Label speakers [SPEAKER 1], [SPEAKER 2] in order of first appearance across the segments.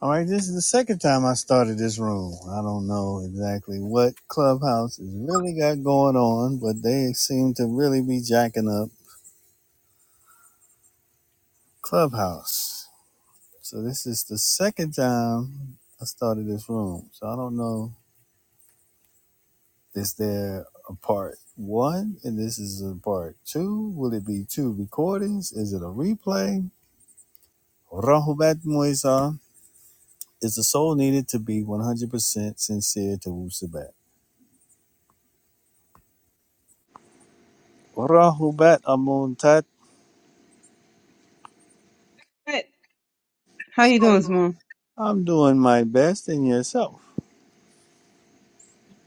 [SPEAKER 1] All right, this is the second time I started this room. I don't know exactly what Clubhouse has really got going on, but they seem to really be jacking up Clubhouse. So this is the second time I started this room. So I don't know, is there a part one and this is a part two? Will it be two recordings? Is it a replay? Rahubat Moisa, is the soul needed to be 100% sincere to Wusabat? Rahubat
[SPEAKER 2] Hey, How you doing, Simone?
[SPEAKER 1] I'm doing my best and yourself.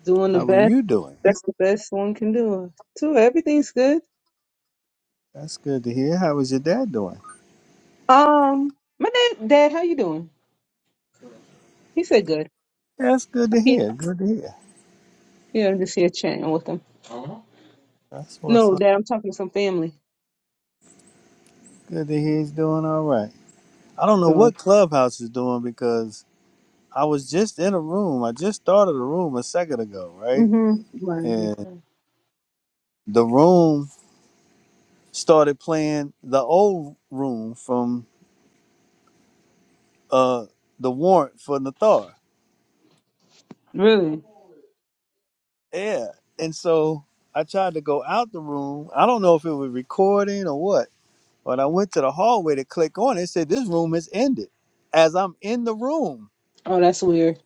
[SPEAKER 2] Doing the
[SPEAKER 1] How are
[SPEAKER 2] best.
[SPEAKER 1] you doing?
[SPEAKER 2] That's the best one can do. Too. Everything's good.
[SPEAKER 1] That's good to hear. How is your dad doing?
[SPEAKER 2] Um, my dad, Dad, how you doing? He said good.
[SPEAKER 1] That's good to
[SPEAKER 2] Yeah,
[SPEAKER 1] hear. Good to hear.
[SPEAKER 2] yeah, I'm just here chatting with him.
[SPEAKER 1] That's what's
[SPEAKER 2] No,
[SPEAKER 1] up.
[SPEAKER 2] Dad, I'm talking to some family.
[SPEAKER 1] Good to hear he's doing all right. I don't know
[SPEAKER 2] Sure.
[SPEAKER 1] what Clubhouse is doing because I was just in a room. I just started a room a second ago, right?
[SPEAKER 2] Mm-hmm. Right, that's
[SPEAKER 1] And
[SPEAKER 2] right.
[SPEAKER 1] the room started playing the old room from uh the warrant for Nathar.
[SPEAKER 2] Really?
[SPEAKER 1] Yeah. And so I tried to go out the room. I don't know if it was recording or what When I went to the hallway to click on it, it said this room has ended. As I'm in the room,
[SPEAKER 2] Oh, that's weird.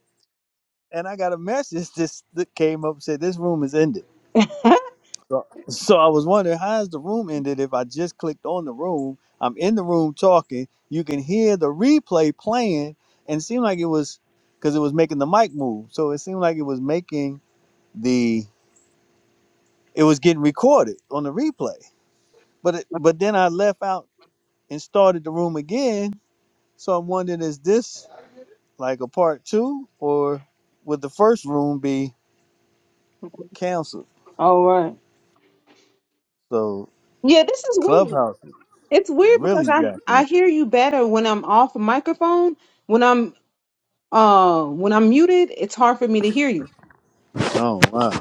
[SPEAKER 1] and I got a message this that came up and said this room is ended. So so I was wondering how is the room ended if I just clicked on the room. I'm in the room talking. You can hear the replay playing, and it seemed like it was because it was making the mic move. So it seemed like it was making the it was getting recorded on the replay. But it, but then I left out and started the room again. So I'm wondering is this like a part two, or would the first room be canceled?
[SPEAKER 2] All right.
[SPEAKER 1] So
[SPEAKER 2] Yeah, this is weird.
[SPEAKER 1] Clubhouse is
[SPEAKER 2] It's weird
[SPEAKER 1] really
[SPEAKER 2] because I
[SPEAKER 1] jacking
[SPEAKER 2] I
[SPEAKER 1] up.
[SPEAKER 2] hear you better when I'm off microphone. When I'm uh when I'm muted, it's hard for me to hear you.
[SPEAKER 1] Oh wow!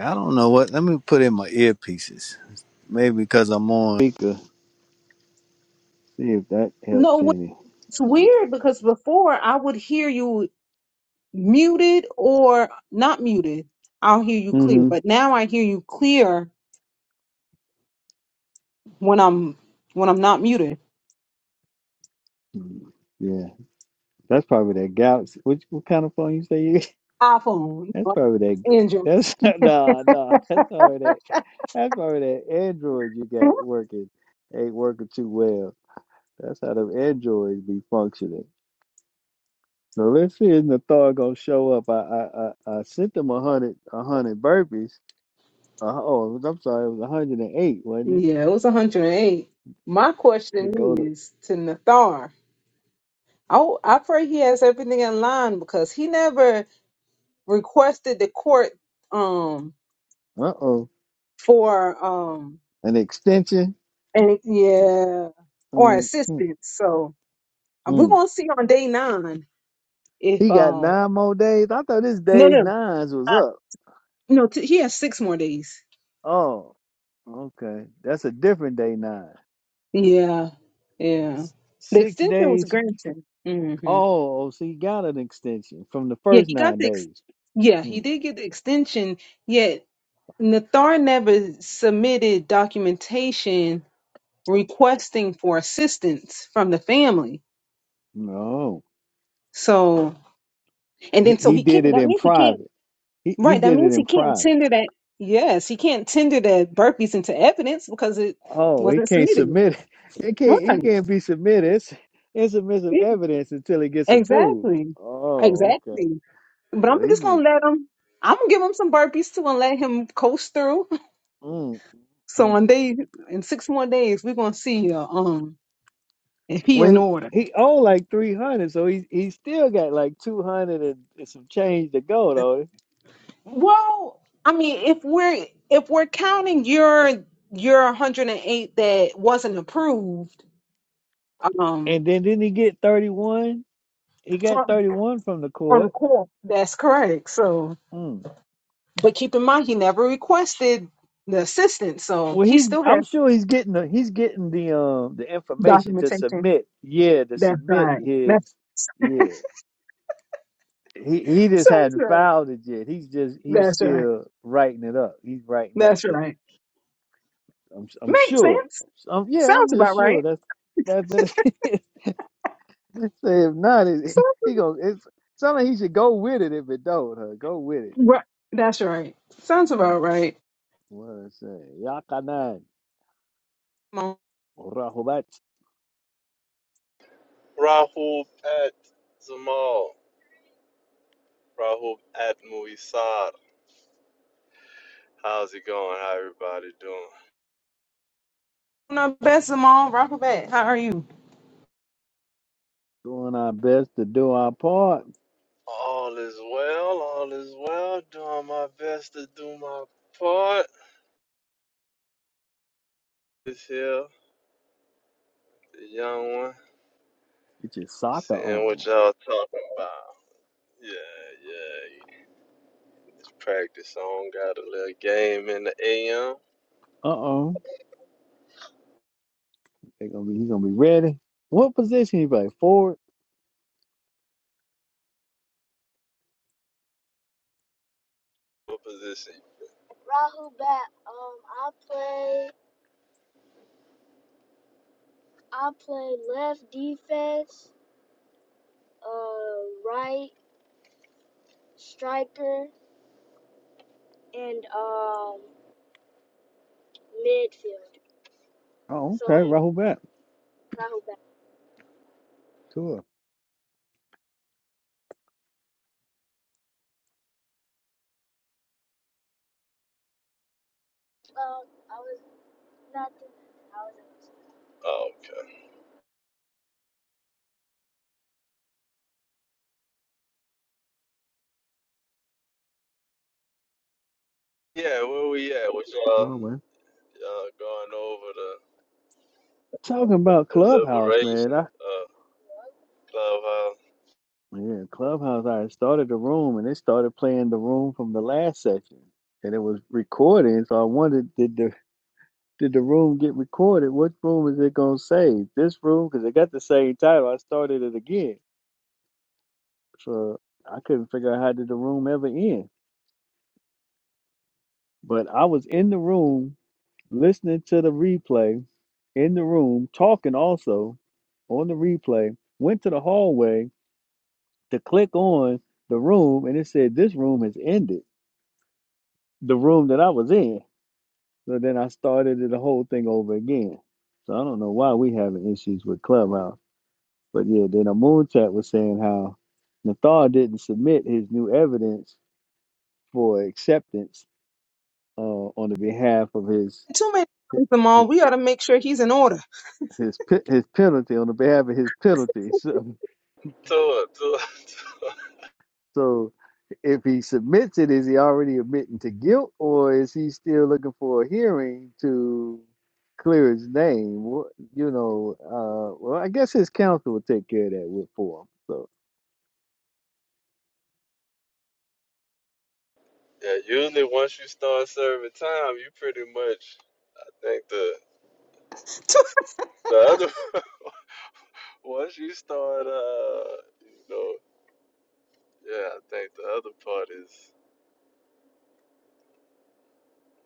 [SPEAKER 1] I don't know what. Let me put in my earpieces. Maybe because I'm on speaker. See if that helps
[SPEAKER 2] No.
[SPEAKER 1] any.
[SPEAKER 2] It's weird because before I would hear you muted or not muted. I'll hear you clear,
[SPEAKER 1] Mm-hmm.
[SPEAKER 2] but now I hear you clear when I'm when I'm not muted.
[SPEAKER 1] Yeah, that's probably that Galaxy. Which what kind of phone you say you?
[SPEAKER 2] iPhone, you
[SPEAKER 1] That's
[SPEAKER 2] know,
[SPEAKER 1] probably that. Ga-
[SPEAKER 2] Android.
[SPEAKER 1] That's nah, nah. That's probably that. That's probably that Android you got working ain't working too well. That's how them Androids be functioning. So let's see if Nathar gonna show up. I I I, I sent them a hundred a hundred burpees. Uh, oh, I'm sorry, it was a hundred and eight, wasn't it?
[SPEAKER 2] Yeah, it was 108. My
[SPEAKER 1] To
[SPEAKER 2] question
[SPEAKER 1] go to
[SPEAKER 2] is to Nathar. Oh, I pray he has everything in line because he never requested the court um
[SPEAKER 1] uh oh
[SPEAKER 2] for um
[SPEAKER 1] an extension.
[SPEAKER 2] any yeah or
[SPEAKER 1] Mm, mm,
[SPEAKER 2] assistance. So uh, we're
[SPEAKER 1] mm.
[SPEAKER 2] gonna see on day nine If
[SPEAKER 1] He got
[SPEAKER 2] um
[SPEAKER 1] nine more days. I thought his
[SPEAKER 2] no
[SPEAKER 1] day
[SPEAKER 2] no
[SPEAKER 1] nines was up.
[SPEAKER 2] no t- he has six more days.
[SPEAKER 1] Oh, okay, that's a different day nine.
[SPEAKER 2] Yeah, yeah.
[SPEAKER 1] S-
[SPEAKER 2] The
[SPEAKER 1] Six
[SPEAKER 2] extension was
[SPEAKER 1] days.
[SPEAKER 2] granted. hmm
[SPEAKER 1] Oh, oh, so he got an extension from the
[SPEAKER 2] Yeah,
[SPEAKER 1] first
[SPEAKER 2] he got
[SPEAKER 1] nine
[SPEAKER 2] the ex-
[SPEAKER 1] days.
[SPEAKER 2] yeah he
[SPEAKER 1] Hmm.
[SPEAKER 2] did get the extension. Yet Nathar never submitted documentation requesting for assistance from the family.
[SPEAKER 1] No,
[SPEAKER 2] So and
[SPEAKER 1] he,
[SPEAKER 2] then so
[SPEAKER 1] he
[SPEAKER 2] he
[SPEAKER 1] did
[SPEAKER 2] can't.
[SPEAKER 1] it
[SPEAKER 2] That
[SPEAKER 1] in
[SPEAKER 2] means he can't.
[SPEAKER 1] private. He he
[SPEAKER 2] Right. That
[SPEAKER 1] did it
[SPEAKER 2] means
[SPEAKER 1] in
[SPEAKER 2] he can't
[SPEAKER 1] private.
[SPEAKER 2] tender that. Yes, he can't tender that burpees into evidence because it
[SPEAKER 1] Oh, he
[SPEAKER 2] wasn't
[SPEAKER 1] can't
[SPEAKER 2] submitted.
[SPEAKER 1] submit it. It can't he
[SPEAKER 2] Right.
[SPEAKER 1] can't be submitted. It's it's admissive evidence until it gets approved.
[SPEAKER 2] Exactly.
[SPEAKER 1] Oh, okay.
[SPEAKER 2] Exactly. But I'm
[SPEAKER 1] So he
[SPEAKER 2] just gonna
[SPEAKER 1] needs
[SPEAKER 2] let him. I'm gonna give him some burpees too and let him coast through.
[SPEAKER 1] mm,
[SPEAKER 2] So
[SPEAKER 1] mm.
[SPEAKER 2] one day, in six more days, we're gonna see uh, um if he
[SPEAKER 1] Well
[SPEAKER 2] in
[SPEAKER 1] he
[SPEAKER 2] order.
[SPEAKER 1] he owe like three hundred, so he he still got like two hundred and and some change to go though.
[SPEAKER 2] Well, I mean, if we're if we're counting your your 108 that wasn't approved, um,
[SPEAKER 1] And then didn't he get thirty one? He got
[SPEAKER 2] from
[SPEAKER 1] thirty one from the
[SPEAKER 2] from the
[SPEAKER 1] court.
[SPEAKER 2] court, that's correct. So,
[SPEAKER 1] Mm.
[SPEAKER 2] but keep in mind, he never requested the assistance, so
[SPEAKER 1] Well,
[SPEAKER 2] he
[SPEAKER 1] he's
[SPEAKER 2] still has
[SPEAKER 1] I'm sure he's getting the he's getting the um the information to
[SPEAKER 2] documentation.
[SPEAKER 1] submit. Yeah, to
[SPEAKER 2] That's
[SPEAKER 1] submit
[SPEAKER 2] right. That's
[SPEAKER 1] his yeah. he he just
[SPEAKER 2] Sounds
[SPEAKER 1] hadn't
[SPEAKER 2] right.
[SPEAKER 1] filed it yet. He's just he's
[SPEAKER 2] That's right.
[SPEAKER 1] still writing it up. He's writing up
[SPEAKER 2] That's
[SPEAKER 1] the.
[SPEAKER 2] right.
[SPEAKER 1] I'm I'm
[SPEAKER 2] Makes
[SPEAKER 1] sure.
[SPEAKER 2] sense.
[SPEAKER 1] Um, yeah, I'm
[SPEAKER 2] Sounds about
[SPEAKER 1] just sure.
[SPEAKER 2] right.
[SPEAKER 1] That's that. that say if not, it,
[SPEAKER 2] Sounds
[SPEAKER 1] he going It's something he should go with it. If it don't, huh? go with it.
[SPEAKER 2] right.
[SPEAKER 1] Just-
[SPEAKER 2] That's right. Sounds about
[SPEAKER 1] mm,
[SPEAKER 2] right.
[SPEAKER 1] What I say, Yakanan,
[SPEAKER 2] Simone,
[SPEAKER 1] Rahubat,
[SPEAKER 3] Rahul at Zamal. Rahul at Muisar. How's it going? How everybody doing?
[SPEAKER 2] Not bad, Simone. Rockabad. How are you?
[SPEAKER 1] doing our best to do our part.
[SPEAKER 3] All is well, all is well. Doing my best to do my part. This here, the young one,
[SPEAKER 1] Get your soccer
[SPEAKER 3] seeing what
[SPEAKER 1] on.
[SPEAKER 3] y'all talking about. Yeah, yeah. Just practice on. Got a little game in the AM.
[SPEAKER 1] Uh oh, they gonna be. He's gonna be ready. What position he play? Forward.
[SPEAKER 3] What position? Rahul bat. Um, I play. I play left defense. Uh, right. striker, and um midfield.
[SPEAKER 1] Oh,
[SPEAKER 3] So
[SPEAKER 1] okay,
[SPEAKER 3] like
[SPEAKER 1] Rahubat.
[SPEAKER 3] Rahul back.
[SPEAKER 1] Sure.
[SPEAKER 3] Well, I was not. doing I was. Oh, okay. Yeah, where we at? Was y'all
[SPEAKER 1] Well, well.
[SPEAKER 3] y'all going over the,
[SPEAKER 1] Talking about
[SPEAKER 3] the
[SPEAKER 1] Clubhouse,
[SPEAKER 3] liberation
[SPEAKER 1] man. I
[SPEAKER 3] uh, clubhouse?
[SPEAKER 1] yeah, Clubhouse. I had started the room, and they started playing the room from the last session, and it was recording. So I wondered, did the did the room get recorded? What room is it gonna save? This room, because it got the same title. I started it again, so I couldn't figure out how did the room ever end. But I was in the room listening to the replay in the room, talking also on the replay. Went to the hallway to click on the room and it said this room has ended the room that i was in so then i started the whole thing over again so i don't know why we having issues with clubhouse but yeah then a moon chat was saying how nathar didn't submit his new evidence for acceptance uh, on the behalf of his
[SPEAKER 2] Too many times,
[SPEAKER 1] his
[SPEAKER 2] Simone. We ought to make sure he's in order.
[SPEAKER 1] his, pe- his penalty on the behalf of his penalty
[SPEAKER 3] To it, to it, to
[SPEAKER 1] So if he submits it, is he already admitting to guilt or is he still looking for a hearing to clear his name? What, you know, uh, well, I guess his counsel will take care of that with for him. So
[SPEAKER 3] it. Yeah, usually once you start serving time, you pretty much. I think the
[SPEAKER 2] Too-
[SPEAKER 3] the other once you start, uh, you know, yeah, I think the other part is.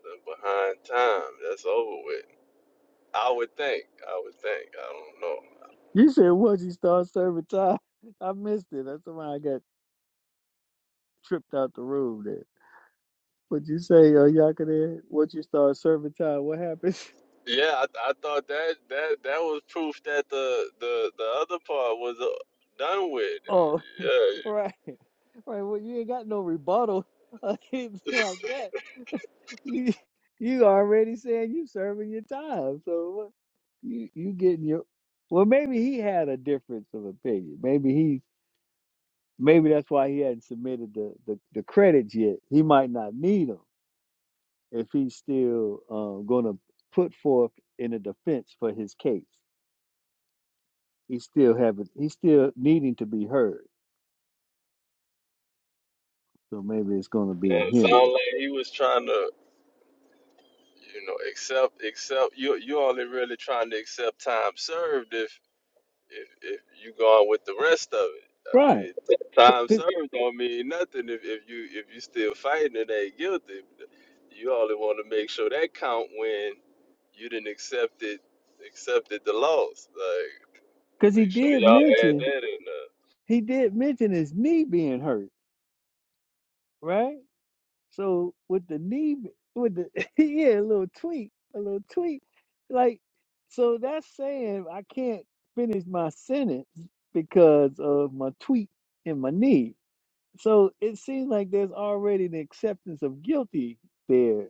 [SPEAKER 3] They're behind time. That's over with. I would think. I would think. I don't know.
[SPEAKER 1] you said once you start serving time, I missed it. That's why I got tripped out the room there. What'd you say, uh, Yakadin? Once you start serving time, what happens?
[SPEAKER 3] Yeah, I, I thought that that that was proof that the the the other part was uh, done with.
[SPEAKER 1] Oh,
[SPEAKER 3] Yeah,
[SPEAKER 1] right. Right. Well, you ain't got no rebuttal or anything like that. you you already saying you serving your time. So what- you you getting your well maybe he had a difference of opinion. Maybe he maybe that's why he hadn't submitted the the, the credits yet. He might not need them if he's still um, going to put forth in a defense for his case. He's still having he's still needing to be heard. So maybe it's going to be a
[SPEAKER 3] it sounded
[SPEAKER 1] hearing,
[SPEAKER 3] like he was trying to, you know, accept accept. You you only really trying to accept time served if. if if you going with the rest of it. I
[SPEAKER 1] right?
[SPEAKER 3] mean, time served don't mean nothing if, if you if you still fighting and ain't guilty. You only want to make sure that count when you didn't accept it accepted the loss. Like,
[SPEAKER 1] Because he
[SPEAKER 3] make sure
[SPEAKER 1] did
[SPEAKER 3] y'all add
[SPEAKER 1] mention
[SPEAKER 3] that in. Uh,
[SPEAKER 1] he did mention his knee being hurt, right? So with the knee, with the yeah, a little tweak, a little tweak, like so that's saying I can't finish my sentence because of my tweak in my knee. So it seems like there's already an acceptance of guilty there.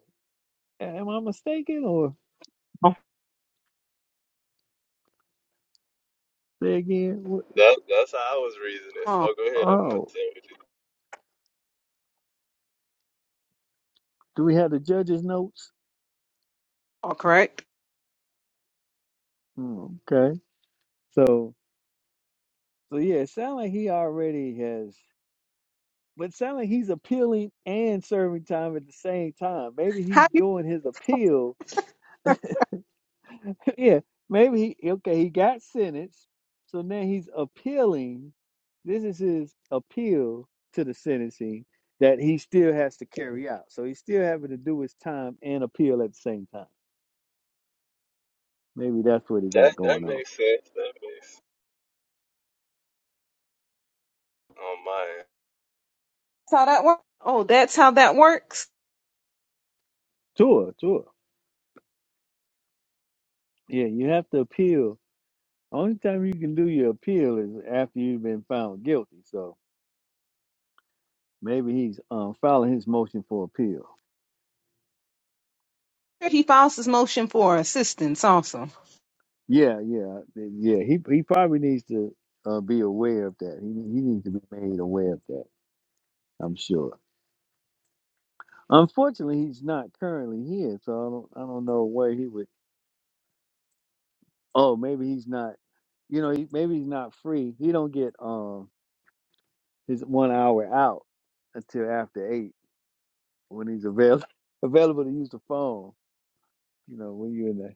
[SPEAKER 1] Am I mistaken, or
[SPEAKER 2] oh,
[SPEAKER 1] say again? wh-
[SPEAKER 3] that that's how I was reasoning.
[SPEAKER 2] oh,
[SPEAKER 3] Oh, go ahead. I'm gonna
[SPEAKER 1] Oh,
[SPEAKER 3] tell you.
[SPEAKER 1] do we have the judge's notes?
[SPEAKER 2] oh, correct.
[SPEAKER 1] Hmm, Okay, so so yeah, it sounds like he already has. But it sounds like he's appealing and serving time at the same time. Maybe
[SPEAKER 2] How
[SPEAKER 1] he's
[SPEAKER 2] you?
[SPEAKER 1] doing his appeal. yeah, maybe he okay. He got sentenced, so now he's appealing. This is his appeal to the sentencing that he still has to carry out. So he's still having to do his time and appeal at the same time. Maybe that's what he
[SPEAKER 3] That
[SPEAKER 1] got
[SPEAKER 3] that
[SPEAKER 1] going on.
[SPEAKER 3] makes sense. That makes on my end.
[SPEAKER 2] That's how that works. Oh, that's how that works.
[SPEAKER 1] Tour, tour. Yeah, you have to appeal. Only time you can do your appeal is after you've been found guilty. So maybe he's um, filing his motion for appeal.
[SPEAKER 2] He files his motion for assistance. Also,
[SPEAKER 1] Yeah, yeah, yeah. He he probably needs to uh, be aware of that. He he needs to be made aware of that. I'm sure. Unfortunately, he's not currently here, so I don't I don't know where he would. Oh, maybe he's not. You know, he, maybe he's not free. He don't get um his one hour out until after eight when he's available available to use the phone. You know, when you're in the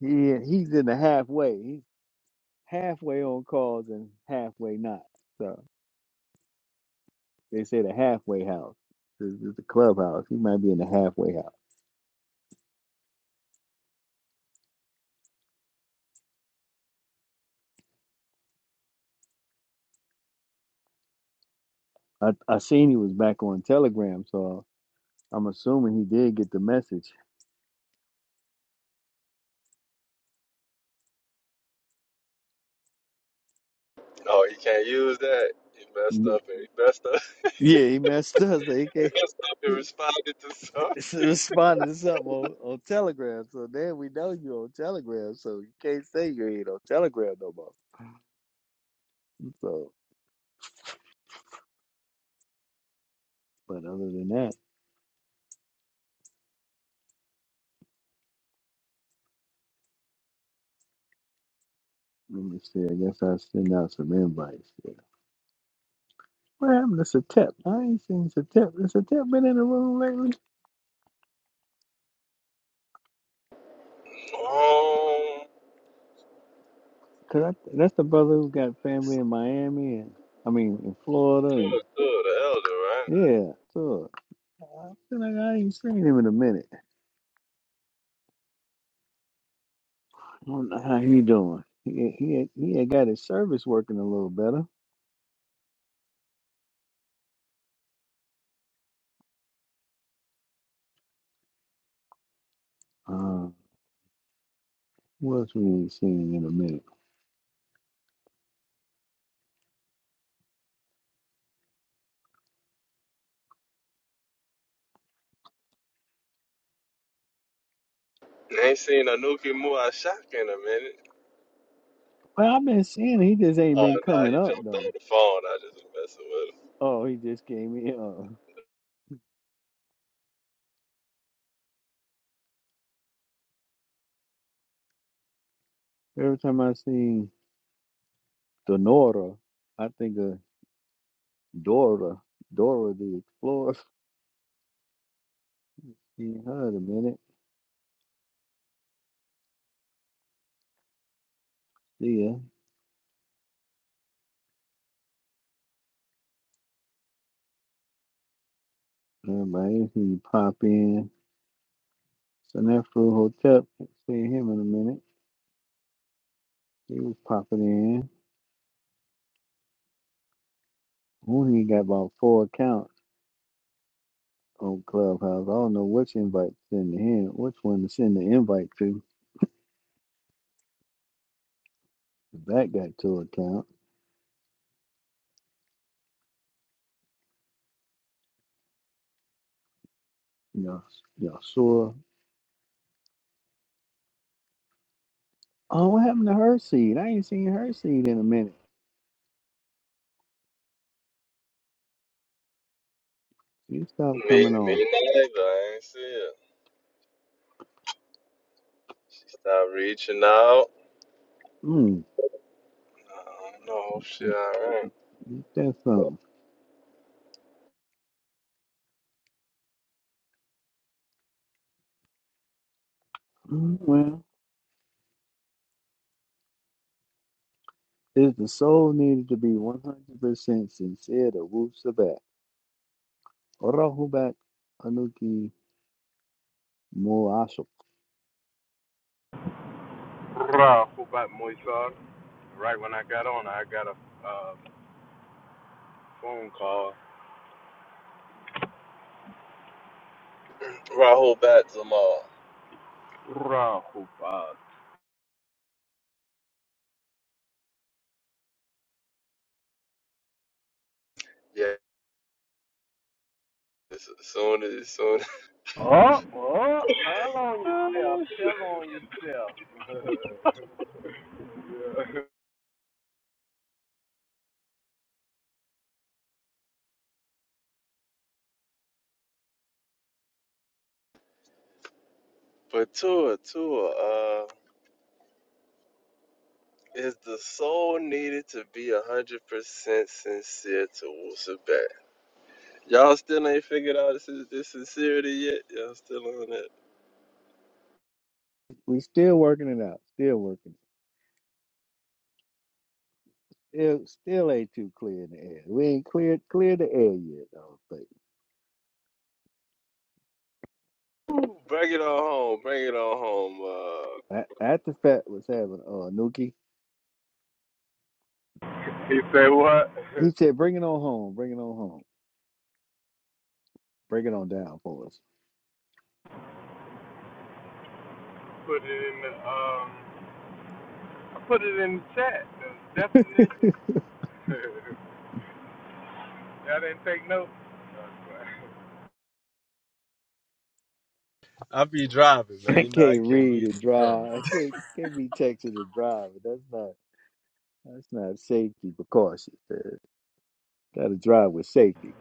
[SPEAKER 1] he he's in the halfway. He's halfway on calls and halfway not. so. They say the halfway house. This is the clubhouse. He might be in the halfway house. I, I seen he was back on Telegram, so I'm assuming he did get the message.
[SPEAKER 3] Oh, he can't use that. He messed
[SPEAKER 1] Yeah,
[SPEAKER 3] up and he messed up.
[SPEAKER 1] he messed us. He,
[SPEAKER 3] He
[SPEAKER 1] can't,
[SPEAKER 3] messed up and
[SPEAKER 1] he
[SPEAKER 3] responded to something.
[SPEAKER 1] responded to something on, on Telegram. So then we know you on Telegram, so you can't say you ain't on Telegram no more. So, but other than that, let me see. I guess I send out some invites. Yeah. What happened to Satep? I ain't seen Satep. Has Satep been in the room lately?
[SPEAKER 3] Um,
[SPEAKER 1] Cause I, that's the brother who's got family
[SPEAKER 3] It's
[SPEAKER 1] in Miami and I mean in Florida
[SPEAKER 3] two
[SPEAKER 1] and
[SPEAKER 3] and the elder, right?
[SPEAKER 1] yeah. So I feel like I ain't seen him in a minute. I don't know how he doing. He he he had got his service working a little better. Uh, what else we ain't seen in a minute?
[SPEAKER 3] I ain't seen Anuki Muashak in a minute.
[SPEAKER 1] Well, I've been seeing he just ain't
[SPEAKER 3] Oh,
[SPEAKER 1] been
[SPEAKER 3] nah,
[SPEAKER 1] coming
[SPEAKER 3] he
[SPEAKER 1] up
[SPEAKER 3] jumped on
[SPEAKER 1] though.
[SPEAKER 3] the phone. I just was messing with
[SPEAKER 1] Oh, he just came in. Uh, every time I see Donora, I think of Dora, Dora the Explorer. Ain't heard a minute. see ya. Everybody he pop in. So that fool hotel, See him in a minute. He was popping in. Mooney got about four accounts on Clubhouse. I don't know which invite to send to him, which one to send the invite to. That got two accounts. Y'all, y'all saw. Oh, what happened to her seed? I ain't seen her seed in a minute. You stopped
[SPEAKER 3] him. Me,
[SPEAKER 1] coming
[SPEAKER 3] me
[SPEAKER 1] on.
[SPEAKER 3] neither. I ain't see her. She stopped reaching out.
[SPEAKER 1] Mm,
[SPEAKER 3] I don't know if she alright.
[SPEAKER 1] That's that something? Mm, well, if the soul needed to be 100% sincere to Wu Sabat. Rahubat Anuki Muasuk.
[SPEAKER 3] Rahul Batzamal. Yeah, as soon as, as soon as. But Tua, Tua, uh, is the soul needed to be 100% sincere to Wusabat? Y'all still ain't figured out this, this sincerity yet? Y'all still on that?
[SPEAKER 1] We still working it out. Still working it. Still, still ain't too clear in the air. We ain't cleared clear the air yet, though.
[SPEAKER 3] Ooh, Bring it on home. Bring it on home. Uh,
[SPEAKER 1] But at the Fat was having uh, Anuki, he said, "Bring it on home. Bring it on home. Bring it on down for us."
[SPEAKER 3] I be driving, man.
[SPEAKER 1] I
[SPEAKER 3] You know I
[SPEAKER 1] can't
[SPEAKER 3] can't
[SPEAKER 1] read
[SPEAKER 3] read
[SPEAKER 1] and drive. I can't can't be texting and driving. That's not that's not safety precautions. Got to drive with safety.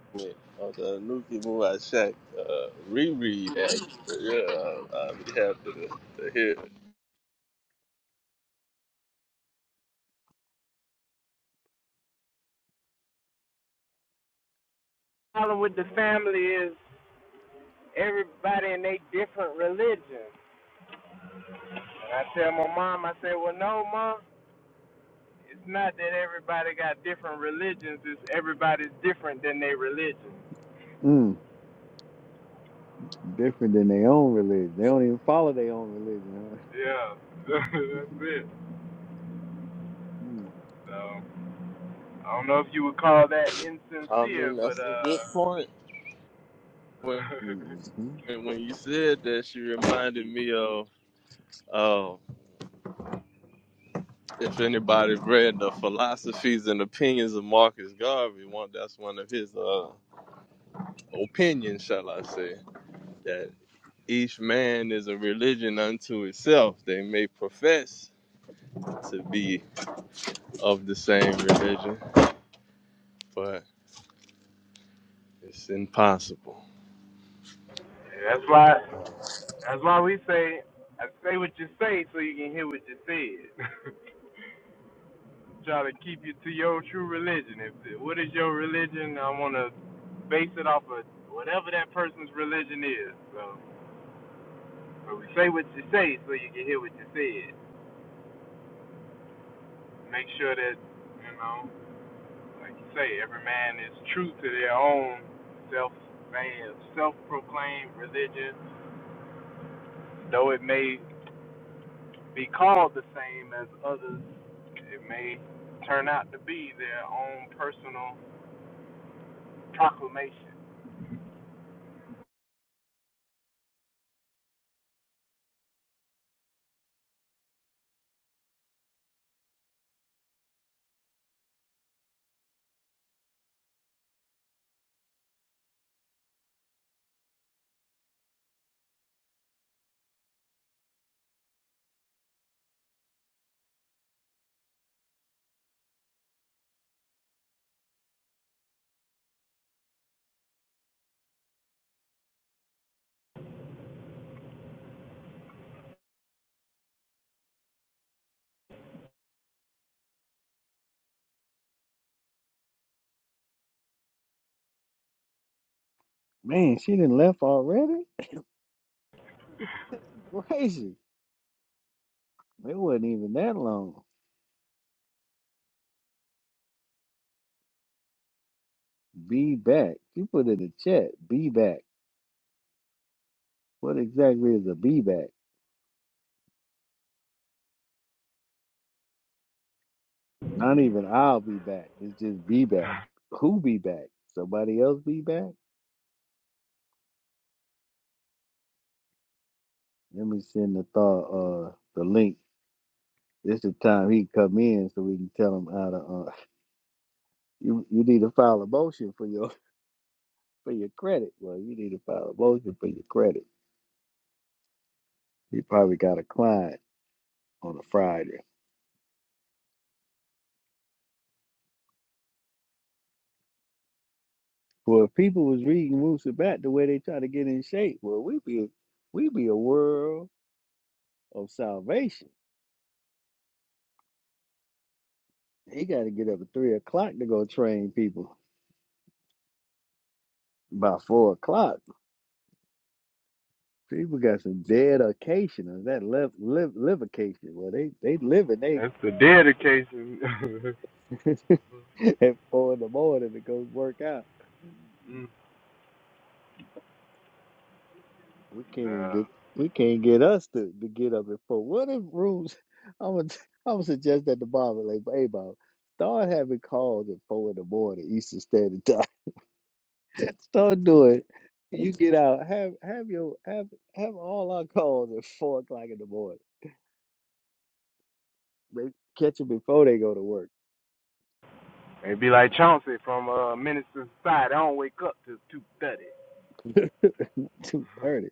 [SPEAKER 3] from it. Oh, the Nuki Muay Shack uh, reread. Actually. Yeah, I be happy to, to hear. it.
[SPEAKER 1] Mm, different than their own religion. They don't even follow their own religion, huh? Mm.
[SPEAKER 3] I mean, that's a good point. When
[SPEAKER 1] hmm
[SPEAKER 3] when you said that, she reminded me of. Uh, if anybody read the philosophies and opinions of Marcus Garvey, one that's one of his uh, opinions, shall I say? That. Each man is a religion unto itself. They may profess to be of the same religion, but it's impossible.
[SPEAKER 1] Man, she didn't left already? Crazy. It wasn't even that long. Be back. She put in the chat, be back. What exactly is a be back? Not even I'll be back. It's just be back. Who be back? Somebody else be back? Let me send the thought uh the link. This the time he come in so we can tell him how to uh you you need to file a motion for your for your credit. Well you need to file a motion for your credit. He probably got a client on a Friday. Well, if people was reading Musa back the way they try to get in shape, well, we be we be a world of salvation. He got to get up at three o'clock to go train people. By four o'clock, people got some dedication. Or that live live livocation? Well, they they living they at four in the morning to go work out. We can't even get we can't get us to, to get up and vote. What if rules? I'm gonna I'm gonna suggest that to Bob like, hey Bob, start having calls at four in the morning Eastern Standard Time. start doing. it. You get out. Have have your have have all our calls at four o'clock in the morning. Maybe catch them before they go to work. two thirty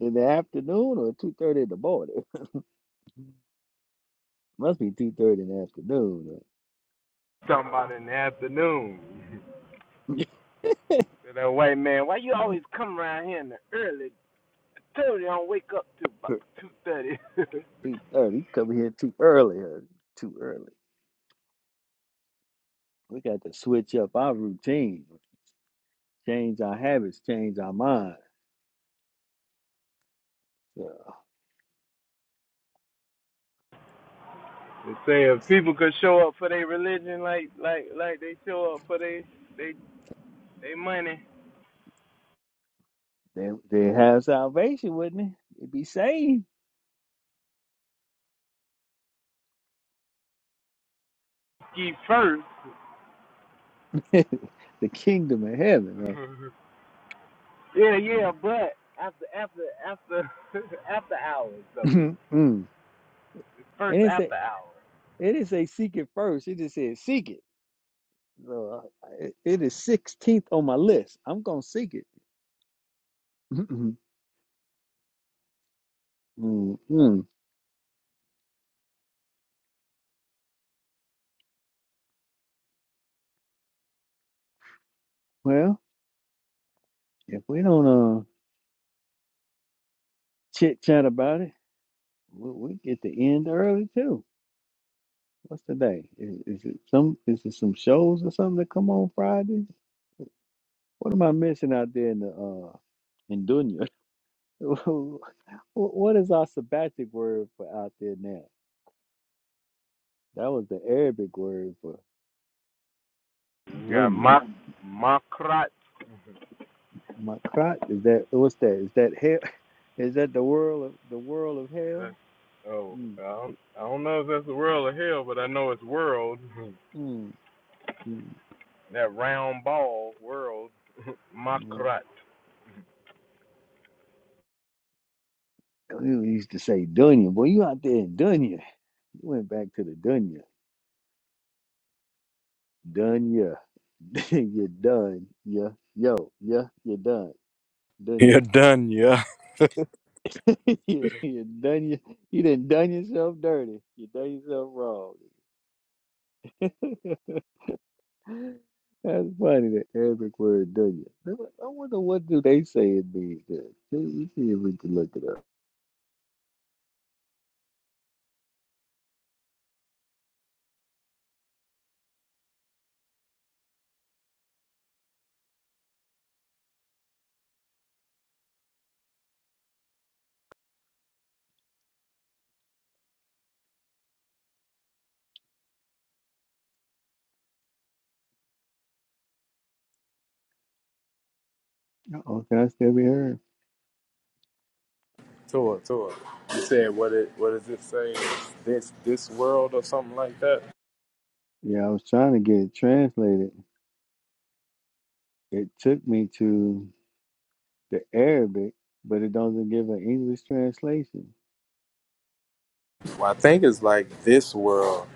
[SPEAKER 1] in the afternoon or two thirty in the morning. Must be two thirty in the afternoon. huh? Two thirty. Come here too early. huh? Too early. We got to switch up our routine, change our habits, change our mind. Uh, they they have salvation, wouldn't it? They'd be saved. the kingdom of heaven. huh? Mm. and it's a it is a seek it first. It just says seek it. So uh, it, it is sixteenth on my list. I'm gonna seek it. Mm-mm. Well, if we don't uh chit chat about it, we, we get to end early too. What's today? Is, is it some? Is it some shows or something that come on Friday? What am I missing out there in the uh in Dunya? Wh- what is our sabbatic word for out there now? That was the Arabic word for dunya. My crotch is that what's that? Is that hell? Is that the world of the world of hell? Mm, mm, mm. Well, You used to say dunya, boy. You out there in dunya. You went back to the dunya, dunya. you're done. Yeah, yo, yeah, you're done. Done you? you you done you? You done done yourself dirty. You done yourself wrong. That's funny. The Arabic word done you. I wonder what do they say it means. Then. Let me see if we can look it up. Oh, can I still be heard?
[SPEAKER 4] You said what it what does it say? This this world or something like that?
[SPEAKER 1] Yeah, I was trying to get it translated. It took me to the Arabic, but it doesn't give an English translation.
[SPEAKER 4] Well, I think it's like this world.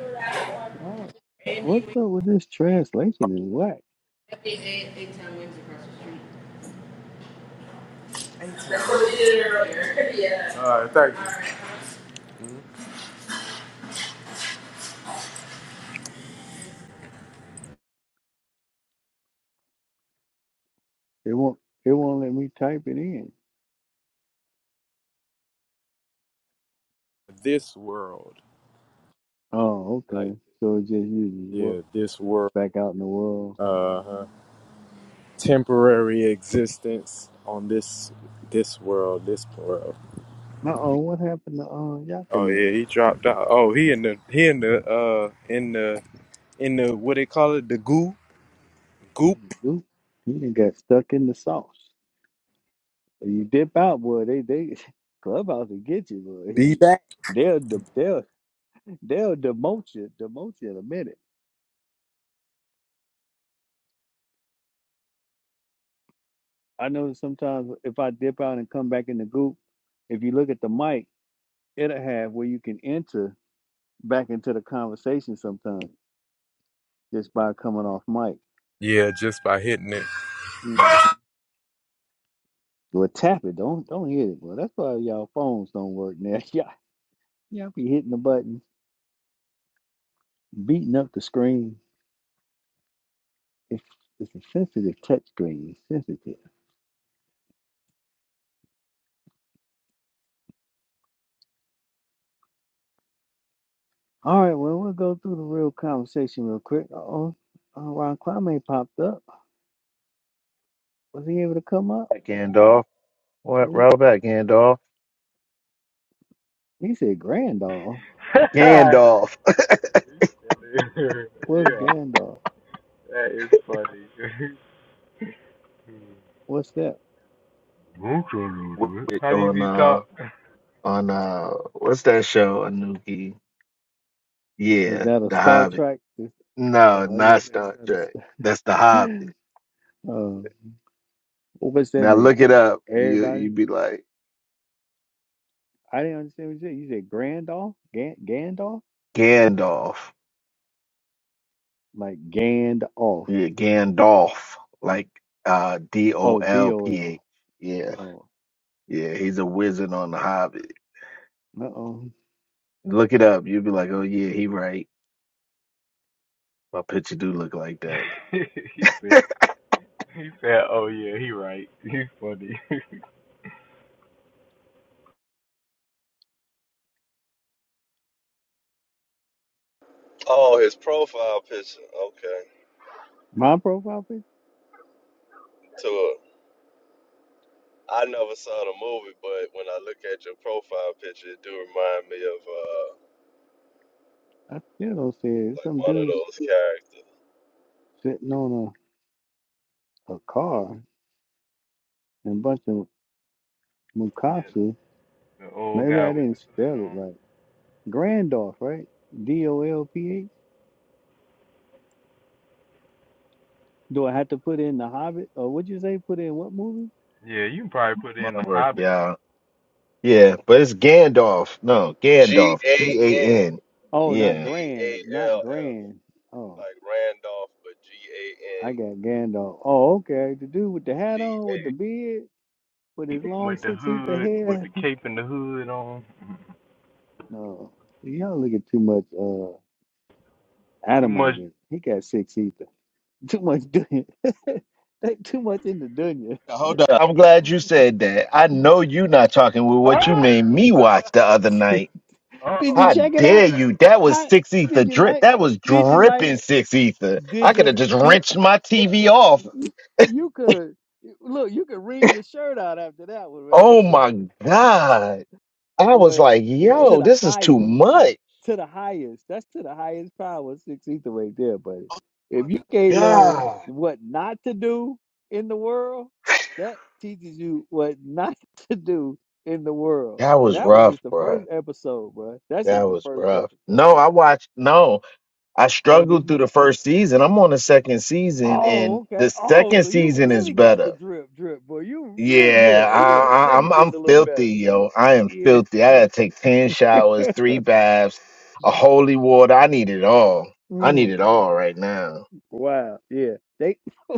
[SPEAKER 1] Oh,
[SPEAKER 4] Andy,
[SPEAKER 1] what's
[SPEAKER 4] we
[SPEAKER 1] up with this translation? Is whack?
[SPEAKER 4] eight time wins across the street. That's what we did earlier. Yeah. Uh,
[SPEAKER 1] It won't. It won't let me type it in.
[SPEAKER 4] This world.
[SPEAKER 1] Oh,
[SPEAKER 4] Like
[SPEAKER 1] okay. So it just uses world
[SPEAKER 4] yeah, this world.
[SPEAKER 1] back out in the world.
[SPEAKER 4] Uh huh. Temporary existence on this this world, this world.
[SPEAKER 1] Uh oh, what happened to uh
[SPEAKER 4] Oh
[SPEAKER 1] Yakanin?
[SPEAKER 4] yeah, he dropped out. Oh, he in the he in the uh in the in the what they call it, the goo goop.
[SPEAKER 1] Oop, He done got stuck in the sauce. When you dip out, boy. They they clubhouse will get you,
[SPEAKER 4] Be
[SPEAKER 1] boy.
[SPEAKER 4] back.
[SPEAKER 1] They'll de- they'll they'll demote you, demote you in a minute. I notice sometimes if I dip out and come back in the group, if you look at the mic, it'll have where you can enter back into the conversation sometimes just by coming off mic.
[SPEAKER 4] Yeah, just by hitting it.
[SPEAKER 1] Well, tap it. Don't don't hit it. Well, that's why y'all phones don't work now. Y'all, y'all be hitting the button, beating up the screen. It's it's a sensitive touch screen. It's sensitive. All right. Well, we'll go through the real conversation real quick. Oh, uh, Ron Kwame popped up. Was he able to come up?
[SPEAKER 5] Back Gandalf. What
[SPEAKER 1] See,
[SPEAKER 5] right back Gandalf?
[SPEAKER 1] he said Grandall.
[SPEAKER 5] Gandalf
[SPEAKER 1] What's Grandall? What's that?
[SPEAKER 5] on uh on uh what's that show, Anuki?
[SPEAKER 1] Is
[SPEAKER 5] Yeah,
[SPEAKER 1] that a
[SPEAKER 5] The
[SPEAKER 1] Star
[SPEAKER 5] Hobbit.
[SPEAKER 1] Trek? Is-
[SPEAKER 5] No,
[SPEAKER 1] oh, I guess
[SPEAKER 5] not
[SPEAKER 1] is
[SPEAKER 5] Star
[SPEAKER 1] that a.
[SPEAKER 5] Trek. That's The Hobbit.
[SPEAKER 1] Star- um, what's that
[SPEAKER 5] Now
[SPEAKER 1] mean?
[SPEAKER 5] look it up. You
[SPEAKER 1] Everybody.
[SPEAKER 5] you'd be like
[SPEAKER 1] I didn't understand what you said. You said Gandalf, Gan- Gandalf,
[SPEAKER 5] Gandalf.
[SPEAKER 1] like Gandalf.
[SPEAKER 5] Yeah, Gandalf. Like uh D O
[SPEAKER 1] Oh, D
[SPEAKER 5] L
[SPEAKER 1] O
[SPEAKER 5] P H.
[SPEAKER 1] L.
[SPEAKER 5] Yeah.
[SPEAKER 1] Oh,
[SPEAKER 5] Yeah, he's a wizard on The Hobbit.
[SPEAKER 1] uh oh.
[SPEAKER 5] Look it up. You'd be like, Oh yeah, he right. My picture do look like that.
[SPEAKER 3] Oh, his profile picture. Okay.
[SPEAKER 1] My profile picture.
[SPEAKER 3] To a, I never saw the movie, but when I look at your profile picture, it do remind me of uh
[SPEAKER 1] I still don't see it. It's
[SPEAKER 3] like
[SPEAKER 1] Some
[SPEAKER 3] one of
[SPEAKER 1] dudes
[SPEAKER 3] those characters.
[SPEAKER 1] sitting on a, a car and a bunch of Mukatsu. Maybe I didn't spell it right. Grandolph, right? D O L P H. Do I have to put in the Hobbit? Or what'd you say? Put in what movie?
[SPEAKER 5] My work, yeah. Yeah, but it's Gandalf. No,
[SPEAKER 3] G
[SPEAKER 5] Gandalf.
[SPEAKER 3] A
[SPEAKER 5] G
[SPEAKER 3] N
[SPEAKER 5] A N.
[SPEAKER 1] Oh, not
[SPEAKER 5] Yeah.
[SPEAKER 3] D
[SPEAKER 1] Grand,
[SPEAKER 3] A L
[SPEAKER 1] not
[SPEAKER 3] F,
[SPEAKER 1] Grand. Oh,
[SPEAKER 3] like Randolph, but G A
[SPEAKER 1] I
[SPEAKER 3] N
[SPEAKER 1] got Gandalf. Oh, okay. The dude with the hat
[SPEAKER 3] D
[SPEAKER 1] on, with the
[SPEAKER 3] A.
[SPEAKER 1] beard. with his long six feet to head. No, y'all look at too much uh Adamite. in- He got six ether. Too much dunya. they too much into dunya.
[SPEAKER 5] Now, hold up. I'm glad you said that. I know you not talking with what you made me watch the other night.
[SPEAKER 1] did you
[SPEAKER 5] How
[SPEAKER 1] check it out?
[SPEAKER 5] dare you? That was
[SPEAKER 1] How
[SPEAKER 5] six
[SPEAKER 1] did
[SPEAKER 5] ether
[SPEAKER 1] you
[SPEAKER 5] drip.
[SPEAKER 1] like?
[SPEAKER 5] That was
[SPEAKER 1] Did you like
[SPEAKER 5] dripping
[SPEAKER 1] it?
[SPEAKER 5] six ether. I
[SPEAKER 1] Did
[SPEAKER 5] could
[SPEAKER 1] you?
[SPEAKER 5] have just
[SPEAKER 1] Did
[SPEAKER 5] wrenched my TV off.
[SPEAKER 1] you could have look? You could wring your shirt out after that one, man.
[SPEAKER 5] Oh my God. I was
[SPEAKER 1] Boy,
[SPEAKER 5] like,
[SPEAKER 1] to
[SPEAKER 5] yo,
[SPEAKER 1] the
[SPEAKER 5] this is too
[SPEAKER 1] highest.
[SPEAKER 5] much.
[SPEAKER 1] to the highest. That's to the highest power, six ether right there, buddy. If you can't learn
[SPEAKER 5] God.
[SPEAKER 1] what not to do in the world, that teaches you what not to do in the world.
[SPEAKER 5] That
[SPEAKER 1] And
[SPEAKER 5] was
[SPEAKER 1] that was
[SPEAKER 5] rough,
[SPEAKER 1] just the
[SPEAKER 5] bruh.
[SPEAKER 1] first episode, bro. That's
[SPEAKER 5] That
[SPEAKER 1] just the
[SPEAKER 5] was
[SPEAKER 1] first
[SPEAKER 5] rough.
[SPEAKER 1] episode,
[SPEAKER 5] No, I
[SPEAKER 1] bro.
[SPEAKER 5] watched. No. I
[SPEAKER 1] Oh, did
[SPEAKER 5] struggled through
[SPEAKER 1] you?
[SPEAKER 5] the first season. I'm on the second season,
[SPEAKER 1] Oh,
[SPEAKER 5] and
[SPEAKER 1] okay.
[SPEAKER 5] the
[SPEAKER 1] Oh,
[SPEAKER 5] second
[SPEAKER 1] so you
[SPEAKER 5] season is
[SPEAKER 1] really got the
[SPEAKER 5] better.
[SPEAKER 1] drip, drip, boy. You really, yeah,
[SPEAKER 5] Yeah,
[SPEAKER 1] yeah. The
[SPEAKER 5] I, I, I'm
[SPEAKER 1] second gets
[SPEAKER 5] I'm
[SPEAKER 1] a little better.
[SPEAKER 5] filthy, yo. I am
[SPEAKER 1] Yeah.
[SPEAKER 5] filthy. I gotta take ten showers, three baths, a holy water. I need it all. I need
[SPEAKER 1] Mm,
[SPEAKER 5] it all right now.
[SPEAKER 1] wow. Yeah. They.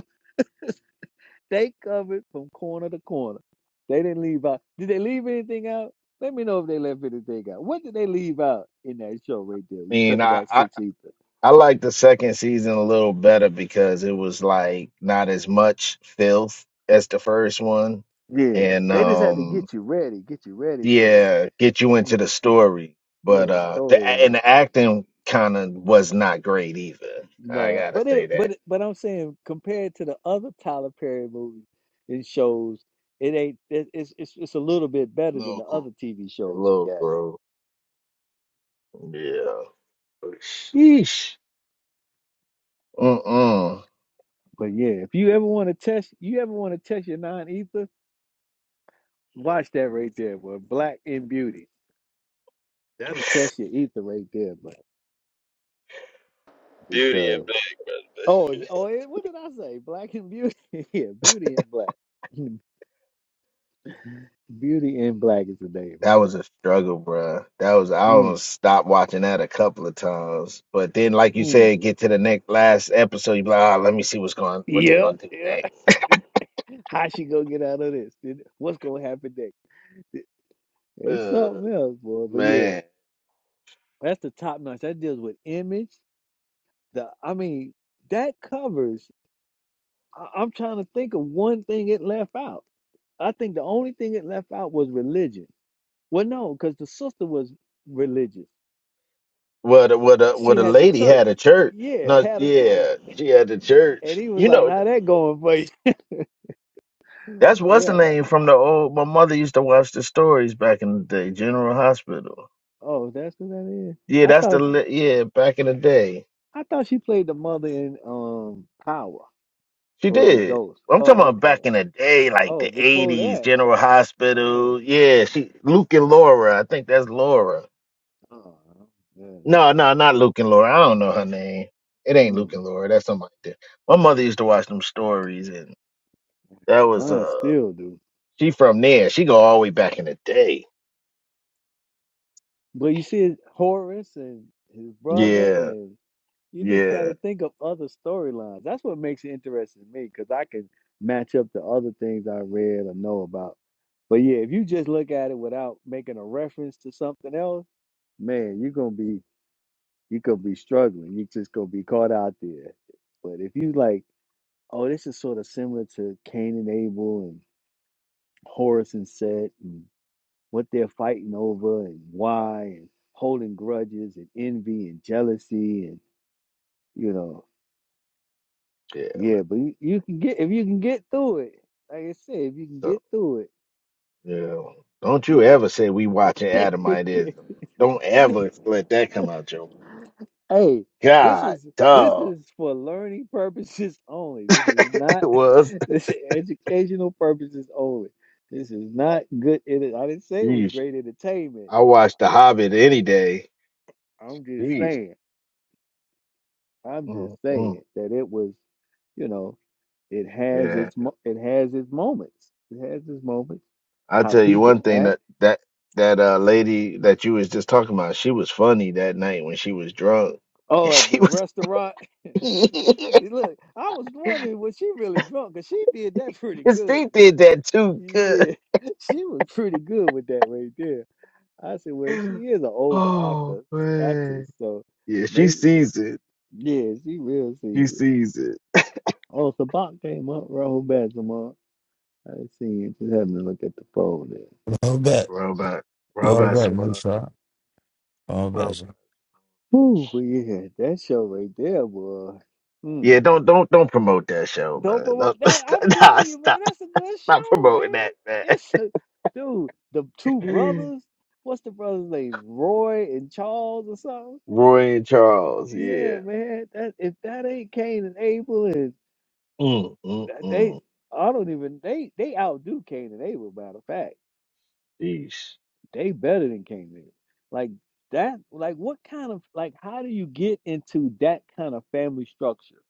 [SPEAKER 1] They covered from corner to corner. They didn't leave out. Did they leave anything out? Let me know if they left anything out. What did they leave out in that show right there?
[SPEAKER 5] I
[SPEAKER 1] You
[SPEAKER 5] mean,
[SPEAKER 1] talk
[SPEAKER 5] I
[SPEAKER 1] about
[SPEAKER 5] I,
[SPEAKER 1] six ether.
[SPEAKER 5] I like the second season a little better because it was like not as much filth as the first one,
[SPEAKER 1] Yeah,
[SPEAKER 5] and
[SPEAKER 1] they just had to
[SPEAKER 5] um.
[SPEAKER 1] get you ready, get you ready for the
[SPEAKER 5] yeah, get you into
[SPEAKER 1] yeah,
[SPEAKER 5] the story.
[SPEAKER 1] yeah
[SPEAKER 5] But
[SPEAKER 1] the
[SPEAKER 5] uh the a- and
[SPEAKER 1] storyline.
[SPEAKER 5] the acting kind of was not great either. I
[SPEAKER 1] Nah,
[SPEAKER 5] gotta
[SPEAKER 1] but it
[SPEAKER 5] say that.
[SPEAKER 1] but but I'm saying compared to the other Tyler Perry movies and shows, it ain't it, it's it's it's a little bit better than the
[SPEAKER 5] Little
[SPEAKER 1] other
[SPEAKER 5] gro-
[SPEAKER 1] TV shows he
[SPEAKER 5] little
[SPEAKER 1] got.
[SPEAKER 5] bro. Yeah. Sheesh. Mm-mm.
[SPEAKER 1] But yeah, if you ever want to test, you ever want to test your non ether Watch that right there, boy. Black in beauty. That'll test your ether right there, man.
[SPEAKER 3] Beauty and
[SPEAKER 1] Because
[SPEAKER 3] Black.
[SPEAKER 1] oh oh, and what did I say? Black and beauty. yeah, beauty and black. Beauty and black is the name
[SPEAKER 5] That
[SPEAKER 1] of
[SPEAKER 5] was
[SPEAKER 1] it.
[SPEAKER 5] a struggle, bruh. That was I
[SPEAKER 1] Mm,
[SPEAKER 5] almost stopped watching that a couple of times. But then, like you
[SPEAKER 1] mm.
[SPEAKER 5] said, get to the next last episode, you be like, ah, let me see what's going, what they
[SPEAKER 1] Yeah,
[SPEAKER 5] gonna do next.
[SPEAKER 1] yeah. How she gonna get out of this? Did- What's gonna happen next? It's
[SPEAKER 5] Uh,
[SPEAKER 1] something else, boy. But yeah,
[SPEAKER 5] man.
[SPEAKER 1] that's the top notch. That deals with image. The I mean, that covers. I, I'm trying to think of one thing it left out. I think the only thing it left out was religion. Well, no, because the sister was religious.
[SPEAKER 5] Well, the, well, the, well,
[SPEAKER 1] She
[SPEAKER 5] the
[SPEAKER 1] had the
[SPEAKER 5] lady
[SPEAKER 1] church.
[SPEAKER 5] had a church.
[SPEAKER 1] Yeah,
[SPEAKER 5] No,
[SPEAKER 1] had a church.
[SPEAKER 5] yeah, she had a
[SPEAKER 1] And
[SPEAKER 5] church.
[SPEAKER 1] he was
[SPEAKER 5] You
[SPEAKER 1] like,
[SPEAKER 5] know,
[SPEAKER 1] How that going for you?
[SPEAKER 5] that's what's the
[SPEAKER 1] Yeah.
[SPEAKER 5] name from the old. My mother used to watch the stories back in the day. General Hospital.
[SPEAKER 1] Oh, that's what that is.
[SPEAKER 5] Yeah,
[SPEAKER 1] I
[SPEAKER 5] that's the.
[SPEAKER 1] thought
[SPEAKER 5] li- Yeah, back in the day,
[SPEAKER 1] I thought she played the mother in um Power.
[SPEAKER 5] she
[SPEAKER 1] Or was it
[SPEAKER 5] did.
[SPEAKER 1] Ghost?
[SPEAKER 5] I'm talking
[SPEAKER 1] Oh,
[SPEAKER 5] about
[SPEAKER 1] okay.
[SPEAKER 5] back in the day, like
[SPEAKER 1] Oh,
[SPEAKER 5] the
[SPEAKER 1] before
[SPEAKER 5] '80s.
[SPEAKER 1] that.
[SPEAKER 5] General
[SPEAKER 1] Oh.
[SPEAKER 5] Hospital. Yeah, she Luke and Laura. I think that's Laura.
[SPEAKER 1] Oh yeah, that's
[SPEAKER 5] No, no, not Luke and Laura. I don't know her name. It ain't Luke
[SPEAKER 1] mm,
[SPEAKER 5] and Laura. That's somebody. There. My mother used to watch them stories, and that was
[SPEAKER 1] mine
[SPEAKER 5] uh.
[SPEAKER 1] still do.
[SPEAKER 5] She from there. She go all the way back in the day.
[SPEAKER 1] But you see Horace and his brother
[SPEAKER 5] Yeah,
[SPEAKER 1] and. You just got
[SPEAKER 5] yeah,
[SPEAKER 1] to think of other storylines. That's what makes it interesting to me because I can match up to other things I read or know about. But yeah, if you just look at it without making a reference to something else, man, you're gonna be you gonna be struggling. You just gonna be caught out there. But if you like, oh, this is sort of similar to Cain and Abel and Horus and Set and what they're fighting over and why and holding grudges and envy and jealousy and you know
[SPEAKER 5] yeah.
[SPEAKER 1] Yeah,
[SPEAKER 5] man.
[SPEAKER 1] but you, you can get if you can get through it. Like I said, if you can
[SPEAKER 5] So
[SPEAKER 1] get through it,
[SPEAKER 5] yeah, don't you
[SPEAKER 1] you can.
[SPEAKER 5] ever say we watching Adamitism. Don't ever let that come out, Joe.
[SPEAKER 1] hey, this
[SPEAKER 5] God,
[SPEAKER 1] is this
[SPEAKER 5] dog,
[SPEAKER 1] is for learning purposes only. This is not
[SPEAKER 5] it was.
[SPEAKER 1] this is educational purposes only. This is not good. It, I didn't say it was
[SPEAKER 5] Yeesh.
[SPEAKER 1] great entertainment.
[SPEAKER 5] I watch The Hobbit any day.
[SPEAKER 1] Now I'm just
[SPEAKER 5] Yeesh.
[SPEAKER 1] saying. I'm just
[SPEAKER 5] mm mm.
[SPEAKER 1] saying that it was. You know, it has
[SPEAKER 5] Yeah,
[SPEAKER 1] its mo- it has its moments. It has its moments.
[SPEAKER 5] I
[SPEAKER 1] How
[SPEAKER 5] tell you
[SPEAKER 1] people
[SPEAKER 5] one thing
[SPEAKER 1] act.
[SPEAKER 5] that that that uh lady that you was just talking about, she was funny that night when she was drunk,
[SPEAKER 1] Oh,
[SPEAKER 5] and
[SPEAKER 1] at
[SPEAKER 5] she
[SPEAKER 1] the
[SPEAKER 5] was.
[SPEAKER 1] restaurant. Look, I was wondering was she really drunk because she did that pretty
[SPEAKER 5] 'Cause
[SPEAKER 1] good.
[SPEAKER 5] she did that too good.
[SPEAKER 1] Yeah, she was pretty good with that right there. I said, well, she is an older
[SPEAKER 5] Oh
[SPEAKER 1] actor actress,
[SPEAKER 5] man.
[SPEAKER 1] so
[SPEAKER 5] Yeah, she
[SPEAKER 1] maybe
[SPEAKER 5] sees it.
[SPEAKER 1] yeah, she real
[SPEAKER 5] She
[SPEAKER 1] seasoned.
[SPEAKER 5] sees it.
[SPEAKER 1] Oh, Sabak came up, Rahul Bazamar. I didn't see him. Just having to look at the phone
[SPEAKER 6] All bet.
[SPEAKER 5] Robot.
[SPEAKER 6] Well, I
[SPEAKER 5] Robot
[SPEAKER 6] bet,
[SPEAKER 1] there.
[SPEAKER 6] no
[SPEAKER 5] supply.
[SPEAKER 6] shot. All bet.
[SPEAKER 5] Robot.
[SPEAKER 6] sir.
[SPEAKER 1] Woo, but yeah, that show right there was.
[SPEAKER 5] Yeah, don't don't don't promote that show,
[SPEAKER 1] Dope
[SPEAKER 5] man. No,
[SPEAKER 1] Amo- that
[SPEAKER 5] stop,
[SPEAKER 1] I'm
[SPEAKER 5] nah,
[SPEAKER 1] telling you, man,
[SPEAKER 5] stop,
[SPEAKER 1] that's a good
[SPEAKER 5] stop
[SPEAKER 1] show,
[SPEAKER 5] promoting
[SPEAKER 1] man.
[SPEAKER 5] that,
[SPEAKER 1] It's a, dude, the two
[SPEAKER 5] man.
[SPEAKER 1] brothers, what's the brother's name? Roy and Charles or something?
[SPEAKER 5] Roy and Charles,
[SPEAKER 1] Yeah,
[SPEAKER 5] yeah.
[SPEAKER 1] man. That if that ain't Cain and Abel and
[SPEAKER 5] Mm, mm,
[SPEAKER 1] that- they
[SPEAKER 5] mm.
[SPEAKER 1] I don't even they they outdo Cain and Abel, matter of fact.
[SPEAKER 5] Jeez.
[SPEAKER 1] They better than Cain and Abel. Like that like what kind of like how do you get into that kind of family structure?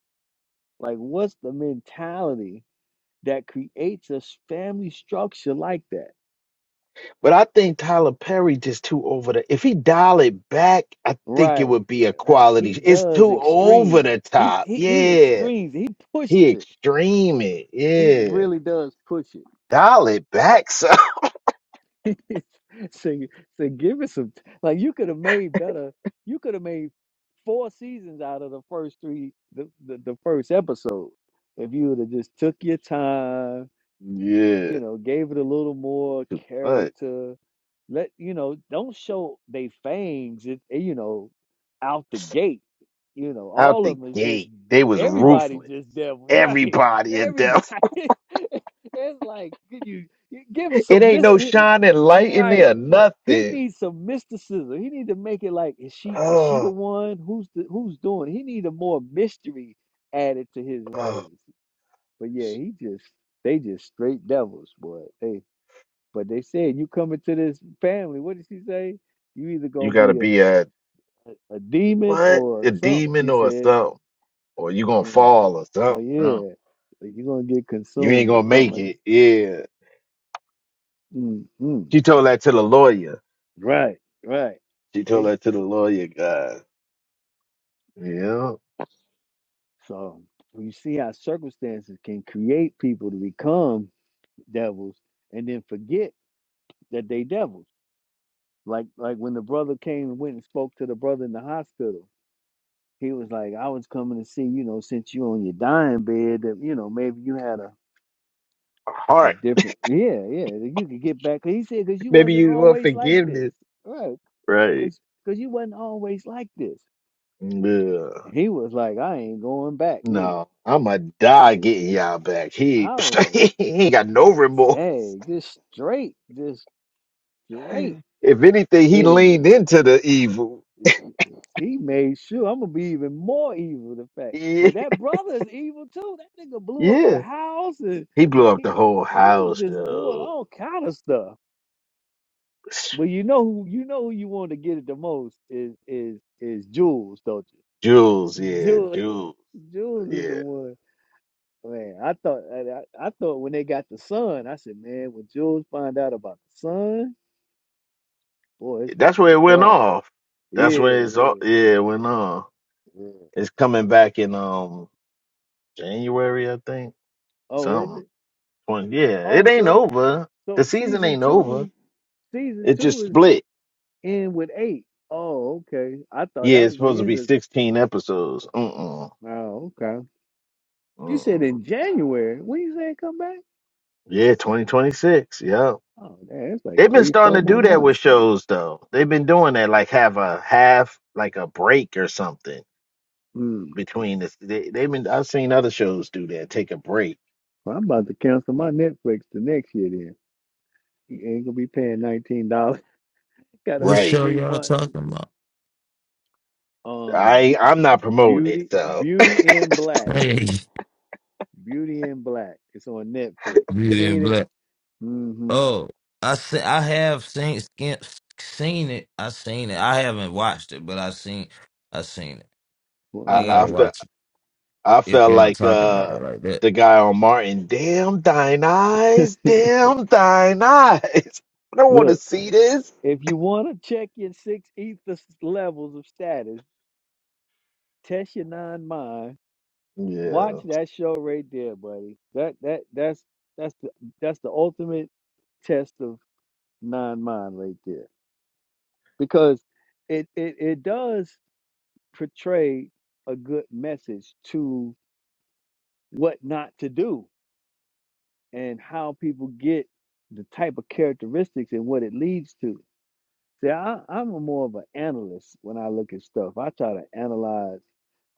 [SPEAKER 1] Like what's the mentality that creates a family structure like that?
[SPEAKER 5] But I think Tyler Perry just too over the. If he dial it back, I think it
[SPEAKER 1] Right,
[SPEAKER 5] would be a
[SPEAKER 1] right.
[SPEAKER 5] quality.
[SPEAKER 1] He
[SPEAKER 5] It's
[SPEAKER 1] does
[SPEAKER 5] too over
[SPEAKER 1] extremes.
[SPEAKER 5] the
[SPEAKER 1] He
[SPEAKER 5] top.
[SPEAKER 1] he he
[SPEAKER 5] Yeah,
[SPEAKER 1] extremes. He
[SPEAKER 5] he
[SPEAKER 1] pushes it.
[SPEAKER 5] extreme it.
[SPEAKER 1] He
[SPEAKER 5] Yeah.
[SPEAKER 1] really does push
[SPEAKER 5] Dial it back so
[SPEAKER 1] it. so so give it some. Like you could have made better. You could have made four seasons out of the first three, the the, the first episode, if you would have just took your time
[SPEAKER 5] yeah,
[SPEAKER 1] you know, gave it a little more
[SPEAKER 5] but
[SPEAKER 1] character. Let you know, don't show they fangs. It eh, you know, out the gate. You know,
[SPEAKER 5] out
[SPEAKER 1] all
[SPEAKER 5] the
[SPEAKER 1] of them is just
[SPEAKER 5] gate they was
[SPEAKER 1] everybody
[SPEAKER 5] ruthless.
[SPEAKER 1] just devil, right?
[SPEAKER 5] Everybody in
[SPEAKER 1] Everybody.
[SPEAKER 5] death.
[SPEAKER 1] it's like could you you give
[SPEAKER 5] It
[SPEAKER 1] some
[SPEAKER 5] ain't
[SPEAKER 1] mis
[SPEAKER 5] no
[SPEAKER 1] eh,
[SPEAKER 5] shining light in
[SPEAKER 1] right.
[SPEAKER 5] there,
[SPEAKER 1] He
[SPEAKER 5] nothing.
[SPEAKER 1] needs some mysticism. He need to make it like is she is she the
[SPEAKER 5] Oh,
[SPEAKER 1] one? Who's the who's doing? it? He need a more mystery added to his
[SPEAKER 5] oh.
[SPEAKER 1] writings. But yeah, he just they just straight devils, boy. They but they said you come into this family. What did she say? You either
[SPEAKER 5] you
[SPEAKER 1] gonna
[SPEAKER 5] gotta
[SPEAKER 1] be
[SPEAKER 5] be
[SPEAKER 1] a
[SPEAKER 5] a
[SPEAKER 1] a, a demon
[SPEAKER 5] what
[SPEAKER 1] or
[SPEAKER 5] a
[SPEAKER 1] something.
[SPEAKER 5] demon
[SPEAKER 1] She
[SPEAKER 5] or
[SPEAKER 1] said,
[SPEAKER 5] something, or you gonna
[SPEAKER 1] and,
[SPEAKER 5] fall or
[SPEAKER 1] oh
[SPEAKER 5] something. No,
[SPEAKER 1] yeah, like, you're gonna get
[SPEAKER 5] you ain't
[SPEAKER 1] consumed or
[SPEAKER 5] gonna
[SPEAKER 1] something
[SPEAKER 5] make
[SPEAKER 1] like
[SPEAKER 5] it. Yeah,
[SPEAKER 1] that. Mm-mm.
[SPEAKER 5] she told that to the lawyer.
[SPEAKER 1] Right, right.
[SPEAKER 5] She told
[SPEAKER 1] See,
[SPEAKER 5] that to the lawyer guy. Yeah,
[SPEAKER 1] so you see how circumstances can create people to become devils and then forget that they devils. Like like when the brother came and went and spoke to the brother in the hospital He was like, I was coming to see, you know, since you on your dying bed, that you know, maybe you had a a
[SPEAKER 5] heart.
[SPEAKER 1] different, yeah, yeah, that you could get back. 'Cause He said, because you
[SPEAKER 5] Maybe
[SPEAKER 1] wasn't
[SPEAKER 5] you want
[SPEAKER 1] always like this,
[SPEAKER 5] forgiveness,
[SPEAKER 1] right?
[SPEAKER 5] right?
[SPEAKER 1] Because because you wasn't always like this.
[SPEAKER 5] Yeah.
[SPEAKER 1] And he was like, I ain't going back neither.
[SPEAKER 5] No, I'ma die getting y'all back. He,
[SPEAKER 1] I was
[SPEAKER 5] he ain't got no
[SPEAKER 1] like,
[SPEAKER 5] remorse.
[SPEAKER 1] dang, just straight, just straight
[SPEAKER 5] If anything, he
[SPEAKER 1] enemies.
[SPEAKER 5] leaned into the evil.
[SPEAKER 1] He made sure I'm gonna be even more evil. The fact,
[SPEAKER 5] Yeah,
[SPEAKER 1] but that brother is evil too. That nigga blew up the
[SPEAKER 5] yeah.
[SPEAKER 1] house, and
[SPEAKER 5] He blew up
[SPEAKER 1] he
[SPEAKER 5] the whole
[SPEAKER 1] he was
[SPEAKER 5] house,
[SPEAKER 1] just doing
[SPEAKER 5] though.
[SPEAKER 1] all kind of stuff. But you know who you know who you want to get it the most is is is Jules, don't
[SPEAKER 5] Jules,
[SPEAKER 1] you?
[SPEAKER 5] yeah,
[SPEAKER 1] Jules
[SPEAKER 5] Jules,
[SPEAKER 1] Jules is the
[SPEAKER 5] yeah.
[SPEAKER 1] one. Man, I thought I, I I thought when they got the son, I said, man, when Jules find out about the son, boy, it's gonna
[SPEAKER 5] That's
[SPEAKER 1] be
[SPEAKER 5] where it
[SPEAKER 1] a
[SPEAKER 5] went
[SPEAKER 1] problem.
[SPEAKER 5] off. That's
[SPEAKER 1] Yeah,
[SPEAKER 5] where it's all.
[SPEAKER 1] yeah,
[SPEAKER 5] Yeah, it went off.
[SPEAKER 1] yeah.
[SPEAKER 5] It's coming back in um January, I think.
[SPEAKER 1] Oh, is
[SPEAKER 5] Something.
[SPEAKER 1] it?
[SPEAKER 5] Twen- Yeah, it
[SPEAKER 1] Oh,
[SPEAKER 5] ain't
[SPEAKER 1] so
[SPEAKER 5] over. The
[SPEAKER 1] so
[SPEAKER 5] season
[SPEAKER 1] season
[SPEAKER 5] ain't over.
[SPEAKER 1] two. Season
[SPEAKER 5] It just
[SPEAKER 1] two is
[SPEAKER 5] split.
[SPEAKER 1] in with eight. Oh, okay. I thought
[SPEAKER 5] Yeah,
[SPEAKER 1] that
[SPEAKER 5] it's
[SPEAKER 1] was the
[SPEAKER 5] supposed to
[SPEAKER 1] end
[SPEAKER 5] be
[SPEAKER 1] of.
[SPEAKER 5] 16 episodes. Mm-mm.
[SPEAKER 1] Oh, okay. You said
[SPEAKER 5] Mm-mm.
[SPEAKER 1] in January. When you say it come back?
[SPEAKER 5] Yeah, 2026. Yeah.
[SPEAKER 1] Oh, man, it's like
[SPEAKER 5] They've been
[SPEAKER 1] three,
[SPEAKER 5] starting
[SPEAKER 1] four
[SPEAKER 5] to
[SPEAKER 1] more
[SPEAKER 5] do that with
[SPEAKER 1] months.
[SPEAKER 5] shows though. They've been doing that like have a half like a break or something
[SPEAKER 1] Mm.
[SPEAKER 5] between this. They, they've been I've seen other shows do that, take a break.
[SPEAKER 1] Well, I'm about to cancel my Netflix the next year. Then you ain't gonna be paying nineteen dollars. Gotta
[SPEAKER 6] What
[SPEAKER 1] wait
[SPEAKER 5] Right.
[SPEAKER 6] show
[SPEAKER 1] three
[SPEAKER 6] y'all
[SPEAKER 1] months. to
[SPEAKER 6] talking
[SPEAKER 1] see.
[SPEAKER 6] about?
[SPEAKER 1] Um, Be-
[SPEAKER 5] I I'm not promoting it,
[SPEAKER 1] Beauty,
[SPEAKER 5] so
[SPEAKER 1] Beauty in Black,
[SPEAKER 6] Hey,
[SPEAKER 1] Beauty in Black. It's on Netflix. You
[SPEAKER 6] Beauty and
[SPEAKER 1] seen it?
[SPEAKER 6] Black.
[SPEAKER 1] Mm-hmm.
[SPEAKER 6] Oh, I see, I have seen skin, seen it. I seen it. I haven't watched it, but I seen I seen it.
[SPEAKER 1] Well,
[SPEAKER 5] I
[SPEAKER 6] I
[SPEAKER 1] All
[SPEAKER 5] I
[SPEAKER 6] gotta
[SPEAKER 5] felt
[SPEAKER 6] watch it
[SPEAKER 5] I
[SPEAKER 6] if
[SPEAKER 5] felt
[SPEAKER 6] y'all
[SPEAKER 5] like
[SPEAKER 6] talking about
[SPEAKER 5] uh
[SPEAKER 6] it like that.
[SPEAKER 5] the guy on Martin, damn thine eyes,
[SPEAKER 1] right.
[SPEAKER 5] damn thine eyes. I don't want
[SPEAKER 1] Look.
[SPEAKER 5] to see this.
[SPEAKER 1] If you want to check your six ether levels of status, test your nine mind.
[SPEAKER 5] Yeah.
[SPEAKER 1] Watch that show right there, buddy. That that that's that's the that's the ultimate test of nine mind right there because it it it does portray a good message to what not to do and how people get the type of characteristics and what it leads to. See, I, I'm a more of an analyst when I look at stuff. I try to analyze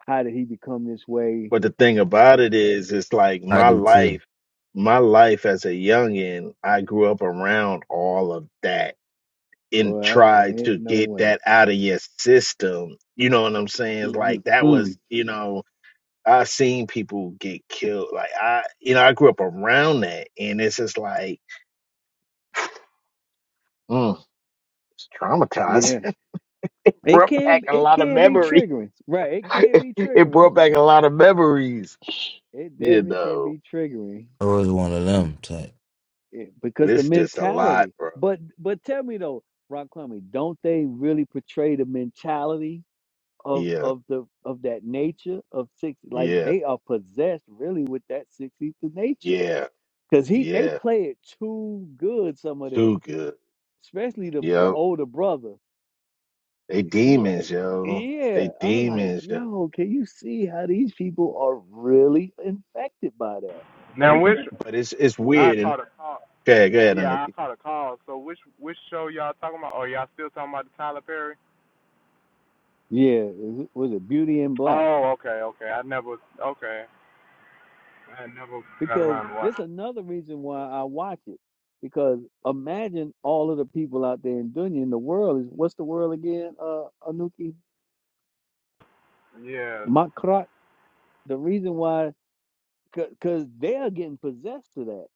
[SPEAKER 1] How did he become this way?
[SPEAKER 5] But the thing about it is, it's like
[SPEAKER 6] I
[SPEAKER 5] my
[SPEAKER 6] do too.
[SPEAKER 5] life, my life as a youngin, I grew up around all of that and
[SPEAKER 1] Boy, I, I
[SPEAKER 5] tried
[SPEAKER 1] ain't
[SPEAKER 5] to
[SPEAKER 1] no
[SPEAKER 5] get
[SPEAKER 1] way.
[SPEAKER 5] that out of your system. You know what I'm saying? It's
[SPEAKER 1] Mhm.
[SPEAKER 5] like that
[SPEAKER 1] Mm,
[SPEAKER 5] was, you know, I seen people get killed. Like I, you know, I grew up around that, and it's just like, mm, it's traumatized.
[SPEAKER 1] yeah, it
[SPEAKER 5] brought
[SPEAKER 1] can
[SPEAKER 5] back a
[SPEAKER 1] it
[SPEAKER 5] lot of
[SPEAKER 1] can be
[SPEAKER 5] memory.
[SPEAKER 1] triggering, right? It can be
[SPEAKER 5] it
[SPEAKER 1] triggering.
[SPEAKER 5] brought back a lot of memories.
[SPEAKER 1] It
[SPEAKER 5] You
[SPEAKER 1] definitely can
[SPEAKER 5] know,
[SPEAKER 1] be triggering
[SPEAKER 6] I was one of them type.
[SPEAKER 1] it, because the
[SPEAKER 5] it's just a lot,
[SPEAKER 1] mentality.
[SPEAKER 5] bro.
[SPEAKER 1] But but tell me though, Rock Clummy, don't they really portray the mentality of
[SPEAKER 5] Yeah.
[SPEAKER 1] of the of that nature of six? Like
[SPEAKER 5] Yeah,
[SPEAKER 1] they are possessed really with that six nature
[SPEAKER 5] yeah,
[SPEAKER 1] because he they
[SPEAKER 5] yeah.
[SPEAKER 1] play it too good. Some of them,
[SPEAKER 5] Too good.
[SPEAKER 1] especially the the
[SPEAKER 5] Yo,
[SPEAKER 1] older brother.
[SPEAKER 5] they
[SPEAKER 1] He like,
[SPEAKER 5] demons, yo. They
[SPEAKER 1] yeah. I'm like,
[SPEAKER 5] demons, yo.
[SPEAKER 1] yo, can you see how these people are really infected by that?
[SPEAKER 5] But it's it's weird. And go ahead, go ahead, Anuki.
[SPEAKER 1] Yeah, it was it Beauty in Black? Because there's another reason why I watch it. Because imagine all of the people out there in Dunya in the world is what's the world again? Uh, Anuki Makrat. The reason why, because they are getting possessed to that,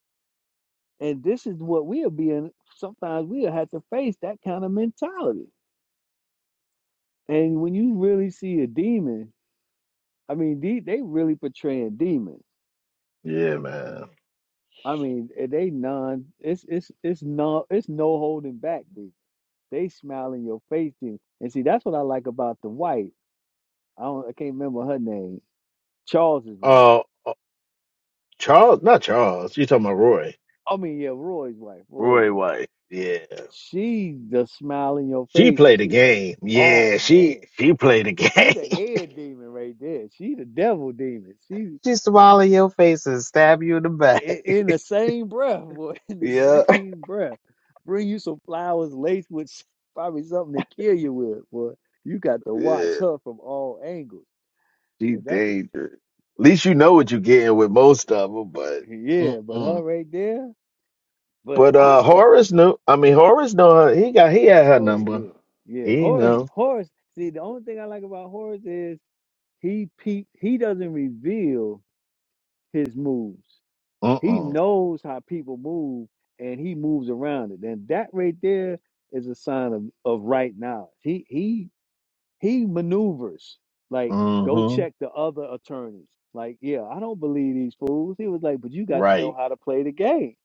[SPEAKER 1] and this is what we are being. Sometimes we have to face that kind of mentality. And when you really see a demon, I mean, they they really portraying demons.
[SPEAKER 5] Yeah, man.
[SPEAKER 1] I mean, eh, they non it's it's it's no it's no holding back. Dude. They smile in your face, dude. And see, that's what I like about the wife. I don't I can't remember her name. Charles's wife.
[SPEAKER 5] Uh, Charles, not Charles. You talking about Roy?
[SPEAKER 1] I mean, yeah, Roy's wife. Roy's
[SPEAKER 5] Roy
[SPEAKER 1] wife.
[SPEAKER 5] White. Yeah,
[SPEAKER 1] She's the smile in your
[SPEAKER 5] she
[SPEAKER 1] face, and
[SPEAKER 5] played the
[SPEAKER 1] she,
[SPEAKER 5] game. Yeah,
[SPEAKER 1] oh
[SPEAKER 5] she
[SPEAKER 1] man,
[SPEAKER 5] she played the
[SPEAKER 1] she the head
[SPEAKER 5] game.
[SPEAKER 1] demon right there. She the devil demon. She
[SPEAKER 5] she swallow your face and stab you in the back.
[SPEAKER 1] in, in the same breath, boy, in the
[SPEAKER 5] yeah,
[SPEAKER 1] same breath, bring you some flowers laced with s- probably something to kill you with, boy. You got to
[SPEAKER 5] yeah.
[SPEAKER 1] watch her from all angles,
[SPEAKER 5] She
[SPEAKER 1] and that's
[SPEAKER 5] dangerous. At least you know what you're getting with most of them, but.
[SPEAKER 1] yeah. But
[SPEAKER 5] Mm-mm.
[SPEAKER 1] her right there, but
[SPEAKER 5] But
[SPEAKER 1] I,
[SPEAKER 5] uh
[SPEAKER 1] s-
[SPEAKER 5] Horace knew I mean Horace know her he got he had her
[SPEAKER 1] oh
[SPEAKER 5] number.
[SPEAKER 1] yeah, yeah.
[SPEAKER 5] He
[SPEAKER 1] Horace,
[SPEAKER 5] know.
[SPEAKER 1] Horace. See, the only thing I like about Horace is he peep, he doesn't reveal his moves.
[SPEAKER 5] Uh
[SPEAKER 1] He
[SPEAKER 5] uh.
[SPEAKER 1] knows how people move, and he moves around it. And that right there is a sign of of right knowledge. He he He maneuvers. Like, go
[SPEAKER 5] Mm-hmm.
[SPEAKER 1] check the other attorneys. Like, yeah, I don't believe these fools. He was like, but you got to know
[SPEAKER 5] Right.
[SPEAKER 1] how to play the game.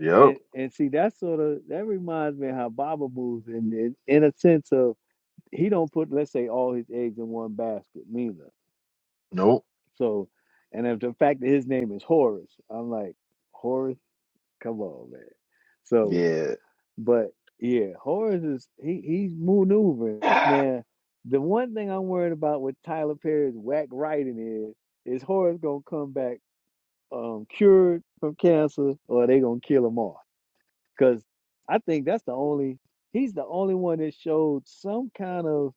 [SPEAKER 5] Yep.
[SPEAKER 1] And and see, that sort of that reminds me of how Baba moves in, in in a sense of he don't put let's say all his eggs in one basket neither.
[SPEAKER 5] Nope.
[SPEAKER 1] So, and if the fact that his name is Horace, I'm like Horace, come on, man. So
[SPEAKER 5] Yeah.
[SPEAKER 1] But yeah, Horace is he he's maneuvering. Uh, Now, the one thing I'm worried about with Tyler Perry's whack writing is is Horace gonna come back um cured from cancer or they gonna kill him off? Because I think that's the only he's the only one that showed some kind of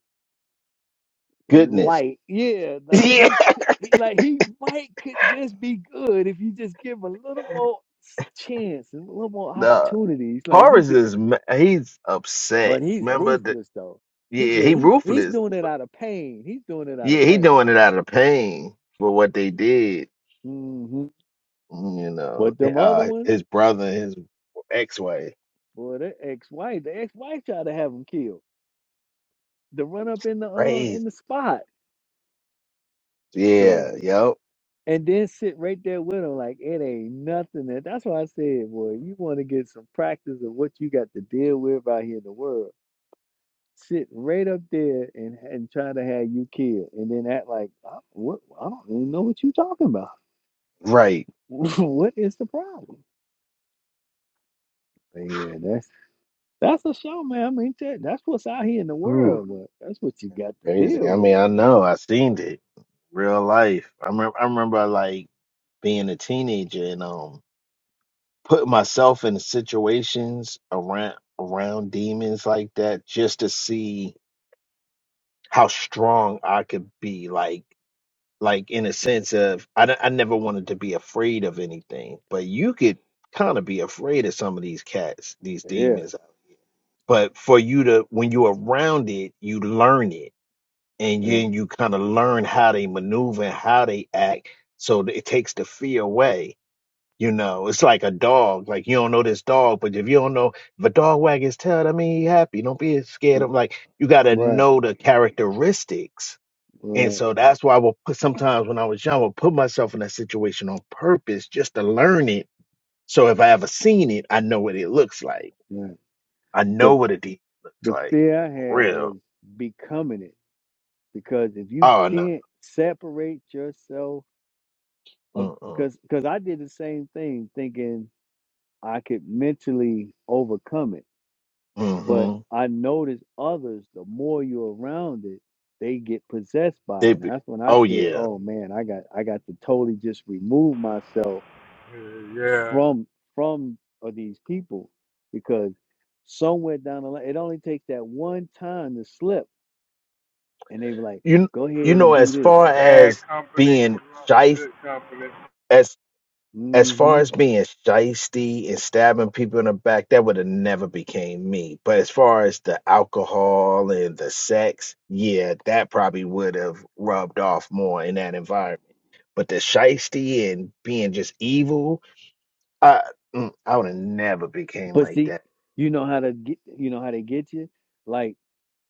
[SPEAKER 5] Goodness.
[SPEAKER 1] light. Yeah, like
[SPEAKER 5] Yeah.
[SPEAKER 1] he, he like he might could just be good if you just give him a little more s- chance and a little more
[SPEAKER 5] Nah.
[SPEAKER 1] opportunities. Like he
[SPEAKER 5] Horace
[SPEAKER 1] could
[SPEAKER 5] is ma- he's upset.
[SPEAKER 1] But he's
[SPEAKER 5] Remember the
[SPEAKER 1] ruthless though. He
[SPEAKER 5] yeah,
[SPEAKER 1] yeah,
[SPEAKER 5] he
[SPEAKER 1] he he's
[SPEAKER 5] ruthless.
[SPEAKER 1] doing it out of pain. He's doing it out of
[SPEAKER 5] Yeah, he
[SPEAKER 1] pain.
[SPEAKER 5] doing it out of pain for what they did.
[SPEAKER 1] hmm
[SPEAKER 5] You know.
[SPEAKER 1] But them other
[SPEAKER 5] Uh
[SPEAKER 1] ones,
[SPEAKER 5] his brother, his ex wife.
[SPEAKER 1] boy, the ex-wife, the ex-wife tried to have him killed. To run up in the uh,
[SPEAKER 5] Crazy.
[SPEAKER 1] in the spot. So
[SPEAKER 5] Yeah, yep.
[SPEAKER 1] and then sit right there with him like it ain't nothing. That that's why I said, boy, you want to get some practice of what you got to deal with out here in the world. Sit right up there and and try to have you killed, and then act like I, what I don't even know what you talking about.
[SPEAKER 5] Right.
[SPEAKER 1] what is the problem? Yeah, that's that's a show, man. I mean, that, that's what's out here in the
[SPEAKER 5] Ooh.
[SPEAKER 1] world, man. That's what you got to
[SPEAKER 5] Crazy.
[SPEAKER 1] deal
[SPEAKER 5] I
[SPEAKER 1] with,
[SPEAKER 5] mean, I
[SPEAKER 1] man.
[SPEAKER 5] know. I seen it. Real life. I remember I remember like being a teenager and um putting myself in situations around around demons like that just to see how strong I could be like like in a sense of I, d- I never wanted to be afraid of anything, but you could kind of be afraid of some of these cats, these
[SPEAKER 1] Yeah,
[SPEAKER 5] demons. But for you to when you're around it, you learn it and
[SPEAKER 1] yeah,
[SPEAKER 5] then you kind of learn how they maneuver and how they act so that it takes the fear away you know it's like a dog like you don't know this dog but if you don't know if a dog wag his tail that mean he happy don't be scared
[SPEAKER 1] mm,
[SPEAKER 5] of like you got to
[SPEAKER 1] right,
[SPEAKER 5] know the characteristics and
[SPEAKER 1] right,
[SPEAKER 5] so that's why i will put sometimes when i was young i would put myself in that situation on purpose just to learn it so if i ever seen it i know what it looks like
[SPEAKER 1] right.
[SPEAKER 5] i
[SPEAKER 1] The
[SPEAKER 5] know what a deer looks
[SPEAKER 1] the
[SPEAKER 5] like
[SPEAKER 1] fear I
[SPEAKER 5] for
[SPEAKER 1] had was
[SPEAKER 5] real
[SPEAKER 1] becoming it because if you
[SPEAKER 5] oh no
[SPEAKER 1] can't separate yourself of,
[SPEAKER 5] Mm-mm.
[SPEAKER 1] because because I did the same thing, thinking I could mentally overcome it
[SPEAKER 5] Mm-hmm.
[SPEAKER 1] But I notice others, the more you're around it, they get possessed by
[SPEAKER 5] They,
[SPEAKER 1] it. And
[SPEAKER 5] be-
[SPEAKER 1] that's when I
[SPEAKER 5] oh
[SPEAKER 1] said,
[SPEAKER 5] yeah.
[SPEAKER 1] oh man, I got I got to totally just remove myself from from of these people because somewhere down the line, it only takes that one time to slip. And they were like,
[SPEAKER 5] You
[SPEAKER 1] go
[SPEAKER 5] you
[SPEAKER 1] ahead
[SPEAKER 5] know,
[SPEAKER 1] and do
[SPEAKER 5] as
[SPEAKER 1] this.
[SPEAKER 5] far as being shyst, as as far
[SPEAKER 1] hmm
[SPEAKER 5] as being shysty and stabbing people in the back, that would have never became me. But as far as the alcohol and the sex, yeah, that probably would have rubbed off more in that environment. But the shysty and being just evil, I mm, I would have never became
[SPEAKER 1] But
[SPEAKER 5] like
[SPEAKER 1] see,
[SPEAKER 5] that.
[SPEAKER 1] you know how to get you know how they get you? Like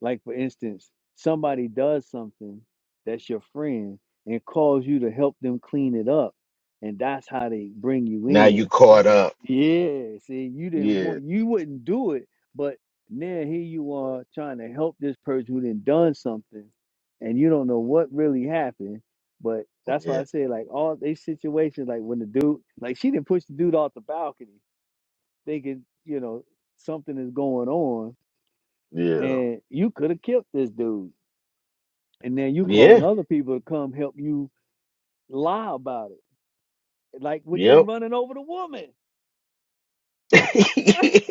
[SPEAKER 1] Like for instance, somebody does something that's your friend and calls you to help them clean it up, and that's how they bring you
[SPEAKER 5] Now you
[SPEAKER 1] in.
[SPEAKER 5] caught up.
[SPEAKER 1] Yeah, see, you didn't
[SPEAKER 5] Yeah,
[SPEAKER 1] want, you wouldn't do it, but now here you are trying to help this person who done done something, and you don't know what really happened. But that's why
[SPEAKER 5] yeah,
[SPEAKER 1] I say, like all these situations, like when the dude, like she didn't push the dude off the balcony, thinking you know something is going on,
[SPEAKER 5] yeah,
[SPEAKER 1] and you could have killed this dude and then you calling
[SPEAKER 5] yeah.
[SPEAKER 1] other people to come help you lie about it. Like with them
[SPEAKER 5] Yep.
[SPEAKER 1] running over the woman. Like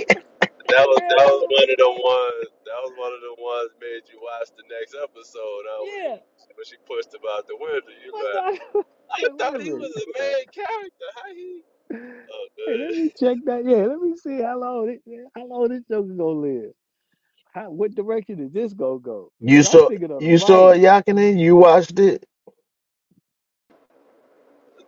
[SPEAKER 1] they
[SPEAKER 3] That was that
[SPEAKER 1] ran
[SPEAKER 3] was
[SPEAKER 1] over the
[SPEAKER 3] one
[SPEAKER 1] wo-
[SPEAKER 3] of the ones. That was one of the ones made you watch the next episode. Uh, when, you,
[SPEAKER 1] Yeah.
[SPEAKER 3] when she pushed him out the window, you
[SPEAKER 1] What's
[SPEAKER 3] like,
[SPEAKER 1] that?
[SPEAKER 3] I
[SPEAKER 1] like, wait a
[SPEAKER 3] thought he
[SPEAKER 1] minute.
[SPEAKER 3] was a main character. How he? Oh,
[SPEAKER 1] Hey,
[SPEAKER 3] good.
[SPEAKER 1] let me check that. Yeah, let me see how long it, how long this joke is gonna live. How what direction is this gonna go?
[SPEAKER 5] You
[SPEAKER 1] Because I'm
[SPEAKER 5] saw
[SPEAKER 1] thinking of the
[SPEAKER 5] you saw it,
[SPEAKER 1] writing.
[SPEAKER 5] Yakinen, you watched it?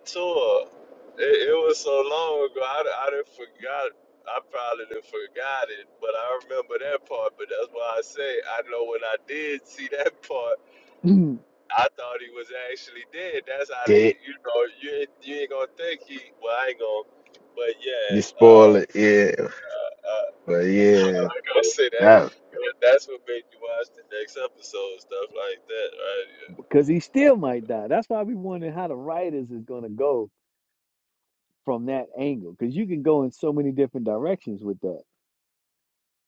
[SPEAKER 3] Tour. It, it was so long ago. I d- I done forgot. I probably done forgot it, but I remember that part. But that's why I say I know when I did see that part, I thought he was actually dead. That's how they,
[SPEAKER 5] Did
[SPEAKER 3] you know, you ain't- you ain't gonna think he. Well, I ain't gonna. But
[SPEAKER 5] you
[SPEAKER 3] yeah. uh,
[SPEAKER 5] spoil it, yeah.
[SPEAKER 3] Uh,
[SPEAKER 5] But yeah,
[SPEAKER 3] like I say that
[SPEAKER 5] that was crazy.
[SPEAKER 3] but that's what made you watch the next episode, stuff like that, right?
[SPEAKER 1] Because he still might die. That's why we wondering how the writers is gonna go from that angle. Because you can go in so many different directions with that.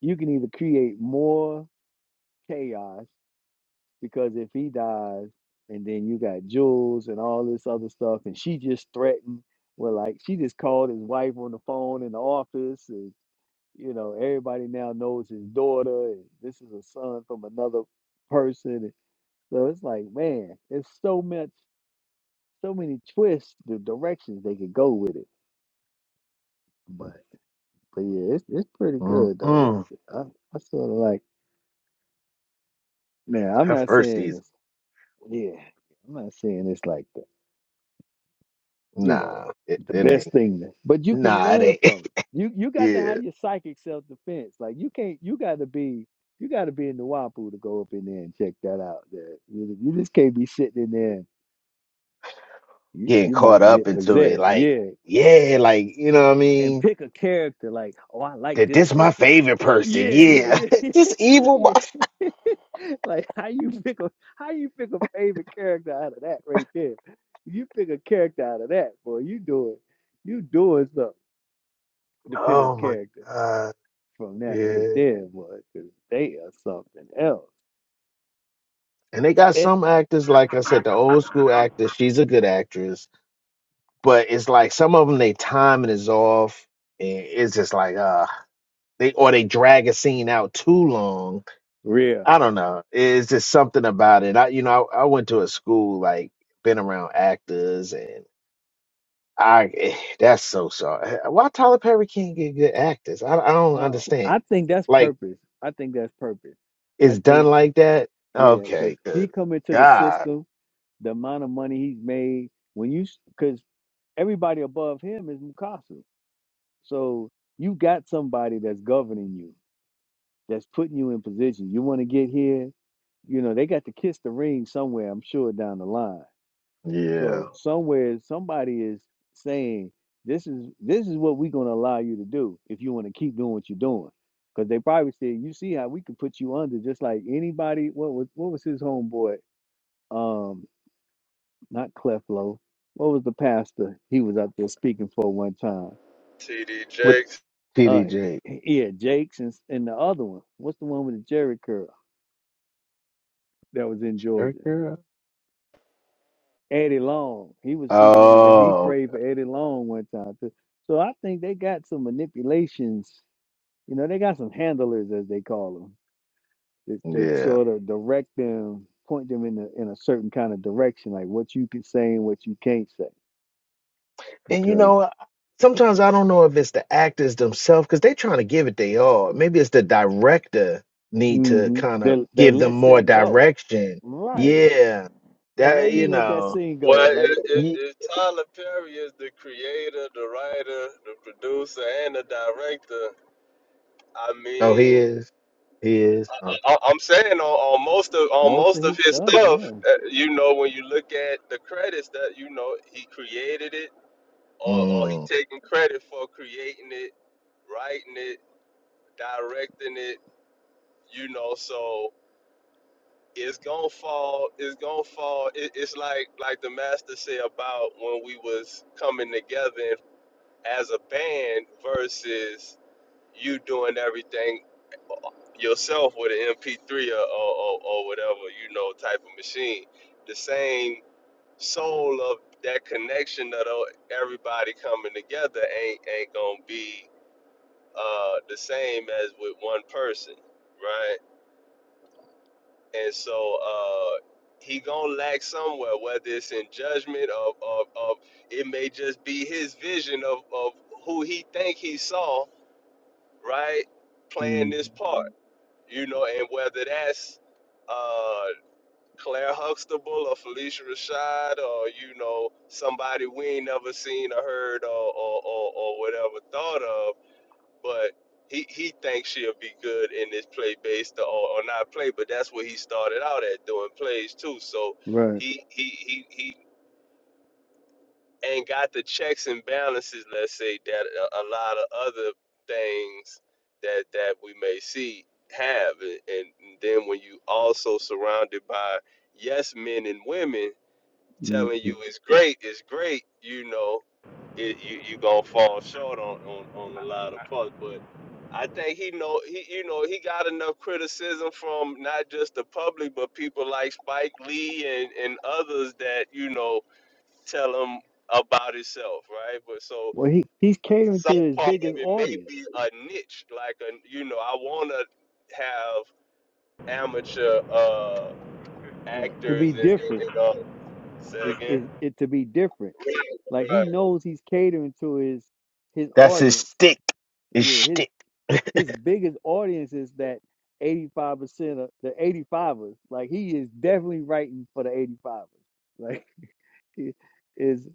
[SPEAKER 1] You can either create more chaos Because if he dies, and then you got Jules and all this other stuff, and she just threatened, well, like she just called his wife on the phone in the office, and you know everybody now knows his daughter, and this is a son from another person. and So it's like, man, it's so much, so many twists, the directions they could go with it. But but yeah, it's it's pretty good though.
[SPEAKER 5] Mm-mm.
[SPEAKER 1] It's, I I sort of like, man, I'm
[SPEAKER 5] That
[SPEAKER 1] not
[SPEAKER 5] first
[SPEAKER 1] saying
[SPEAKER 5] season.
[SPEAKER 1] it's yeah, I'm not saying it's like. you know,
[SPEAKER 5] Nah, it,
[SPEAKER 1] the
[SPEAKER 5] it
[SPEAKER 1] best
[SPEAKER 5] ain't.
[SPEAKER 1] thing. that- But you can
[SPEAKER 5] Nah,
[SPEAKER 1] learn
[SPEAKER 5] it ain't.
[SPEAKER 1] from it. You you got to
[SPEAKER 5] yeah.
[SPEAKER 1] have your psychic self defense. Like you can't. You got to be. You got to be in the wapu to go up in there and check that out. There, you, you just can't be sitting in there. You
[SPEAKER 5] Getting
[SPEAKER 1] you
[SPEAKER 5] caught
[SPEAKER 1] might
[SPEAKER 5] up
[SPEAKER 1] get
[SPEAKER 5] into it,
[SPEAKER 1] possessed.
[SPEAKER 5] like,
[SPEAKER 1] Yeah,
[SPEAKER 5] yeah, like, you know what I
[SPEAKER 1] and
[SPEAKER 5] mean?
[SPEAKER 1] pick a character like, oh, I like
[SPEAKER 5] That
[SPEAKER 1] this
[SPEAKER 5] this my
[SPEAKER 1] person.
[SPEAKER 5] favorite person,
[SPEAKER 1] Yeah,
[SPEAKER 5] yeah.
[SPEAKER 1] yeah, yeah,
[SPEAKER 5] this evil my
[SPEAKER 1] yeah. like how you pick a how you pick a favorite character out of that right there. You pick a character out of that, boy. You doing you doing something. to pick a
[SPEAKER 5] Oh my
[SPEAKER 1] character
[SPEAKER 5] god.
[SPEAKER 1] from that right
[SPEAKER 5] Yeah.
[SPEAKER 1] there was 'cause they are something else.
[SPEAKER 5] And they got
[SPEAKER 1] It
[SPEAKER 5] some actors, like I said, the old school actors, she's a good actress but it's like some of them they timing is off and it's just like uh they or they drag a scene out too long
[SPEAKER 1] real.
[SPEAKER 5] i don't know it's just something about it i you know i, I went to a school like been around actors and i eh, that's so sorry why tyler perry can't get good actors i, I don't
[SPEAKER 1] How
[SPEAKER 5] understand
[SPEAKER 1] I think that's
[SPEAKER 5] like
[SPEAKER 1] purpose. I think that's purpose. I
[SPEAKER 5] it's done
[SPEAKER 1] think
[SPEAKER 5] like that
[SPEAKER 1] yeah, because
[SPEAKER 5] okay
[SPEAKER 1] he
[SPEAKER 5] good
[SPEAKER 1] come into the
[SPEAKER 5] god
[SPEAKER 1] system, the amount of money he's made. When you because everybody above him is Mukasa, so you got somebody that's governing you, that's putting you in position. You want to get here, you know. They got to kiss the ring somewhere. I'm sure down the line
[SPEAKER 5] yeah
[SPEAKER 1] So somewhere somebody is saying this is this is what we're gonna allow you to do if you want to keep doing what you're doing. Because they probably said, you see how we could put you under just like anybody. What was what was his homeboy? Um, not Cleflo. What was the pastor he was up there speaking for one time?
[SPEAKER 3] T.D.
[SPEAKER 5] with
[SPEAKER 3] Jakes.
[SPEAKER 1] Uh,
[SPEAKER 5] tdj
[SPEAKER 1] yeah, Jakes and, and the other one. What's the one with the Jerry curl that was in
[SPEAKER 5] Jerry
[SPEAKER 1] Georgia?
[SPEAKER 5] Curl?
[SPEAKER 1] Eddie Long. He was speaking on the beh- he
[SPEAKER 5] oh
[SPEAKER 1] prayed for Eddie Long one time too. So I think they got some manipulations. You know, they got some handlers as they call them that,
[SPEAKER 5] okay.
[SPEAKER 1] that
[SPEAKER 5] yeah.
[SPEAKER 1] sort of direct them, point them in a, in a certain kind of direction, like what you can say and what you can't say,
[SPEAKER 5] And you
[SPEAKER 1] because
[SPEAKER 5] know, sometimes I don't know if it's the actors themselves because they're trying to give it they all. Maybe it's the director need to
[SPEAKER 1] hmm
[SPEAKER 5] kind of
[SPEAKER 1] that that
[SPEAKER 5] give them
[SPEAKER 1] lets
[SPEAKER 5] more
[SPEAKER 1] that go.
[SPEAKER 5] direction.
[SPEAKER 1] Right?
[SPEAKER 5] Yeah,
[SPEAKER 1] Like why
[SPEAKER 5] that
[SPEAKER 1] you
[SPEAKER 5] you
[SPEAKER 1] let that
[SPEAKER 5] know.
[SPEAKER 1] scene
[SPEAKER 3] Well,
[SPEAKER 1] go? Like
[SPEAKER 3] if, if,
[SPEAKER 5] ye-
[SPEAKER 3] if Tyler Perry is the creator, the writer, the producer, and the director, I
[SPEAKER 5] Oh, he
[SPEAKER 3] mean,
[SPEAKER 5] is. He is. Oh,
[SPEAKER 3] I, I'm saying on, on most of on
[SPEAKER 1] most
[SPEAKER 3] most
[SPEAKER 1] of
[SPEAKER 3] of
[SPEAKER 1] his
[SPEAKER 3] his
[SPEAKER 1] stuff,
[SPEAKER 3] stuff,
[SPEAKER 1] yeah.
[SPEAKER 3] uh, you know, when you look at the credits, that you know he created it, or, or he
[SPEAKER 5] mm.
[SPEAKER 3] taking credit for creating it, writing it, directing it, you know, so. it's gonna fall it's gonna fall it, it's like like the master said about when we was coming together as a band versus you doing everything yourself with an mp3 or, or, or, or whatever you know type of machine the same soul of that connection that uh, everybody coming together ain't ain't gonna be uh the same as with one person right? And so uh, he gonna lack somewhere, whether it's in judgment of, of, of it may just be his vision of, of who he think he saw, right, playing
[SPEAKER 1] hmm
[SPEAKER 3] this part, you know, and whether that's uh, Claire Huxtable or Felicia Rashad or you know somebody we ain't never seen or heard or or, or, or whatever thought of but he, he thinks she'll be good in this play based or, or not play, but that's what he started out at doing plays too. So
[SPEAKER 1] Right.
[SPEAKER 3] he he he, he ain't got the checks and balances, let's say, that a, a lot of other things that that we may see have. And, and then when you also surrounded by yes men and women
[SPEAKER 1] hmm
[SPEAKER 3] telling you it's great, it's great, you know, it, you you gonna fall short on, on on a lot of parts. But I think he know he you know he got enough criticism from not just the public but people like Spike Lee and and others that you know tell him about himself, right? But so
[SPEAKER 1] Well, he he's catering
[SPEAKER 3] some
[SPEAKER 1] to his
[SPEAKER 3] part of
[SPEAKER 1] biggest
[SPEAKER 3] it may
[SPEAKER 1] audience,
[SPEAKER 3] be a niche, like a you know I want to have amateur uh
[SPEAKER 1] right? To
[SPEAKER 3] actors
[SPEAKER 1] be
[SPEAKER 3] and, and,
[SPEAKER 1] different
[SPEAKER 3] and uh, say
[SPEAKER 1] is
[SPEAKER 3] again.
[SPEAKER 1] is it to be different. Like he knows he's catering to his his
[SPEAKER 5] That's his
[SPEAKER 1] audience.
[SPEAKER 5] stick. His
[SPEAKER 1] Yeah, his
[SPEAKER 5] stick.
[SPEAKER 1] his biggest audience is that eighty five percent of the eighty fivers. Like he is definitely writing for the eighty fivers. Like it is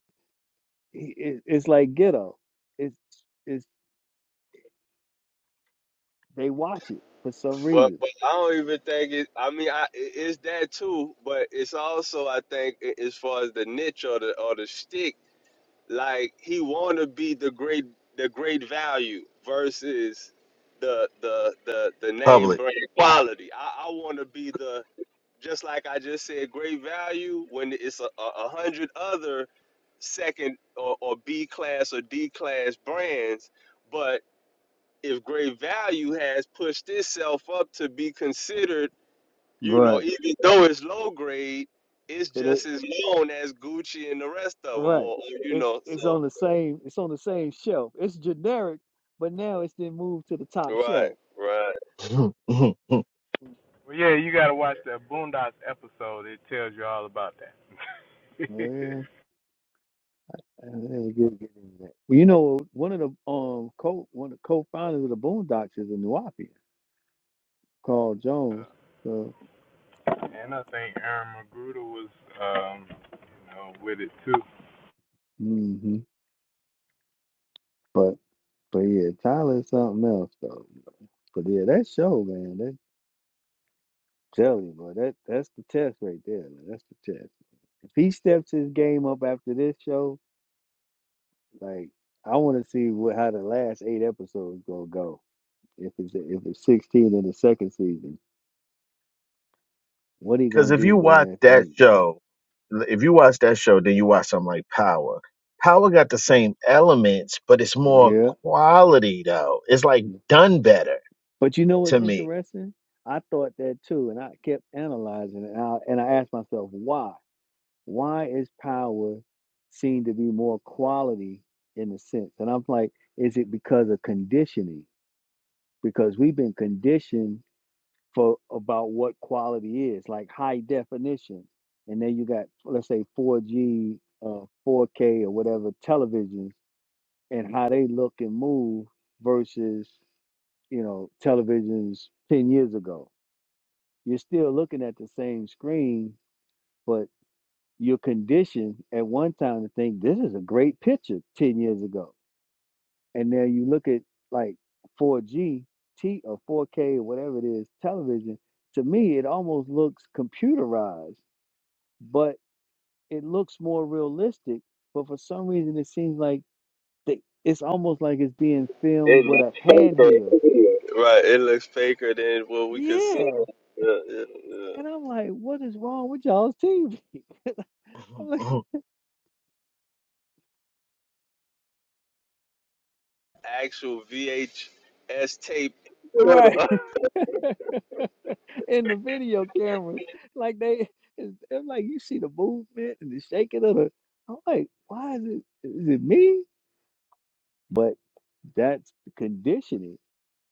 [SPEAKER 1] he- it, it's like ghetto. It's it's they watch it for some
[SPEAKER 3] But
[SPEAKER 1] reason.
[SPEAKER 3] but I don't even think it. I mean, I, it- it's that too. But it's also I think a- as far as the niche or the or the stick, like he want to be the great the great value versus the the the the name
[SPEAKER 5] Public.
[SPEAKER 3] brand quality. I, I want to be the just like I just said, great value when it's a, a a hundred other second or, or B class or D class brands. but if great value has pushed itself up to be considered, you know,
[SPEAKER 1] Right.
[SPEAKER 3] even though it's low grade, it's
[SPEAKER 1] And they
[SPEAKER 3] just as known as Gucci and the rest of them,
[SPEAKER 1] right.
[SPEAKER 3] or, or, you
[SPEAKER 1] It's
[SPEAKER 3] know,
[SPEAKER 1] it's
[SPEAKER 3] so
[SPEAKER 1] on the same it's on the same shelf. It's generic, but now it's then moved to the top
[SPEAKER 3] right,
[SPEAKER 1] shelf.
[SPEAKER 3] right,
[SPEAKER 1] Oh Uh, they were good getting into that. Well, you know, one of the um co one of the co-founders of the Boondocks is a Nuapian, Carl Jones. So, hmm but but yeah, Tyler is something else though. But yeah, that show, man, that tell you, bro, that that's the test right there. Man. That's the test. If he steps his game up after this show, like I want to see what, how the last eight episodes gonna go. If it's if it's sixteen in the second season, what he
[SPEAKER 5] because
[SPEAKER 1] gonna
[SPEAKER 5] if
[SPEAKER 1] do
[SPEAKER 5] you
[SPEAKER 1] with the
[SPEAKER 5] watch
[SPEAKER 1] last
[SPEAKER 5] that
[SPEAKER 1] eight?
[SPEAKER 5] show, if you watch that show, then you watch something like Power. Power got the same elements, but it's more
[SPEAKER 1] Yeah.
[SPEAKER 5] quality though. It's like done better
[SPEAKER 1] But you know what's
[SPEAKER 5] to me.
[SPEAKER 1] interesting? I thought that too, and I kept analyzing it. And I, and I asked myself, why? Why is power seen to be more quality in a sense? And I'm like, is it because of conditioning? Because we've been conditioned for about what quality is, like high definition. And then you got, let's say, 4G, uh, 4K, or whatever televisions, and how they look and move versus, you know, televisions 10 years ago you're still looking at the same screen, but you're conditioned at one time to think this is a great picture 10 years ago. And now you look at like 4G T or 4K or whatever it is, television, to me, it almost looks computerized, but it looks more realistic. But for some reason, it seems like they, it's almost like it's being
[SPEAKER 3] It
[SPEAKER 1] filmed with a
[SPEAKER 3] looks faker.
[SPEAKER 1] handheld.
[SPEAKER 3] right. It looks faker than what we consider
[SPEAKER 1] Yeah.
[SPEAKER 3] yeah, yeah, yeah.
[SPEAKER 1] And I'm like, what is wrong with y'all's TV? I'm like,
[SPEAKER 3] actual VHS tape.
[SPEAKER 1] Right. in the video cameras. Like they, it's, it's like you see the movement and the shaking of it. I'm like, why is it? Is it me? But that's the conditioning.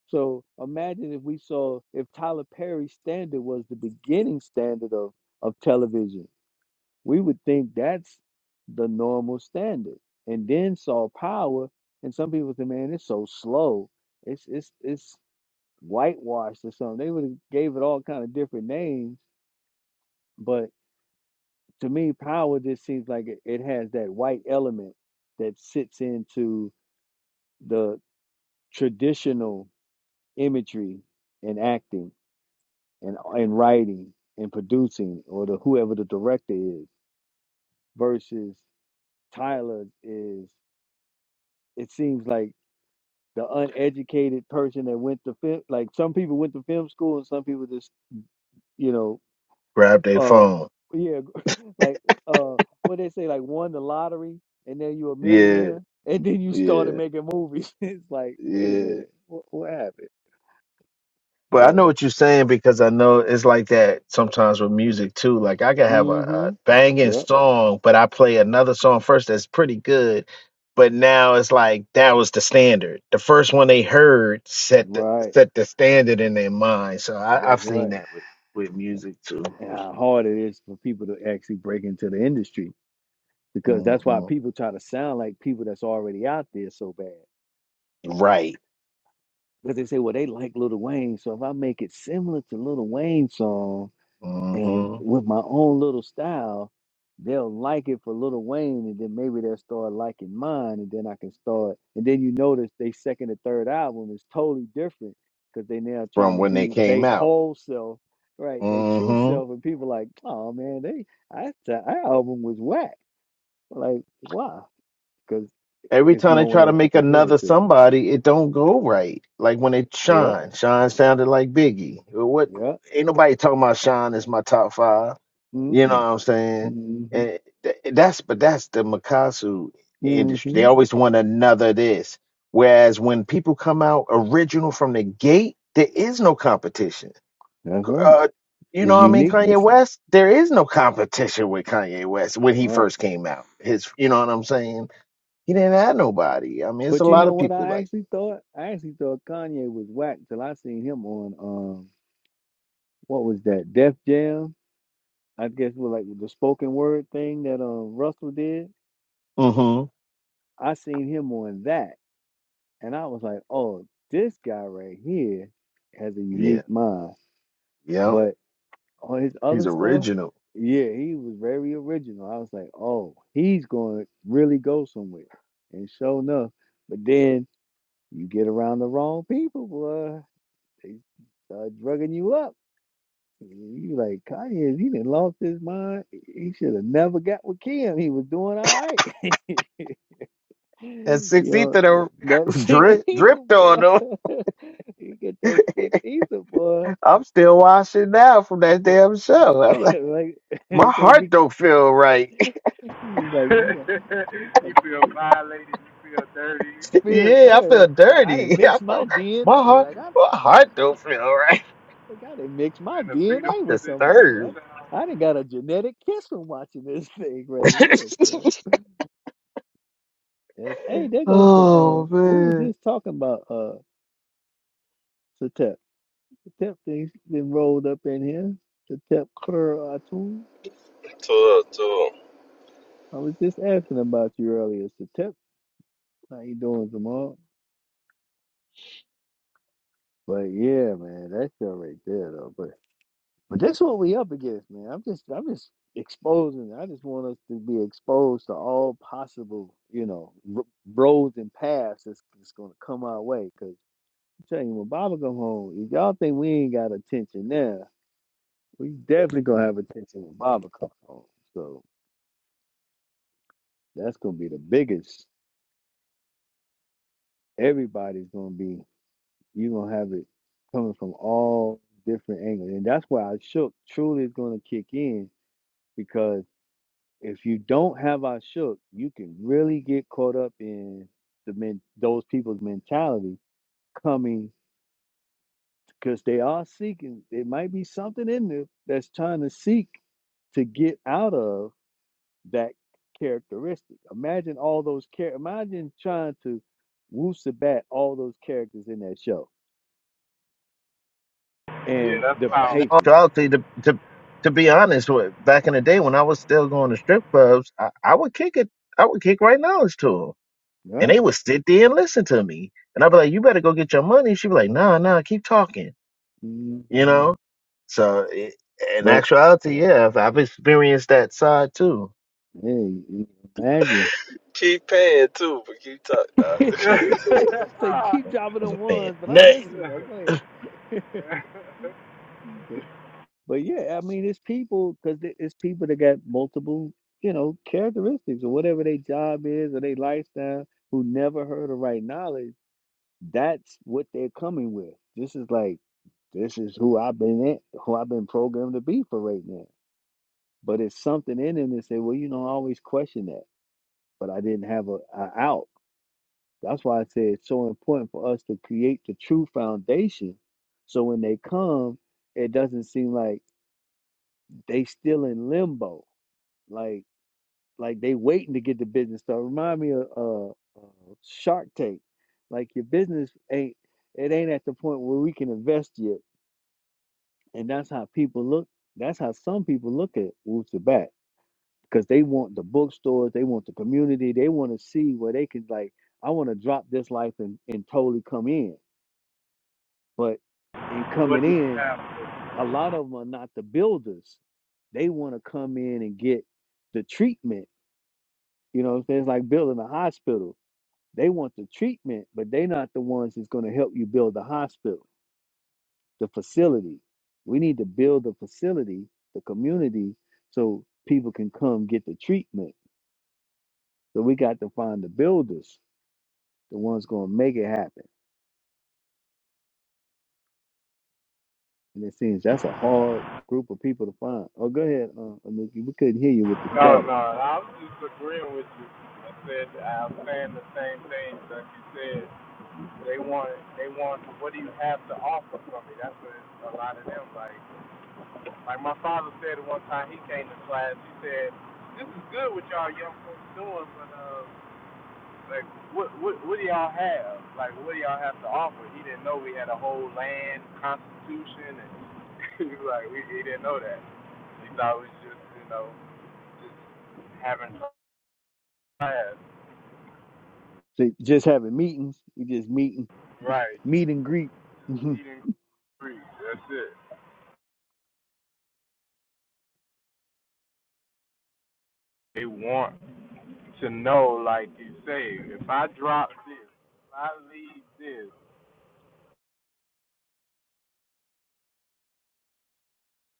[SPEAKER 1] So imagine if we saw if Tyler Perry's standard was the beginning standard of of television, we would think that's the normal standard. And then saw Power, and some people say, "Man, it's so slow. It's it's it's whitewashed or something." They would have gave it all kind of different names, but to me, power just seems like it, it has that white element that sits into the traditional imagery and acting and and writing and producing or the whoever the director is versus Tyler is it seems like the uneducated person that went to film like some people went to film school and some people just you know
[SPEAKER 5] Grab their
[SPEAKER 1] uh
[SPEAKER 5] phone.
[SPEAKER 1] yeah like uh what they say like won the lottery and then you a
[SPEAKER 5] Yeah,
[SPEAKER 1] millionaire and then you started
[SPEAKER 5] yeah,
[SPEAKER 1] making movies it's like wait a
[SPEAKER 5] yeah.
[SPEAKER 1] minute what, what happened
[SPEAKER 5] But I
[SPEAKER 1] but
[SPEAKER 5] know what you're saying because I know it's like that sometimes with music too. Like I can have a,
[SPEAKER 1] mm-hmm
[SPEAKER 5] a banging
[SPEAKER 1] yep
[SPEAKER 5] song, but I play another song first that's pretty good. But now it's like that was the standard. The first one they heard set the
[SPEAKER 1] right
[SPEAKER 5] set the standard in their mind. So I,
[SPEAKER 1] that's
[SPEAKER 5] I've seen
[SPEAKER 1] right
[SPEAKER 5] that with, with music too.
[SPEAKER 1] and how hard it is for people to actually break into the industry because that's why
[SPEAKER 5] hmm
[SPEAKER 1] people try to sound like people that's already out there so bad
[SPEAKER 5] Right.
[SPEAKER 1] because they say well they like Little Wayne so if I make it similar to Little Wayne's song And
[SPEAKER 5] hmm
[SPEAKER 1] with my own little style, they'll like it for Little Wayne, and then maybe they'll start liking mine, and then I can start. And then you notice they second and third album is totally different because they now trying
[SPEAKER 5] From
[SPEAKER 1] to
[SPEAKER 5] when they
[SPEAKER 1] be
[SPEAKER 5] came
[SPEAKER 1] they
[SPEAKER 5] out.
[SPEAKER 1] whole self, right? They true
[SPEAKER 5] hmm
[SPEAKER 1] self, and people like, oh man, they I that album was whack. Like why? Because
[SPEAKER 5] Every
[SPEAKER 1] it's
[SPEAKER 5] time they
[SPEAKER 1] no one
[SPEAKER 5] try to
[SPEAKER 1] else to
[SPEAKER 5] make
[SPEAKER 1] compare
[SPEAKER 5] another
[SPEAKER 1] it to.
[SPEAKER 5] somebody, it don't go right. Like when it
[SPEAKER 1] Yeah,
[SPEAKER 5] Sean, Sean sounded like Biggie. Well, What?
[SPEAKER 1] yeah.
[SPEAKER 5] Ain't nobody talking about Sean as my top five.
[SPEAKER 1] Mm
[SPEAKER 5] You know
[SPEAKER 1] mm
[SPEAKER 5] what I'm saying?
[SPEAKER 1] mm hmm.
[SPEAKER 5] And th- that's but that's the Mikasu
[SPEAKER 1] mm.
[SPEAKER 5] industry. They
[SPEAKER 1] hmm.
[SPEAKER 5] always want another this. Whereas when people come out original from the gate, there is no competition.
[SPEAKER 1] That's right.
[SPEAKER 5] Uh, you
[SPEAKER 1] It's
[SPEAKER 5] know what I mean? Kanye
[SPEAKER 1] uniqueness.
[SPEAKER 5] West, there is no competition with Kanye West when he
[SPEAKER 1] All Right.
[SPEAKER 5] first came out. His, you know what I'm saying? He didn't have nobody. I mean, it's a
[SPEAKER 1] But you
[SPEAKER 5] lot
[SPEAKER 1] know
[SPEAKER 5] of
[SPEAKER 1] what
[SPEAKER 5] people
[SPEAKER 1] I
[SPEAKER 5] like.
[SPEAKER 1] actually thought? I actually thought Kanye was whack till I seen him on um what was that? Def Jam? I guess with like the spoken word thing that um Russell did.
[SPEAKER 5] Mm-hmm.
[SPEAKER 1] I seen him on that and I was like, "Oh, this guy right here has a
[SPEAKER 5] Yeah.
[SPEAKER 1] unique mind."
[SPEAKER 5] Yep.
[SPEAKER 1] But on his
[SPEAKER 5] He's
[SPEAKER 1] other stuff,
[SPEAKER 5] original.
[SPEAKER 1] yeah, he was very original. I was like, "Oh, he's going to really go somewhere." And sure enough, but then you get around the wrong people, boy. They start drugging you up. You like Kanye? He done lost his mind. He should have never got with Kim. He was doing all right.
[SPEAKER 5] That
[SPEAKER 1] you
[SPEAKER 5] six
[SPEAKER 1] know
[SPEAKER 5] ether
[SPEAKER 1] that six
[SPEAKER 5] drip,
[SPEAKER 1] either
[SPEAKER 5] dripped
[SPEAKER 1] boy.
[SPEAKER 5] on him.
[SPEAKER 1] you get that six either boy.
[SPEAKER 5] I'm still watching now from that damn show. I'm like,
[SPEAKER 1] like
[SPEAKER 5] my
[SPEAKER 1] they say,
[SPEAKER 5] heart
[SPEAKER 1] be,
[SPEAKER 5] don't feel right.
[SPEAKER 1] he's like you got, you got feel
[SPEAKER 5] yeah, I
[SPEAKER 1] there.
[SPEAKER 5] feel
[SPEAKER 1] Like I, I
[SPEAKER 5] dirty.
[SPEAKER 1] didn't
[SPEAKER 5] I
[SPEAKER 1] mix my
[SPEAKER 5] feel, my
[SPEAKER 1] DNA.
[SPEAKER 5] heart,
[SPEAKER 1] Like I,
[SPEAKER 5] my heart
[SPEAKER 1] I
[SPEAKER 5] don't feel right.
[SPEAKER 1] think I didn't mix my DNA with somebody.
[SPEAKER 5] Disturbed.
[SPEAKER 1] I, I didn't got a genetic kiss from watching this thing right here. Yes. Hey, there goes the. Uh,
[SPEAKER 5] oh
[SPEAKER 1] we were
[SPEAKER 5] man.
[SPEAKER 1] just talking about uh, Satep. Satep things been rolled up in here. Satep Kur Atun.
[SPEAKER 3] Tour, tour.
[SPEAKER 1] I was just asking about you earlier, Satep. How you doing, tomorrow? But yeah, man, that shit right there, though. But but that's what we up against, man. I'm just I'm just exposing. I just want us to be exposed to all possible, you know, r- roads and paths that's, that's gonna come our way. Cause I'm telling you, when Baba come home, if y'all think we ain't got attention now. We definitely gonna have attention when Baba comes home. So that's gonna be the biggest. Everybody's gonna be you gonna have it coming from all different angles. And that's why I shook truly is gonna kick in because if you don't have I shook, you can really get caught up in the men those people's mentality coming because they are seeking. There might be something in there that's trying to seek to get out of that characteristic. Imagine all those char- imagine trying to woo sabat all those characters in that show and the
[SPEAKER 5] Oh, and
[SPEAKER 1] patience.
[SPEAKER 5] actually, to, to to be honest, wa- back in the day when I was still going to strip clubs, I, I would kick it. I would kick right knowledge to them,
[SPEAKER 1] All
[SPEAKER 5] and they
[SPEAKER 1] right.
[SPEAKER 5] would sit there and listen to me. And I'd be like, "You better go get your money." She'd be like, "Nah, nah, keep talking."
[SPEAKER 1] Mhm.
[SPEAKER 5] You know. So it, in
[SPEAKER 1] But
[SPEAKER 5] actuality, yeah, I've, I've experienced that side too.
[SPEAKER 1] hey, imagine.
[SPEAKER 3] Keep paying too, but keep talking. Nah.
[SPEAKER 1] so keep dropping
[SPEAKER 5] I was
[SPEAKER 1] them
[SPEAKER 5] a fan.
[SPEAKER 1] ones, but I'm
[SPEAKER 5] Nay,
[SPEAKER 1] listening though. Go ahead. But, but yeah, I mean, it's people because it's people that got multiple, you know, characteristics or whatever their job is or their lifestyle who never heard of right knowledge. That's what they're coming with. This is like This is who I've been in, who I've been programmed to be for right now. But it's something in him that say, well, you know, I always question that, but I didn't have a, a out. That's why I say it's so important for us to create the true foundation, so when they come, it doesn't seem like they still in limbo, like like they waiting to get the business started. Remind me of uh, uh, Shark Tank, like your business ain't it ain't at the point where we can invest yet And that's how people look. That's how some people look at Wu Sabat because they want the bookstores, they want the community, they want to see where they can like, I want to drop this life and, and totally come in. But in coming in, a lot of them are not the builders. They want to come in and get the treatment. You know what I'm saying? It's like building a hospital. They want the treatment, but they're not the ones that's going to help you build the hospital. the facility. We need to build the facility, the community, so people can come get the treatment. So we got to find the builders, the ones going to make it happen. And it seems that's a hard group of people to find. Oh, go ahead, uh, Anuki. We couldn't hear you with the static. So just having meetings, we just meeting, meet and greet. Mhm.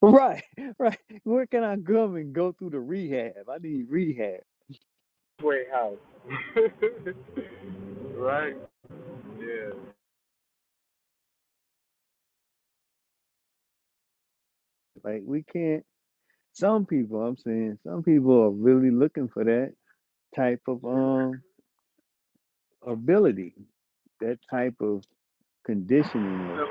[SPEAKER 1] right, right. Where can I come and go through the rehab? I need rehab. Like we can't. Some people, I'm saying, some people are really looking for that type of um ability, that type of conditioning of.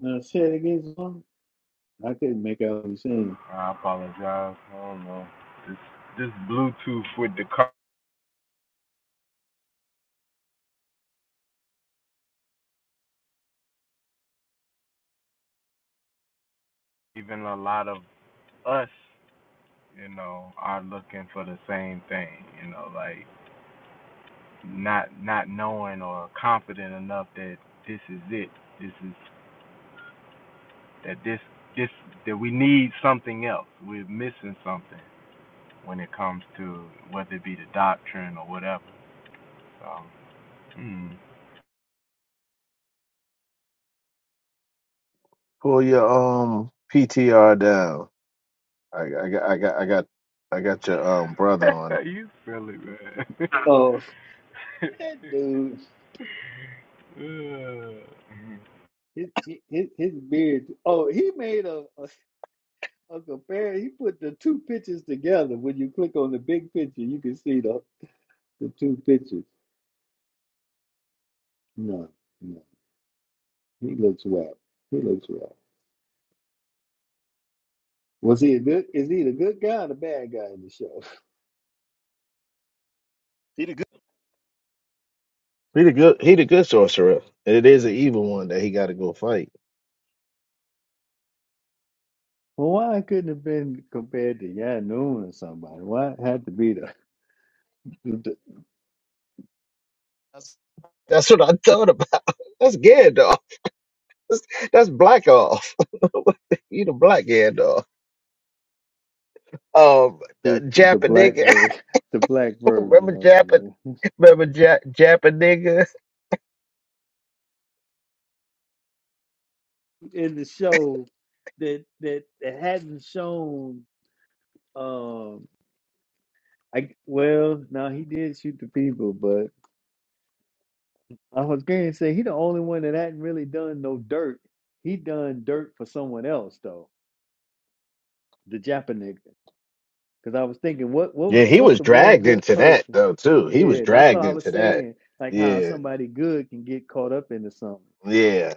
[SPEAKER 1] Now say it again, Swan. I couldn't make out what you're saying.
[SPEAKER 5] Pull your um PTR down. I, I got I got I got I got your um brother on.
[SPEAKER 1] Oh, that dude, his, his, his beard. Oh, he made a, a, a compare. He put the two pictures together. When you click on the big picture, you can see the, the two pictures. No, no. He looks whack. He looks whack. Was he a good? Is he the good guy or the bad guy in the show?
[SPEAKER 5] he the He the good he the good sorcerer. And it is an evil one that he gotta go fight.
[SPEAKER 1] Well, why couldn't have been compared to Yanoon or somebody? Why it had to be the the,
[SPEAKER 5] That's That's what I thought about. That's Gandalf. That's, that's Black Off. he the black Gandalf. Um uh,
[SPEAKER 1] the, the
[SPEAKER 5] Japa
[SPEAKER 1] black
[SPEAKER 5] nigga.
[SPEAKER 1] bird, the black bird, you
[SPEAKER 5] remember Japa.
[SPEAKER 1] know. Man.
[SPEAKER 5] remember ja- Jappa nigga?
[SPEAKER 1] in the show that that, that hadn't shown um I well now he did shoot the people but I was gonna say he the only one that hadn't really done no dirt he done dirt for someone else though the Japanese because I was thinking what what
[SPEAKER 5] Yeah,
[SPEAKER 1] was
[SPEAKER 5] he
[SPEAKER 1] what's
[SPEAKER 5] was
[SPEAKER 1] the one
[SPEAKER 5] dragged
[SPEAKER 1] good
[SPEAKER 5] into that
[SPEAKER 1] person
[SPEAKER 5] though too. He was
[SPEAKER 1] yeah that's what
[SPEAKER 5] dragged
[SPEAKER 1] I was
[SPEAKER 5] into that.
[SPEAKER 1] saying like how
[SPEAKER 5] Yeah.
[SPEAKER 1] somebody good can get caught up into something
[SPEAKER 5] Yeah.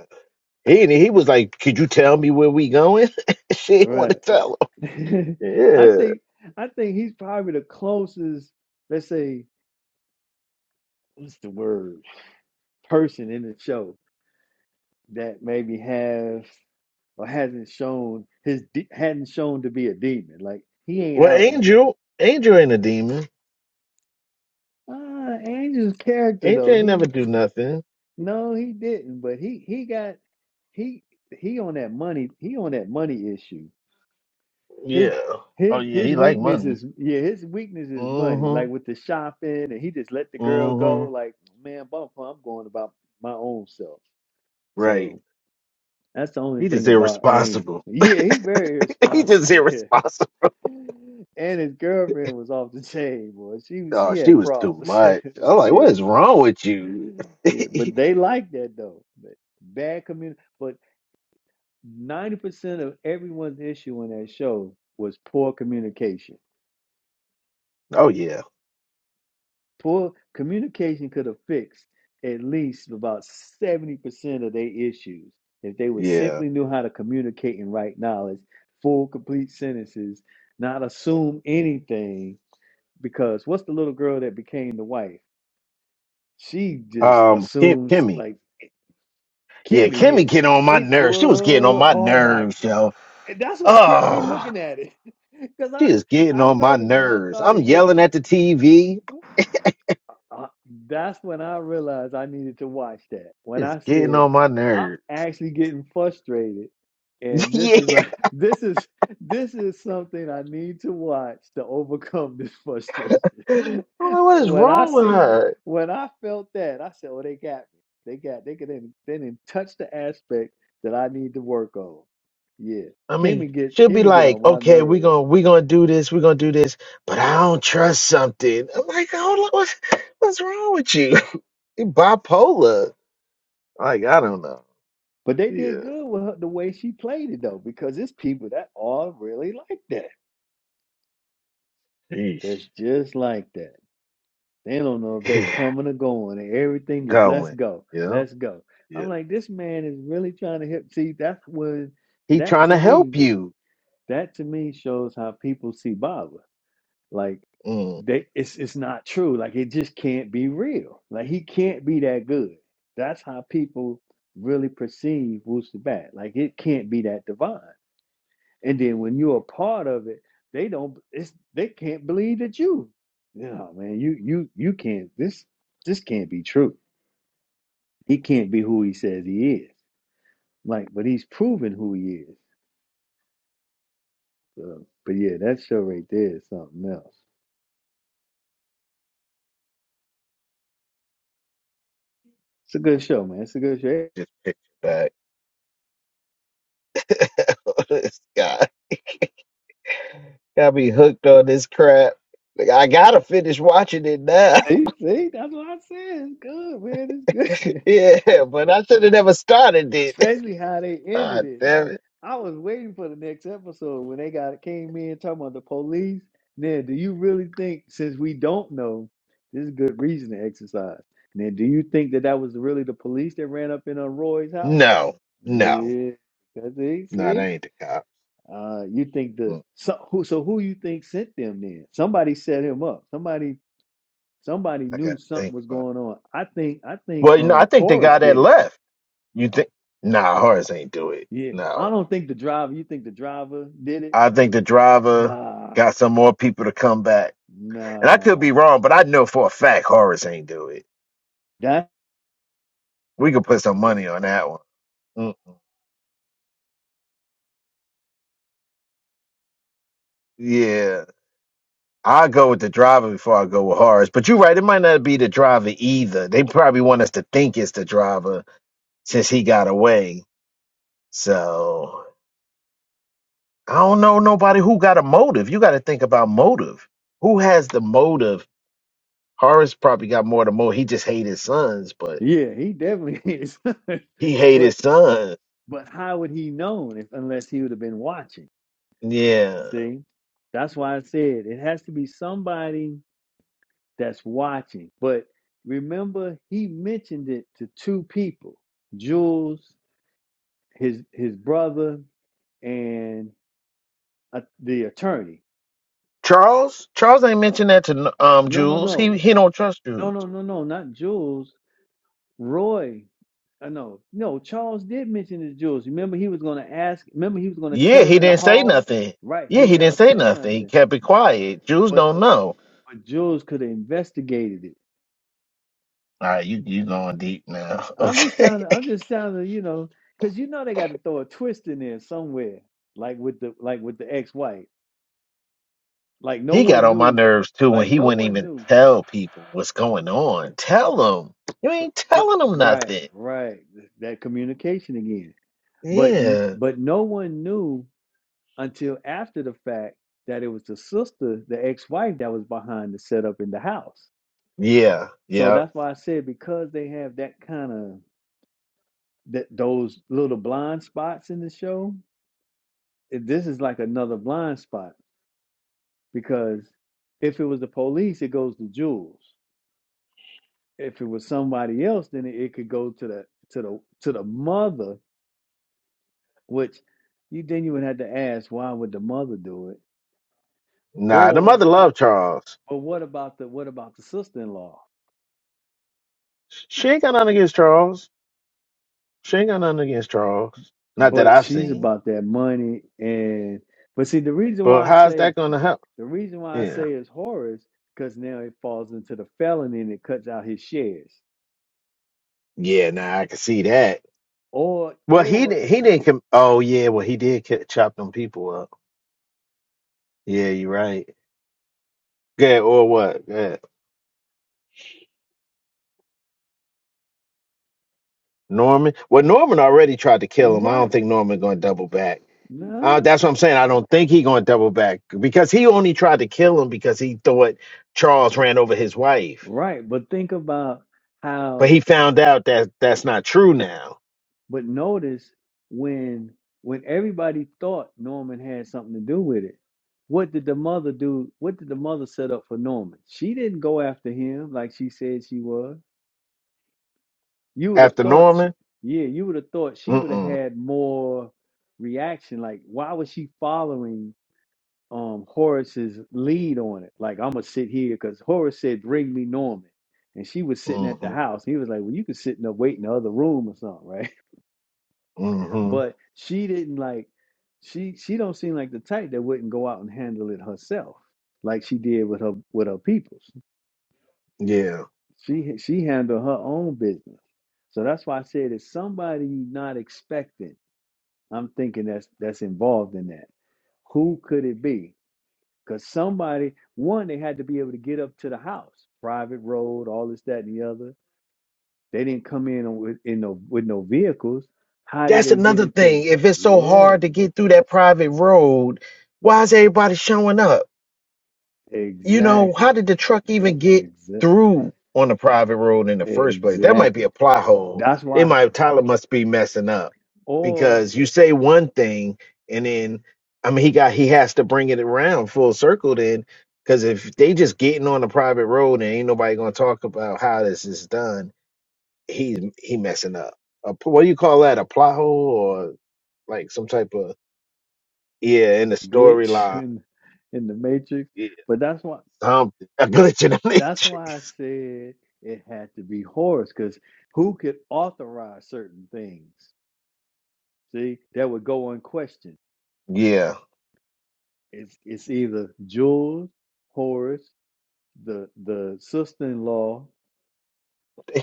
[SPEAKER 5] He he
[SPEAKER 1] but
[SPEAKER 5] was like, Could you tell me where we going? she didn't want
[SPEAKER 1] right
[SPEAKER 5] to tell him.
[SPEAKER 1] I
[SPEAKER 5] Yeah.
[SPEAKER 1] think I think he's probably the closest, let's say, what's the word, person in the show that maybe has or hasn't shown his de- hadn't shown to be a demon. Like he ain't
[SPEAKER 5] Well
[SPEAKER 1] out.
[SPEAKER 5] Angel Angel ain't a demon.
[SPEAKER 1] Uh, Angel's character
[SPEAKER 5] AJ
[SPEAKER 1] though,
[SPEAKER 5] ain't never
[SPEAKER 1] he
[SPEAKER 5] do nothing.
[SPEAKER 1] no, he didn't, but he he got he he on that money he on that money issue His
[SPEAKER 5] Yeah. Oh
[SPEAKER 1] his
[SPEAKER 5] yeah,
[SPEAKER 1] his
[SPEAKER 5] he like
[SPEAKER 1] weakness
[SPEAKER 5] money.
[SPEAKER 1] is yeah, his weakness is money. Like
[SPEAKER 5] Mm-hmm.
[SPEAKER 1] with the shopping, and he just let the girl go.
[SPEAKER 5] Mm-hmm.
[SPEAKER 1] Like man, bump, I'm going about my own self.
[SPEAKER 5] Right.
[SPEAKER 1] So that's the only
[SPEAKER 5] He
[SPEAKER 1] thing
[SPEAKER 5] just
[SPEAKER 1] about Angel.
[SPEAKER 5] irresponsible.
[SPEAKER 1] Yeah, he very
[SPEAKER 5] he just
[SPEAKER 1] irresponsible there.
[SPEAKER 5] irresponsible.
[SPEAKER 1] And his girlfriend was off the chain, boy. She was
[SPEAKER 5] Oh,
[SPEAKER 1] she
[SPEAKER 5] she
[SPEAKER 1] had
[SPEAKER 5] was too
[SPEAKER 1] problems.
[SPEAKER 5] much. I'm like, what
[SPEAKER 1] Shit.
[SPEAKER 5] is wrong with you?
[SPEAKER 1] Yeah, but they like that though. But Bad community, but ninety percent of everyone's issue in that show was poor communication
[SPEAKER 5] oh yeah.
[SPEAKER 1] Poor communication could have fixed at least about 70% of their issues if they would
[SPEAKER 5] Yeah.
[SPEAKER 1] simply knew how to communicate and write knowledge, full, complete sentences, not assume anything. Because what's the little girl that became the wife? She just
[SPEAKER 5] Um, Kim
[SPEAKER 1] assumes,
[SPEAKER 5] Kimmy.
[SPEAKER 1] like eh,
[SPEAKER 5] Yeah,
[SPEAKER 1] Kimmy,
[SPEAKER 5] Kimmy
[SPEAKER 1] yeah.
[SPEAKER 5] getting on my
[SPEAKER 1] It
[SPEAKER 5] nerves. She was getting on
[SPEAKER 1] was,
[SPEAKER 5] my
[SPEAKER 1] oh my,
[SPEAKER 5] nerves, yo.
[SPEAKER 1] and that's what kept me
[SPEAKER 5] Oh,
[SPEAKER 1] looking at it. Because
[SPEAKER 5] she
[SPEAKER 1] I,
[SPEAKER 5] is getting
[SPEAKER 1] I
[SPEAKER 5] on my
[SPEAKER 1] noticed when I
[SPEAKER 5] nerves. I'm
[SPEAKER 1] started getting,
[SPEAKER 5] yelling at the TV.
[SPEAKER 1] Uh, that's when I realized I needed to watch that. When
[SPEAKER 5] It's
[SPEAKER 1] I
[SPEAKER 5] getting
[SPEAKER 1] said
[SPEAKER 5] on my
[SPEAKER 1] I'm
[SPEAKER 5] nerves.
[SPEAKER 1] actually getting frustrated, and this
[SPEAKER 5] yeah.
[SPEAKER 1] is a this is this is something I need to watch to overcome this frustration.
[SPEAKER 5] I'm like, what is
[SPEAKER 1] when I
[SPEAKER 5] wrong with
[SPEAKER 1] seen
[SPEAKER 5] her?
[SPEAKER 1] when I felt that, I said, "Oh, they got me. They got they could then they didn't touch the aspect that I need to work on." Yeah,
[SPEAKER 5] I mean,
[SPEAKER 1] Kimmy get
[SPEAKER 5] she'll be
[SPEAKER 1] Kimmy get
[SPEAKER 5] like,
[SPEAKER 1] on my
[SPEAKER 5] okay, we're
[SPEAKER 1] nerves,
[SPEAKER 5] gonna we're gonna do this, we're gonna do this, but I don't trust something. I'm like, hold on, what's what's wrong with you? You bipolar. Like, I don't know.
[SPEAKER 1] but they did
[SPEAKER 5] Yeah.
[SPEAKER 1] good with her, the way she played it though, because it's people that all really like that.
[SPEAKER 5] Yeesh.
[SPEAKER 1] That's just like that. They don't know if they're
[SPEAKER 5] Yeah.
[SPEAKER 1] coming or going, and everything is let's
[SPEAKER 5] Going.
[SPEAKER 1] go,
[SPEAKER 5] Yeah.
[SPEAKER 1] let's go.
[SPEAKER 5] Yeah.
[SPEAKER 1] I'm like, this man is really trying to help. See, that's what
[SPEAKER 5] He
[SPEAKER 1] that
[SPEAKER 5] trying
[SPEAKER 1] to
[SPEAKER 5] to
[SPEAKER 1] me,
[SPEAKER 5] help you.
[SPEAKER 1] that to me shows how people see Baba. Like
[SPEAKER 5] Mm,
[SPEAKER 1] they, it's it's not true. Like it just can't be real. Like he can't be that good. That's how people really perceive Wooster Bat. Like it can't be that divine. And then when you're a part of it, they don't it's they can't believe that you. No, man, you you you can't this this can't be true. He can't be who he says he is. Like, but he's proven who he is. So, but yeah, that show right there is something else. It's a good show, man. It's a good show.
[SPEAKER 5] just picture back. this guy got me hooked on this crap. Like, I gotta finish watching it now.
[SPEAKER 1] See, see, that's what I said. It's good, man. It's good.
[SPEAKER 5] yeah, but I should have never started it.
[SPEAKER 1] Especially how they ended
[SPEAKER 5] God
[SPEAKER 1] it.
[SPEAKER 5] damn it.
[SPEAKER 1] I was waiting for the next episode when they got came in talking about the police. Now, do you really think, since we don't know, this is good reason to exercise? Now, do you think that that was really the police that ran up in on Roy's house?
[SPEAKER 5] No, no,
[SPEAKER 1] Yeah, cause it.
[SPEAKER 5] no, that
[SPEAKER 1] See,
[SPEAKER 5] ain't the cops.
[SPEAKER 1] uh, you think the
[SPEAKER 5] Mm,
[SPEAKER 1] so who so who you think sent them then? Somebody set him up. Somebody somebody
[SPEAKER 5] I
[SPEAKER 1] knew
[SPEAKER 5] gotta
[SPEAKER 1] something
[SPEAKER 5] think
[SPEAKER 1] was
[SPEAKER 5] about it.
[SPEAKER 1] going on. I think I think
[SPEAKER 5] Well, you know, I
[SPEAKER 1] um
[SPEAKER 5] think they
[SPEAKER 1] Horace
[SPEAKER 5] got that
[SPEAKER 1] did it.
[SPEAKER 5] left. You think nah, Horace ain't do it.
[SPEAKER 1] Yeah, I
[SPEAKER 5] No.
[SPEAKER 1] don't think the driver. You think the driver did it?
[SPEAKER 5] I think the driver
[SPEAKER 1] Nah,
[SPEAKER 5] got some more people to come back. And I could be
[SPEAKER 1] Nah,
[SPEAKER 5] wrong, but I know for a fact Horace ain't do it.
[SPEAKER 1] that
[SPEAKER 5] We could put some money on that one. Mm, yeah. I go with the driver before I go with Horace. But you're right, it might not be the driver either. They probably want us to think it's the driver since he got away. So I don't know nobody who got a motive. You got to think about motive. Who has the motive? Horace probably got more than more. He just hated his sons, but
[SPEAKER 1] yeah, he definitely is.
[SPEAKER 5] he hated
[SPEAKER 1] But
[SPEAKER 5] his sons.
[SPEAKER 1] but how would he known if unless he would have been watching?
[SPEAKER 5] Yeah.
[SPEAKER 1] See, that's why I said it has to be somebody that's watching. But remember, he mentioned it to two people: Jules, his his brother, and uh, the attorney.
[SPEAKER 5] Charles, Charles ain't mentioned that to um
[SPEAKER 1] No, no,
[SPEAKER 5] Jules.
[SPEAKER 1] no,
[SPEAKER 5] He he don't trust
[SPEAKER 1] no,
[SPEAKER 5] Jules.
[SPEAKER 1] no, no, no, not Jules. Roy, I know, no, Charles did mention his jewels. Remember, he was going to ask, remember, he was going to
[SPEAKER 5] Yeah,
[SPEAKER 1] tell him
[SPEAKER 5] he
[SPEAKER 1] in the
[SPEAKER 5] didn't say
[SPEAKER 1] hall,
[SPEAKER 5] nothing.
[SPEAKER 1] right?
[SPEAKER 5] Yeah,
[SPEAKER 1] He
[SPEAKER 5] he
[SPEAKER 1] never
[SPEAKER 5] didn't say
[SPEAKER 1] said
[SPEAKER 5] nothing. He
[SPEAKER 1] nothing,
[SPEAKER 5] kept it quiet. Jules
[SPEAKER 1] but,
[SPEAKER 5] don't know.
[SPEAKER 1] but Jules could have investigated it.
[SPEAKER 5] All right, you you going deep now?
[SPEAKER 1] I'm just
[SPEAKER 5] Okay.
[SPEAKER 1] trying to, I'm just trying to, you know, because you know they got to throw a twist in there somewhere, like with the, like with the ex-wife, like no
[SPEAKER 5] He got
[SPEAKER 1] one
[SPEAKER 5] on my
[SPEAKER 1] knew,
[SPEAKER 5] nerves too
[SPEAKER 1] like
[SPEAKER 5] when he
[SPEAKER 1] no
[SPEAKER 5] wouldn't
[SPEAKER 1] one
[SPEAKER 5] even
[SPEAKER 1] knew,
[SPEAKER 5] tell people what's going on. Tell them. You
[SPEAKER 1] but,
[SPEAKER 5] ain't
[SPEAKER 1] but
[SPEAKER 5] telling them
[SPEAKER 1] right,
[SPEAKER 5] nothing.
[SPEAKER 1] right, that communication again, but,
[SPEAKER 5] Yeah.
[SPEAKER 1] but no one knew until after the fact that it was the sister, the ex-wife, that was behind the setup in the house.
[SPEAKER 5] Yeah.
[SPEAKER 1] So
[SPEAKER 5] Yeah.
[SPEAKER 1] that's why I said because they have that kind of that those little blind spots in the show, it- this is like another blind spot because if it was the police, it goes to Jules. If it was somebody else, then it, it could go to the to the to the mother, which you then you would have to ask why would the mother do it,
[SPEAKER 5] Nah, the
[SPEAKER 1] or
[SPEAKER 5] mother loved Charles.
[SPEAKER 1] but what about the what about the sister-in-law?
[SPEAKER 5] She ain't got nothing against Charles. She ain't got nothing against Charles. Not that
[SPEAKER 1] but
[SPEAKER 5] I've
[SPEAKER 1] she's
[SPEAKER 5] seen.
[SPEAKER 1] about that money and but see the reason
[SPEAKER 5] But
[SPEAKER 1] why I
[SPEAKER 5] how's
[SPEAKER 1] say
[SPEAKER 5] that gonna help?
[SPEAKER 1] the reason why I
[SPEAKER 5] Yeah.
[SPEAKER 1] say it's Horace because now it falls into the felony and it cuts out his shares
[SPEAKER 5] Yeah, nah, I can see that.
[SPEAKER 1] or
[SPEAKER 5] Well he
[SPEAKER 1] or
[SPEAKER 5] di- he didn't com- oh yeah, well he did ca- chop them people up. Yeah, you're right. Good or what? Good. Norman. Well Norman already tried to kill him. I
[SPEAKER 1] right
[SPEAKER 5] don't think Norman gonna double back. Uh,
[SPEAKER 1] no
[SPEAKER 5] that's what I'm saying. I don't think he going to double back because he only tried to kill him because he thought Charles ran over his wife,
[SPEAKER 1] right but think about
[SPEAKER 5] but
[SPEAKER 1] how
[SPEAKER 5] he found out that that's not true now
[SPEAKER 1] but notice when when everybody thought Norman had something to do with it what did the mother do what did the mother set up for Norman she didn't go after him like she said she was You would have
[SPEAKER 5] after
[SPEAKER 1] thought she,
[SPEAKER 5] Norman.
[SPEAKER 1] yeah, you would have thought she would have
[SPEAKER 5] Mm
[SPEAKER 1] had more reaction. Like, why was she following um Horace's lead on it? Like, I'm gonna sit here because Horace said, "Bring me Norman," and she was sitting at the
[SPEAKER 5] mm
[SPEAKER 1] house. he was like, "Well, you could sit in the wait in the other room or something, right?"
[SPEAKER 5] mm hmm
[SPEAKER 1] But she didn't like. She she don't seem like the type that wouldn't go out and handle it herself, like she did with her with her peoples.
[SPEAKER 5] Yeah,
[SPEAKER 1] She she handled her own business. So that's why I said it's somebody you're not expecting I'm thinking that's that's involved in that. Who could it be? Because somebody, one, they had to be able to get up to the house, private road, all this, that, and the other. They didn't come in on- with in no with no vehicles. How did
[SPEAKER 5] that's
[SPEAKER 1] they get
[SPEAKER 5] another
[SPEAKER 1] into the?
[SPEAKER 5] thing. If it's so hard to
[SPEAKER 1] Yeah,
[SPEAKER 5] get through that private road, why is everybody showing up? you know, how
[SPEAKER 1] exactly,
[SPEAKER 5] did the truck even get
[SPEAKER 1] exactly,
[SPEAKER 5] through on a private road in the first place? That might be
[SPEAKER 1] exactly.
[SPEAKER 5] a plot hole.
[SPEAKER 1] That's
[SPEAKER 5] They
[SPEAKER 1] why,
[SPEAKER 5] might Tyler must be messing up
[SPEAKER 1] or
[SPEAKER 5] because you say one thing and then I mean he got he has to bring it around full circle then because if they just getting on a private road and ain't nobody gonna talk about how this is done, he's he messing up. A, p- what do you call that? A plot hole or like some type of yeah in the
[SPEAKER 1] glitch
[SPEAKER 5] storyline,
[SPEAKER 1] in in the matrix.
[SPEAKER 5] yeah,
[SPEAKER 1] But that's why.
[SPEAKER 5] something a glitch in the
[SPEAKER 1] That's
[SPEAKER 5] matrix.
[SPEAKER 1] why I said it had to be Horus, because who could authorize certain things? See, that would go unquestioned.
[SPEAKER 5] Yeah.
[SPEAKER 1] It's it's either Jules, Horus, the the sister-in-law.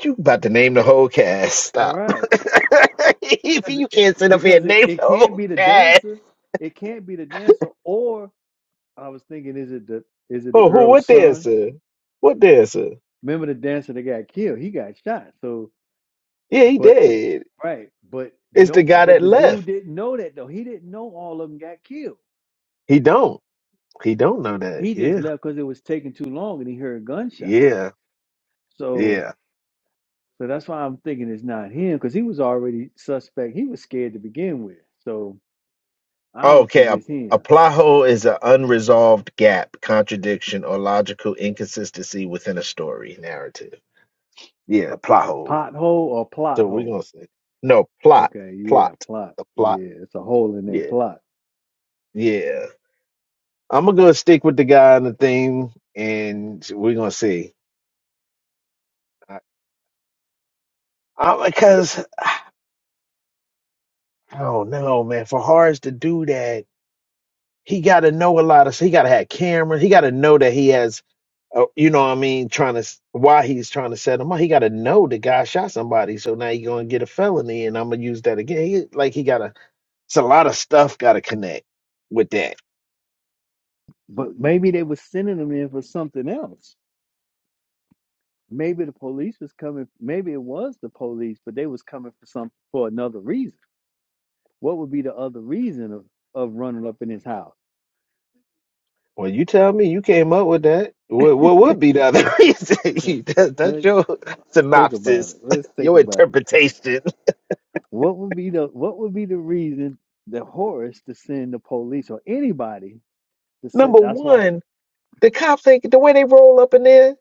[SPEAKER 5] You about to name the whole cast.
[SPEAKER 1] All
[SPEAKER 5] Stop.
[SPEAKER 1] right,
[SPEAKER 5] if
[SPEAKER 1] because
[SPEAKER 5] you
[SPEAKER 1] it
[SPEAKER 5] can't sit up here
[SPEAKER 1] because
[SPEAKER 5] and
[SPEAKER 1] it,
[SPEAKER 5] name the
[SPEAKER 1] it can't
[SPEAKER 5] whole
[SPEAKER 1] be the
[SPEAKER 5] cast.
[SPEAKER 1] dancer. It can't be the dancer. Or I was thinking, is it the is it the
[SPEAKER 5] Oh, who what
[SPEAKER 1] girl's son?
[SPEAKER 5] dancer? What dancer?
[SPEAKER 1] Remember the dancer that got killed? He got shot. So,
[SPEAKER 5] Yeah, he
[SPEAKER 1] but
[SPEAKER 5] did.
[SPEAKER 1] Right. But
[SPEAKER 5] It's the
[SPEAKER 1] nope.
[SPEAKER 5] guy
[SPEAKER 1] But
[SPEAKER 5] that
[SPEAKER 1] the dude
[SPEAKER 5] left.
[SPEAKER 1] didn't know that though. He didn't know all of them got killed.
[SPEAKER 5] He don't. He don't know that.
[SPEAKER 1] He just
[SPEAKER 5] Yeah.
[SPEAKER 1] left because it was taking too long and he heard gunshots.
[SPEAKER 5] Yeah.
[SPEAKER 1] So
[SPEAKER 5] Yeah.
[SPEAKER 1] so that's why I'm thinking it's not him because he was already suspect. He was scared to begin with. So I don't
[SPEAKER 5] Okay.
[SPEAKER 1] think
[SPEAKER 5] A,
[SPEAKER 1] it's
[SPEAKER 5] a
[SPEAKER 1] him.
[SPEAKER 5] plot hole is an unresolved gap, contradiction, or logical inconsistency within a story narrative. Yeah,
[SPEAKER 1] A,
[SPEAKER 5] plot
[SPEAKER 1] a
[SPEAKER 5] hole.
[SPEAKER 1] pothole or plot
[SPEAKER 5] So we're gonna
[SPEAKER 1] hole.
[SPEAKER 5] say no plot.
[SPEAKER 1] Okay, yeah,
[SPEAKER 5] Plot.
[SPEAKER 1] plot.
[SPEAKER 5] The plot.
[SPEAKER 1] Yeah, it's a hole in their
[SPEAKER 5] Yeah.
[SPEAKER 1] plot.
[SPEAKER 5] Yeah. I'm gonna go stick with the guy on the thing, and we're gonna see. I, I, because I don't know, man. For Harris to do that, he got to know a lot of. He got to have cameras. He got to know that he has. Uh, you know what I mean? Trying to s- why he's trying to set him up. He got to know the guy shot somebody. So now you're gonna get a felony, and I'm gonna use that again. He, like he got to. It's a lot of stuff got to connect with that.
[SPEAKER 1] But maybe they were sending them in for something else. Maybe the police was coming. Maybe it was the police, but they was coming for some for another reason What would be the other reason of, of running up in his house?
[SPEAKER 5] Well, you tell me you came up with that. What what would be the other reason?
[SPEAKER 1] Okay?
[SPEAKER 5] You- that, that's
[SPEAKER 1] Let's,
[SPEAKER 5] your
[SPEAKER 1] let's think about
[SPEAKER 5] synopsis,
[SPEAKER 1] it. Let's think
[SPEAKER 5] your
[SPEAKER 1] about it.
[SPEAKER 5] interpretation.
[SPEAKER 1] What would be the what would be the reason that Horace to send the police or anybody to send?
[SPEAKER 5] Number
[SPEAKER 1] That's why.
[SPEAKER 5] one, the cops ain't the way they roll up in there.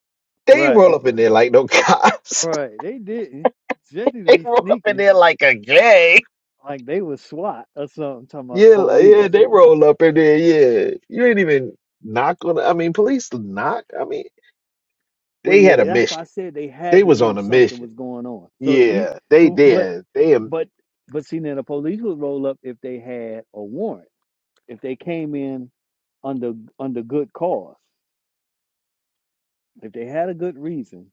[SPEAKER 5] They ain't
[SPEAKER 1] Right.
[SPEAKER 5] roll up in there
[SPEAKER 1] Right.
[SPEAKER 5] like no cops.
[SPEAKER 1] All right. They didn't. Jesse to
[SPEAKER 5] They
[SPEAKER 1] be
[SPEAKER 5] roll up in
[SPEAKER 1] sneaking
[SPEAKER 5] there like a gang.
[SPEAKER 1] like they was SWAT or something. Talking about
[SPEAKER 5] Yeah, li- yeah,
[SPEAKER 1] police.
[SPEAKER 5] they roll up in there. Yeah, you ain't even knock on. I mean, police knock. I mean,
[SPEAKER 1] Well,
[SPEAKER 5] they
[SPEAKER 1] yeah.
[SPEAKER 5] had a
[SPEAKER 1] That's why I
[SPEAKER 5] mission.
[SPEAKER 1] said they had
[SPEAKER 5] They
[SPEAKER 1] to
[SPEAKER 5] was
[SPEAKER 1] know
[SPEAKER 5] on a
[SPEAKER 1] something
[SPEAKER 5] mission.
[SPEAKER 1] was going on. So, e-
[SPEAKER 5] Yeah, they
[SPEAKER 1] so, but,
[SPEAKER 5] did. They am.
[SPEAKER 1] but, but see, now the police would roll up if they had a warrant if they came in under under good cause, if they had a good reason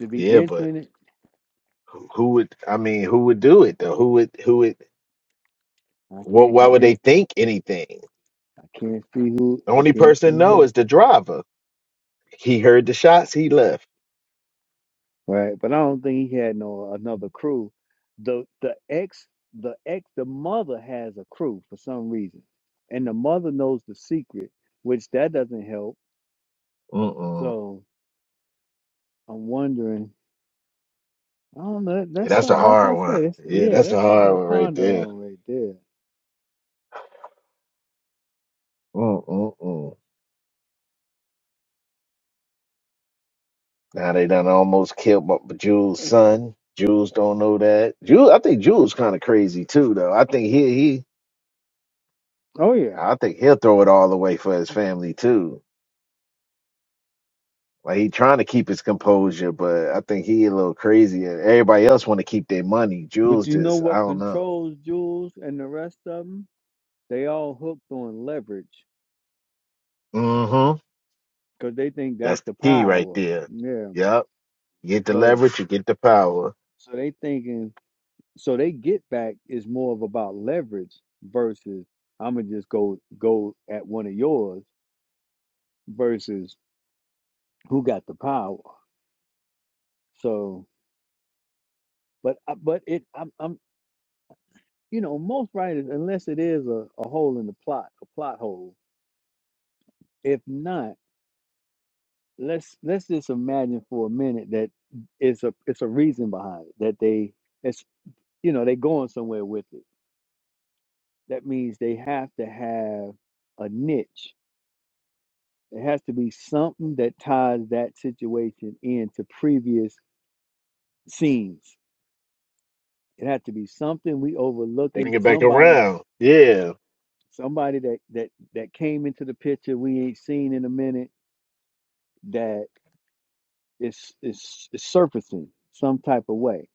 [SPEAKER 1] to be
[SPEAKER 5] Yeah, but.
[SPEAKER 1] entering it,
[SPEAKER 5] Who who would? I mean, who would do it though? Who would? Who would?
[SPEAKER 1] I
[SPEAKER 5] Well,
[SPEAKER 1] can't I
[SPEAKER 5] why would they
[SPEAKER 1] can't
[SPEAKER 5] think anything?
[SPEAKER 1] I can't see who
[SPEAKER 5] The
[SPEAKER 1] I
[SPEAKER 5] only
[SPEAKER 1] can't see
[SPEAKER 5] person know
[SPEAKER 1] who.
[SPEAKER 5] is the driver. He heard the shots. He left.
[SPEAKER 1] Right. But I don't think he had no another crew. The the ex the ex the mother has a crew for some reason. And the mother knows the secret, which that doesn't help.
[SPEAKER 5] Mm-mm.
[SPEAKER 1] So I'm wondering I don't know.
[SPEAKER 5] Yeah,
[SPEAKER 1] That's
[SPEAKER 5] that's a
[SPEAKER 1] something. That's what
[SPEAKER 5] hard
[SPEAKER 1] I
[SPEAKER 5] one.
[SPEAKER 1] say. That's,
[SPEAKER 5] Yeah,
[SPEAKER 1] yeah,
[SPEAKER 5] that's a
[SPEAKER 1] that's something
[SPEAKER 5] hard
[SPEAKER 1] to
[SPEAKER 5] one right
[SPEAKER 1] ponder
[SPEAKER 5] there.
[SPEAKER 1] on right there.
[SPEAKER 5] Mm-mm-mm. Now they done almost killed my, Jules' son. Jules don't know that. Jules, I think Jules kind of crazy too, though. I think he he.
[SPEAKER 1] Oh yeah,
[SPEAKER 5] I think he'll throw it all away for his family too. Like he trying to keep his composure, but I think he a little crazy. Everybody else want to keep their money.
[SPEAKER 1] But
[SPEAKER 5] Jules
[SPEAKER 1] you know
[SPEAKER 5] just, I
[SPEAKER 1] what
[SPEAKER 5] don't know.
[SPEAKER 1] controls Jules and the rest of them? They all hooked on leverage
[SPEAKER 5] Mm-hmm.
[SPEAKER 1] because they think
[SPEAKER 5] That's
[SPEAKER 1] that's
[SPEAKER 5] the
[SPEAKER 1] the
[SPEAKER 5] key right
[SPEAKER 1] power.
[SPEAKER 5] there.
[SPEAKER 1] Yeah.
[SPEAKER 5] Yep. You get the
[SPEAKER 1] So
[SPEAKER 5] leverage, you get the power.
[SPEAKER 1] so they thinking so they get back is more of about leverage versus I'm gonna just go go at one of yours versus who got the power. So but I- but it I'm, I'm you know most writers unless it is a, a hole in the plot a plot hole. If not let's let's just imagine for a minute that it's a it's a reason behind it that they it's you know they're going somewhere with it that means they have to have a niche it has to be something that ties that situation into previous scenes it has to be something we
[SPEAKER 5] They
[SPEAKER 1] overlooking
[SPEAKER 5] bring it back
[SPEAKER 1] somebody
[SPEAKER 5] around. Yeah.
[SPEAKER 1] somebody that that that came into the picture we ain't seen in a minute that is is, is surfacing some type of way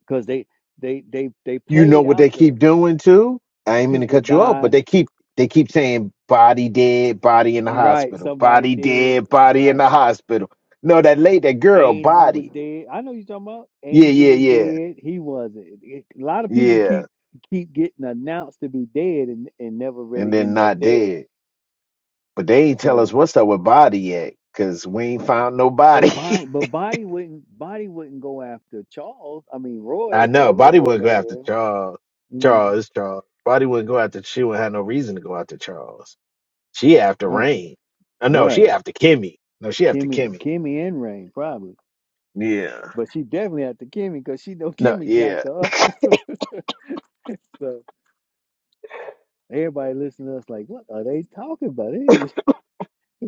[SPEAKER 1] because they they they they
[SPEAKER 5] You know
[SPEAKER 1] played
[SPEAKER 5] what
[SPEAKER 1] out
[SPEAKER 5] they
[SPEAKER 1] the.
[SPEAKER 5] keep doing too? I ain't mean to
[SPEAKER 1] people
[SPEAKER 5] cut you off, but
[SPEAKER 1] dying.
[SPEAKER 5] they keep they keep saying body dead, body in the
[SPEAKER 1] Right,
[SPEAKER 5] hospital,
[SPEAKER 1] somebody
[SPEAKER 5] body
[SPEAKER 1] dead.
[SPEAKER 5] dead, body in
[SPEAKER 1] Right,
[SPEAKER 5] the hospital. No, that lady, that girl,
[SPEAKER 1] Angie was
[SPEAKER 5] body.
[SPEAKER 1] dead. I know you talking about.
[SPEAKER 5] Yeah,
[SPEAKER 1] Angel
[SPEAKER 5] yeah,
[SPEAKER 1] was
[SPEAKER 5] yeah,
[SPEAKER 1] dead. He wasn't. It- a lot of people
[SPEAKER 5] yeah.
[SPEAKER 1] keep keep getting announced to be dead and and never
[SPEAKER 5] And
[SPEAKER 1] really
[SPEAKER 5] then
[SPEAKER 1] end up
[SPEAKER 5] not
[SPEAKER 1] dead.
[SPEAKER 5] dead. But they ain't tell us
[SPEAKER 1] So,
[SPEAKER 5] what's up with Body yet, cause we ain't found no
[SPEAKER 1] but
[SPEAKER 5] body.
[SPEAKER 1] body, but body wouldn't body wouldn't go after Charles. I mean Roy
[SPEAKER 5] I
[SPEAKER 1] or
[SPEAKER 5] know
[SPEAKER 1] whatever the
[SPEAKER 5] Body
[SPEAKER 1] boy
[SPEAKER 5] wouldn't go
[SPEAKER 1] name
[SPEAKER 5] after
[SPEAKER 1] is.
[SPEAKER 5] Charles.
[SPEAKER 1] Mm,
[SPEAKER 5] Charles, Charles. Body wouldn't go after. She wouldn't have no reason to go after Charles. She after
[SPEAKER 1] right,
[SPEAKER 5] Rain. Uh, no,
[SPEAKER 1] right.
[SPEAKER 5] she after Kimmy. No, she after
[SPEAKER 1] Kimmy,
[SPEAKER 5] Kimmy.
[SPEAKER 1] Kimmy and Rain probably,
[SPEAKER 5] Yeah.
[SPEAKER 1] but she definitely after Kimmy because she know
[SPEAKER 5] No,
[SPEAKER 1] Kimmy jacked
[SPEAKER 5] yeah.
[SPEAKER 1] her up. Everybody listening to us like, what are they talking about? They,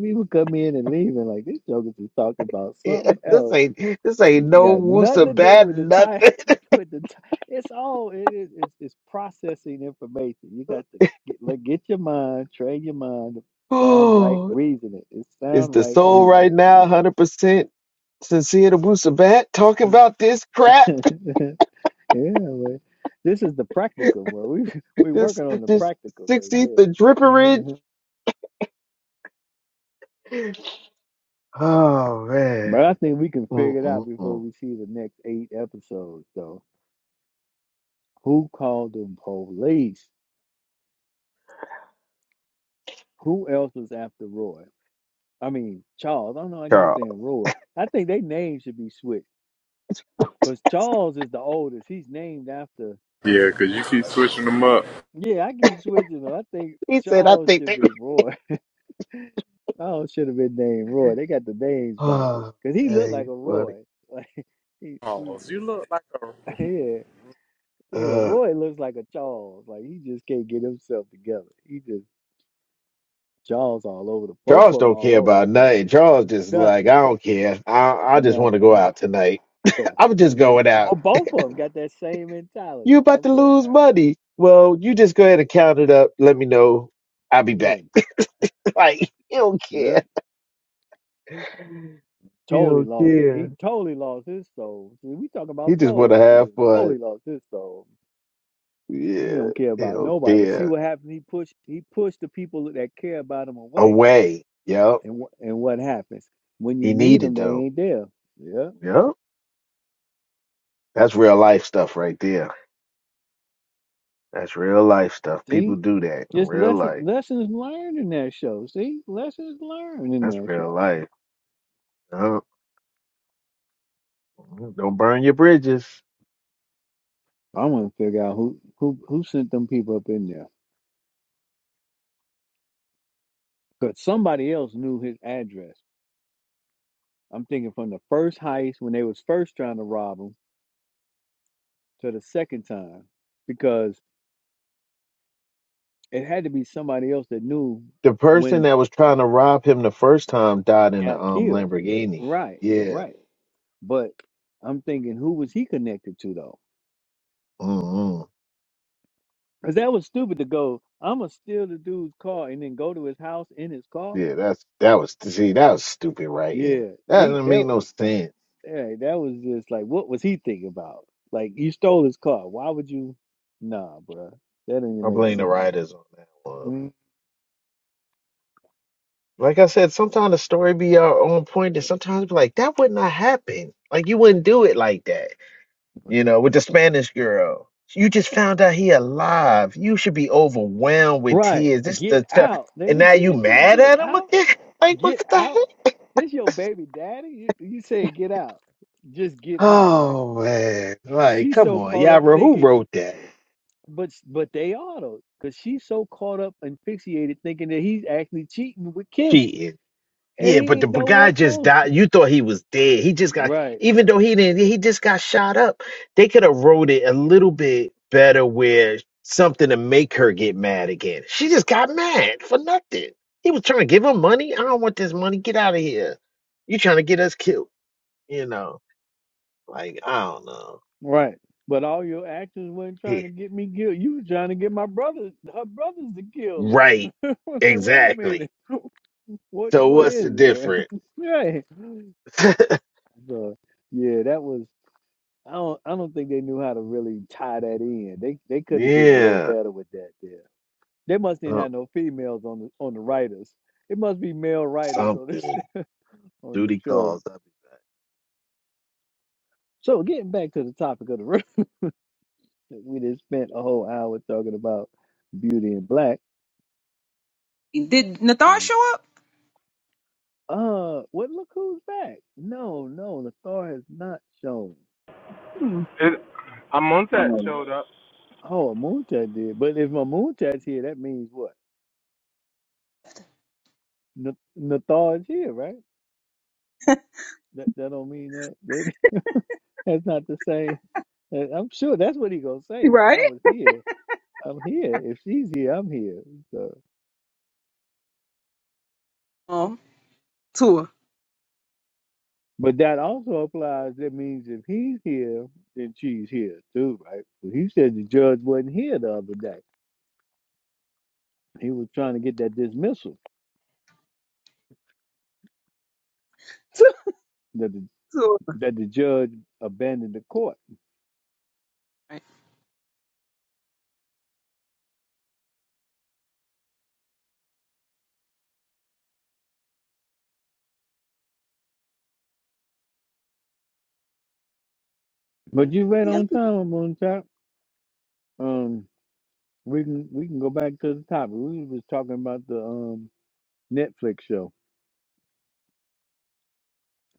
[SPEAKER 1] people come in and leave and like, these jokers is talking about
[SPEAKER 5] Yeah,
[SPEAKER 1] something
[SPEAKER 5] this
[SPEAKER 1] else.
[SPEAKER 5] ain't this ain't
[SPEAKER 1] It
[SPEAKER 5] no
[SPEAKER 1] got nothing
[SPEAKER 5] woosa
[SPEAKER 1] to do
[SPEAKER 5] bad
[SPEAKER 1] with the
[SPEAKER 5] nothing.
[SPEAKER 1] time. With the time, it's all it is. It's, it's processing information. You got to get like get your mind, train your mind to sound right
[SPEAKER 5] Oh,
[SPEAKER 1] reasoning. It's
[SPEAKER 5] is
[SPEAKER 1] sound
[SPEAKER 5] the
[SPEAKER 1] right
[SPEAKER 5] soul right
[SPEAKER 1] reasoning.
[SPEAKER 5] now hundred percent sincere to Woosa Bat talking about this crap?
[SPEAKER 1] yeah, but this is the practical. bro. We we
[SPEAKER 5] this
[SPEAKER 1] working on the
[SPEAKER 5] this
[SPEAKER 1] practical right
[SPEAKER 5] sixteenth of
[SPEAKER 1] there.
[SPEAKER 5] dripperage? Oh man.
[SPEAKER 1] But I think we can figure it out before
[SPEAKER 5] Mm-mm-mm.
[SPEAKER 1] we see the next eight episodes, though. Who called them police? Who else was after Roy? I mean, Charles. I don't know. I keep
[SPEAKER 5] Charles.
[SPEAKER 1] saying Roy. I think they names should be switched because Charles is the oldest. He's named after.
[SPEAKER 4] Yeah, because you keep switching them up.
[SPEAKER 1] Yeah, I keep switching them. I think
[SPEAKER 5] He said I
[SPEAKER 1] Charles
[SPEAKER 5] think
[SPEAKER 1] should
[SPEAKER 5] that
[SPEAKER 1] be Roy. Oh, should have been named Roy. They got the names backwards
[SPEAKER 5] Oh
[SPEAKER 1] because he looked
[SPEAKER 5] man,
[SPEAKER 1] like
[SPEAKER 5] you
[SPEAKER 1] a
[SPEAKER 5] funny.
[SPEAKER 1] Roy. Like he, he,
[SPEAKER 4] Oh, you look like a.
[SPEAKER 1] yeah, yeah.
[SPEAKER 5] Uh
[SPEAKER 1] Roy looks like a Charles. Like he just can't get himself together. He just Jaws all over the both
[SPEAKER 5] Charles
[SPEAKER 1] of them
[SPEAKER 5] don't
[SPEAKER 1] all
[SPEAKER 5] care
[SPEAKER 1] over the
[SPEAKER 5] about nothing. Charles
[SPEAKER 1] place.
[SPEAKER 5] just like,
[SPEAKER 1] Nothing,
[SPEAKER 5] I don't care. I I just want to go
[SPEAKER 1] nothing.
[SPEAKER 5] out tonight.
[SPEAKER 1] Yeah,
[SPEAKER 5] I'm just
[SPEAKER 1] just lit.
[SPEAKER 5] going
[SPEAKER 1] Oh,
[SPEAKER 5] out.
[SPEAKER 1] both of them got that same mentality.
[SPEAKER 5] You about
[SPEAKER 1] I'm
[SPEAKER 5] to
[SPEAKER 1] going
[SPEAKER 5] lose
[SPEAKER 1] out.
[SPEAKER 5] money. Well, you just go ahead and count it up. Let me know. I'll be
[SPEAKER 1] Yeah,
[SPEAKER 5] back. like, he don't
[SPEAKER 1] yeah.
[SPEAKER 5] care. He
[SPEAKER 1] Totally
[SPEAKER 5] don't
[SPEAKER 1] lost. He
[SPEAKER 5] care.
[SPEAKER 1] totally lost his soul. See, we talking
[SPEAKER 5] He
[SPEAKER 1] about
[SPEAKER 5] just
[SPEAKER 1] soul.
[SPEAKER 5] wanna
[SPEAKER 1] That nigga
[SPEAKER 5] have
[SPEAKER 1] done
[SPEAKER 5] fun.
[SPEAKER 1] totally lost his soul. He
[SPEAKER 5] Yeah.
[SPEAKER 1] don't care
[SPEAKER 5] He
[SPEAKER 1] about
[SPEAKER 5] don't
[SPEAKER 1] nobody. But see
[SPEAKER 5] care.
[SPEAKER 1] what happened. He pushed. He pushed the people that care about him away.
[SPEAKER 5] Away. Yep.
[SPEAKER 1] And wh- and what happens when you
[SPEAKER 5] He
[SPEAKER 1] need
[SPEAKER 5] needed
[SPEAKER 1] them? They
[SPEAKER 5] them.
[SPEAKER 1] ain't there. Yeah.
[SPEAKER 5] Yep. That's real life stuff right there. That's real life stuff.
[SPEAKER 1] See.
[SPEAKER 5] People do that in
[SPEAKER 1] Just
[SPEAKER 5] real
[SPEAKER 1] lesson
[SPEAKER 5] life.
[SPEAKER 1] lessons learned in that show. See, lessons learned in
[SPEAKER 5] That's
[SPEAKER 1] that
[SPEAKER 5] real
[SPEAKER 1] show.
[SPEAKER 5] life. Yup. Mm-hmm. Don't burn your bridges.
[SPEAKER 1] I want to figure out who who who sent them people up in there because somebody else knew his address. I'm thinking from the first heist when they was first trying to rob him to the second time because it had to be somebody else that knew
[SPEAKER 5] The person
[SPEAKER 1] when
[SPEAKER 5] that was trying to rob him the first time died in the
[SPEAKER 1] got
[SPEAKER 5] um
[SPEAKER 1] killed.
[SPEAKER 5] Lamborghini.
[SPEAKER 1] Right,
[SPEAKER 5] Yeah.
[SPEAKER 1] right. But I'm thinking who was he connected to though?
[SPEAKER 5] hmm
[SPEAKER 1] Because that was stupid to go. I'ma steal the dude's car and then go to his house in his car
[SPEAKER 5] Yeah, that's that was see, that was stupid writing.
[SPEAKER 1] Yeah,
[SPEAKER 5] That
[SPEAKER 1] he
[SPEAKER 5] doesn't make
[SPEAKER 1] that
[SPEAKER 5] no sense.
[SPEAKER 1] hey, that was just like what was he thinking about? Like you stole his car. Why would you? Nah, bruh. That didn't even
[SPEAKER 5] I
[SPEAKER 1] make
[SPEAKER 5] blame the
[SPEAKER 1] sense.
[SPEAKER 5] writers on that one.
[SPEAKER 1] Mm.
[SPEAKER 5] Like I said, sometimes the story be uh, on point and sometimes be like, that would not happen. Like you wouldn't do it like that. you know, with the Spanish girl. You just found out he alive. You should be overwhelmed with
[SPEAKER 1] Right.
[SPEAKER 5] tears. This
[SPEAKER 1] Get
[SPEAKER 5] the ch-
[SPEAKER 1] out.
[SPEAKER 5] and
[SPEAKER 1] Nigga,
[SPEAKER 5] now
[SPEAKER 1] see
[SPEAKER 5] you
[SPEAKER 1] that thing,
[SPEAKER 5] mad
[SPEAKER 1] get
[SPEAKER 5] at him
[SPEAKER 1] out.
[SPEAKER 5] again? Like what
[SPEAKER 1] Get
[SPEAKER 5] the
[SPEAKER 1] out.
[SPEAKER 5] heck?
[SPEAKER 1] This your baby daddy. You, you said get out. Just get out, right?
[SPEAKER 5] Oh man!
[SPEAKER 1] 'Cause
[SPEAKER 5] Like
[SPEAKER 1] She's
[SPEAKER 5] come
[SPEAKER 1] so
[SPEAKER 5] on,
[SPEAKER 1] caught up
[SPEAKER 5] Yara, who
[SPEAKER 1] thinking,
[SPEAKER 5] wrote that?
[SPEAKER 1] but s- but they are though, because she's so caught up and fixated thinking that he's actually cheating with Kimmy,
[SPEAKER 5] Cheating.
[SPEAKER 1] and
[SPEAKER 5] Yeah,
[SPEAKER 1] he
[SPEAKER 5] but the
[SPEAKER 1] ain't nowhere
[SPEAKER 5] guy just
[SPEAKER 1] close.
[SPEAKER 5] died.
[SPEAKER 1] to-
[SPEAKER 5] You thought he was dead. He just got,
[SPEAKER 1] Right.
[SPEAKER 5] even though he didn't, he just got shot up. They could have wrote it a little bit better where something to make her get mad again. She just got mad for nothing. He was trying to give her money. I don't want this money. Get out of here. You trying to get us killed. You know, like, I don't know.
[SPEAKER 1] Right. But all your actions weren't trying
[SPEAKER 5] He,
[SPEAKER 1] to get me killed. You were trying to get my brothers, her brothers to kill
[SPEAKER 5] right.
[SPEAKER 1] her. I'm like, wait a
[SPEAKER 5] Exactly.
[SPEAKER 1] minute. Which
[SPEAKER 5] So
[SPEAKER 1] one
[SPEAKER 5] what's
[SPEAKER 1] is
[SPEAKER 5] the
[SPEAKER 1] it there?
[SPEAKER 5] difference?
[SPEAKER 1] right. So, yeah, that was I don't I don't think they knew how to really tie that in. They they could have did a little
[SPEAKER 5] yeah.
[SPEAKER 1] better with that there. They must didn't
[SPEAKER 5] Uh,
[SPEAKER 1] have no females on the on the writers. It must be male writers on this
[SPEAKER 5] Something.
[SPEAKER 1] on the
[SPEAKER 5] Duty
[SPEAKER 1] show.
[SPEAKER 5] calls.
[SPEAKER 1] So getting back to the topic of the room, we just spent a whole hour talking about beauty and black.
[SPEAKER 2] did Nathar show up?
[SPEAKER 1] Uh, what? Look who's back. No, no, the star has not shown.
[SPEAKER 2] Hmm. Hold on.
[SPEAKER 1] Oh, Moontat did. But if my Moontat's here, that means what? N- Nathar is here, right? That that don't mean that. that that's not the same. And I'm sure that's what he gonna say. Now
[SPEAKER 2] Right.
[SPEAKER 1] I was here. I'm here. If she's here, I'm here. So,
[SPEAKER 2] Oh, tour.
[SPEAKER 1] but that also applies. That means if he's here, then she's here too, right? he said the judge wasn't here the other day. He was trying to get that dismissal.
[SPEAKER 2] Tour. Tour.
[SPEAKER 1] that the judge abandoned the court.
[SPEAKER 2] Right.
[SPEAKER 1] But you read
[SPEAKER 2] Yeah.
[SPEAKER 1] on time on top. Um, we can we can go back to the topic. We was talking about the um Netflix show.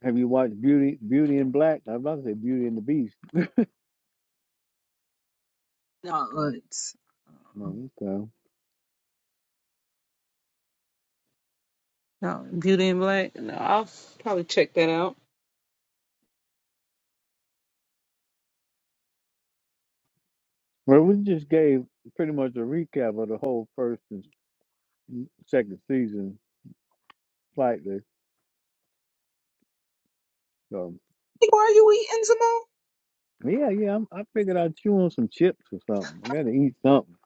[SPEAKER 1] Have you watched Beauty Beauty and Black? I was about to say Beauty and the Beast.
[SPEAKER 2] No, let's-
[SPEAKER 1] No, okay.
[SPEAKER 2] No, Beauty and Black. No, I'll probably check that out.
[SPEAKER 1] Well, we just gave pretty much a recap of the whole first and s- second season slightly. So
[SPEAKER 2] Hey, Why are you eating, Simone?
[SPEAKER 1] yeah, yeah, I'm, I figured I'd chew on some chips or something. I gotta eat something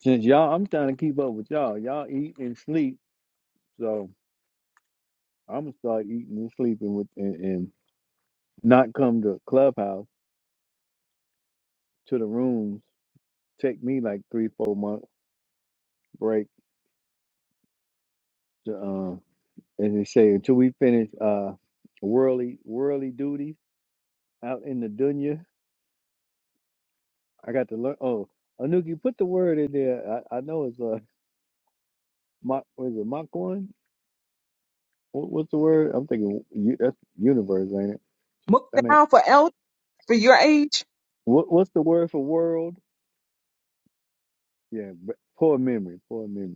[SPEAKER 1] since y'all. I'm trying to keep up with y'all. Y'all eat and sleep, so. I'm gonna start eating and sleeping with and, and not come to clubhouse to the rooms. Take me like three four month break to um as they say until we finish uh worldly worldly duties out in the dunya. I got to learn. Oh, Anuki, put the word in there. I, I know it's uh mock was it mock one? What, what's the word? I'm thinking u- that's universe, ain't it?
[SPEAKER 2] Look
[SPEAKER 1] That ain't
[SPEAKER 2] down for el for your age.
[SPEAKER 1] what, what's the word for world? Yeah, but poor memory, poor memory.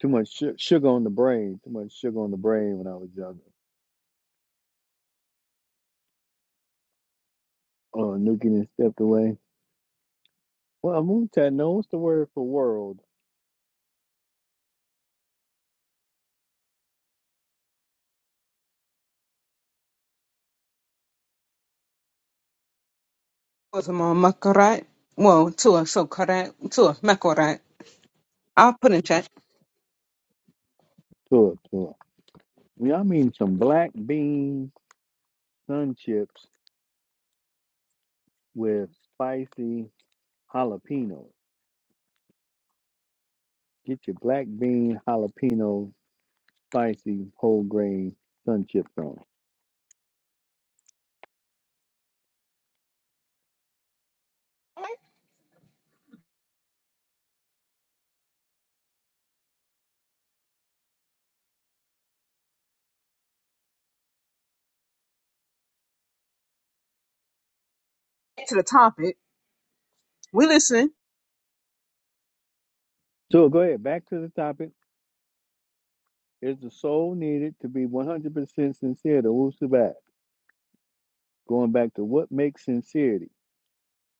[SPEAKER 1] Too much su sugar on the brain. Too much sugar on the brain when I was younger. Uh, nuking and stepped away. Well, Moontad, no, what's the word for world?
[SPEAKER 2] Or Simone Makarat. Well, Tua so correct. Tua Makarat. I'll put in chat.
[SPEAKER 1] Tour, tour. Y'all mean some black bean sun chips with spicy jalapeno. Get your black bean jalapeno spicy whole grain sun chips on.
[SPEAKER 2] Back To the topic. We listen.
[SPEAKER 1] So go ahead, back to the topic. Is the soul needed to be 100% sincere to Wusabat? Going back to what makes sincerity?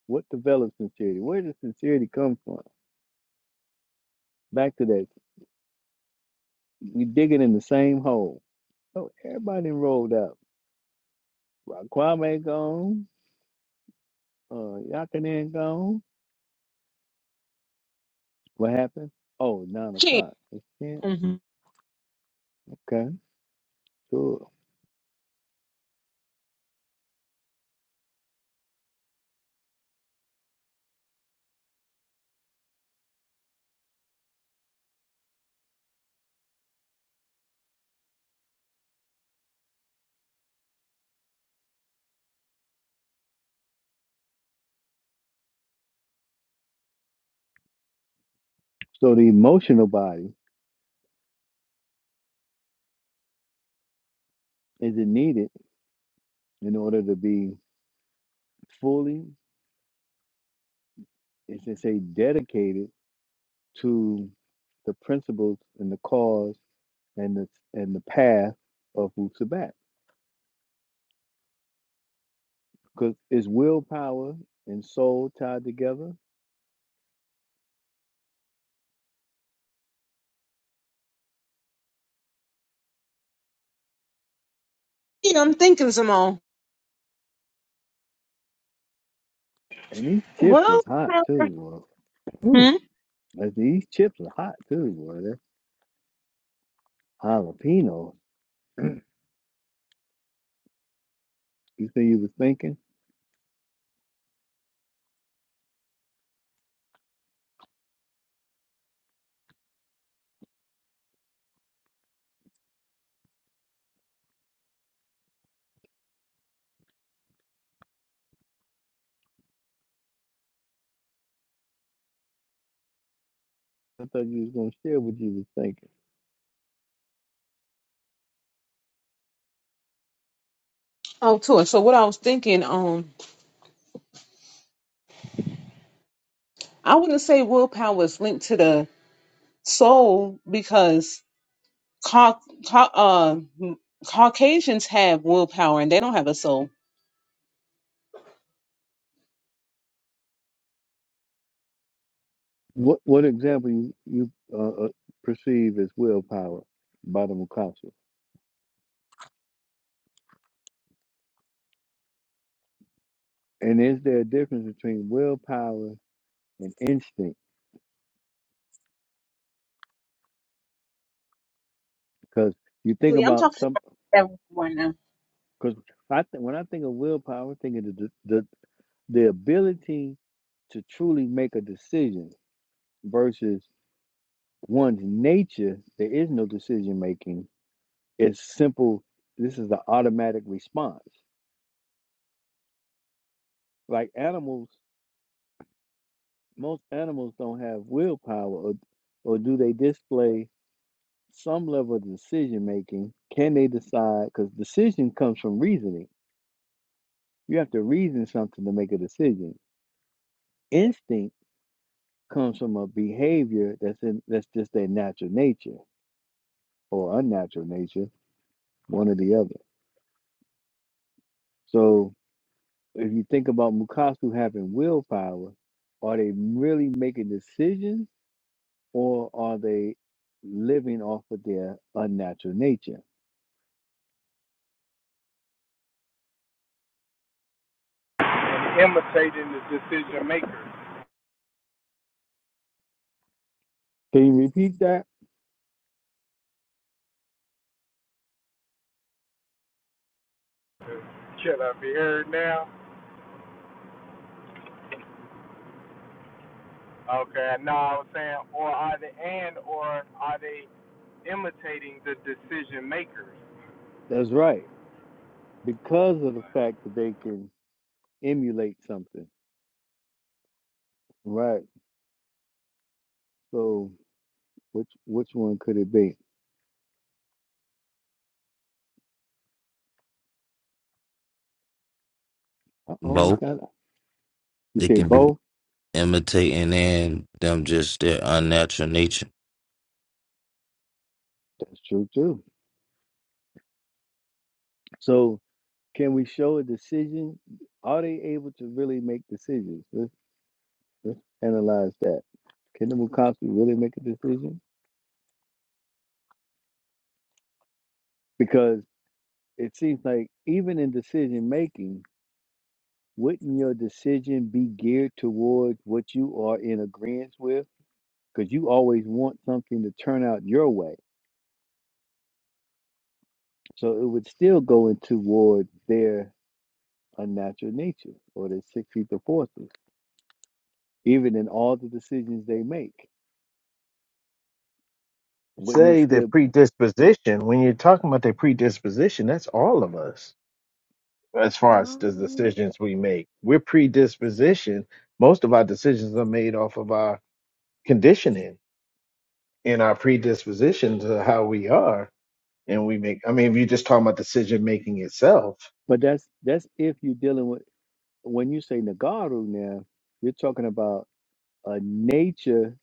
[SPEAKER 1] What develops sincerity? Where does sincerity come from? Back to that, we digging in the same hole. Oh, everybody enrolled out. Well, Kwame gone. Uh, Yakanin gone. What happened? Oh, nine
[SPEAKER 2] Yeah,
[SPEAKER 1] o'clock. It's ten.
[SPEAKER 2] hmm
[SPEAKER 1] Okay, sure. So the emotional body is it needed in order to be fully, as they say, dedicated to the principles and the cause and the and the path of Wu Because it's willpower and soul tied together.
[SPEAKER 2] yeah I'm thinking, Simone.
[SPEAKER 1] And these chips
[SPEAKER 2] Well,
[SPEAKER 1] is hot too, bro. Ooh,
[SPEAKER 2] hmm?
[SPEAKER 1] like, these chips are hot too, boy. That jalapeno. You say you was thinking? I thought you was gonna share what you was thinking.
[SPEAKER 2] oh Tua. So what I was thinking, um, I wouldn't say willpower is linked to the soul because ca- ca- uh, Caucasians have willpower and they don't have a soul.
[SPEAKER 1] What what example you you uh, uh, perceive as willpower by the Mikasa? And is there a difference between willpower and instinct? Because you think
[SPEAKER 2] family. I'm
[SPEAKER 1] about
[SPEAKER 2] talking
[SPEAKER 1] some.
[SPEAKER 2] about everyone now.
[SPEAKER 1] Because I th- when I think of willpower, I think of the, the the ability to truly make a decision versus one's nature there is no decision making it's simple this is the automatic response like animals most animals don't have willpower or, or do they display some level of decision making can they decide because decision comes from reasoning you have to reason something to make a decision instinct comes from a behavior that's in that's just their natural nature or unnatural nature one or the other. So if you think about Mukasu having willpower, are they really making decisions or are they living off of their unnatural nature? Can you repeat that? That's right. Because of the fact that they can emulate something. Right. So which which one could it be? Uh oh, we
[SPEAKER 6] Both.
[SPEAKER 1] got it. you
[SPEAKER 6] It
[SPEAKER 1] say
[SPEAKER 6] can be
[SPEAKER 1] both?
[SPEAKER 6] imitating and them just their unnatural nature.
[SPEAKER 1] That's true too. So can we show a decision? Are they able to really make decisions? Let's, let's analyze that. Can the Mukasa really make a decision? Because it seems like even in decision making, wouldn't your decision be geared towards what you are in agreement with? Because you always want something to turn out your way. So it would still go in toward their unnatural nature or their six ether forces, even in all the decisions they make. Wouldn't it
[SPEAKER 5] say their
[SPEAKER 1] still
[SPEAKER 5] predisposition, when you're talking about their predisposition, that's all of us as far as the decisions we make. We're predisposition. Most of our decisions are made off of our conditioning and our predisposition to how we are. And we make, I mean, if you're just talking about decision making itself,
[SPEAKER 1] but that's that's if you're dealing with when you say Nagaru now, you're talking about a nature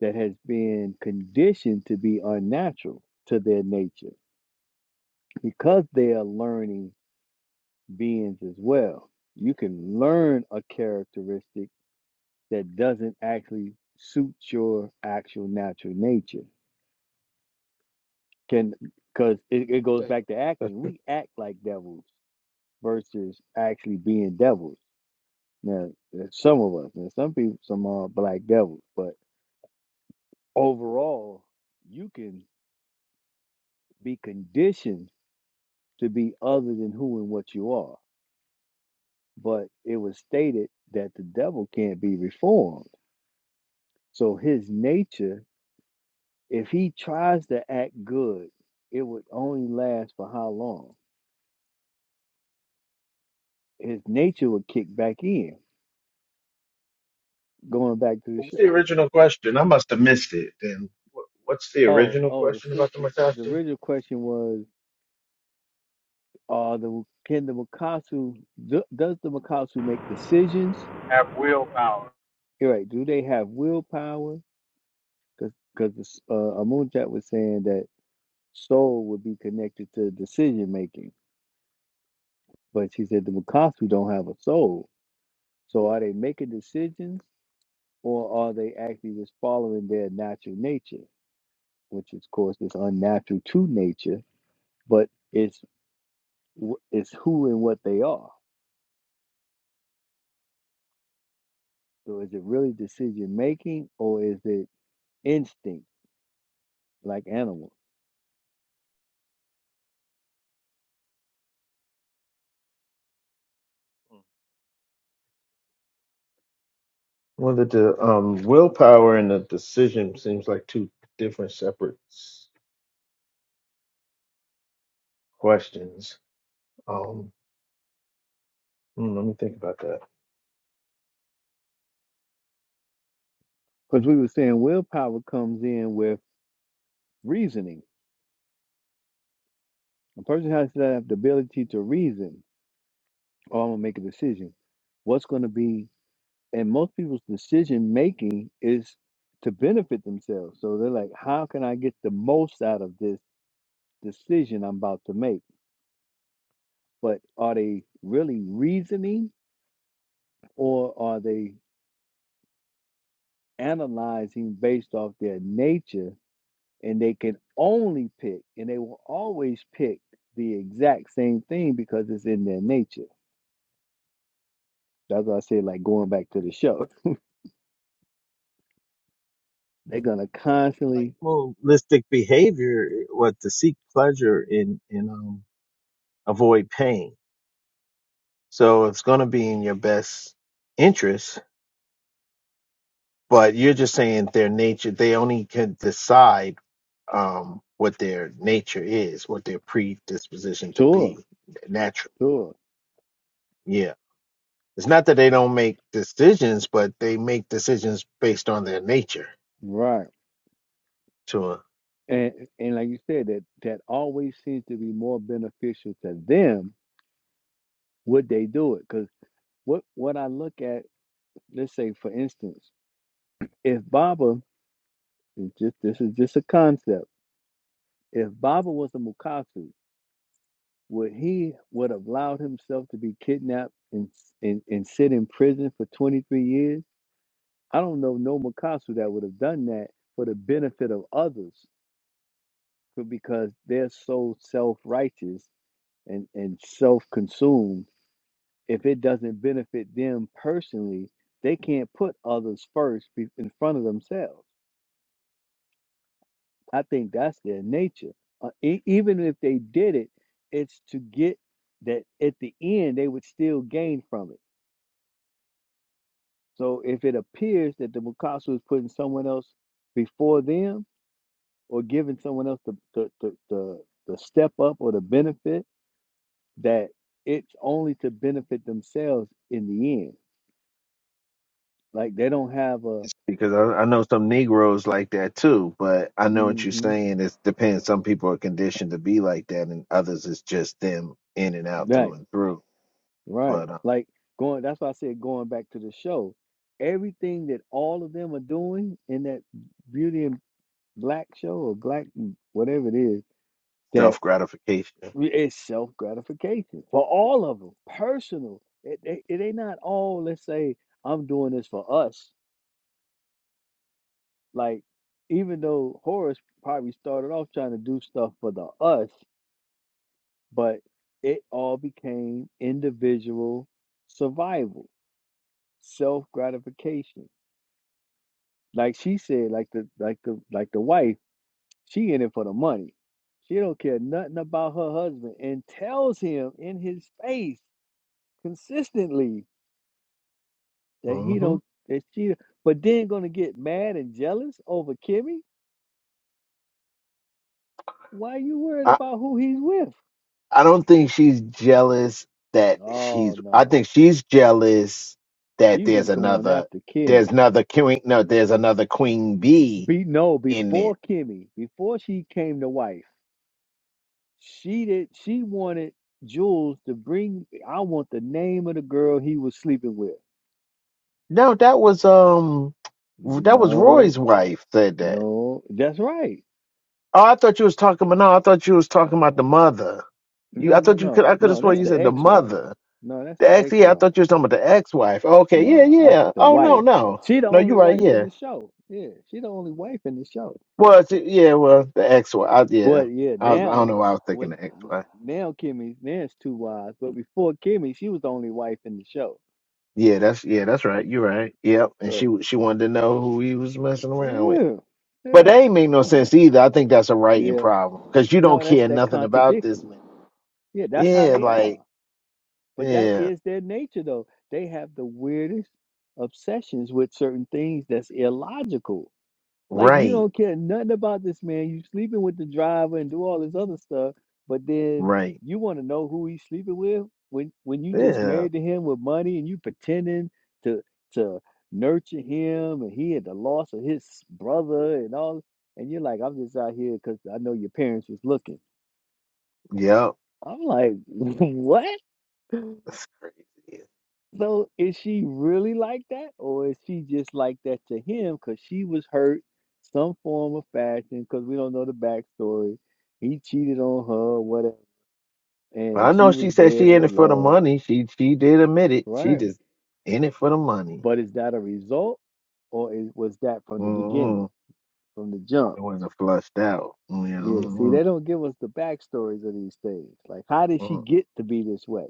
[SPEAKER 1] that has been conditioned to be unnatural to their nature because they are learning beings as well. You can learn a characteristic that doesn't actually suit your actual natural nature. Can because it, it goes
[SPEAKER 5] that's-
[SPEAKER 1] back to acting. We act like devils versus actually being devils. Now, some of us, and some people, some are black devils, but overall, you can be conditioned to be other than who and what you are. But it was stated that the devil can't be reformed. So his nature, if he tries to act good, it would only last for how long? His nature would kick back in. Going back to the
[SPEAKER 5] what's
[SPEAKER 1] show.
[SPEAKER 5] the original question? I must have missed it. Then Wh- what's the
[SPEAKER 1] Oh,
[SPEAKER 5] original
[SPEAKER 1] oh, the
[SPEAKER 5] question about the
[SPEAKER 1] sister. The
[SPEAKER 5] Matatu?
[SPEAKER 1] original question was: Are the can the Makasu do, does the Makasu make decisions? You're right. Do they have willpower? Because because uh, Amunjat was saying that soul would be connected to decision making. But she said the Mukasu don't have a soul. So are they making decisions or are they actually just following their natural nature, which is, of course is unnatural to nature, but it's wh- it's who and what they are. So is it really decision making or is it instinct like animals?
[SPEAKER 5] Whether the um, willpower and the decision seems like two different separate. questions. Um, hmm, let me think about that.
[SPEAKER 1] Because we were saying willpower comes in with reasoning. A person has to have the ability to reason. Oh, I'm gonna make a decision. What's gonna be and most people's decision making is to benefit themselves. So they're like, how can I get the most out of this decision I'm about to make? But are they really reasoning or are they analyzing based off their nature? And they can only pick, and they will always pick the exact same thing because it's in their nature. That's why I say, like going back to the show, they're gonna
[SPEAKER 5] like
[SPEAKER 1] constantly
[SPEAKER 5] holistic behavior eh, what to seek pleasure in in um avoid pain so it's going to be in your best interest but you're just saying their nature they only can decide um what their nature is what their predisposition to
[SPEAKER 1] tour,
[SPEAKER 5] be natural
[SPEAKER 1] tour,
[SPEAKER 5] yeah it's not that they don't make decisions but they make decisions based on their nature
[SPEAKER 1] right.
[SPEAKER 5] To. a
[SPEAKER 1] And and like you said, that that always seems to be more beneficial to them. Would they do it? Because what what I look at, let's say for instance, if Baba is just this is just a concept. If Baba was a Mukatsu, would he would have allowed himself to be kidnapped and and, and sit in prison for twenty three years? I don't know no Mukatsu that would have done that for the benefit of others, but because they're so self righteous and and self consumed if it doesn't benefit them personally, they can't put others first be- in front of themselves. I think that's their nature. Uh, e- even if they did it, it's to get that at the end they would still gain from it. So if it appears that the Mikasa is putting someone else before them or giving someone else the the, the, the, the step up or the benefit, that it's only to benefit themselves in the end. Like they don't have a,
[SPEAKER 5] because I, I know some Negroes like that too, but I know what you're
[SPEAKER 1] hmm
[SPEAKER 5] saying. It depends. Some people are conditioned to be like that, and others it's just them in and out through
[SPEAKER 1] right.
[SPEAKER 5] and through.
[SPEAKER 1] Right.
[SPEAKER 5] But uh,
[SPEAKER 1] Like going, that's why I said going back to the show. Everything that all of them are doing in that Beauty and Black show or Black, m- whatever it is, that
[SPEAKER 5] self gratification.
[SPEAKER 1] we- it's self gratification for all of them, personal. It, it, it ain't not all, let's say, I'm doing this for us. Like, even though Horace probably started off trying to do stuff for the us, but it all became individual survival, self gratification like she said, like the like the like the wife, she in it for the money. She don't care nothing about her husband and tells him in his face consistently that he
[SPEAKER 5] hmm
[SPEAKER 1] don't that she but then gonna get mad and jealous over Kimmy? Why you worried about who he's with?
[SPEAKER 5] I don't think she's jealous that she's.
[SPEAKER 1] Oh
[SPEAKER 5] I
[SPEAKER 1] no.
[SPEAKER 5] think she's jealous that
[SPEAKER 1] She was
[SPEAKER 5] there's
[SPEAKER 1] going
[SPEAKER 5] another.
[SPEAKER 1] after
[SPEAKER 5] There's
[SPEAKER 1] Kimmy.
[SPEAKER 5] another queen. No, there's another queen bee
[SPEAKER 1] Be no,
[SPEAKER 5] in there.
[SPEAKER 1] before Kimmy, before she came to wife, she did she wanted Jules to bring I want the name of the girl he was sleeping with.
[SPEAKER 5] No, that was um, that was Roy's
[SPEAKER 1] No,
[SPEAKER 5] wife said that.
[SPEAKER 1] no, that's right.
[SPEAKER 5] Oh, I thought you was talking about. No, I thought you was talking about the mother. You,
[SPEAKER 1] No,
[SPEAKER 5] I
[SPEAKER 1] no,
[SPEAKER 5] thought you could.
[SPEAKER 1] no,
[SPEAKER 5] I could have
[SPEAKER 1] no.
[SPEAKER 5] sworn
[SPEAKER 1] That's
[SPEAKER 5] you
[SPEAKER 1] the
[SPEAKER 5] said the
[SPEAKER 1] ex-wife.
[SPEAKER 5] mother.
[SPEAKER 1] No, that's
[SPEAKER 5] The
[SPEAKER 1] the
[SPEAKER 5] ex. Yeah, I
[SPEAKER 1] ex-wife.
[SPEAKER 5] thought you was talking about the ex-wife. Okay, yeah,
[SPEAKER 1] No, I,
[SPEAKER 5] yeah.
[SPEAKER 1] the
[SPEAKER 5] Oh no,
[SPEAKER 1] wife.
[SPEAKER 5] no,
[SPEAKER 1] She the
[SPEAKER 5] no.
[SPEAKER 1] only
[SPEAKER 5] You're right.
[SPEAKER 1] wife
[SPEAKER 5] Yeah.
[SPEAKER 1] in the show. Yeah, she the only wife in the show.
[SPEAKER 5] Well, it's, yeah, well, the X Y. I, yeah,
[SPEAKER 1] Well, yeah.
[SPEAKER 5] I, was, I don't
[SPEAKER 1] Now,
[SPEAKER 5] know why I was
[SPEAKER 1] what?
[SPEAKER 5] thinking the X Y.
[SPEAKER 1] Now Kimmy, now it's two wives. But before Kimmy, she was the only wife in the show.
[SPEAKER 5] Yeah, that's yeah, that's right. You're right. Yep. And she
[SPEAKER 1] So,
[SPEAKER 5] she wanted to know who he was messing around with,
[SPEAKER 1] yeah,
[SPEAKER 5] but
[SPEAKER 1] yeah,
[SPEAKER 5] that ain't make no sense either. I think that's a writing
[SPEAKER 1] yeah.
[SPEAKER 5] problem because you
[SPEAKER 1] No,
[SPEAKER 5] don't
[SPEAKER 1] that's
[SPEAKER 5] care
[SPEAKER 1] that
[SPEAKER 5] nothing about this
[SPEAKER 1] contradiction.
[SPEAKER 5] man.
[SPEAKER 1] Yeah, that's how
[SPEAKER 5] Yeah,
[SPEAKER 1] they are.
[SPEAKER 5] like
[SPEAKER 1] But that
[SPEAKER 5] yeah,
[SPEAKER 1] is their nature, though. They have the weirdest obsessions with certain things that's illogical. Like you
[SPEAKER 5] right,
[SPEAKER 1] don't care nothing about this man. You sleeping with the driver and do all this other stuff, but then
[SPEAKER 5] right.
[SPEAKER 1] you want to know who he's sleeping with when when you just
[SPEAKER 5] Yeah,
[SPEAKER 1] married to him with money and you pretending to to nurture him and he had the loss of his brother and all and you're like, I'm just out here because I know your parents was looking.
[SPEAKER 5] yep.
[SPEAKER 1] I'm like, what? So is she really like that, or is she just like that to him because she was hurt some form of fashion? Because we don't know the backstory. He cheated on her, whatever,
[SPEAKER 5] But
[SPEAKER 1] and
[SPEAKER 5] I
[SPEAKER 1] she
[SPEAKER 5] know
[SPEAKER 1] was
[SPEAKER 5] she said
[SPEAKER 1] there
[SPEAKER 5] she in
[SPEAKER 1] for
[SPEAKER 5] it for the
[SPEAKER 1] love,
[SPEAKER 5] money. She she did admit it. She
[SPEAKER 1] right?
[SPEAKER 5] just in it for the money.
[SPEAKER 1] But is that a result, or is, was that from the beginning,
[SPEAKER 5] mm
[SPEAKER 1] from the jump?
[SPEAKER 5] It wasn't flushed out. Yeah.
[SPEAKER 1] Yeah. See,
[SPEAKER 5] mhm,
[SPEAKER 1] they don't give us the backstories of these things. Like, how did she
[SPEAKER 5] mhm.
[SPEAKER 1] get to be this way,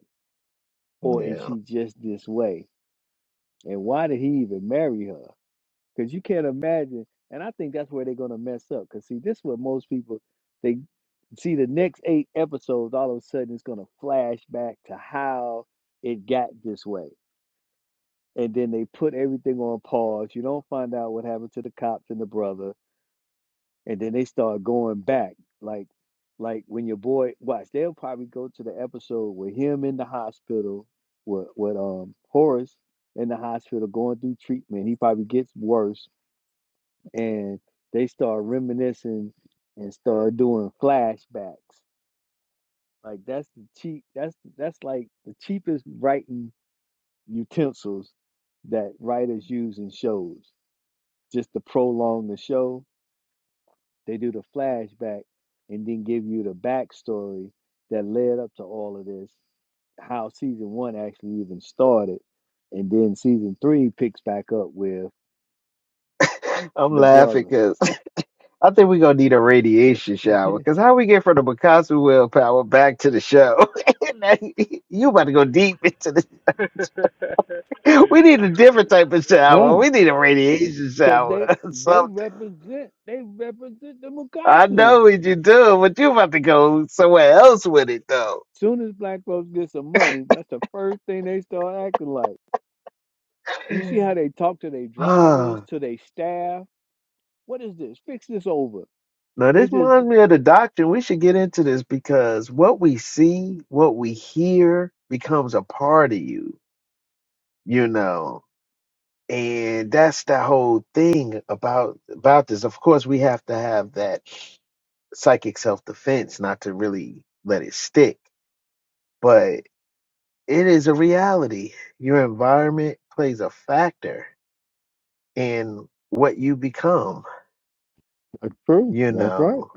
[SPEAKER 1] or is
[SPEAKER 5] Yeah.
[SPEAKER 1] she just this way, and why did he even marry her? because you can't imagine. And I think that's where they're gonna mess up. Because see, this is what most people they see the next eight episodes. All of a sudden, it's gonna flash back to how it got this way, and then they put everything on pause. You don't find out what happened to the cops and the brother, and then they start going back like. Like when your boy watch, they'll probably go to the episode with him in the hospital, with with um Horace in the hospital going through treatment. He probably gets worse, and they start reminiscing and start doing flashbacks. Like that's the cheap. That's that's like the cheapest writing utensils that writers use in shows. Just to prolong the show, they do the flashback and then give you the backstory that led up to all of this, how season one actually even started, and then season three picks back up with
[SPEAKER 5] I'm
[SPEAKER 1] the
[SPEAKER 5] laughing
[SPEAKER 1] brother.
[SPEAKER 5] because I think we're gonna need a radiation shower. Because how we get from the Picasso willpower back to the show? Now, you you about to go deep into this. We need a different type of
[SPEAKER 1] Huh?
[SPEAKER 5] shower. We need a radiation
[SPEAKER 1] Cause they
[SPEAKER 5] shower or
[SPEAKER 1] they
[SPEAKER 5] something.
[SPEAKER 1] represent they represent the
[SPEAKER 5] I
[SPEAKER 1] Mukasu.
[SPEAKER 5] know what you do, but you about to go somewhere else with it though.
[SPEAKER 1] Soon as black folks get some money, that's the first thing they start acting like. You see how they talk to their drivers,
[SPEAKER 5] now
[SPEAKER 1] to their staff. What is this? Fix this over. They
[SPEAKER 5] this
[SPEAKER 1] just
[SPEAKER 5] reminds me of the doctrine. We should get into this because what we see, what we hear becomes a part of you, you know. and that's the whole thing about about this of course we have to have that psychic self-defense not to really let it stick but it is a reality your environment plays a factor in what you become
[SPEAKER 1] that's true.
[SPEAKER 5] you
[SPEAKER 1] That's right.
[SPEAKER 5] know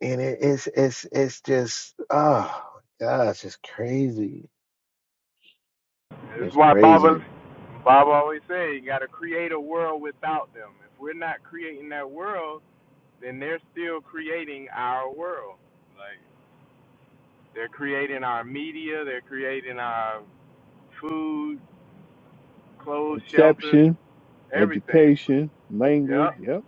[SPEAKER 5] and it, it's it's it's just oh gosh it's crazy it's crazy
[SPEAKER 1] Perception, education, language. Yep.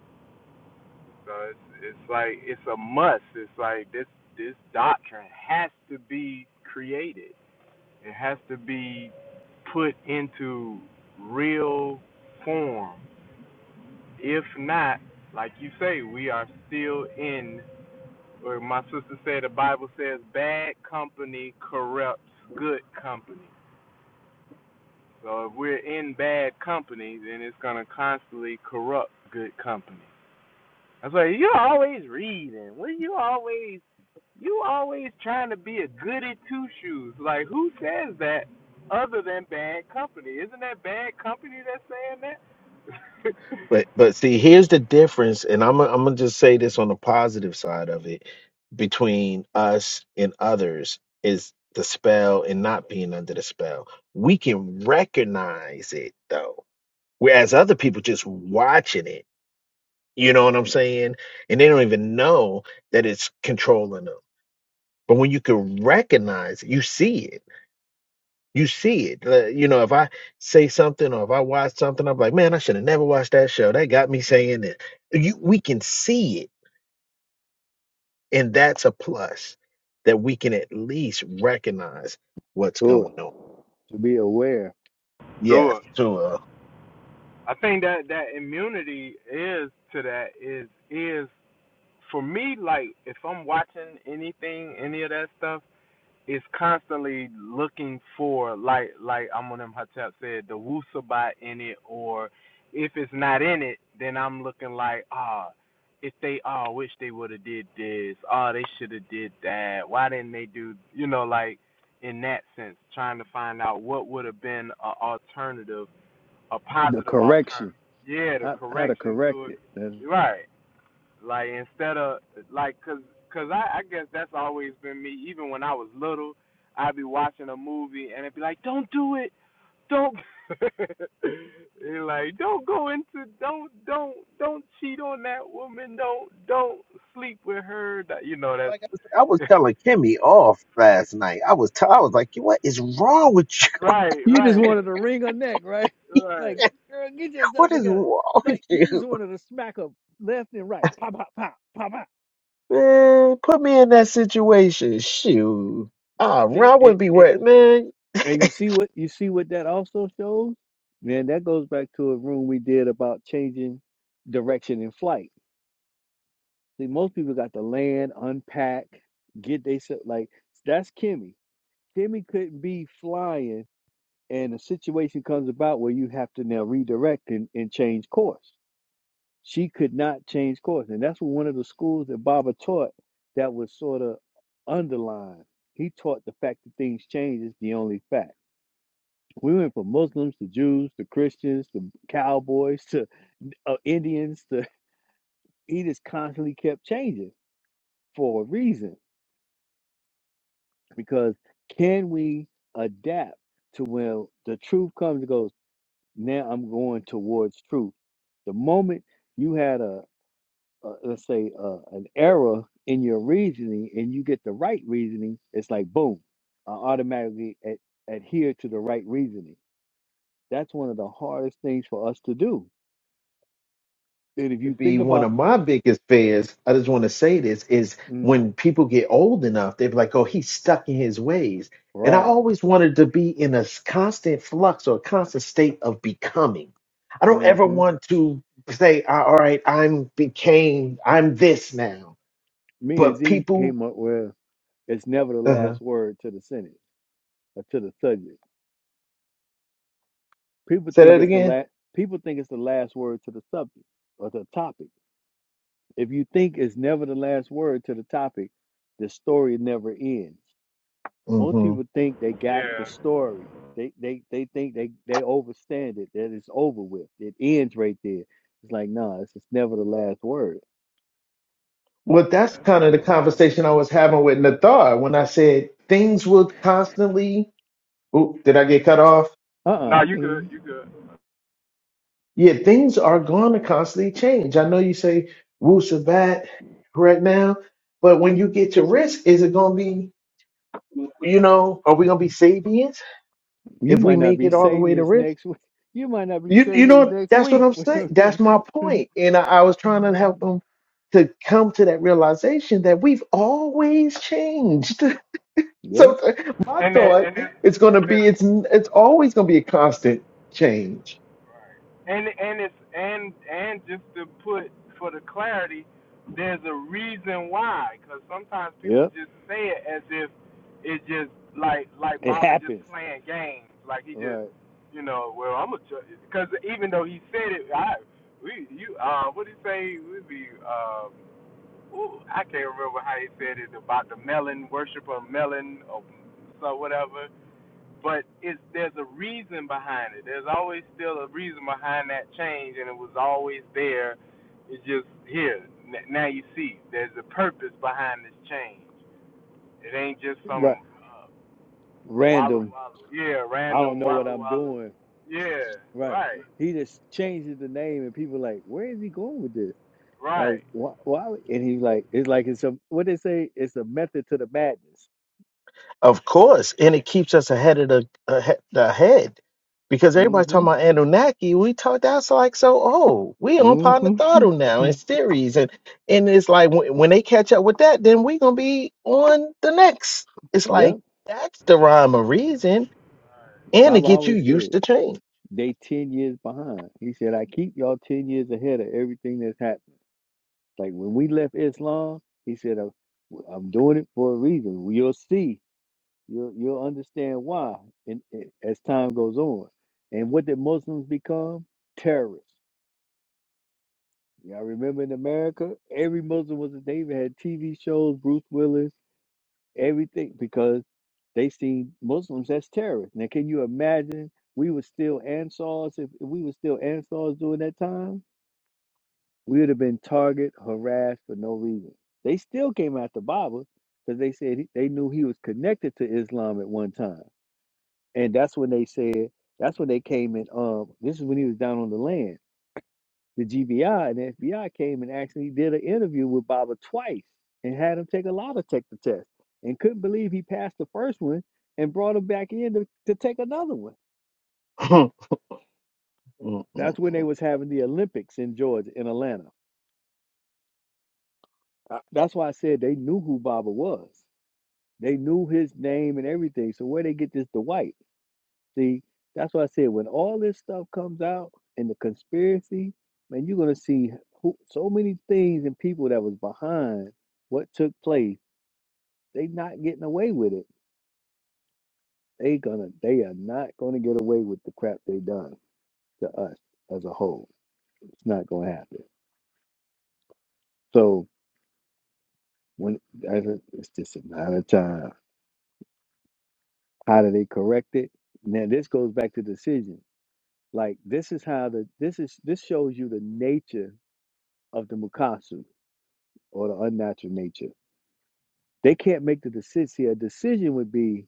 [SPEAKER 5] But but see, here's the difference, and I'm gonna- I'm gonna just say this on the positive side of it between us and others is the spell and not being under the spell. We can recognize it though, whereas other people just watching it. You know what I'm saying? And they don't even know that it's controlling them. But when you can recognize it, you see it you see it. Like, You know, if I say something or if I watch something, I'm like, man, I should have never watched that show. That got me saying it. You, we can see it, and that's a plus that we can at least recognize what's
[SPEAKER 1] Sure.
[SPEAKER 5] going on.
[SPEAKER 1] To be aware,
[SPEAKER 5] Yes, so uh,
[SPEAKER 1] the correction, how how to correct it. That's
[SPEAKER 5] like I was, I was telling Kimmy off last night. I was, t- I was like, what is wrong with
[SPEAKER 1] You just wanted to wring her neck, right?
[SPEAKER 5] you?
[SPEAKER 1] Like, girl, get yourself
[SPEAKER 5] What is
[SPEAKER 1] together.
[SPEAKER 5] wrong with
[SPEAKER 1] Like, you
[SPEAKER 5] you?
[SPEAKER 1] just wanted to smack her left and right. Pop, pop, pop, pop, pop.
[SPEAKER 5] Man, put me in that situation. Shoot. Ah,
[SPEAKER 1] See,
[SPEAKER 5] I
[SPEAKER 1] and,
[SPEAKER 5] wouldn't be
[SPEAKER 1] and,
[SPEAKER 5] worried, man.
[SPEAKER 1] and you see what you see what that also shows. Man, that goes back to a room we did about changing direction in flight. See, most people got to land, unpack, get they se- like that's Kimmy. Kimmy couldn't be flying, and a situation comes about where you have to now redirect and, and change course She could not change course. And that's one of the schools that Baba taught that was sort of underlined. He taught the fact that things change is the only fact. We went from Muslims to Jews to Christians to cowboys to uh, Indians to he just constantly kept changing for a reason. Because can we adapt to when the truth comes and goes, now I'm going towards truth. The moment you had a uh, let's say uh, an error in your reasoning and you get the right reasoning it's like boom i automatically ad- adhere to the right reasoning that's one of the hardest things for us to do and if you think
[SPEAKER 5] be one
[SPEAKER 1] about
[SPEAKER 5] of my biggest fears. I just want to say this is
[SPEAKER 1] mm,
[SPEAKER 5] when people get old enough, they're like, oh, he's stuck in his ways. And I
[SPEAKER 1] right
[SPEAKER 5] always wanted to be in a s- constant flux or a constant state of becoming. I don't ever
[SPEAKER 1] hmm
[SPEAKER 5] want to say, "Ah, all right, I'm became, I'm this now.
[SPEAKER 1] me and
[SPEAKER 5] But
[SPEAKER 1] z
[SPEAKER 5] people,
[SPEAKER 1] came up with it's never the
[SPEAKER 5] uh-huh.
[SPEAKER 1] last word to the sentence or to the subject people
[SPEAKER 5] say
[SPEAKER 1] think
[SPEAKER 5] that
[SPEAKER 1] it's the
[SPEAKER 5] again.
[SPEAKER 1] last people think it's the last word to the subject or the topic if you think it's never the last word to the topic the story never ends Most
[SPEAKER 5] hmm
[SPEAKER 1] people think they got the story. They they they think they they overstand it. That it's over with. It ends right there. It's like nah, it's just never the last word.
[SPEAKER 5] Well, that's kind of the conversation I was having with Nathar when I said things will constantly. Oop, did I get cut off?
[SPEAKER 1] Uh uh I can hear you.
[SPEAKER 5] Yeah, things are going to constantly change. I know you say woo sabat right now, but when you get to risk, is it going to be, you know, are we going to be Sabians
[SPEAKER 1] You
[SPEAKER 5] if we
[SPEAKER 1] might not
[SPEAKER 5] make
[SPEAKER 1] be
[SPEAKER 5] it all the way
[SPEAKER 1] saving
[SPEAKER 5] to
[SPEAKER 1] us
[SPEAKER 5] risk?
[SPEAKER 1] next week. You might not be
[SPEAKER 5] You, you
[SPEAKER 1] saving us
[SPEAKER 5] know,
[SPEAKER 1] next
[SPEAKER 5] that's what
[SPEAKER 1] week.
[SPEAKER 5] I'm saying.
[SPEAKER 1] yep,
[SPEAKER 5] That's my point. And I, I was trying to help them to come to that realization that we've always changed. so th- my thought is going to be it's it's always going to be a constant change
[SPEAKER 1] yep. It happens. Right, right. Random. I don't know what I'm doing. Right. He just changes the name, and people like, where is he going with this? Like why? Why? would- And he's like, it's like it's a what they say. It's a method to the madness.
[SPEAKER 5] Of course, and it keeps us ahead of the ahead, the head because everybody's
[SPEAKER 1] Mm-hmm.
[SPEAKER 5] talking about Anunnaki. We talk that's like so old. We on
[SPEAKER 1] Mm-hmm.
[SPEAKER 5] Panatharu now in
[SPEAKER 1] hmm
[SPEAKER 5] series, and and it's like when, when they catch up with that, then we gonna be on the next. It's like
[SPEAKER 1] Yep.
[SPEAKER 5] that's the rhyme or reason, and to
[SPEAKER 1] Bob
[SPEAKER 5] get you
[SPEAKER 1] always said
[SPEAKER 5] used to change.
[SPEAKER 1] they ten years behind. He said I keep y'all ten years ahead of everything that's happening. Like when we left Islam, he said I'm, I'm doing it for a reason. You'll see. You'll you'll understand why. And as time goes on, and what did Muslims become? Terrorists. Y'all remember in America, every Muslim was a they even had TV shows, Bruce Willis everything because they see Muslims as terrorists. Now, can you imagine we were still Ansars? If, if we were still Ansars during that time, we would have been target harassed for no reason. They still came after Baba because they said he- they knew he was connected to Islam at one time, and that's when they said that's when they came in. Um, this is when he was down on the land the GBI and the FBI came and actually did an interview with Baba twice and had him take a lie detector test and couldn't believe he passed the first one and brought him back in to, to take another one.
[SPEAKER 5] and,
[SPEAKER 1] That's when they was having the Olympics in Georgia in Atlanta. Uh, That's why I said they knew who Baba was. They knew his name and everything. So where they get this the white? See, that's why I said when all this stuff comes out and the conspiracy, man, you're gonna see who, so many things and people that was behind what took place They not getting away with it. They gonna they are not gonna get away with the crap they done to us as a whole. It's not gonna happen. So when as a- it's just a matter of time. How do they correct it? Now this goes back to decision. Like this is how the this is this shows you the nature of the Mukasu or the unnatural nature. They can't make the decision. See, a decision would be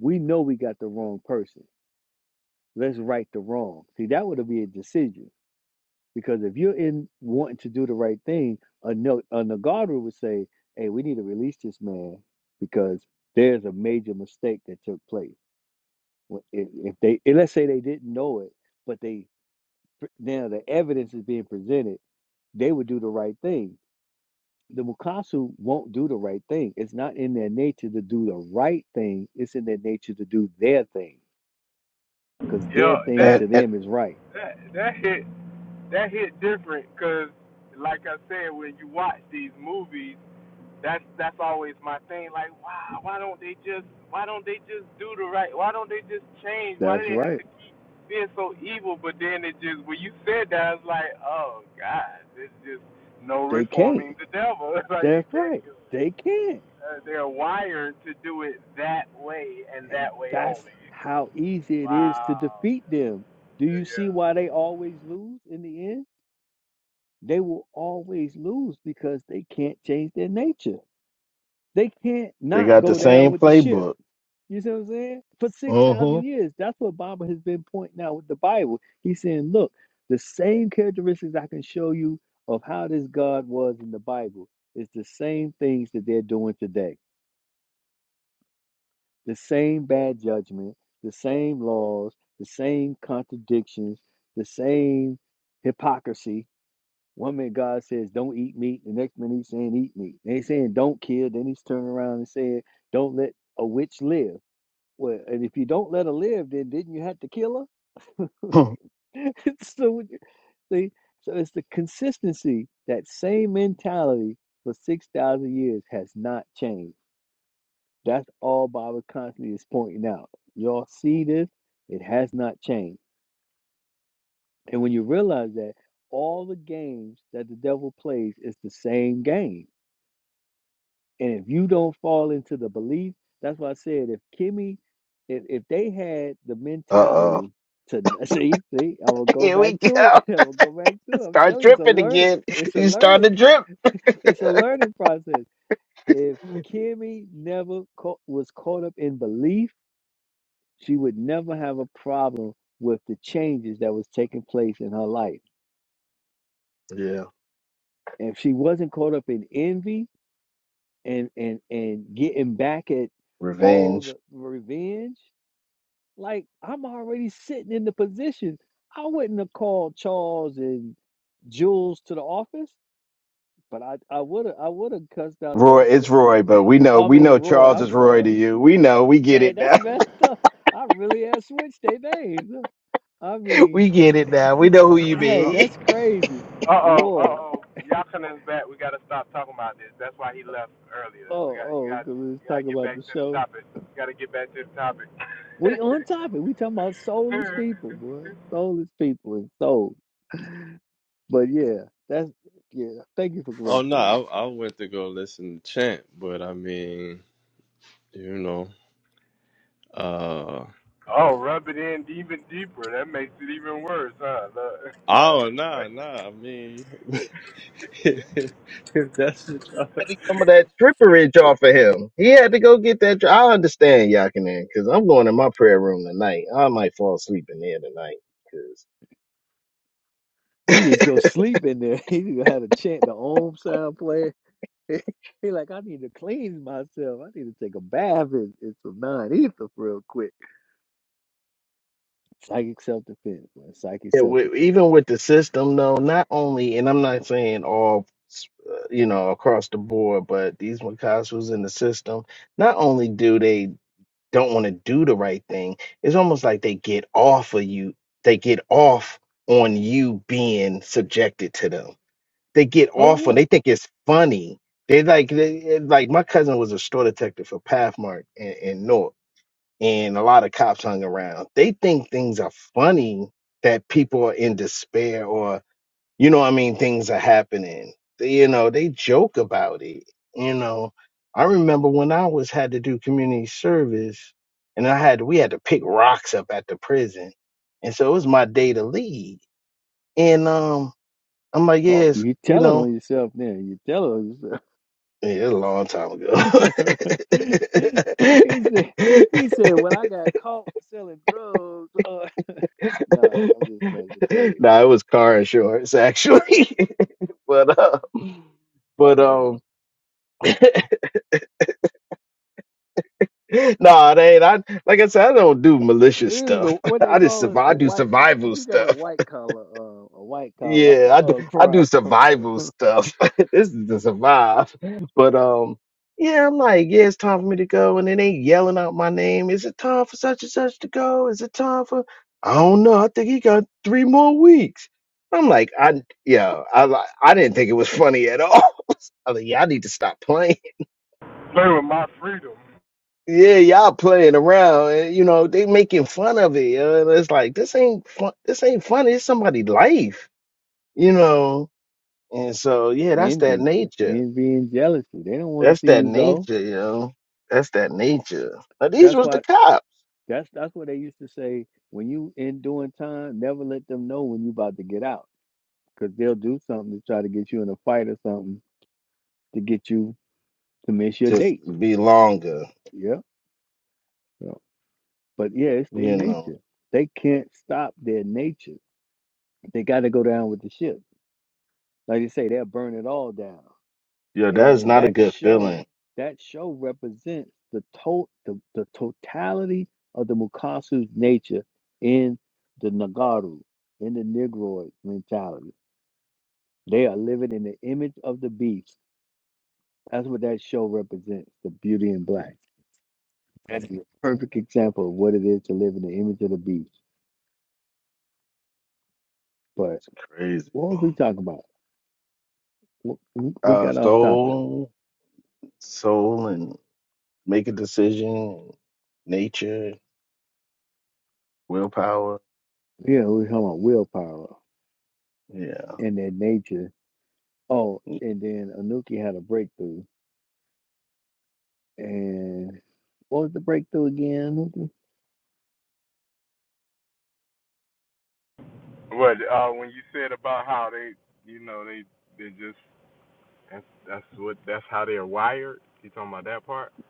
[SPEAKER 1] we know we got the wrong person. Let's right the wrong. See, that would be a decision Because if you're in wanting to do the right thing, a no, a Nagaru would say, "Hey, we need to release this man because there's a major mistake that took place. Wh- If if they, and let's say they didn't know it, but they now the evidence is being presented, they would do the right thing. The Mukasu won't do the right thing. It's not in their nature to do the right thing. It's in their nature to do their thing because their thing to
[SPEAKER 5] and
[SPEAKER 1] them is right. That's right. They can't. That's right. They can't. And that's how easy it is to defeat them. Do you see why they always lose in the end? They will always lose because they can't change their nature. They can't
[SPEAKER 5] they
[SPEAKER 1] not
[SPEAKER 5] got the
[SPEAKER 1] go down
[SPEAKER 5] same
[SPEAKER 1] with the ship.
[SPEAKER 5] playbook.
[SPEAKER 1] You see what I'm saying? For 6,000
[SPEAKER 5] Mm-hmm.
[SPEAKER 1] years, that's what Baba has been pointing out with the Bible. He's saying, look, the same characteristics I can show you of how this God was in the Bible is the same things that they're doing today. the same bad judgment, the same laws, the same contradictions, the same hypocrisy. One minute God says, don't eat meat. The next minute he's saying, eat meat. Then he's saying, don't kill. Then he's turning around and saying, don't let a witch live. Well, and if you don't let her live, then didn't you have to kill her? so, see, so it's the consistency. That same mentality for 6,000 years has not changed That's all Bible constantly is pointing out. Y'all see this? It has not changed. And when you realize that all the games that the devil plays is the same game. And if you don't fall into the belief, that's why I said if Kimmy, if, if they had the
[SPEAKER 5] Uh oh.
[SPEAKER 1] mentality to see, see, I will go
[SPEAKER 5] Here we
[SPEAKER 1] back to
[SPEAKER 5] go.
[SPEAKER 1] it. I will go back to it. I'm
[SPEAKER 5] Start
[SPEAKER 1] telling you, it's a
[SPEAKER 5] dripping
[SPEAKER 1] learning.
[SPEAKER 5] again.
[SPEAKER 1] It's a
[SPEAKER 5] You start
[SPEAKER 1] learning.
[SPEAKER 5] to drip.
[SPEAKER 1] It's a learning process. If Kimmy never caught, was caught up in belief, she would never have a problem with the changes that was taking place in her life.
[SPEAKER 5] Yeah.
[SPEAKER 1] And if she wasn't caught up in envy and and and getting back at all
[SPEAKER 5] Revenge.
[SPEAKER 1] the revenge, like I'm already sitting in the position. I wouldn't have called Charles and Jules to the office, but I I would have I would have cussed out
[SPEAKER 5] Roy,
[SPEAKER 1] that,
[SPEAKER 5] it's
[SPEAKER 1] that
[SPEAKER 5] Roy, but we know
[SPEAKER 1] I
[SPEAKER 5] we
[SPEAKER 1] mean
[SPEAKER 5] know
[SPEAKER 1] Roy.
[SPEAKER 5] Charles
[SPEAKER 1] I'm
[SPEAKER 5] is Roy
[SPEAKER 1] sorry,
[SPEAKER 5] to you. We know, we get
[SPEAKER 1] dang,
[SPEAKER 5] it
[SPEAKER 1] that's
[SPEAKER 5] now.
[SPEAKER 1] messed up. I really have switched their names. I mean.
[SPEAKER 5] We get it now. We know who you
[SPEAKER 1] Dang,
[SPEAKER 5] be. Had
[SPEAKER 1] that's crazy. Roy. Oh, oh, because we was talking about the show. We on topic. We talking about soulless people, boy. Soulless people and soul. But yeah, that's yeah. Thank you for
[SPEAKER 3] Oh no,
[SPEAKER 1] correcting me.
[SPEAKER 3] I, I went to go listen to Chant, but I mean. You know. Uh oh nah nah. I mean if that's the
[SPEAKER 5] to get Some of that tripperage off of him. He had to go get that. tri- I understand Yakinen, because I'm going in my prayer room tonight. I might fall asleep in there tonight.
[SPEAKER 1] He just go sleep in there. He just had a chant the Om sound player. He like, I need to cleanse myself. I need to take a bath and, and some non ether real quick. Psychic self defense, man. Psychic self
[SPEAKER 5] Because
[SPEAKER 1] defense.
[SPEAKER 5] even with the system, though, not only, and I'm not saying all, uh, you know, across the board, but these Micasas in the system, not only do they don't want to do the right thing, it's almost like they get off of you. They get off on you being subjected to them. They get
[SPEAKER 1] Oh
[SPEAKER 5] off on.
[SPEAKER 1] yeah.
[SPEAKER 5] They think it's funny. They like they, eh, like my cousin was a store detective for Pathmark in, in North, and a lot of cops hung around. They think things are funny that people are in despair or you know what I mean, things are happening. They- You know, they joke about it. You know, I remember when I was had to do community service and I had we had to pick rocks up at the prison. And so it was my day to lead. And um I'm like,
[SPEAKER 1] Oh,
[SPEAKER 5] yes,
[SPEAKER 1] you
[SPEAKER 5] you
[SPEAKER 1] telling
[SPEAKER 5] know,
[SPEAKER 1] on yourself now. You telling on yourself.
[SPEAKER 5] yeah, it was a long time ago.
[SPEAKER 1] he said, he said, when I got caught selling drugs, uh, nah, I'm just messing. Go ahead.
[SPEAKER 5] nah, it was car insurance actually. but uh but um. nah, it ain't. I like I said, I don't do malicious
[SPEAKER 1] It was a,
[SPEAKER 5] stuff.
[SPEAKER 1] what they
[SPEAKER 5] I just
[SPEAKER 1] call it,
[SPEAKER 5] survive.
[SPEAKER 1] a
[SPEAKER 5] I do
[SPEAKER 1] white,
[SPEAKER 5] survival
[SPEAKER 1] you got a
[SPEAKER 5] stuff.
[SPEAKER 1] white collar, uh, a white collar
[SPEAKER 5] Yeah, I do.
[SPEAKER 1] uh,
[SPEAKER 5] I do
[SPEAKER 1] crime.
[SPEAKER 5] survival stuff. this is to survive. But um, yeah, I'm like, yeah, it's time for me to go, and then they yelling out my name. Is it time for such and such to go? Is it time for? I don't know. I think he got three more weeks. I'm like, I yeah, I li- I didn't think it was funny at all. I was like, yeah, I need to stop playing. Yeah, y'all playing around, and you know they making fun of it. yo, And it's like this ain't fun. This ain't funny. It's somebody's life, you know. And so yeah, that's that
[SPEAKER 1] Envy. That's
[SPEAKER 5] nature.
[SPEAKER 1] envy and jealousy. They don't want to
[SPEAKER 5] That's
[SPEAKER 1] see
[SPEAKER 5] that
[SPEAKER 1] you go.
[SPEAKER 5] nature, you know. That's that nature. Now these
[SPEAKER 1] That's
[SPEAKER 5] was the
[SPEAKER 1] why,
[SPEAKER 5] cops.
[SPEAKER 1] that's, that's what they used to say. When you in doing time, never let them know when you about to get out. Because they'll do something to try to get you in a fight or something to get you to miss your
[SPEAKER 5] Just
[SPEAKER 1] date.
[SPEAKER 5] be longer,
[SPEAKER 1] Yeah. so But yeah, it's their
[SPEAKER 5] you know.
[SPEAKER 1] nature. They can't stop their nature. They got to go down with the ship. Like you say, they'll burn it all down.
[SPEAKER 5] Yeah, that is
[SPEAKER 1] And
[SPEAKER 5] not a
[SPEAKER 1] that
[SPEAKER 5] good
[SPEAKER 1] show,
[SPEAKER 5] feeling.
[SPEAKER 1] that show represents the to- the, the totality of the Mukasu's nature in the Nagaru, in the Negroid mentality. They are living in the image of the beast. That's what that show represents, the beauty in black. That's a perfect example of what it is to live in the image of the beast. But
[SPEAKER 5] It's crazy.
[SPEAKER 1] what was we talking about? w- we
[SPEAKER 5] Uh,
[SPEAKER 1] got off topic.
[SPEAKER 5] soul, soul, and make a decision. Nature, willpower.
[SPEAKER 1] Yeah, we were talking about willpower
[SPEAKER 5] Yeah,
[SPEAKER 1] and their nature. Oh, and then Anuki had a breakthrough. And what was the breakthrough again, Anuki?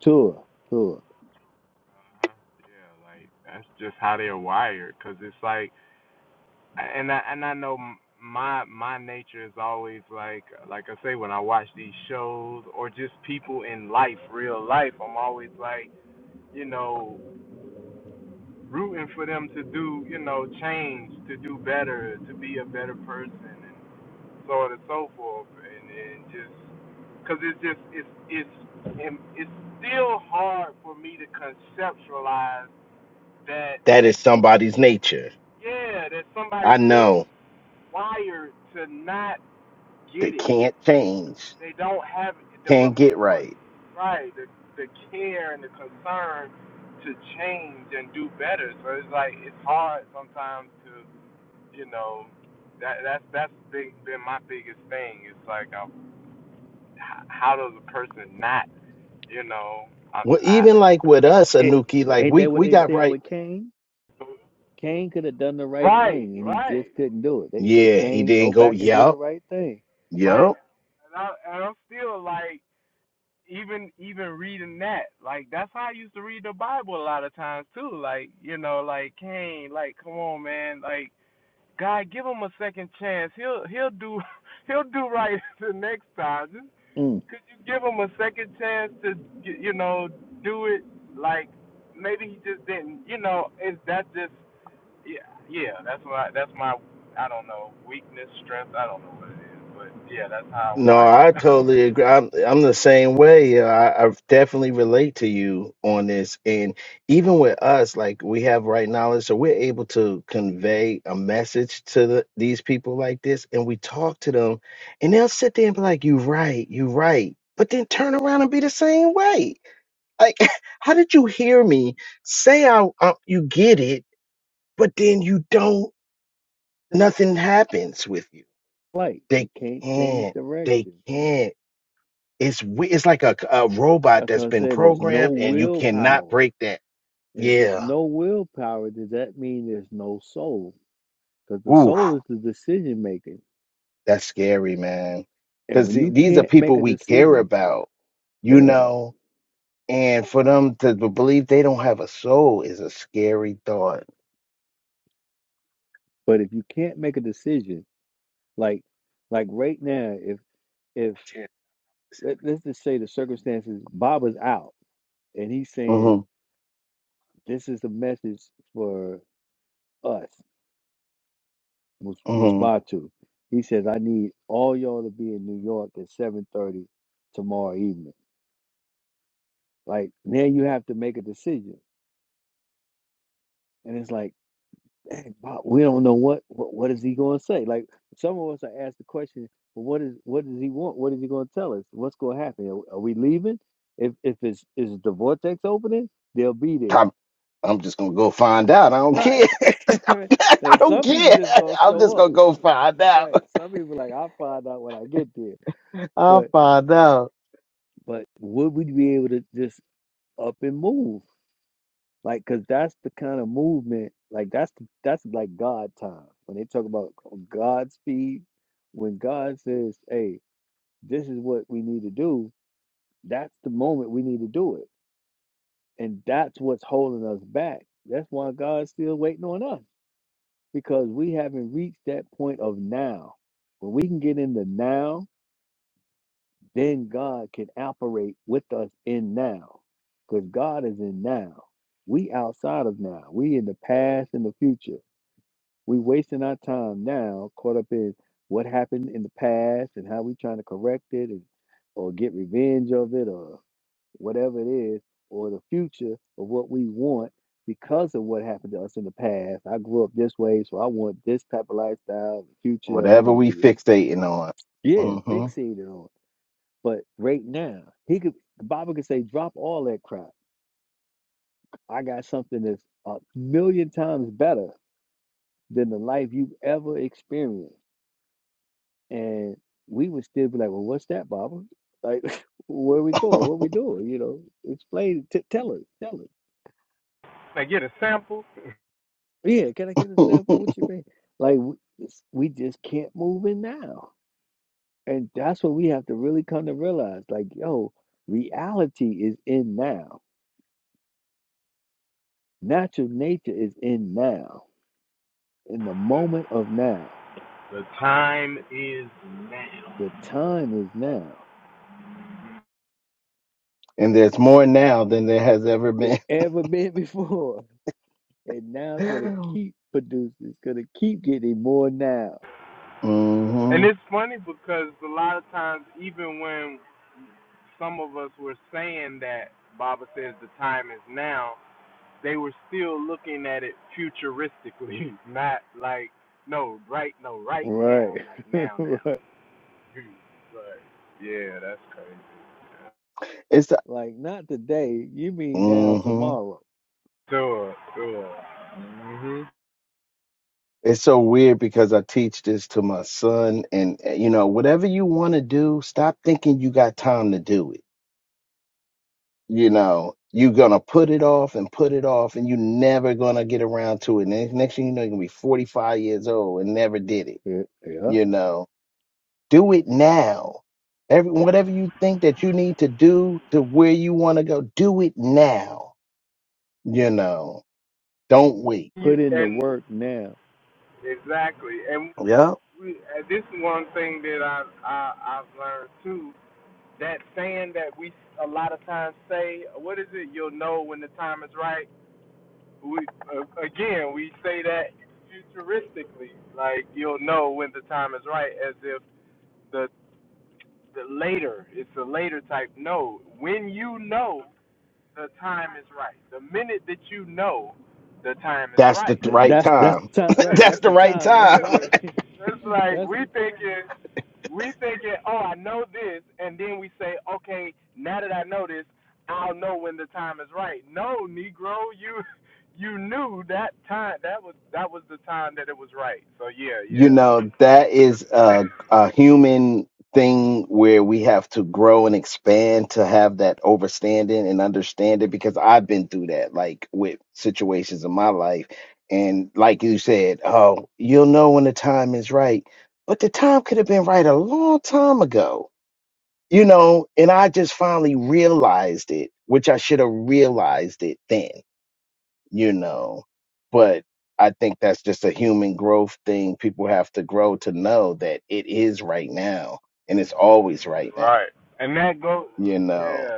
[SPEAKER 1] Tour, tour.
[SPEAKER 5] that is somebody's nature. I know that can't change, can't get right. Well, even like with us,
[SPEAKER 1] It,
[SPEAKER 5] Anuki, like
[SPEAKER 1] ain't
[SPEAKER 5] we
[SPEAKER 1] that what
[SPEAKER 5] we
[SPEAKER 1] they
[SPEAKER 5] got
[SPEAKER 1] said
[SPEAKER 5] right.
[SPEAKER 1] with Cain? Cain could have done the right thing and he just couldn't do it. They said,
[SPEAKER 5] Yeah, he
[SPEAKER 1] Cain, go
[SPEAKER 5] didn't go.
[SPEAKER 1] back and do the
[SPEAKER 5] Yup,
[SPEAKER 1] right thing.
[SPEAKER 5] yup.
[SPEAKER 1] Mm.
[SPEAKER 5] No, I totally agree. I'm I'm the same way. Yeah, I, I definitely relate to you on this, and even with us, like we have right knowledge, so we're able to convey a message to the, these people like this, and we talk to them, and they'll sit there and be like, "You right, you right," but then turn around and be the same way Like, how did you hear me? Say I, I you get it, but then you don't. Nothing happens with you.
[SPEAKER 1] Like,
[SPEAKER 5] They
[SPEAKER 1] they can't change
[SPEAKER 5] can't. They
[SPEAKER 1] direction.
[SPEAKER 5] can't. It's we- it's like a, a robot
[SPEAKER 1] That's what
[SPEAKER 5] that's
[SPEAKER 1] I
[SPEAKER 5] been
[SPEAKER 1] said. There's no
[SPEAKER 5] programmed, and you cannot
[SPEAKER 1] willpower.
[SPEAKER 5] break that.
[SPEAKER 1] And if there's
[SPEAKER 5] Yeah.
[SPEAKER 1] no willpower, does that mean there's no soul? because the
[SPEAKER 5] Ooh,
[SPEAKER 1] soul is the decision maker,
[SPEAKER 5] that's scary, man.
[SPEAKER 1] And
[SPEAKER 5] Because
[SPEAKER 1] when you
[SPEAKER 5] these are
[SPEAKER 1] can't make
[SPEAKER 5] people
[SPEAKER 1] a
[SPEAKER 5] we care
[SPEAKER 1] decision,
[SPEAKER 5] about, you
[SPEAKER 1] yeah.
[SPEAKER 5] know. And for them to b- believe they don't have a soul is a scary thought.
[SPEAKER 1] But if you can't make a decision, like like right now, if if let, let's just say the circumstances, Baba's out, and he's
[SPEAKER 5] hmm
[SPEAKER 1] saying this is the message for us, Mus-
[SPEAKER 5] hmm
[SPEAKER 1] Musbatu. He says, I need all y'all to be in New York at seven thirty tomorrow evening. Like now, you have to make a decision, and it's like dang, wow, we don't know what, what what is he going to say. Like some of us are asked the question, well, what is what does he want? What is he going to tell us? What's going to happen? Are, are we leaving? If if it's is the vortex opening, they'll be
[SPEAKER 5] I'm,
[SPEAKER 1] there.
[SPEAKER 5] I'm just gonna go find out. I don't
[SPEAKER 1] Right.
[SPEAKER 5] care. I
[SPEAKER 1] like
[SPEAKER 5] don't
[SPEAKER 1] some people
[SPEAKER 5] care.
[SPEAKER 1] just gonna
[SPEAKER 5] I'm
[SPEAKER 1] show
[SPEAKER 5] just
[SPEAKER 1] up.
[SPEAKER 5] gonna go find
[SPEAKER 1] Right.
[SPEAKER 5] out.
[SPEAKER 1] Some people like I'll find out when I get there.
[SPEAKER 5] I'll
[SPEAKER 1] But
[SPEAKER 5] find out.
[SPEAKER 1] but would we be able to just up and move? Like, cause that's the kind of movement. Like that's the, that's like God time when they talk about God speed. When God says, "Hey, this is what we need to do," that's the moment we need to do it, and that's what's holding us back. That's why God's still waiting on us because we haven't reached that point of now. When we can get into now, then God can operate with us in now, because God is in now. We outside of now. We in the past and the future We wasting our time now, caught up in what happened in the past and how we trying to correct it and or get revenge of it or whatever it is, or the future of what we want because of what happened to us in the past. I grew up this way, so I want this type of lifestyle. in the future, I'm
[SPEAKER 5] Whatever
[SPEAKER 1] going to
[SPEAKER 5] we
[SPEAKER 1] be,
[SPEAKER 5] fixating on.
[SPEAKER 1] yeah,
[SPEAKER 5] hmm
[SPEAKER 1] fixated on. But right now, he could, the Bible could say, drop all that crap. I got something that's a million times better than the life you've ever experienced. And we would still be like, well, what's that, Baba? Like, where we going? What we doing? You know, explain, t- tell us, tell us. Yeah, can I get a sample? What you mean? Like, w- it's- we just can't move in now. And that's what we have to really come to realize. Like, yo, reality is in now. Natural nature is in now, in the moment of now. The time is now.
[SPEAKER 5] and there's more now than there has ever
[SPEAKER 1] There
[SPEAKER 5] been.
[SPEAKER 1] ever been before. And now it's going to
[SPEAKER 5] hmm
[SPEAKER 1] keep producing. It's going to keep getting more now Right. Right.
[SPEAKER 5] It's
[SPEAKER 1] Like not today. You mean now
[SPEAKER 5] hmm
[SPEAKER 1] tomorrow.
[SPEAKER 5] it's so weird because I teach this to my son, and uh, you know, whatever you want to do, stop thinking you got time to do it you know, you're gonna put it off and put it off, and you're never gonna get around to it. And next thing you know, you're gonna be 45 years old and never did it.
[SPEAKER 1] Yeah. yeah.
[SPEAKER 5] You know, do it now. Every whatever you think that you need to do to where you want to go, do it now. You know, don't wait.
[SPEAKER 1] Put in the work now.
[SPEAKER 5] Yeah, that's the th-
[SPEAKER 1] Th-
[SPEAKER 5] right
[SPEAKER 1] that's that's
[SPEAKER 5] time.
[SPEAKER 1] the time right.
[SPEAKER 5] that's
[SPEAKER 1] That's
[SPEAKER 5] the
[SPEAKER 1] the
[SPEAKER 5] right
[SPEAKER 1] time. That's
[SPEAKER 5] time.
[SPEAKER 1] right. that's
[SPEAKER 5] You know, that is a, a human thing where we have to grow and expand to have that overstanding and understand it because I've been through that, like with situations in my life. And like you said, oh, you'll know when the time is right. But the time could have been right a long time ago, you know, and I just finally realized it, which I should have realized it then you know. But I think that's just a human growth thing. People have to grow to know that it is right now and it's always right now, you know.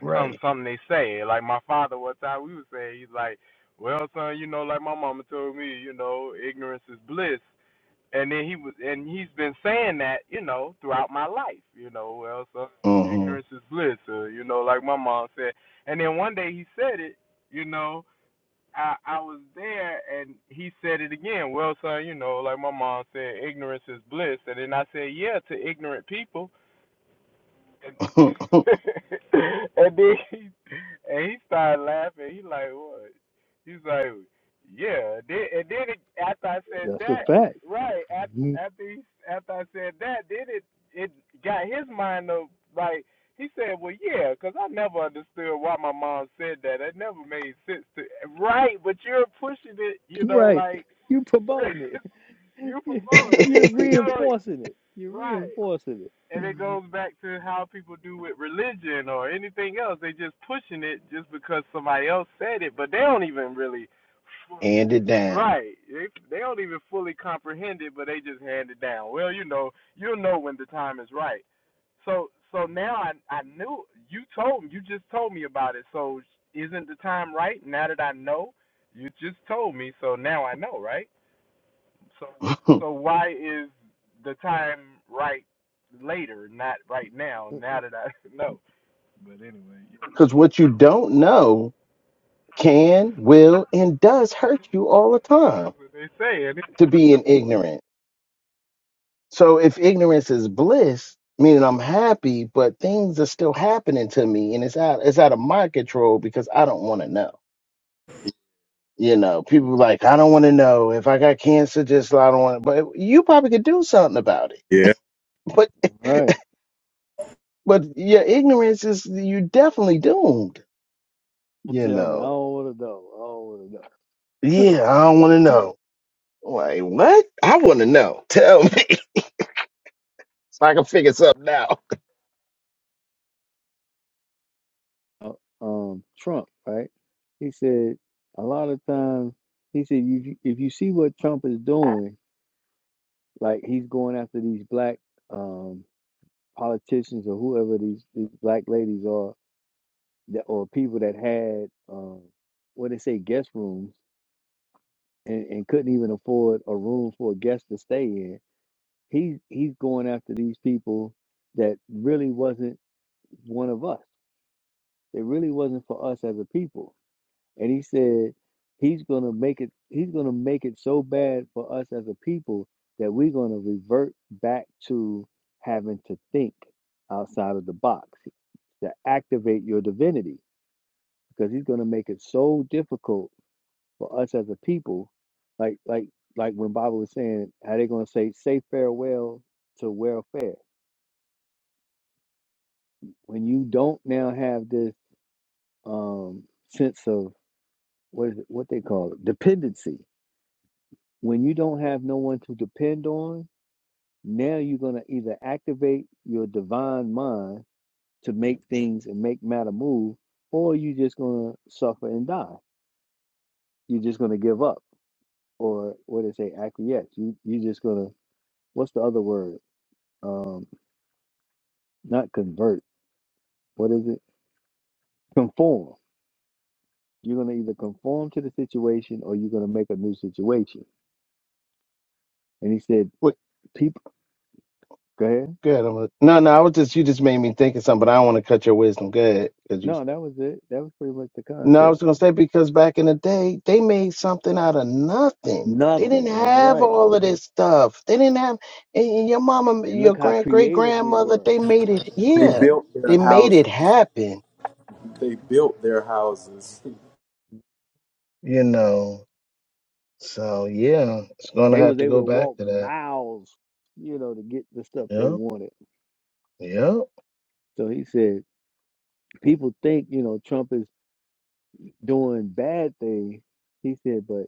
[SPEAKER 5] Right. hmm
[SPEAKER 1] that's a fact. Mhm. Right. You promoting it. You- You're reinforcing it. You're reinforcing it.
[SPEAKER 5] Hand it down. Because what you don't know can, will, and does hurt you all the time to being ignorant. So if ignorance is bliss, meaning I'm happy, but things are still happening to me and it's out it's out of my control because I don't want to know. You know, people like, I don't want to know if I got cancer, just I don't want But you probably could do something about it.
[SPEAKER 4] Yeah.
[SPEAKER 5] But
[SPEAKER 1] Right.
[SPEAKER 5] but your ignorance is you definitely doomed,
[SPEAKER 1] Don't
[SPEAKER 5] you
[SPEAKER 1] tell me. I
[SPEAKER 5] know.
[SPEAKER 1] don't want to know. I don't want to know.
[SPEAKER 5] Yeah, I don't want to know. Like, what? I want to know. Tell me so I can figure something out.
[SPEAKER 1] uh, um, Trump, right? He said a lot of times he said you if you see what Trump is doing, like he's going after these black um, politicians or whoever these, these black ladies are that or people that had um, what they say guest rooms and, and couldn't even afford a room for a guest to stay in. He's he's going after these people that really wasn't one of us. They really wasn't for us as a people and he said he's gonna make it he's gonna make it so bad for us as a people that we're gonna revert back to having to think outside of the box to activate your divinity because he's gonna make it so difficult for us as a people like like like when Bible was saying how they gonna say say farewell to welfare when you don't now have this um sense of what is it what they call it dependency when you don't have no one to depend on, now you're going to either activate your divine mind to make things and make matter move, or you're just going to suffer and die. You're just going to give up, or what they say, acquiesce. You, you're just going to, what's the other word? Um, not convert. What is it? Conform. You're going to either conform to the situation or you're going to make a new situation. And he said,
[SPEAKER 5] Wait,
[SPEAKER 1] people, go ahead.
[SPEAKER 5] Go ahead. I'm going no, no, I was just, you just made me think of something, but I don't want to cut your wisdom. Go ahead, 'cause you.
[SPEAKER 1] No, that was it. That was pretty much the
[SPEAKER 5] No, I
[SPEAKER 1] concept.
[SPEAKER 5] was gonna say because back in the day, they made something out of nothing. They
[SPEAKER 1] Nothing.
[SPEAKER 5] didn't
[SPEAKER 1] That's
[SPEAKER 5] have
[SPEAKER 1] right.
[SPEAKER 5] all of this stuff. They didn't have, and and your mama,
[SPEAKER 1] And
[SPEAKER 5] your
[SPEAKER 1] look how
[SPEAKER 5] grand great
[SPEAKER 1] creative we
[SPEAKER 5] grandmother,
[SPEAKER 1] were.
[SPEAKER 5] they made it.
[SPEAKER 4] They
[SPEAKER 5] Yeah,
[SPEAKER 4] built their
[SPEAKER 5] they made it
[SPEAKER 4] houses.
[SPEAKER 5] happen.
[SPEAKER 4] They
[SPEAKER 1] Mhm.
[SPEAKER 4] built their houses.
[SPEAKER 5] You know, so yeah, it's gonna
[SPEAKER 1] They
[SPEAKER 5] have
[SPEAKER 1] was
[SPEAKER 5] to
[SPEAKER 1] able
[SPEAKER 5] go
[SPEAKER 1] to
[SPEAKER 5] back
[SPEAKER 1] walk
[SPEAKER 5] to that.
[SPEAKER 1] miles, you know, to get the stuff they
[SPEAKER 5] Yeah,
[SPEAKER 1] wanted.
[SPEAKER 5] yeah.
[SPEAKER 1] So he said, people think, you know, Trump is doing bad things. He said, but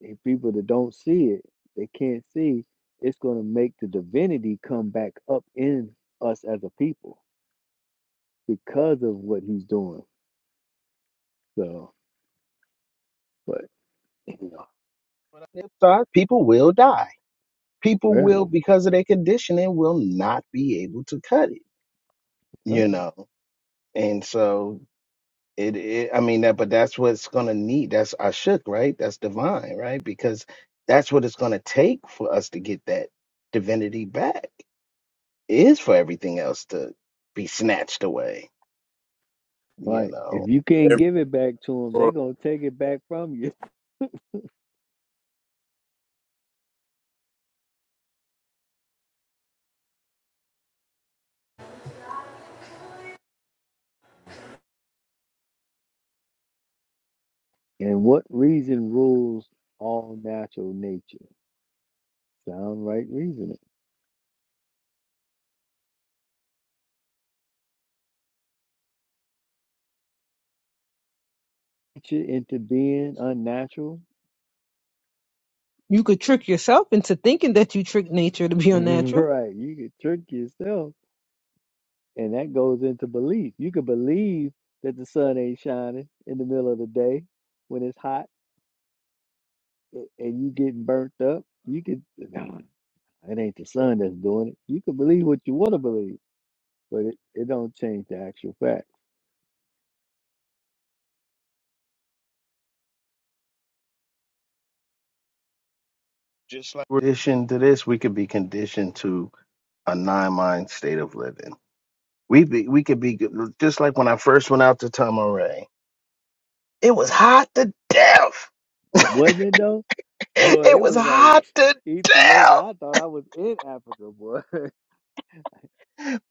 [SPEAKER 1] if people that don't see it, they can't see, it's going to make the divinity come back up in us as a people because of what he's doing. So, but, you know,
[SPEAKER 5] But on the flip side, people will die. People
[SPEAKER 1] yeah.
[SPEAKER 5] will, because of their conditioning, will not be able to cut it.
[SPEAKER 1] yeah.
[SPEAKER 5] You know, and so It, it, I mean that, but that's what's gonna need. That's Ashuk, right? That's divine, right? Because that's what it's gonna take for us to get that divinity back. Is for everything else to be snatched away. You
[SPEAKER 1] Like, if
[SPEAKER 5] know,
[SPEAKER 1] you can't give it back to them, they're going to take it back from you. And what reason rules all natural nature? Sound right reasoning. Nature into being unnatural?
[SPEAKER 2] You could trick yourself into thinking that you tricked nature to be unnatural.
[SPEAKER 1] right. You could trick yourself, and that goes into belief. You could believe that the sun ain't shining in the middle of the day when it's hot a- and you getting burnt up. You could, no, it ain't the sun that's doing it. You could believe what you want to believe, but it, it don't change the actual fact.
[SPEAKER 5] just like we're conditioned to this, we could be conditioned to a nine-mind state of living. We be, we could be just like when I first went out to Tamaray. It was hot to death.
[SPEAKER 1] Wasn't it though? Boy,
[SPEAKER 5] it
[SPEAKER 1] it
[SPEAKER 5] was
[SPEAKER 1] was
[SPEAKER 5] hot
[SPEAKER 1] like
[SPEAKER 5] to
[SPEAKER 1] Ethiopia.
[SPEAKER 5] death.
[SPEAKER 1] I thought I was in Africa, boy.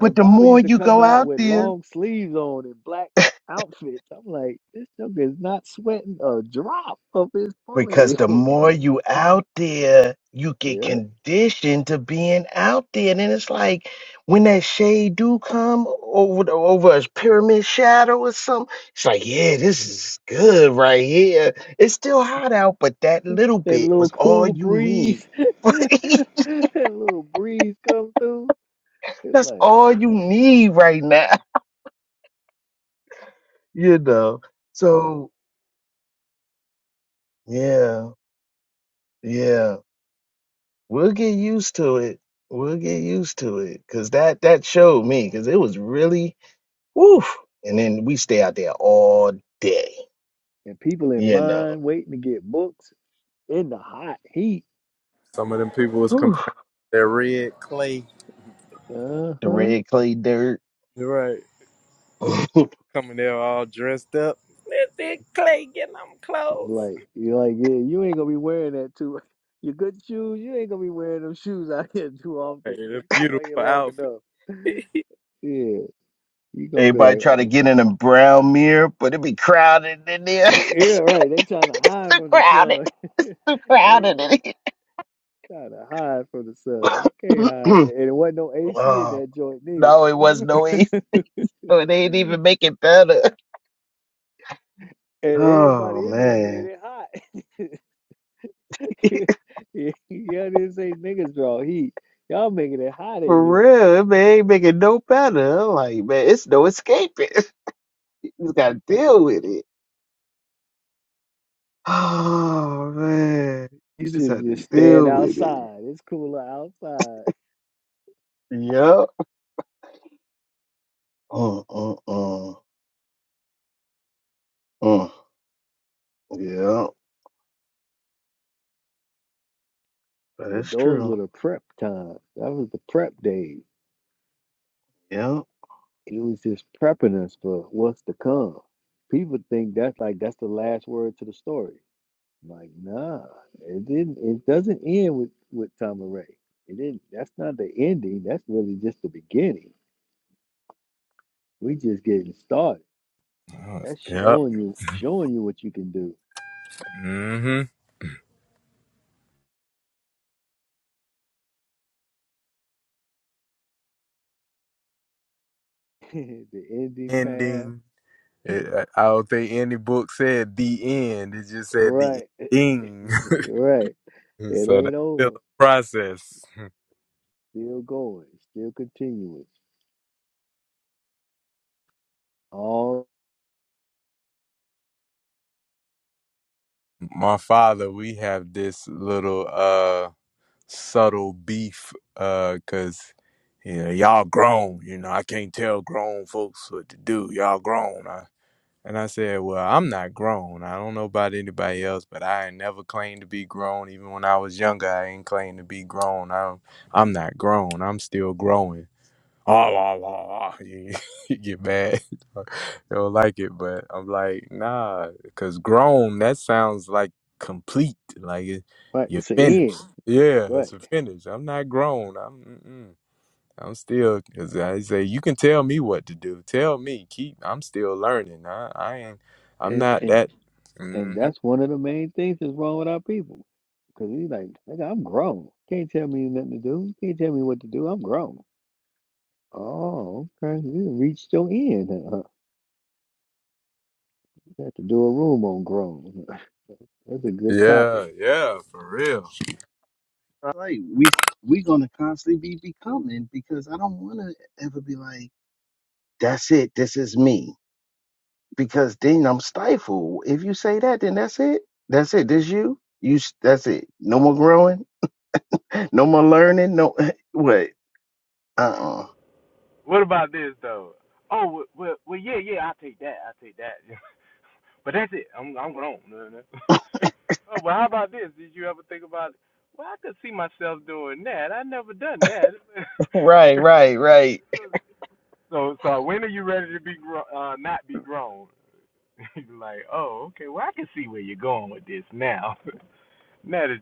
[SPEAKER 5] But
[SPEAKER 1] And
[SPEAKER 5] the
[SPEAKER 1] Bobby
[SPEAKER 5] more
[SPEAKER 1] used to
[SPEAKER 5] you
[SPEAKER 1] come
[SPEAKER 5] go
[SPEAKER 1] out
[SPEAKER 5] out
[SPEAKER 1] with
[SPEAKER 5] there.
[SPEAKER 1] long sleeves on and black outfits. I'm like, this nigga is not sweating a drop of his
[SPEAKER 5] Because
[SPEAKER 1] forehead.
[SPEAKER 5] the more you out there, you get
[SPEAKER 1] yeah. That
[SPEAKER 5] conditioned to being out there. And then it's like when that shade do come over the, over a pyramid shadow or something, it's like, yeah, this is good right here. It's still hot out, but that little bit
[SPEAKER 1] little
[SPEAKER 5] was all
[SPEAKER 1] cool
[SPEAKER 5] you
[SPEAKER 1] breeze.
[SPEAKER 5] need.
[SPEAKER 1] that little breeze come through. It's
[SPEAKER 5] That's
[SPEAKER 1] like
[SPEAKER 5] all you need right now, you know. So yeah, yeah. We'll get used to it. We'll get used to it. Cause that that showed me, cause it was really woof. And then we stay out there all day,
[SPEAKER 1] and people in
[SPEAKER 5] you know.
[SPEAKER 1] line waiting to get books in the hot heat.
[SPEAKER 4] Some of them people was
[SPEAKER 5] Whew.
[SPEAKER 4] complaining. They're red clay.
[SPEAKER 5] The
[SPEAKER 1] Uh-huh.
[SPEAKER 5] red clay dirt.
[SPEAKER 4] You're right. Coming there all dressed up. Clothes.
[SPEAKER 1] Like you are like, yeah, you ain't gonna be wearing that too. Your good shoes, you ain't gonna be wearing them shoes out here too often.
[SPEAKER 4] Hey,
[SPEAKER 1] and
[SPEAKER 4] the
[SPEAKER 1] You come out
[SPEAKER 4] beautiful
[SPEAKER 1] here long
[SPEAKER 4] outfits.
[SPEAKER 1] enough, yeah, you gonna be
[SPEAKER 5] Everybody
[SPEAKER 1] like,
[SPEAKER 5] try
[SPEAKER 1] "Oh,
[SPEAKER 5] to get in a brown mirror, but it be crowded in there.
[SPEAKER 1] yeah,
[SPEAKER 5] it's
[SPEAKER 1] right. They trying to hide
[SPEAKER 5] too
[SPEAKER 1] from the
[SPEAKER 5] crowded.
[SPEAKER 1] sun.
[SPEAKER 5] It's too
[SPEAKER 1] they
[SPEAKER 5] crowded in here.
[SPEAKER 1] trying to hide from the sun. You can't hide, and it wasn't no AC in
[SPEAKER 5] oh,
[SPEAKER 1] that joint
[SPEAKER 5] no, it was no east.
[SPEAKER 1] neither.
[SPEAKER 5] So it ain't
[SPEAKER 1] and
[SPEAKER 5] even make it better. Oh
[SPEAKER 1] everybody in there
[SPEAKER 5] man.
[SPEAKER 1] made it hot. yeah, this say niggas draw heat. Y'all making it hot in
[SPEAKER 5] For
[SPEAKER 1] here, like,
[SPEAKER 5] real, man, ain't making no better. I'm like, man, it's no escaping. You just gotta deal with it. Oh man,
[SPEAKER 1] You
[SPEAKER 5] you just
[SPEAKER 1] should
[SPEAKER 5] have to
[SPEAKER 1] just stand
[SPEAKER 5] deal with it.
[SPEAKER 1] outside. It's cooler outside.
[SPEAKER 5] Yep. Uh, uh, uh, uh. Yeah,
[SPEAKER 1] But
[SPEAKER 5] that's
[SPEAKER 1] those were
[SPEAKER 5] true.
[SPEAKER 1] the prep times. That was the prep days.
[SPEAKER 5] Yeah.
[SPEAKER 1] It was just prepping us for what's to come. People think that's like that's the last word to the story. I'm Like, nah, it didn't. It doesn't end with with Tamaray. It didn't. That's not the ending. That's really just the beginning. We just getting started. That's
[SPEAKER 4] Yep.
[SPEAKER 1] showing you showing you what you can do.
[SPEAKER 4] Mm-hmm.
[SPEAKER 1] the ending path,
[SPEAKER 4] Ending. It, I don't think any book said the end. It just said the
[SPEAKER 1] right?
[SPEAKER 4] ending.
[SPEAKER 1] right. It
[SPEAKER 4] so
[SPEAKER 1] ain't
[SPEAKER 4] that's still
[SPEAKER 1] over.
[SPEAKER 4] a process.
[SPEAKER 1] Still going. Still continuing. All
[SPEAKER 4] My father, we have this little. uh. subtle beef uh cuz you know, y'all grown, you know, I can't tell grown folks what to do. Y'all grown. I, and I said, "Well, I'm not grown. I don't know about anybody else, but I ain't never claimed to be grown. Even when I was younger, I ain't claimed to be grown. I'm I'm not grown. I'm still growing." ah, la, la, la. You, get mad. they don't like it, but I'm like, nah, because grown, that sounds like complete. Like it,
[SPEAKER 1] right.
[SPEAKER 4] you're
[SPEAKER 1] It's an
[SPEAKER 4] finished.
[SPEAKER 1] end.
[SPEAKER 4] Yeah,
[SPEAKER 1] Right.
[SPEAKER 4] it's a finish. I'm not grown. I'm, mm-mm. I'm still, As I say, you can tell me what to do. Tell me. Keep, I'm still learning. I, I ain't, I'm
[SPEAKER 1] And
[SPEAKER 4] not
[SPEAKER 1] and
[SPEAKER 4] that.
[SPEAKER 1] and
[SPEAKER 4] hmm
[SPEAKER 1] that's one of the main things that's wrong with our people. Because he's like, nigga, I'm grown. Can't tell me nothing to do. Can't tell me what to do. I'm grown. Oh, okay. You reached your end. Huh? You have to do a room on grown. That's a good topic.
[SPEAKER 4] Yeah, yeah, for real.
[SPEAKER 5] I Like we we gonna constantly be becoming because I don't want to ever be like, that's it. This is me because then I'm stifled. If you say that, then that's it. That's it. This you. You. s- That's it. No more growing no more learning. No, wait. Uh-uh. Right, right, right.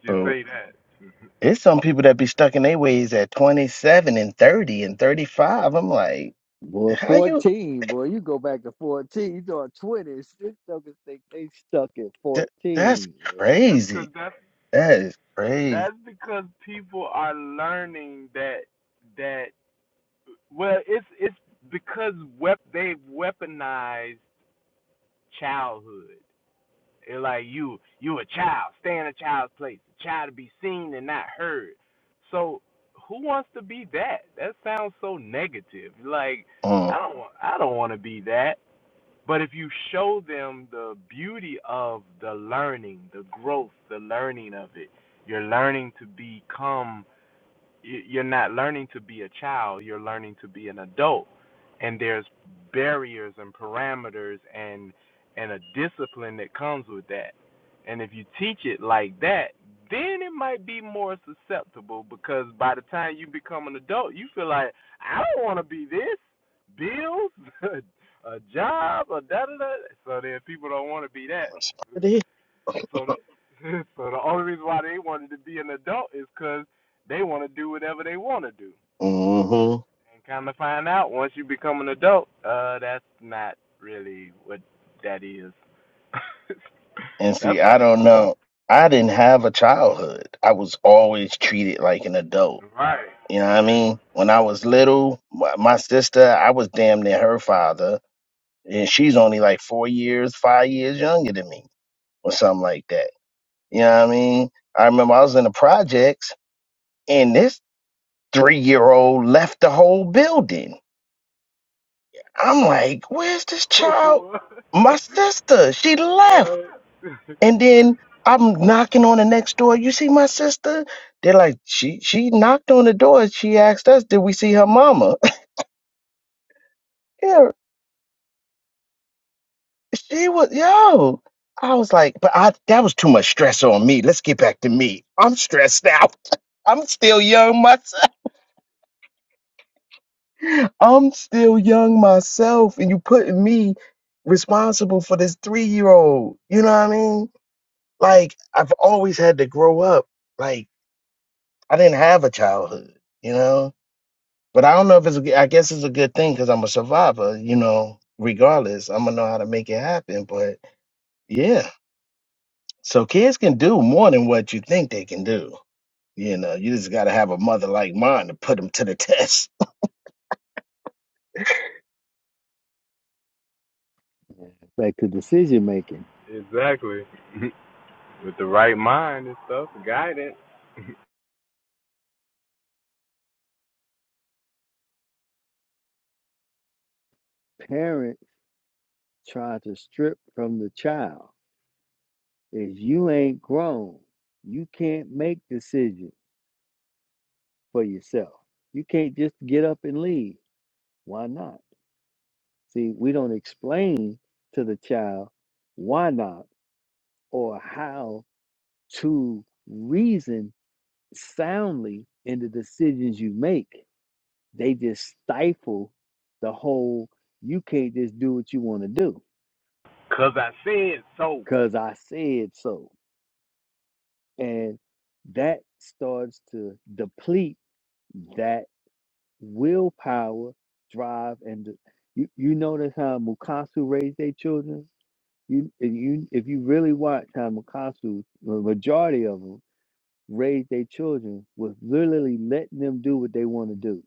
[SPEAKER 5] But it's some people that be stuck in their ways at 27 and 30 and 35. I'm like,
[SPEAKER 1] Boy,
[SPEAKER 5] how you?
[SPEAKER 1] 14, boy, you go back to 14, you doing 20. This suckers think they stuck at
[SPEAKER 5] Th- that's
[SPEAKER 1] 14.
[SPEAKER 5] crazy. That is crazy. Mm. Mm-hmm. And see, I don't know. I didn't have a childhood. I was always treated like an adult. You know what I mean? When I was little, my, my sister, I was damn near her father. and she's only like four years, five years younger than me, or something like that. You know what I mean? I remember I was in the projects, and this three year old left the whole building. I'm like, where's this child? My sister, she left. And then I'm knocking on the next door. You see my sister? They're like, she she knocked on the door. She asked us, did we see her mama? She was yo. I was like, but I that was too much stress on me. Let's get back to me. I'm stressed out. I'm still young myself. I'm still young myself, and you putting me responsible for this three year old. You know what I mean? Like I've always had to grow up. Like I didn't have a childhood. You know, but I don't know if it's. a g- I guess it's a good thing because I'm a survivor. You know, regardless, I'm gonna know how to make it happen. But yeah. So kids can do more than what you think they can do. You know, you just got to have a mother like mine to put them to the test.
[SPEAKER 1] Back to decision making. parents try to strip from the child is you ain't grown. You can't make decisions for yourself. You can't just get up and leave. Why not? See, we don't explain to the child why not or how to reason soundly in the decisions you make. They just stifle the whole you can't just do what you want to do because I said so. And that starts to deplete that willpower, drive, and the, you, you notice how Mukasu raised their children? You, if you if you really watch how Mukasu, the majority of them raised their children was literally letting them do what they want to do.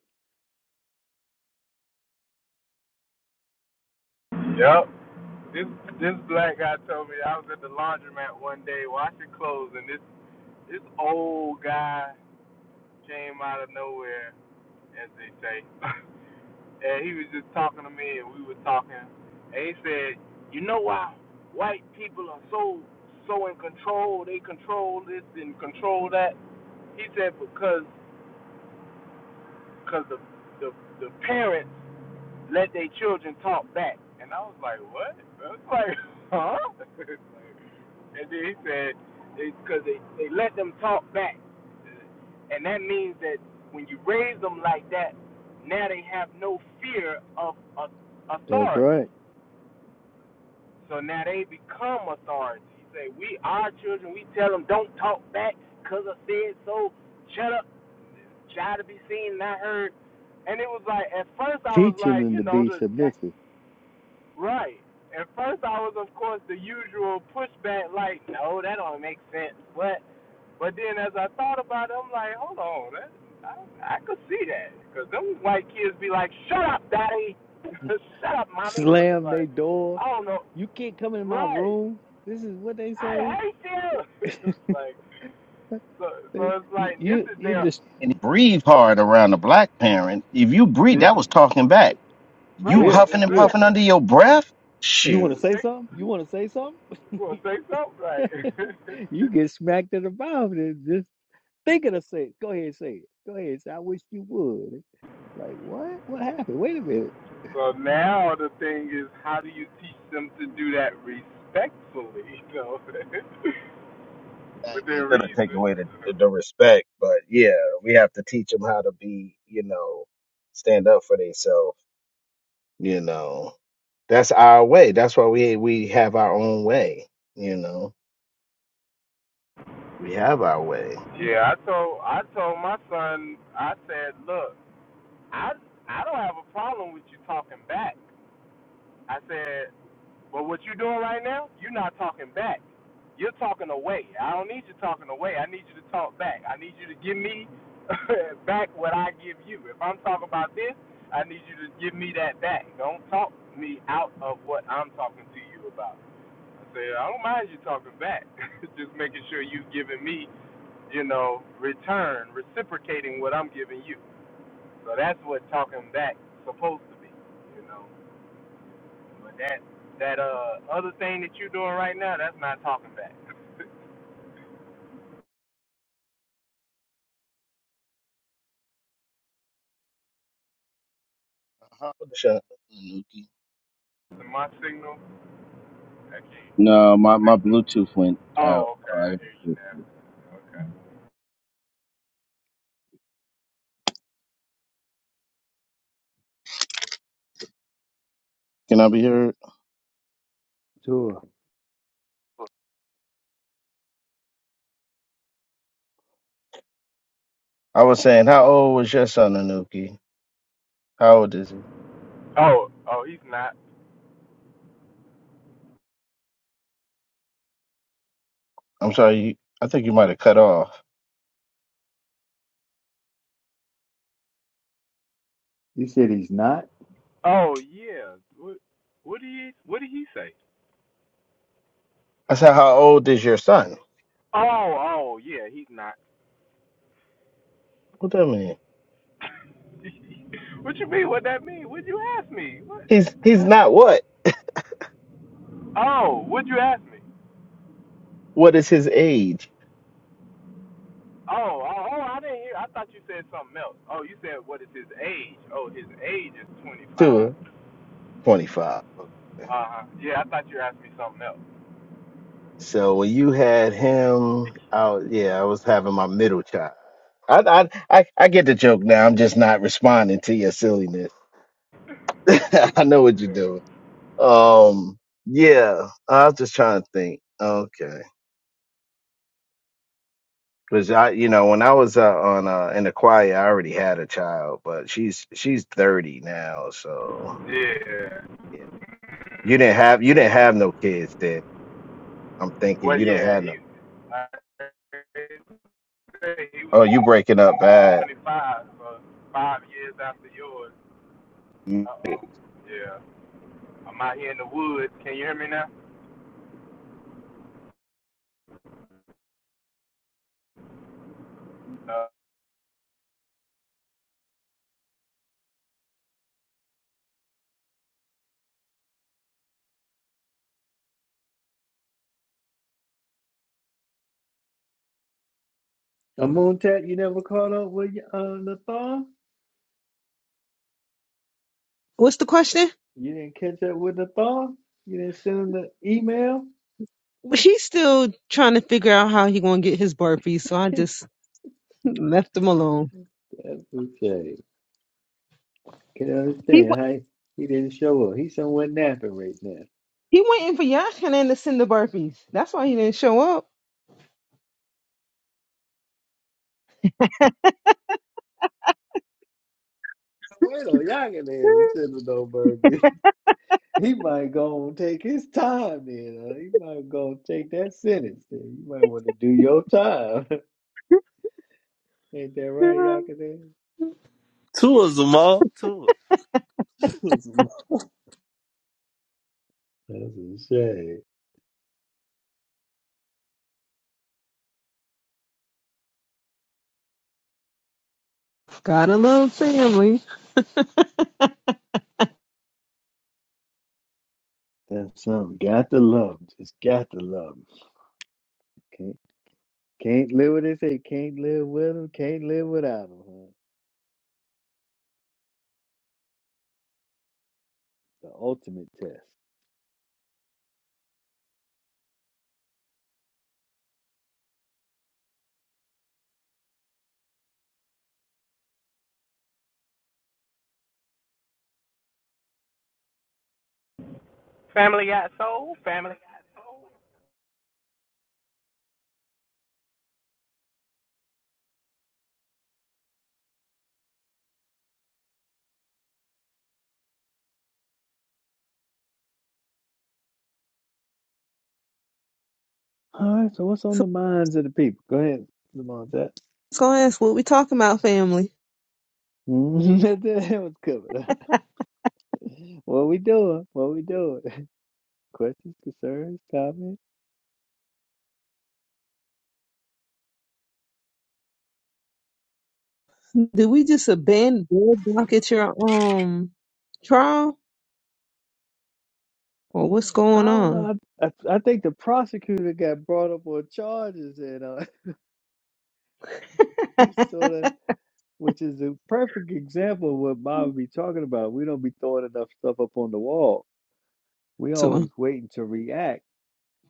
[SPEAKER 1] That's right. Teaching them to be submissive. Slam their door. You can't come in my room. This is what they say. They, you, you, you just,
[SPEAKER 5] And breathe hard around a black parent. If you breathe,
[SPEAKER 1] just,
[SPEAKER 5] that was talking back. You
[SPEAKER 1] yeah,
[SPEAKER 5] huffing and
[SPEAKER 1] yeah.
[SPEAKER 5] puffing under your breath?
[SPEAKER 1] You want
[SPEAKER 5] Shoot.
[SPEAKER 1] to say something? You want to say something? you get smacked in the mouth and just thinking of say it. Go ahead and say it. Go ahead and say, I wish you would. Like, what? What happened? Wait a minute.
[SPEAKER 5] Exactly. gonna take away the, the, the respect, but yeah, we have to teach them how to be, you know, stand up for themselves. You know, that's our way. That's why we we have our own way. You know, we have our way. Uh-huh. Shut- up, Nuki. No, my, my Bluetooth went out. I- Can I be heard?
[SPEAKER 1] Sure.
[SPEAKER 5] I was saying, how old was your son, Anuki? How old is he? I'm sorry, you, I think you might have cut off.
[SPEAKER 1] You said he's not.
[SPEAKER 5] I said, how old is your son? What that mean? He's he's not what? What is his age? Two, 25. So when you had him out, yeah, I was having my middle child. I, I I I get the joke now. I'm just not responding to your silliness. I know what you're doing. Um, yeah, I was just trying to think. Okay, because I, you know, when I was uh, on uh, in the choir, I already had a child, but she's she's thirty now, so yeah. You didn't have you didn't have no kids then. I'm thinking you didn't have no. Oh, you breaking up bad. Mm,
[SPEAKER 1] A moon tat, you never caught up with uh, Nathan?
[SPEAKER 2] What's the question?
[SPEAKER 1] You didn't catch up with Nathan? You didn't send him the email?
[SPEAKER 2] But He's still trying to figure out how he gonna get his burpees, so I just left him alone.
[SPEAKER 1] That's okay. Can
[SPEAKER 2] He
[SPEAKER 1] understand
[SPEAKER 2] wa-
[SPEAKER 1] how he, he didn't show up. He's somewhere napping right now.
[SPEAKER 2] he waiting for Yachanan to send the burpees. That's why he didn't show up.
[SPEAKER 1] Wait on y'all can handle sending no burger. He might go and take his time then. Huh? He might go and take that sentence then. You might want to do your time. Ain't that right,
[SPEAKER 2] Yeah.
[SPEAKER 1] Yakadin?
[SPEAKER 3] Tua Zamal. Tua.
[SPEAKER 1] That's a shame.
[SPEAKER 2] Gotta love family.
[SPEAKER 1] That's something. Got to love 'em. Just got to love 'em. Can't, can't live with it. Say can't live with him. 'em. Can't live without 'em. Huh? The ultimate test. All right, so what's on
[SPEAKER 2] So
[SPEAKER 1] the minds of the people? Go ahead, Lamont. That,
[SPEAKER 2] let's go ask what we talking about, family.
[SPEAKER 1] that was covered. what we doing? What we doing? Questions, concerns, comments?
[SPEAKER 2] Did we just abandon Bud Block at your um trial, or what's
[SPEAKER 1] I
[SPEAKER 2] going
[SPEAKER 1] don't
[SPEAKER 2] on?
[SPEAKER 1] know. I, I, I think the prosecutor got brought up on charges, and uh, he sort of, which is a perfect example of what Bob be talking about. We don't be throwing enough stuff up on the wall. We
[SPEAKER 2] To him?
[SPEAKER 1] always waiting to react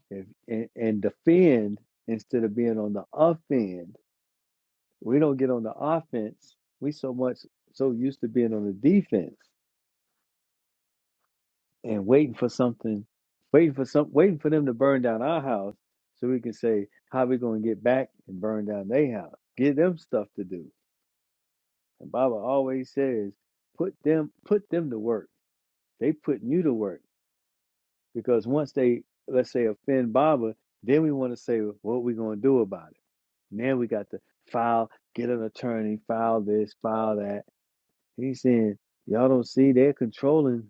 [SPEAKER 1] if, and, and defend instead of being on the offend. We don't get on the offense. We so much so used to being on the defense. and waiting for something, waiting for some, waiting for them to burn down our house so we can say how we going to get back and burn down their house. Give them stuff to do. And Baba always says, put them, put them to work. They putting you to work because once they, let's say, offend Baba, then we want to say what we going to do about it. Now we got to file, get an attorney, file this, file that. He's saying y'all don't see they're controlling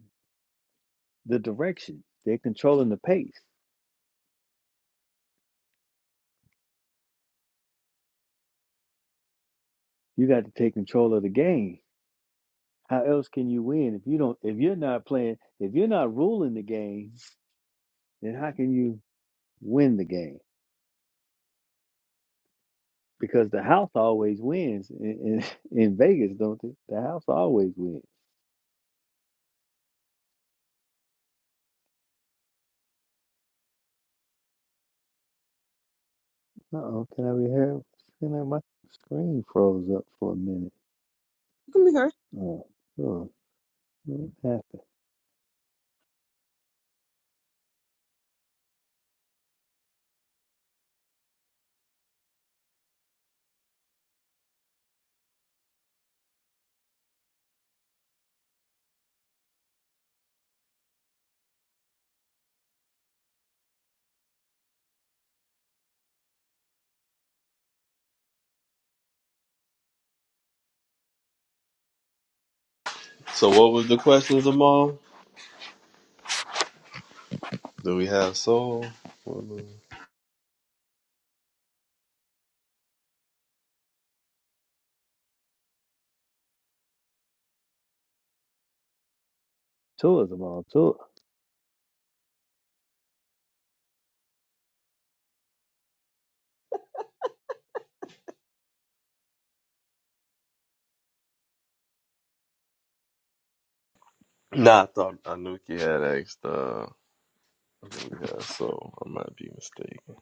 [SPEAKER 1] the direction. They're controlling the pace. You got to take control of the game. How else can you win if you don't if you're not playing if you're not ruling the game, then how can you win the game? Because the house always wins in, in, in Vegas, don't they? The house always wins. Uh oh, can I be heard? my screen froze up for a minute.
[SPEAKER 2] Come here.
[SPEAKER 1] Oh, oh, what happened?
[SPEAKER 3] So what was the question, Zamal? Do we have soul? What was-
[SPEAKER 1] Tourism on tour.
[SPEAKER 3] Nah, I thought Anuki had asked uh do we have soul. I might be mistaken.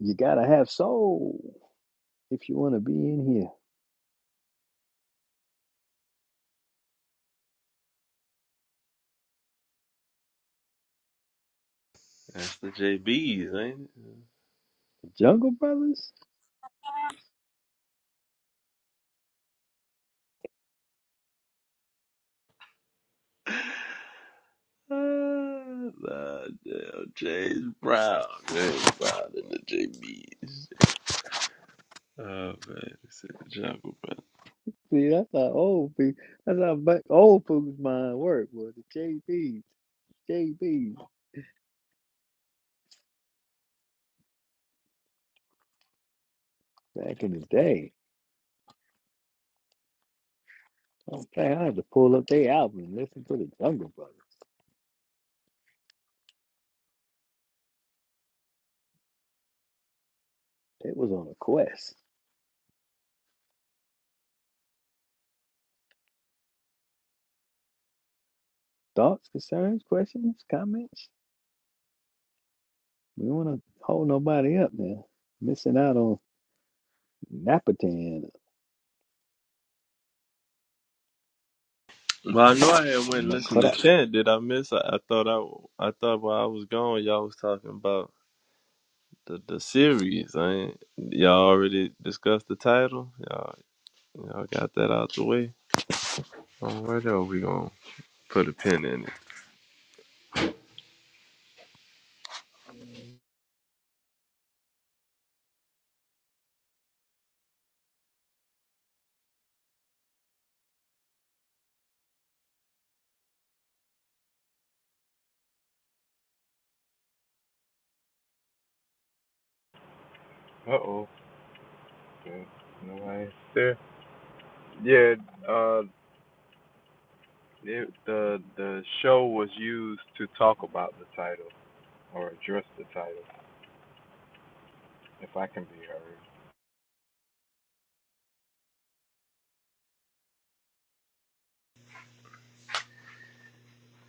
[SPEAKER 1] You gotta have soul if you wanna be in here.
[SPEAKER 3] That's the JBs, ain't
[SPEAKER 1] Jungle Brothers?
[SPEAKER 3] it? Uh, nah, damn, James Brown. James Brown and the JBs. Oh man, it's in the jungle,
[SPEAKER 1] See, that's how old people. That's how back, old folks' mind work. Was the JBs, JBs back in the day? I'm saying I had to pull up their album and listen to the Jungle Brothers. They was on a quest. Thoughts, concerns, questions, comments. We don't want to hold nobody up now. Missing out on Napatan
[SPEAKER 3] Well, I know I had
[SPEAKER 1] or
[SPEAKER 3] went and listened to
[SPEAKER 1] Makorat.
[SPEAKER 3] Chant. Did I miss? I, I thought I, I thought while I was gone, y'all was talking about the the series. I ain't, y'all already discussed the title. Y'all, y'all got that out the way. Oh, where are we gonna put a pin in it?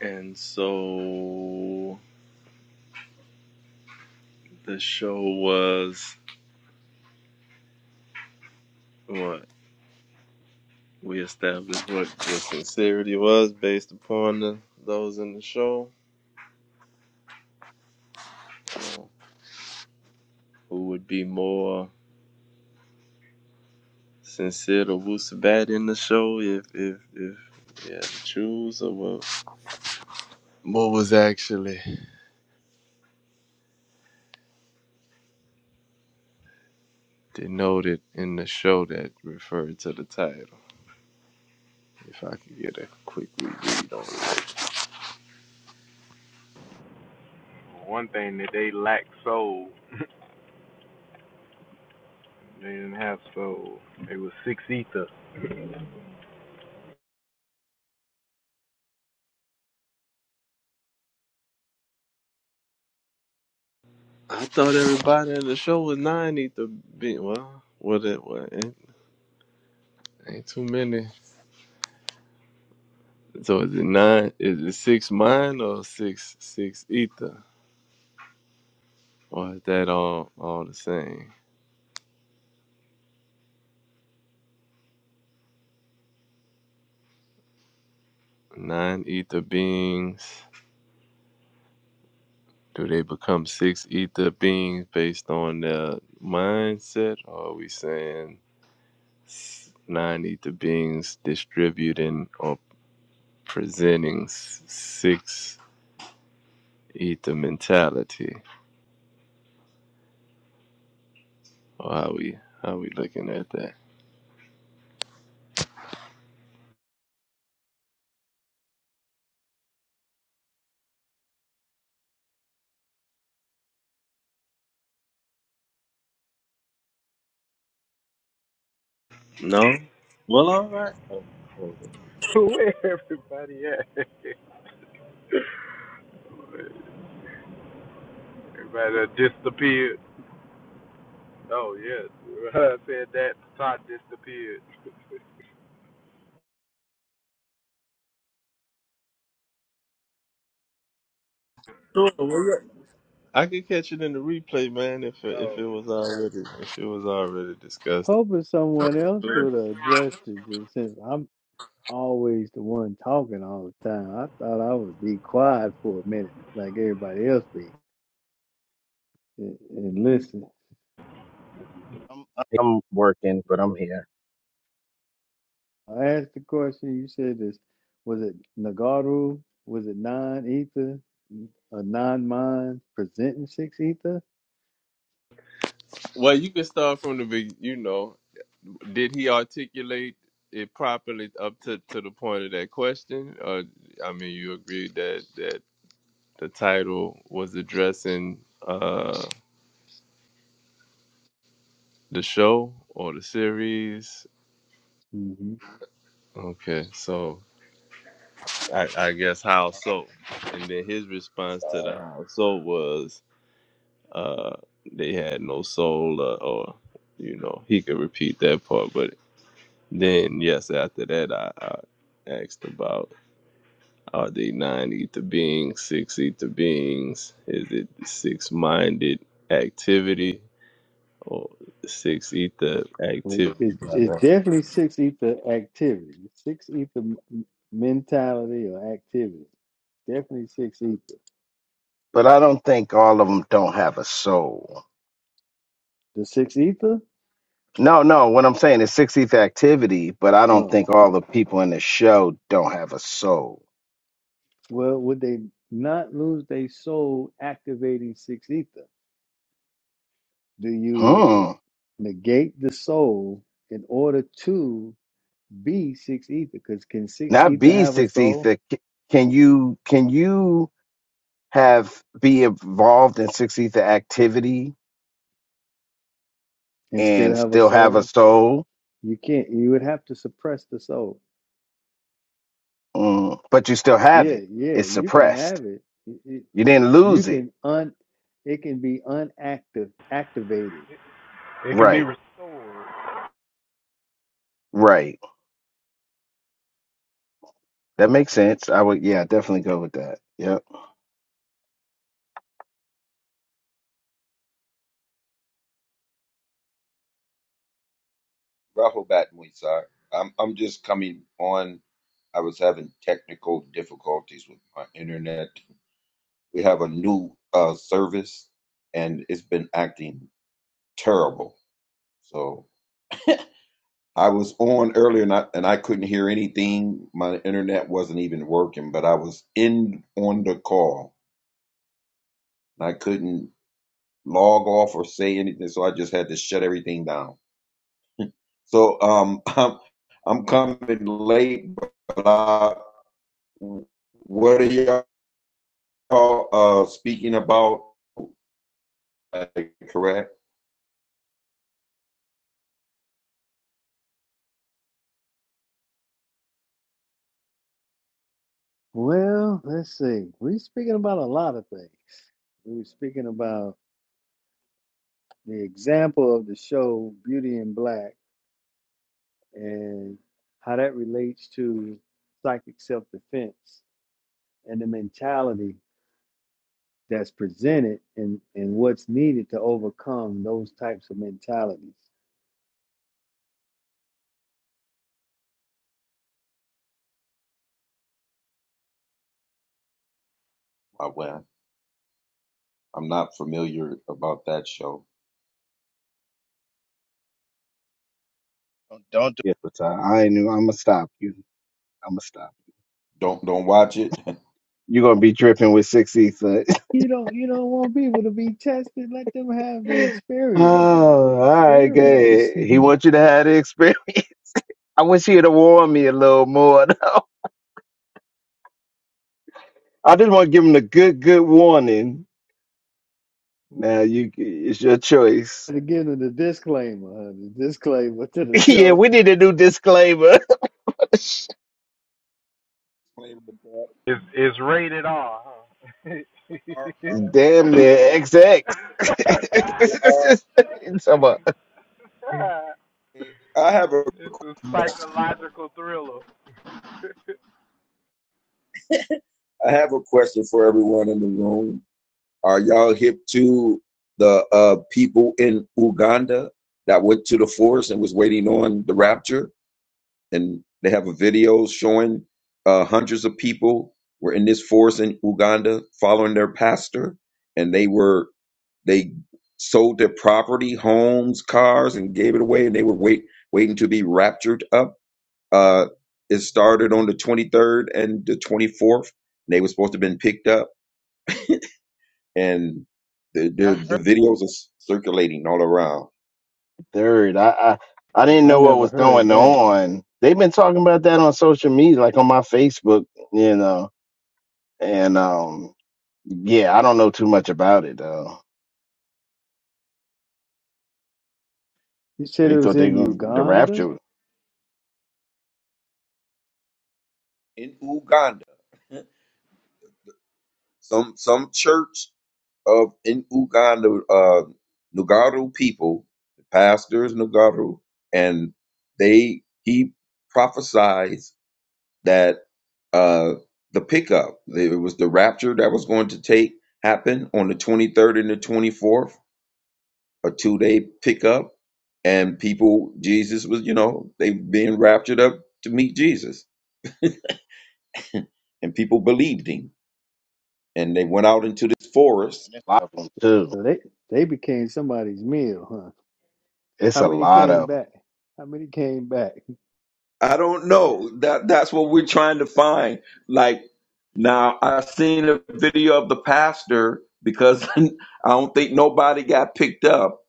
[SPEAKER 3] And so the show was what we established what the sincerity was based upon the, those in the show. Who would be more? Sincere to Wusabat in the show if if if yeah the Jews or what what was actually denoted in the show that referred to the title. If I could get a quick reread on it. I thought everybody in the show was nine ether being well what it what ain't, ain't too many. So is it nine is it six mine or six six ether? Or is that all all the same? Nine ether beings Do they become six ether beings based on their mindset, or are we saying s- nine ether beings distributing or presenting s- six ether mentality? Or how we how we looking at that? No? Well, all right. Oh, hold Sure, well, yeah. I could catch it in the replay, man. If it, if it was already if it was already discussed.
[SPEAKER 1] Hoping someone else
[SPEAKER 3] Sure.
[SPEAKER 1] would address it since I'm always the one talking all the time. I thought I would be quiet for a minute like everybody else be. And, and listen,
[SPEAKER 5] I'm, I'm working, but I'm here.
[SPEAKER 1] I asked the question. You said this. Was it Nagaru? Was it non ether? A non mind presenting six ether?
[SPEAKER 3] Well, you can start from the big, you know. did he articulate it properly up to, to the point of that question? Or I mean, you agree that that the title was addressing uh, the show or the series?
[SPEAKER 1] mm hmm
[SPEAKER 3] Okay, so I, I guess how so? And then his response to
[SPEAKER 7] Uh,
[SPEAKER 3] the how so was uh, they had no soul, or, or you know, he could repeat that part, but then yes, after that, I, I asked about. Are they nine ether beings, six ether beings? Is it six minded activity or the six ether
[SPEAKER 1] Well,
[SPEAKER 3] activity?
[SPEAKER 1] it's,
[SPEAKER 3] Blah,
[SPEAKER 1] it's
[SPEAKER 3] blah.
[SPEAKER 1] definitely six ether activity, six ether m- m- mentality or activity. Definitely six ether.
[SPEAKER 5] But I don't think all of them don't have a soul.
[SPEAKER 1] The six ether?
[SPEAKER 5] No, no. What I'm saying is 60th activity, but I don't
[SPEAKER 1] Oh,
[SPEAKER 5] think all the people in the show don't have a soul.
[SPEAKER 1] well, would they not lose their soul activating six ether? Do you
[SPEAKER 5] Hmm.
[SPEAKER 1] negate the soul in order to? be six ether because can six
[SPEAKER 5] not
[SPEAKER 1] ether
[SPEAKER 5] be
[SPEAKER 1] have a
[SPEAKER 5] six
[SPEAKER 1] soul
[SPEAKER 5] ether. C- Can you can you have be involved in six ether activity
[SPEAKER 1] and still
[SPEAKER 5] and
[SPEAKER 1] have a
[SPEAKER 5] still have a
[SPEAKER 1] soul
[SPEAKER 5] soul?
[SPEAKER 1] you can't you would have to suppress the soul
[SPEAKER 5] Mm, but you still have
[SPEAKER 1] yeah
[SPEAKER 5] it.
[SPEAKER 1] yeah
[SPEAKER 5] It's
[SPEAKER 1] you can
[SPEAKER 5] suppressed.
[SPEAKER 1] have it, it, it-
[SPEAKER 5] You didn't
[SPEAKER 1] you
[SPEAKER 5] lose it.
[SPEAKER 1] can un it can be unactive activated
[SPEAKER 5] Right. Right. That makes sense. I would. Yeah, definitely go with that. Yep.
[SPEAKER 7] Rahobat Muisar. I'm I'm just coming on. I was having technical difficulties with my internet. We have a new uh, service, and it's been acting terrible. So I was on earlier, and I, and I couldn't hear anything. My internet wasn't even working, but I was in on the call, and I couldn't log off or say anything. So I just had to shut everything down. So um, I'm I'm coming late, but I What are y'all uh, speaking about? Uh, correct?
[SPEAKER 1] well let's see we're speaking about a lot of things we were speaking about the example of the show beauty in black and how that relates to psychic self-defense and the mentality that's presented and and what's needed to overcome those types of mentalities.
[SPEAKER 7] I well, I'm not familiar about that show.
[SPEAKER 5] Don't, don't do it. But I, I knew. I'm gonna stop you. I'm gonna stop. Don't do-
[SPEAKER 7] Don't
[SPEAKER 5] it.
[SPEAKER 7] don't watch it.
[SPEAKER 5] You're gonna be dripping with six ether.
[SPEAKER 1] You don't you don't want people to be tested. Let them have the
[SPEAKER 5] oh,
[SPEAKER 1] experience, man. The
[SPEAKER 5] all right.
[SPEAKER 1] experience.
[SPEAKER 5] Good. He
[SPEAKER 1] to
[SPEAKER 5] wants you to have the experience. I wish he'd have warned me a little more. Though. I just want to give him a good, good warning. Now you, it's your choice.
[SPEAKER 1] give them the disclaimer, huh? the disclaimer to the
[SPEAKER 5] yeah,
[SPEAKER 1] show.
[SPEAKER 5] we need a new disclaimer. Damn near XX. So, uh,
[SPEAKER 7] I have a I have a question for everyone in the room. Are y'all hip to the uh, people in Uganda that went to the forest and was waiting on the rapture? and they have a video showing uh, hundreds of people were in this forest in Uganda following their pastor, and they were they sold their property, homes, cars, and gave it away, and they were wait waiting to be raptured up. Uh, it started on the 23rd and the 24th. They were supposed to have been picked up, and the
[SPEAKER 5] I heard
[SPEAKER 7] the, the videos are circulating all around
[SPEAKER 5] Third, I, I, I didn't
[SPEAKER 1] No, I
[SPEAKER 5] know what
[SPEAKER 1] never
[SPEAKER 5] was
[SPEAKER 1] heard
[SPEAKER 5] going
[SPEAKER 1] that.
[SPEAKER 5] on. They've been talking about that on social media, like on my Facebook, you know. And um, yeah, I don't know too much about it though.
[SPEAKER 1] You said
[SPEAKER 5] They
[SPEAKER 1] it was
[SPEAKER 5] thought they
[SPEAKER 1] in
[SPEAKER 5] gonna the
[SPEAKER 1] Uganda,
[SPEAKER 5] rapture.
[SPEAKER 7] in Uganda some some church of in Uganda, uh, Nugaru people, the pastor is Nugaru, and they he prophesies that uh, the pickup, it was the rapture that was going to take happen on the 23rd and the 24th, a two day pickup, and people, Jesus was, you know, they being raptured up to meet Jesus, and people believed him, and they went out into this forest
[SPEAKER 5] A lot of them too.
[SPEAKER 1] so they they became somebody's meal, huh?
[SPEAKER 5] It's
[SPEAKER 1] How
[SPEAKER 5] a
[SPEAKER 1] many
[SPEAKER 5] lot
[SPEAKER 1] came
[SPEAKER 5] of 'em.
[SPEAKER 1] back? How many came back?
[SPEAKER 7] I don't know. That that's what we're trying to find. Like now, I seen a video of the pastor because I don't think nobody got picked up,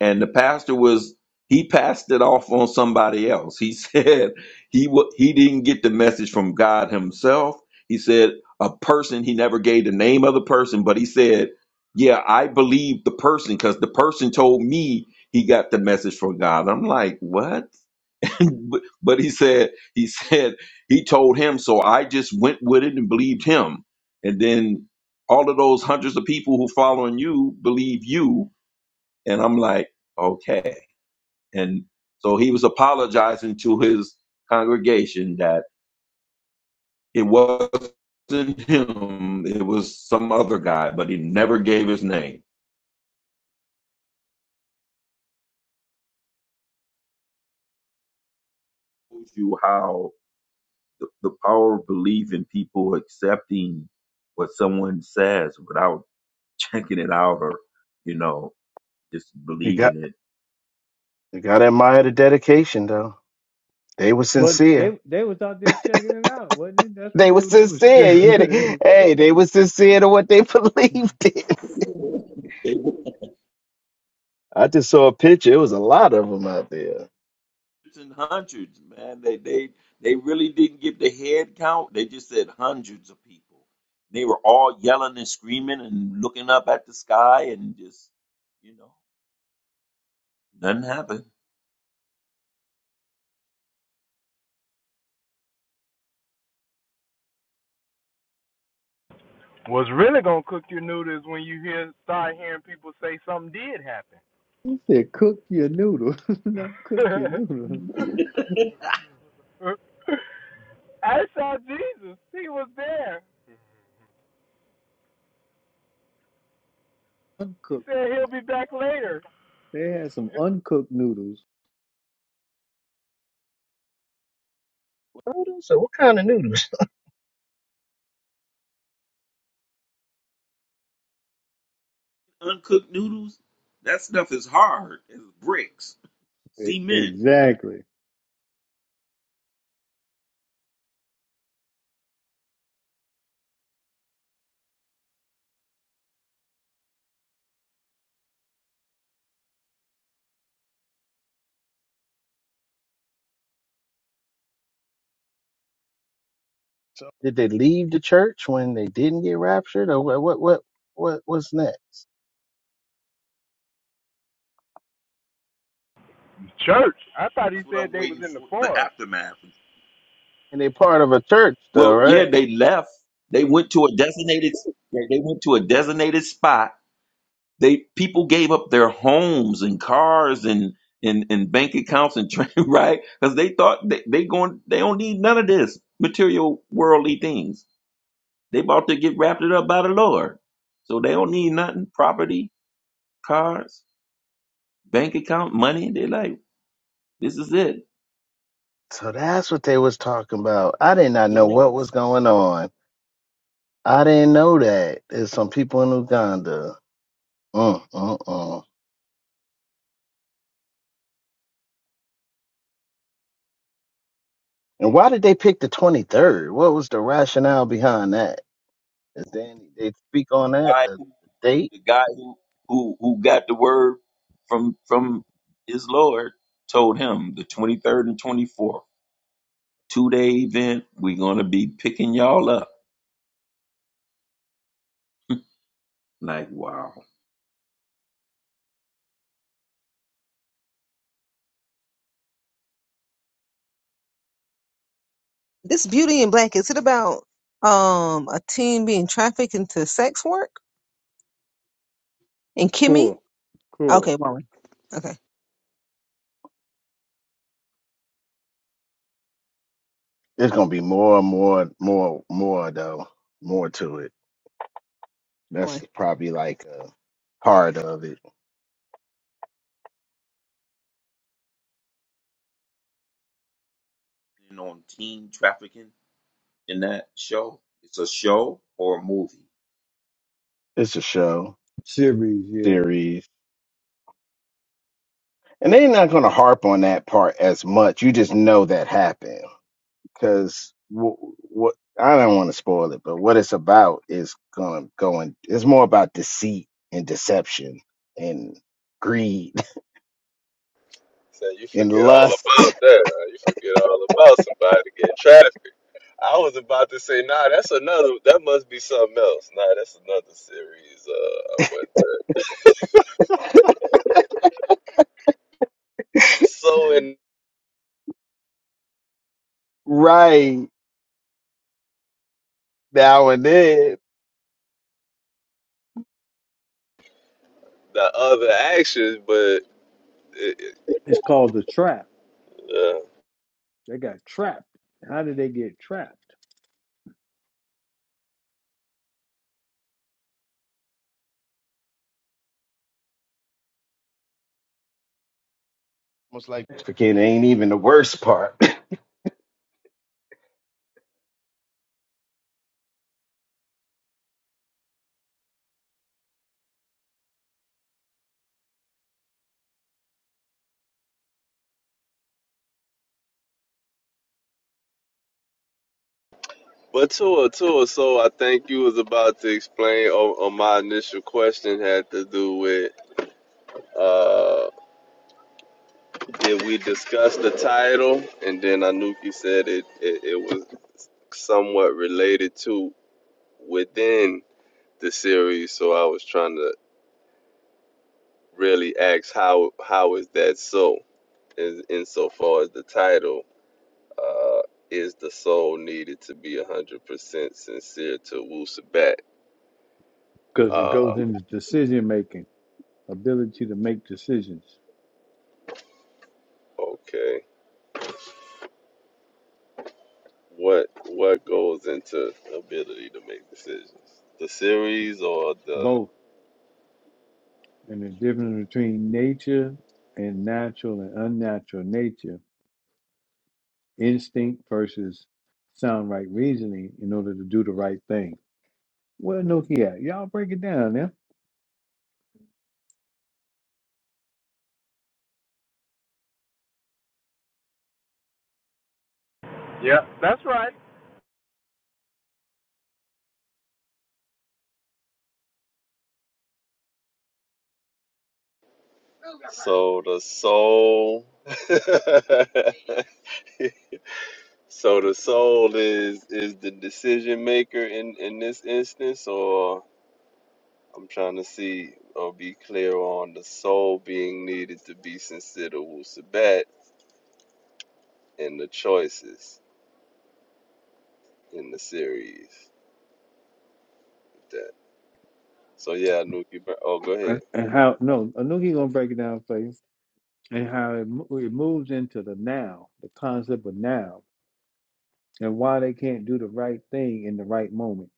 [SPEAKER 7] and the pastor was he passed it off on somebody else. He said he wa he didn't get the message from God himself. He said a person he never gave the name of the person, but he said, "Yeah, I believe the person because the person told me he got the message from God." I'm like, what? but but he said he said he told him so i just went with it and believed him and then all of those hundreds of people who following you believe you and i'm like okay and so he was apologizing to his congregation that it wasn't him it was some other guy but he never gave his name shows you how the, the power of belief in people accepting what someone says without checking it out or, you know, just
[SPEAKER 5] You got
[SPEAKER 7] believing it.
[SPEAKER 5] you gotta admire the dedication though. They were
[SPEAKER 1] Well,
[SPEAKER 5] sincere.
[SPEAKER 1] they they was out there checking it out, wasn't it? That's what
[SPEAKER 5] They were
[SPEAKER 1] they they was.
[SPEAKER 5] sincere, yeah.
[SPEAKER 1] they
[SPEAKER 5] They, hey, they were sincere to what they
[SPEAKER 1] was.
[SPEAKER 5] believed in.
[SPEAKER 7] They were
[SPEAKER 5] I just saw a picture. It was a lot of them out there.
[SPEAKER 7] in hundreds, man. They they they really didn't give the head count. They just said hundreds of people. They were all yelling and screaming and looking up at the sky and just, you know, nothing happened.
[SPEAKER 1] He said, cook your noodle, not cook your noodle. Uncooked. They had some uncooked noodles.
[SPEAKER 5] What else? So what kind of noodles?
[SPEAKER 7] Uncooked noodles, that stuff is hard as bricks,
[SPEAKER 1] E-
[SPEAKER 7] cement.
[SPEAKER 1] Exactly.
[SPEAKER 5] So did they leave the church when they didn't get raptured, or what? What? What? What was next?
[SPEAKER 7] That's what I'm waiting for. The aftermath.
[SPEAKER 5] And they part of a church though,
[SPEAKER 7] Well, yeah,
[SPEAKER 5] right?
[SPEAKER 7] they left. They went to a designated. they went to a designated spot They people gave up their homes and cars and and, and bank accounts and train, right? Because they thought they, they going they don't need none of this material worldly things. They about to get wrapped it up by the Lord. So they don't need nothing. Property, cars, bank account, money. They like, this is it.
[SPEAKER 5] So that's what they was talking about. I did not know what was
[SPEAKER 7] Yes.
[SPEAKER 5] going on. I didn't know that. There's some people in Uganda. Mm, mm, mm. And why did they pick the 23rd? What was the rationale behind that? Is there any, they speak on that
[SPEAKER 7] I,
[SPEAKER 5] the, the date?
[SPEAKER 7] the guy who, who who got the word from from his Lord told him the twenty third and twenty fourth, two day event, we're gonna be picking y'all up Like, wow.
[SPEAKER 2] This Beauty in Black, is it about um a teen being trafficked into sex work? And Kimmy?
[SPEAKER 1] Cool. Cool.
[SPEAKER 2] Okay, Molly. Okay.
[SPEAKER 5] There's gonna be more, more, more, more though, more to it. That's probably like a part of it.
[SPEAKER 7] And on teen trafficking in that show, it's a show or a movie.
[SPEAKER 5] It's a show
[SPEAKER 1] Series, yeah.
[SPEAKER 5] series, and they're not gonna harp on that part as much. You just know that happened because what, what I don't want to spoil it, but what it's about is gonna going. It's more about deceit and deception and greed
[SPEAKER 3] So you
[SPEAKER 5] and
[SPEAKER 3] forget all about
[SPEAKER 5] lust.
[SPEAKER 3] that. huh? You forget all about somebody getting trafficked. I was about to say, nah, that's another. That must be something else. Nah, that's another series. Uh, I'm with. It's so in
[SPEAKER 5] right now and then.
[SPEAKER 3] the other actions, but it, it,
[SPEAKER 1] It's called The Trap.
[SPEAKER 3] uh,
[SPEAKER 1] They got trapped. How did they get trapped?
[SPEAKER 5] Almost like freaking ain't even the worst part.
[SPEAKER 3] But Tua, Tua, so I think you was about to explain or, or my initial question had to do with uh did we discuss the title? And then Anuki said it, it, it was somewhat related to within the series, so I was trying to really ask how how is that so? In insofar as the title, uh is the soul needed to be one hundred percent sincere to Wu Sabat?
[SPEAKER 1] Because it
[SPEAKER 3] Uh
[SPEAKER 1] goes into decision making, ability to make decisions,
[SPEAKER 3] okay. what what goes into ability to make decisions the series or the
[SPEAKER 1] both. And the difference between nature and natural and unnatural nature, instinct versus sound right reasoning in order to do the right thing. Where Anuki at? Y'all break it down now.
[SPEAKER 3] so the soul so the soul is is the decision maker in in this instance or i'm trying to see or be clear on the soul being needed to be considered wusabat and the choices in the series that so yeah nuki Bur- oh go ahead
[SPEAKER 1] And and how, no, Anuki gonna break it down for you and how it, mo- it moves into the now, the concept of now, and why they can't do the right thing in the right moment.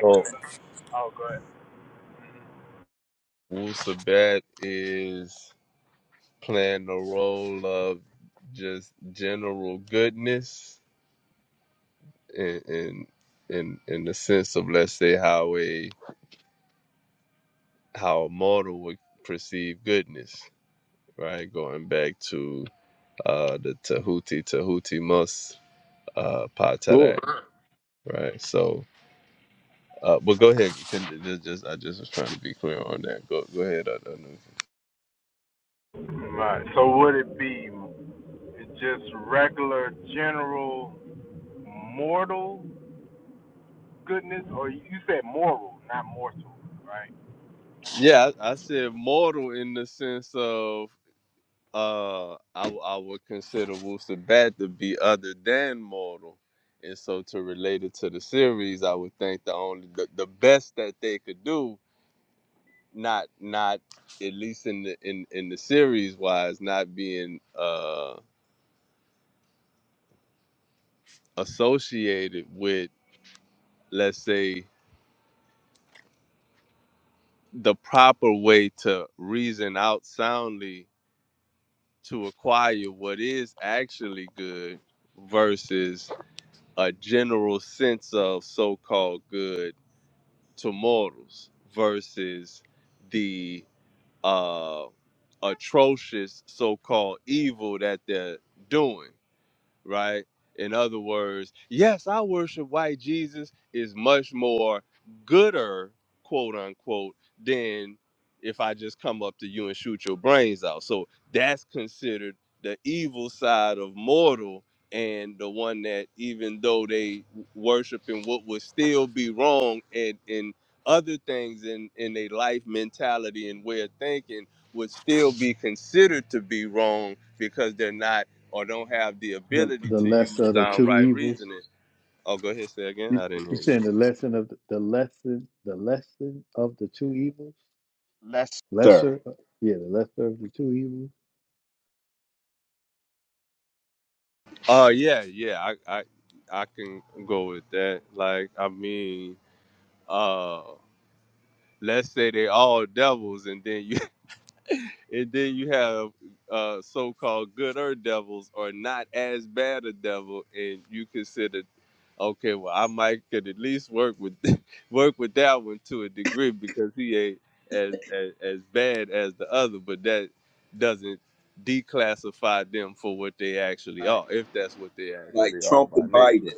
[SPEAKER 3] So wusabat is playing the role of just general goodness in in in, in the sense of let's say how a how a mortal would perceive goodness, right? Going back to uh the Tahuti Tahuti Mus uh
[SPEAKER 1] Sure.
[SPEAKER 3] Patarak, right? So uh, but go ahead. Can, just, just, I just was trying to be clear on that. Go, go ahead. I, I Yeah, I, I said mortal in the sense of uh I I would consider Wooster Bat to be other than mortal. And so to relate it to the series, I would think the only the, the best that they could do, not not at least in the in, in the series wise, not being uh associated with let's say the proper way to reason out soundly to acquire what is actually good versus a general sense of so-called good to mortals versus the uh, atrocious so-called evil that they're doing right? In other words, yes, I worship white Jesus is much more gooder, quote unquote, than if I just come up to you and shoot your brains out. So that's considered the evil side of mortal and the one that even though they worshiping what would still be wrong and in other things in in their life mentality and way of thinking would still be considered to be wrong because they're not or don't have the
[SPEAKER 1] The
[SPEAKER 3] ability
[SPEAKER 1] the
[SPEAKER 3] to use
[SPEAKER 1] lesser of the
[SPEAKER 3] sound
[SPEAKER 1] two
[SPEAKER 3] right
[SPEAKER 1] evils.
[SPEAKER 3] reasoning. Oh, go ahead, say again.
[SPEAKER 1] You,
[SPEAKER 3] I didn't
[SPEAKER 1] you
[SPEAKER 3] hear
[SPEAKER 1] saying
[SPEAKER 3] you.
[SPEAKER 1] the lesson of the, the lesson, the lesson of the two evils?
[SPEAKER 5] Less sir.
[SPEAKER 1] Lesser, uh,
[SPEAKER 5] That's
[SPEAKER 1] yeah, the lesser of the two evils.
[SPEAKER 3] Oh yeah, yeah. I I I can go with that. Like I mean, uh, let's say they all devils, and then you and then you have uh, so-called gooder devils or not as bad a devil, and you consider, okay, well, I might could at least work with work with that one to a degree because he ain't as as, as bad as the other, but that doesn't declassify them for what they actually
[SPEAKER 7] Right.
[SPEAKER 3] are, if that's what they
[SPEAKER 7] Like
[SPEAKER 3] actually are
[SPEAKER 7] Trump
[SPEAKER 3] by
[SPEAKER 7] and
[SPEAKER 3] nature.
[SPEAKER 7] Biden.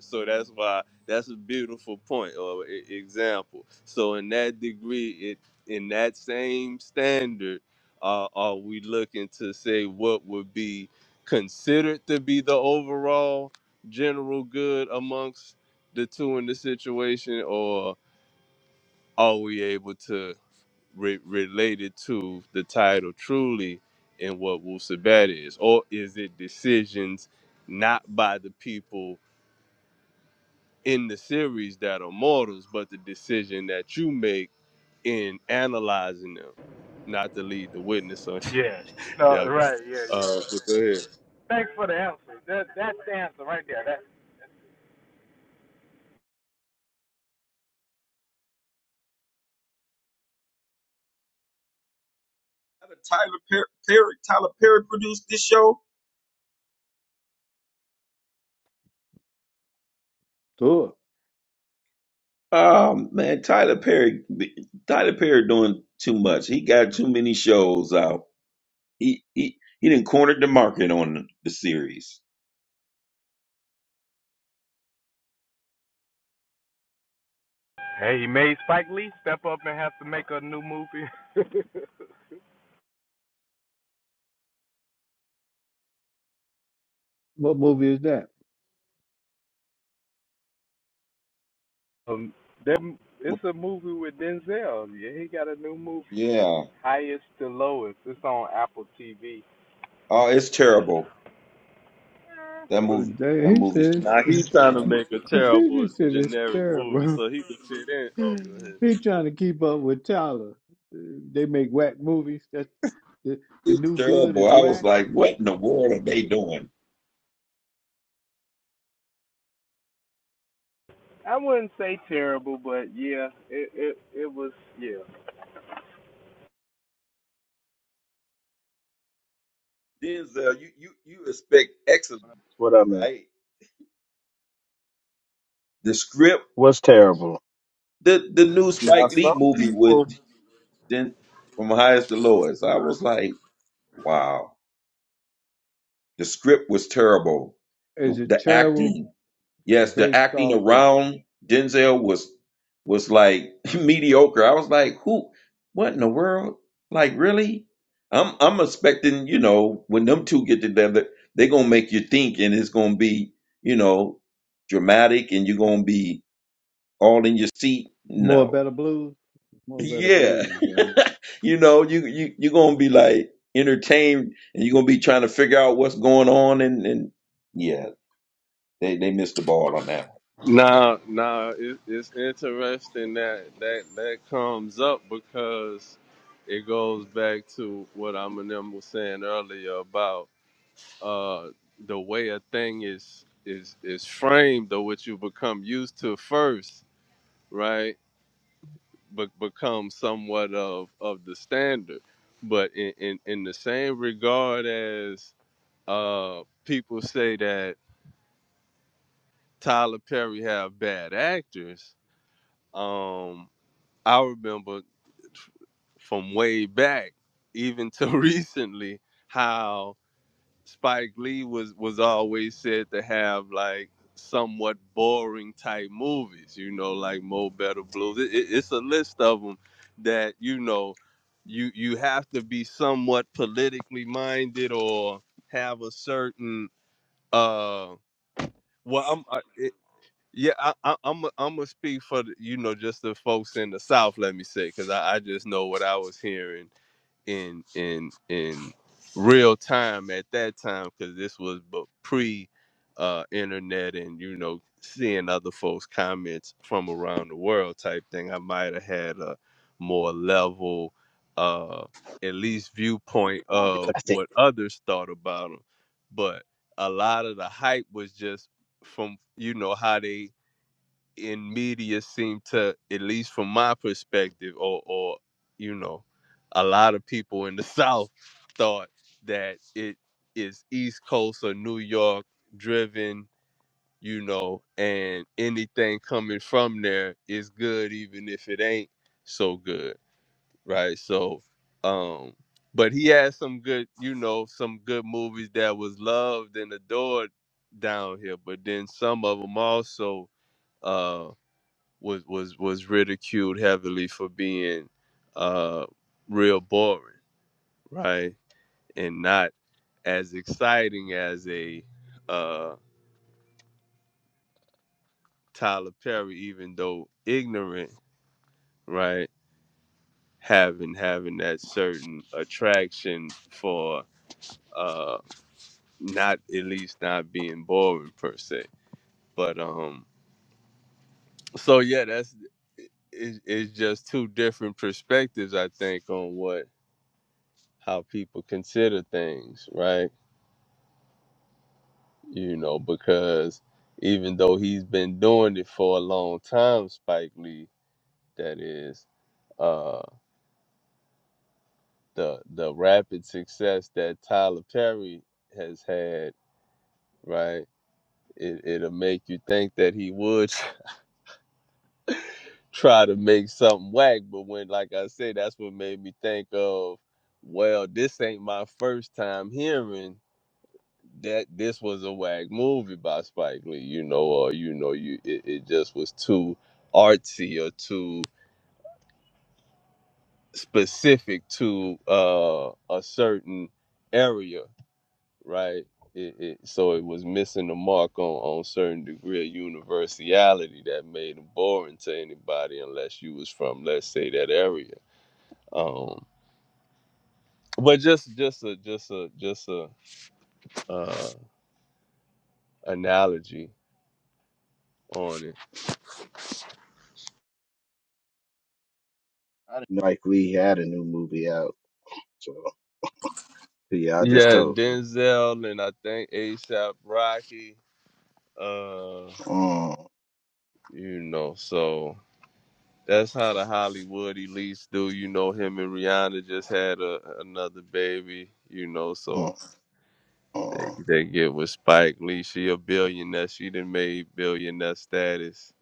[SPEAKER 3] So that's why that's a beautiful point or e- example. So in that degree, it in that same standard, uh, are we looking to say what would be considered to be the overall general good amongst the two in the situation, or are we able to re- relate it to the title truly and what Wusabat is, or is it decisions not by the people? in the series that are mortals, but the decision that you make in analyzing them, not to lead the witness on. Y'all got it. Uh, but go ahead.
[SPEAKER 7] Tyler Perry, Perry, Tyler Perry produced this show.
[SPEAKER 1] Sure.
[SPEAKER 7] Um, man, Tyler Perry, Tyler Perry doing too much. He got too many shows out. He he he didn't corner the market on the series.
[SPEAKER 1] What movie is that?
[SPEAKER 7] Yeah. Oh, it's terrible. That
[SPEAKER 1] Uh,
[SPEAKER 7] movie. That
[SPEAKER 1] that- He
[SPEAKER 7] movie's
[SPEAKER 1] says,
[SPEAKER 7] terrible.
[SPEAKER 3] Now he's trying to
[SPEAKER 7] man.
[SPEAKER 3] make a
[SPEAKER 1] he
[SPEAKER 3] terrible
[SPEAKER 1] just said it's
[SPEAKER 3] generic
[SPEAKER 1] terrible.
[SPEAKER 3] movie so he can fit in. Oh, go ahead.
[SPEAKER 1] He trying to keep up with Tyler. Uh, They make whack movies. That's the the
[SPEAKER 7] It's
[SPEAKER 1] new good
[SPEAKER 7] terrible.
[SPEAKER 1] is
[SPEAKER 7] I was
[SPEAKER 1] whack.
[SPEAKER 7] like, what in the world are they doing? Denzel, you you you expect excellence,
[SPEAKER 5] what I meant.
[SPEAKER 7] right? The script,
[SPEAKER 5] What's terrible?
[SPEAKER 7] the the new Spike
[SPEAKER 3] Now
[SPEAKER 7] Lee
[SPEAKER 3] some
[SPEAKER 7] movie with
[SPEAKER 3] people.
[SPEAKER 7] Den from highest to lowest. I was like, wow, the script was terrible. The,
[SPEAKER 1] Is it
[SPEAKER 7] the
[SPEAKER 1] terrible
[SPEAKER 7] acting Yes, the
[SPEAKER 1] based
[SPEAKER 7] acting
[SPEAKER 1] off of
[SPEAKER 7] around Denzel was was like mediocre. I was like, who? What in the world? Like, really? I'm I'm expecting, you know, when them two get together, they're gonna make you think, and it's gonna be, you know, dramatic, and you're gonna be all in your seat.
[SPEAKER 1] more
[SPEAKER 7] No,
[SPEAKER 1] better blues? More better
[SPEAKER 7] yeah,
[SPEAKER 1] blues. but-
[SPEAKER 7] you know, you you you're gonna be like entertained, and you're gonna be trying to figure out what's going on, and and yeah, they they missed the ball on that
[SPEAKER 3] Now, now it, it's interesting that that that comes up because it goes back to what I'm and them was saying earlier about. uh the way a thing is is is framed or what you become used to first right but become somewhat of of the standard but in in, in the same regard as uh people say that tyler perry have bad actors um i remember from way back even to recently how. Spike Lee was was always said to have like somewhat boring type movies, you know, like Mo Better Blues. It, it, it's a list of them that you know you you have to be somewhat politically minded or have a certain uh well I'm I, it, yeah I, I I'm i am i gonna speak for the, you know just the folks in the South let me say because I, I just know what I was hearing in in in real time at that time because this was but pre uh internet and you know seeing other folks comments from around the world type thing i might have had a more level uh at least viewpoint
[SPEAKER 5] Ooh, did
[SPEAKER 3] of
[SPEAKER 5] I think
[SPEAKER 3] what others thought about them but a lot of the hype was just from you know how they in media seem to, at least from my perspective, or or you know, a lot of people in the South thought that it is East Coast or New York driven, you know, and anything coming from there is good, even if it ain't so good, right? So, um, but he had some good, you know, some good movies that was loved and adored down here. But then some of them also uh was was was ridiculed heavily for being uh real boring, right? And not as exciting as a uh Tyler Perry, even though ignorant, right? Having having that certain attraction for uh not at least not being boring per se. But um so yeah, that's it, it's just two different perspectives I think on what how people consider things, right? You know, because even though he's been doing it for a long time, Spike Lee, that is, uh, the the rapid success that Tyler Perry has had, right? It, it'll make you think that he would try to make something whack, but when, like I said, that's what made me think of, well, this ain't my first time hearing that this was a wag movie by Spike Lee, you know, or you know, you it, it just was too artsy or too specific to uh a certain area, right? It, it, so it was missing the mark on on certain degree of universality that made it boring to anybody unless you was from let's say that area. Um, but just just a just a just a uh, analogy on it.
[SPEAKER 5] I didn't know Mike Lee had a new movie out. So yeah, I just
[SPEAKER 3] Yeah,
[SPEAKER 5] told you.
[SPEAKER 3] Denzel and I think ASAP Rocky. Uh,
[SPEAKER 5] Mm,
[SPEAKER 3] you know, so that's how the Hollywood elites do. You know, him and Rihanna just had a, another baby. You know, so
[SPEAKER 5] mm,
[SPEAKER 3] they
[SPEAKER 5] mm,
[SPEAKER 3] they get with Spike Lee. She a billionaire. She done made billionaire status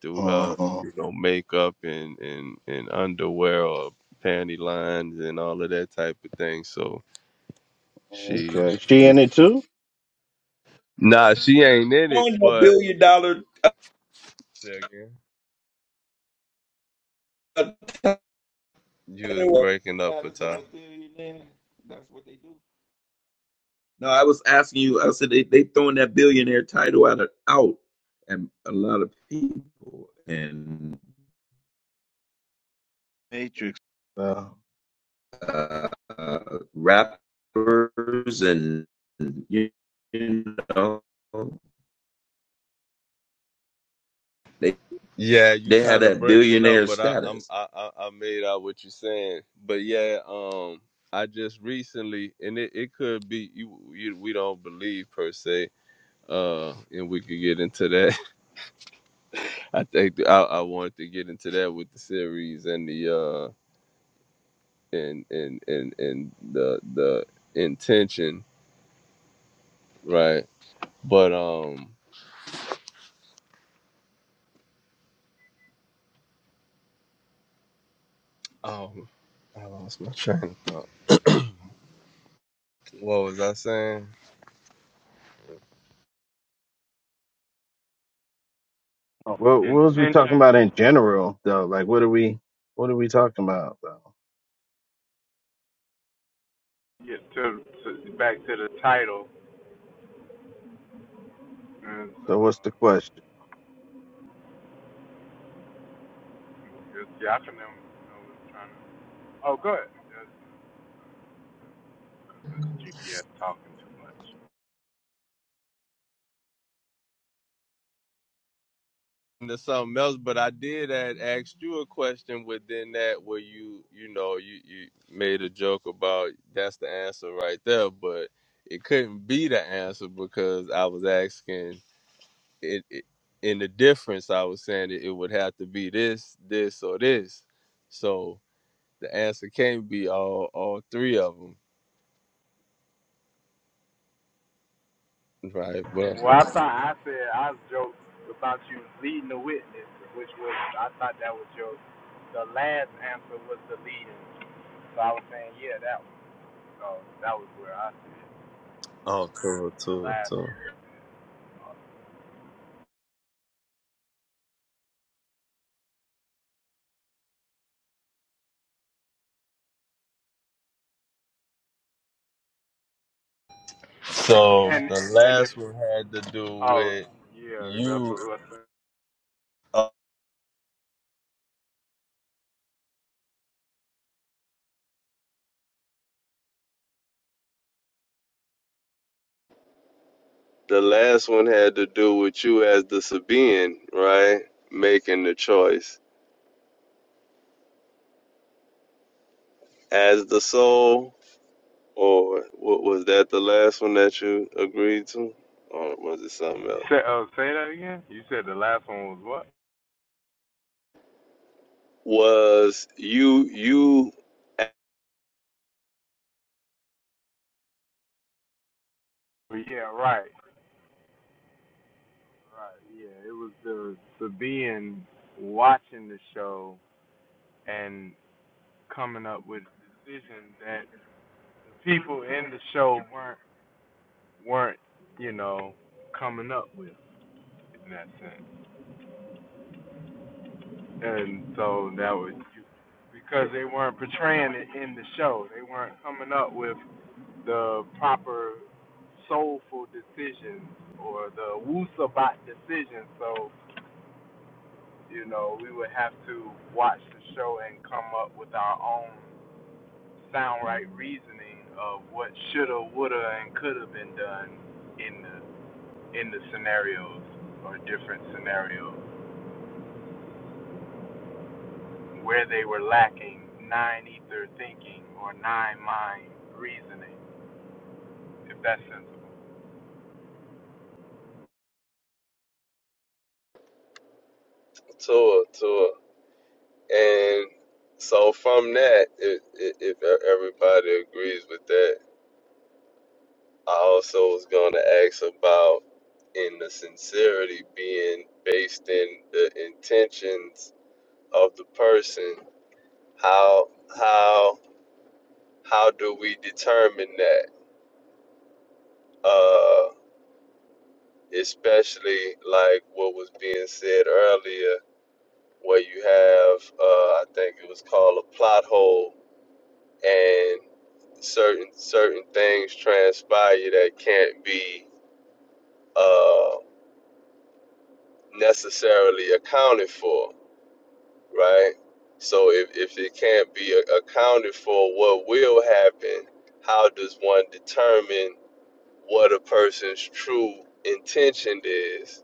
[SPEAKER 3] through
[SPEAKER 5] mm,
[SPEAKER 3] her,
[SPEAKER 5] mm.
[SPEAKER 3] you know, makeup and and and underwear or panty lines and all of that type of thing. So she,
[SPEAKER 5] Okay. She in it too?
[SPEAKER 3] nah, she ain't in
[SPEAKER 7] one.
[SPEAKER 3] it,
[SPEAKER 7] On that
[SPEAKER 3] but.
[SPEAKER 7] billion dollar
[SPEAKER 3] You was breaking up, a
[SPEAKER 7] Status of
[SPEAKER 3] time,
[SPEAKER 7] a billionaire. That's what they do. No, I was asking you. I said they they throwing that billionaire title out out, and a lot of people and
[SPEAKER 5] Matrix. Uh,
[SPEAKER 7] uh, uh, rappers and you know they
[SPEAKER 3] Yeah, you
[SPEAKER 7] they had
[SPEAKER 3] kind of
[SPEAKER 7] that
[SPEAKER 3] breaking up,
[SPEAKER 7] billionaire
[SPEAKER 3] but I, I'm
[SPEAKER 7] status
[SPEAKER 3] I, I I made out what you're saying. But yeah, um, I just recently, and it, it could be you, you. We don't believe per se, uh, and we could get into that. I think I, I wanted to get into that with the series and the uh and and and and the the intention, right? But um, um, I lost my train of thought. What was I saying?
[SPEAKER 5] what what was we talking about in general though? Like what are we what are we talking about though? So what's the question?
[SPEAKER 3] To something else, but I did add, ask you a question within that where you, you know, you, you made a joke about that's the answer right there, but it couldn't be the answer because I was asking it, it in the difference. I was saying it, it would have to be this, this, or this. So the answer can't be all all three of them, right? But oh, cool, cool, cool. So the last one had to do with you. The last one had to do with you as the Sabian, right? Making the choice as the soul, or what was that the last one that you agreed to, or was it something else? Was you you tour tour and so from that, if, if if everybody agrees with that, I also was going to ask about in the sincerity being based in the intentions of the person how how how do we determine that uh especially like what was being said earlier where you have uh i think it was called a plot hole and certain certain things transpire that can't be uh necessarily accounted for right so if, if it can't be a- accounted for what will happen how does one determine what a person's true intention is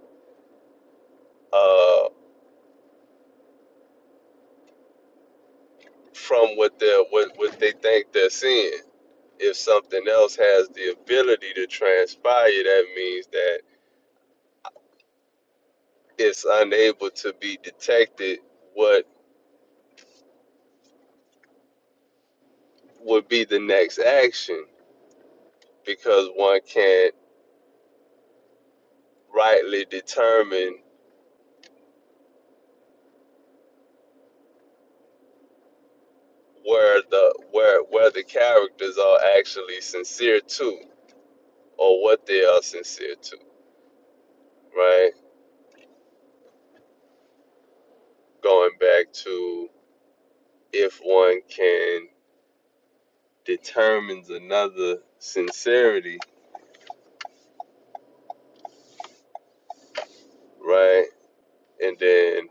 [SPEAKER 3] uh, from what they what, what they think they're seeing. If something else has the ability to transpire, that means that it's unable to be detected. What would be the next action? Because one can't rightly determine where the where where the characters are actually sincere to, or what they are sincere to. Right? Going back to if one can determines another sincerity, right? And then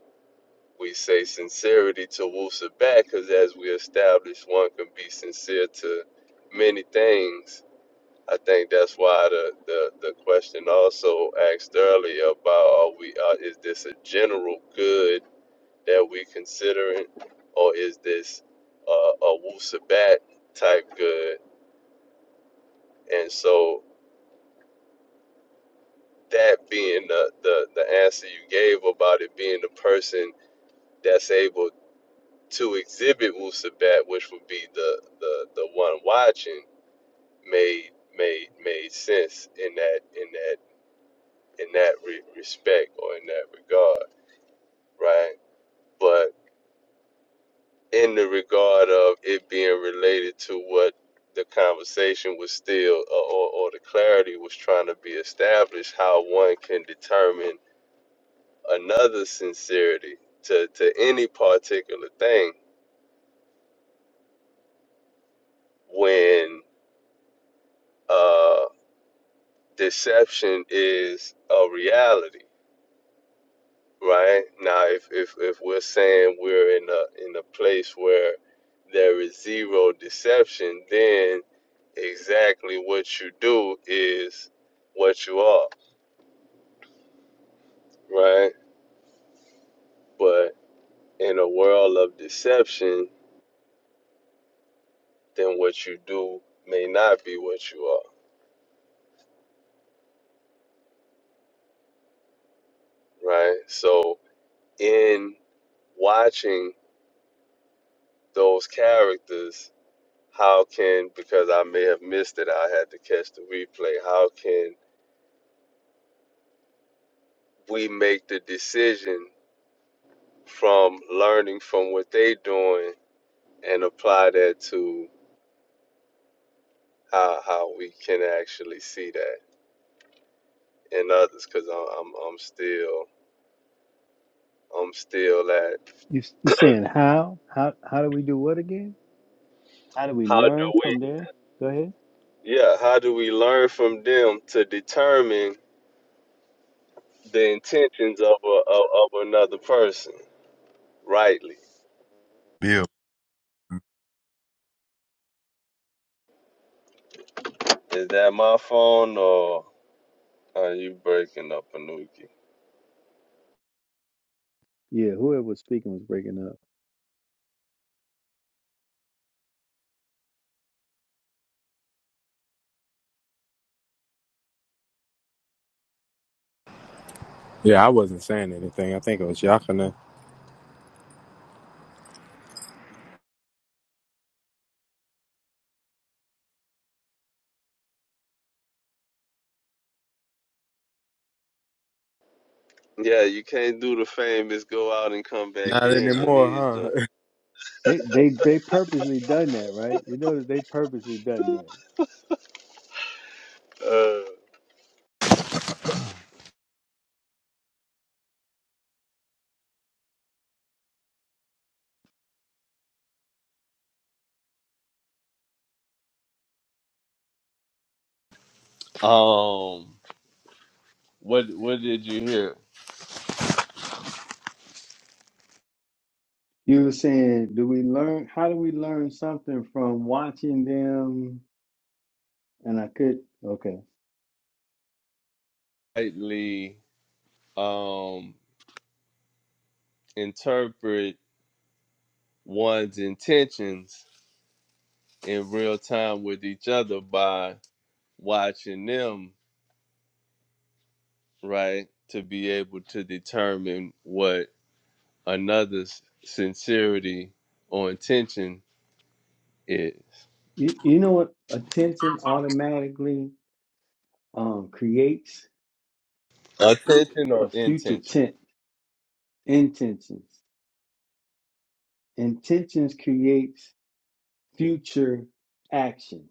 [SPEAKER 3] we say sincerity to Wusa back because as we established, one can be sincere to many things. I think that's why the, the, the question also asked earlier about are we uh, is this a general good that we considering, or is this uh, a Wusa back type good? And so that being the, the, the answer you gave about it being the person that's able to exhibit Wusabat, which would be the, the, the one watching, made made made sense in that in that in that re- respect or in that regard, right? But in the regard of it being related to what the conversation was still, or, or or the clarity was trying to be established, how one can determine another sincerity to, to any particular thing when uh, deception is a reality, right? Now, if, if, if we're saying we're in a, in a place where there is zero deception, then exactly what you do is what you are, right? But in a world of deception, then what you do may not be what you are, right? So in watching those characters, how can, because I may have missed it, I had to catch the replay, how can we make the decision from learning from what they are doing and apply that to how, how we can actually see that in others? Because I'm, I'm, I'm still, I'm still at,
[SPEAKER 1] You you saying how how how do we do what again? How do we
[SPEAKER 3] how do
[SPEAKER 1] learn
[SPEAKER 3] we,
[SPEAKER 1] from there? Go ahead.
[SPEAKER 3] yeah, how do we learn from them to determine the intentions of, a, of, of another person rightly?
[SPEAKER 4] Bill.
[SPEAKER 3] Is that my phone or are you breaking up, Anuki?
[SPEAKER 1] Yeah, whoever was speaking was breaking up.
[SPEAKER 4] Yeah, I wasn't saying anything. I think it was Yakana.
[SPEAKER 3] Yeah, you can't do the famous go out and come back
[SPEAKER 4] Not
[SPEAKER 3] in and
[SPEAKER 4] anymore,
[SPEAKER 3] these joints.
[SPEAKER 4] huh?
[SPEAKER 1] They they they purposely done that, right? You know that they purposely done that.
[SPEAKER 3] Uh, um, what what did you hear?
[SPEAKER 1] You were saying, do we learn? How do we learn something from watching them? And I could, okay.
[SPEAKER 3] Lightly um interpret one's intentions in real time with each other by watching them, right? To be able to determine what another's sincerity or intention is.
[SPEAKER 1] You, you know what? A tension automatically um, creates
[SPEAKER 3] Attention or
[SPEAKER 1] a future
[SPEAKER 3] intention?
[SPEAKER 1] tense, intentions. Intentions creates future action.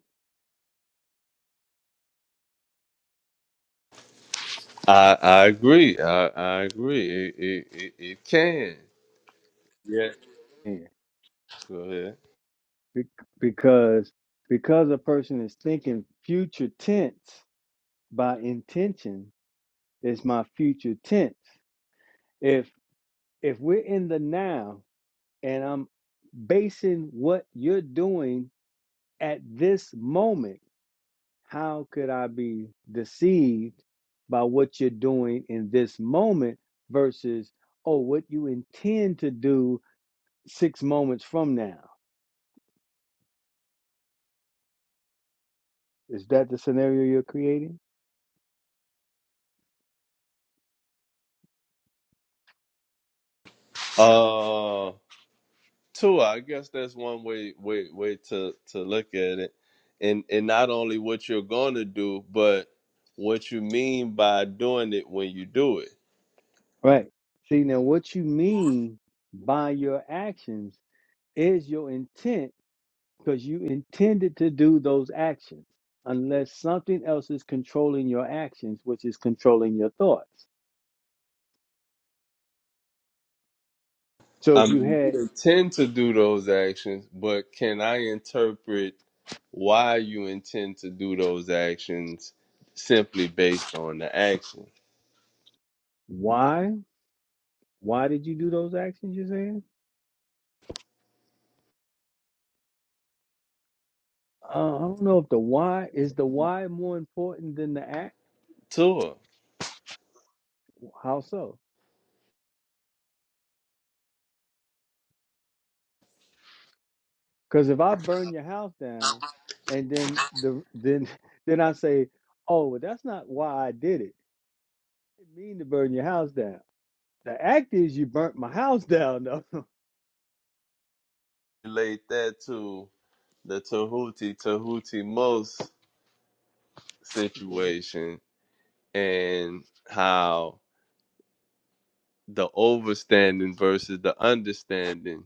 [SPEAKER 3] I I agree. I I agree. It it it, it can. Yeah.
[SPEAKER 1] Yeah.
[SPEAKER 3] Go ahead.
[SPEAKER 1] Be- because because a person is thinking future tense by intention is my future tense. If if we're in the now and I'm basing what you're doing at this moment How could I be deceived by what you're doing in this moment versus, oh, what you intend to do six moments from now? Is that the scenario you're creating?
[SPEAKER 3] Uh, two. I guess that's one way way way to to look at it, and and not only what you're going to do, but what you mean by doing it when you do it.
[SPEAKER 1] Right. See, now what you mean by your actions is your intent because you intended to do those actions, unless something else is controlling your actions, which is controlling your thoughts. So
[SPEAKER 3] I
[SPEAKER 1] if you
[SPEAKER 3] mean,
[SPEAKER 1] had
[SPEAKER 3] you intend to do those actions, but can I interpret why you intend to do those actions simply based on the action?
[SPEAKER 1] why, why did you do those actions you're saying? Uh, I don't know if the why is the why more important than the act.
[SPEAKER 3] Tua?
[SPEAKER 1] How so? Because if I burn your house down, and then the then then I say, oh, well, that's not why I did it. I didn't mean to burn your house down. The act is you burnt my house down, though.
[SPEAKER 3] relate that to the Tahuti Tahuti most
[SPEAKER 1] okay.
[SPEAKER 3] situation and how the overstanding versus the understanding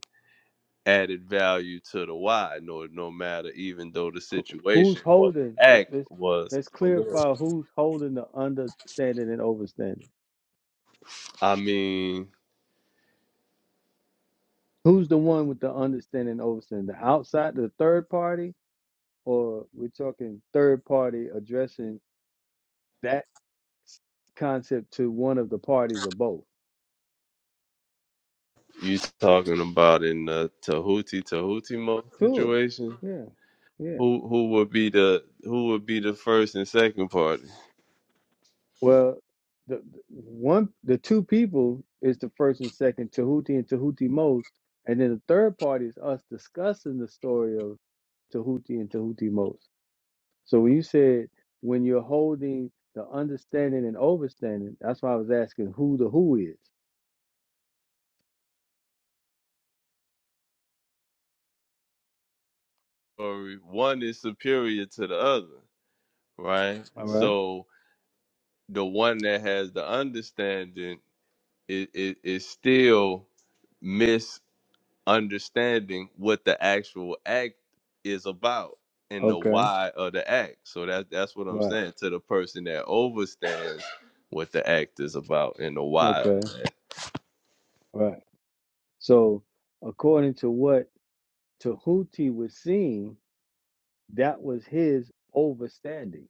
[SPEAKER 3] added value to the why no no matter even though the
[SPEAKER 1] Who,
[SPEAKER 3] situation
[SPEAKER 1] who's
[SPEAKER 3] or
[SPEAKER 1] holding?
[SPEAKER 3] the
[SPEAKER 1] Let,
[SPEAKER 3] act
[SPEAKER 1] let's
[SPEAKER 3] was
[SPEAKER 1] let's
[SPEAKER 3] okay.
[SPEAKER 1] clarify who's holding the understanding and overstanding.
[SPEAKER 3] I mean
[SPEAKER 1] Who's the one with the understanding and overstanding? The outside, the third party, or we're talking third party addressing that concept to one of the parties or both.
[SPEAKER 3] you talking about in the Tahuti Tahuti Mo
[SPEAKER 1] Sure.
[SPEAKER 3] situation
[SPEAKER 1] Yeah. Yeah.
[SPEAKER 3] who who would be the who would be the first and second party
[SPEAKER 1] Well, the, the one, the two people is the first and second Tahuti and Tahuti most, and then the third party is us discussing the story of Tahuti and Tahuti most. So when you said when you're holding the understanding and overstanding, that's why I was asking who the who is.
[SPEAKER 3] or one is superior to the other right?
[SPEAKER 1] All right.
[SPEAKER 3] So the one that has the understanding is, is, is still misunderstanding what the actual act is about and the
[SPEAKER 1] Okay.
[SPEAKER 3] why of the act. So that that's what I'm
[SPEAKER 1] Right.
[SPEAKER 3] saying to the person that overstands what the act is about and the why of
[SPEAKER 1] Okay.
[SPEAKER 3] the act.
[SPEAKER 1] Right. So according to what Tahuti was seeing that was his overstanding,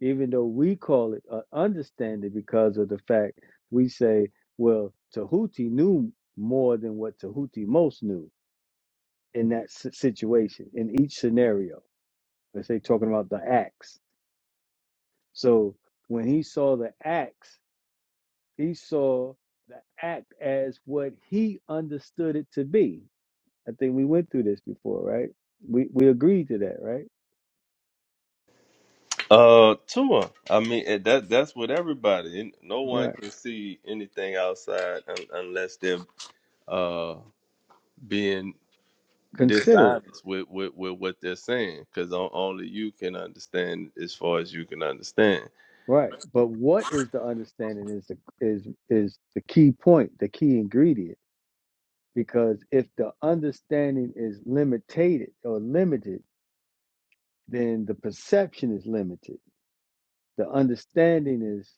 [SPEAKER 1] even though we call it an understanding because of the fact we say, well, Tahuti knew more than what Tahuti most knew in that si- situation, in each scenario. Let's say talking about the axe. So when he saw the axe, he saw the act as what he understood it to be. I think we went through this before, right? We we agreed to that, right?
[SPEAKER 3] Uh, Tua. I mean, eh, that that's what everybody. and No
[SPEAKER 1] All
[SPEAKER 3] one
[SPEAKER 1] right.
[SPEAKER 3] can see anything outside un- unless they're uh being
[SPEAKER 1] Consider it.
[SPEAKER 3] dishonest with, with, with what they're saying because only you can understand as far as you can understand.
[SPEAKER 1] Right. But what is the understanding is the is is the key point, the key ingredient. Because if the understanding is limited or limited, then the perception is limited. The understanding is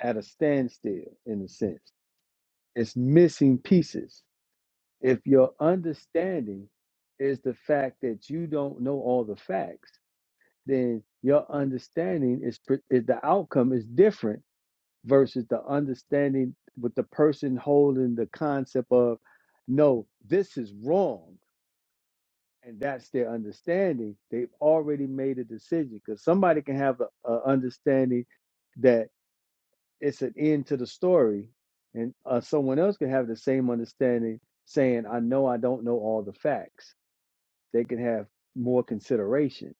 [SPEAKER 1] at a standstill in a sense. It's missing pieces. If your understanding is the fact that you don't know all the facts, then your understanding is, pre- is the outcome is different versus the understanding with the person holding the concept of no this is wrong and that's their understanding they've already made a decision because somebody can have a, a understanding that it's an end to the story and uh, someone else can have the same understanding saying i know i don't know all the facts they can have more consideration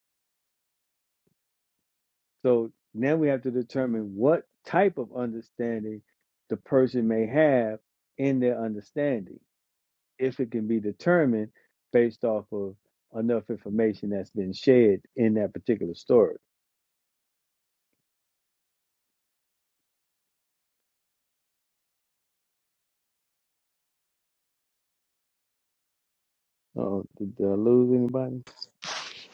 [SPEAKER 1] So now we have to determine what type of understanding the person may have in their understanding, if it can be determined based off of enough information that's been shared in that particular story. Oh, did, did I lose anybody?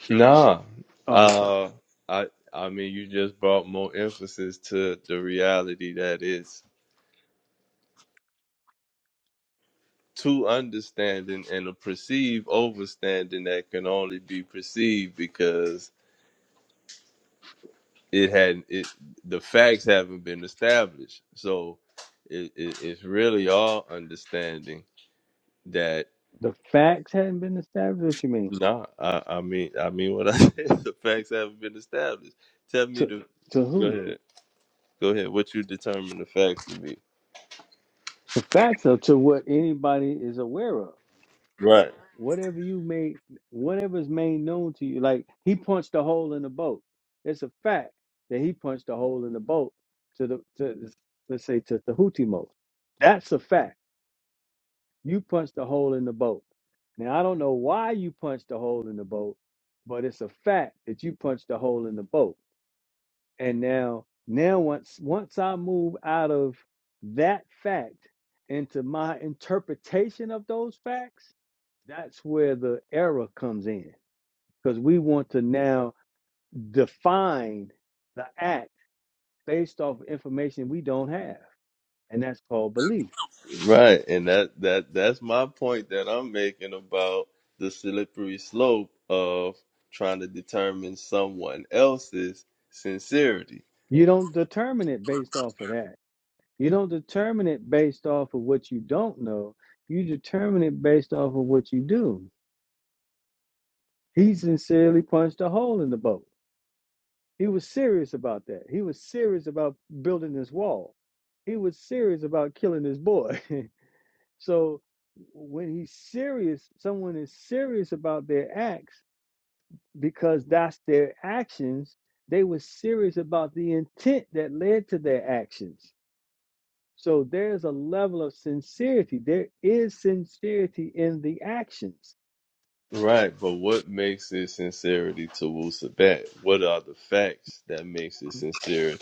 [SPEAKER 3] Nah,
[SPEAKER 1] Oh, okay.
[SPEAKER 3] uh, I I mean you just brought more emphasis to the reality that is to understanding and a perceived overstanding that can only be perceived because it hadn't it the facts haven't been established. So it, it, it's really our understanding that.
[SPEAKER 1] The facts hadn't been established. What you mean?
[SPEAKER 3] No, I, I mean, I mean what I said. The facts haven't been established. Tell me
[SPEAKER 1] To
[SPEAKER 3] the.
[SPEAKER 1] to
[SPEAKER 3] Go
[SPEAKER 1] who?
[SPEAKER 3] ahead. Go ahead. What you determine the facts to be?
[SPEAKER 1] The facts are to what anybody is aware of.
[SPEAKER 3] Right.
[SPEAKER 1] whatever you made whatever's made known to you like he punched a hole in the boat it's a fact that he punched a hole in the boat to the to the- let's say to the Houthimos. that's a fact you punched a hole in the boat now i don't know why you punched a hole in the boat but it's a fact that you punched a hole in the boat and now now once once i move out of that fact into my interpretation of those facts that's where the error comes in because we want to now define the act based off information we don't have, and that's called belief.
[SPEAKER 3] Right. And that that that's my point that I'm making about the slippery slope of trying to determine someone else's sincerity.
[SPEAKER 1] You don't determine it based off of that. You don't determine it based off of what you don't know. You determine it based off of what you do. He sincerely punched a hole in the boat. He was serious about that. He was serious about building this wall. He was serious about killing this boy. so when he's serious, someone is serious about their acts because that's their actions. They were serious about the intent that led to their actions. So there's a level of sincerity. There is sincerity in the actions.
[SPEAKER 3] Right. But what makes it sincerity to Wusabat? What are the facts that makes it sincere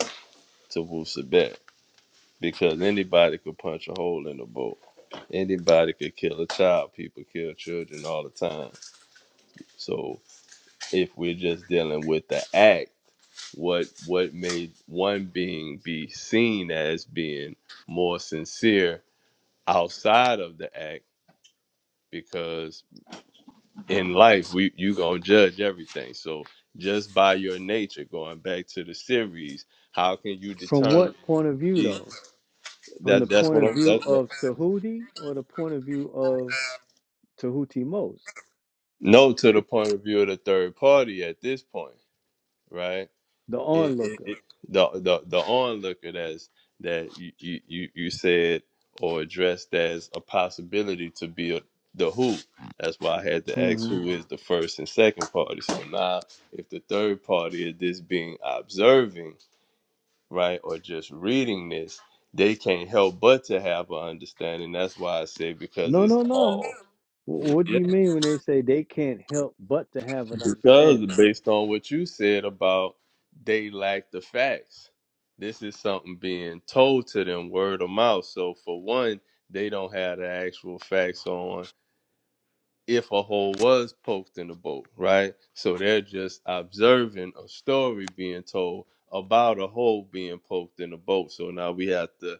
[SPEAKER 3] to Wusabat? because anybody could punch a hole in the boat. Anybody could kill a child. People kill children all the time. So if we're just dealing with the act, what what made one being be seen as being more sincere outside of the act? Because in life, we you gonna judge everything. So just by your nature, going back to the series, how can you
[SPEAKER 1] From
[SPEAKER 3] determine?
[SPEAKER 1] what point of view,
[SPEAKER 3] these-
[SPEAKER 1] though? From the
[SPEAKER 3] That that's
[SPEAKER 1] point
[SPEAKER 3] what
[SPEAKER 1] of
[SPEAKER 3] I'm.
[SPEAKER 1] view
[SPEAKER 3] That,
[SPEAKER 1] of
[SPEAKER 3] that-
[SPEAKER 1] Tahuti or the point of view of Tahuti Mos,
[SPEAKER 3] No, to the point of view of the third party at this point, right?
[SPEAKER 1] the
[SPEAKER 3] It, it,
[SPEAKER 1] onlooker?
[SPEAKER 3] it the the the onlooker that's that you, you you you said or addressed as a possibility to be a, the who. That's why I had to ask
[SPEAKER 1] hmm
[SPEAKER 3] who is the first and second party. So now, if the third party is this being observing, right, or just reading this, they can't help but to have an understanding. That's why I say because
[SPEAKER 1] No,
[SPEAKER 3] it's
[SPEAKER 1] no,
[SPEAKER 3] all.
[SPEAKER 1] no. Wh- What do you mean when they say they can't help but to have an understanding?
[SPEAKER 3] Because based on what you said about they lack the facts, this is something being told to them word of mouth. So for one, they don't have the actual facts on if a hole was poked in the boat, right? So they're just observing a story being told about a hole being poked in the boat. So now we have to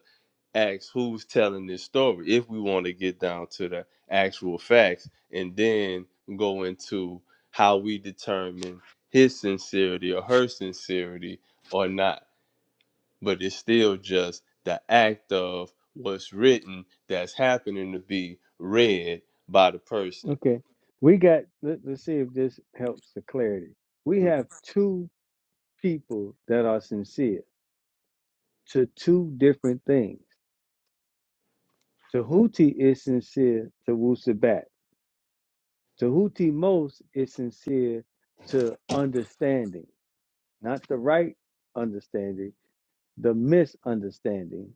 [SPEAKER 3] ask who's telling this story if we want to get down to the actual facts and then go into how we determine his sincerity or her sincerity or not. But it's still just the act of what's written that's happening to be read by the person.
[SPEAKER 1] Okay, we got, let, let's see if this helps the clarity. We
[SPEAKER 3] Hmm.
[SPEAKER 1] have two people that are sincere to two different things. Tahuti is sincere to Wusabat. Tahuti most is sincere to understanding, not the right understanding, the misunderstanding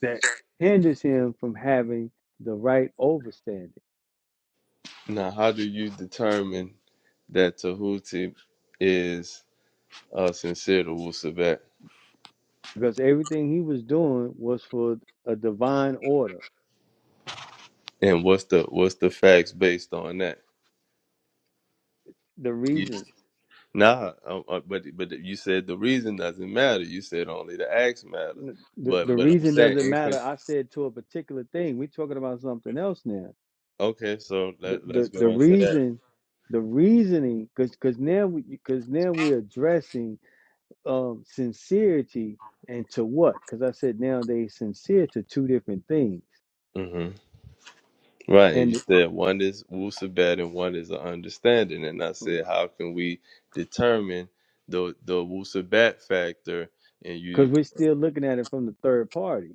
[SPEAKER 1] that hinders him from having the right overstanding
[SPEAKER 3] Now, how do you determine that Tahuti is uh, sincere to Wusabat?
[SPEAKER 1] because everything he was doing was for a divine order,
[SPEAKER 3] And what's the what's the facts based on that?
[SPEAKER 1] the
[SPEAKER 3] You,
[SPEAKER 1] reasons.
[SPEAKER 3] Nah, um, uh, but but you said the reason doesn't matter. You said only the acts matter.
[SPEAKER 1] n- the,
[SPEAKER 3] But
[SPEAKER 1] the
[SPEAKER 3] but I'm
[SPEAKER 1] reason
[SPEAKER 3] saying
[SPEAKER 1] doesn't
[SPEAKER 3] it can,
[SPEAKER 1] matter. I said to a particular thing. We're talking about something else now.
[SPEAKER 3] okay. So
[SPEAKER 1] The
[SPEAKER 3] let let's
[SPEAKER 1] the, the
[SPEAKER 3] go into that.
[SPEAKER 1] reason, the reasoning, because because now we because now we're addressing um sincerity and to what? Because I said nowadays sincere to two different things,
[SPEAKER 3] hmm Right, and you
[SPEAKER 1] and
[SPEAKER 3] said one is wusabat and one is an understanding, and I said how can we determine the the wusabat factor? And you
[SPEAKER 1] because we're still looking at it from the third party.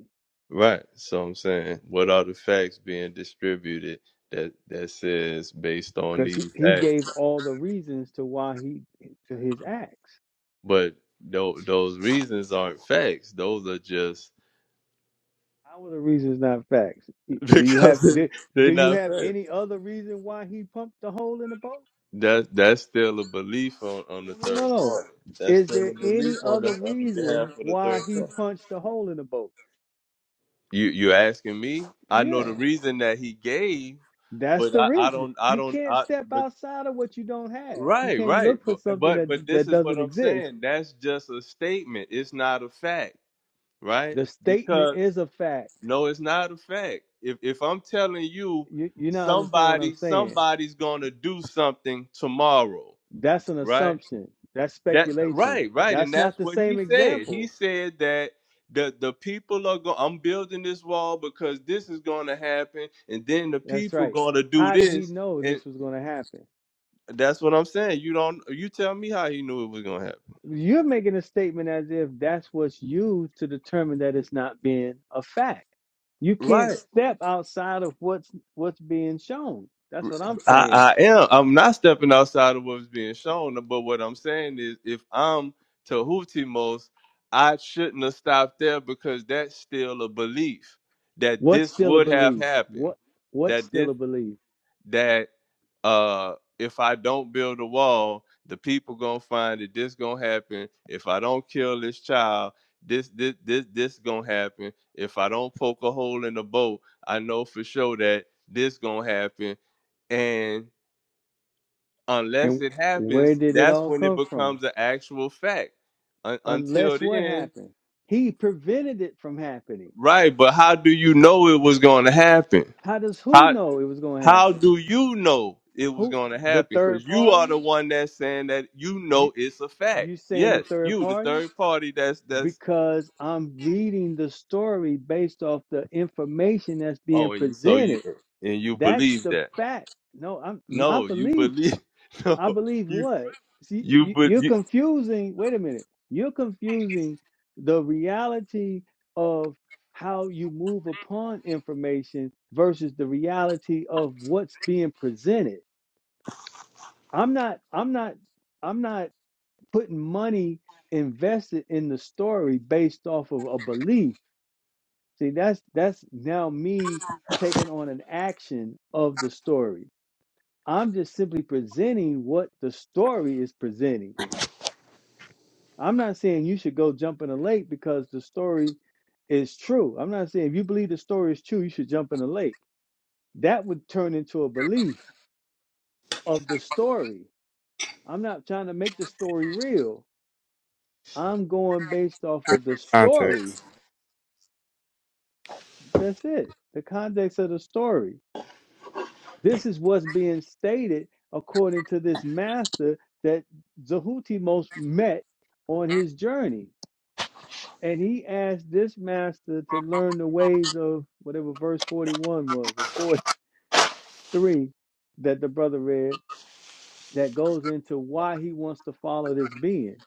[SPEAKER 3] right, so I'm saying what are the facts being distributed that that says based on
[SPEAKER 1] Because he,
[SPEAKER 3] these
[SPEAKER 1] he
[SPEAKER 3] acts?
[SPEAKER 1] gave all the reasons to why he to his acts.
[SPEAKER 3] But tho- those reasons aren't facts; those are just
[SPEAKER 1] How are the reasons not facts? Do you have
[SPEAKER 3] because
[SPEAKER 1] do,
[SPEAKER 3] they're
[SPEAKER 1] do you
[SPEAKER 3] not
[SPEAKER 1] have
[SPEAKER 3] fair.
[SPEAKER 1] any other reason why he pumped the hole in the boat?
[SPEAKER 3] That that's still a belief on, on
[SPEAKER 1] No,
[SPEAKER 3] the
[SPEAKER 1] no, no, no,
[SPEAKER 3] third
[SPEAKER 1] no.
[SPEAKER 3] party. That's
[SPEAKER 1] Is
[SPEAKER 3] still
[SPEAKER 1] there
[SPEAKER 3] a belief
[SPEAKER 1] any
[SPEAKER 3] on the
[SPEAKER 1] other
[SPEAKER 3] on the behalf
[SPEAKER 1] reason
[SPEAKER 3] of the
[SPEAKER 1] why
[SPEAKER 3] third
[SPEAKER 1] he
[SPEAKER 3] party.
[SPEAKER 1] punched the hole in the boat?
[SPEAKER 3] You you asking me? I know
[SPEAKER 1] Yeah,
[SPEAKER 3] the reason that he gave,
[SPEAKER 1] that's
[SPEAKER 3] but
[SPEAKER 1] the
[SPEAKER 3] I, I
[SPEAKER 1] reason.
[SPEAKER 3] don't I
[SPEAKER 1] You
[SPEAKER 3] don't
[SPEAKER 1] can't
[SPEAKER 3] I
[SPEAKER 1] step
[SPEAKER 3] but
[SPEAKER 1] outside of what you don't have. You
[SPEAKER 3] right
[SPEAKER 1] can't
[SPEAKER 3] right
[SPEAKER 1] look for
[SPEAKER 3] but,
[SPEAKER 1] something
[SPEAKER 3] but
[SPEAKER 1] that
[SPEAKER 3] but this
[SPEAKER 1] that
[SPEAKER 3] is what
[SPEAKER 1] doesn't
[SPEAKER 3] I'm
[SPEAKER 1] exist.
[SPEAKER 3] saying. That's just a statement. It's not a fact, right?
[SPEAKER 1] The statement
[SPEAKER 3] Because
[SPEAKER 1] is a fact.
[SPEAKER 3] no, it's not a fact. If if I'm telling you
[SPEAKER 1] You you not understand what I'm
[SPEAKER 3] somebody
[SPEAKER 1] saying?
[SPEAKER 3] somebody's gonna do something tomorrow,
[SPEAKER 1] That's an
[SPEAKER 3] right?
[SPEAKER 1] assumption. That's
[SPEAKER 3] That
[SPEAKER 1] speculation.
[SPEAKER 3] right, right, and
[SPEAKER 1] That's
[SPEAKER 3] that's
[SPEAKER 1] not the
[SPEAKER 3] what he
[SPEAKER 1] same
[SPEAKER 3] said. He
[SPEAKER 1] example
[SPEAKER 3] said that the the people are going. I'm building this wall because this is going to happen, and then the
[SPEAKER 1] That's
[SPEAKER 3] people
[SPEAKER 1] right.
[SPEAKER 3] going to do
[SPEAKER 1] How did he
[SPEAKER 3] this,
[SPEAKER 1] know
[SPEAKER 3] and
[SPEAKER 1] this was going to happen?
[SPEAKER 3] that's what I'm saying. You don't. You tell me how he knew it was going to happen.
[SPEAKER 1] You're making a statement as if that's what's used to determine that it's not being a fact. You can't
[SPEAKER 3] Right.
[SPEAKER 1] step outside of what's what's being shown. That's what I'm saying.
[SPEAKER 3] I, I am. I'm not stepping outside of what's being shown, but what I'm saying is, if I'm Tahutimos, I shouldn't have stopped there because that's still a belief that
[SPEAKER 1] What's
[SPEAKER 3] this
[SPEAKER 1] still a
[SPEAKER 3] would have
[SPEAKER 1] belief?
[SPEAKER 3] happened.
[SPEAKER 1] What what's
[SPEAKER 3] That
[SPEAKER 1] still
[SPEAKER 3] this
[SPEAKER 1] a belief?
[SPEAKER 3] that uh if I don't build a wall, the people gonna find that this gonna happen. If I don't kill this child, this this this this gonna happen. If I don't poke a hole in the boat, I know for sure that this gonna happen. And unless
[SPEAKER 1] And
[SPEAKER 3] it
[SPEAKER 1] where
[SPEAKER 3] happens,
[SPEAKER 1] did it
[SPEAKER 3] that's
[SPEAKER 1] all
[SPEAKER 3] when it
[SPEAKER 1] come from?
[SPEAKER 3] becomes an actual fact. Un- until
[SPEAKER 1] Unless what
[SPEAKER 3] then,
[SPEAKER 1] happened? He prevented it from happening.
[SPEAKER 3] right? But how do you know it was gonna happen?
[SPEAKER 1] How does who
[SPEAKER 3] How
[SPEAKER 1] know it was going to
[SPEAKER 3] How
[SPEAKER 1] happen?
[SPEAKER 3] do you know it was
[SPEAKER 1] Who
[SPEAKER 3] going to
[SPEAKER 1] the
[SPEAKER 3] happen? Because
[SPEAKER 1] third
[SPEAKER 3] you are
[SPEAKER 1] party?
[SPEAKER 3] the one that's saying that you
[SPEAKER 1] You
[SPEAKER 3] know it's a fact.
[SPEAKER 1] you saying the
[SPEAKER 3] Yes,
[SPEAKER 1] third
[SPEAKER 3] you, the
[SPEAKER 1] party?
[SPEAKER 3] third party. That's that's.
[SPEAKER 1] because I'm reading the story based off the information that's being
[SPEAKER 3] Oh, and you so you
[SPEAKER 1] presented.
[SPEAKER 3] and you
[SPEAKER 1] That's
[SPEAKER 3] believe
[SPEAKER 1] the
[SPEAKER 3] that?
[SPEAKER 1] fact. No, I'm my
[SPEAKER 3] No, you
[SPEAKER 1] belief.
[SPEAKER 3] believe. No,
[SPEAKER 1] I believe
[SPEAKER 3] you
[SPEAKER 1] what? See,
[SPEAKER 3] you
[SPEAKER 1] you,
[SPEAKER 3] but
[SPEAKER 1] you're
[SPEAKER 3] you.
[SPEAKER 1] confusing. Wait a minute. You're confusing the reality of how you move upon information versus the reality of what's being presented. I'm not. I'm not. I'm not putting money invested in the story based off of a belief. See, that's that's now me taking on an action of the story. I'm just simply presenting what the story is presenting. I'm not saying you should go jump in a lake because the story is true. I'm not saying if you believe the story is true, you should jump in a lake. That would turn into a belief of the story. I'm not trying to make the story real. I'm going based off of the story.
[SPEAKER 4] Context.
[SPEAKER 1] That's it. The context of the story. This is what's being stated according to this master that Zahutimos met on his journey. And he asked this master to learn the ways of whatever verse 41 was or 43 that the brother read that goes into why he wants to follow this being.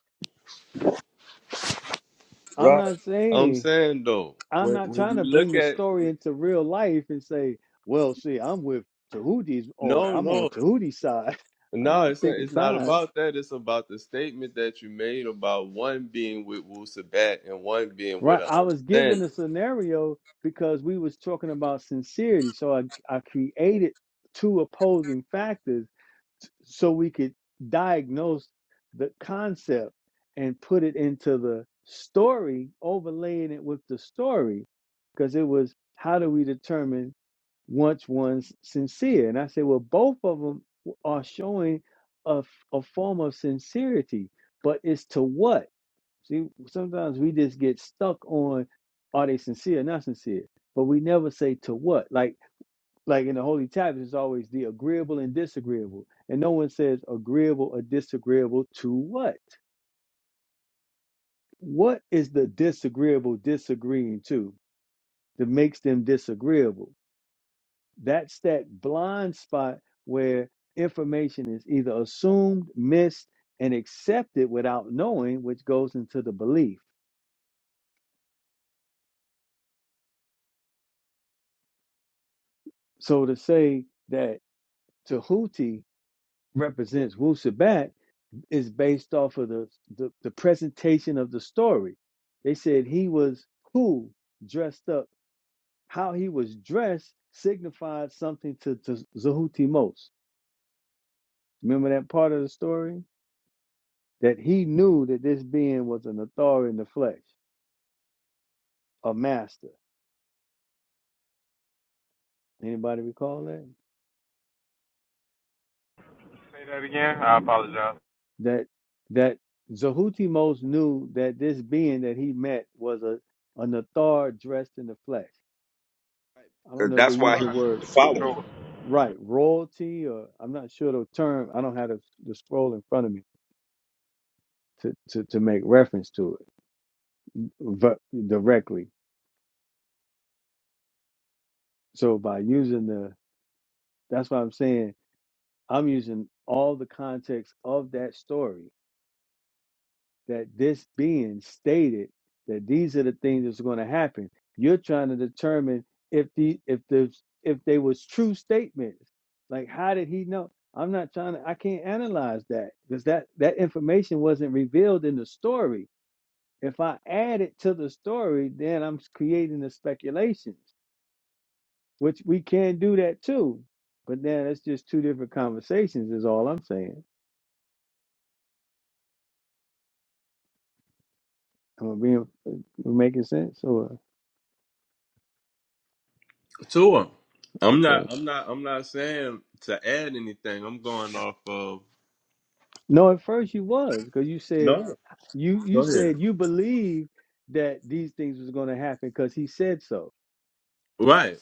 [SPEAKER 1] I'm not
[SPEAKER 3] I'm
[SPEAKER 1] saying,
[SPEAKER 3] saying though.
[SPEAKER 1] I'm not trying to bring the story into real life and say, well, see, I'm with Tahuti's on,
[SPEAKER 3] No,
[SPEAKER 1] I'm on
[SPEAKER 3] no,
[SPEAKER 1] Tahuti's side. I'm
[SPEAKER 3] no.
[SPEAKER 1] not
[SPEAKER 3] It's not,
[SPEAKER 1] picking
[SPEAKER 3] it's not
[SPEAKER 1] sides
[SPEAKER 3] about that. It's about the statement that you made about one being with Wusabat and one being with
[SPEAKER 1] Right.
[SPEAKER 3] an
[SPEAKER 1] I was given a
[SPEAKER 3] understanding.
[SPEAKER 1] scenario because we was talking about sincerity. So I, I created two opposing factors s- so we could diagnose the concept and put it into the story, overlaying it with the story. Because it was how do we determine once one's sincere? And I said, well, both of them are showing a, f- a form of sincerity, but it's to what? See, sometimes we just get stuck on are they sincere, or not sincere, but we never say to what. Like, like in the holy tablets, it's always the agreeable and disagreeable, and no one says agreeable or disagreeable to what. What is the disagreeable disagreeing to that makes them disagreeable? That's that blind spot where information is either assumed, missed, and accepted without knowing, which goes into the belief. So to say that Tahuti represents Wu Sabat is based off of the, the the presentation of the story. They said he was cool dressed up. How he was dressed signified something to, to Zahutimos. Remember that part of the story? That he knew that this being was an authority in the flesh, a master. Anybody recall that? That that Zahutimos knew that this being that he met was a an author dressed in the flesh. I don't
[SPEAKER 7] because
[SPEAKER 1] know if they
[SPEAKER 7] that's why
[SPEAKER 1] use
[SPEAKER 7] he
[SPEAKER 1] the
[SPEAKER 7] used
[SPEAKER 1] word
[SPEAKER 7] the following.
[SPEAKER 1] right royalty or I'm not sure the term. I don't have the, the scroll in front of me to, to, to make reference to it but directly. So by using the, that's why I'm saying I'm using all the context of that story that this being stated that these are the things that's going to happen. You're trying to determine if the if the if they was true statements. Like how did he know? I'm not trying to I can't analyze that because that that information wasn't revealed in the story. If I add it to the story, then I'm creating the speculations, which we can do that too. But then it's just two different conversations is all I'm saying. Am I being am I making sense or
[SPEAKER 3] to him. I'm
[SPEAKER 1] okay.
[SPEAKER 3] not. I'm not. I'm not saying to add anything. I'm going off of.
[SPEAKER 1] No, at first you was because you said
[SPEAKER 3] No.
[SPEAKER 1] you
[SPEAKER 3] Go
[SPEAKER 1] you
[SPEAKER 3] ahead.
[SPEAKER 1] said you believe that these things was going to happen because he said so.
[SPEAKER 3] Right.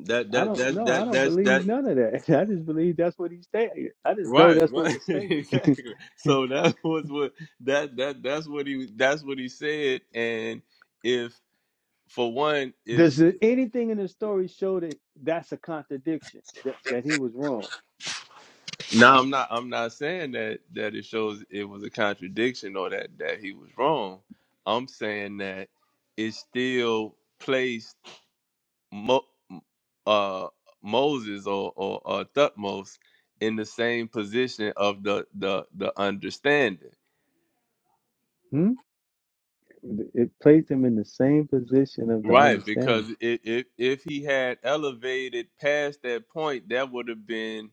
[SPEAKER 3] That.
[SPEAKER 1] I
[SPEAKER 3] That.
[SPEAKER 1] don't
[SPEAKER 3] That.
[SPEAKER 1] know. I
[SPEAKER 3] That.
[SPEAKER 1] don't
[SPEAKER 3] That's that.
[SPEAKER 1] believe none of that. I just believe that's what he stated. I just know
[SPEAKER 3] Right.
[SPEAKER 1] that's what
[SPEAKER 3] Right.
[SPEAKER 1] was stated.
[SPEAKER 3] exactly. So that was what. That. That. That's what he. That's what he said. And if for one, if
[SPEAKER 1] Does it- anything in the story show that that's a contradiction that that he was wrong?
[SPEAKER 3] now I'm not. I'm not saying that. That it shows it was a contradiction or that that he was wrong. I'm saying that it's still placed. Mo, uh, Moses or or, or Thutmose in the same position of the the the understanding,
[SPEAKER 1] Hmm? It placed him in the same position of the
[SPEAKER 3] right? Because
[SPEAKER 1] understanding.
[SPEAKER 3] if if, if he had elevated past that point, that would have been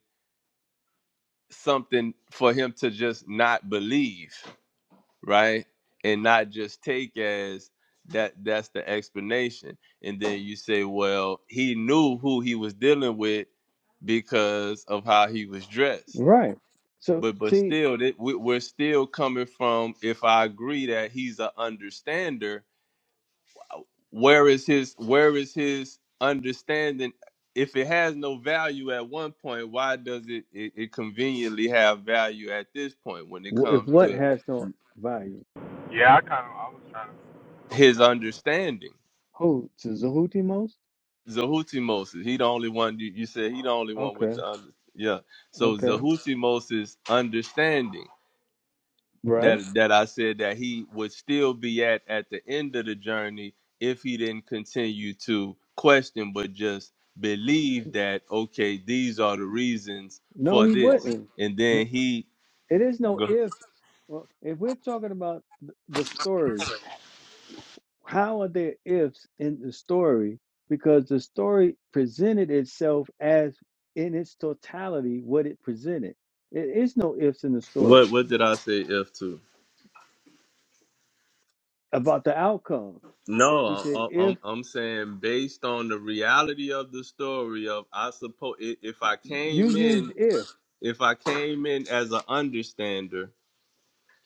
[SPEAKER 3] something for him to just not believe, right? And not just take as that that's the explanation. And then you say, well, he knew who he was dealing with because of how he was dressed
[SPEAKER 1] Right. So
[SPEAKER 3] But but
[SPEAKER 1] see,
[SPEAKER 3] still, that we- we're still coming from. If I agree that he's an understander, where is his where is his understanding? If it has no value at one point, why does it, it it conveniently have value at this point when it
[SPEAKER 1] wh- if
[SPEAKER 3] comes
[SPEAKER 1] what
[SPEAKER 3] to
[SPEAKER 1] has no value,
[SPEAKER 3] his understanding?
[SPEAKER 1] who to Zahuti most?
[SPEAKER 3] Zahuti is he the only one you, you said he the only one with
[SPEAKER 1] Okay.
[SPEAKER 3] the under, yeah. So
[SPEAKER 1] Okay.
[SPEAKER 3] Zahuti Moses understanding.
[SPEAKER 1] Right.
[SPEAKER 3] that that I said that he would still be at at the end of the journey if he didn't continue to question, but just believe that okay, these are the reasons
[SPEAKER 1] No,
[SPEAKER 3] for
[SPEAKER 1] he
[SPEAKER 3] this,
[SPEAKER 1] wouldn't.
[SPEAKER 3] and
[SPEAKER 1] No,
[SPEAKER 3] then he
[SPEAKER 1] it is no
[SPEAKER 3] go-
[SPEAKER 1] ifs. Well, if we're talking about th- the story, how are there ifs in the story? Because the story presented itself as in its totality what it presented. It is no ifs in the story
[SPEAKER 3] what what did I say if to?
[SPEAKER 1] about the outcome.
[SPEAKER 3] No,
[SPEAKER 1] You said
[SPEAKER 3] I- I'm
[SPEAKER 1] if
[SPEAKER 3] I'm saying based on the reality of the story of I suppose if I
[SPEAKER 1] you
[SPEAKER 3] came in
[SPEAKER 1] used if.
[SPEAKER 3] if I came in as an understander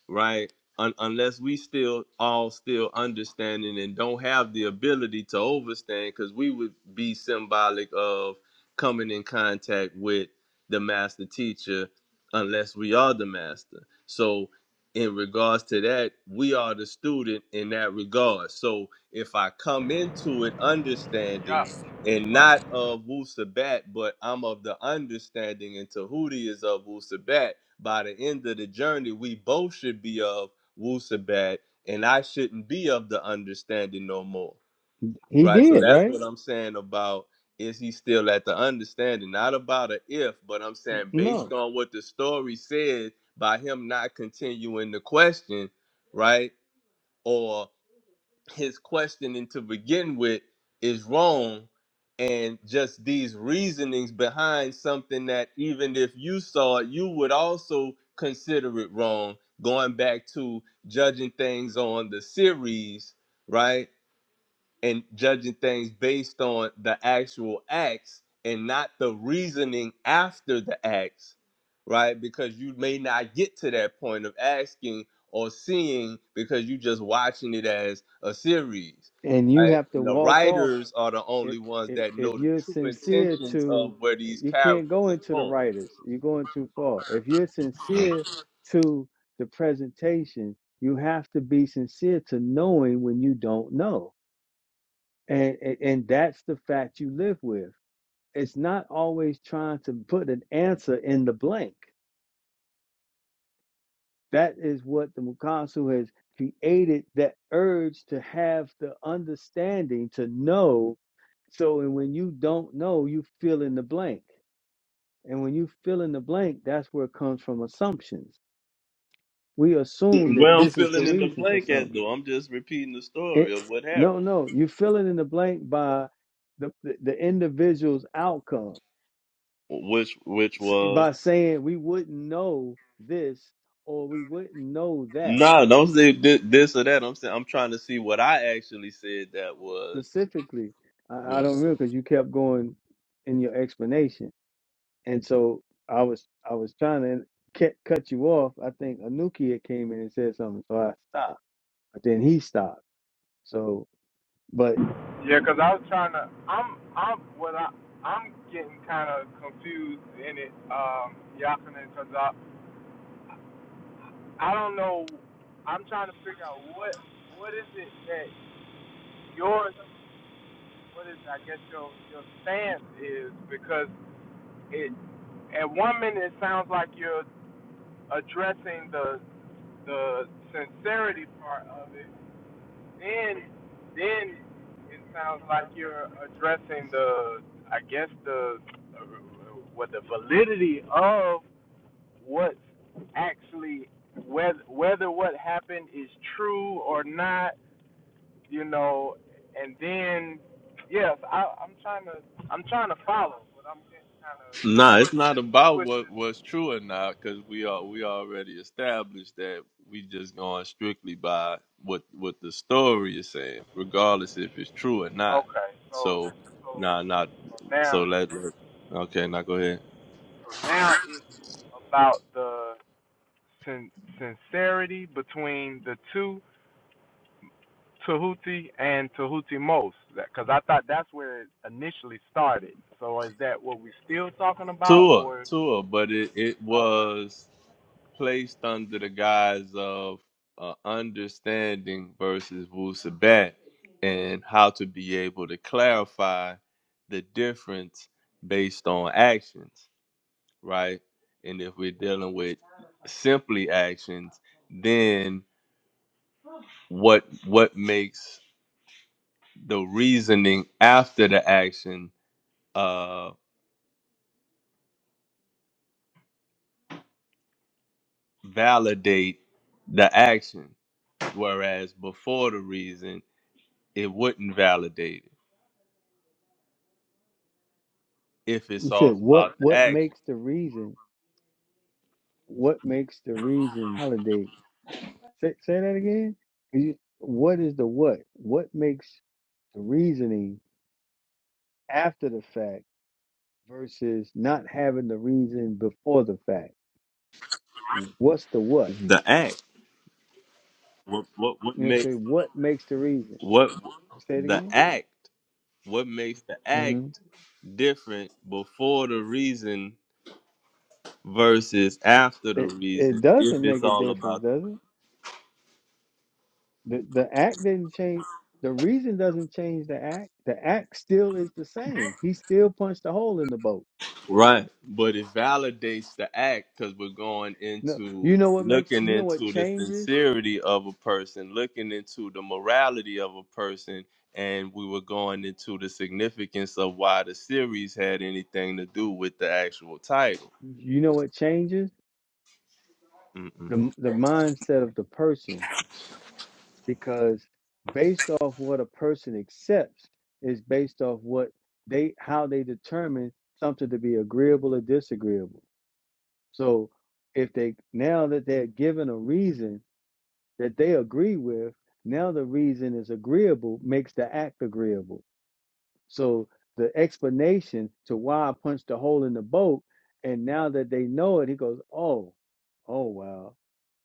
[SPEAKER 3] right? Un- unless we still all still understanding and don't have the ability to overstand, because we would be symbolic of coming in contact with the master teacher, unless we are the master. So, in regards to that, we are the student in that regard. So, if I come into it understanding and not of Wu Sabat, but I'm of the understanding, and Tahuti is of Wu Sabat by the end of the journey, we both should be of Wusabat, and I shouldn't be of the understanding no more.
[SPEAKER 1] He
[SPEAKER 3] Right? So
[SPEAKER 1] did,
[SPEAKER 3] that's
[SPEAKER 1] right?
[SPEAKER 3] what I'm saying about is he still at the understanding? Not about a if, but I'm saying based
[SPEAKER 1] No.
[SPEAKER 3] on what the story said by him not continuing the question, right? Or his questioning to begin with is wrong and just these reasonings behind something that even if you saw it you would also consider it wrong going back to judging things on the series right and judging things based on the actual acts and not the reasoning after the acts, right? Because you may not get to that point of asking or seeing because you're just watching it as a series,
[SPEAKER 1] And you
[SPEAKER 3] right?
[SPEAKER 1] have to
[SPEAKER 3] the
[SPEAKER 1] walk off.
[SPEAKER 3] writers are the
[SPEAKER 1] if
[SPEAKER 3] only ones
[SPEAKER 1] if
[SPEAKER 3] that
[SPEAKER 1] if
[SPEAKER 3] know the
[SPEAKER 1] you're
[SPEAKER 3] true
[SPEAKER 1] sincere
[SPEAKER 3] intentions
[SPEAKER 1] to
[SPEAKER 3] of where these
[SPEAKER 1] you can't
[SPEAKER 3] characters
[SPEAKER 1] go
[SPEAKER 3] are
[SPEAKER 1] into the
[SPEAKER 3] going.
[SPEAKER 1] writers you're going too far if you're sincere to the presentation you have to be sincere to knowing when you don't know and and, and that's the fact you live with it's not always trying to put an answer in the blank that is what the mukasu has created that urge to have the understanding to know so and when you don't know you fill in the blank And when you fill in the blank, that's where it comes from assumptions. We assume that
[SPEAKER 3] Well, I'm
[SPEAKER 1] this is the
[SPEAKER 3] filling in the
[SPEAKER 1] reason for
[SPEAKER 3] blank at
[SPEAKER 1] something.
[SPEAKER 3] though. I'm just repeating the story
[SPEAKER 1] It,
[SPEAKER 3] of what
[SPEAKER 1] no,
[SPEAKER 3] happened,
[SPEAKER 1] no, you fill it in the blank by the, the, the individual's outcome,
[SPEAKER 3] which which
[SPEAKER 1] s-
[SPEAKER 3] was
[SPEAKER 1] by saying we wouldn't know this or we wouldn't know that.
[SPEAKER 3] No, don't say thi- this or that. I'm saying I'm trying to see what I actually said that
[SPEAKER 1] Oh,
[SPEAKER 3] was.
[SPEAKER 1] Specifically, I, I
[SPEAKER 3] No,
[SPEAKER 1] don't remember because you kept going in your explanation. And so I was I was trying to cut cut you off. I think Anukia came in and said something, so I stopped. But then he stopped. So, but
[SPEAKER 3] nah, it's not about what was true or not because we are we already established that we just going strictly by what what the story is saying, regardless if it's true or not. So, nah, not so let. let- Okay, now go ahead. Tua, Tua, but it it was. placed under the guise of uh, understanding versus wusabat and how to be able to clarify the difference based on actions, right? And if we're dealing with simply actions, then what what makes the reasoning after the action uh, validate the action, whereas before the reason it wouldn't validate it if it's
[SPEAKER 1] you said
[SPEAKER 3] all
[SPEAKER 1] what?
[SPEAKER 3] about the
[SPEAKER 1] What
[SPEAKER 3] action.
[SPEAKER 1] makes the reason? What makes the reason validate? Say, say that again. 'Cause You, what is the what? What makes the reasoning after the fact versus not having the reason before the fact? What's the what?
[SPEAKER 3] The act. What what what
[SPEAKER 1] You know, say
[SPEAKER 3] makes
[SPEAKER 1] what makes the reason?
[SPEAKER 3] what
[SPEAKER 1] Say it
[SPEAKER 3] the
[SPEAKER 1] again.
[SPEAKER 3] act? What makes the
[SPEAKER 1] hmm
[SPEAKER 3] act different before the reason versus after the
[SPEAKER 1] It it
[SPEAKER 3] reason? If
[SPEAKER 1] doesn't
[SPEAKER 3] it's
[SPEAKER 1] make a
[SPEAKER 3] all about
[SPEAKER 1] difference, does it? The the act didn't change. The reason doesn't change the act. The act still is the same. He still punched a hole in the boat.
[SPEAKER 3] Right. But it validates the act because we're going
[SPEAKER 1] No,
[SPEAKER 3] into
[SPEAKER 1] you know what makes
[SPEAKER 3] looking
[SPEAKER 1] you know what
[SPEAKER 3] into the
[SPEAKER 1] changes.
[SPEAKER 3] sincerity of a person, looking into the morality of a person, and we were going into the significance of why the series had anything to do with the actual title.
[SPEAKER 1] You know what changes
[SPEAKER 3] Mm-mm.
[SPEAKER 1] the the mindset of the person because based off what a person accepts is based off what they how they determine something to be agreeable or disagreeable. So if they now that they're given a reason that they agree with, now the reason is agreeable makes the act agreeable. So the explanation to why I punched a hole in the boat, and now that they know it, he goes, Oh, oh well,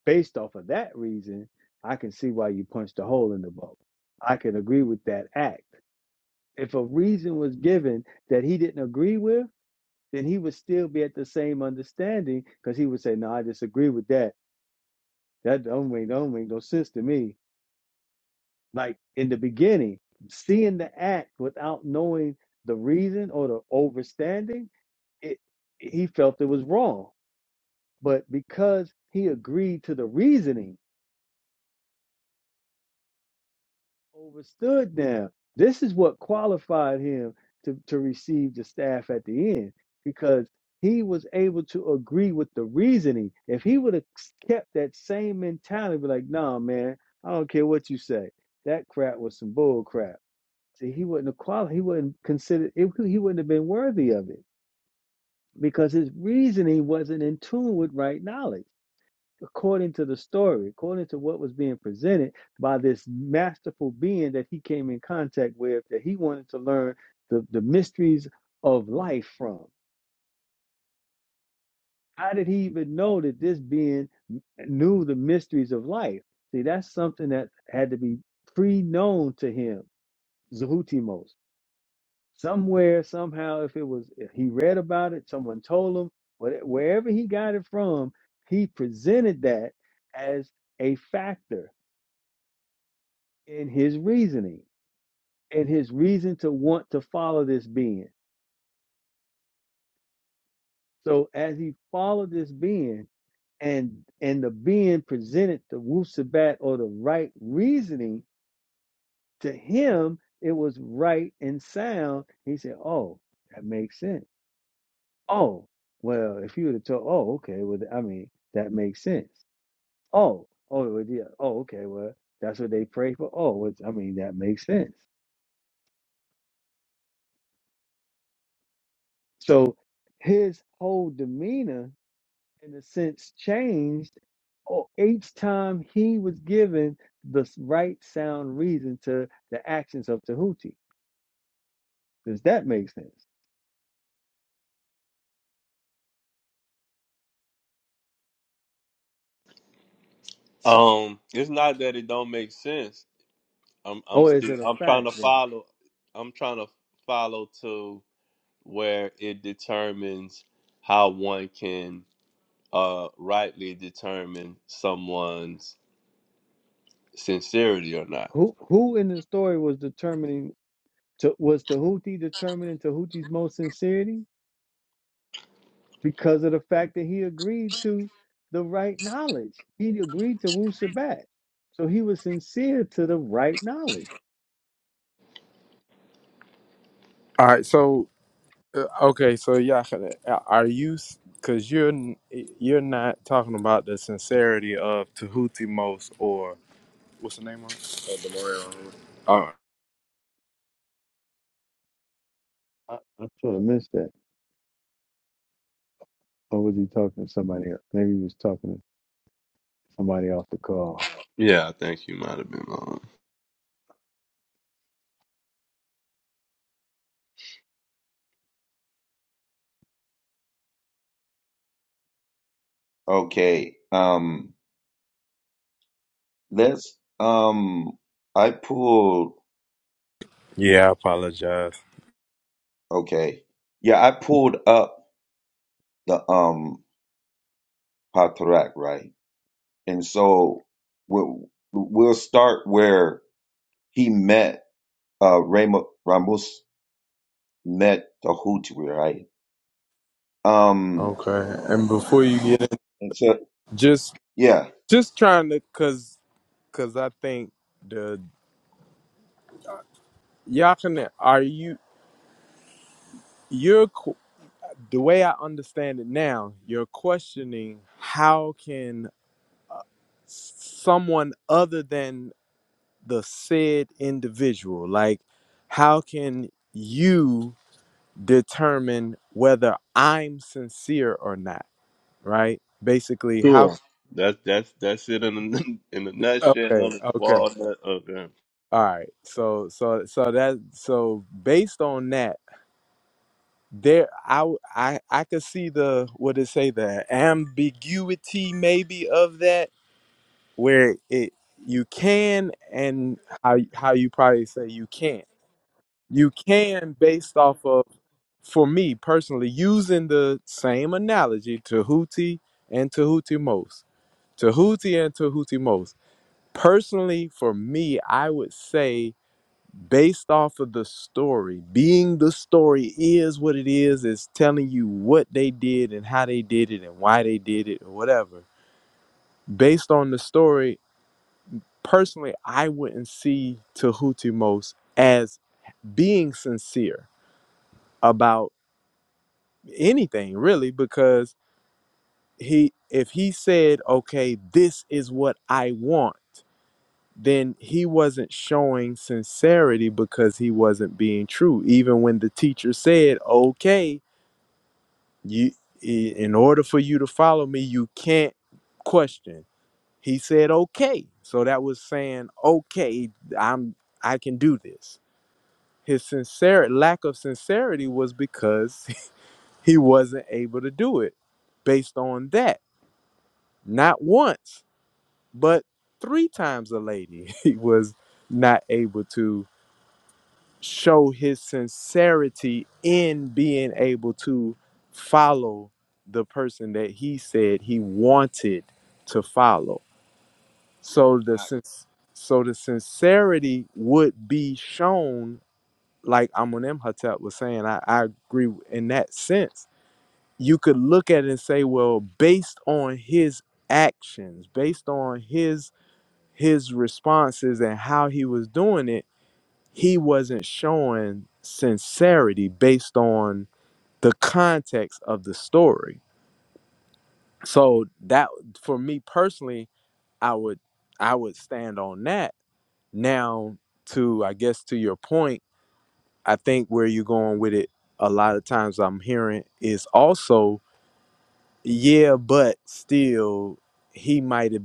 [SPEAKER 1] based off of that reason, I can see why you punched a hole in the boat. I can agree with that act. If a reason was given that he didn't agree with, then he would still be at the same understanding because he would say, No, I disagree with that. That don't make, don't make no sense to me like in the beginning, seeing the act without knowing the reason or the overstanding, it he felt it was wrong. But because he agreed to the reasoning, overstood now, this is what qualified him to, to receive the staff at the end, because he was able to agree with the reasoning. If he would have kept that same mentality, be like, nah, man, I don't care what you say. That crap was some bull crap See, he wouldn't have qualified. He wouldn't consider. It, he wouldn't have been worthy of it because his reasoning wasn't in tune with right knowledge. According to the story, according to what was being presented by this masterful being that he came in contact with, that he wanted to learn the, the mysteries of life from. How did he even know that this being knew the mysteries of life? See, that's something that had to be pre known to him, Zahutimos. somewhere, somehow, if it was, if he read about it, someone told him, what- wherever he got it from, he presented that as a factor in his reasoning, in his reason to want to follow this being. So as he followed this being, and and the being presented the wusabat or the right reasoning to him, it was right and sound. He said, "Oh, that makes sense." Oh, well, if you would have told, oh, okay, well, th- I mean, that makes sense. Oh, oh, well, yeah, oh, okay, well, that's what they pray for. Oh, well, I mean, that makes sense. So his whole demeanor, in a sense, changed o- each time he was given the s- right sound reason to the actions of Tahuti. Does that make sense?
[SPEAKER 3] Um, it's not that it don't make sense. I'm I'm
[SPEAKER 1] Or is
[SPEAKER 3] still
[SPEAKER 1] it a
[SPEAKER 3] I'm trying
[SPEAKER 1] fact
[SPEAKER 3] to
[SPEAKER 1] then?
[SPEAKER 3] follow I'm trying to follow to where it determines how one can uh, rightly determine someone's sincerity or not.
[SPEAKER 1] Who who in the story was determining to, was Tahuti determining Tahuti's most sincerity? because of the fact that he agreed to the right knowledge. He agreed to Wu Sabat. So he was sincere to the right knowledge. I, I sort of missed that. Or was he talking to somebody else? Maybe he was talking to somebody off the call.
[SPEAKER 3] Yeah, I think you might have been wrong.
[SPEAKER 7] Okay, um, let's um, I pulled
[SPEAKER 4] Yeah, I apologize.
[SPEAKER 7] okay, yeah, I pulled up the um Patrak, right? And so we'll we'll start where he met uh Ram- Ramos met the Houthi, right? Um,
[SPEAKER 4] Okay, and before you get in,
[SPEAKER 7] and so
[SPEAKER 4] just
[SPEAKER 7] yeah,
[SPEAKER 4] just trying to, cause cause I think the Yakana, are you you're qu- the way I understand it now? You're questioning how can someone other than the said individual, like how can you determine whether I'm sincere or not? Right? Basically, how?
[SPEAKER 3] Sure. That's that's that's it in a, in a nutshell
[SPEAKER 4] Okay,
[SPEAKER 3] of the
[SPEAKER 4] okay.
[SPEAKER 3] walnut. Okay.
[SPEAKER 4] All right. So so so that so based on that, there I I I could see the what it say the ambiguity maybe of that where it you can and how how you probably say you can't. You can based off of for me personally using the same analogy to Houthi and to Houthi most. To Houthi and to Houthi most. Personally, for me, I would say based off of the story being the story is what it is is telling you what they did and how they did it and why they did it or whatever based on the story personally i wouldn't see tahuti most as being sincere about anything really because he if he said okay this is what i want then he wasn't showing sincerity because he wasn't being true even when the teacher said okay you i- in order for you to follow me you can't question he said okay so that was saying okay i'm i can do this his sincere lack of sincerity was because he wasn't able to do it based on that not once but three times a lady he was not able to show his sincerity in being able to follow the person that he said he wanted to follow so the
[SPEAKER 7] Now,
[SPEAKER 4] since so the sincerity would be shown like Amunem Hotep was saying I, I agree in that sense you could look at it and say well based on his actions based on his his responses and how he was doing it he wasn't showing sincerity based on the context of the story. So that for me personally, I would I would stand on that. Now to I guess to your point, I think where you're going with it a lot of times I'm hearing is also yeah, but still he might have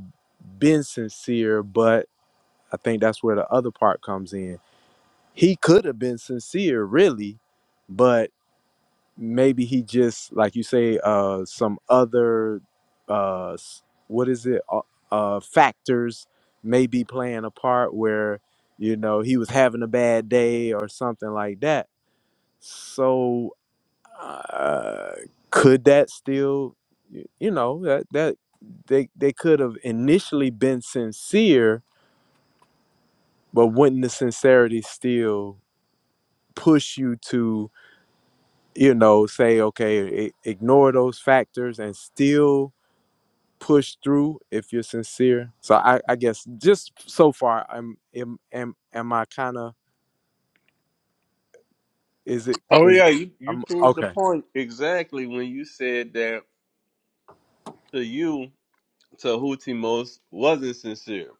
[SPEAKER 4] been sincere, but I think that's where the other part comes in. He could have been sincere really, but maybe he just like you say uh some other uh s- what is it uh, uh factors may be playing a part where you know he was having a bad day or something like that so uh could that still y- you know that that they they could have initially been sincere but wouldn't the sincerity still push you to you know, say, okay, i- ignore those factors and still push through if you're sincere. So I, I guess just so far, I'm am am, am I kind of is it
[SPEAKER 3] Oh
[SPEAKER 4] is
[SPEAKER 3] yeah, you you
[SPEAKER 4] I'm
[SPEAKER 3] proved the
[SPEAKER 4] okay
[SPEAKER 3] point exactly when you said that to you Tahuti most wasn't sincere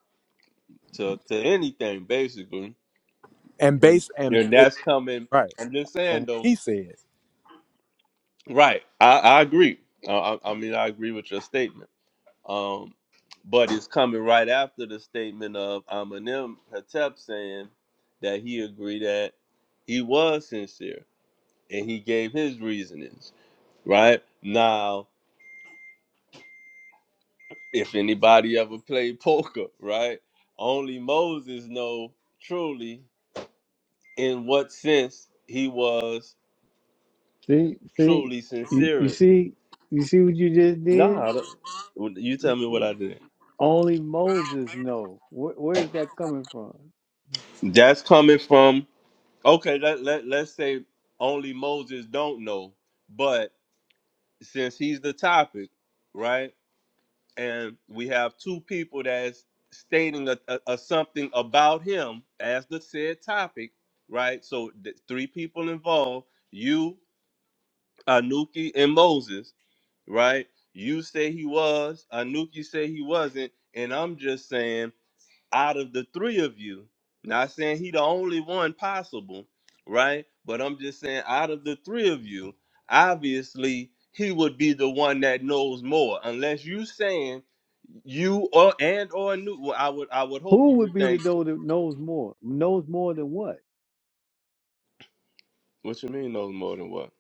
[SPEAKER 3] to to anything basically,
[SPEAKER 4] and based and
[SPEAKER 3] and
[SPEAKER 4] it,
[SPEAKER 3] that's coming.
[SPEAKER 4] right
[SPEAKER 3] I'm just
[SPEAKER 4] from
[SPEAKER 3] saying
[SPEAKER 4] what
[SPEAKER 3] though.
[SPEAKER 4] he said.
[SPEAKER 3] Right, I I agree. I I I mean I agree with your statement Um, but it's coming right after the statement of Eminem Hatep saying that he agreed that he was sincere and he gave his reasonings, right? Now, if anybody ever played poker, right? Only Moses know truly in what sense he was
[SPEAKER 1] See, see,
[SPEAKER 3] truly
[SPEAKER 1] you, you
[SPEAKER 3] sincere.
[SPEAKER 1] see, you see what you just did?
[SPEAKER 3] Nah, I don't- you tell
[SPEAKER 1] You,
[SPEAKER 3] me what I
[SPEAKER 1] you-
[SPEAKER 3] did.
[SPEAKER 1] only Moses know. Where, where is that coming from?
[SPEAKER 3] That's coming from Okay, let, let let's say only Moses don't know, but since he's the topic, right? And we have two people that's stating a, a, a something about him as the said topic, right? So th- three people involved, you, Anuki, and Moses, right? You say he was, Anuki say he wasn't, and I'm just saying out of the three of you not saying he the only one possible right but i'm just saying out of the three of you obviously he would be the one that knows more unless you saying you or and or new well i would i would hope
[SPEAKER 1] Who
[SPEAKER 3] you
[SPEAKER 1] would
[SPEAKER 3] would
[SPEAKER 1] be the
[SPEAKER 3] think
[SPEAKER 1] though that knows more? Knows more than what?
[SPEAKER 3] what you mean knows more than what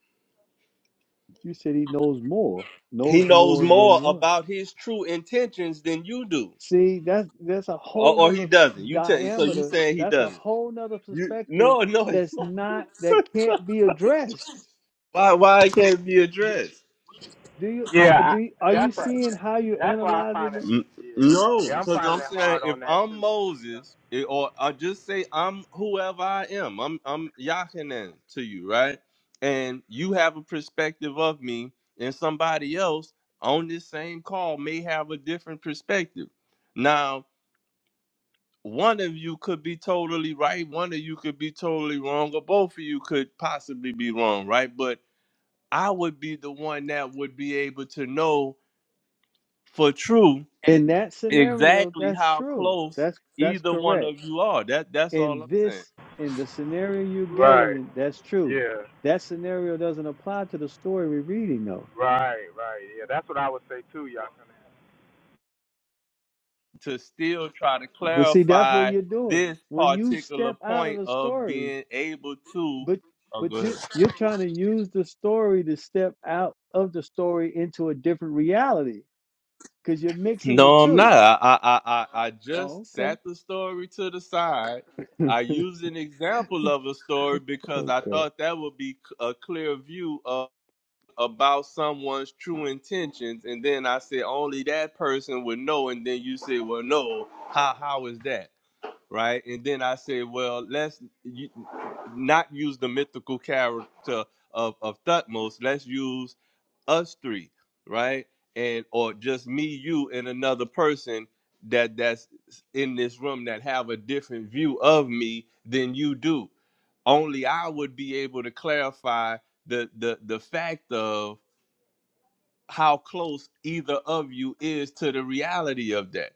[SPEAKER 1] You said he knows more. Knows
[SPEAKER 3] he knows
[SPEAKER 1] more
[SPEAKER 3] more
[SPEAKER 1] than what?
[SPEAKER 3] about his true intentions than you do
[SPEAKER 1] See, that's that's a
[SPEAKER 3] or,
[SPEAKER 1] whole
[SPEAKER 3] or he
[SPEAKER 1] nother
[SPEAKER 3] doesn't you tell so you
[SPEAKER 1] diameter.
[SPEAKER 3] saying he
[SPEAKER 1] That's a
[SPEAKER 3] doesn't
[SPEAKER 1] whole nother
[SPEAKER 3] you
[SPEAKER 1] perspective
[SPEAKER 3] no no it's
[SPEAKER 1] that's
[SPEAKER 3] not
[SPEAKER 1] not that can't be addressed.
[SPEAKER 3] why why it can't be
[SPEAKER 1] D-
[SPEAKER 3] addressed
[SPEAKER 1] d- Do you uh, do you- are you seeing how you're analyzing it?
[SPEAKER 3] N- No, because I'm saying if I'm Moses, it- or I just say I'm whoever I am, I'm I'm Yachanan to you, right? And you have a perspective of me, and somebody else on this same call may have a different perspective. Now, one of you could be totally right, one of you could be totally wrong, or both of you could possibly be wrong, right? But I would be the one that would be able to know for true
[SPEAKER 1] In that scenario,
[SPEAKER 3] exactly
[SPEAKER 1] that's
[SPEAKER 3] how
[SPEAKER 1] true.
[SPEAKER 3] close
[SPEAKER 1] That's that's
[SPEAKER 3] either one
[SPEAKER 1] correct.
[SPEAKER 3] of you are. That that's all
[SPEAKER 1] In
[SPEAKER 3] I'm saying.
[SPEAKER 1] this in the scenario you gave me, that's true. That scenario doesn't apply to the story we're reading though.
[SPEAKER 3] To still try to
[SPEAKER 1] But see, that's what
[SPEAKER 3] clarify
[SPEAKER 1] you're doing.
[SPEAKER 3] this
[SPEAKER 1] When you
[SPEAKER 3] particular
[SPEAKER 1] step out of
[SPEAKER 3] point
[SPEAKER 1] the
[SPEAKER 3] of
[SPEAKER 1] story,
[SPEAKER 3] being able to.
[SPEAKER 1] But
[SPEAKER 3] Oh, go
[SPEAKER 1] but
[SPEAKER 3] ahead.
[SPEAKER 1] you you're trying to use the story to step out of the story into a different reality because you're mixing the
[SPEAKER 3] No, I'm not.
[SPEAKER 1] two.
[SPEAKER 3] I I I, I I
[SPEAKER 1] Oh,
[SPEAKER 3] just
[SPEAKER 1] okay.
[SPEAKER 3] sat the story to the side. I used an example of a story because I
[SPEAKER 1] okay.
[SPEAKER 3] thought that would be c- a clear view of about someone's true intentions, and then I said only that person would know, and then you say, well, no, how how is that? right? And then I said, well, let's u- not use the mythical character of, of Thutmose. Let's use us three, right? And or just me, you, and another person that that's in this room that have a different view of me than you do. Only I would be able to clarify the the the fact of how close either of you is to the reality of that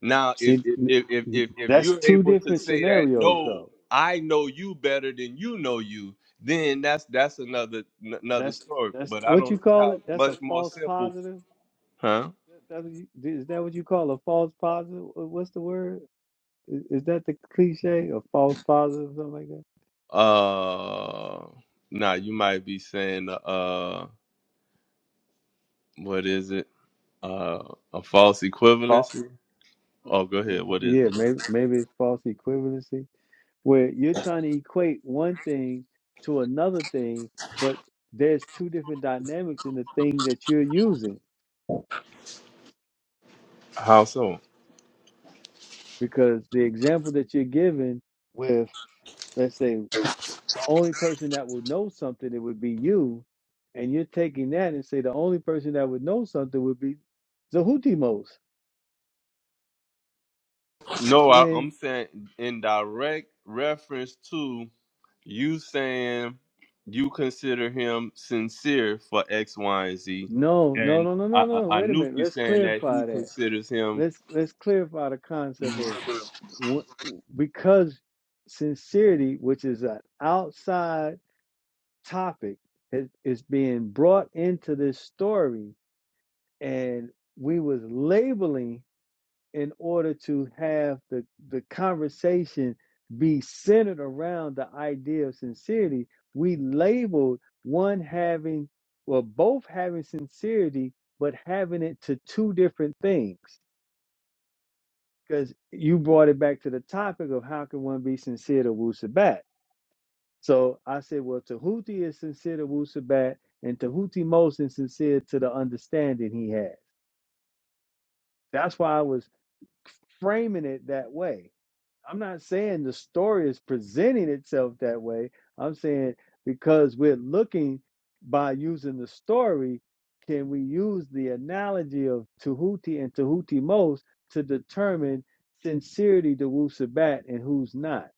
[SPEAKER 3] now, if
[SPEAKER 1] See, n-
[SPEAKER 3] if if
[SPEAKER 1] n-
[SPEAKER 3] if, if
[SPEAKER 1] that's
[SPEAKER 3] you're
[SPEAKER 1] two
[SPEAKER 3] able to
[SPEAKER 1] different
[SPEAKER 3] say that,
[SPEAKER 1] scenarios,
[SPEAKER 3] no,
[SPEAKER 1] though.
[SPEAKER 3] I know you better than you know you, then that's that's another n- another
[SPEAKER 1] That's
[SPEAKER 3] story.
[SPEAKER 1] that's
[SPEAKER 3] But I
[SPEAKER 1] what
[SPEAKER 3] don't
[SPEAKER 1] you
[SPEAKER 3] see
[SPEAKER 1] call
[SPEAKER 3] how
[SPEAKER 1] it. That's a
[SPEAKER 3] much more
[SPEAKER 1] false
[SPEAKER 3] simple,
[SPEAKER 1] positive.
[SPEAKER 3] huh?
[SPEAKER 1] That, that what you, is that what you call a false positive? Wha- What's the word? Is, is that the cliche? A false positive, something like that?
[SPEAKER 3] Uh, now you might be saying, uh, uh, what is it? Uh, a false
[SPEAKER 1] False.
[SPEAKER 3] equivalency? Oh, go ahead. What is
[SPEAKER 1] Yeah,
[SPEAKER 3] it?
[SPEAKER 1] maybe maybe it's false equivalency where you're trying to equate one thing to another thing, but there's two different dynamics in the thing that you're using
[SPEAKER 3] How so?
[SPEAKER 1] because the example that you're giving with let's say the only person that would know something it would be you and you're taking that and say the only person that would know something would be Zahutimos
[SPEAKER 3] No, I,
[SPEAKER 1] when
[SPEAKER 3] I'm saying in direct reference to. You saying you consider him sincere for X, Y, and Z,
[SPEAKER 1] no no
[SPEAKER 3] and
[SPEAKER 1] no no
[SPEAKER 3] I,
[SPEAKER 1] no no
[SPEAKER 3] I, I
[SPEAKER 1] wait a
[SPEAKER 3] knew
[SPEAKER 1] minute
[SPEAKER 3] you
[SPEAKER 1] let's
[SPEAKER 3] saying that he
[SPEAKER 1] clarify that
[SPEAKER 3] considers him.
[SPEAKER 1] let's let's clarify the concept of wh- because sincerity, which is an outside topic, is, is being brought into this story, and we was labeling in order to have the the conversation be centered around the idea of sincerity. We labeled one having, well, both having sincerity, but having it to two different things because you brought it back to the topic of how can one be sincere to Wu Sabat. So I said, well, Tahuti is sincere to Wu Sabat, and Tahuti most is sincere to the understanding he has. That's why I was framing it that way. I'm not saying the story is presenting itself that way. I'm saying because we're looking by using the story, can we use the analogy of Tahuti and Tahuti most to determine sincerity to Wu Sabat and who's not?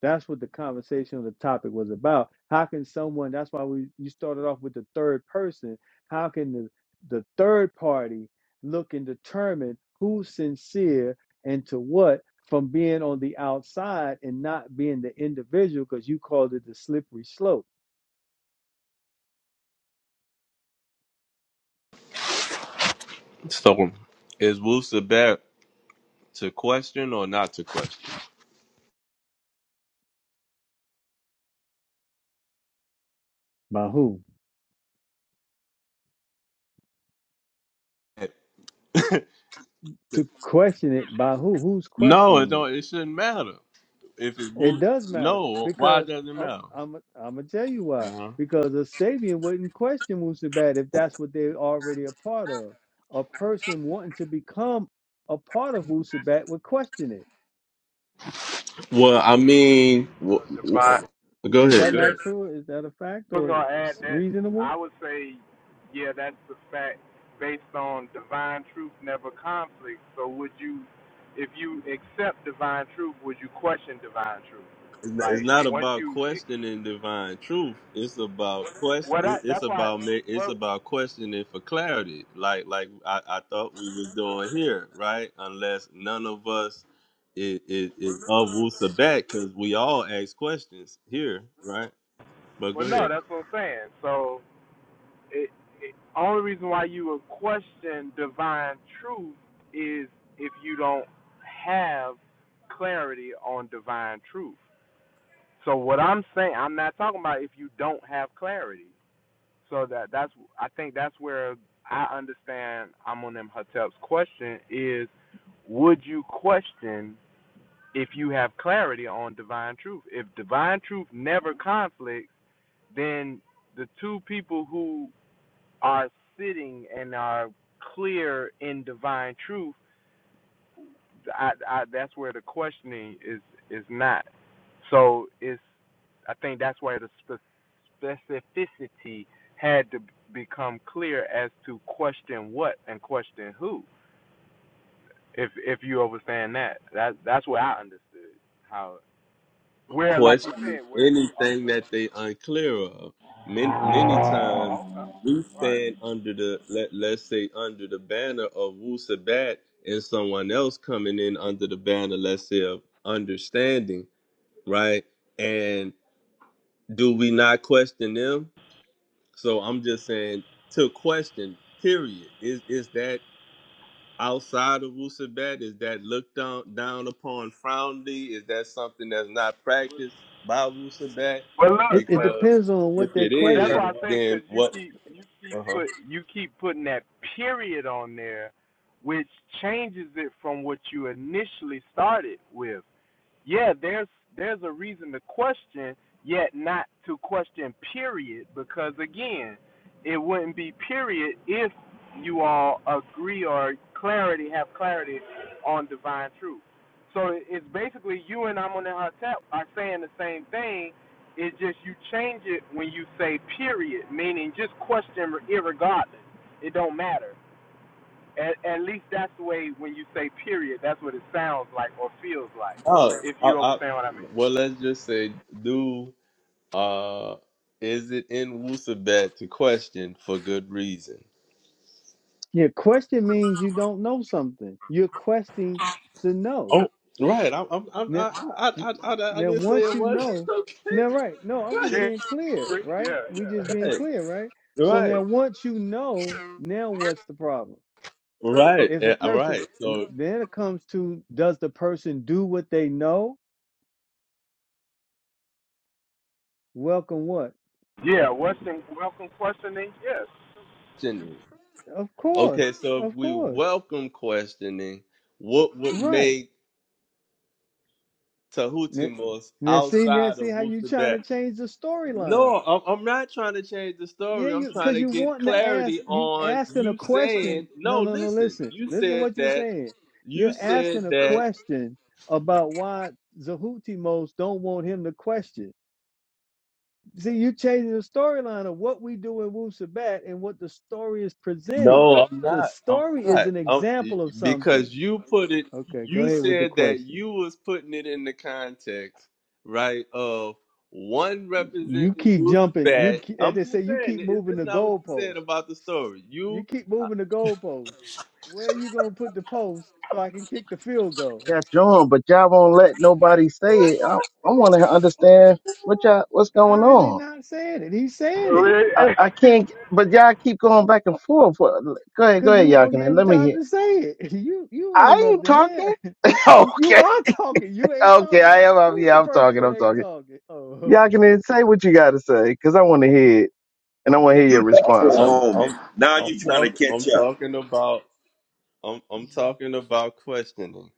[SPEAKER 1] That's what the conversation on the topic was about. How can someone? That's why we you started off with the third person. How can the the third party look and determine who's sincere and to what from being on the outside and not being the individual? Because you called it the slippery slope.
[SPEAKER 3] So, is Wusa Bat to question or not to question?
[SPEAKER 1] By who? To question it by who? Who's
[SPEAKER 3] No, it
[SPEAKER 1] questioning it?
[SPEAKER 3] don't. It shouldn't matter if it's
[SPEAKER 1] It
[SPEAKER 3] Wu.
[SPEAKER 1] does matter
[SPEAKER 3] No, why
[SPEAKER 1] because
[SPEAKER 3] does it
[SPEAKER 1] up,
[SPEAKER 3] matter?
[SPEAKER 1] I'm I'm gonna tell you why.
[SPEAKER 3] Uh-huh.
[SPEAKER 1] Because a Sabian wouldn't question Wusabat if that's what they're already a part of. A person wanting to become a part of Wusabat would question it.
[SPEAKER 3] Well, I mean, w- w- go
[SPEAKER 1] Is
[SPEAKER 3] ahead.
[SPEAKER 1] that
[SPEAKER 3] Go ahead.
[SPEAKER 1] not true? Is that a fact or s- reasonable?
[SPEAKER 3] It's not it's not about questioning divine truth. It's about quest. it- It's about ma- it's about questioning for clarity. Like like I, I thought we was doing here, right? Unless none of us is is, is of Wusabat, because we all ask questions here, right? But go ahead. question anything that they unclear of. Many, many times we stand under the let let's say under the banner of Wu Sabat and someone else coming in under the banner, let's say of understanding, right? And do we not question them? So I'm just saying to question, period. Is is that outside of Wusabat? Is that looked down, down upon frowningly? Is that something that's not practiced by Wusabat?
[SPEAKER 1] It, it
[SPEAKER 3] Because
[SPEAKER 1] depends on
[SPEAKER 3] if
[SPEAKER 1] what they're
[SPEAKER 3] it is,
[SPEAKER 1] questioning.
[SPEAKER 3] then what? Uh-huh. Oh, I, I, well, let's just say, do uh, is it in Wusabat to question for good reason?
[SPEAKER 1] Yeah, question means you don't know something. You're questioning to know.
[SPEAKER 3] Oh, right. I'm, I'm, I'm,
[SPEAKER 1] Now,
[SPEAKER 3] I, I,
[SPEAKER 1] n-
[SPEAKER 3] I, I, I
[SPEAKER 1] now
[SPEAKER 3] didn't say
[SPEAKER 1] once
[SPEAKER 3] it
[SPEAKER 1] you
[SPEAKER 3] was
[SPEAKER 1] know,
[SPEAKER 3] okay.
[SPEAKER 1] now right? No, I'm just
[SPEAKER 3] Right.
[SPEAKER 1] being clear, right? We just being clear, right? So
[SPEAKER 3] Right.
[SPEAKER 1] now once you know,
[SPEAKER 3] right.
[SPEAKER 1] now what's the problem?
[SPEAKER 3] Right.
[SPEAKER 1] If a
[SPEAKER 3] yeah, All
[SPEAKER 1] person,
[SPEAKER 3] right.
[SPEAKER 1] n-
[SPEAKER 3] So,
[SPEAKER 1] then it comes to does the person do what they know? Welcome what?
[SPEAKER 3] questioning.
[SPEAKER 1] Of course,
[SPEAKER 3] okay. So, if
[SPEAKER 1] of
[SPEAKER 3] we
[SPEAKER 1] course,
[SPEAKER 3] welcome questioning, what would
[SPEAKER 1] right.
[SPEAKER 3] make Tahuti
[SPEAKER 1] N-
[SPEAKER 3] most
[SPEAKER 1] Now, see, now
[SPEAKER 3] outside
[SPEAKER 1] see
[SPEAKER 3] of
[SPEAKER 1] how you trying
[SPEAKER 3] Wusabat?
[SPEAKER 1] to change the storyline.
[SPEAKER 3] No, I'm I'm not trying to change the
[SPEAKER 1] Yeah,
[SPEAKER 3] story. I'm
[SPEAKER 1] you
[SPEAKER 3] trying
[SPEAKER 1] because
[SPEAKER 3] to
[SPEAKER 1] you
[SPEAKER 3] get
[SPEAKER 1] wanting to ask
[SPEAKER 3] clarity
[SPEAKER 1] you
[SPEAKER 3] on
[SPEAKER 1] asking a
[SPEAKER 3] you
[SPEAKER 1] question.
[SPEAKER 3] saying,
[SPEAKER 1] No,
[SPEAKER 3] no,
[SPEAKER 1] no, no.
[SPEAKER 3] listen,
[SPEAKER 1] Listen,
[SPEAKER 3] you
[SPEAKER 1] listen to
[SPEAKER 3] said
[SPEAKER 1] what you're
[SPEAKER 3] that,
[SPEAKER 1] saying.
[SPEAKER 3] you
[SPEAKER 1] You're
[SPEAKER 3] said
[SPEAKER 1] asking a
[SPEAKER 3] that
[SPEAKER 1] question about why Zahutimos don't want him to question. See, you changing the storyline of what we do in Wu Sabat and what the story is presenting.
[SPEAKER 3] No, I'm
[SPEAKER 1] The
[SPEAKER 3] not. I'm
[SPEAKER 1] story is
[SPEAKER 3] not.
[SPEAKER 1] an
[SPEAKER 3] I'm,
[SPEAKER 1] example of something.
[SPEAKER 3] because you put it,
[SPEAKER 1] Okay, go
[SPEAKER 3] you
[SPEAKER 1] ahead with the
[SPEAKER 3] said that
[SPEAKER 1] question.
[SPEAKER 3] you was putting it in the context, right, of one
[SPEAKER 1] you
[SPEAKER 3] representing
[SPEAKER 1] keep jumping. You
[SPEAKER 3] Wusabat.
[SPEAKER 1] keep, as
[SPEAKER 3] I'm
[SPEAKER 1] they say,
[SPEAKER 3] just
[SPEAKER 1] you
[SPEAKER 3] saying,
[SPEAKER 1] keep
[SPEAKER 3] is
[SPEAKER 1] moving
[SPEAKER 3] this
[SPEAKER 1] the
[SPEAKER 3] not what you said
[SPEAKER 1] goalposts.
[SPEAKER 3] about the story? You,
[SPEAKER 1] You keep moving the goalposts. Where are you gonna put the post so I can kick the field goal?
[SPEAKER 5] catch on, but y'all won't let nobody say it. I, I want to understand what y'all what's going
[SPEAKER 1] How is he
[SPEAKER 5] on.
[SPEAKER 1] not saying it? He's saying it
[SPEAKER 5] I, I can't, but y'all keep going back and forth. What- Go ahead, go
[SPEAKER 1] because
[SPEAKER 5] ahead,
[SPEAKER 1] you
[SPEAKER 5] y'all
[SPEAKER 1] won't
[SPEAKER 5] can
[SPEAKER 1] give him
[SPEAKER 5] let me
[SPEAKER 1] time
[SPEAKER 5] hear.
[SPEAKER 1] to say it. You you
[SPEAKER 5] I ain't
[SPEAKER 1] interrupting
[SPEAKER 5] talking.
[SPEAKER 1] there. you
[SPEAKER 5] okay,
[SPEAKER 1] are talking. You ain't
[SPEAKER 5] okay,
[SPEAKER 1] talking.
[SPEAKER 5] I am. I'm,
[SPEAKER 1] Who's the
[SPEAKER 5] yeah, I'm
[SPEAKER 1] person
[SPEAKER 5] talking.
[SPEAKER 1] that
[SPEAKER 5] I'm
[SPEAKER 1] ain't
[SPEAKER 5] talking.
[SPEAKER 1] talking? Oh,
[SPEAKER 5] Y'all can say what you got to say because I want to hear it and I want to
[SPEAKER 7] see,
[SPEAKER 5] hear your
[SPEAKER 7] you left for a
[SPEAKER 5] response.
[SPEAKER 3] I'm,
[SPEAKER 5] I'm
[SPEAKER 7] moment.
[SPEAKER 3] I'm,
[SPEAKER 7] Now
[SPEAKER 3] I'm,
[SPEAKER 7] you're trying to
[SPEAKER 3] talk, I'm
[SPEAKER 7] catch up.
[SPEAKER 3] talking about. I'm I'm talking about questioning,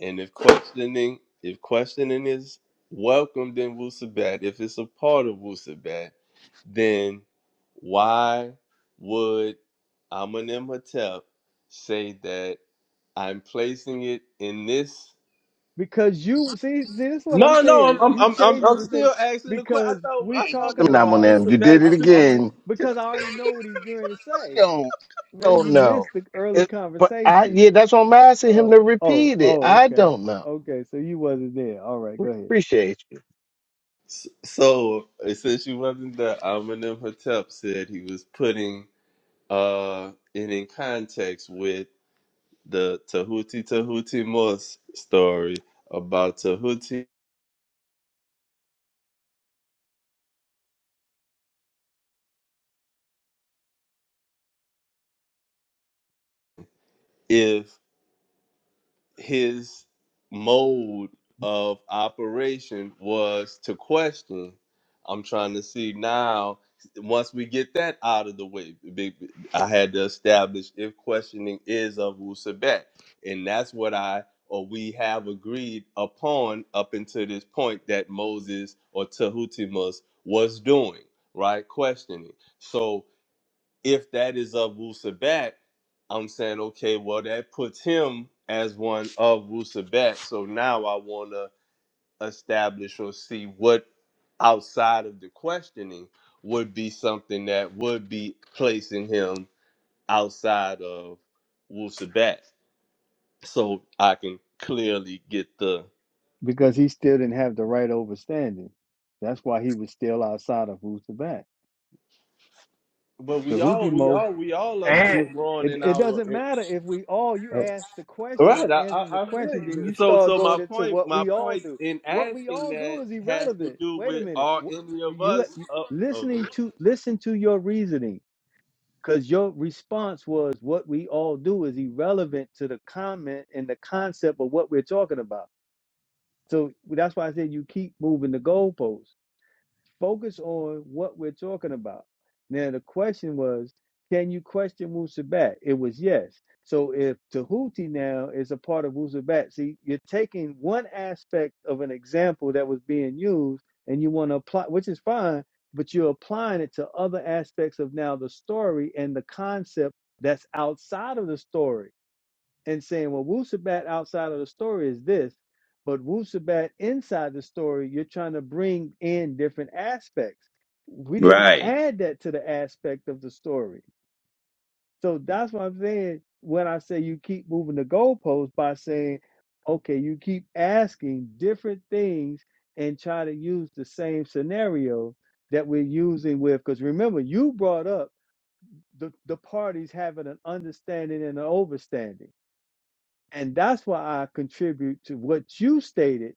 [SPEAKER 3] and if questioning if questioning is welcomed in Wusabat, if it's a part of Wusabat, then why would Amenemhotep say that I'm placing it in this?
[SPEAKER 1] Because you see, see, this is what I'm
[SPEAKER 3] No, no, I'm
[SPEAKER 1] saying.
[SPEAKER 3] I'm
[SPEAKER 1] You
[SPEAKER 3] I'm I'm,
[SPEAKER 1] changing
[SPEAKER 3] I'm
[SPEAKER 1] the
[SPEAKER 3] still
[SPEAKER 1] thing
[SPEAKER 3] asking the question. I
[SPEAKER 1] because
[SPEAKER 3] thought
[SPEAKER 1] we
[SPEAKER 3] I thought it
[SPEAKER 1] talking
[SPEAKER 3] was a
[SPEAKER 5] on
[SPEAKER 1] about.
[SPEAKER 5] them. You did
[SPEAKER 3] Wusabat
[SPEAKER 5] it
[SPEAKER 1] I,
[SPEAKER 3] too.
[SPEAKER 1] I'm like,
[SPEAKER 5] again.
[SPEAKER 3] Can
[SPEAKER 1] because I already
[SPEAKER 3] I-
[SPEAKER 1] know what he's going to say.
[SPEAKER 5] Don't
[SPEAKER 1] Maybe
[SPEAKER 5] don't
[SPEAKER 1] you
[SPEAKER 5] know.
[SPEAKER 1] missed the early
[SPEAKER 5] It, but I
[SPEAKER 1] conversation.
[SPEAKER 5] yeah, that's what I'm asking him
[SPEAKER 1] Oh,
[SPEAKER 5] to
[SPEAKER 1] oh,
[SPEAKER 5] repeat it.
[SPEAKER 1] oh,
[SPEAKER 5] I
[SPEAKER 1] okay,
[SPEAKER 5] don't know.
[SPEAKER 1] okay. So you wasn't there. All right, go ahead.
[SPEAKER 5] Appreciate you.
[SPEAKER 3] S- So since you wasn't there, Eminem Hotep said he was putting uh it in context with the Tahuti Tahuti Moss story about Tahuti. if. his mode of operation was to question. I'm trying to see now. Once we get that out of the way, big- I had to establish if questioning is of Wusabat, and that's what I or we have agreed upon up until this point that Moses or Tahutimus was doing, right? Questioning. So if that is of Wu Sabat, I'm saying, okay, well, that puts him as one of Wu Sabat. So now I want to establish or see what outside of the questioning would be something that would be placing him outside of Wu Sabat. So I can clearly get the.
[SPEAKER 1] Because he still didn't have the right overstanding. That's why he was still outside of who's the back.
[SPEAKER 3] But we all, we
[SPEAKER 1] So
[SPEAKER 3] all, we all are still
[SPEAKER 1] to
[SPEAKER 3] growing
[SPEAKER 1] it,
[SPEAKER 3] in
[SPEAKER 1] it
[SPEAKER 3] our.
[SPEAKER 1] doesn't
[SPEAKER 3] In,
[SPEAKER 1] matter if we all you ask the question of
[SPEAKER 3] Right, I,
[SPEAKER 1] answering the
[SPEAKER 3] I, I feel
[SPEAKER 1] question then
[SPEAKER 3] you.
[SPEAKER 1] you
[SPEAKER 3] So,
[SPEAKER 1] start
[SPEAKER 3] so my
[SPEAKER 1] going into
[SPEAKER 3] point,
[SPEAKER 1] what
[SPEAKER 3] my
[SPEAKER 1] we all
[SPEAKER 3] point
[SPEAKER 1] do
[SPEAKER 3] in
[SPEAKER 1] what we
[SPEAKER 3] asking
[SPEAKER 1] all
[SPEAKER 3] that
[SPEAKER 1] do is
[SPEAKER 3] has to
[SPEAKER 1] irrelevant
[SPEAKER 3] do
[SPEAKER 1] wait a
[SPEAKER 3] with
[SPEAKER 1] minute
[SPEAKER 3] are
[SPEAKER 1] Wh-
[SPEAKER 3] any of
[SPEAKER 1] you,
[SPEAKER 3] us
[SPEAKER 1] you
[SPEAKER 3] up? Oh,
[SPEAKER 1] listening
[SPEAKER 3] good.
[SPEAKER 1] to listen to your reasoning because your response was what we all do is irrelevant to the comment and the concept of what we're talking about so that's why i said you keep moving the goalposts focus on what we're talking about. Now, the question was, can you question Wusabat? It was yes. So if Tahuti now is a part of Wusabat, see, you're taking one aspect of an example that was being used and you want to apply, which is fine, but you're applying it to other aspects of now the story and the concept that's outside of the story and saying, well, Wusabat outside of the story is this, but Wusabat inside the story, you're trying to bring in different aspects. We didn't
[SPEAKER 7] right.
[SPEAKER 1] add that to the aspect of the story. So that's what I'm saying when I say you keep moving the goalposts by saying, okay, you keep asking different things and try to use the same scenario that we're using with. Because remember, you brought up the, the parties having an understanding and an overstanding and that's why I contribute to what you stated.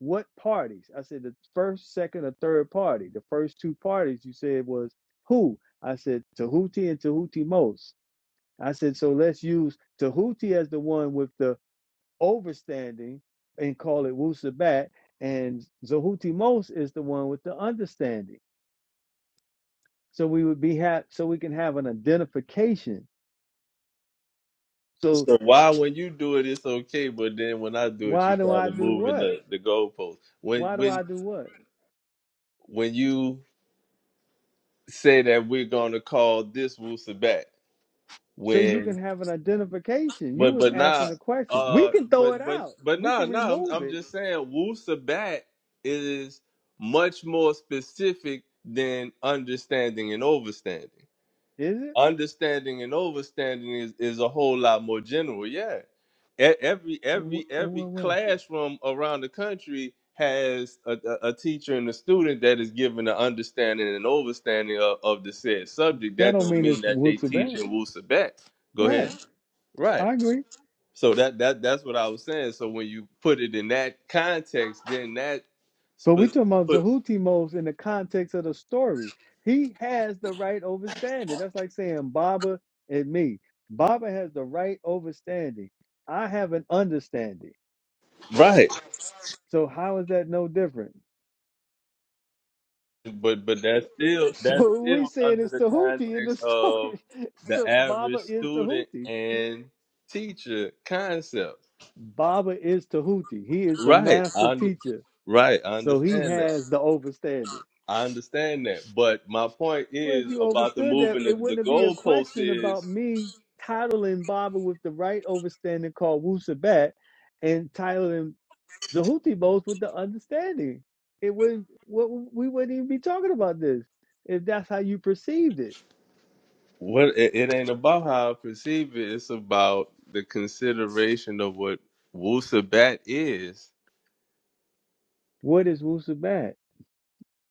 [SPEAKER 1] What parties? I said the first, second, or third party. The first two parties you said was who? I said Tahuti and Tahuti most. I said, so let's use Tahuti as the one with the overstanding and call it Wusabat. And Zahuti most is the one with the understanding. So we would be ha- so we can have an identification. So
[SPEAKER 3] So why when you do it it's okay, but then when I do it
[SPEAKER 1] why
[SPEAKER 3] you
[SPEAKER 1] do
[SPEAKER 3] call
[SPEAKER 1] I
[SPEAKER 3] it
[SPEAKER 1] do
[SPEAKER 3] moving
[SPEAKER 1] what?
[SPEAKER 3] the the goalpost. When
[SPEAKER 1] Why do
[SPEAKER 3] when
[SPEAKER 1] I do what?
[SPEAKER 3] when you say that we're gonna call this Wusa back,
[SPEAKER 1] so you can
[SPEAKER 3] when.
[SPEAKER 1] have an identification. You
[SPEAKER 3] But
[SPEAKER 1] was
[SPEAKER 3] but nah,
[SPEAKER 1] asking a question. We
[SPEAKER 3] uh,
[SPEAKER 1] can throw
[SPEAKER 3] but
[SPEAKER 1] it
[SPEAKER 3] but
[SPEAKER 1] out.
[SPEAKER 3] but
[SPEAKER 1] We
[SPEAKER 3] nah,
[SPEAKER 1] can
[SPEAKER 3] nah. I'm
[SPEAKER 1] remove
[SPEAKER 3] I'm
[SPEAKER 1] it.
[SPEAKER 3] just saying, Wu Sabat is much more specific than understanding and overstanding.
[SPEAKER 1] Is it
[SPEAKER 3] Understanding and overstanding is is a whole lot more general. Yeah, E- every
[SPEAKER 1] in what,
[SPEAKER 3] every
[SPEAKER 1] in
[SPEAKER 3] every
[SPEAKER 1] what way?
[SPEAKER 3] classroom around the country has a, a, a teacher and a student that is given an understanding and overstanding of, of the said subject.
[SPEAKER 1] That
[SPEAKER 3] That
[SPEAKER 1] don't
[SPEAKER 3] don't
[SPEAKER 1] mean
[SPEAKER 3] mean
[SPEAKER 1] it's
[SPEAKER 3] that they
[SPEAKER 1] Wusu
[SPEAKER 3] teach
[SPEAKER 1] bad,
[SPEAKER 3] in Wu Sabat. Go
[SPEAKER 1] right?
[SPEAKER 3] ahead. Right.
[SPEAKER 1] I agree.
[SPEAKER 3] So that that that's what I was saying. So when you put it in that context, then that,
[SPEAKER 1] But we
[SPEAKER 3] spe-
[SPEAKER 1] talking about
[SPEAKER 3] but
[SPEAKER 1] Zahutimos in the context of the story. He has the right overstanding. That's like saying Baba and me. Baba has the right overstanding. I have an understanding.
[SPEAKER 3] right,
[SPEAKER 1] So how is that no different?
[SPEAKER 3] but but that's still that's
[SPEAKER 1] So we
[SPEAKER 3] still
[SPEAKER 1] saying
[SPEAKER 3] under
[SPEAKER 1] it's
[SPEAKER 3] the
[SPEAKER 1] Tahuti in the
[SPEAKER 3] context of
[SPEAKER 1] story. It's
[SPEAKER 3] the average
[SPEAKER 1] Baba is
[SPEAKER 3] student
[SPEAKER 1] Tahuti
[SPEAKER 3] and teacher concept.
[SPEAKER 1] Baba is Tahuti. He is the
[SPEAKER 3] Right, I
[SPEAKER 1] master
[SPEAKER 3] und-
[SPEAKER 1] teacher.
[SPEAKER 3] right, I
[SPEAKER 1] So he
[SPEAKER 3] understand that.
[SPEAKER 1] has the overstanding.
[SPEAKER 3] I understand that. But my point
[SPEAKER 1] Well, if
[SPEAKER 3] is
[SPEAKER 1] you
[SPEAKER 3] about the
[SPEAKER 1] overstood that,
[SPEAKER 3] moving the,
[SPEAKER 1] it
[SPEAKER 3] the
[SPEAKER 1] wouldn't be a
[SPEAKER 3] goalpost
[SPEAKER 1] question
[SPEAKER 3] is.
[SPEAKER 1] about me titling Baba with the right overstanding called Wu Sabat and titling Zahuti both with the understanding. It would what we wouldn't even be talking about this if that's how you perceived it.
[SPEAKER 3] What it, it ain't about how I perceive it. It's about the consideration of what Wusabat is.
[SPEAKER 1] What is Wu Sabat?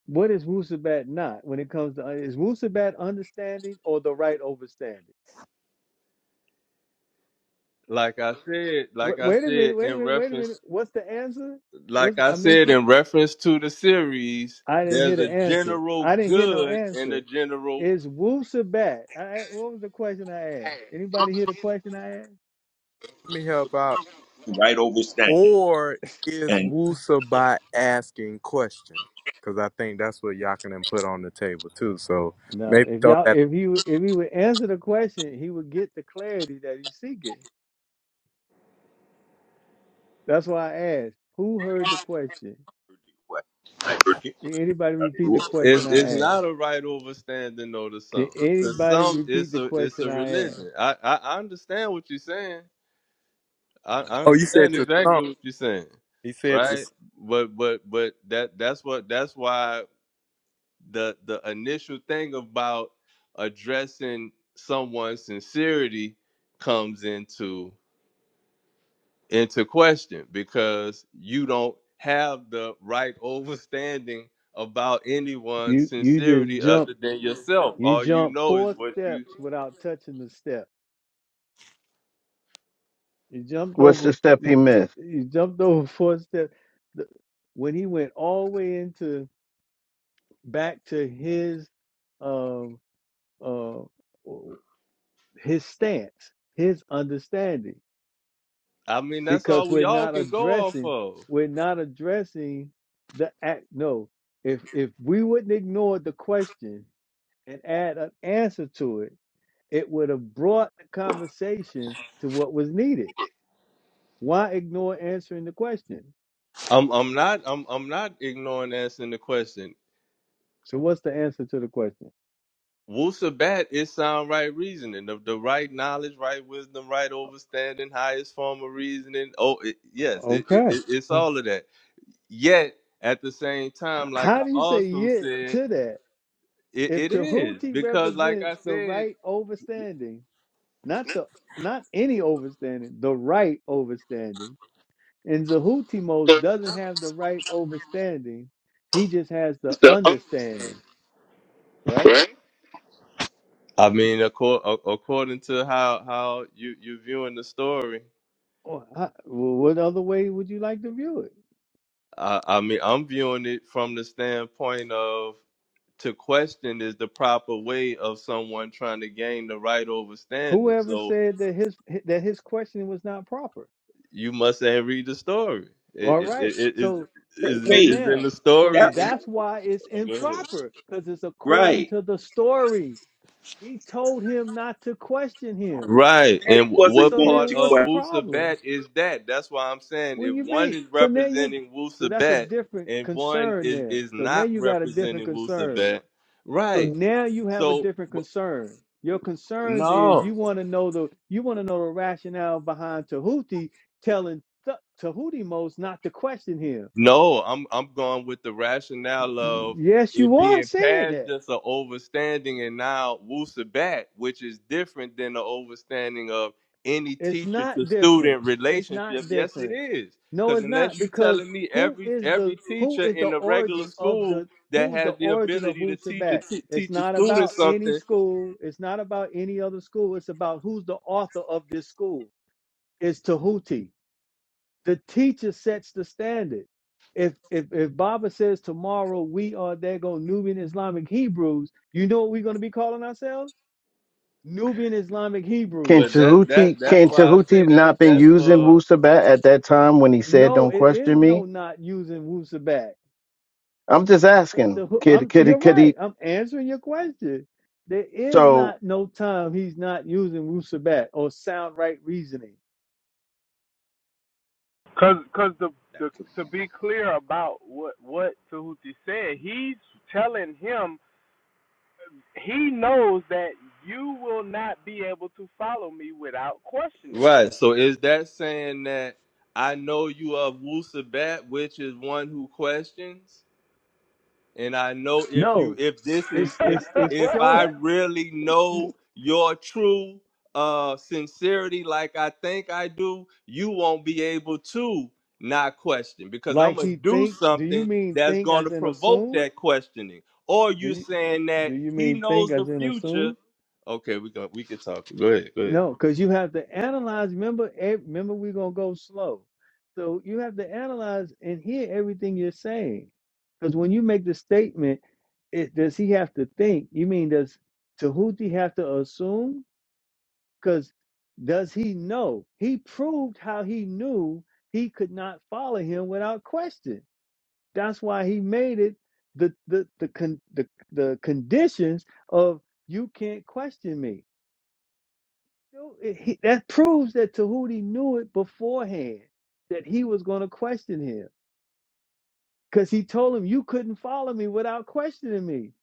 [SPEAKER 1] What is Wu Sabat not when it comes to is Wu Sabat understanding or the right overstanding?
[SPEAKER 3] Like I said, like
[SPEAKER 1] Wait,
[SPEAKER 3] I
[SPEAKER 1] wait a
[SPEAKER 3] said
[SPEAKER 1] minute, wait a
[SPEAKER 3] in
[SPEAKER 1] minute, wait a minute.
[SPEAKER 3] reference,
[SPEAKER 1] What's the answer? What's
[SPEAKER 3] like
[SPEAKER 1] the,
[SPEAKER 3] I
[SPEAKER 1] I missed
[SPEAKER 3] said
[SPEAKER 1] it?
[SPEAKER 3] in reference to the series,
[SPEAKER 1] I didn't hear
[SPEAKER 3] there's a
[SPEAKER 1] the answer.
[SPEAKER 3] general
[SPEAKER 1] I didn't hear no
[SPEAKER 3] good and a
[SPEAKER 1] answer.
[SPEAKER 3] general.
[SPEAKER 1] Is Wusa back? I, I- what was the question I asked? Anybody hear the question I asked?
[SPEAKER 4] Let me help out.
[SPEAKER 7] Right overstanding.
[SPEAKER 4] Or is
[SPEAKER 7] And
[SPEAKER 4] Wusa
[SPEAKER 7] yeah,
[SPEAKER 4] by asking questions? Because I think that's what Yakinen put on the table too. So
[SPEAKER 1] No.
[SPEAKER 4] maybe
[SPEAKER 1] If
[SPEAKER 4] throw
[SPEAKER 1] y'all,
[SPEAKER 4] that.
[SPEAKER 1] if he, would- if he would answer the question, he would get the clarity that he's seeking. That's why I asked. Who heard the question?
[SPEAKER 7] I,
[SPEAKER 1] Can anybody
[SPEAKER 7] I
[SPEAKER 1] repeat the question
[SPEAKER 3] It's, it's
[SPEAKER 1] I asked?
[SPEAKER 3] not a right overstanding or to
[SPEAKER 1] Can
[SPEAKER 3] some. To
[SPEAKER 1] anybody
[SPEAKER 3] some,
[SPEAKER 1] repeat
[SPEAKER 3] it's
[SPEAKER 1] the
[SPEAKER 3] a it's
[SPEAKER 1] question
[SPEAKER 3] a
[SPEAKER 1] I asked?
[SPEAKER 3] religion. I, I I understand what you're saying. I, I
[SPEAKER 4] Oh, you said
[SPEAKER 3] understand
[SPEAKER 4] to some.
[SPEAKER 3] exactly what you're saying,
[SPEAKER 4] He said to
[SPEAKER 3] right?
[SPEAKER 4] some.
[SPEAKER 3] But but but that that's what that's why the the initial thing about addressing someone's sincerity comes into into question because you don't have the right overstanding about anyone's
[SPEAKER 1] You, you just
[SPEAKER 3] sincerity
[SPEAKER 1] jump.
[SPEAKER 3] other than yourself.
[SPEAKER 1] You
[SPEAKER 3] All you
[SPEAKER 1] jump
[SPEAKER 3] know is
[SPEAKER 1] four
[SPEAKER 3] what you
[SPEAKER 1] steps without touching the step. He jumped
[SPEAKER 5] What's
[SPEAKER 1] over.
[SPEAKER 5] the step
[SPEAKER 1] He,
[SPEAKER 5] he
[SPEAKER 1] he
[SPEAKER 5] missed?
[SPEAKER 1] jumped over four steps. The, when he went all the way into back to his um uh his stance, his understanding,
[SPEAKER 3] I mean that's
[SPEAKER 1] because
[SPEAKER 3] all we
[SPEAKER 1] we're
[SPEAKER 3] all
[SPEAKER 1] not
[SPEAKER 3] can go off
[SPEAKER 1] addressing
[SPEAKER 3] of.
[SPEAKER 1] we're not addressing the act. No, if if we wouldn't ignore the question and add an answer to it, it would have brought the conversation to what was needed. Why ignore answering the question?
[SPEAKER 3] I'm I'm not I'm I'm not ignoring answering the question.
[SPEAKER 1] So what's the answer to the question?
[SPEAKER 3] Wusabat is sound right reasoning, the, the right knowledge, right wisdom, right overstanding, highest form of reasoning. Oh, it, yes, it, it,
[SPEAKER 1] Okay.
[SPEAKER 3] it- it's all of that. Yet, at the same time, like
[SPEAKER 1] How
[SPEAKER 3] I
[SPEAKER 1] do you say
[SPEAKER 3] also
[SPEAKER 1] yet
[SPEAKER 3] said,
[SPEAKER 1] to that?
[SPEAKER 3] it,
[SPEAKER 1] If
[SPEAKER 3] it is
[SPEAKER 1] Tahuti
[SPEAKER 3] because, like I
[SPEAKER 1] represents the
[SPEAKER 3] said,
[SPEAKER 1] right overstanding, not the not any overstanding, the right overstanding, and Zahutimos doesn't have the right overstanding, he just has the understanding, right?
[SPEAKER 3] I mean, accor- a- according to how how you you viewing the story,
[SPEAKER 1] Or how- well, what other way would you like to view it?
[SPEAKER 3] I, I mean, I'm viewing it from the standpoint of to question is the proper way of someone trying to gain the right overstanding.
[SPEAKER 1] Whoever
[SPEAKER 3] So,
[SPEAKER 1] said that his that his question was not proper?
[SPEAKER 3] you must have read the story. It
[SPEAKER 1] All
[SPEAKER 3] is it
[SPEAKER 1] right.
[SPEAKER 3] it it is
[SPEAKER 1] So
[SPEAKER 7] didn't.
[SPEAKER 3] is
[SPEAKER 1] so
[SPEAKER 3] is
[SPEAKER 7] Wait,
[SPEAKER 3] in
[SPEAKER 1] now,
[SPEAKER 3] the
[SPEAKER 1] so
[SPEAKER 3] story.
[SPEAKER 7] that's
[SPEAKER 3] It,
[SPEAKER 1] that's why it's
[SPEAKER 3] oh, go ahead.
[SPEAKER 1] improper because it's according
[SPEAKER 7] right.
[SPEAKER 1] to the story. He told him not to question him.
[SPEAKER 3] Right,
[SPEAKER 7] Daddy
[SPEAKER 3] and wh-
[SPEAKER 7] wasn't
[SPEAKER 3] what
[SPEAKER 1] So
[SPEAKER 7] going
[SPEAKER 1] then
[SPEAKER 3] part
[SPEAKER 7] to
[SPEAKER 1] what's
[SPEAKER 3] of
[SPEAKER 1] the
[SPEAKER 7] question
[SPEAKER 1] problem?
[SPEAKER 3] Wusabat is that? That's why I'm saying
[SPEAKER 1] What do
[SPEAKER 3] if
[SPEAKER 1] you
[SPEAKER 3] one
[SPEAKER 1] mean?
[SPEAKER 3] is
[SPEAKER 1] So now you
[SPEAKER 3] representing
[SPEAKER 1] so that's a
[SPEAKER 3] Wusabat
[SPEAKER 1] different
[SPEAKER 3] and one
[SPEAKER 1] concern
[SPEAKER 3] is
[SPEAKER 1] there.
[SPEAKER 3] is
[SPEAKER 1] So now
[SPEAKER 3] not
[SPEAKER 1] you got a different
[SPEAKER 3] representing
[SPEAKER 1] concern.
[SPEAKER 3] Wusabat,
[SPEAKER 1] So
[SPEAKER 3] right?
[SPEAKER 1] now you have a
[SPEAKER 3] So
[SPEAKER 1] different
[SPEAKER 3] wh-
[SPEAKER 1] concern. Your concerns is
[SPEAKER 3] no,
[SPEAKER 1] you want to know the you want to know the rationale behind Tahuti telling Th- Tahuti most not to question him.
[SPEAKER 3] No, I'm I'm going with the rationale of
[SPEAKER 1] Yes,
[SPEAKER 3] it
[SPEAKER 1] you are
[SPEAKER 3] being
[SPEAKER 1] saying
[SPEAKER 3] past
[SPEAKER 1] that.
[SPEAKER 3] just an overstanding and now wusabat, which is different than the overstanding of any
[SPEAKER 1] It's
[SPEAKER 3] teacher to
[SPEAKER 1] not different.
[SPEAKER 3] student
[SPEAKER 1] It's
[SPEAKER 3] relationship.
[SPEAKER 1] not
[SPEAKER 3] Yes, it
[SPEAKER 1] different.
[SPEAKER 3] is.
[SPEAKER 1] No,
[SPEAKER 3] Because
[SPEAKER 1] it's not
[SPEAKER 3] unless you're
[SPEAKER 1] because
[SPEAKER 3] telling me
[SPEAKER 1] who
[SPEAKER 3] every
[SPEAKER 1] is
[SPEAKER 3] every
[SPEAKER 1] the who
[SPEAKER 3] teacher
[SPEAKER 1] is the
[SPEAKER 3] in the regular
[SPEAKER 1] origin of
[SPEAKER 3] school
[SPEAKER 1] the
[SPEAKER 3] that
[SPEAKER 1] who's the
[SPEAKER 3] has the
[SPEAKER 1] origin of
[SPEAKER 3] ability to
[SPEAKER 1] Wu
[SPEAKER 3] teach a
[SPEAKER 1] Sabat?
[SPEAKER 3] t-
[SPEAKER 1] It's
[SPEAKER 3] teach a
[SPEAKER 1] not
[SPEAKER 3] student
[SPEAKER 1] about any
[SPEAKER 3] something,
[SPEAKER 1] school. It's not about any other school. It's about who's the author of this school. It's Tahuti. The teacher sets the standard. If if if Baba says tomorrow we are there go Nubian Islamic Hebrews, you know what we're going to be calling ourselves? Nubian Islamic
[SPEAKER 5] Can
[SPEAKER 3] but
[SPEAKER 1] Hebrews.
[SPEAKER 3] that that
[SPEAKER 5] Tahuti
[SPEAKER 3] that's
[SPEAKER 5] can
[SPEAKER 3] why I
[SPEAKER 1] Mm-hmm.
[SPEAKER 5] Tahuti
[SPEAKER 3] say that's
[SPEAKER 5] not been
[SPEAKER 3] that's
[SPEAKER 5] using
[SPEAKER 3] for
[SPEAKER 5] Wu Sabat at that time when he said
[SPEAKER 1] No,
[SPEAKER 5] "Don't
[SPEAKER 1] it
[SPEAKER 5] question
[SPEAKER 1] is
[SPEAKER 5] me"?
[SPEAKER 1] no not using Wusabat.
[SPEAKER 5] I'm just
[SPEAKER 1] That's
[SPEAKER 5] asking.
[SPEAKER 1] the hoo-
[SPEAKER 5] Could
[SPEAKER 1] I'm
[SPEAKER 5] could he
[SPEAKER 1] you're
[SPEAKER 5] could
[SPEAKER 1] right.
[SPEAKER 5] he?
[SPEAKER 1] I'm answering your question. There is
[SPEAKER 5] So
[SPEAKER 1] not no time he's not using Wusabat or sound right reasoning.
[SPEAKER 7] that. So
[SPEAKER 3] Right. So is that saying that I know you of Wusabat, which is one who questions, and I know if you
[SPEAKER 1] No,
[SPEAKER 3] if this is
[SPEAKER 1] it's
[SPEAKER 3] if
[SPEAKER 1] it's it's
[SPEAKER 3] if
[SPEAKER 1] showing
[SPEAKER 3] I really know your true uh sincerity like I think I do, you won't be able to not question because I'm
[SPEAKER 1] like
[SPEAKER 3] gonna
[SPEAKER 1] he
[SPEAKER 3] do
[SPEAKER 1] think. Do you
[SPEAKER 3] something
[SPEAKER 1] mean
[SPEAKER 3] that's
[SPEAKER 1] think
[SPEAKER 3] gonna
[SPEAKER 1] as in
[SPEAKER 3] provoke
[SPEAKER 1] assume?
[SPEAKER 3] that questioning. Or
[SPEAKER 1] Do
[SPEAKER 3] you
[SPEAKER 1] you
[SPEAKER 3] saying
[SPEAKER 1] do
[SPEAKER 3] that
[SPEAKER 1] you
[SPEAKER 3] he
[SPEAKER 1] mean think
[SPEAKER 3] knows the
[SPEAKER 1] as in
[SPEAKER 3] future.
[SPEAKER 1] assume?
[SPEAKER 3] Okay, we can we can talk. Go ahead, go ahead.
[SPEAKER 1] No, because you have to analyze. Remember, eh, remember, we're gonna go slow. So you have to analyze and hear everything you're saying. Because when you make the statement, it, does he have to think? You mean does Tahuti have to assume? Because does he know? He proved how he knew he could not follow him without question. That's why he made it the the the con, the, the conditions of you can't question me no, it- he, that proves that Tahuti knew it beforehand that he was going to question him because he told him you couldn't follow me without questioning me.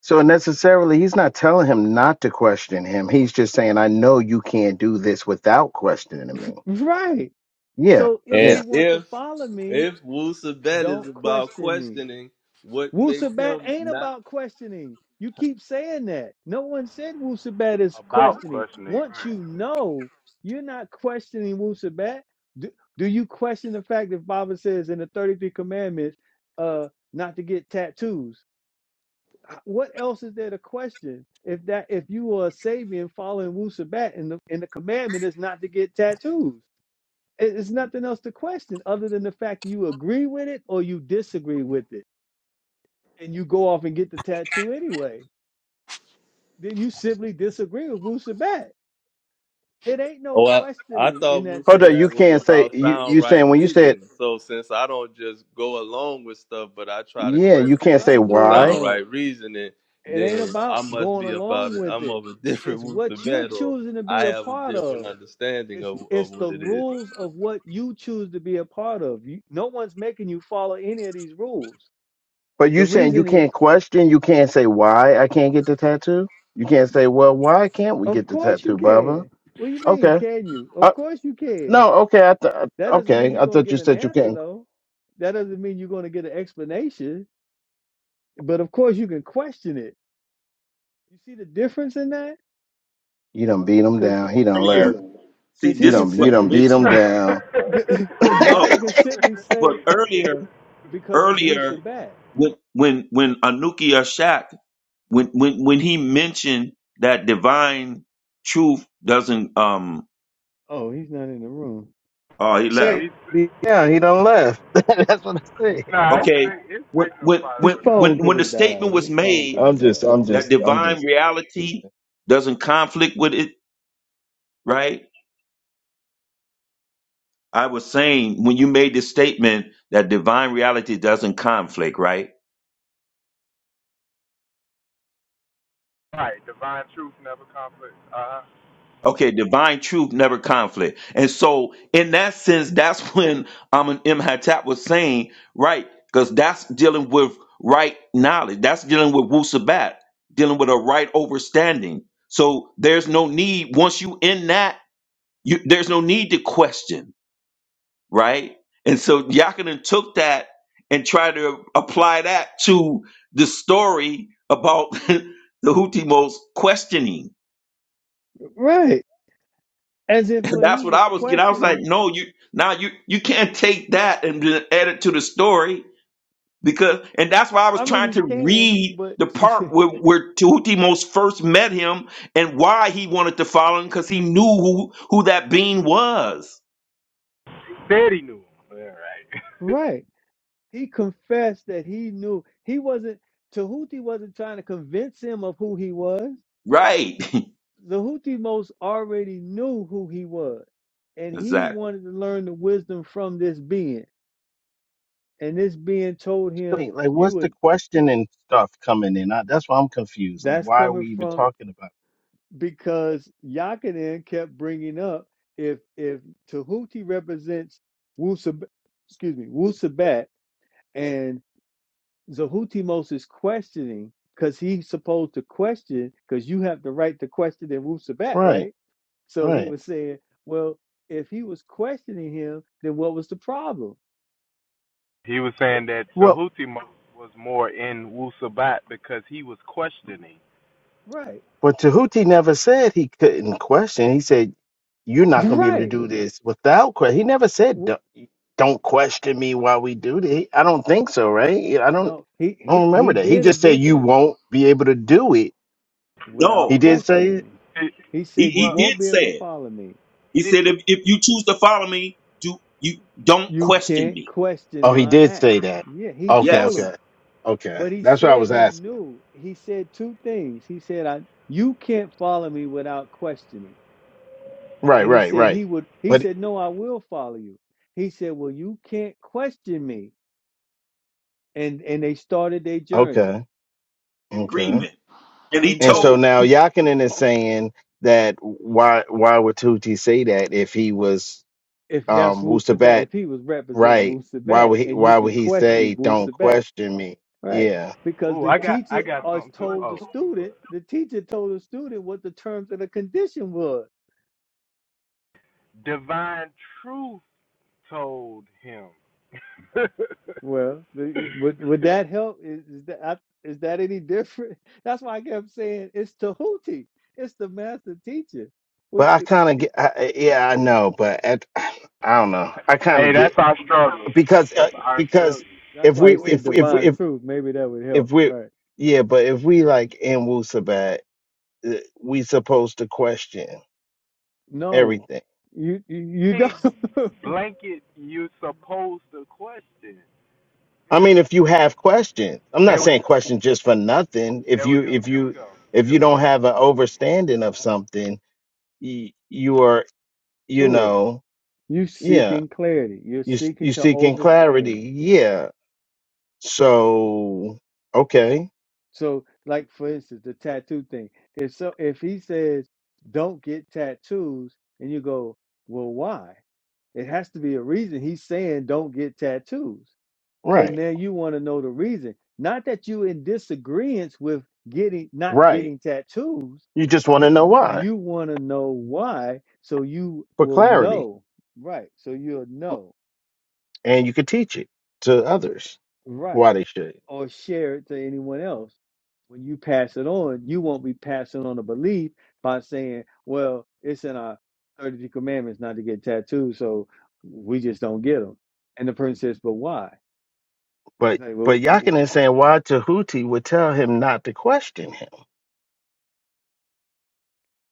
[SPEAKER 5] so necessarily he's not telling him not to question him. He's just saying, "I know you can't do this without questioning me."
[SPEAKER 1] Right.
[SPEAKER 5] Yeah,
[SPEAKER 1] So if
[SPEAKER 3] And
[SPEAKER 1] you
[SPEAKER 5] yeah.
[SPEAKER 1] want to
[SPEAKER 3] if
[SPEAKER 1] follow me,
[SPEAKER 3] if Wusa Bet is
[SPEAKER 1] don't
[SPEAKER 3] about
[SPEAKER 1] question me.
[SPEAKER 3] questioning, what makes
[SPEAKER 1] Wusabat
[SPEAKER 3] him
[SPEAKER 1] ain't
[SPEAKER 3] not?
[SPEAKER 1] about questioning. You keep saying that. No one said Wusabat is questioning. Once you know, you're not questioning Wusabat. Do, do you question the fact that Baba says in the 33 commandments, uh, not to get tattoos? I- what else is there to question if that if you are a Sabian following Wu Sabat and the and the commandment is not to get tattoos? It- It's nothing else to question other than the fact that you agree with it or you disagree with it, and you go off and get the tattoo anyway. Then you simply disagree with Wu Sabat. It ain't no
[SPEAKER 3] Oh, I, I
[SPEAKER 1] questioning in
[SPEAKER 3] thought
[SPEAKER 1] that
[SPEAKER 5] Hold
[SPEAKER 3] Wusa
[SPEAKER 5] on, you
[SPEAKER 3] Bet
[SPEAKER 1] sense.
[SPEAKER 3] was
[SPEAKER 5] can't say
[SPEAKER 3] about
[SPEAKER 5] you
[SPEAKER 3] sound
[SPEAKER 5] you
[SPEAKER 3] right
[SPEAKER 5] saying when you said
[SPEAKER 3] reasoning. So since I don't just go along with stuff, but I try to
[SPEAKER 5] yeah,
[SPEAKER 1] It
[SPEAKER 5] you
[SPEAKER 1] ain't
[SPEAKER 3] question
[SPEAKER 5] can't
[SPEAKER 3] to
[SPEAKER 5] say
[SPEAKER 3] get
[SPEAKER 1] about
[SPEAKER 3] the
[SPEAKER 1] going
[SPEAKER 5] why,
[SPEAKER 3] sound
[SPEAKER 1] along.
[SPEAKER 3] right reasoning,
[SPEAKER 1] It ain't
[SPEAKER 3] then I
[SPEAKER 1] about
[SPEAKER 3] must
[SPEAKER 1] going
[SPEAKER 3] be about
[SPEAKER 1] along
[SPEAKER 3] it.
[SPEAKER 1] with
[SPEAKER 3] I'm
[SPEAKER 1] it.
[SPEAKER 3] of a
[SPEAKER 1] It's
[SPEAKER 3] different Wusa
[SPEAKER 1] what you're
[SPEAKER 3] Bet, or
[SPEAKER 1] choosing to be
[SPEAKER 3] I
[SPEAKER 1] a
[SPEAKER 3] have a
[SPEAKER 1] part
[SPEAKER 3] different
[SPEAKER 1] of.
[SPEAKER 3] understanding
[SPEAKER 1] It's
[SPEAKER 3] of,
[SPEAKER 1] it's
[SPEAKER 3] of what
[SPEAKER 1] the
[SPEAKER 3] it is.
[SPEAKER 1] rules of what you choose to be a part of. You, no one's making you follow any of these rules.
[SPEAKER 5] but
[SPEAKER 1] The
[SPEAKER 5] you saying you
[SPEAKER 1] reason
[SPEAKER 5] can't
[SPEAKER 1] is,
[SPEAKER 5] question, you can't say why I can't get the tattoo. You can't say, well, why can't we
[SPEAKER 1] of
[SPEAKER 5] get the
[SPEAKER 1] course you
[SPEAKER 5] tattoo, Baba?
[SPEAKER 1] can. What do you mean,
[SPEAKER 5] Okay.
[SPEAKER 1] can you? Of
[SPEAKER 5] Uh,
[SPEAKER 1] course you can.
[SPEAKER 5] no, okay. I th-
[SPEAKER 1] That doesn't mean
[SPEAKER 5] okay.
[SPEAKER 1] you're
[SPEAKER 5] I
[SPEAKER 1] gonna
[SPEAKER 5] thought
[SPEAKER 1] get
[SPEAKER 5] you
[SPEAKER 1] an
[SPEAKER 5] said you
[SPEAKER 1] answer
[SPEAKER 5] can't.
[SPEAKER 1] though. That doesn't mean you're gonna get an explanation. But of course you can question it. You see the difference in that?
[SPEAKER 5] You done beat him
[SPEAKER 1] Because
[SPEAKER 5] down. He done
[SPEAKER 7] earlier,
[SPEAKER 1] because
[SPEAKER 5] left.
[SPEAKER 7] see,
[SPEAKER 1] because he
[SPEAKER 5] You
[SPEAKER 7] this
[SPEAKER 1] can
[SPEAKER 5] done,
[SPEAKER 7] was
[SPEAKER 5] you done
[SPEAKER 1] simply
[SPEAKER 5] beat him
[SPEAKER 7] mentioned.
[SPEAKER 5] down.
[SPEAKER 1] because Baba
[SPEAKER 7] No,
[SPEAKER 1] can simply
[SPEAKER 7] but
[SPEAKER 1] say
[SPEAKER 7] earlier,
[SPEAKER 1] because it's
[SPEAKER 7] earlier
[SPEAKER 1] Wusabat.
[SPEAKER 7] when when when Anukia Shak when when when
[SPEAKER 1] I
[SPEAKER 7] he
[SPEAKER 1] mean,
[SPEAKER 7] mentioned that divine truth doesn't um
[SPEAKER 1] uh, oh, he's not in the room.
[SPEAKER 7] oh he left
[SPEAKER 5] Say, Yeah, he done left. That's what I said.
[SPEAKER 7] okay when when
[SPEAKER 1] His
[SPEAKER 7] when when
[SPEAKER 1] phone could
[SPEAKER 7] when the
[SPEAKER 1] have died.
[SPEAKER 7] statement was
[SPEAKER 1] His phone could
[SPEAKER 7] made
[SPEAKER 1] have
[SPEAKER 5] I'm just, I'm
[SPEAKER 7] that
[SPEAKER 1] died.
[SPEAKER 5] just, I'm
[SPEAKER 7] divine
[SPEAKER 5] just. Hey,
[SPEAKER 7] reality doesn't conflict with it right I was saying when you made this statement that divine reality doesn't conflict right Okay, divine truth, never conflict. And so, in that sense, that's when um, M. Hattat was saying, right, because that's dealing with right knowledge. That's dealing with Wu Sabat, dealing with a right overstanding. So, there's no need, once you in that, you, there's no need to question, right? And so, Yakinen took that and tried to apply that to the story about the Houthimos questioning
[SPEAKER 1] right. As if when
[SPEAKER 7] That's
[SPEAKER 1] he
[SPEAKER 7] what
[SPEAKER 1] was
[SPEAKER 7] I was getting. I was like,
[SPEAKER 1] questioning,
[SPEAKER 7] no, you now you you can't take that and then add it to the story because and that's why I was
[SPEAKER 1] I mean,
[SPEAKER 7] trying
[SPEAKER 1] he
[SPEAKER 7] to
[SPEAKER 1] can,
[SPEAKER 7] read
[SPEAKER 1] but
[SPEAKER 7] the part where where Tutimos first met him and why he wanted to follow him because he knew who who that being was.
[SPEAKER 1] right. He confessed that he knew he wasn't, Tahuti wasn't trying to convince him of who he was.
[SPEAKER 7] Right.
[SPEAKER 1] The Houthimos already knew who he was, and he
[SPEAKER 7] exactly.
[SPEAKER 1] wanted to learn the wisdom from this being. And this being told him,
[SPEAKER 5] Like, what's
[SPEAKER 1] "You
[SPEAKER 5] the
[SPEAKER 1] and
[SPEAKER 5] question and stuff coming in? I, that's why I'm confused. Like,
[SPEAKER 1] that's
[SPEAKER 5] why are
[SPEAKER 1] coming
[SPEAKER 5] we even
[SPEAKER 1] from."
[SPEAKER 5] talking about?
[SPEAKER 1] because Yakinen kept bringing up if if Tahuti represents Wusab, excuse me, Wusabat, and Zahutimos is questioning because he's supposed to question because you have the right to question in Wusabat,
[SPEAKER 5] it? Right,
[SPEAKER 1] right? So he
[SPEAKER 5] right.
[SPEAKER 1] was saying, well, if he was questioning him, then what was the problem? Eh,
[SPEAKER 5] Well,
[SPEAKER 1] right,
[SPEAKER 5] But Tahuti never said he couldn't question. He said, "You're not going to be able to
[SPEAKER 1] right.
[SPEAKER 5] do this without question." He never said,
[SPEAKER 1] Wu-
[SPEAKER 5] "Don't don't question me while we do this." I don't think so, right? Yeah, I don't.
[SPEAKER 1] No, he
[SPEAKER 5] I
[SPEAKER 1] he
[SPEAKER 5] don't
[SPEAKER 1] he
[SPEAKER 5] remember that. He
[SPEAKER 1] did
[SPEAKER 5] just said, "You
[SPEAKER 1] eventually
[SPEAKER 5] won't be able to do it."
[SPEAKER 1] without
[SPEAKER 5] He
[SPEAKER 7] No,
[SPEAKER 5] did say it.
[SPEAKER 1] questioning. He
[SPEAKER 7] he,
[SPEAKER 1] said, "You
[SPEAKER 7] he
[SPEAKER 1] won't
[SPEAKER 7] did
[SPEAKER 1] be
[SPEAKER 7] say
[SPEAKER 1] able to
[SPEAKER 7] it.
[SPEAKER 1] follow me."
[SPEAKER 7] He said, if if you choose to follow me, do you don't
[SPEAKER 1] You
[SPEAKER 7] question
[SPEAKER 1] can't
[SPEAKER 7] me.
[SPEAKER 1] question
[SPEAKER 5] Oh, he
[SPEAKER 1] my
[SPEAKER 5] did
[SPEAKER 1] act.
[SPEAKER 5] say that.
[SPEAKER 1] Yeah, he
[SPEAKER 5] Okay,
[SPEAKER 7] Yes.
[SPEAKER 1] told him,
[SPEAKER 5] okay, okay.
[SPEAKER 1] but he
[SPEAKER 5] That's what I
[SPEAKER 1] said
[SPEAKER 5] was
[SPEAKER 1] he
[SPEAKER 5] asking.
[SPEAKER 1] knew. He said two things. He said, I you can't follow me without questioning.
[SPEAKER 5] Right,
[SPEAKER 1] And he
[SPEAKER 5] right,
[SPEAKER 1] said
[SPEAKER 5] right.
[SPEAKER 1] he would he
[SPEAKER 5] But
[SPEAKER 1] said, No, I will follow you. He said, Well, you can't question me. And and they started their journey.
[SPEAKER 5] okay, okay.
[SPEAKER 7] Agreement. And he
[SPEAKER 1] And
[SPEAKER 5] And so
[SPEAKER 7] told
[SPEAKER 1] so
[SPEAKER 5] now Yakinen is saying that why why would Tahuti say that if he was
[SPEAKER 1] if that's
[SPEAKER 5] um
[SPEAKER 1] Wu Sabat,
[SPEAKER 5] Wusabat
[SPEAKER 1] if he was representing
[SPEAKER 5] Right.
[SPEAKER 1] Wu
[SPEAKER 5] Why
[SPEAKER 1] Sabat
[SPEAKER 5] would he,
[SPEAKER 1] and you
[SPEAKER 5] why
[SPEAKER 1] can
[SPEAKER 5] would he
[SPEAKER 1] question
[SPEAKER 5] say
[SPEAKER 1] Wu
[SPEAKER 5] don't
[SPEAKER 1] Sabat,
[SPEAKER 5] question me?
[SPEAKER 1] Right.
[SPEAKER 5] Yeah.
[SPEAKER 1] Because the teacher has told the student, the teacher told the student what the terms and the condition was. Well, the, would would that help? Is, is that I- is that any different? That's why I kept saying it's Tahuti. It's the master teacher. What,
[SPEAKER 5] But I
[SPEAKER 1] it-
[SPEAKER 5] kind of
[SPEAKER 1] it-
[SPEAKER 5] get I, yeah, I know, but at, I don't know. I kind of get because uh, because
[SPEAKER 1] that's
[SPEAKER 5] if
[SPEAKER 1] why
[SPEAKER 5] we
[SPEAKER 1] he
[SPEAKER 5] if
[SPEAKER 1] said
[SPEAKER 5] if
[SPEAKER 1] divine
[SPEAKER 5] if
[SPEAKER 1] truth. Maybe that would help.
[SPEAKER 5] if we
[SPEAKER 1] Right.
[SPEAKER 5] yeah, but if we like in Wusabat, uh, we supposed to question
[SPEAKER 1] No,
[SPEAKER 5] everything.
[SPEAKER 1] you you, you don't.
[SPEAKER 5] I mean, if you have questions, I'm not saying question just for nothing. If you if you if you don't have an overstanding of something, you, you are you
[SPEAKER 1] sure.
[SPEAKER 5] know
[SPEAKER 1] You
[SPEAKER 5] yeah
[SPEAKER 1] seeking clarity. You're
[SPEAKER 5] You s-
[SPEAKER 1] seeking
[SPEAKER 5] you
[SPEAKER 1] to
[SPEAKER 5] seeking clarity?
[SPEAKER 1] overstand.
[SPEAKER 5] Yeah. So okay,
[SPEAKER 1] So, like for instance, the tattoo thing. If so, if he says don't get tattoos, and you go, well, why? It has to be a reason. He's saying don't get tattoos. So
[SPEAKER 5] right,
[SPEAKER 1] now you want to know the reason. Not that you in disagreement with getting not
[SPEAKER 5] right.
[SPEAKER 1] getting tattoos.
[SPEAKER 5] You just want
[SPEAKER 1] N-
[SPEAKER 5] to know why
[SPEAKER 1] You want to know why, so you
[SPEAKER 5] for
[SPEAKER 1] will
[SPEAKER 5] clarity,
[SPEAKER 1] know. Right. So you'll know.
[SPEAKER 5] and you can teach it to others
[SPEAKER 1] Right.
[SPEAKER 5] why they should.
[SPEAKER 1] or share it to anyone else. When you pass it on, you won't be passing on a belief by saying, well, it's in our 30 commandments not to get tattoos, so we just don't get them. And the person says, but why? It's
[SPEAKER 5] But
[SPEAKER 1] like, well,
[SPEAKER 5] but Yakinen saying why Tahuti would tell him not to question him.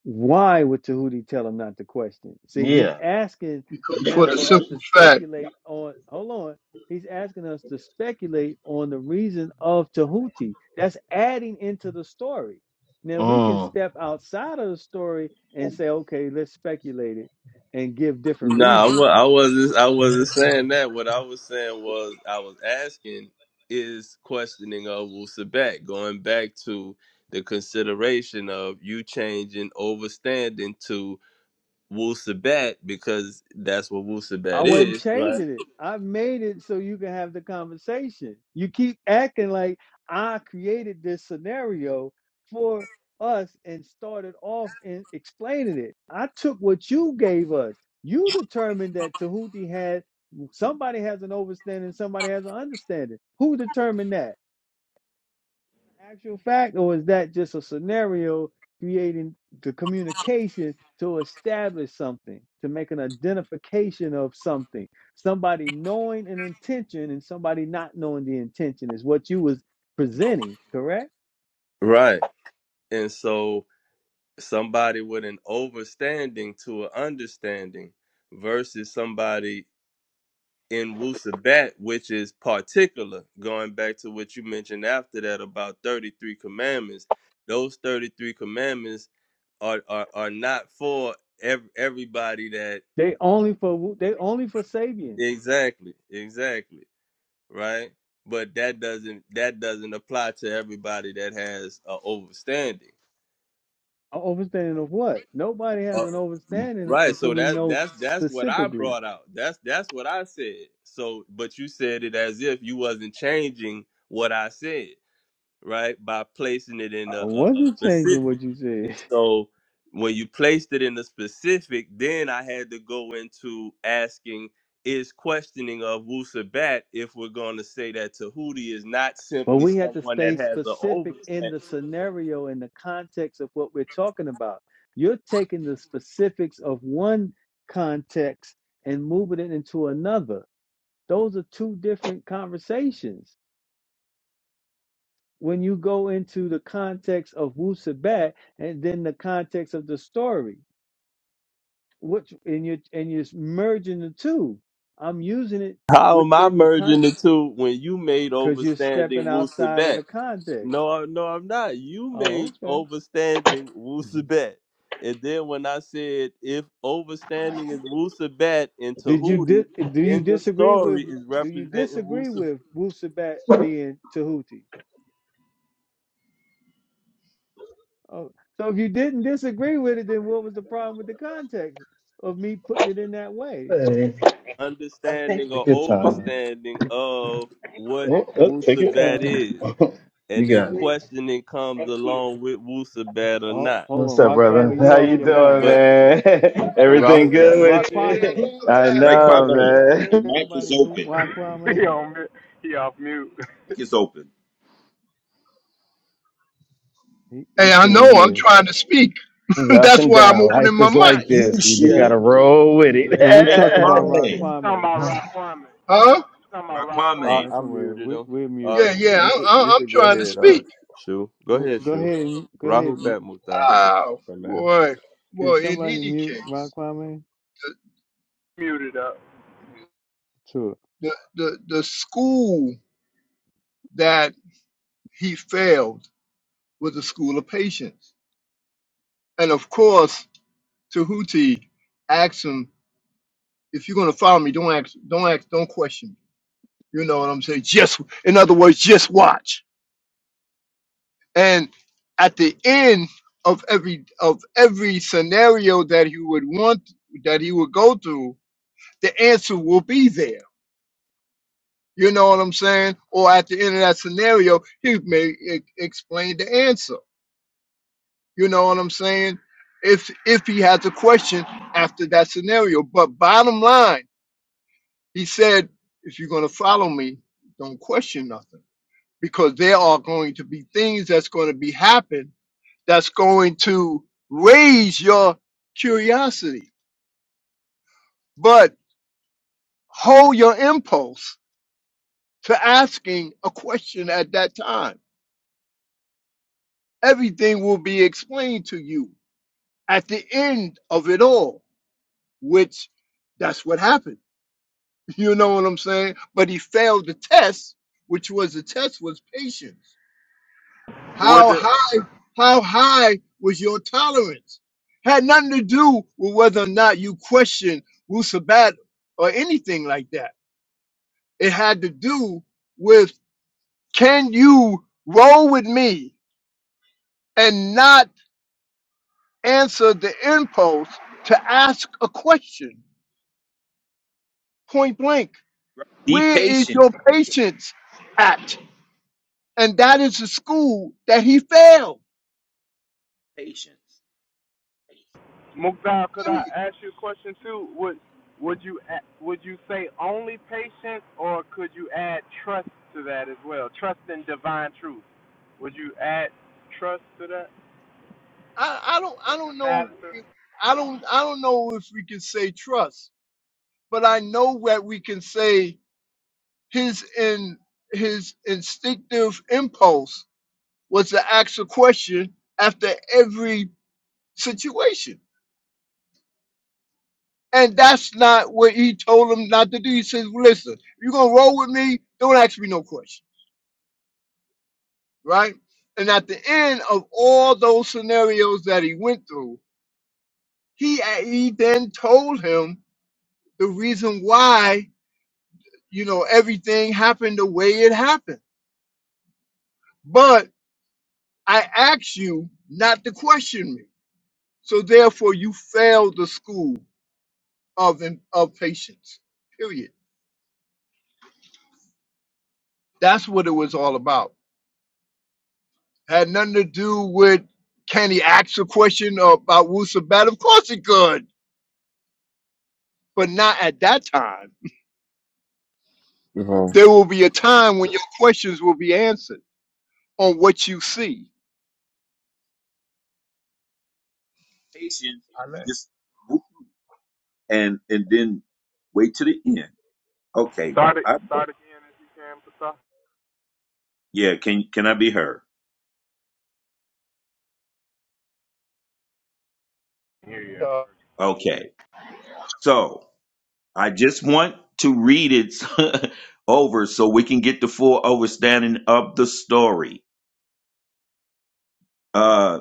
[SPEAKER 1] Why would Tahuti tell him not to question? See, he's
[SPEAKER 5] Yeah.
[SPEAKER 1] asking
[SPEAKER 8] because for
[SPEAKER 1] now
[SPEAKER 8] the
[SPEAKER 1] for us
[SPEAKER 8] simple
[SPEAKER 1] to
[SPEAKER 8] fact,
[SPEAKER 1] speculate on. Hold on. He's asking us to speculate on the reason of Tahuti. That's adding into the story. Now we can
[SPEAKER 5] Mm.
[SPEAKER 1] step outside of the story and say, okay, let's speculate it and give different
[SPEAKER 3] No, I wa-
[SPEAKER 1] reasons.
[SPEAKER 3] I wasn't. I wasn't saying that. What I was saying was, I was asking is questioning of Wusabat, going back to the consideration of you changing overstanding to Wusabat because that's what
[SPEAKER 1] I
[SPEAKER 3] Wusabat
[SPEAKER 1] wasn't
[SPEAKER 3] is, right?
[SPEAKER 1] changing it. I made it so you can have the conversation. You keep acting like I created this scenario for us and started off in explaining it. I took what you gave us. You determined that Tahuti had somebody has an overstanding, somebody has an understanding. Who determined that? actual fact, or is that just a scenario creating the communication to establish something, to make an identification of something? Somebody knowing an intention and somebody not knowing the intention is what you was presenting, correct?
[SPEAKER 3] Right. And so somebody with an overstanding to an understanding versus somebody in Wusabat, which is particular, going back to what you mentioned after that about 33 commandments. Those 33 commandments are are, are not for ev- everybody that
[SPEAKER 1] They only for they only for Sabian.
[SPEAKER 3] exactly, exactly, right? But that doesn't that doesn't apply to everybody that has uh, overstanding.
[SPEAKER 1] A Overstanding of what? Nobody has
[SPEAKER 3] Uh,
[SPEAKER 1] an overstanding
[SPEAKER 3] right,
[SPEAKER 1] until
[SPEAKER 3] so
[SPEAKER 1] we
[SPEAKER 3] that
[SPEAKER 1] know
[SPEAKER 3] that's that's what I
[SPEAKER 1] specifically.
[SPEAKER 3] brought out. That's that's what I said. So, but you said it as if you wasn't changing what I said. right? By placing it in
[SPEAKER 1] I
[SPEAKER 3] a, a, a
[SPEAKER 1] wasn't changing
[SPEAKER 3] specific.
[SPEAKER 1] what you said.
[SPEAKER 3] And so when you placed it in the specific, then I had to go into asking is questioning of Wusabat if we're going to say that Tahuti is not
[SPEAKER 1] But
[SPEAKER 3] simply
[SPEAKER 1] we have to
[SPEAKER 3] someone that
[SPEAKER 1] stay
[SPEAKER 3] has an
[SPEAKER 1] specific in
[SPEAKER 3] overstand.
[SPEAKER 1] the scenario in the context of what we're talking about. You're taking the specifics of one context and moving it into another. Those are two different conversations. When you go into the context of Wu Sabat and then the context of the story, which and you are and you're merging the two. I'm using it
[SPEAKER 3] How am I
[SPEAKER 1] within the
[SPEAKER 3] merging
[SPEAKER 1] con
[SPEAKER 3] the two when you made
[SPEAKER 1] because you're
[SPEAKER 3] overstanding
[SPEAKER 1] stepping outside of
[SPEAKER 3] Wusabat?
[SPEAKER 1] the context.
[SPEAKER 3] No, I- no, I'm not. You made
[SPEAKER 1] Oh, okay.
[SPEAKER 3] overstanding Wusabet. And then when I said if overstanding is Wusabet and
[SPEAKER 1] Did you
[SPEAKER 3] Tahuti
[SPEAKER 1] di- do you
[SPEAKER 3] in the
[SPEAKER 1] disagree with
[SPEAKER 3] story is
[SPEAKER 1] do you
[SPEAKER 3] representing
[SPEAKER 1] disagree
[SPEAKER 3] Wusabet,
[SPEAKER 1] with Wusabat being Tahuti? Oh, so if you didn't disagree with it, then what was the problem with the context of me putting it in that way?
[SPEAKER 5] Hey, take
[SPEAKER 3] understanding
[SPEAKER 5] your
[SPEAKER 3] or
[SPEAKER 5] time.
[SPEAKER 3] overstanding of what
[SPEAKER 5] Yeah, oh, take your
[SPEAKER 3] Wusabet
[SPEAKER 5] time.
[SPEAKER 3] is.
[SPEAKER 5] you
[SPEAKER 3] And if
[SPEAKER 5] got it.
[SPEAKER 3] questioning comes along with Wusabet or
[SPEAKER 1] Oh,
[SPEAKER 3] not.
[SPEAKER 5] What's
[SPEAKER 1] hold
[SPEAKER 5] up,
[SPEAKER 1] on,
[SPEAKER 5] brother?
[SPEAKER 1] Raquame, you
[SPEAKER 5] How
[SPEAKER 1] off
[SPEAKER 5] you
[SPEAKER 1] your mic.
[SPEAKER 5] doing,
[SPEAKER 3] But
[SPEAKER 5] man? Everything
[SPEAKER 3] Rahubat.
[SPEAKER 5] good with
[SPEAKER 1] Raquame,
[SPEAKER 5] you? I
[SPEAKER 7] right,
[SPEAKER 5] know,
[SPEAKER 7] Kwame,
[SPEAKER 5] man.
[SPEAKER 7] your
[SPEAKER 1] can
[SPEAKER 7] mic is
[SPEAKER 1] somebody move
[SPEAKER 7] open.
[SPEAKER 1] Raquame?
[SPEAKER 7] Mic is open.
[SPEAKER 1] He
[SPEAKER 8] hey,
[SPEAKER 1] he
[SPEAKER 8] I know
[SPEAKER 1] can't
[SPEAKER 8] I'm
[SPEAKER 1] hear.
[SPEAKER 8] trying to speak.
[SPEAKER 5] It's up
[SPEAKER 8] That's
[SPEAKER 5] and
[SPEAKER 8] why I'm
[SPEAKER 5] down.
[SPEAKER 7] Not,
[SPEAKER 5] Life
[SPEAKER 8] opening my
[SPEAKER 5] is
[SPEAKER 7] not
[SPEAKER 8] mic,
[SPEAKER 5] like
[SPEAKER 7] you,
[SPEAKER 5] this. You just Yeah, gotta
[SPEAKER 7] Shu.
[SPEAKER 5] roll with yeah,
[SPEAKER 1] No, we're talking about
[SPEAKER 5] it.
[SPEAKER 7] Raquame.
[SPEAKER 1] Raquame.
[SPEAKER 5] yeah.
[SPEAKER 8] huh?
[SPEAKER 3] I,
[SPEAKER 7] Raquame.
[SPEAKER 1] That's
[SPEAKER 3] I
[SPEAKER 1] what we're
[SPEAKER 3] muted
[SPEAKER 1] we,
[SPEAKER 3] him.
[SPEAKER 1] we're
[SPEAKER 3] Uh,
[SPEAKER 8] Yeah,
[SPEAKER 1] muting.
[SPEAKER 8] yeah,
[SPEAKER 3] you
[SPEAKER 8] I,
[SPEAKER 3] could you
[SPEAKER 8] I, I'm
[SPEAKER 3] could go
[SPEAKER 8] trying to
[SPEAKER 3] ahead. Uh,
[SPEAKER 8] speak.
[SPEAKER 3] Shu, go ahead,
[SPEAKER 1] Go
[SPEAKER 3] Shu.
[SPEAKER 1] ahead, and- go ahead.
[SPEAKER 3] Rahul
[SPEAKER 1] and mu-
[SPEAKER 3] Batmuta
[SPEAKER 8] Oh
[SPEAKER 3] for now.
[SPEAKER 8] boy.
[SPEAKER 1] Can
[SPEAKER 8] Well, in
[SPEAKER 1] somebody
[SPEAKER 8] any
[SPEAKER 1] mute
[SPEAKER 8] case,
[SPEAKER 1] Raquame?
[SPEAKER 8] the
[SPEAKER 1] Sure.
[SPEAKER 8] the the, the school that he failed was a school of patience, and of course, Tahuti asked him, "If you're going to follow me, don't ask, don't ask, don't question." me." You know what I'm saying? Just, in other words, just watch. And at the end of every of every scenario that he would want that he would go through, the answer will be there. You know what I'm saying? Or at the end of that scenario, he may e- explain the answer. You know what I'm saying? If if he has a question after that scenario, but bottom line, he said, if you're gonna follow me, don't question nothing because there are going to be things that's going to be happen that's going to raise your curiosity, but hold your impulse to asking a question at that time. Everything will be explained to you at the end of it all, which that's what happened. You know what I'm saying? But he failed the test, which was the test was patience. How high, how high was your tolerance? Had nothing to do with whether or not you questioned Wusabat or anything like that. It had to do with can you roll with me and not answer the impulse to ask a question point blank?
[SPEAKER 7] Be
[SPEAKER 8] Where is
[SPEAKER 7] patient.
[SPEAKER 8] your patience at? And that is the school that he failed.
[SPEAKER 7] Patience.
[SPEAKER 8] I, I don't I don't know if- I don't I don't know if we can say trust, but I know that we can say his in his instinctive impulse was to ask a question after every situation. And that's not what he told him not to do. He says, "Well, listen, you're gonna roll with me, don't ask me no question. Right? And at the end of all those scenarios that he went through, he he then told him the reason why you know, everything happened the way it happened. But I asked you not to question me. So therefore you failed the school of of patience. Period. That's what it was all about. Had nothing to do with can he ask a question about Wusabat? Of course he could, but not at that time.
[SPEAKER 3] Uh-huh.
[SPEAKER 8] There will be a time when your questions will be answered on what you see.
[SPEAKER 7] Patience. Just whoop, and and then wait to the end. Okay. I, yeah. Can can I be heard?
[SPEAKER 8] So,
[SPEAKER 7] Okay. So I just want to read it over so we can get the full overstanding of the story. Uh,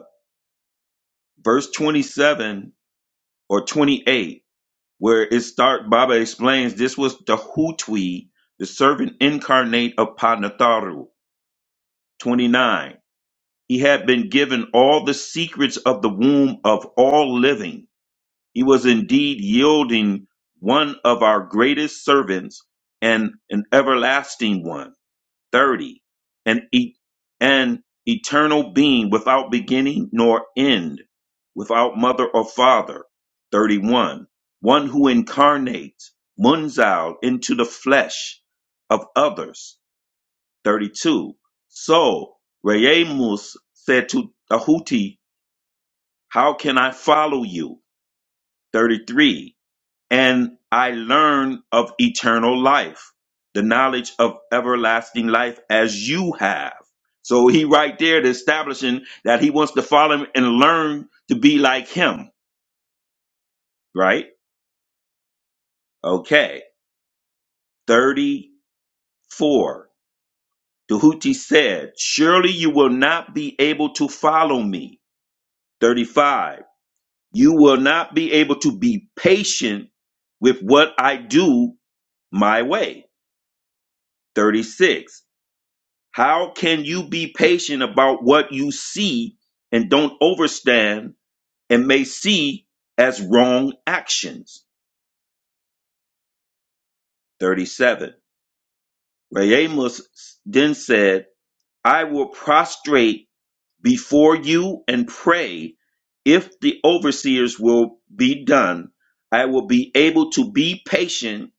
[SPEAKER 7] verse twenty-seven or twenty-eight. where it start Baba explains this was the Hutwi, the servant incarnate of Panatharu. 29. He had been given all the secrets of the womb of all living. He was indeed yielding one of our greatest servants and an everlasting one thirty, an, e- an eternal being without beginning nor end, without mother or father. 31. One who incarnates, munzal, into the flesh of others. 32. So, Reyemus said to Ahuti, How can I follow you? 33 and I learn of eternal life, the knowledge of everlasting life as you have. So he right there is establishing that he wants to follow him and learn to be like him, right? Okay. 34. Tahuti said, Surely you will not be able to follow me. 35. You will not be able to be patient with what I do my way. 36 How can you be patient about what you see and don't overstand and may see as wrong actions? 37. Rayamos then said, I will prostrate before you and pray. If the overseers will be done, I will be able to be patient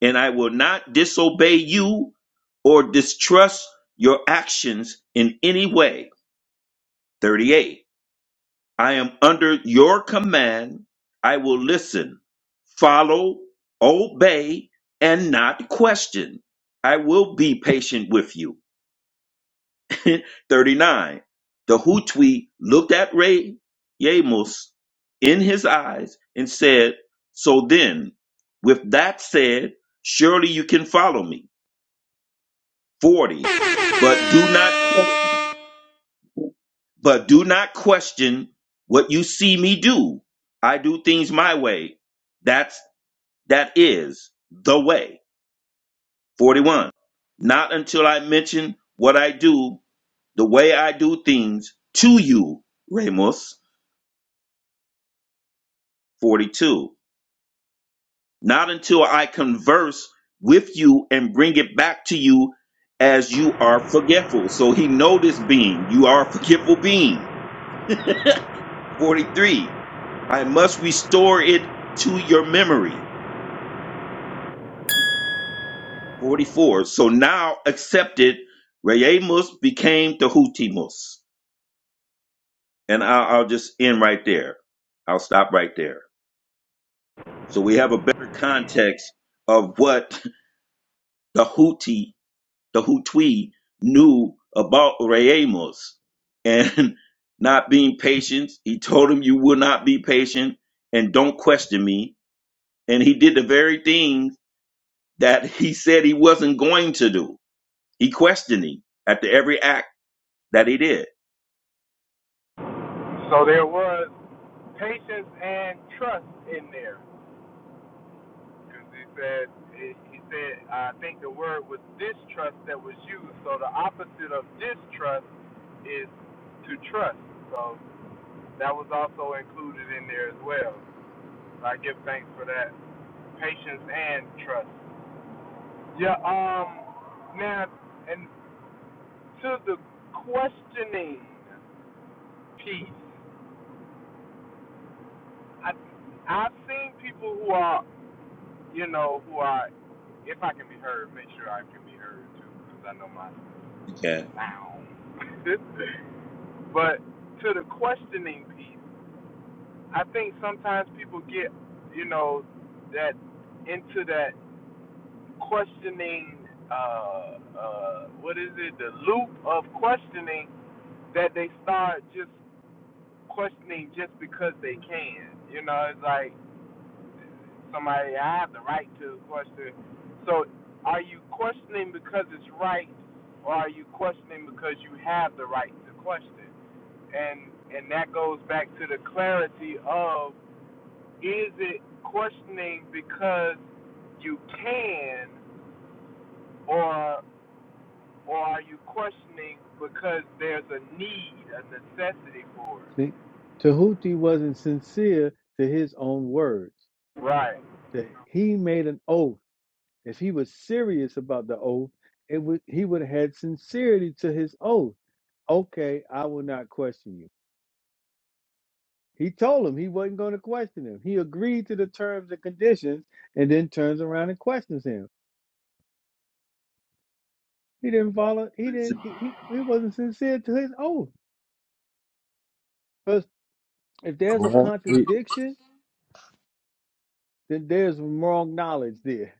[SPEAKER 7] and I will not disobey you or distrust your actions in any way. 38. I am under your command. I will listen, follow, obey, and not question. I will be patient with you. 39. The Hutwi looked at Ray Yamos in his eyes and said, So then, with that said, surely you can follow me. 40. But do not question. But do not question what you see me do. I do things my way. That's that is the way. 41. Not until I mention what I do, the way I do things to you, Ramos. 42. Not until I converse with you and bring it back to you as you are forgetful. So he know this being. You are a forgetful being. 43. I must restore it to your memory. 44. So now accepted, Reyemus became the Hutimus. And I'll, I'll just end right there. I'll stop right there. So we have a better context of what the Houthi, the Hutui knew about Reyemus and not being patient. He told him, You will not be patient and don't question me. And he did the very thing that he said he wasn't going to do. He questioned him after every act that he did. Yeah.
[SPEAKER 1] See, Tahuti wasn't sincere to his own words. That He made an oath. If he was serious about the oath, it would he would have had sincerity to his oath. Okay, I will not question you. He told him he wasn't going to question him. He agreed to the terms and conditions, and then turns around and questions him. He didn't follow. He didn't. He, he, he wasn't sincere to his oath. Because if there's a
[SPEAKER 3] Well, he,
[SPEAKER 1] contradiction, then there's wrong knowledge there.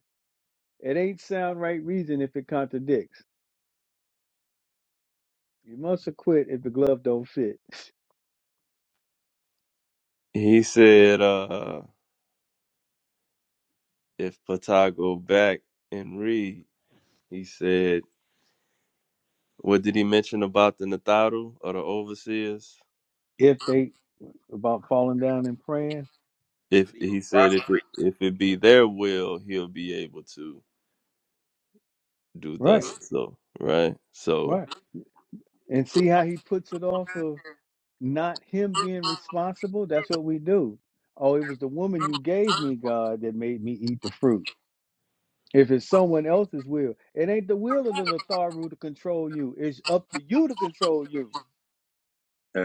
[SPEAKER 1] It ain't sound right reason if it contradicts. You must have quit if the glove don't fit.
[SPEAKER 3] he said, uh, if Pata go back and read, he said, what did he mention about the Nataru or the overseers?
[SPEAKER 1] If they about falling down and praying,
[SPEAKER 7] That
[SPEAKER 3] If
[SPEAKER 7] he would
[SPEAKER 3] he said if it
[SPEAKER 7] prosper.
[SPEAKER 3] if it be their will, he'll be able to do thus
[SPEAKER 1] right,
[SPEAKER 3] so right. So
[SPEAKER 1] right, and see how he puts it off of not him being responsible. That's what we do. Oh, it was the woman you gave me, God, that made me eat the fruit. If it's someone else's will, it ain't the will of the Natharu to control you. It's up to you to control you.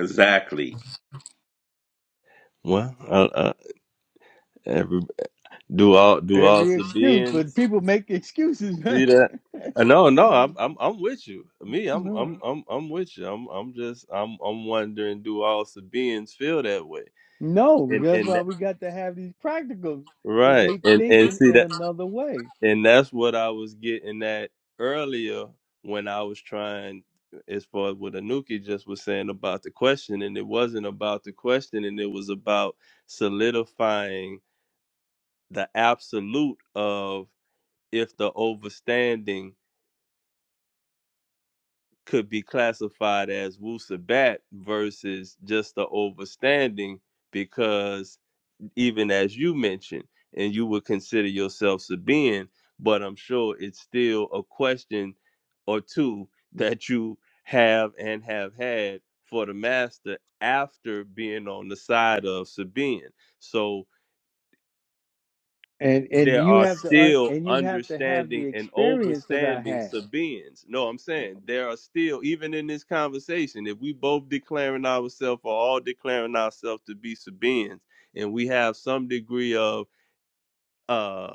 [SPEAKER 7] Exactly.
[SPEAKER 3] well, I, I, every do all do all
[SPEAKER 1] Every excuse, but
[SPEAKER 3] Sabians.
[SPEAKER 1] people make excuses,
[SPEAKER 3] See that? Uh, No, no, I'm I'm I'm with you. Me, I'm
[SPEAKER 1] man.
[SPEAKER 3] I'm I'm I'm with you. I'm I'm just I'm I'm wondering do all Sabians feel that way?
[SPEAKER 1] No,
[SPEAKER 3] And
[SPEAKER 1] that's
[SPEAKER 3] and
[SPEAKER 1] why
[SPEAKER 3] that,
[SPEAKER 1] we got to have these practicums because
[SPEAKER 3] right.
[SPEAKER 1] they
[SPEAKER 3] And and
[SPEAKER 1] thinking
[SPEAKER 3] see
[SPEAKER 1] in
[SPEAKER 3] that
[SPEAKER 1] another way,
[SPEAKER 3] and that's what I was getting at earlier when I was trying as far as what Anuki just was saying about the question, and it wasn't about the question, and it was about solidifying the absolute of if the overstanding could be classified as wusabat versus just the overstanding because even as you mentioned and you would consider yourself Sabian, but I'm sure it's still a question or two that you have and have had for the master after being on the side of Sabian. So
[SPEAKER 1] and and
[SPEAKER 3] there
[SPEAKER 1] you
[SPEAKER 3] are
[SPEAKER 1] have to un,
[SPEAKER 3] still
[SPEAKER 1] and you have to have the
[SPEAKER 3] understanding and
[SPEAKER 1] experience that I
[SPEAKER 3] overstanding
[SPEAKER 1] have.
[SPEAKER 3] Sabines. No, I'm saying there are still, even in this conversation, if we both declaring ourselves or all declaring ourselves to be Sabines, and we have some degree of uh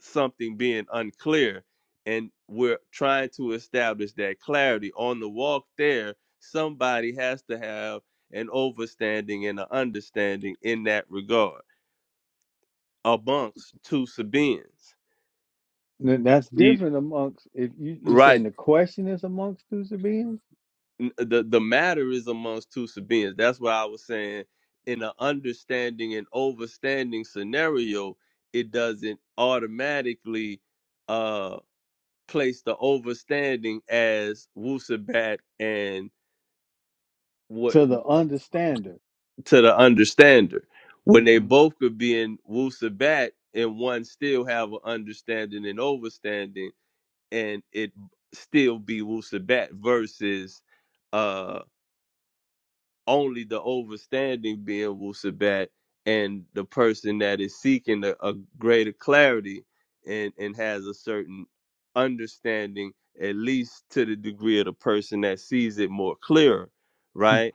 [SPEAKER 3] something being unclear, and we're trying to establish that clarity on the walk there, somebody has to have an overstanding and an understanding in that regard amongst two Sabines.
[SPEAKER 1] Now, That's
[SPEAKER 3] E-
[SPEAKER 1] different amongst if you you
[SPEAKER 3] Right.
[SPEAKER 1] saying the question is amongst two beings
[SPEAKER 3] n- the the matter is amongst two sabians. That's why I was saying. In an understanding and overstanding scenario, it doesn't automatically uh place the overstanding as Wusabat and what
[SPEAKER 1] to the understander.
[SPEAKER 3] to the understander. When they
[SPEAKER 1] hmm
[SPEAKER 3] both could be in Wusabat and one still have an understanding and overstanding and it still be Wusabat versus uh, only the overstanding being Wusabat and the person that is seeking a, a greater clarity and, and has a certain understanding, at least to the degree of the person that sees it more clearer, right?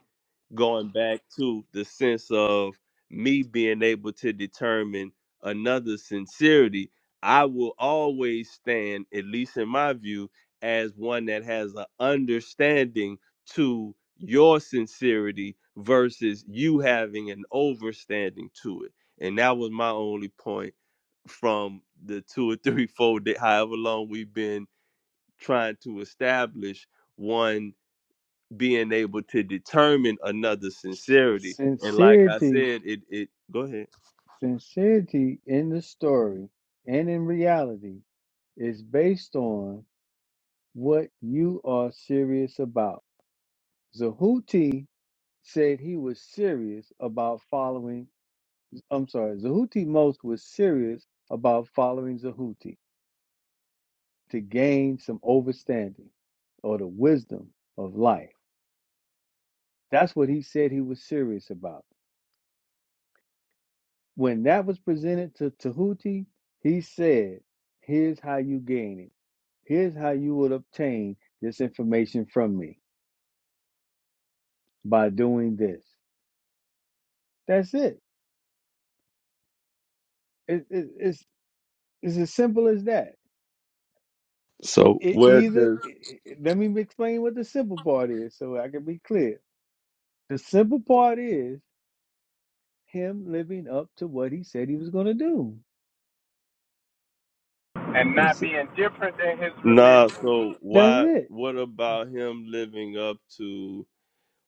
[SPEAKER 3] going back to the sense of me being able to determine another's sincerity, I will always stand, at least in my view, as one that has an understanding to your sincerity versus you having an overstanding to it. And that was my only point from the two or three fold, that however long we've been trying to establish one being able to determine another's
[SPEAKER 1] S-
[SPEAKER 3] sincerity. And like I
[SPEAKER 1] Sincerity,
[SPEAKER 3] said, it it go ahead.
[SPEAKER 1] sincerity in the story and in reality is based on what you are serious about. Zahuti said he was serious about following, I'm sorry, Zahuti Most was serious about following Zahuti to gain some overstanding or the wisdom of life. That's what he said he was serious about. When that was presented to Tahuti, he said, Here's how you gain it. Here's how you would obtain this information from me by doing this. That's it. It, it it's, it's as simple as that
[SPEAKER 3] So
[SPEAKER 1] It
[SPEAKER 3] where
[SPEAKER 1] either
[SPEAKER 3] does
[SPEAKER 1] it, it- let me explain what the simple part is so I can be clear. The simple part is him living up to what he said he was going to do. He said,
[SPEAKER 3] nah? So
[SPEAKER 1] that's
[SPEAKER 3] why?
[SPEAKER 1] it.
[SPEAKER 3] What about him living up to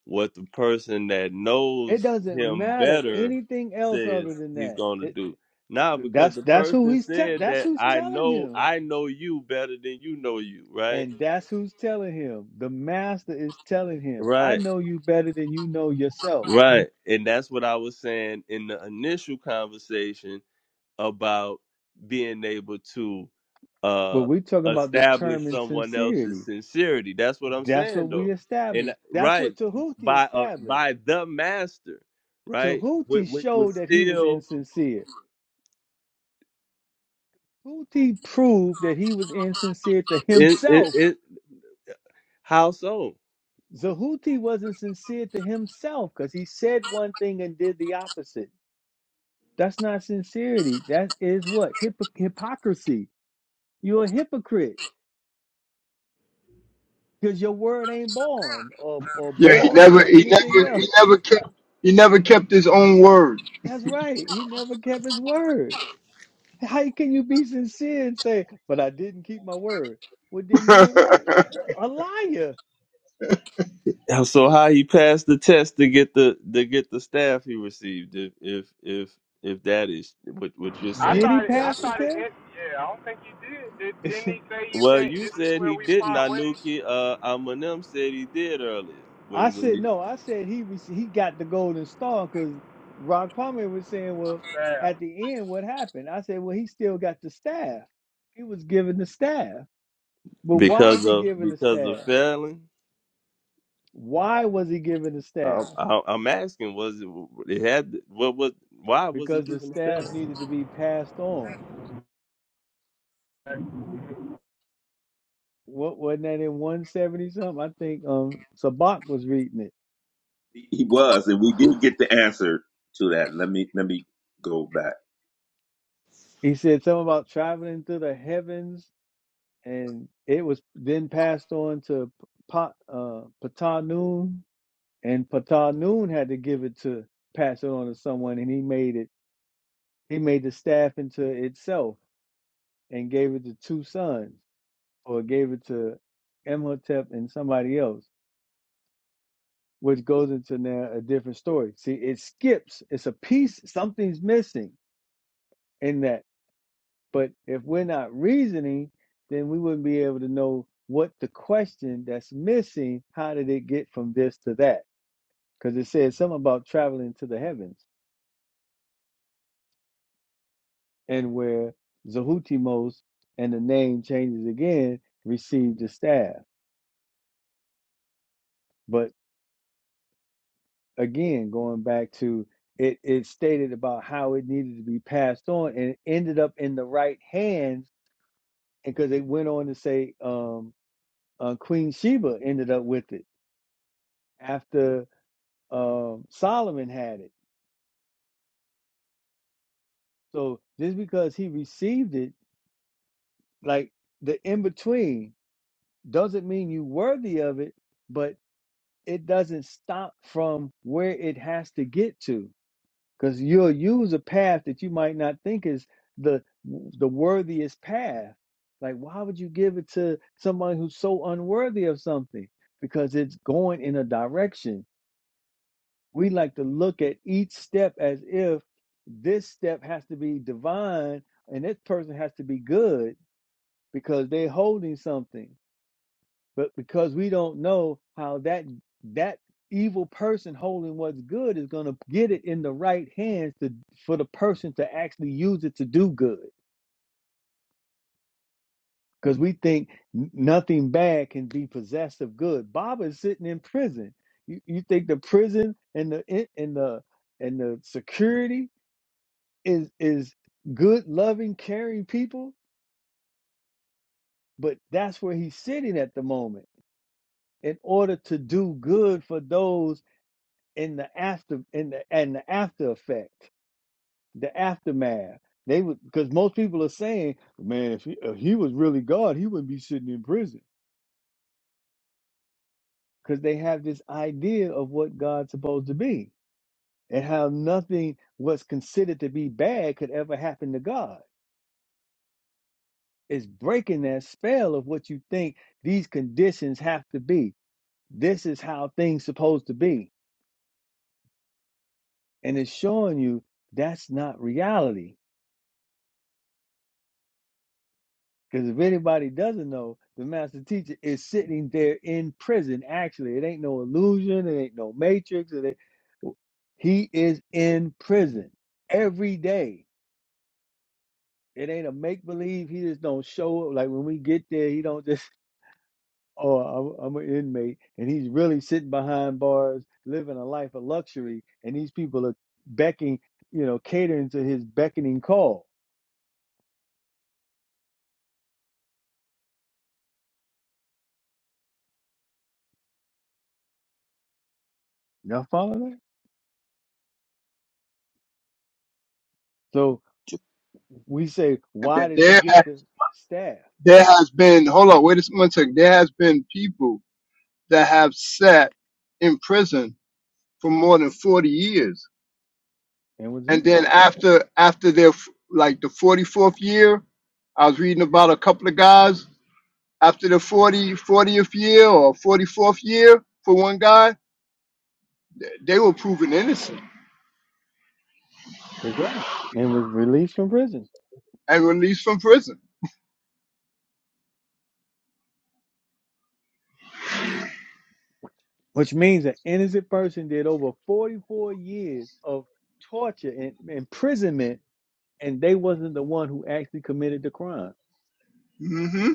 [SPEAKER 3] what the person that
[SPEAKER 1] It
[SPEAKER 3] knows
[SPEAKER 1] doesn't
[SPEAKER 3] him
[SPEAKER 1] matter
[SPEAKER 3] better
[SPEAKER 1] anything else
[SPEAKER 3] says
[SPEAKER 1] other than
[SPEAKER 3] he's
[SPEAKER 1] that.
[SPEAKER 3] going to
[SPEAKER 1] It,
[SPEAKER 3] do? Nah, because
[SPEAKER 1] that's
[SPEAKER 3] the
[SPEAKER 1] that's who
[SPEAKER 3] person
[SPEAKER 1] he's te-
[SPEAKER 3] said
[SPEAKER 1] that's
[SPEAKER 3] that
[SPEAKER 1] who's
[SPEAKER 3] I
[SPEAKER 1] telling
[SPEAKER 3] know
[SPEAKER 1] him.
[SPEAKER 3] I know you better than you know you, right?
[SPEAKER 1] And that's who's telling him. The master is telling him, I
[SPEAKER 3] Right.
[SPEAKER 1] know you better than you know yourself.
[SPEAKER 3] Right. And that's what I was saying in the initial conversation about being able to
[SPEAKER 1] But
[SPEAKER 3] uh
[SPEAKER 1] we're talking about
[SPEAKER 3] establish
[SPEAKER 1] determined
[SPEAKER 3] someone else's
[SPEAKER 1] sincerity.
[SPEAKER 3] sincerity. That's what I'm
[SPEAKER 1] That's
[SPEAKER 3] saying
[SPEAKER 1] what
[SPEAKER 3] though.
[SPEAKER 1] we
[SPEAKER 3] And
[SPEAKER 1] established. That's
[SPEAKER 3] right
[SPEAKER 1] what Tahuti
[SPEAKER 3] by uh,
[SPEAKER 1] established
[SPEAKER 3] by the master, right? Which,
[SPEAKER 1] Tahuti
[SPEAKER 3] which was
[SPEAKER 1] showed that he was
[SPEAKER 3] still
[SPEAKER 1] insincere. Tahuti proved that he was insincere to
[SPEAKER 3] in, in,
[SPEAKER 1] himself.
[SPEAKER 3] in how so?
[SPEAKER 1] Zahuti wasn't sincere to himself because he said one thing and did the opposite. That's not sincerity. That is what? Hypo- hypocrisy. You're a hypocrite because your word ain't born or, or
[SPEAKER 8] Yeah, he
[SPEAKER 1] born
[SPEAKER 8] never
[SPEAKER 1] or
[SPEAKER 8] he
[SPEAKER 1] anything
[SPEAKER 8] never
[SPEAKER 1] else.
[SPEAKER 8] he never kept he never kept his own word.
[SPEAKER 1] That's right. He never kept his word. How can you be sincere and say, but I didn't keep my word? Well, then you are what? A a liar
[SPEAKER 3] How- So how he passed the test to get the to get the staff he received if if if if that is what what you're saying.
[SPEAKER 1] Did he pass the test?
[SPEAKER 3] Well, you said he didn't. Anuki uh, Eminem said he did earlier
[SPEAKER 1] I
[SPEAKER 3] when when
[SPEAKER 1] said
[SPEAKER 3] he,
[SPEAKER 1] no. I said he rece- he got the golden star because Ron Kwame was saying, well, at the end, what happened? I said, well, he still got the staff. He was given the staff, but why was
[SPEAKER 3] because
[SPEAKER 1] he
[SPEAKER 3] of
[SPEAKER 1] given the
[SPEAKER 3] because of
[SPEAKER 1] staff?
[SPEAKER 3] failing.
[SPEAKER 1] Why was he given the
[SPEAKER 3] I,
[SPEAKER 1] staff?
[SPEAKER 3] I, I'm asking, was it it had what was why was he
[SPEAKER 1] Because the
[SPEAKER 3] given the
[SPEAKER 1] staff
[SPEAKER 3] stand?
[SPEAKER 1] needed to be passed on. What wasn't that in one seventy something? I think um Sabak was reading it.
[SPEAKER 7] He he was, and we did get the answer to that. Let me let me go back.
[SPEAKER 1] He said something about traveling through the heavens and it was then passed on to pa, uh, Patah Noon, and Patah Noon had to give it to pass it on to someone, and he made it. He made the staff into itself and gave it to two sons, or gave it to Imhotep and somebody else, which goes into now a different story. See, it skips. It's a piece. Something's missing in that But if we're not reasoning, then we wouldn't be able to know what the question that's missing, how did it get from this to that? Because it says something about traveling to the heavens and where Zahutimos and the name changes again, received the staff. But again, going back to it, it stated about how it needed to be passed on and it ended up in the right hands because it went on to say um, uh, Queen Sheba ended up with it after um, Solomon had it. So just because he received it, like the in between, doesn't mean you worthy of it, but it doesn't stop from where it has to get to, because you'll use a path that you might not think is the the worthiest path. Like, why would you give it to somebody who's so unworthy of something? Because it's going in a direction We like to look at each step as if this step has to be divine and this person has to be good because they're holding something. But because we don't know how that that evil person holding what's good is going to get it in the right hands to for the person to actually use it to do good. Because we think nothing bad can be possessed of good. Baba is sitting in prison. You, you think the prison and the and the and the security is is good, loving, caring people, but that's where he's sitting at the moment in order to do good for those in the after in the and the after effect, the aftermath. They would because most people are saying, man, if he, if he was really God, he wouldn't be sitting in prison because they have this idea of what God's supposed to be and how nothing what's considered to be bad could ever happen to God. It's breaking that spell of what you think these conditions have to be. this is how things supposed to be and it's showing you that's not reality because if anybody doesn't know the master teacher is sitting there in prison actually it ain't no illusion it ain't no matrix it ain't, he is in prison every day it ain't a make believe he just don't show up like when we get there he don't just oh, I'm, I'm an inmate, and he's really sitting behind bars, living a life of luxury, and these people are becking, you know, catering to his beckoning call. Y'all follow that? So we say, why
[SPEAKER 8] that
[SPEAKER 1] did he
[SPEAKER 8] there ha-
[SPEAKER 1] get the staff
[SPEAKER 8] there has been hold on wait a s- one second there has been people that have sat in prison for more than 40 years
[SPEAKER 1] and was
[SPEAKER 8] and then
[SPEAKER 1] innocent?
[SPEAKER 8] after after their f- like the 44th year i was reading about a couple of guys after the 40 fortieth year or 44th year for one guy they were proven innocent
[SPEAKER 1] That's right, and was released from prison,
[SPEAKER 8] and released from prison
[SPEAKER 1] which means an innocent person did over 44 years of torture and imprisonment, and they wasn't the one who actually committed the crime.
[SPEAKER 8] mm-hmm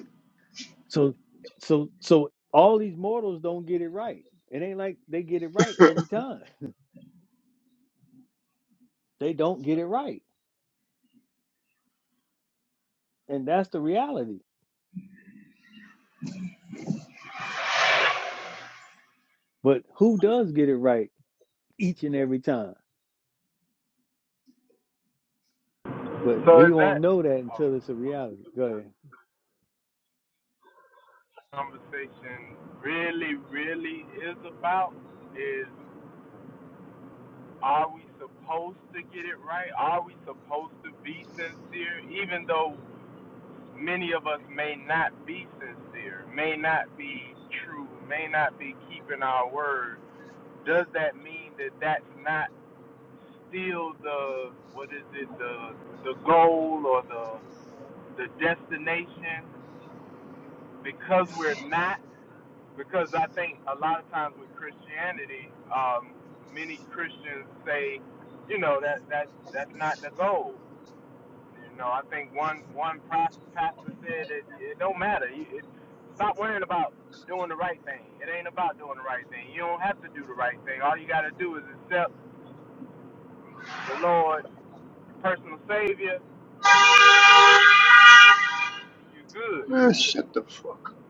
[SPEAKER 1] So so so all these mortals don't get it right. It ain't like they get it right every time. they don't get it right. And that's the reality. But who does get it right each and every time? But we won't know that until it's a reality. Go ahead.
[SPEAKER 8] man shut the fuck up.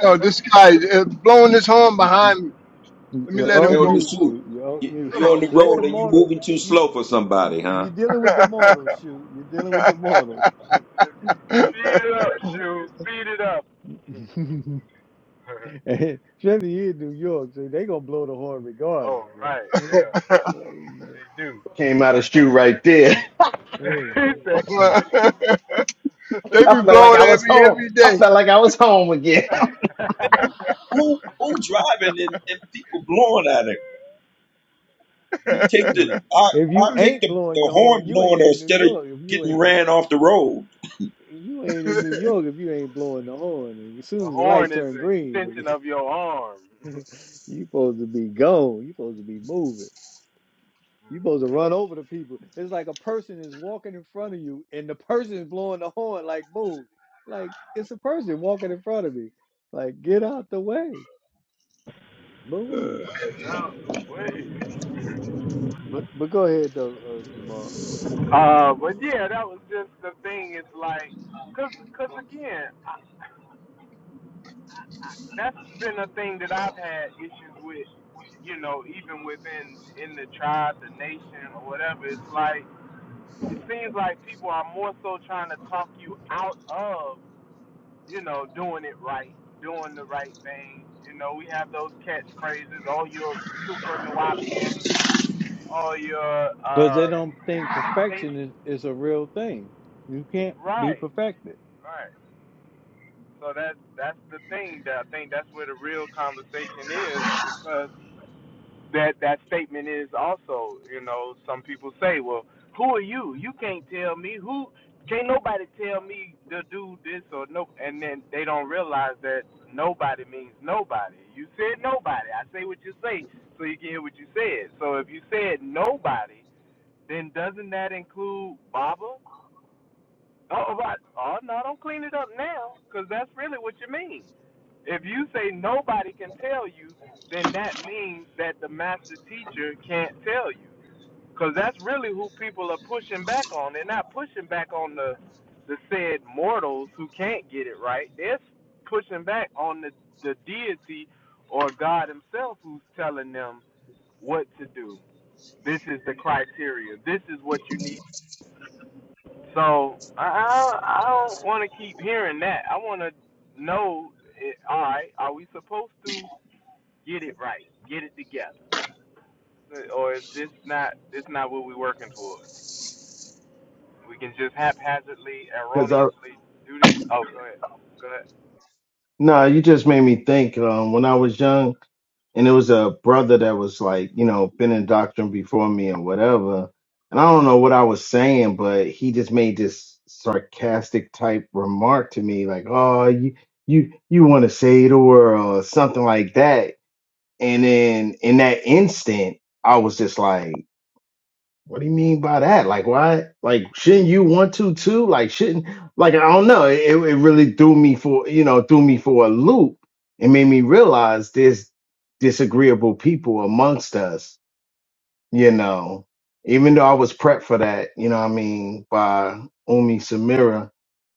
[SPEAKER 8] yo this guy uh, blowing his horn behind me
[SPEAKER 1] Mm, mm, mm,
[SPEAKER 8] let me
[SPEAKER 1] You're
[SPEAKER 7] Tell
[SPEAKER 8] let him
[SPEAKER 1] off
[SPEAKER 7] Elder
[SPEAKER 1] mute,
[SPEAKER 7] Shoot,
[SPEAKER 1] shoot. You're off
[SPEAKER 7] you,
[SPEAKER 1] mute.
[SPEAKER 7] you on the
[SPEAKER 1] Let
[SPEAKER 8] go
[SPEAKER 1] the
[SPEAKER 7] road and you
[SPEAKER 1] mortal
[SPEAKER 7] moving too
[SPEAKER 1] you
[SPEAKER 7] slow for
[SPEAKER 1] you
[SPEAKER 7] somebody, huh?
[SPEAKER 1] you're dealing with the mortals, shoot. You're dealing with the mortals. Especially here in New York, so they gonna blow the horn regardless. See.
[SPEAKER 5] Came out of shoe right there.
[SPEAKER 1] Mm, mm,
[SPEAKER 8] they
[SPEAKER 5] I
[SPEAKER 8] be
[SPEAKER 5] felt like I
[SPEAKER 8] blowing at
[SPEAKER 5] was
[SPEAKER 8] me
[SPEAKER 5] home.
[SPEAKER 8] every
[SPEAKER 5] I
[SPEAKER 8] day.
[SPEAKER 5] felt like I was home again.
[SPEAKER 7] Man, who, who, who driving and, and people blowing at him? You take the
[SPEAKER 1] mm.
[SPEAKER 7] I
[SPEAKER 1] If
[SPEAKER 7] I
[SPEAKER 1] you
[SPEAKER 7] take
[SPEAKER 1] ain't
[SPEAKER 7] the,
[SPEAKER 1] blowing
[SPEAKER 7] the
[SPEAKER 1] your horn,
[SPEAKER 7] horn
[SPEAKER 1] you
[SPEAKER 7] blowing
[SPEAKER 1] ain't in New
[SPEAKER 7] instead of
[SPEAKER 1] York. If you
[SPEAKER 7] getting
[SPEAKER 1] ain't
[SPEAKER 7] ran off the road.
[SPEAKER 1] you ain't in New York if you ain't blowing the horn. And As soon as the light turn green, nigga, you supposed to be gone. You supposed to be moving. You supposed to run over the people. It's like a person is walking in front of you and the person is blowing the horn like move. Like it's a person walking in front of me. Like get out the way. Move. But but go ahead though, uh, Zamar. because they don't think perfection is, is a real thing. You can't be perfected.
[SPEAKER 5] Cause I nah, you just made me think. Um, when I was young, and it was a brother that was like, you know, been in doctrine before me and whatever. And I don't know what I was saying, but he just made this sarcastic type remark to me, like, "Oh, you you you want to save the world," or something like that. And then in that instant, I was just like, what do you mean by that? Like, why? Like, shouldn't you want to too? Like, shouldn't, like, I don't know. It, it really threw me for, you know, threw me for a loop and made me realize there's disagreeable people amongst us, you know, even though I was prepped for that, you know what I mean, by Umi Samira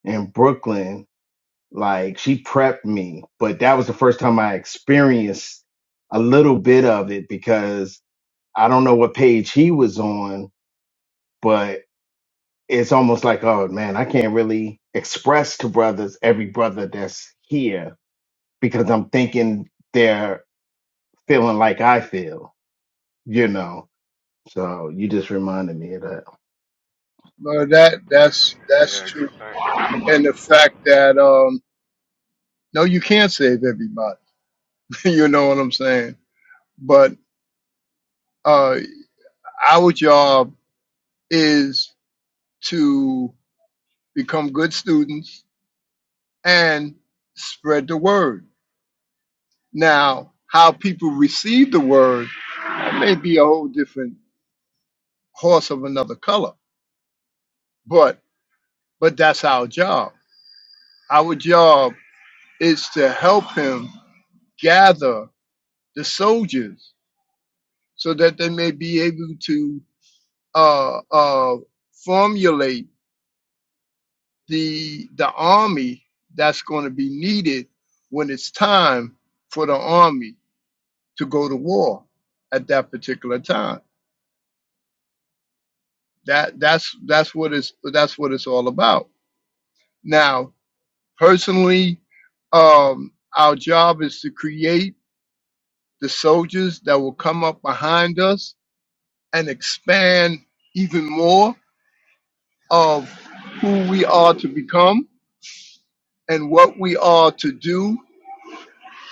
[SPEAKER 5] in Brooklyn like she prepped me, but that was the first time I experienced a little bit of it because I don't know what page he was on, but it's almost like, oh man, I can't really express to brothers every brother that's here because I'm thinking they're feeling like I feel, you know. So you just reminded me of that.
[SPEAKER 8] But that that's that's true, and the fact that um, no, you can't save everybody. you know what I'm saying? But uh, our job is to become good students and spread the word. Now, how people receive the word that may be a whole different horse of another color, but but that's our job. Our job is to help him gather the soldiers so that they may be able to uh, uh, formulate the the army that's going to be needed when it's time for the army to go to war at that particular time. That that's that's what it's that's what it's all about. Now, personally, um, our job is to create the soldiers that will come up behind us and expand even more of who we are to become and what we are to do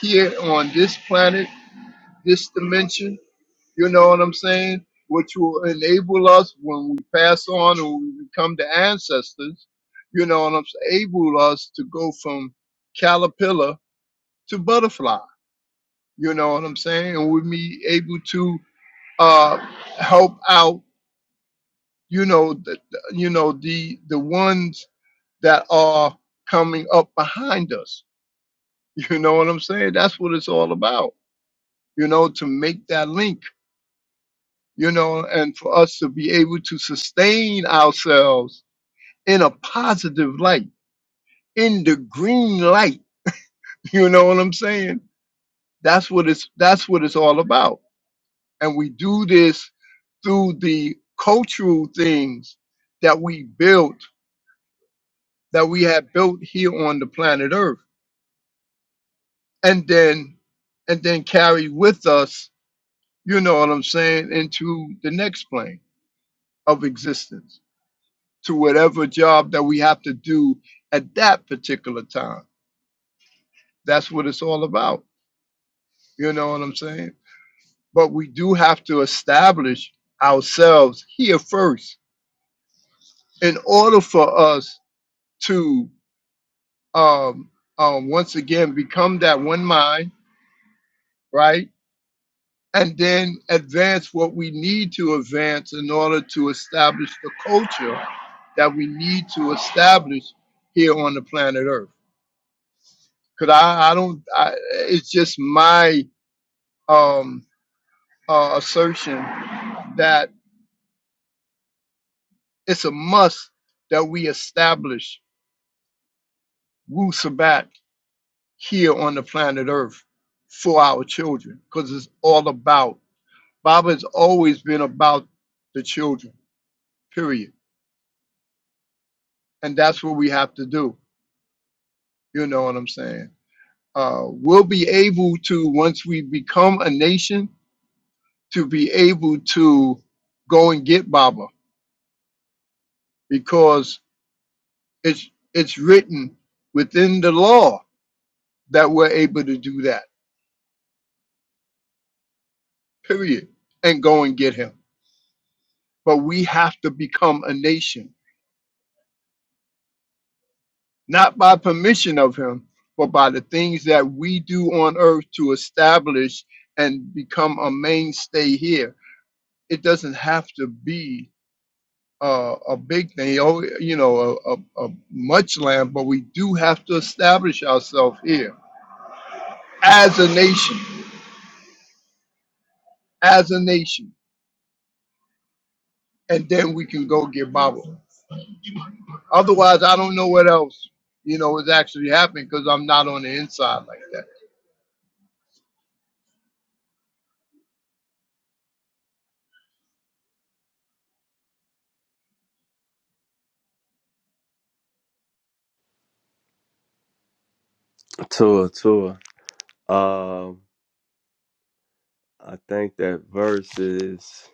[SPEAKER 8] here on this planet, this dimension. You know what I'm saying? Which will enable us when we pass on or we become the ancestors, you know what I'm saying? Able us to go from caterpillar to butterfly. You know what I'm saying? And we be able to uh, help out, you know, the, the- you know the the ones that are coming up behind us You know what I'm saying? That's what it's all about, you know, to make that link, you know, and for us to be able to sustain ourselves in a positive light, in the green light. You know what I'm saying? That's what it's that's what it's all about. And we do this through the cultural things that we built, that we have built here on the planet Earth. And then and then carry with us, you know what I'm saying, into the next plane of existence to whatever job that we have to do at that particular time. That's what it's all about. You know what I'm saying? But we do have to establish ourselves here first in order for us to um, um, once again become that one mind, right? And then advance what we need to advance in order to establish the culture that we need to establish here on the planet Earth. Cause I, I don't, I, it's just my um, uh, assertion that it's a must that we establish Wu Sabat here on the planet Earth for our children. Cause it's all about, Baba has always been about the children, period. And that's what we have to do. You know what I'm saying? Uh, we'll be able to, once we become a nation, to be able to go and get Baba because It's it's written within the law that we're able to do that. Period. And go and get him. But we have to become a nation, not by permission of him, but by the things that we do on earth to establish and become a mainstay here. It doesn't have to be uh, a big thing, oh, you know, a, a, a much land, but we do have to establish ourselves here as a nation, as a nation, and then we can go get Bible. Otherwise, I don't know what else you know is actually happening because I'm not on the inside like that.
[SPEAKER 3] Tour, tour. Um, I think that verse is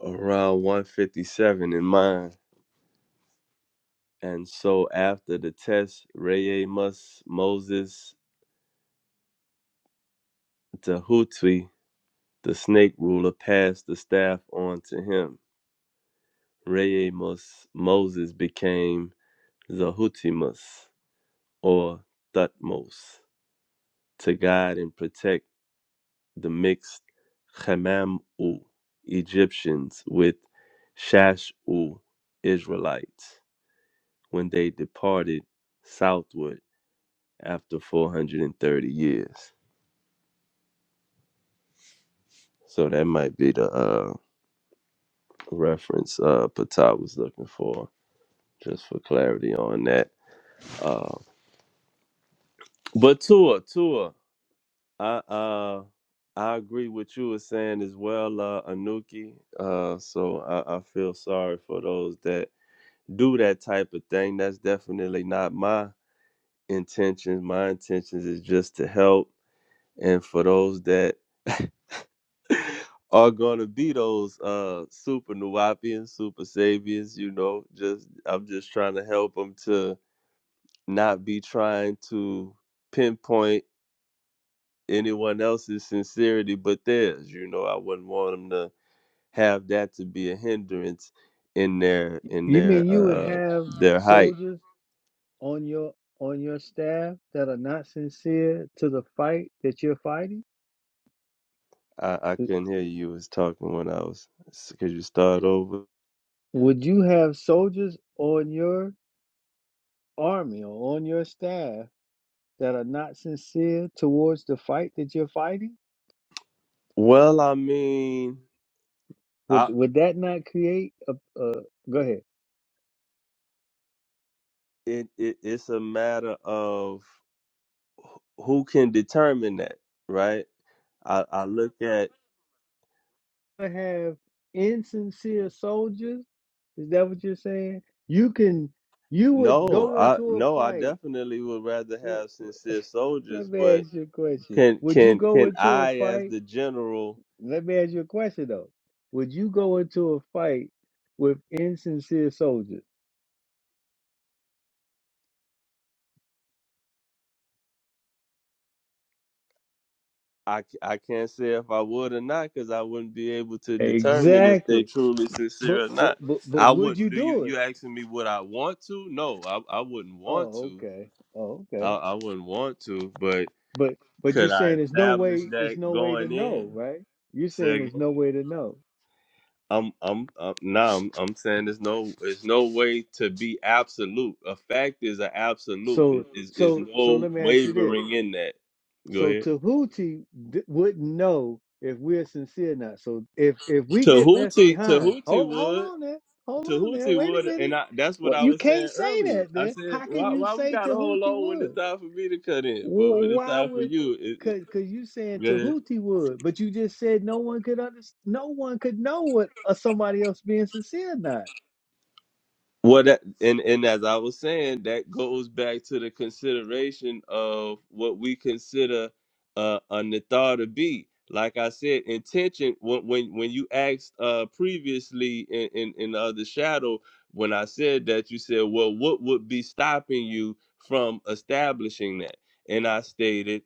[SPEAKER 3] around 157 in mine. And so after the test, Ray must Moses Tahuti, the snake ruler, passed the staff on to him. Remus Moses became Zahutimus or Thutmose to guide and protect the mixed Khamamu Egyptians with Shashu Israelites when they departed southward after 430 years. So that might be the uh, reference uh, Patah was looking for, just for clarity on that. Uh, but Tua, Tua. I uh I agree with you was saying as well, uh, Anuki. Uh, so I, I feel sorry for those that do that type of thing. That's definitely not my intentions. My intentions is just to help, and for those that are gonna be those uh super Nuwapians, super saviors, you know, just I'm just trying to help them to not be trying to pinpoint anyone else's sincerity but theirs. You know, I wouldn't want them to have that to be a hindrance in their in
[SPEAKER 1] You mean
[SPEAKER 3] their
[SPEAKER 1] you would
[SPEAKER 3] uh
[SPEAKER 1] have
[SPEAKER 3] their height.
[SPEAKER 1] soldiers on your on your staff that are not sincere to the fight that you're fighting?
[SPEAKER 3] I, I couldn't hear you was talking when I was. Could you start over?
[SPEAKER 1] Would you have soldiers on your army or on your staff that are not sincere towards the fight that you're fighting?
[SPEAKER 3] Well, I mean,
[SPEAKER 1] Would
[SPEAKER 3] I
[SPEAKER 1] would that not create a? Uh, go ahead.
[SPEAKER 3] it, it it's a matter of who can determine that, right? I I look at
[SPEAKER 1] to have insincere soldiers? Is that what you're saying? You can, you would
[SPEAKER 3] no,
[SPEAKER 1] go
[SPEAKER 3] I
[SPEAKER 1] into a
[SPEAKER 3] no, I
[SPEAKER 1] fight.
[SPEAKER 3] definitely would rather
[SPEAKER 1] w-
[SPEAKER 3] have sincere
[SPEAKER 1] Let
[SPEAKER 3] soldiers,
[SPEAKER 1] me
[SPEAKER 3] but
[SPEAKER 1] ask you a question.
[SPEAKER 3] Can
[SPEAKER 1] Would you
[SPEAKER 3] can
[SPEAKER 1] go
[SPEAKER 3] can
[SPEAKER 1] into a
[SPEAKER 3] I, as
[SPEAKER 1] fight?
[SPEAKER 3] the general,
[SPEAKER 1] Let me ask you a question though. Would you go into a fight with insincere soldiers?
[SPEAKER 3] I c- I can't say if I would or not because I wouldn't be able to determine if they
[SPEAKER 1] Exactly.
[SPEAKER 3] truly
[SPEAKER 1] But
[SPEAKER 3] sincere or
[SPEAKER 1] but
[SPEAKER 3] not.
[SPEAKER 1] but but
[SPEAKER 3] I
[SPEAKER 1] would
[SPEAKER 3] wouldn't.
[SPEAKER 1] you
[SPEAKER 3] Do you
[SPEAKER 1] do
[SPEAKER 3] you
[SPEAKER 1] it?
[SPEAKER 3] asking me would I want to? No, I I wouldn't want
[SPEAKER 1] Oh,
[SPEAKER 3] to.
[SPEAKER 1] okay. Oh,
[SPEAKER 3] I
[SPEAKER 1] okay.
[SPEAKER 3] I wouldn't want to. But
[SPEAKER 1] But but you're
[SPEAKER 3] could I
[SPEAKER 1] saying there's no
[SPEAKER 3] establish
[SPEAKER 1] way. It's
[SPEAKER 3] that
[SPEAKER 1] no way to
[SPEAKER 3] going
[SPEAKER 1] know,
[SPEAKER 3] in?
[SPEAKER 1] right? You're
[SPEAKER 3] Say
[SPEAKER 1] saying
[SPEAKER 3] again.
[SPEAKER 1] there's no way to know.
[SPEAKER 3] I'm I'm, i I'm nah, I'm I'm saying there's no there's no way to be absolute. A fact is an absolute. It
[SPEAKER 1] So
[SPEAKER 3] is is
[SPEAKER 1] so so
[SPEAKER 3] no
[SPEAKER 1] let me ask you this.
[SPEAKER 3] wavering in that. Go
[SPEAKER 1] So
[SPEAKER 3] ahead.
[SPEAKER 1] Tahuti d- wouldn't know if we're sincere or not. So if if we get left
[SPEAKER 3] Tahuti,
[SPEAKER 1] behind,
[SPEAKER 3] Tahuti
[SPEAKER 1] hold hold
[SPEAKER 3] would,
[SPEAKER 1] on there, hold on there,
[SPEAKER 3] Tahuti
[SPEAKER 1] wait a
[SPEAKER 3] would, and
[SPEAKER 1] minute.
[SPEAKER 3] I, that's what
[SPEAKER 1] Well,
[SPEAKER 3] I
[SPEAKER 1] you
[SPEAKER 3] was
[SPEAKER 1] can't
[SPEAKER 3] saying
[SPEAKER 1] say
[SPEAKER 3] earlier.
[SPEAKER 1] that
[SPEAKER 3] I
[SPEAKER 1] there.
[SPEAKER 3] said,
[SPEAKER 1] How can
[SPEAKER 3] why,
[SPEAKER 1] you
[SPEAKER 3] why we
[SPEAKER 1] say
[SPEAKER 3] got to hold
[SPEAKER 1] Tahuti
[SPEAKER 3] on when it's
[SPEAKER 1] would?
[SPEAKER 3] time for me to cut in, but
[SPEAKER 1] Wh-
[SPEAKER 3] when it's
[SPEAKER 1] Why
[SPEAKER 3] time for
[SPEAKER 1] would
[SPEAKER 3] you, it, it,
[SPEAKER 1] cause cause you saying
[SPEAKER 3] go ahead.
[SPEAKER 1] Tahuti would, but you just said no one could under, no one could know what uh, somebody else being sincere or not.
[SPEAKER 3] What that and and as I was saying, that goes back to the consideration of what we consider uh, a nithar to be. Like I said, intention. When when, when you asked uh, previously in, in in the other shadow, when I said that, you said, "Well, what would be stopping you from establishing that?" And I stated,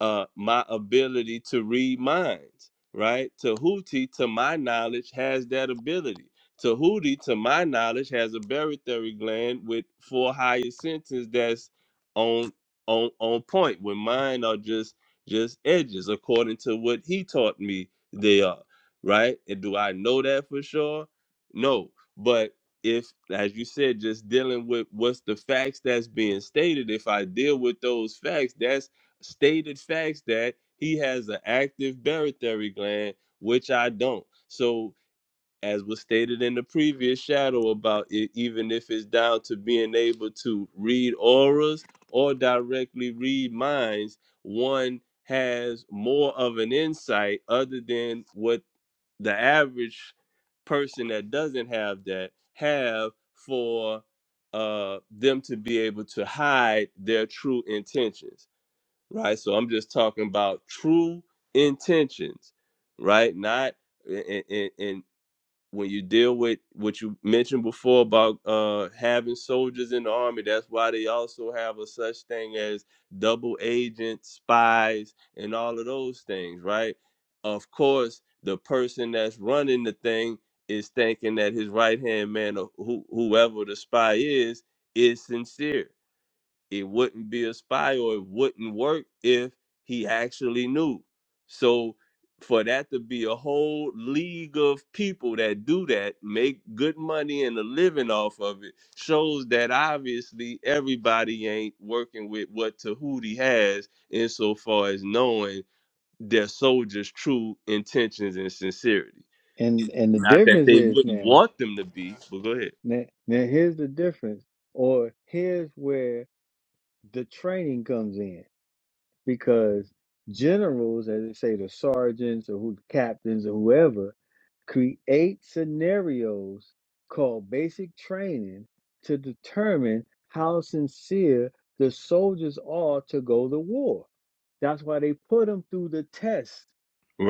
[SPEAKER 3] uh, "My ability to read minds." Right? Tahuti, to my knowledge, has that ability Tahuti, to my knowledge, has a barytheric gland with four higher centers that's on on on point. When mine are just just edges, according to what he taught me they are. Right? And do I know that for sure? No. But if, as you said, just dealing with what's the facts that's being stated, if I deal with those facts, that's stated facts that he has an active barytheric gland, which I don't. So as was stated in the previous shadow about it, even if it's down to being able to read auras or directly read minds, one has more of an insight other than what the average person that doesn't have that have for uh them to be able to hide their true intentions right so i'm just talking about true intentions right not and, and when you deal with what you mentioned before about uh, having soldiers in the army, that's why they also have a such thing as double agents, spies, and all of those things, right? Of course, the person that's running the thing is thinking that his right hand man or who, whoever the spy is is sincere it wouldn't be a spy or it wouldn't work if he actually knew. So for that to be a whole league of people that do that, make good money and a living off of it, shows that obviously everybody ain't working with what Tahuti has insofar as knowing their soldiers' true intentions and sincerity.
[SPEAKER 1] And and the
[SPEAKER 3] Not that
[SPEAKER 1] difference
[SPEAKER 3] they
[SPEAKER 1] is
[SPEAKER 3] wouldn't
[SPEAKER 1] now.
[SPEAKER 3] want them to be, but go ahead.
[SPEAKER 1] Now, now here's the difference, or here's where the training comes in, because generals, as they say, the sergeants or who captains or whoever, create scenarios called basic training to determine how sincere the soldiers are to go to war. That's why they put them through the test.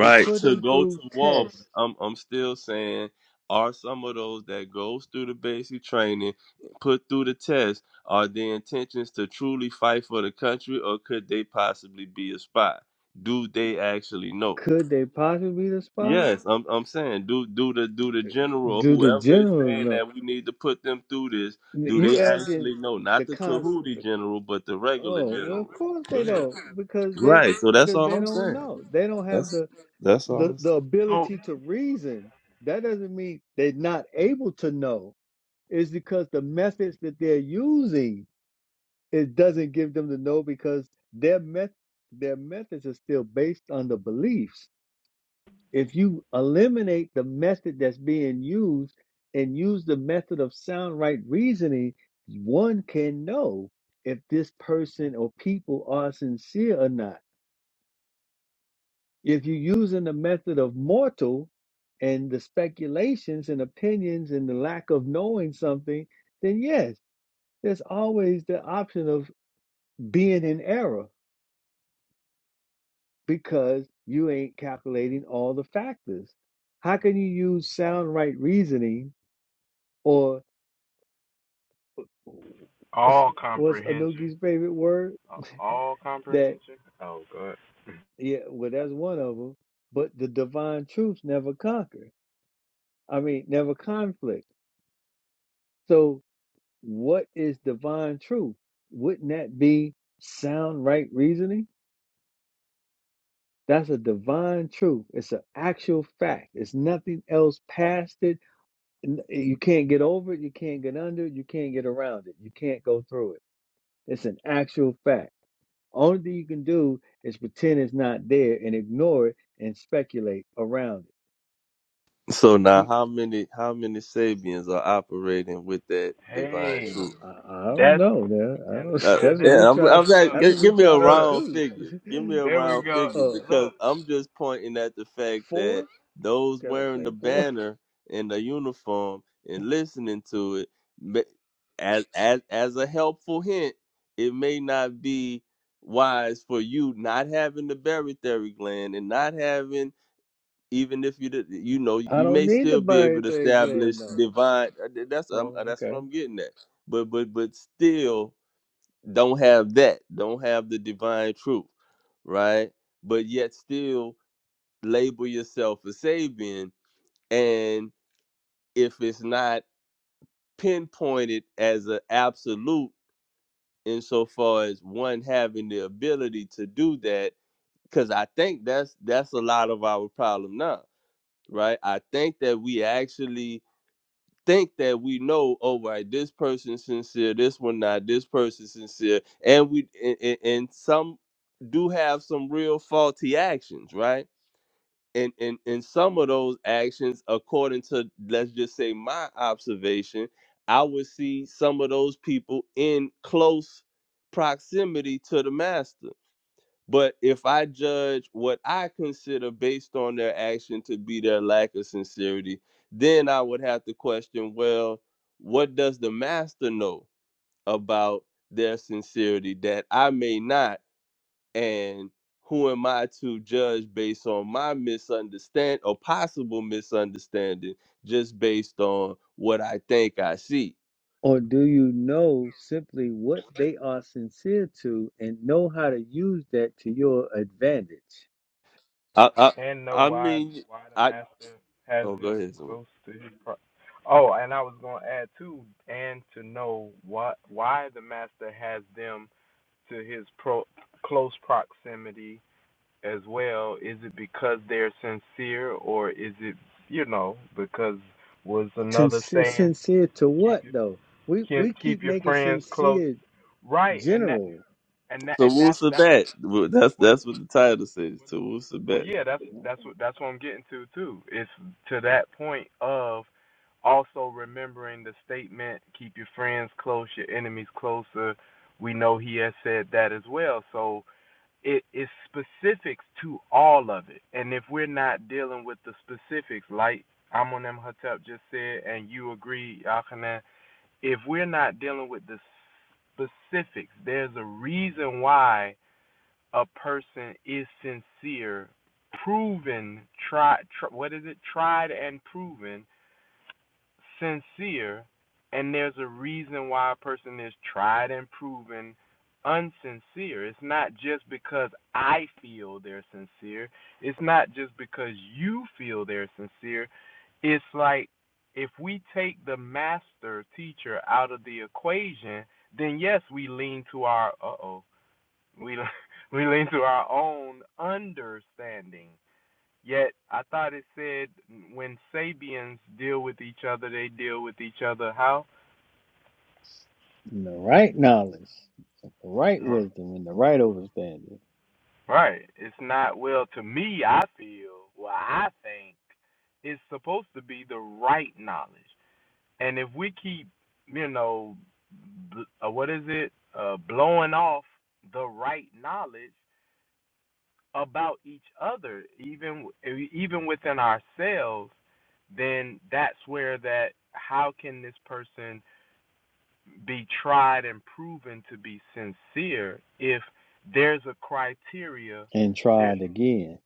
[SPEAKER 1] They put
[SPEAKER 3] To
[SPEAKER 1] them
[SPEAKER 3] go to
[SPEAKER 1] through
[SPEAKER 3] war.
[SPEAKER 1] tests.
[SPEAKER 3] I'm I'm still saying are some of those that goes through the basic training, put through the test, are their intentions to truly fight for the country or could they possibly be a spy? Do they actually know?
[SPEAKER 1] Could they possibly be the spy?
[SPEAKER 3] Yes, I'm I'm saying do do the do the general or
[SPEAKER 1] Do the
[SPEAKER 3] whoever is
[SPEAKER 1] generals
[SPEAKER 3] saying
[SPEAKER 1] know?
[SPEAKER 3] that we need to put them through this, do
[SPEAKER 1] You
[SPEAKER 3] they
[SPEAKER 1] asking
[SPEAKER 3] actually know? Not
[SPEAKER 1] the
[SPEAKER 3] the
[SPEAKER 1] cons?
[SPEAKER 3] Tahuti general, but the regular
[SPEAKER 1] Oh, well,
[SPEAKER 3] general.
[SPEAKER 1] of course
[SPEAKER 3] Go
[SPEAKER 1] they
[SPEAKER 3] ahead.
[SPEAKER 1] don't because they
[SPEAKER 3] Right. So that's
[SPEAKER 1] because
[SPEAKER 3] all
[SPEAKER 1] they
[SPEAKER 3] I'm
[SPEAKER 1] don't
[SPEAKER 3] saying.
[SPEAKER 1] know. They don't have
[SPEAKER 3] That's
[SPEAKER 1] the
[SPEAKER 3] that's all I'm
[SPEAKER 1] the the ability to reason. That doesn't mean they're not able to know. It's because the methods that they're using it doesn't give them the know because their met their methods are still based on the beliefs. If you eliminate the method that's being used and use the method of sound right reasoning, one can know if this person or people are sincere or not. If you're using the method of mortal and the speculations and opinions and the lack of knowing something, then yes, there's always the option of being in error because you ain't calculating all the factors. How can you use sound right reasoning? or What's Anuki's favorite word? That yeah, well that's one of them. But the divine truths never conquer. I mean, never conflict. So what is divine truth? Wouldn't that be sound right reasoning? That's a divine truth. It's an actual fact. It's nothing else past it. N- You can't get over it. You can't get under it. You can't get around it. You can't go through it. It's an actual fact. Only thing you can do is pretend it's not there and ignore it and speculate around it.
[SPEAKER 3] So now,
[SPEAKER 1] Cre-
[SPEAKER 3] how many how many Sabians are operating with that divine
[SPEAKER 1] I,
[SPEAKER 3] truth?
[SPEAKER 1] I, I don't know. man. I don't,
[SPEAKER 3] Uh,
[SPEAKER 1] that's what we
[SPEAKER 3] yeah, I'm,
[SPEAKER 1] try.
[SPEAKER 3] I'm not,
[SPEAKER 1] That's what
[SPEAKER 3] gi-
[SPEAKER 1] we
[SPEAKER 3] give me a
[SPEAKER 1] try to
[SPEAKER 3] round
[SPEAKER 1] produce.
[SPEAKER 3] figure. Give me a round figure
[SPEAKER 1] uh,
[SPEAKER 3] because I'm just pointing at the fact
[SPEAKER 1] four?
[SPEAKER 3] that those
[SPEAKER 1] Can I
[SPEAKER 3] wearing
[SPEAKER 1] say
[SPEAKER 3] the
[SPEAKER 1] four?
[SPEAKER 3] banner and the uniform and listening to it, ma- as as as a helpful hint, it may not be wise for you not having the barytheric gland and not having even if you did, you know
[SPEAKER 1] I
[SPEAKER 3] you
[SPEAKER 1] don't
[SPEAKER 3] may
[SPEAKER 1] need to
[SPEAKER 3] still be
[SPEAKER 1] buy
[SPEAKER 3] able to
[SPEAKER 1] anything,
[SPEAKER 3] establish
[SPEAKER 1] Glendo.
[SPEAKER 3] divine uh, that's um,
[SPEAKER 1] Oh,
[SPEAKER 3] uh, that's what
[SPEAKER 1] okay.
[SPEAKER 3] i'm getting at but but but still don't have that don't have the divine truth right but yet still label yourself a sabian and if it's not pinpointed as an absolute insofar as one having the ability to do that because i think that's that's a lot of our problem now right i think that we actually think that we know, oh, right, this person's sincere, this one not, this person's sincere, and we and, and, and some do have some real faulty actions, right? And and and some of those actions, according to let's just say my observation, I would see some of those people in close proximity to the master but if I judge what I consider based on their action to be their lack of sincerity, then I would have to question well, what does the master know about their sincerity that I may not? And who am I to judge based on my misunderstanding or possible misunderstanding just based on what I think I see?
[SPEAKER 1] Or do you know simply what they are sincere to and know how to use that to your advantage?
[SPEAKER 3] I, I, I mean, I, oh, go ahead. Zamar.
[SPEAKER 1] Sin- sincere to what though? We we keep making sincere general
[SPEAKER 3] Tawusa Bet. Well, That's that's what the title says. Tawusa Bet.
[SPEAKER 1] in the right knowledge, the right wisdom, and the right understanding, and try it again.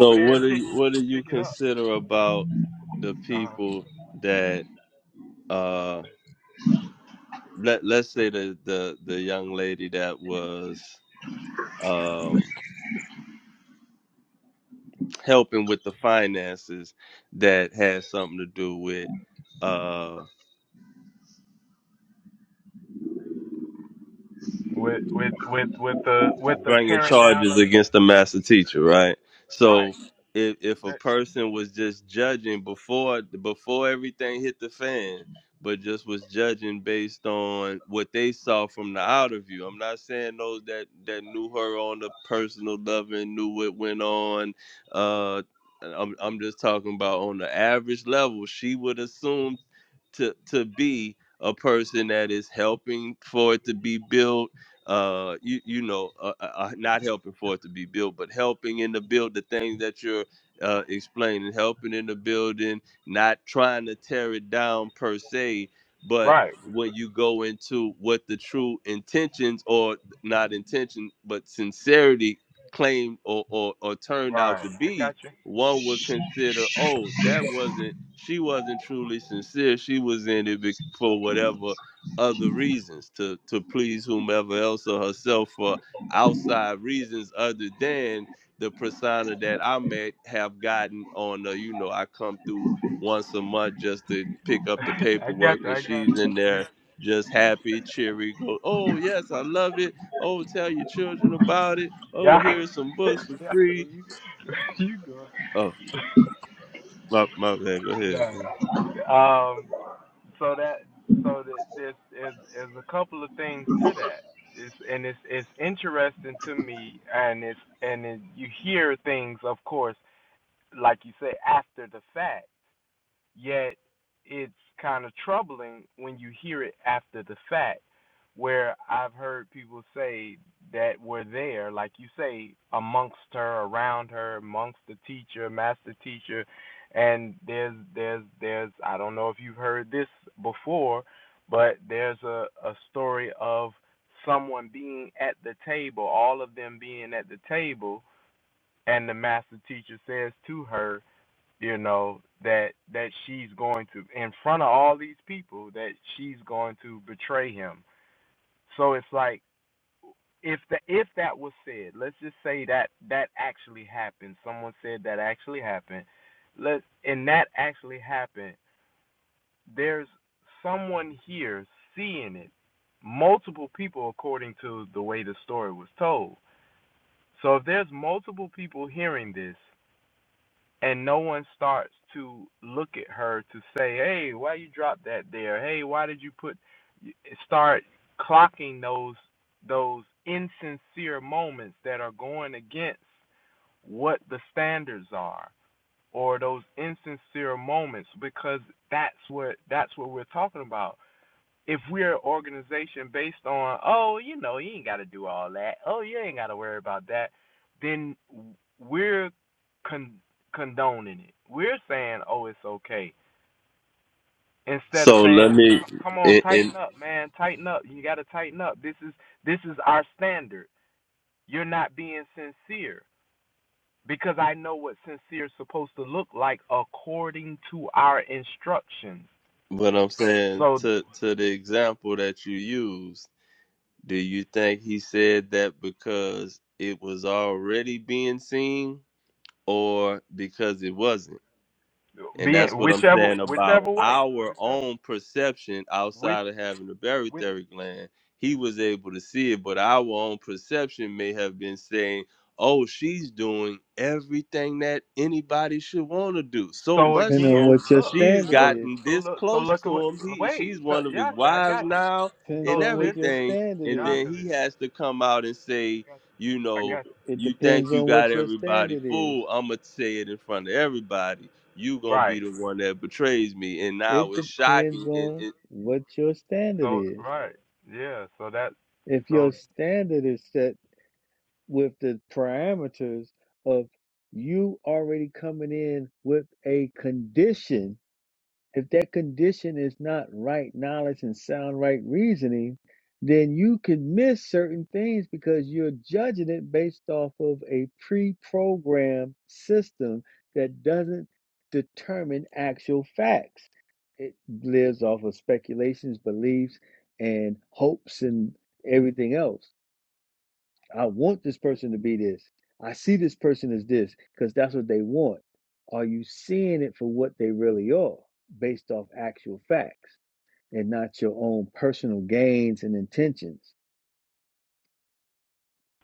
[SPEAKER 3] So what do you what do you consider about the people that uh let let's say the the the young lady that was um helping with the finances that had something to do with uh, bringing charges against the master teacher, right? So if if a person was just judging before before everything hit the fan, but just was judging based on what they saw from the outer view. I'm not saying those that that knew her on the personal level and knew what went on. Uh, I'm I'm just talking about on the average level. She would assume to to be a person that is helping for it to be built uh you you know uh, uh, uh, not helping for it to be built but helping in the build the things that you're uh explaining helping in the building not trying to tear it down per se but when you go into what the true intentions or not intention but sincerity claimed or or, or turned out to be one would consider, oh, that wasn't she wasn't truly sincere. She was in it bec- for whatever other reasons to to please whomever else or herself for outside reasons other than the persona that I may have gotten on the, you know, I come through once a month just to pick up the paperwork and she's in there just happy, cheery, go, oh yes, I love it. Oh, tell your children about it. Oh, here's some books for free Oh, my my bad. Go ahead. man. So let me and, and what I'm saying to to the example that you used. Do you think he said that because it was already being seen, or because it wasn't? And that's what I'm saying about our own perception outside of having the barytheric gland. He was able to see it, but our own perception may have been saying, oh, she's doing everything that anybody should want to do. So much
[SPEAKER 1] Depending on
[SPEAKER 3] so,
[SPEAKER 1] what your
[SPEAKER 3] she's
[SPEAKER 1] standard is,
[SPEAKER 3] gotten this close to him. He, she's one of his wives now
[SPEAKER 1] depends
[SPEAKER 3] and
[SPEAKER 1] on what your
[SPEAKER 3] everything.
[SPEAKER 1] standard
[SPEAKER 3] And then
[SPEAKER 1] is.
[SPEAKER 3] he has to come out and say, you
[SPEAKER 1] It
[SPEAKER 3] know,
[SPEAKER 1] it
[SPEAKER 3] you think
[SPEAKER 1] depends
[SPEAKER 3] you
[SPEAKER 1] on
[SPEAKER 3] got
[SPEAKER 1] what your
[SPEAKER 3] everybody
[SPEAKER 1] standard is.
[SPEAKER 3] fooled. I'm going to say it in front of everybody you gonna be the one that betrays me. And now
[SPEAKER 1] It
[SPEAKER 3] it's
[SPEAKER 1] depends
[SPEAKER 3] shocking. And,
[SPEAKER 1] on
[SPEAKER 3] and,
[SPEAKER 1] what your standard is. If your standard is set with the parameters of you already coming in with a condition If that condition is not right knowledge and sound right reasoning, then you can miss certain things because you're judging it based off of a pre programmed system that doesn't determine actual facts. It lives off of speculations, beliefs, and hopes and everything else I want this person to be this. I see this person as this because that's what they want. Are you seeing it for what they really are based off actual facts and not your own personal gains and intentions?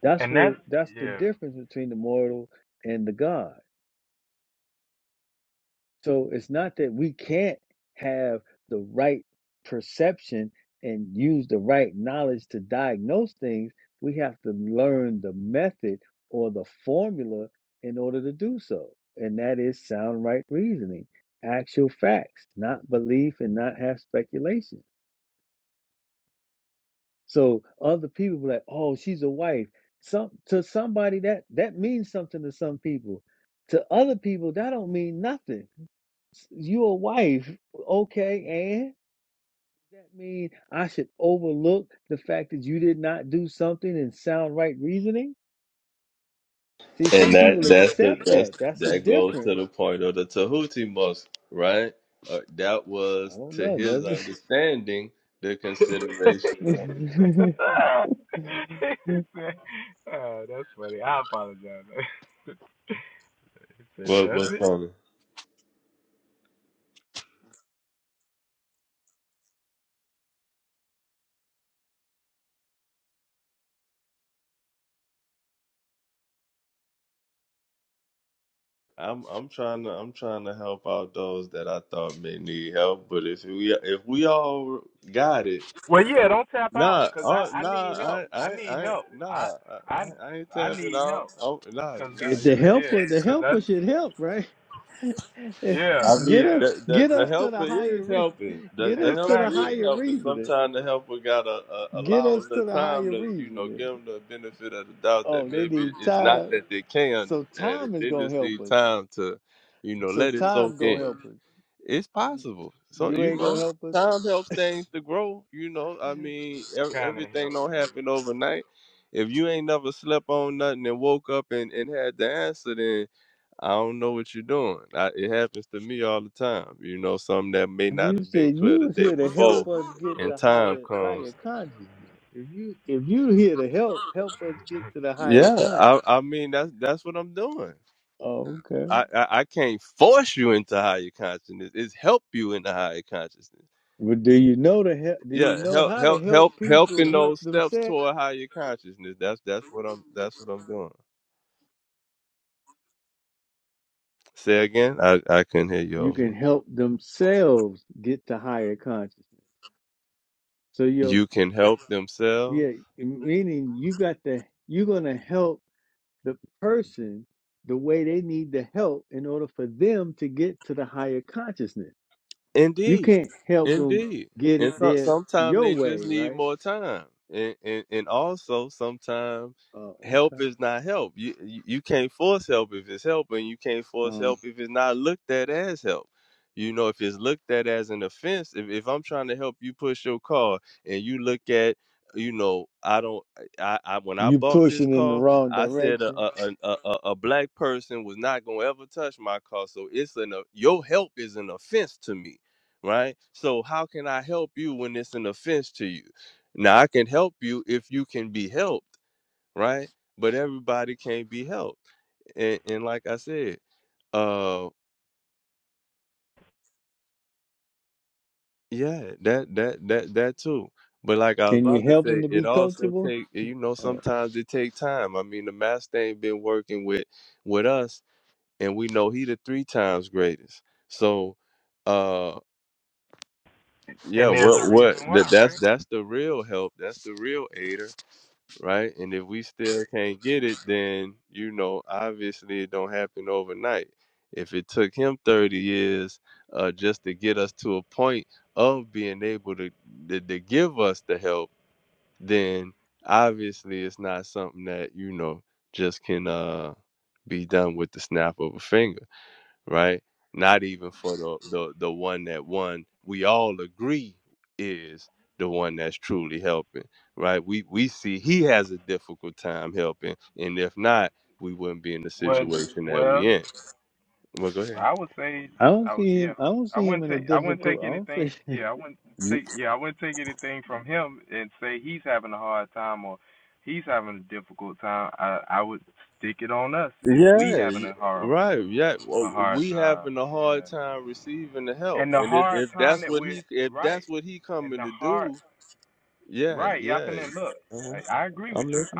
[SPEAKER 1] That's where that's the difference between the mortal and the God. So it's not that we can't have the right perception and use the right knowledge to diagnose things. We have to learn the method or the formula in order to do so. And that is sound right reasoning, actual facts, not belief and not have speculation. So other people be like, oh, she's a wife. Some to somebody that that means something to some people. To other people, that don't mean nothing you a wife, okay, and does that mean I should overlook the fact that you did not do something in sound right reasoning? See,
[SPEAKER 3] and
[SPEAKER 1] some
[SPEAKER 3] that
[SPEAKER 1] people
[SPEAKER 3] that's the
[SPEAKER 1] accept
[SPEAKER 3] that's
[SPEAKER 1] that. That's a
[SPEAKER 3] that goes to the
[SPEAKER 1] difference.
[SPEAKER 3] point of the Tahuti Mosque, right? Uh, that
[SPEAKER 1] I
[SPEAKER 3] was
[SPEAKER 1] don't
[SPEAKER 3] to
[SPEAKER 1] know,
[SPEAKER 3] his
[SPEAKER 1] does it?
[SPEAKER 3] understanding the consideration of what was coming. I'm I'm trying to I'm trying to help out those that I thought may need help, but if we if we all got it, nah, uh, nah, I I I nah, I, I I ain't tapping out. Oh, nah, nah,
[SPEAKER 1] if the
[SPEAKER 3] you
[SPEAKER 1] helper, the helper should help, right?
[SPEAKER 3] I
[SPEAKER 1] Get
[SPEAKER 3] mean,
[SPEAKER 1] us,
[SPEAKER 3] the, the
[SPEAKER 1] get
[SPEAKER 3] the
[SPEAKER 1] us to
[SPEAKER 3] helper
[SPEAKER 1] the higher,
[SPEAKER 3] is helping.
[SPEAKER 1] re-
[SPEAKER 3] The
[SPEAKER 1] get
[SPEAKER 3] the
[SPEAKER 1] us to
[SPEAKER 3] helper
[SPEAKER 1] the
[SPEAKER 3] is
[SPEAKER 1] higher
[SPEAKER 3] helping.
[SPEAKER 1] reasoning.
[SPEAKER 3] Sometimes the helper gotta uh,
[SPEAKER 1] Get
[SPEAKER 3] allow
[SPEAKER 1] us
[SPEAKER 3] the
[SPEAKER 1] to the
[SPEAKER 3] time
[SPEAKER 1] higher
[SPEAKER 3] to, you know,
[SPEAKER 1] reasoning.
[SPEAKER 3] give them the benefit of the doubt that
[SPEAKER 1] Oh, they
[SPEAKER 3] maybe
[SPEAKER 1] need
[SPEAKER 3] it's not
[SPEAKER 1] time.
[SPEAKER 3] that they can not
[SPEAKER 1] So
[SPEAKER 3] understand it.
[SPEAKER 1] time is
[SPEAKER 3] They
[SPEAKER 1] gonna
[SPEAKER 3] just
[SPEAKER 1] help
[SPEAKER 3] need
[SPEAKER 1] us.
[SPEAKER 3] time to, you know,
[SPEAKER 1] So
[SPEAKER 3] let it
[SPEAKER 1] time
[SPEAKER 3] soak
[SPEAKER 1] gonna
[SPEAKER 3] in.
[SPEAKER 1] help
[SPEAKER 3] It's
[SPEAKER 1] us.
[SPEAKER 3] possible. So
[SPEAKER 1] You
[SPEAKER 3] you
[SPEAKER 1] ain't
[SPEAKER 3] know,
[SPEAKER 1] gonna help
[SPEAKER 3] time helps
[SPEAKER 1] us.
[SPEAKER 3] things to grow. You know, I mean, ev- everything don't happen overnight. If you ain't never slept on nothing and woke up and, and had the answer, I don't know what you're doing. I, it happens to me all the time. You know, something that may not
[SPEAKER 1] You
[SPEAKER 3] have been
[SPEAKER 1] said
[SPEAKER 3] clear
[SPEAKER 1] you
[SPEAKER 3] the
[SPEAKER 1] was
[SPEAKER 3] day
[SPEAKER 1] here to
[SPEAKER 3] before,
[SPEAKER 1] help us get
[SPEAKER 3] and
[SPEAKER 1] to
[SPEAKER 3] time
[SPEAKER 1] higher higher
[SPEAKER 3] comes.
[SPEAKER 1] consciousness. If you if you here to help, help us get to the higher
[SPEAKER 3] Yeah, I,
[SPEAKER 1] consciousness.
[SPEAKER 3] I mean that's that's what I'm doing.
[SPEAKER 1] Oh, okay.
[SPEAKER 3] I, I, I can't force you into higher consciousness. It's help you into higher consciousness.
[SPEAKER 1] But do you know to help? Do you
[SPEAKER 3] Yeah,
[SPEAKER 1] know
[SPEAKER 3] help
[SPEAKER 1] how to
[SPEAKER 3] help help
[SPEAKER 1] help people
[SPEAKER 3] helping
[SPEAKER 1] help
[SPEAKER 3] those steps
[SPEAKER 1] themselves?
[SPEAKER 3] toward higher consciousness. That's that's what I'm that's what I'm doing. Say again. I, I couldn't hear you
[SPEAKER 1] You
[SPEAKER 3] over.
[SPEAKER 1] can
[SPEAKER 3] here.
[SPEAKER 1] help themselves get to higher consciousness. So you're
[SPEAKER 3] You can help themselves.
[SPEAKER 1] yeah, meaning you got to you're gonna help. the person the way they need the help in order for them to get to the higher consciousness. You
[SPEAKER 3] Indeed,
[SPEAKER 1] can't help them
[SPEAKER 3] indeed,
[SPEAKER 1] get
[SPEAKER 3] and
[SPEAKER 1] it
[SPEAKER 3] so,
[SPEAKER 1] there
[SPEAKER 3] sometimes
[SPEAKER 1] your
[SPEAKER 3] they just
[SPEAKER 1] way,
[SPEAKER 3] need
[SPEAKER 1] right?
[SPEAKER 3] more time, and and, and also sometimes
[SPEAKER 1] Oh,
[SPEAKER 3] help
[SPEAKER 1] uh, okay.
[SPEAKER 3] is not help. You you you can't force help if it's help, and you can't force
[SPEAKER 1] Uh,
[SPEAKER 3] help if it's not looked at as help. You know, if it's looked at as an offense, if if I'm trying to help you push your car, and you look at you know, I don't. I, I when I
[SPEAKER 1] you
[SPEAKER 3] bought this
[SPEAKER 1] pushing in the
[SPEAKER 3] car,
[SPEAKER 1] wrong
[SPEAKER 3] I said a
[SPEAKER 1] direction.
[SPEAKER 3] a, a a a black person was not gonna ever touch my car, so it's an uh, your help is an offense to me right? So how can I help you when it's an offense to you? Now I can help you if you can be helped, right? But everybody can't be helped. And and like I said, uh yeah, that that that that too. But like I was
[SPEAKER 1] Can you
[SPEAKER 3] about to
[SPEAKER 1] help him
[SPEAKER 3] say,
[SPEAKER 1] to
[SPEAKER 3] it
[SPEAKER 1] be
[SPEAKER 3] also
[SPEAKER 1] coachable?
[SPEAKER 3] take eh, you know
[SPEAKER 1] Oh,
[SPEAKER 3] sometimes it take time. I mean the master ain't been working with with us, and we know he the three times greatest. So, uh, yeah, what what that that's that's the real help. That's the real aider right? And if we still can't get it, then you know, obviously it don't happen overnight. If it took him 30 years uh, just to get us to a point of being able to, to to give us the help, then obviously it's not something that you know just can uh, be done with the snap of a finger right? Not even for the the the one that one we all agree is the one that's truly helping, right? We we see he has a difficult time helping, and if not, we wouldn't be in the situation that we in. Well, go ahead.
[SPEAKER 1] I don't see him. I don't see him in a difficult. I don't see.
[SPEAKER 3] Yeah, y- right. Yeah, well, we having a hard time receiving the help, and if if that's what he if that's what he coming to do, yeah, yeah. Uh-huh. I'm listening.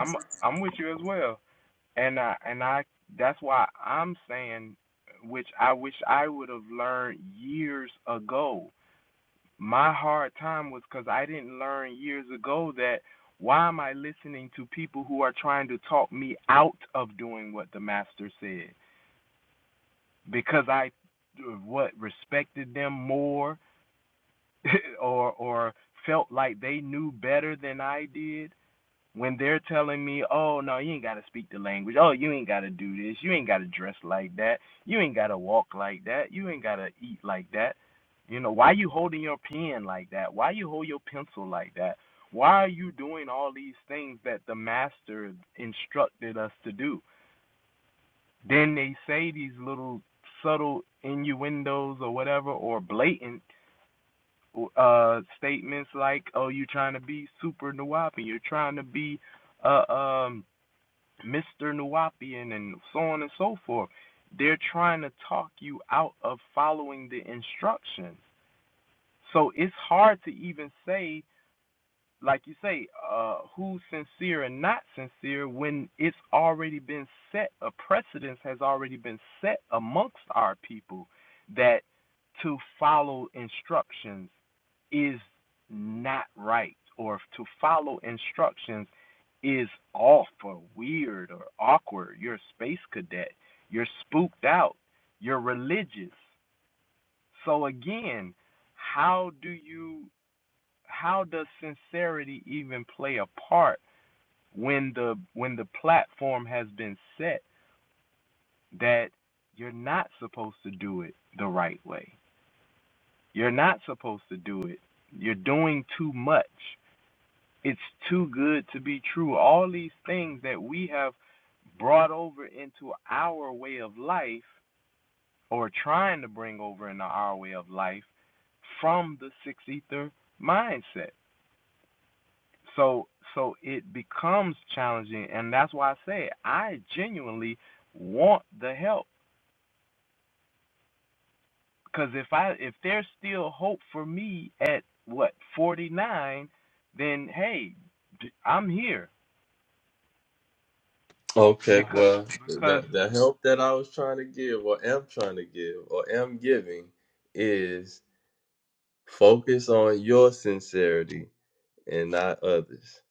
[SPEAKER 3] Okay, well, the the help that I was trying to give, or am trying to give, or am giving, is focus on your sincerity and not others.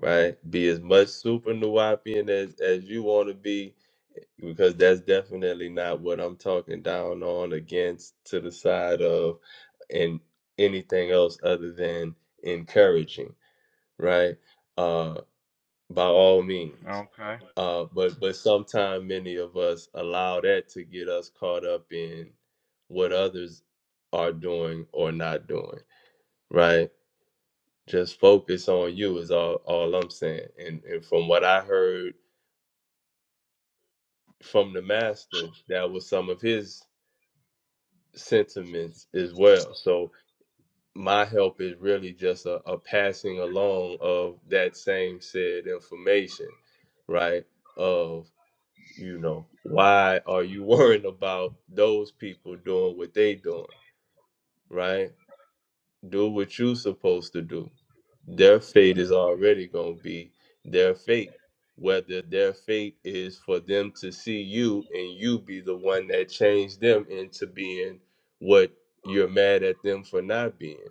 [SPEAKER 3] Right? Be as much super nuwapian as as you want to be, because that's definitely not what I'm talking down on against to the side of, and anything else other than encouraging. Right? Uh, by all means. Uh, but but sometimes many of us allow that to get us caught up in what others are doing or not doing, right? Just focus on you is all all I'm saying. And and from what I heard from the master, that was some of his sentiments as well. So my help is really just a, a passing along of that same said information, right? Of you know why are you worrying about those people doing what they doing right do what you are supposed to do their fate is already going to be their fate whether their fate is for them to see you and you be the one that changed them into being what you're mad at them for not being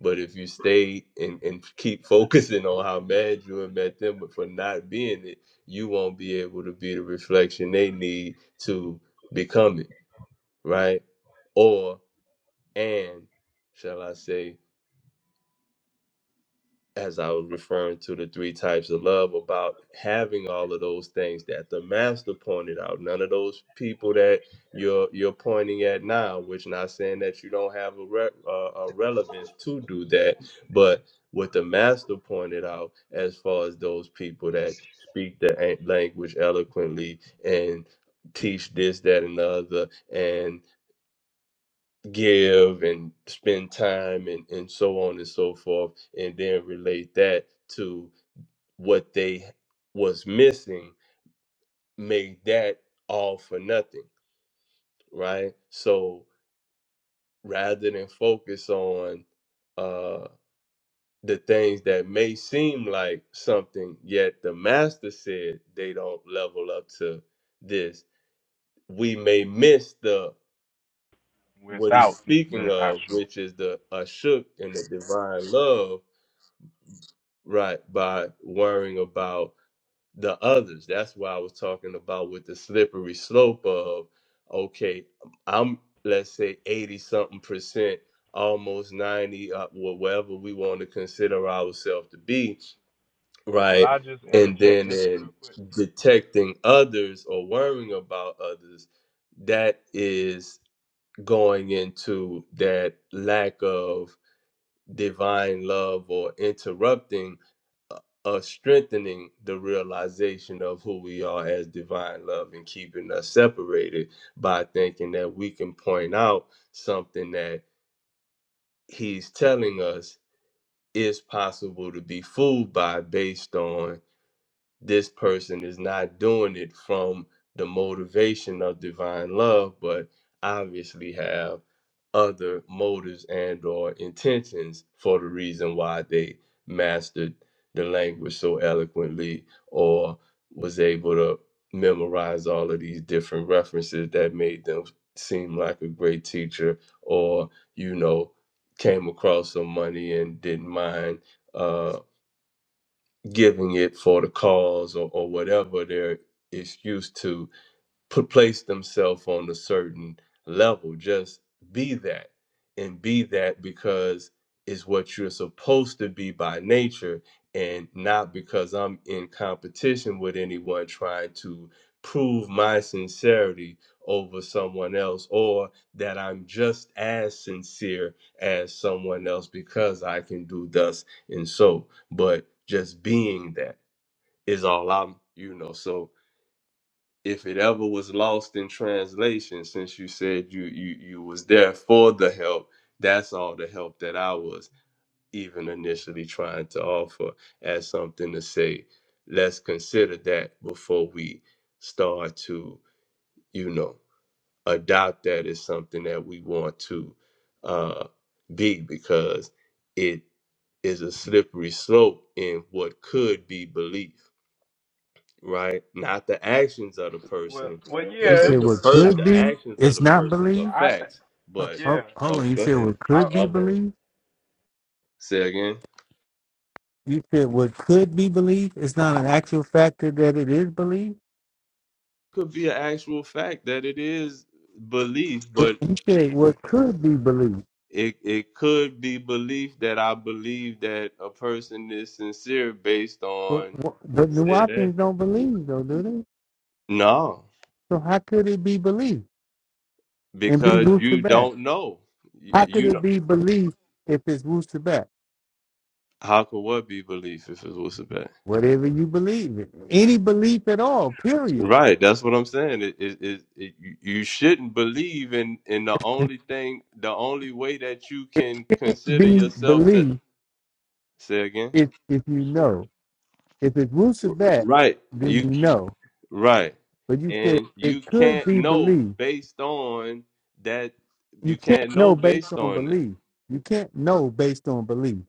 [SPEAKER 3] but if you stay and, and keep focusing on how mad you are at them for not being it, you won't be able to be the reflection they need to become it, right? Or and shall I say as I was referring to the three types of love, about having all of those things that the master pointed out. None of those people that you're you're pointing at now, which not saying that you don't have a, re- uh, a relevance to do that, but what the master pointed out as far as those people that speak the an- language eloquently and teach this, that, and the other, and give and spend time and, and so on and so forth and then relate that to what they was missing make that all for nothing right so rather than focus on uh the things that may seem like something yet the master said they don't level up to this we may miss the what he's speaking of which is the ashuk and the divine love right by worrying about the others that's why i was talking about with the slippery slope of okay i'm let's say 80 something percent almost 90 uh, wh- whatever we want to consider ourselves to be right and then in detecting others or worrying about others that is going into that lack of divine love or interrupting uh, uh, strengthening the realization of who we are as divine love and keeping us separated by thinking that we can point out something that he's telling us is possible to be fooled by based on this person is not doing it from the motivation of divine love but obviously have other motives and or intentions for the reason why they mastered the language so eloquently or was able to memorize all of these different references that made them seem like a great teacher or you know came across some money and didn't mind uh giving it for the cause or, or whatever their excuse to put place themselves on a certain level. Just be that and be that because it's what you're supposed to be by nature and not because I'm in competition with anyone trying to prove my sincerity over someone else or that I'm just as sincere as someone else because I can do thus and so. But just being that is all I'm, you know. So if it ever was lost in translation since you said you you you was there for the help that's all the help that i was even initially trying to offer as something to say let's consider that before we start to you know adopt that as something that we want to uh be because it is a slippery slope in what could be belief right? Not the actions of the person. The
[SPEAKER 1] You
[SPEAKER 3] the
[SPEAKER 1] said
[SPEAKER 3] the,
[SPEAKER 1] what
[SPEAKER 3] per-
[SPEAKER 1] could
[SPEAKER 3] the
[SPEAKER 1] be,
[SPEAKER 3] actions of
[SPEAKER 1] it's
[SPEAKER 3] the
[SPEAKER 1] not
[SPEAKER 3] persons are
[SPEAKER 1] believed.
[SPEAKER 3] facts.
[SPEAKER 1] Oh,
[SPEAKER 3] But
[SPEAKER 1] oh, hold
[SPEAKER 3] oh,
[SPEAKER 1] on, you
[SPEAKER 3] go
[SPEAKER 1] said
[SPEAKER 3] ahead.
[SPEAKER 1] what could be
[SPEAKER 3] Okay.
[SPEAKER 1] believed.
[SPEAKER 3] Say again.
[SPEAKER 1] You said what could be believed. It's not an actual factor that it is believed.
[SPEAKER 3] Could be an actual fact that it is belief,
[SPEAKER 1] You
[SPEAKER 3] but
[SPEAKER 1] you said what could be believed,
[SPEAKER 3] it it could be belief that I believe that a person is sincere based
[SPEAKER 1] but,
[SPEAKER 3] on
[SPEAKER 1] what- but New
[SPEAKER 3] say that.
[SPEAKER 1] Orleans don't believe though, do they?
[SPEAKER 3] No,
[SPEAKER 1] So how could it be believed and be
[SPEAKER 3] because you
[SPEAKER 1] roosted back?
[SPEAKER 3] don't know. You,
[SPEAKER 1] How could
[SPEAKER 3] you
[SPEAKER 1] it
[SPEAKER 3] don't.
[SPEAKER 1] be believed if it's roosted back?
[SPEAKER 3] How could what be belief if it was a bet?
[SPEAKER 1] Whatever you believe in, any belief at all, period.
[SPEAKER 3] Right, that's what I'm saying. It, it, it, it, you you shouldn't believe in in the only thing, the only way that you
[SPEAKER 1] It
[SPEAKER 3] can
[SPEAKER 1] can't
[SPEAKER 3] consider
[SPEAKER 1] be
[SPEAKER 3] yourself to
[SPEAKER 1] believed
[SPEAKER 3] say again.
[SPEAKER 1] if if you know. If it's roosted back,
[SPEAKER 3] Right,
[SPEAKER 1] then
[SPEAKER 3] you
[SPEAKER 1] you
[SPEAKER 3] c-
[SPEAKER 1] know.
[SPEAKER 3] right,
[SPEAKER 1] But you said
[SPEAKER 3] and
[SPEAKER 1] it
[SPEAKER 3] you
[SPEAKER 1] could
[SPEAKER 3] can't
[SPEAKER 1] be
[SPEAKER 3] know
[SPEAKER 1] believed.
[SPEAKER 3] based on that.
[SPEAKER 1] You
[SPEAKER 3] You
[SPEAKER 1] can't
[SPEAKER 3] can't
[SPEAKER 1] know
[SPEAKER 3] know
[SPEAKER 1] based
[SPEAKER 3] based
[SPEAKER 1] on
[SPEAKER 3] on that.
[SPEAKER 1] belief. You can't know based on belief.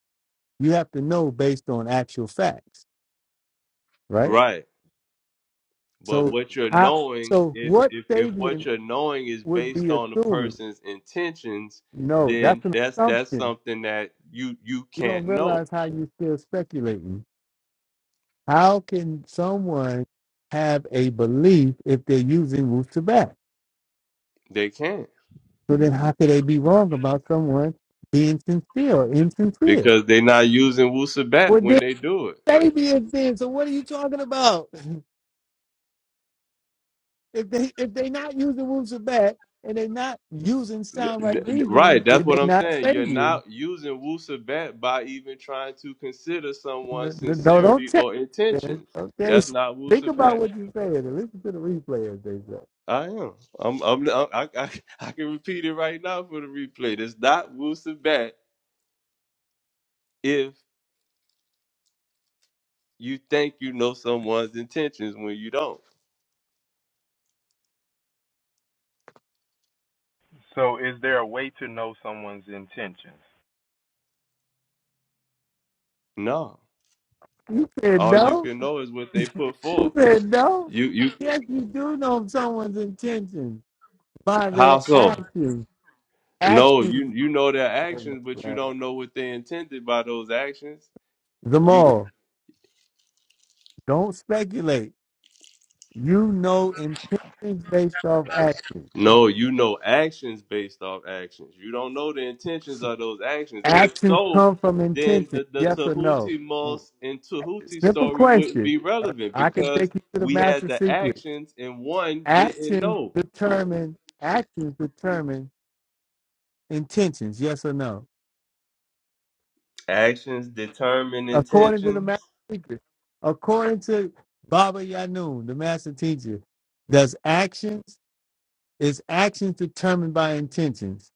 [SPEAKER 1] You have to know based on actual facts. right?
[SPEAKER 3] Right, but
[SPEAKER 1] So
[SPEAKER 3] what you're
[SPEAKER 1] I
[SPEAKER 3] knowing,
[SPEAKER 1] so
[SPEAKER 3] if
[SPEAKER 1] what
[SPEAKER 3] if if what
[SPEAKER 1] Sabian
[SPEAKER 3] you're knowing is
[SPEAKER 1] would
[SPEAKER 3] based
[SPEAKER 1] be
[SPEAKER 3] on the
[SPEAKER 1] assuming?
[SPEAKER 3] person's intentions,
[SPEAKER 1] No,
[SPEAKER 3] then
[SPEAKER 1] that's an
[SPEAKER 3] that's that's
[SPEAKER 1] assumption.
[SPEAKER 3] something that you you
[SPEAKER 1] You don't
[SPEAKER 3] can't know.
[SPEAKER 1] realize how you're still speculating. How can someone have a belief if they're using Ruth Shabbat?
[SPEAKER 3] They can't.
[SPEAKER 1] So then how could they be wrong about someone being sincere or insincere?
[SPEAKER 3] because they're not using Wusabat
[SPEAKER 1] Well
[SPEAKER 3] when
[SPEAKER 1] then
[SPEAKER 3] they do it.
[SPEAKER 1] Sabian then, so what are you talking about? If they if they not using Ruth Shabbat and they're not using sound
[SPEAKER 3] Th-
[SPEAKER 1] right
[SPEAKER 3] th-
[SPEAKER 1] reasoning,
[SPEAKER 3] Right, that's
[SPEAKER 1] then
[SPEAKER 3] what
[SPEAKER 1] they're
[SPEAKER 3] I'm
[SPEAKER 1] not
[SPEAKER 3] saying. You're
[SPEAKER 1] Sabians
[SPEAKER 3] not using Wusabat by even trying to consider someone's
[SPEAKER 1] N- No, don't
[SPEAKER 3] sincerity
[SPEAKER 1] change
[SPEAKER 3] or
[SPEAKER 1] it.
[SPEAKER 3] intentions.
[SPEAKER 1] Okay.
[SPEAKER 3] That's not
[SPEAKER 1] Think about
[SPEAKER 3] Wusabat.
[SPEAKER 1] what you said and listen to the replay as they say.
[SPEAKER 3] I am. I'm, I'm, i I, I, can repeat it right now for the replay. It's not Wusabat if you think you know someone's intentions when you don't. No.
[SPEAKER 1] You said
[SPEAKER 3] All you
[SPEAKER 1] no?
[SPEAKER 3] can know is what they put
[SPEAKER 1] You
[SPEAKER 3] forth.
[SPEAKER 1] said no?
[SPEAKER 3] You, you,
[SPEAKER 1] Yes, you do know someone's intentions by
[SPEAKER 3] how
[SPEAKER 1] their
[SPEAKER 3] so?
[SPEAKER 1] actions.
[SPEAKER 3] No, you
[SPEAKER 1] Actions.
[SPEAKER 3] you know their actions, but you don't know what they intended by those actions. You
[SPEAKER 1] Zamal, don't speculate. You know intentions based off actions.
[SPEAKER 3] no, you know actions based off actions. You don't know the intentions of those actions. If
[SPEAKER 1] Actions
[SPEAKER 3] so,
[SPEAKER 1] come from
[SPEAKER 3] then
[SPEAKER 1] intentions.
[SPEAKER 3] the, the
[SPEAKER 1] Yes or no?
[SPEAKER 3] Tahuti Moss and Tahuti
[SPEAKER 1] Simple
[SPEAKER 3] story wouldn't
[SPEAKER 1] question.
[SPEAKER 3] be
[SPEAKER 1] Uh,
[SPEAKER 3] relevant
[SPEAKER 1] I can
[SPEAKER 3] because
[SPEAKER 1] take you to the
[SPEAKER 3] we had
[SPEAKER 1] master
[SPEAKER 3] the
[SPEAKER 1] secret.
[SPEAKER 3] actions and one didn't
[SPEAKER 1] actions
[SPEAKER 3] know.
[SPEAKER 1] determine actions determine intentions yes or no
[SPEAKER 3] Actions determine
[SPEAKER 1] according to the
[SPEAKER 3] intentions.
[SPEAKER 1] master teacher according to baba yanun the master teacher does actions is actions determined by intentions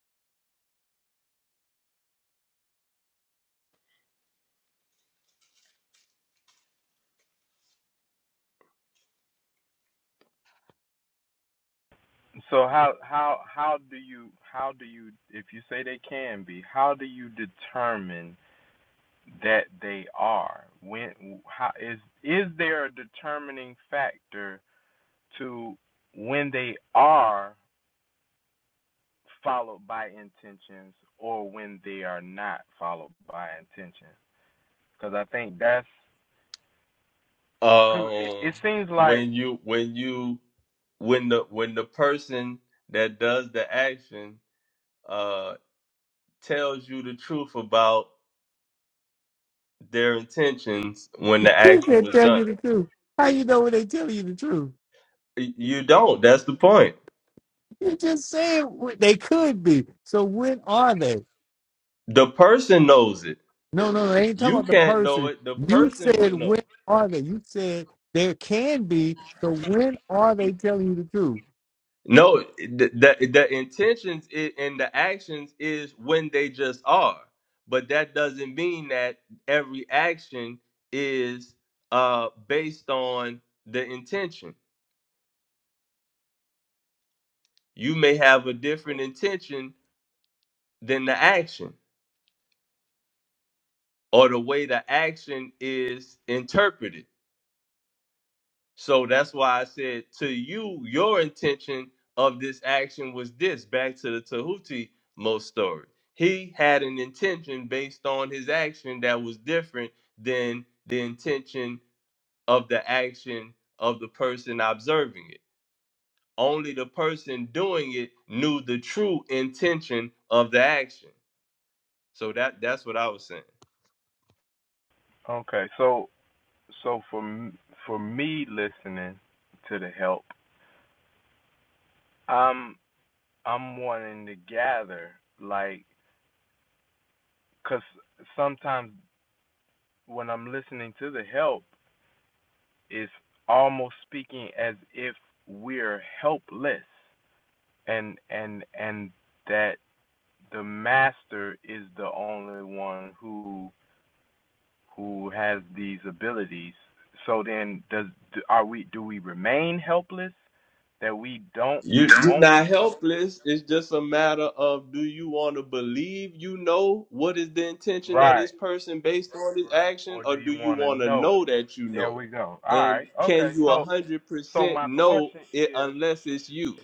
[SPEAKER 3] Um when you when you when the when the person that does the action uh, tells you the truth about their intentions when the
[SPEAKER 1] you
[SPEAKER 3] action
[SPEAKER 1] said
[SPEAKER 3] was
[SPEAKER 1] tell
[SPEAKER 3] done.
[SPEAKER 1] you the truth how you know when they tell you the truth
[SPEAKER 3] You don't. That's the point.
[SPEAKER 1] you just saying what they could be so when are they
[SPEAKER 3] The person knows it.
[SPEAKER 1] no no no they ain't talking
[SPEAKER 3] You
[SPEAKER 1] about the
[SPEAKER 3] can't know
[SPEAKER 1] person
[SPEAKER 3] it. The
[SPEAKER 1] you
[SPEAKER 3] person
[SPEAKER 1] said
[SPEAKER 3] would know.
[SPEAKER 1] when are they you said there can be so when are they telling you the truth
[SPEAKER 3] No, the, the, the intentions i- and the actions is when they just are. But that doesn't mean that every action is uh, based on the intention. You may have a different intention than the action or the way the action is interpreted. So that's why I said to you, your intention of this action was this back to the Tahuti Mo story. He had an intention based on his action that was different than the intention of the action of the person observing it. Only the person doing it knew the true intention of the action. So that that's what I was saying. You you're not helpless. It's just a matter of do you want to believe you know what is the intention of this person based on this action, or do you want to know that you know? And can you a hundred percent know it unless it's you?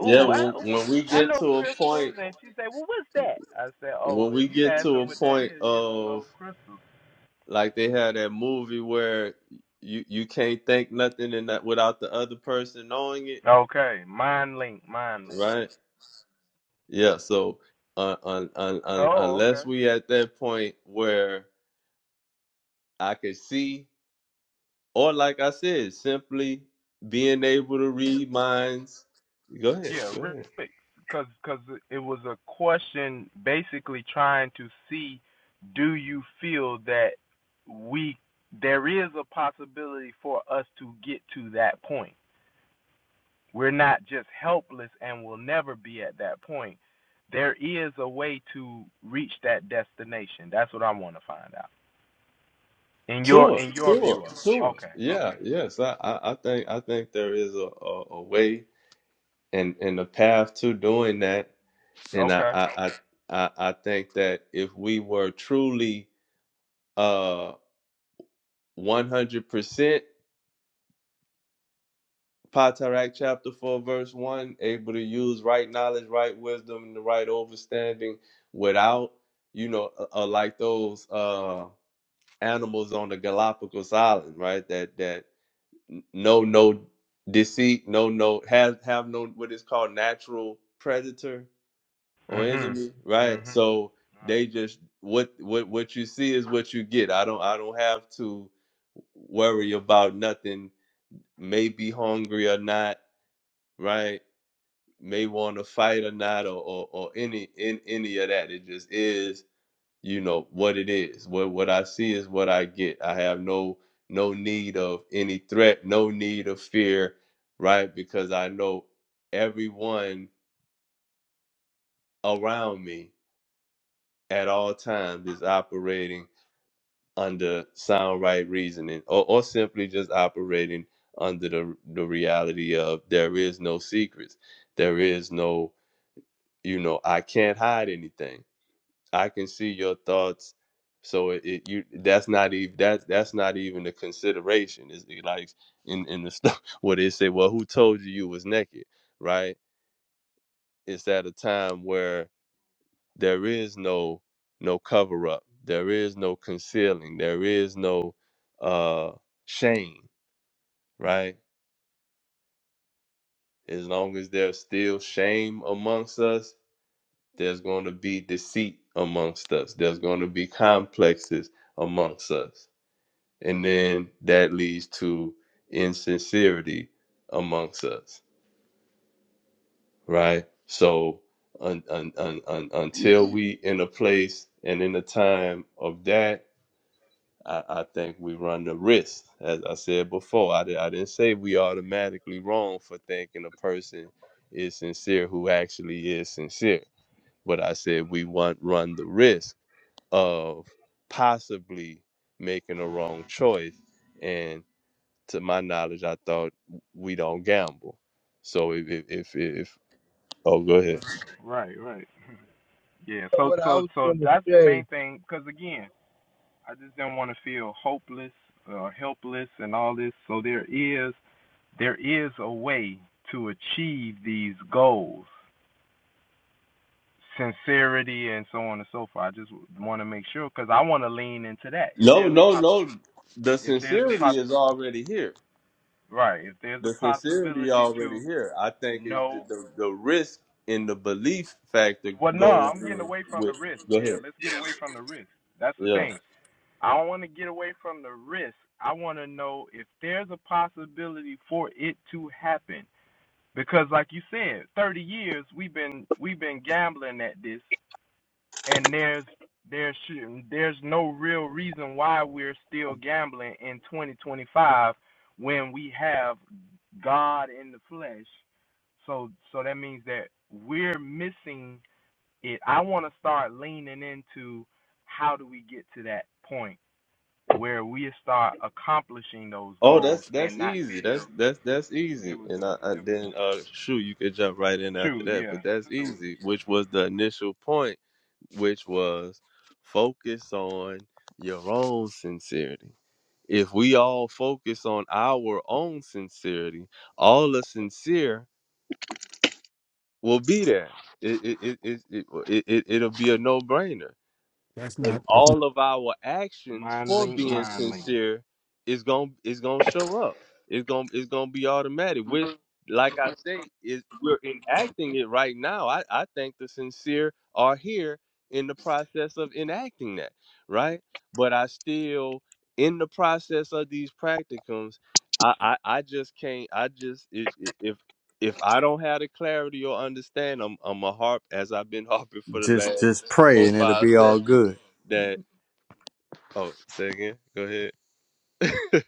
[SPEAKER 3] Yeah. Well, when we get to a point, when we get to a point of like they had that movie where you you can't think nothing and that without the other person knowing it, right? Yeah, so uh, un, un, un, unless we at that point where I could see, or like I said, simply being able to read minds. Go ahead, go ahead. Tour, tour, tour. Yeah, yes, I, I, I think I think there is a, a, a way and and a path to doing that, and I I I, I I think that if we were truly uh 100%. Patarak chapter 4, verse 1, able to use right knowledge, right wisdom, and the right understanding without, you know, uh, uh, like those uh animals on the Galapagos Island, right? That that n- know no deceit, no no have have no what is called natural predator or enemy, right? So they just what what what you see is what you get. I don't I don't have to worry about nothing, may be hungry or not, right? may want to fight or not or, or or any in any of that. It just is, you know, what it is. What what I see is what I get. I have no no need of any threat, no need of fear, right? Because I know everyone around me at all times is operating under sound right reasoning or, or simply just operating under the the reality of there is no secrets. There is no, you know, I can't hide anything I can see your thoughts. So it, it you that's not even that's that's not even a consideration. It's like in in the stuff where they say, well, who told you you was naked, right? It's at a time where there is no no cover up, there is no concealing, there is no uh shame, right? As long as there's still shame amongst us, there's going to be deceit amongst us. There's going to be complexes amongst us and then that leads to insincerity amongst us right so un, un, un, un, until we in a place and in a time of that I, I think we run the risk as i said before I, di- I didn't say we automatically wrong for thinking a person is sincere who actually is sincere but i said we want run the risk of possibly making a wrong choice and. to my knowledge, I thought we don't gamble. So if if if, if oh, go ahead.
[SPEAKER 8] What I was going to say,
[SPEAKER 3] No, no, no. The sincerity is already here. The sincerity already here. I think is the, the the risk in the belief factor goes in with. Go ahead. Yeah. Oh, that's that's easy. That's that's that's easy. And I, I then uh shoot, you could jump right in after that. But that's easy, which was the initial point, which was focus on your own sincerity. If we all focus on our own sincerity, all the sincere will be there. It it it it, it, it, it it'll be a no brainer
[SPEAKER 1] That's
[SPEAKER 3] and
[SPEAKER 1] not. That's not.
[SPEAKER 3] all of our actions for being sincere is going to is going to show up. It's going to it's going to be automatic. We like I say is we're enacting it right now. I I think the sincere are here in the process of enacting that, right? But I still in the process of these practicums, I I, I just can't I just i- i- if if I don't have the clarity or understand, I'm I'm a harp as I've been harping for the
[SPEAKER 1] Just
[SPEAKER 3] last
[SPEAKER 1] just pray
[SPEAKER 3] four
[SPEAKER 1] and it'll
[SPEAKER 3] five
[SPEAKER 1] be all
[SPEAKER 3] sessions
[SPEAKER 1] good.
[SPEAKER 3] that oh say again go ahead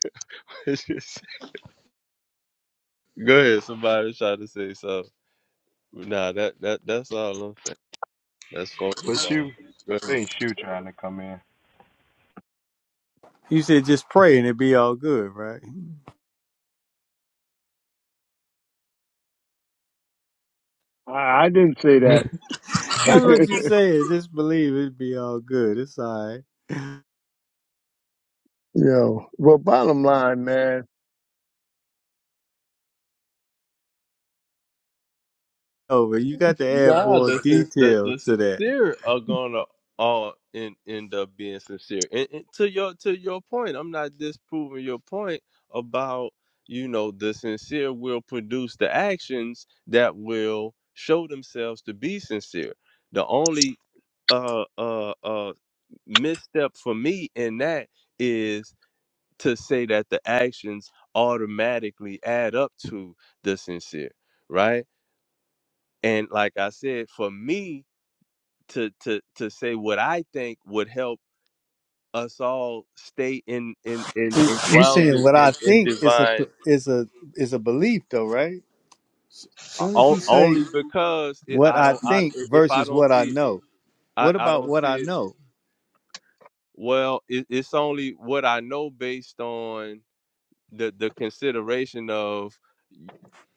[SPEAKER 3] go ahead somebody try to say so nah that that that's all i'm saying that's focus on go ahead.
[SPEAKER 1] You said just pray and it'll be all good, right?
[SPEAKER 8] I, I didn't say that.
[SPEAKER 1] That's what you
[SPEAKER 8] you
[SPEAKER 1] said. Just believe it'll be all good. It's all right.
[SPEAKER 8] know, well, bottom line, man.
[SPEAKER 1] Oh, but you got to add
[SPEAKER 3] nah
[SPEAKER 1] more
[SPEAKER 3] the, sin- the
[SPEAKER 1] details
[SPEAKER 3] the
[SPEAKER 1] to that.
[SPEAKER 3] sincere are gonna all in, end up being sincere and, and to your to your point i'm not disproving your point about you know the sincere will produce the actions that will show themselves to be sincere the only uh uh uh. misstep for me in that is to say that the actions automatically add up to the sincere, right? And like I said, for me to to to say what I think would help us all stay in in in,
[SPEAKER 1] You
[SPEAKER 3] in
[SPEAKER 1] you
[SPEAKER 3] grounded
[SPEAKER 1] saying what
[SPEAKER 3] in
[SPEAKER 1] I
[SPEAKER 3] in
[SPEAKER 1] think is a
[SPEAKER 3] divine
[SPEAKER 1] is a is a belief though, right? As
[SPEAKER 3] uh,
[SPEAKER 1] soon as
[SPEAKER 3] o-
[SPEAKER 1] you say
[SPEAKER 3] only because it,
[SPEAKER 1] what
[SPEAKER 3] I
[SPEAKER 1] I
[SPEAKER 3] don't I
[SPEAKER 1] think
[SPEAKER 3] if I
[SPEAKER 1] versus
[SPEAKER 3] don't
[SPEAKER 1] what I
[SPEAKER 3] see it,
[SPEAKER 1] know,
[SPEAKER 3] I,
[SPEAKER 1] what
[SPEAKER 3] I
[SPEAKER 1] about
[SPEAKER 3] don't
[SPEAKER 1] what I
[SPEAKER 3] see it.
[SPEAKER 1] know?
[SPEAKER 3] Well, it, it's only what I know based on. the the consideration of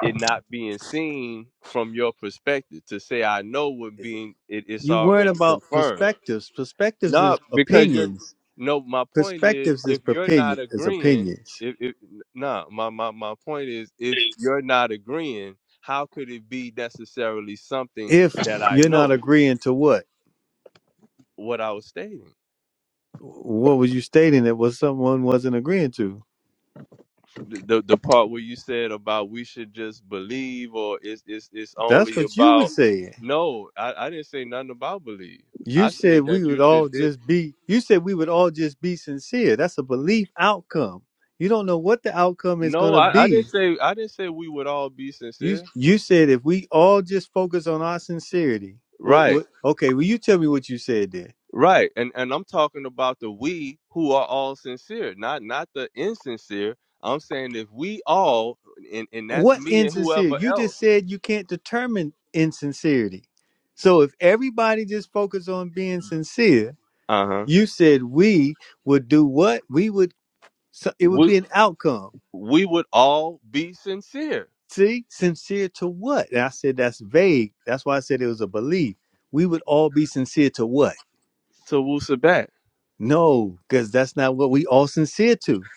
[SPEAKER 3] it not being seen from your perspective to say I know would being it, it's
[SPEAKER 1] You worrying
[SPEAKER 3] already
[SPEAKER 1] about
[SPEAKER 3] confirmed.
[SPEAKER 1] perspectives. Perspectives is
[SPEAKER 3] No, because you're
[SPEAKER 1] opinions.
[SPEAKER 3] no my point is
[SPEAKER 1] Perspectives is
[SPEAKER 3] if you're
[SPEAKER 1] opinion
[SPEAKER 3] not
[SPEAKER 1] is
[SPEAKER 3] agreeing
[SPEAKER 1] opinions.
[SPEAKER 3] if, if nah my, my my point is if you're not agreeing how could it be necessarily something
[SPEAKER 1] If
[SPEAKER 3] that I
[SPEAKER 1] you're not
[SPEAKER 3] know
[SPEAKER 1] agreeing to what?
[SPEAKER 3] what I was stating
[SPEAKER 1] What was you stating that was someone wasn't agreeing to?
[SPEAKER 3] the the part where you said about we should just believe or it's it's it's
[SPEAKER 1] That's
[SPEAKER 3] only
[SPEAKER 1] what you were
[SPEAKER 3] about
[SPEAKER 1] saying.
[SPEAKER 3] no I, I didn't say nothing about believe
[SPEAKER 1] You
[SPEAKER 3] i
[SPEAKER 1] said
[SPEAKER 3] said
[SPEAKER 1] we
[SPEAKER 3] that you
[SPEAKER 1] would all
[SPEAKER 3] should do
[SPEAKER 1] just be you said we would all just be sincere. That's a belief outcome. You don't know what the outcome is
[SPEAKER 3] no
[SPEAKER 1] gonna
[SPEAKER 3] I, I
[SPEAKER 1] be.
[SPEAKER 3] didn't say i didn't say we would all be
[SPEAKER 1] You
[SPEAKER 3] sincere
[SPEAKER 1] you said if we all just focus on our sincerity. What,
[SPEAKER 3] right
[SPEAKER 1] what okay, well you tell me what you said there.
[SPEAKER 3] right and and i'm talking about the we who are all sincere not not the insincere i'm saying if we all and and that's
[SPEAKER 1] What
[SPEAKER 3] me and
[SPEAKER 1] insincere?
[SPEAKER 3] whoever
[SPEAKER 1] You
[SPEAKER 3] else
[SPEAKER 1] just said you can't determine insincerity. So if everybody just focus on being sincere,
[SPEAKER 3] uh-huh
[SPEAKER 1] You said we would do what? We would, so it would
[SPEAKER 3] we
[SPEAKER 1] be an outcome.
[SPEAKER 3] we would all be sincere
[SPEAKER 1] See, sincere to what? And I said that's vague. That's why I said it was a belief. We would all be sincere to what?
[SPEAKER 3] to Wusabat.
[SPEAKER 1] No, because that's not what we all sincere to.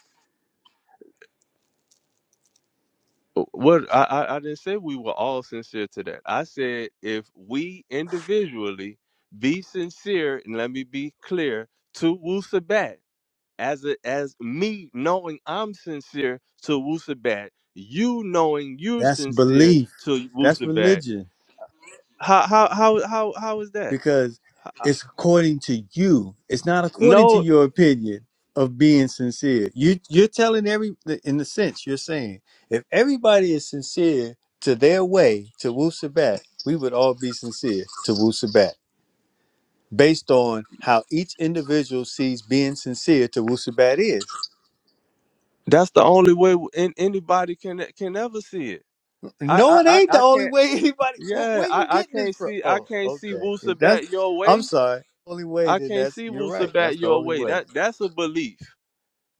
[SPEAKER 3] Uh, What I, I I didn't say we were all sincere to that. I said if we individually be sincere, and let me be clear to Wusabat, as a, as me knowing I'm sincere to Wusabat, you knowing you're
[SPEAKER 1] That's
[SPEAKER 3] sincere
[SPEAKER 1] belief.
[SPEAKER 3] to
[SPEAKER 1] That's
[SPEAKER 3] Wusabat.
[SPEAKER 1] religion.
[SPEAKER 3] How how how how how is that?
[SPEAKER 1] because it's according to you. It's not according to
[SPEAKER 3] No,
[SPEAKER 1] your opinion of being sincere. You you're telling every in the sense you're saying if everybody is sincere to their way to Wusabat, we would all be sincere to Wusabat based on how each individual sees being sincere to Wusabat is.
[SPEAKER 3] that's the only way in, anybody can can ever see it. I
[SPEAKER 1] No, it
[SPEAKER 3] I I,
[SPEAKER 1] ain't the
[SPEAKER 3] I
[SPEAKER 1] only
[SPEAKER 3] can't.
[SPEAKER 1] way anybody. Where,
[SPEAKER 3] Yeah,
[SPEAKER 1] where
[SPEAKER 3] I,
[SPEAKER 1] you
[SPEAKER 3] I
[SPEAKER 1] getting this
[SPEAKER 3] can't
[SPEAKER 1] from?
[SPEAKER 3] see I
[SPEAKER 1] Oh,
[SPEAKER 3] can't see
[SPEAKER 1] okay. If that's,
[SPEAKER 3] Wusabat your
[SPEAKER 1] I'm
[SPEAKER 3] way.
[SPEAKER 1] sorry. Only way
[SPEAKER 3] I
[SPEAKER 1] then
[SPEAKER 3] can't
[SPEAKER 1] that's
[SPEAKER 3] see
[SPEAKER 1] you're right. That's
[SPEAKER 3] Wusabat
[SPEAKER 1] the
[SPEAKER 3] your
[SPEAKER 1] only
[SPEAKER 3] way.
[SPEAKER 1] way.
[SPEAKER 3] That that's a belief.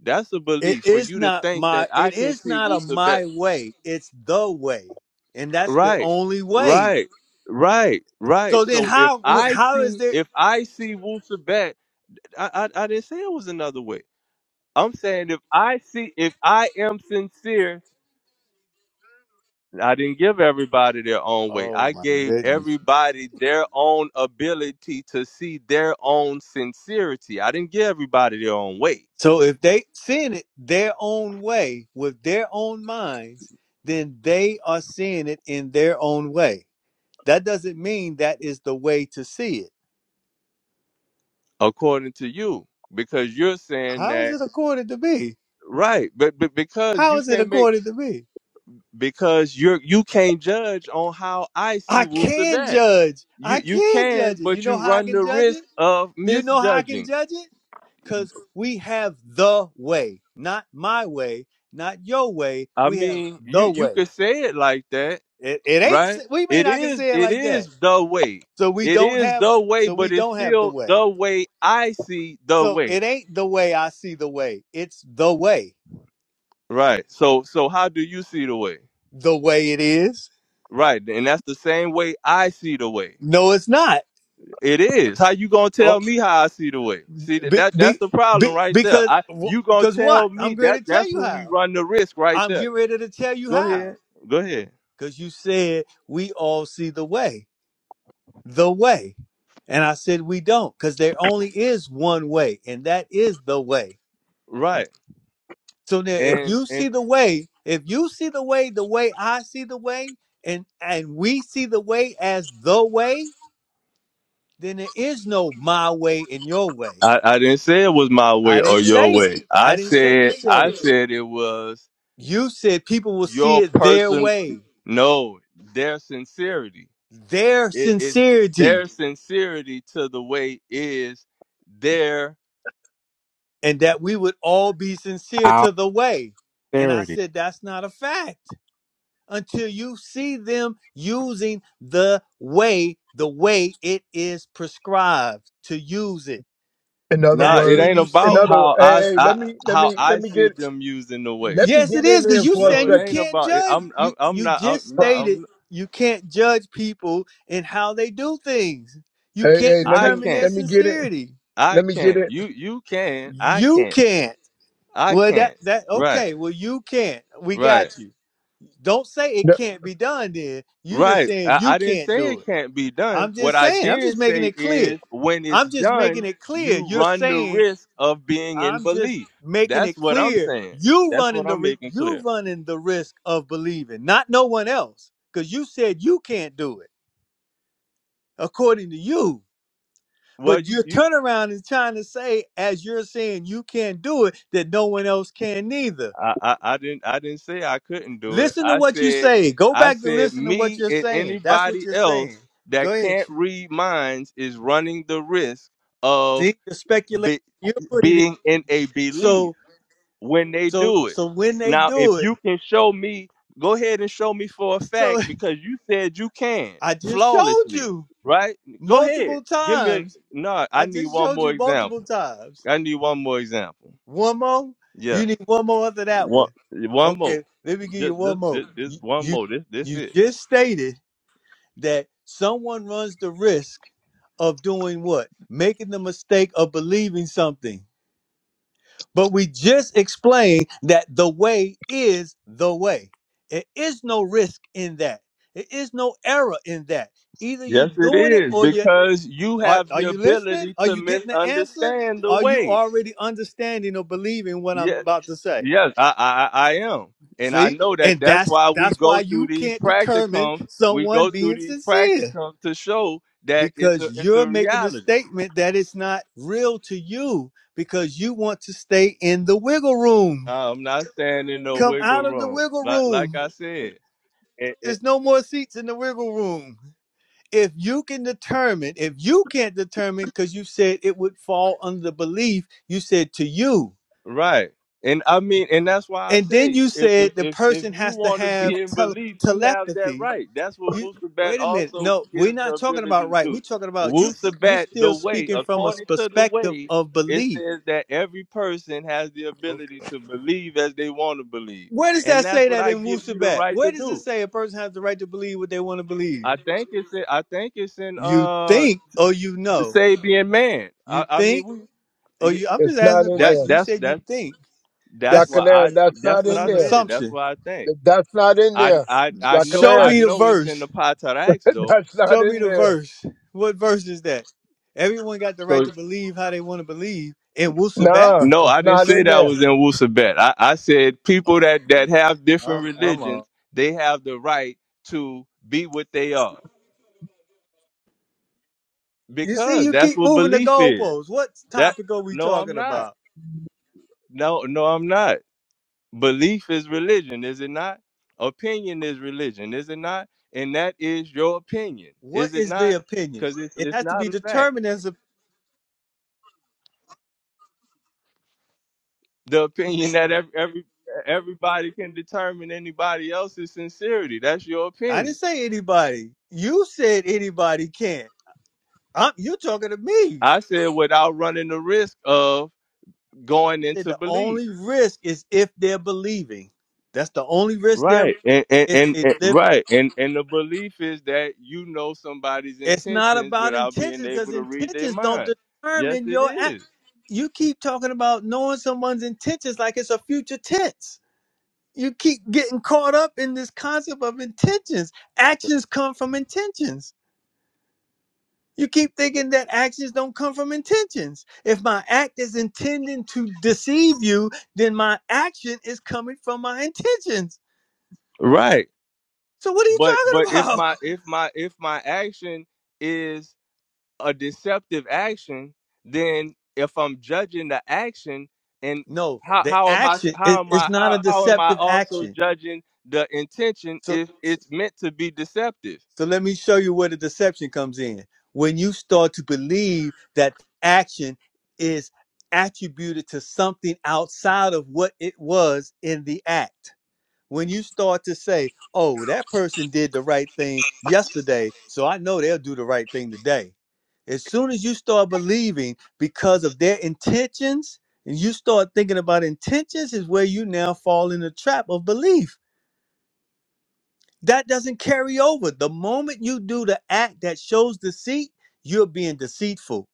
[SPEAKER 3] That's a
[SPEAKER 1] It
[SPEAKER 3] belief for
[SPEAKER 1] is
[SPEAKER 3] you to
[SPEAKER 1] not
[SPEAKER 3] think
[SPEAKER 1] my
[SPEAKER 3] that I
[SPEAKER 1] it
[SPEAKER 3] can
[SPEAKER 1] is
[SPEAKER 3] see
[SPEAKER 1] not a
[SPEAKER 3] Wusabat.
[SPEAKER 1] my way. It's the way. And that's the
[SPEAKER 3] Right,
[SPEAKER 1] only way.
[SPEAKER 3] right, right, right.
[SPEAKER 1] So then
[SPEAKER 3] So if
[SPEAKER 1] how
[SPEAKER 3] I
[SPEAKER 1] how is
[SPEAKER 3] see
[SPEAKER 1] there
[SPEAKER 3] if I see Wusabat, I, I I didn't say it was another way. I'm saying if I see if I am sincere, I didn't give everybody their own way.
[SPEAKER 1] Oh
[SPEAKER 3] I
[SPEAKER 1] my
[SPEAKER 3] gave
[SPEAKER 1] goodness.
[SPEAKER 3] everybody their own ability to see their own sincerity. I didn't give everybody their own way.
[SPEAKER 1] So if they seeing it their own way with their own minds, then they are seeing it in their own way. That doesn't mean that is the way to see it.
[SPEAKER 3] according to you because you're saying
[SPEAKER 1] How is
[SPEAKER 3] that
[SPEAKER 1] it according to me?
[SPEAKER 3] right but, but because
[SPEAKER 1] How
[SPEAKER 3] you
[SPEAKER 1] is it
[SPEAKER 3] can't make
[SPEAKER 1] according to me?
[SPEAKER 3] because you're you can't judge on how i see
[SPEAKER 1] I can
[SPEAKER 3] wusadat
[SPEAKER 1] judge.
[SPEAKER 3] you
[SPEAKER 1] I
[SPEAKER 3] you
[SPEAKER 1] can
[SPEAKER 3] can
[SPEAKER 1] judge it. You
[SPEAKER 3] but
[SPEAKER 1] know
[SPEAKER 3] you
[SPEAKER 1] how I
[SPEAKER 3] run
[SPEAKER 1] can
[SPEAKER 3] the
[SPEAKER 1] judge
[SPEAKER 3] risk
[SPEAKER 1] it?
[SPEAKER 3] of
[SPEAKER 1] You know how I can
[SPEAKER 3] misjudging
[SPEAKER 1] judge it? because we have the way, not my way, not your way.
[SPEAKER 3] i
[SPEAKER 1] We have
[SPEAKER 3] mean you
[SPEAKER 1] the
[SPEAKER 3] you
[SPEAKER 1] way.
[SPEAKER 3] could say it like that
[SPEAKER 1] It, it ain't.
[SPEAKER 3] right
[SPEAKER 1] s- We mean
[SPEAKER 3] it
[SPEAKER 1] I can
[SPEAKER 3] is
[SPEAKER 1] say it
[SPEAKER 3] it
[SPEAKER 1] like that.
[SPEAKER 3] is the way
[SPEAKER 1] So we
[SPEAKER 3] it
[SPEAKER 1] don't
[SPEAKER 3] is
[SPEAKER 1] have.
[SPEAKER 3] the way
[SPEAKER 1] So we
[SPEAKER 3] but it's
[SPEAKER 1] don't have the
[SPEAKER 3] still
[SPEAKER 1] way.
[SPEAKER 3] the way i see the
[SPEAKER 1] So
[SPEAKER 3] way
[SPEAKER 1] it ain't the way I see the way. It's the way.
[SPEAKER 3] right so so how do you see the way
[SPEAKER 1] The way it is.
[SPEAKER 3] right and that's the same way i see the way
[SPEAKER 1] No, it's not.
[SPEAKER 3] It is. How you gonna
[SPEAKER 1] Oh,
[SPEAKER 3] tell me how I see the way? See that,
[SPEAKER 1] be,
[SPEAKER 3] that that's
[SPEAKER 1] be,
[SPEAKER 3] the
[SPEAKER 1] be,
[SPEAKER 3] problem right there.
[SPEAKER 1] because
[SPEAKER 3] I you gonna
[SPEAKER 1] because
[SPEAKER 3] tell
[SPEAKER 1] what?
[SPEAKER 3] me
[SPEAKER 1] I'm going
[SPEAKER 3] that
[SPEAKER 1] to tell
[SPEAKER 3] that's
[SPEAKER 1] you
[SPEAKER 3] where we
[SPEAKER 1] how.
[SPEAKER 3] run the risk right
[SPEAKER 1] I'm
[SPEAKER 3] there.
[SPEAKER 1] getting ready to tell you
[SPEAKER 3] Go
[SPEAKER 1] how.
[SPEAKER 3] ahead. Go ahead.
[SPEAKER 1] Because you said we all see the way. the way. And I said, we don't, because there only is one way, and that is the way.
[SPEAKER 3] Right.
[SPEAKER 1] So now if
[SPEAKER 3] And
[SPEAKER 1] you see
[SPEAKER 3] and
[SPEAKER 1] the way, if you see the way the way I see the way, and and we see the way as the way, then there is no my way and your way.
[SPEAKER 3] I, I didn't say it was my way
[SPEAKER 1] I
[SPEAKER 3] or
[SPEAKER 1] didn't
[SPEAKER 3] your
[SPEAKER 1] say,
[SPEAKER 3] way. I
[SPEAKER 1] I didn't say you
[SPEAKER 3] said
[SPEAKER 1] said
[SPEAKER 3] I
[SPEAKER 1] it.
[SPEAKER 3] said it was
[SPEAKER 1] You said people will see
[SPEAKER 3] your
[SPEAKER 1] it their
[SPEAKER 3] person
[SPEAKER 1] way,
[SPEAKER 3] no, their sincerity.
[SPEAKER 1] their
[SPEAKER 3] It is
[SPEAKER 1] sincerity,
[SPEAKER 3] their sincerity to the way is their.
[SPEAKER 1] and that we would all be sincere to
[SPEAKER 4] Out
[SPEAKER 1] the way. And
[SPEAKER 4] there
[SPEAKER 1] I
[SPEAKER 4] it is.
[SPEAKER 1] said, that's not a fact. until you see them using the way the way it is prescribed to use it
[SPEAKER 8] In other
[SPEAKER 3] Nah,
[SPEAKER 1] that's
[SPEAKER 3] it
[SPEAKER 8] words,
[SPEAKER 1] when
[SPEAKER 3] ain't
[SPEAKER 1] you
[SPEAKER 8] in
[SPEAKER 3] about
[SPEAKER 1] see
[SPEAKER 8] other,
[SPEAKER 3] how I,
[SPEAKER 8] hey, hey, let
[SPEAKER 3] I
[SPEAKER 8] me, let
[SPEAKER 3] how
[SPEAKER 8] me,
[SPEAKER 3] I
[SPEAKER 8] let me
[SPEAKER 3] see
[SPEAKER 8] get,
[SPEAKER 3] them used in the way.
[SPEAKER 8] let me
[SPEAKER 1] yes it
[SPEAKER 8] get in
[SPEAKER 1] is because
[SPEAKER 8] there
[SPEAKER 1] you
[SPEAKER 8] for a
[SPEAKER 3] No,
[SPEAKER 1] saying
[SPEAKER 3] it
[SPEAKER 1] you
[SPEAKER 3] ain't
[SPEAKER 8] second.
[SPEAKER 1] can't
[SPEAKER 3] about it.
[SPEAKER 1] judge
[SPEAKER 3] I'm
[SPEAKER 1] you
[SPEAKER 3] I'm I'm
[SPEAKER 1] you
[SPEAKER 3] not I'm
[SPEAKER 1] just
[SPEAKER 3] not
[SPEAKER 1] stated
[SPEAKER 3] I'm
[SPEAKER 1] you can't judge people and how they do things you
[SPEAKER 8] Hey,
[SPEAKER 1] can't
[SPEAKER 8] hey, let
[SPEAKER 3] I
[SPEAKER 8] me,
[SPEAKER 1] determine their
[SPEAKER 3] can't.
[SPEAKER 8] let me get it,
[SPEAKER 1] sincerity
[SPEAKER 3] I
[SPEAKER 8] let me get
[SPEAKER 3] can't.
[SPEAKER 8] it.
[SPEAKER 3] You you can. I
[SPEAKER 1] you
[SPEAKER 3] can't.
[SPEAKER 1] can't
[SPEAKER 3] I
[SPEAKER 1] well that
[SPEAKER 3] can't.
[SPEAKER 1] that
[SPEAKER 3] Right.
[SPEAKER 1] okay well you can't we
[SPEAKER 3] Right.
[SPEAKER 1] got you don't say it
[SPEAKER 8] No,
[SPEAKER 1] can't be done then you just
[SPEAKER 3] Right.
[SPEAKER 1] saying
[SPEAKER 3] I,
[SPEAKER 1] you
[SPEAKER 3] I didn't
[SPEAKER 1] can't
[SPEAKER 3] say
[SPEAKER 1] do it
[SPEAKER 3] it can't be done.
[SPEAKER 1] I'm
[SPEAKER 3] What
[SPEAKER 1] just
[SPEAKER 3] I
[SPEAKER 1] saying. I'm just
[SPEAKER 3] did
[SPEAKER 1] making
[SPEAKER 3] say
[SPEAKER 1] it clear.
[SPEAKER 3] is when it's
[SPEAKER 1] I'm just making
[SPEAKER 3] done,
[SPEAKER 1] it clear.
[SPEAKER 3] you
[SPEAKER 1] You're
[SPEAKER 3] run the
[SPEAKER 1] saying
[SPEAKER 3] risk of being in
[SPEAKER 1] I'm just
[SPEAKER 3] belief.
[SPEAKER 1] making
[SPEAKER 3] That's
[SPEAKER 1] it
[SPEAKER 3] what I'm
[SPEAKER 1] clear.
[SPEAKER 3] saying.
[SPEAKER 1] You
[SPEAKER 3] That's what
[SPEAKER 1] running the
[SPEAKER 3] I'm
[SPEAKER 1] ri-
[SPEAKER 3] making
[SPEAKER 1] you
[SPEAKER 3] clear.
[SPEAKER 1] running the risk of believing, not no one else, because you said you can't do it according to you.
[SPEAKER 3] Well,
[SPEAKER 1] But
[SPEAKER 3] you,
[SPEAKER 1] you
[SPEAKER 3] you
[SPEAKER 1] turn around and trying to say, as you're saying you can't do it, that no one else can neither.
[SPEAKER 3] I, I, I didn't I didn't say I couldn't do it.
[SPEAKER 1] Listen to
[SPEAKER 3] I
[SPEAKER 1] what you
[SPEAKER 3] said
[SPEAKER 1] say. Go
[SPEAKER 3] I
[SPEAKER 1] back to
[SPEAKER 3] said
[SPEAKER 1] listen to what
[SPEAKER 3] me
[SPEAKER 1] you're
[SPEAKER 3] and
[SPEAKER 1] saying. That's what
[SPEAKER 3] anybody
[SPEAKER 1] you're saying.
[SPEAKER 3] else that
[SPEAKER 1] Go ahead,
[SPEAKER 3] can't
[SPEAKER 1] you.
[SPEAKER 3] read minds is running the risk of
[SPEAKER 1] See the speculation
[SPEAKER 3] be,
[SPEAKER 1] you're putting in.
[SPEAKER 3] being in a belief
[SPEAKER 1] So
[SPEAKER 3] when they
[SPEAKER 1] So
[SPEAKER 3] do it.
[SPEAKER 1] so when they
[SPEAKER 3] Now, if
[SPEAKER 1] do it,
[SPEAKER 3] you can show me, go ahead and show me for a
[SPEAKER 1] so
[SPEAKER 3] fact because you said you can
[SPEAKER 1] I just showed
[SPEAKER 3] flawlessly,
[SPEAKER 1] you
[SPEAKER 3] right? Go ahead,
[SPEAKER 1] multiple
[SPEAKER 3] give me. A,
[SPEAKER 1] times.
[SPEAKER 3] no, I
[SPEAKER 1] I
[SPEAKER 3] need
[SPEAKER 1] just
[SPEAKER 3] one
[SPEAKER 1] showed
[SPEAKER 3] more
[SPEAKER 1] you multiple
[SPEAKER 3] example.
[SPEAKER 1] times.
[SPEAKER 3] I need one more example.
[SPEAKER 1] One more.
[SPEAKER 3] Yeah.
[SPEAKER 1] You need one more after that
[SPEAKER 3] One,
[SPEAKER 1] one.
[SPEAKER 3] one more.
[SPEAKER 1] Okay, let me give you
[SPEAKER 3] Just,
[SPEAKER 1] one
[SPEAKER 3] just,
[SPEAKER 1] more.
[SPEAKER 3] just, just
[SPEAKER 1] You
[SPEAKER 3] one
[SPEAKER 1] you,
[SPEAKER 3] more. This, this
[SPEAKER 1] you
[SPEAKER 3] it.
[SPEAKER 1] just stated that someone runs the risk of doing what? Making the mistake of believing something But we just explained that the way is the way. There is no risk in that. There is no error in that. Either you
[SPEAKER 3] Yes, it
[SPEAKER 1] doing it
[SPEAKER 3] is
[SPEAKER 1] or you
[SPEAKER 3] because you
[SPEAKER 1] are,
[SPEAKER 3] have
[SPEAKER 1] are
[SPEAKER 3] the
[SPEAKER 1] you listening?
[SPEAKER 3] ability
[SPEAKER 1] Are
[SPEAKER 3] to
[SPEAKER 1] you getting the answer?
[SPEAKER 3] misunderstand the
[SPEAKER 1] Are you
[SPEAKER 3] way.
[SPEAKER 1] already understanding or believing what I'm
[SPEAKER 3] Yes,
[SPEAKER 1] about to say?
[SPEAKER 3] yes, I, I, I I am, and I
[SPEAKER 1] See?
[SPEAKER 3] know that.
[SPEAKER 1] And
[SPEAKER 3] That's
[SPEAKER 1] that's
[SPEAKER 3] why we
[SPEAKER 1] that's
[SPEAKER 3] go
[SPEAKER 1] why
[SPEAKER 3] through
[SPEAKER 1] you
[SPEAKER 3] these
[SPEAKER 1] can't determine
[SPEAKER 3] practicums. We
[SPEAKER 1] someone
[SPEAKER 3] go through
[SPEAKER 1] being
[SPEAKER 3] these
[SPEAKER 1] sincere
[SPEAKER 3] practicums to show that it's a,
[SPEAKER 1] because
[SPEAKER 3] it's a
[SPEAKER 1] you're making a
[SPEAKER 3] reality.
[SPEAKER 1] statement that it's not real to you because you want to stay in the wiggle room.
[SPEAKER 3] I'm not standing no
[SPEAKER 1] Come
[SPEAKER 3] wiggle
[SPEAKER 1] out of the
[SPEAKER 3] room.
[SPEAKER 1] wiggle
[SPEAKER 3] Like, like
[SPEAKER 1] room.
[SPEAKER 3] I said.
[SPEAKER 1] There's no more seats in the wiggle room. If you can determine, if you can't determine, because you said it would fall under the belief, you said to you.
[SPEAKER 3] Right. And I mean, and that's why I
[SPEAKER 1] And then
[SPEAKER 3] say,
[SPEAKER 1] you
[SPEAKER 3] if if
[SPEAKER 1] said the
[SPEAKER 3] if, if
[SPEAKER 1] person
[SPEAKER 3] you
[SPEAKER 1] has to
[SPEAKER 3] want to
[SPEAKER 1] have
[SPEAKER 3] be in
[SPEAKER 1] tele-
[SPEAKER 3] belief, you have that
[SPEAKER 1] telepathy.
[SPEAKER 3] right. That's what
[SPEAKER 1] You
[SPEAKER 3] Wusabat
[SPEAKER 1] wait a minute.
[SPEAKER 3] also
[SPEAKER 1] No, we're
[SPEAKER 3] gives the
[SPEAKER 1] not talking about
[SPEAKER 3] ability to
[SPEAKER 1] right.
[SPEAKER 3] do.
[SPEAKER 1] We're talking about you you're
[SPEAKER 3] Wusabat, the
[SPEAKER 1] still
[SPEAKER 3] way,
[SPEAKER 1] speaking from a s-
[SPEAKER 3] according to the
[SPEAKER 1] perspective
[SPEAKER 3] way,
[SPEAKER 1] of
[SPEAKER 3] it
[SPEAKER 1] belief.
[SPEAKER 3] says that every person has the
[SPEAKER 1] Okay.
[SPEAKER 3] ability to believe as they want to believe,
[SPEAKER 1] Where does
[SPEAKER 3] and
[SPEAKER 1] that
[SPEAKER 3] that's
[SPEAKER 1] say
[SPEAKER 3] what
[SPEAKER 1] that
[SPEAKER 3] I
[SPEAKER 1] in
[SPEAKER 3] give you the
[SPEAKER 1] Wusabat?
[SPEAKER 3] right to
[SPEAKER 1] Where does it
[SPEAKER 3] do.
[SPEAKER 1] say a person has the right to believe what they want to believe?
[SPEAKER 3] I think it's in, I think it's in
[SPEAKER 1] You
[SPEAKER 3] uh
[SPEAKER 1] think or you
[SPEAKER 3] the
[SPEAKER 1] know.
[SPEAKER 3] Sabian man.
[SPEAKER 1] You
[SPEAKER 3] I, I mean,
[SPEAKER 1] think?
[SPEAKER 3] we
[SPEAKER 1] Or
[SPEAKER 3] yeah,
[SPEAKER 1] you? I'm
[SPEAKER 8] it's
[SPEAKER 1] just asking
[SPEAKER 8] not
[SPEAKER 1] a
[SPEAKER 8] in
[SPEAKER 3] that
[SPEAKER 8] there.
[SPEAKER 1] question. You
[SPEAKER 3] that's
[SPEAKER 1] said you
[SPEAKER 3] that's
[SPEAKER 1] think.
[SPEAKER 3] that's
[SPEAKER 1] That's
[SPEAKER 3] why
[SPEAKER 8] Yakanan,
[SPEAKER 3] I
[SPEAKER 8] that's
[SPEAKER 3] that's
[SPEAKER 8] not
[SPEAKER 3] what
[SPEAKER 8] in
[SPEAKER 1] that's
[SPEAKER 3] I
[SPEAKER 1] an
[SPEAKER 8] there.
[SPEAKER 3] said. That's
[SPEAKER 1] assumption.
[SPEAKER 3] what I think.
[SPEAKER 8] That's not in
[SPEAKER 3] I
[SPEAKER 8] there.
[SPEAKER 3] I I know
[SPEAKER 1] Show
[SPEAKER 3] I
[SPEAKER 8] Yakanan,
[SPEAKER 1] me the
[SPEAKER 3] know it's in
[SPEAKER 1] verse.
[SPEAKER 3] the Pataraks though.
[SPEAKER 8] that's not
[SPEAKER 1] Show me
[SPEAKER 8] in
[SPEAKER 1] the
[SPEAKER 8] there.
[SPEAKER 1] verse. What verse is that? Everyone got the right
[SPEAKER 3] So
[SPEAKER 1] to believe how they want to believe. And Wusabat?
[SPEAKER 8] Nah,
[SPEAKER 3] no,
[SPEAKER 8] it's
[SPEAKER 3] I didn't
[SPEAKER 8] not
[SPEAKER 3] say
[SPEAKER 8] in
[SPEAKER 3] that
[SPEAKER 8] there.
[SPEAKER 3] was in Wusabet. I, I said
[SPEAKER 1] Oh,
[SPEAKER 3] people that that have different
[SPEAKER 1] I'm, I'm a.
[SPEAKER 3] religions, they have the right to be what they are
[SPEAKER 1] You see,
[SPEAKER 3] because
[SPEAKER 1] you
[SPEAKER 3] that's
[SPEAKER 1] keep
[SPEAKER 3] what
[SPEAKER 1] moving the
[SPEAKER 3] belief is.
[SPEAKER 1] goalposts. What
[SPEAKER 3] That
[SPEAKER 1] topic are we
[SPEAKER 3] no, I'm
[SPEAKER 1] talking
[SPEAKER 3] not.
[SPEAKER 1] about?
[SPEAKER 3] No, no, I'm not. Belief is religion, is it not? Opinion is religion, is it not? And that is your opinion, is
[SPEAKER 1] What
[SPEAKER 3] it
[SPEAKER 1] is the
[SPEAKER 3] not?
[SPEAKER 1] opinion?
[SPEAKER 3] Because it's
[SPEAKER 1] It
[SPEAKER 3] it's
[SPEAKER 1] has to
[SPEAKER 3] not
[SPEAKER 1] be
[SPEAKER 3] a fact.
[SPEAKER 1] determined as a.
[SPEAKER 3] the opinion that every, every everybody can determine anybody else's sincerity. That's your
[SPEAKER 1] I didn't
[SPEAKER 3] opinion.
[SPEAKER 1] say anybody. You said anybody can't. I'm, you're talking to me.
[SPEAKER 3] I said without running the risk of going
[SPEAKER 1] said
[SPEAKER 3] into
[SPEAKER 1] the
[SPEAKER 3] belief.
[SPEAKER 1] only risk is if they're believing. That's the only risk they're
[SPEAKER 3] Right. And, and
[SPEAKER 1] if
[SPEAKER 3] and
[SPEAKER 1] they
[SPEAKER 3] and
[SPEAKER 1] live.
[SPEAKER 3] right. And and the belief is that you know somebody's
[SPEAKER 1] It's not
[SPEAKER 3] intentions
[SPEAKER 1] about
[SPEAKER 3] without being
[SPEAKER 1] intentions
[SPEAKER 3] able
[SPEAKER 1] because
[SPEAKER 3] to read their
[SPEAKER 1] intentions don't
[SPEAKER 3] mind. Yes,
[SPEAKER 1] determine
[SPEAKER 3] it
[SPEAKER 1] your act.
[SPEAKER 3] is.
[SPEAKER 1] You keep talking about knowing someone's intentions like it's a future tense. You keep getting caught up in this concept of intentions. Actions come from intentions. You keep thinking that actions don't come from intentions. If my act is intending to deceive you, then my action is coming from my intentions
[SPEAKER 3] Right.
[SPEAKER 1] So what are you
[SPEAKER 3] But but
[SPEAKER 1] talking
[SPEAKER 3] if
[SPEAKER 1] about?
[SPEAKER 3] my if my if my action is a deceptive action, then if I'm judging the action and
[SPEAKER 1] No,
[SPEAKER 3] how,
[SPEAKER 1] the
[SPEAKER 3] how am I
[SPEAKER 1] action
[SPEAKER 3] how
[SPEAKER 1] it,
[SPEAKER 3] am
[SPEAKER 1] it's
[SPEAKER 3] I
[SPEAKER 1] not a
[SPEAKER 3] how, how am I
[SPEAKER 1] deceptive
[SPEAKER 3] also
[SPEAKER 1] action.
[SPEAKER 3] judging the intention
[SPEAKER 1] So
[SPEAKER 3] if it's meant to be deceptive?
[SPEAKER 1] so let me show you where the deception comes in. When you start to believe that action is attributed to something outside of what it was in the act. when you start to say, oh, that person did the right thing yesterday, so I know they'll do the right thing today. As soon as you start believing because of their intentions, and you start thinking about intentions, is where you now fall in the trap of belief. That doesn't carry over. The moment you do the act that shows deceit, you're being deceitful.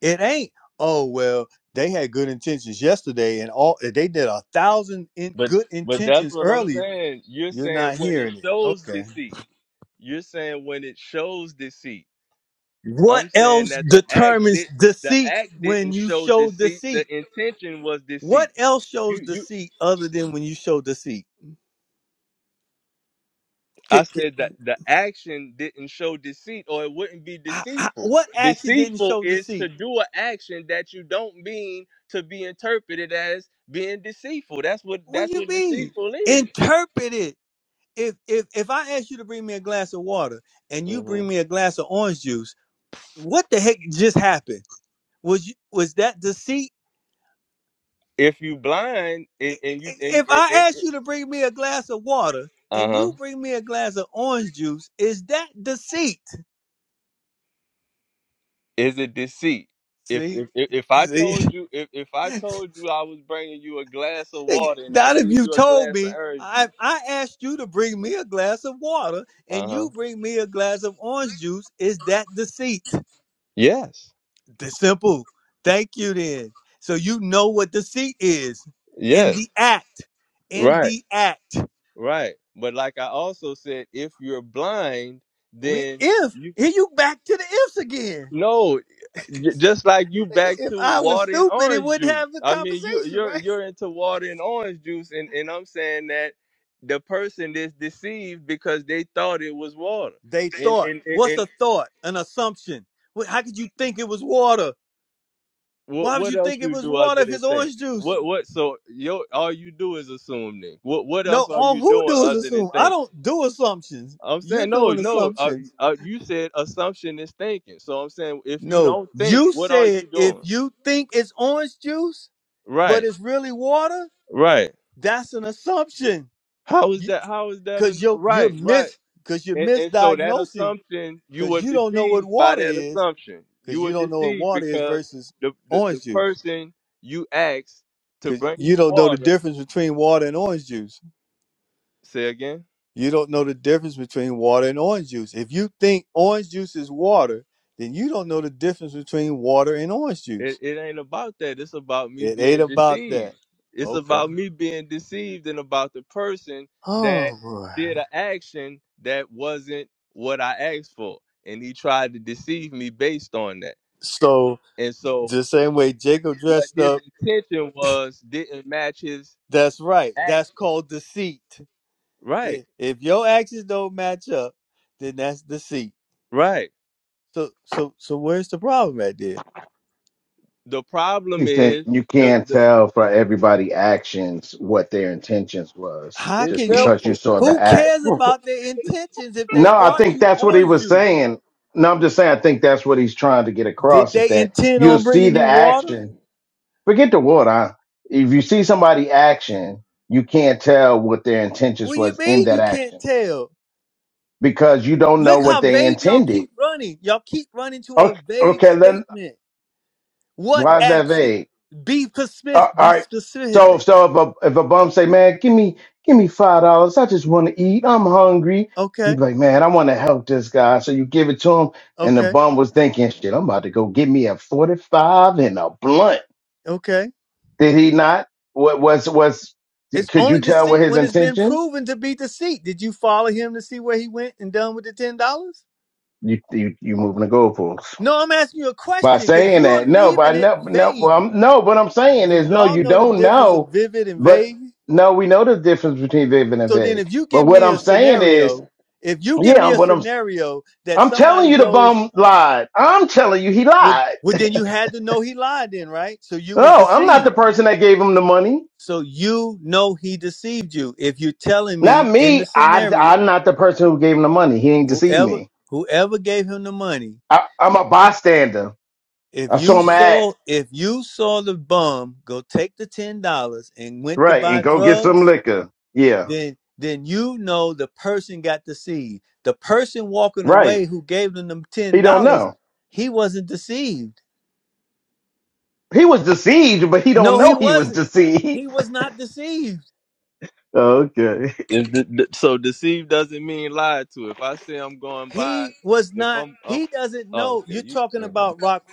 [SPEAKER 1] It ain't, oh, well, they had good intentions yesterday and all they did a thousand in
[SPEAKER 3] But
[SPEAKER 1] good
[SPEAKER 3] but that's
[SPEAKER 1] intentions
[SPEAKER 3] what I'm
[SPEAKER 1] earlier
[SPEAKER 3] saying. You're
[SPEAKER 1] you're
[SPEAKER 3] saying
[SPEAKER 1] not
[SPEAKER 3] when it
[SPEAKER 1] hearing it.
[SPEAKER 3] shows
[SPEAKER 1] Okay.
[SPEAKER 3] deceit. You're saying when it shows deceit.
[SPEAKER 1] What
[SPEAKER 3] I'm saying
[SPEAKER 1] else
[SPEAKER 3] that the act
[SPEAKER 1] determines
[SPEAKER 3] did the
[SPEAKER 1] deceit
[SPEAKER 3] act
[SPEAKER 1] when
[SPEAKER 3] didn't
[SPEAKER 1] you
[SPEAKER 3] show
[SPEAKER 1] show
[SPEAKER 3] deceit. The
[SPEAKER 1] deceit?
[SPEAKER 3] intention was
[SPEAKER 1] What
[SPEAKER 3] deceit.
[SPEAKER 1] else shows
[SPEAKER 3] You you
[SPEAKER 1] deceit other than when you show deceit?
[SPEAKER 3] I
[SPEAKER 1] Ca- ca-
[SPEAKER 3] said that the action didn't show deceit or it wouldn't be
[SPEAKER 1] I- I-
[SPEAKER 3] deceitful.
[SPEAKER 1] what action didn't
[SPEAKER 3] Deceitful
[SPEAKER 1] show
[SPEAKER 3] is to
[SPEAKER 1] deceit?
[SPEAKER 3] do an action that you don't mean to be interpreted as being deceitful. That's what
[SPEAKER 1] What do
[SPEAKER 3] that's
[SPEAKER 1] you
[SPEAKER 3] what
[SPEAKER 1] mean?
[SPEAKER 3] deceitful is.
[SPEAKER 1] Interpret it. If if if I ask you to bring me a glass of water and you bring
[SPEAKER 3] Mhm.
[SPEAKER 1] me a glass of orange juice, what the heck just happened? Was you, was that deceit?
[SPEAKER 3] If you blind and, and you and,
[SPEAKER 1] if I ask you to bring me a glass of water
[SPEAKER 3] uh
[SPEAKER 1] and
[SPEAKER 3] huh,
[SPEAKER 1] you bring me a glass of orange juice, is that deceit?
[SPEAKER 3] is it deceit? If,
[SPEAKER 1] See,
[SPEAKER 3] if if if I
[SPEAKER 1] see,
[SPEAKER 3] told you if, if I told you I was bringing you a glass of
[SPEAKER 1] Nigga,
[SPEAKER 3] water and I
[SPEAKER 1] not
[SPEAKER 3] give
[SPEAKER 1] if you
[SPEAKER 3] you a
[SPEAKER 1] told
[SPEAKER 3] glass of
[SPEAKER 1] me.
[SPEAKER 3] orange
[SPEAKER 1] I,
[SPEAKER 3] juice,
[SPEAKER 1] I asked you to bring me a glass of water
[SPEAKER 3] uh
[SPEAKER 1] and
[SPEAKER 3] huh,
[SPEAKER 1] you bring me a glass of orange juice. Is that deceit?
[SPEAKER 3] yes,
[SPEAKER 1] The simple. Thank you then. So you know what deceit is in
[SPEAKER 3] yes,
[SPEAKER 1] the act. In
[SPEAKER 3] right.
[SPEAKER 1] the act.
[SPEAKER 3] Right. But like I also said, if you're blind,
[SPEAKER 1] We
[SPEAKER 3] then
[SPEAKER 1] if
[SPEAKER 3] you
[SPEAKER 1] here you back to the ifs again.
[SPEAKER 3] no, j- just like you
[SPEAKER 1] Nigga,
[SPEAKER 3] back
[SPEAKER 1] if
[SPEAKER 3] to
[SPEAKER 1] I was
[SPEAKER 3] water and
[SPEAKER 1] stupid, it
[SPEAKER 3] orange
[SPEAKER 1] wouldn't
[SPEAKER 3] juice.
[SPEAKER 1] have the
[SPEAKER 3] I mean, you
[SPEAKER 1] conversation,
[SPEAKER 3] you're
[SPEAKER 1] right?
[SPEAKER 3] you're into water and orange juice and and I'm saying that the person is deceived because they thought it was water.
[SPEAKER 1] They
[SPEAKER 3] And
[SPEAKER 1] thought.
[SPEAKER 3] and and,
[SPEAKER 1] What's
[SPEAKER 3] and
[SPEAKER 1] a thought? An assumption. Wh- How could you think it was water?
[SPEAKER 3] what
[SPEAKER 1] Why would
[SPEAKER 3] what
[SPEAKER 1] you
[SPEAKER 3] else
[SPEAKER 1] think it
[SPEAKER 3] you
[SPEAKER 1] was
[SPEAKER 3] do
[SPEAKER 1] water
[SPEAKER 3] other
[SPEAKER 1] if
[SPEAKER 3] than
[SPEAKER 1] it's
[SPEAKER 3] think?
[SPEAKER 1] orange juice?
[SPEAKER 3] What what so your all you do is assume then. What what
[SPEAKER 1] No,
[SPEAKER 3] else are
[SPEAKER 1] all
[SPEAKER 3] you
[SPEAKER 1] who
[SPEAKER 3] doing
[SPEAKER 1] do is
[SPEAKER 3] other than
[SPEAKER 1] assume. I
[SPEAKER 3] thinking?
[SPEAKER 1] don't do assumptions.
[SPEAKER 3] I'm
[SPEAKER 1] You're
[SPEAKER 3] saying no,
[SPEAKER 1] doing
[SPEAKER 3] no. Uh,
[SPEAKER 1] assumptions.
[SPEAKER 3] uh, you said assumption is thinking. So I'm saying if you
[SPEAKER 1] No,
[SPEAKER 3] don't think,
[SPEAKER 1] you
[SPEAKER 3] what are
[SPEAKER 1] said
[SPEAKER 3] you
[SPEAKER 1] if
[SPEAKER 3] doing?
[SPEAKER 1] you think it's orange juice, but
[SPEAKER 3] Right,
[SPEAKER 1] it's really water,
[SPEAKER 3] right.
[SPEAKER 1] that's an assumption.
[SPEAKER 3] How is
[SPEAKER 1] You,
[SPEAKER 3] that? How is that?
[SPEAKER 1] cause
[SPEAKER 3] An,
[SPEAKER 1] you're you're
[SPEAKER 3] right, right.
[SPEAKER 1] mis cause you're
[SPEAKER 3] And, and so that
[SPEAKER 1] misdiagnosing
[SPEAKER 3] assumption, you
[SPEAKER 1] because
[SPEAKER 3] were
[SPEAKER 1] you don't know what
[SPEAKER 3] deceived by
[SPEAKER 1] water
[SPEAKER 3] that
[SPEAKER 1] is
[SPEAKER 3] assumption. You
[SPEAKER 1] because
[SPEAKER 3] were
[SPEAKER 1] you don't know what
[SPEAKER 3] deceived
[SPEAKER 1] water is
[SPEAKER 3] because
[SPEAKER 1] versus
[SPEAKER 3] the the, the
[SPEAKER 1] orange juice
[SPEAKER 3] person you asked to
[SPEAKER 1] because
[SPEAKER 3] bring
[SPEAKER 1] you
[SPEAKER 3] you
[SPEAKER 1] don't know the
[SPEAKER 3] water.
[SPEAKER 1] difference between water and orange juice.
[SPEAKER 3] Say again.
[SPEAKER 1] You don't know the difference between water and orange juice. If you think orange juice is water, then you don't know the difference between water and orange
[SPEAKER 3] It
[SPEAKER 1] juice.
[SPEAKER 3] it ain't about that. It's about me
[SPEAKER 1] It ain't
[SPEAKER 3] being
[SPEAKER 1] about that.
[SPEAKER 3] deceived. It's
[SPEAKER 1] Okay.
[SPEAKER 3] about me being deceived and about the person
[SPEAKER 1] Oh
[SPEAKER 3] that
[SPEAKER 1] boy.
[SPEAKER 3] did an action that wasn't what I asked for. And he tried to deceive me based on that.
[SPEAKER 1] So
[SPEAKER 3] And so
[SPEAKER 1] the same way Jacob
[SPEAKER 3] what
[SPEAKER 1] dressed
[SPEAKER 3] his
[SPEAKER 1] up,
[SPEAKER 3] intention was didn't match his
[SPEAKER 1] that's right. That's
[SPEAKER 3] action.
[SPEAKER 1] called deceit.
[SPEAKER 3] Right,
[SPEAKER 1] If, if your actions don't match up, then that's deceit.
[SPEAKER 3] right.
[SPEAKER 1] So so so where's the problem at there?
[SPEAKER 3] The
[SPEAKER 5] He
[SPEAKER 3] problem
[SPEAKER 5] said
[SPEAKER 3] is
[SPEAKER 5] you
[SPEAKER 3] the,
[SPEAKER 5] can't
[SPEAKER 3] the
[SPEAKER 5] tell for everybody actions what their intentions was
[SPEAKER 1] How
[SPEAKER 3] it's
[SPEAKER 5] just
[SPEAKER 1] can you?
[SPEAKER 5] because you
[SPEAKER 3] simple.
[SPEAKER 5] saw
[SPEAKER 3] It's
[SPEAKER 5] the
[SPEAKER 1] Who
[SPEAKER 5] act
[SPEAKER 1] cares
[SPEAKER 3] simple.
[SPEAKER 1] about their intentions if they
[SPEAKER 5] No, I
[SPEAKER 1] brought
[SPEAKER 5] think
[SPEAKER 1] you
[SPEAKER 5] that's what he
[SPEAKER 1] orange
[SPEAKER 5] was
[SPEAKER 1] juice?
[SPEAKER 5] saying. No, I'm just saying I think that's what he's trying to get
[SPEAKER 1] Did
[SPEAKER 5] across is
[SPEAKER 1] they
[SPEAKER 5] that
[SPEAKER 1] intend
[SPEAKER 5] you'll
[SPEAKER 1] on
[SPEAKER 5] see
[SPEAKER 1] bringing
[SPEAKER 5] the
[SPEAKER 1] you water?
[SPEAKER 5] action. Forget the word. if you see somebody action, you can't tell what their
[SPEAKER 1] What
[SPEAKER 5] intentions
[SPEAKER 1] do you
[SPEAKER 5] was in
[SPEAKER 1] mean
[SPEAKER 5] that
[SPEAKER 1] you can't
[SPEAKER 5] action
[SPEAKER 1] tell?
[SPEAKER 5] because you don't know
[SPEAKER 1] Look
[SPEAKER 5] what
[SPEAKER 1] how
[SPEAKER 5] they
[SPEAKER 1] vague y'all
[SPEAKER 5] intended.
[SPEAKER 1] keep running. Y'all keep running to a
[SPEAKER 5] Okay,
[SPEAKER 1] vague
[SPEAKER 5] okay then
[SPEAKER 1] statement. What
[SPEAKER 5] why is that
[SPEAKER 1] action?
[SPEAKER 5] vague?
[SPEAKER 1] Be specific.
[SPEAKER 5] Uh,
[SPEAKER 1] Be
[SPEAKER 5] all right. So
[SPEAKER 1] specific.
[SPEAKER 5] so if a if a bum say, man, give me give me five dollars. I just want to eat. I'm hungry. You
[SPEAKER 1] Okay.
[SPEAKER 5] be like, man, I want to help this guy. So you give it to him, and the
[SPEAKER 1] Okay.
[SPEAKER 5] bum was thinking, shit, I'm about to go get me a forty five and a blunt.
[SPEAKER 1] Okay.
[SPEAKER 5] Did he not? What was was?
[SPEAKER 1] It's
[SPEAKER 5] Could
[SPEAKER 1] only
[SPEAKER 5] you tell what
[SPEAKER 1] deceit
[SPEAKER 5] his
[SPEAKER 1] when it's been
[SPEAKER 5] intentions?
[SPEAKER 1] proven to be deceit. Did you follow him to see where he went and done with the ten dollars?
[SPEAKER 5] You you you moving the goalposts.
[SPEAKER 1] No, I'm asking you a
[SPEAKER 5] by
[SPEAKER 1] question because
[SPEAKER 5] saying
[SPEAKER 1] you are
[SPEAKER 5] that. No,
[SPEAKER 1] leaving
[SPEAKER 5] but I
[SPEAKER 1] it
[SPEAKER 5] no, no, well,
[SPEAKER 1] vague.
[SPEAKER 5] I'm, no. What I'm saying
[SPEAKER 1] Do
[SPEAKER 5] is, no,
[SPEAKER 1] y'all
[SPEAKER 5] you
[SPEAKER 1] know the
[SPEAKER 5] don't
[SPEAKER 1] difference of
[SPEAKER 5] know.
[SPEAKER 1] vivid and
[SPEAKER 5] But
[SPEAKER 1] vague?
[SPEAKER 5] no, we know the difference between Vivian and
[SPEAKER 1] So then,
[SPEAKER 5] Vig.
[SPEAKER 1] if you
[SPEAKER 5] But
[SPEAKER 1] give
[SPEAKER 5] what
[SPEAKER 1] me a
[SPEAKER 5] I'm saying is,
[SPEAKER 1] scenario, if you give
[SPEAKER 5] yeah,
[SPEAKER 1] me
[SPEAKER 5] I'm,
[SPEAKER 1] a
[SPEAKER 5] what I'm,
[SPEAKER 1] scenario that
[SPEAKER 5] I'm telling
[SPEAKER 1] somebody
[SPEAKER 5] you, the
[SPEAKER 1] goes
[SPEAKER 5] bum lied. I'm telling you, he
[SPEAKER 1] with,
[SPEAKER 5] lied.
[SPEAKER 1] well, then you had to know he lied, then, right? So you was
[SPEAKER 5] No, I'm not the
[SPEAKER 1] deceived.
[SPEAKER 5] person that gave him the money.
[SPEAKER 1] So you know he deceived you. If you're telling
[SPEAKER 5] Not
[SPEAKER 1] me in
[SPEAKER 5] me.
[SPEAKER 1] the
[SPEAKER 5] I,
[SPEAKER 1] scenario,
[SPEAKER 5] I'm not the person who gave him the money. He ain't deceived
[SPEAKER 1] whoever
[SPEAKER 5] me.
[SPEAKER 1] whoever gave him the money,
[SPEAKER 5] I, I'm a bystander.
[SPEAKER 1] if
[SPEAKER 5] I saw
[SPEAKER 1] you
[SPEAKER 5] him
[SPEAKER 1] saw
[SPEAKER 5] act
[SPEAKER 1] if you saw the bum go take the ten dollars and went to
[SPEAKER 5] right
[SPEAKER 1] buy
[SPEAKER 5] and go get
[SPEAKER 1] drugs
[SPEAKER 5] some liquor. Yeah,
[SPEAKER 1] then then you know the person got deceived. The person walking
[SPEAKER 5] right.
[SPEAKER 1] away who gave them them ten
[SPEAKER 5] He don't
[SPEAKER 1] dollars,
[SPEAKER 5] know.
[SPEAKER 1] he wasn't deceived.
[SPEAKER 5] he was deceived, but he don't
[SPEAKER 1] No, he
[SPEAKER 5] know he was
[SPEAKER 1] wasn't.
[SPEAKER 5] deceived.
[SPEAKER 1] He was not deceived.
[SPEAKER 5] Okay.
[SPEAKER 3] If the, the- so deceive doesn't mean lied to. If I say I'm going by,
[SPEAKER 1] He was
[SPEAKER 3] if
[SPEAKER 1] not.
[SPEAKER 3] I'm, I'm
[SPEAKER 1] He doesn't
[SPEAKER 3] oh,
[SPEAKER 1] know.
[SPEAKER 3] okay,
[SPEAKER 1] You're
[SPEAKER 3] you.
[SPEAKER 1] talking
[SPEAKER 3] okay.
[SPEAKER 1] about Rock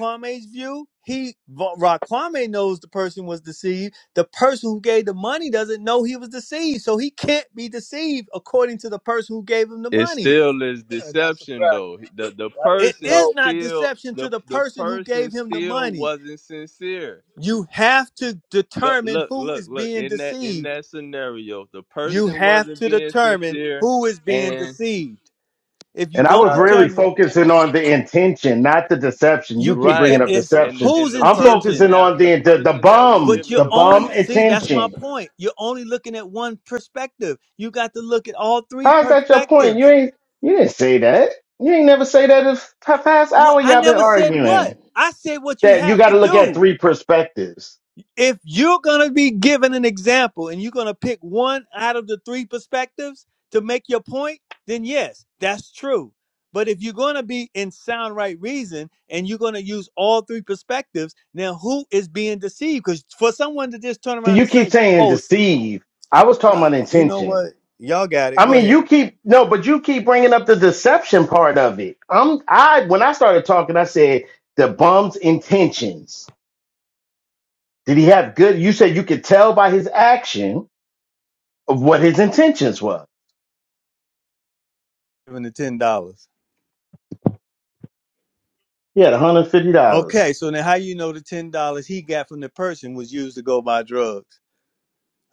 [SPEAKER 1] view. He Rock knows the person was deceived. The person who gave the money doesn't know he was deceived, so he can't be deceived according to the person who gave him the
[SPEAKER 3] It
[SPEAKER 1] money.
[SPEAKER 3] still is
[SPEAKER 8] And that's a
[SPEAKER 3] deception
[SPEAKER 8] fact.
[SPEAKER 3] though. The the
[SPEAKER 8] That,
[SPEAKER 1] It
[SPEAKER 3] person
[SPEAKER 1] is
[SPEAKER 8] no,
[SPEAKER 1] not
[SPEAKER 3] still
[SPEAKER 1] deception
[SPEAKER 3] the
[SPEAKER 1] to the
[SPEAKER 3] the
[SPEAKER 1] person who
[SPEAKER 3] person
[SPEAKER 1] gave him the
[SPEAKER 3] still
[SPEAKER 1] money
[SPEAKER 3] wasn't sincere.
[SPEAKER 1] You have to
[SPEAKER 3] Look
[SPEAKER 1] determine
[SPEAKER 3] look
[SPEAKER 1] who
[SPEAKER 3] look
[SPEAKER 1] is
[SPEAKER 3] look
[SPEAKER 1] being
[SPEAKER 3] in that in
[SPEAKER 1] deceived.
[SPEAKER 3] that scenario, the
[SPEAKER 1] You
[SPEAKER 3] person
[SPEAKER 1] have
[SPEAKER 3] wasn't
[SPEAKER 1] to
[SPEAKER 3] being
[SPEAKER 1] determine
[SPEAKER 3] sincere,
[SPEAKER 1] who is being
[SPEAKER 3] and
[SPEAKER 1] deceived. If you
[SPEAKER 5] And I
[SPEAKER 1] don't
[SPEAKER 5] was
[SPEAKER 8] nah,
[SPEAKER 5] really
[SPEAKER 1] determine,
[SPEAKER 5] focusing on the intention, not the deception. You
[SPEAKER 1] you
[SPEAKER 5] keep
[SPEAKER 1] c- it
[SPEAKER 5] bringing
[SPEAKER 3] right,
[SPEAKER 5] up
[SPEAKER 1] is
[SPEAKER 3] and
[SPEAKER 5] deception.
[SPEAKER 3] and
[SPEAKER 1] whose
[SPEAKER 3] the
[SPEAKER 5] I'm
[SPEAKER 3] person
[SPEAKER 5] focusing
[SPEAKER 1] intentions.
[SPEAKER 3] that
[SPEAKER 5] on
[SPEAKER 3] the
[SPEAKER 5] the the, the
[SPEAKER 3] person that was
[SPEAKER 5] bum,
[SPEAKER 1] But you
[SPEAKER 3] giving
[SPEAKER 5] the
[SPEAKER 3] the
[SPEAKER 1] only
[SPEAKER 5] bum
[SPEAKER 3] money.
[SPEAKER 1] see that's my
[SPEAKER 5] intention.
[SPEAKER 1] point. You're only looking at one perspective. You got to look at all three
[SPEAKER 5] How's that your point? You
[SPEAKER 1] perspectives.
[SPEAKER 5] ain't you didn't say that. You ain't never say that If the past
[SPEAKER 1] What
[SPEAKER 5] hour
[SPEAKER 1] I
[SPEAKER 5] y'all been
[SPEAKER 1] never said what.
[SPEAKER 5] arguing.
[SPEAKER 1] I said what you
[SPEAKER 5] That you
[SPEAKER 1] have
[SPEAKER 5] got
[SPEAKER 1] to
[SPEAKER 5] to look at
[SPEAKER 1] do.
[SPEAKER 5] three perspectives.
[SPEAKER 1] if you're going to be given an example and you're going to pick one out of the three perspectives to make your point, then yes, that's true. But if you're going to be in sound right reason and you're going to use all three perspectives, now who is being deceived? Because for someone to just turn
[SPEAKER 5] See,
[SPEAKER 1] around
[SPEAKER 5] you
[SPEAKER 1] and
[SPEAKER 5] keep
[SPEAKER 1] say,
[SPEAKER 5] saying
[SPEAKER 1] oh, s-
[SPEAKER 5] deceive. I was talking
[SPEAKER 1] yeah,
[SPEAKER 5] about
[SPEAKER 1] you know
[SPEAKER 5] intention.
[SPEAKER 1] what? Y'all got it.
[SPEAKER 5] I
[SPEAKER 1] Go
[SPEAKER 5] mean,
[SPEAKER 1] ahead.
[SPEAKER 5] you keep no, but you keep bringing up the deception part of it. I'm I when I started talking, I said the bum's intentions. Did he have good? You said you could tell by his action of what his intentions were.
[SPEAKER 1] Giving the $10.
[SPEAKER 5] He had one hundred fifty dollars
[SPEAKER 1] Okay, so now how you know the $10 he got from the person was used to go buy drugs?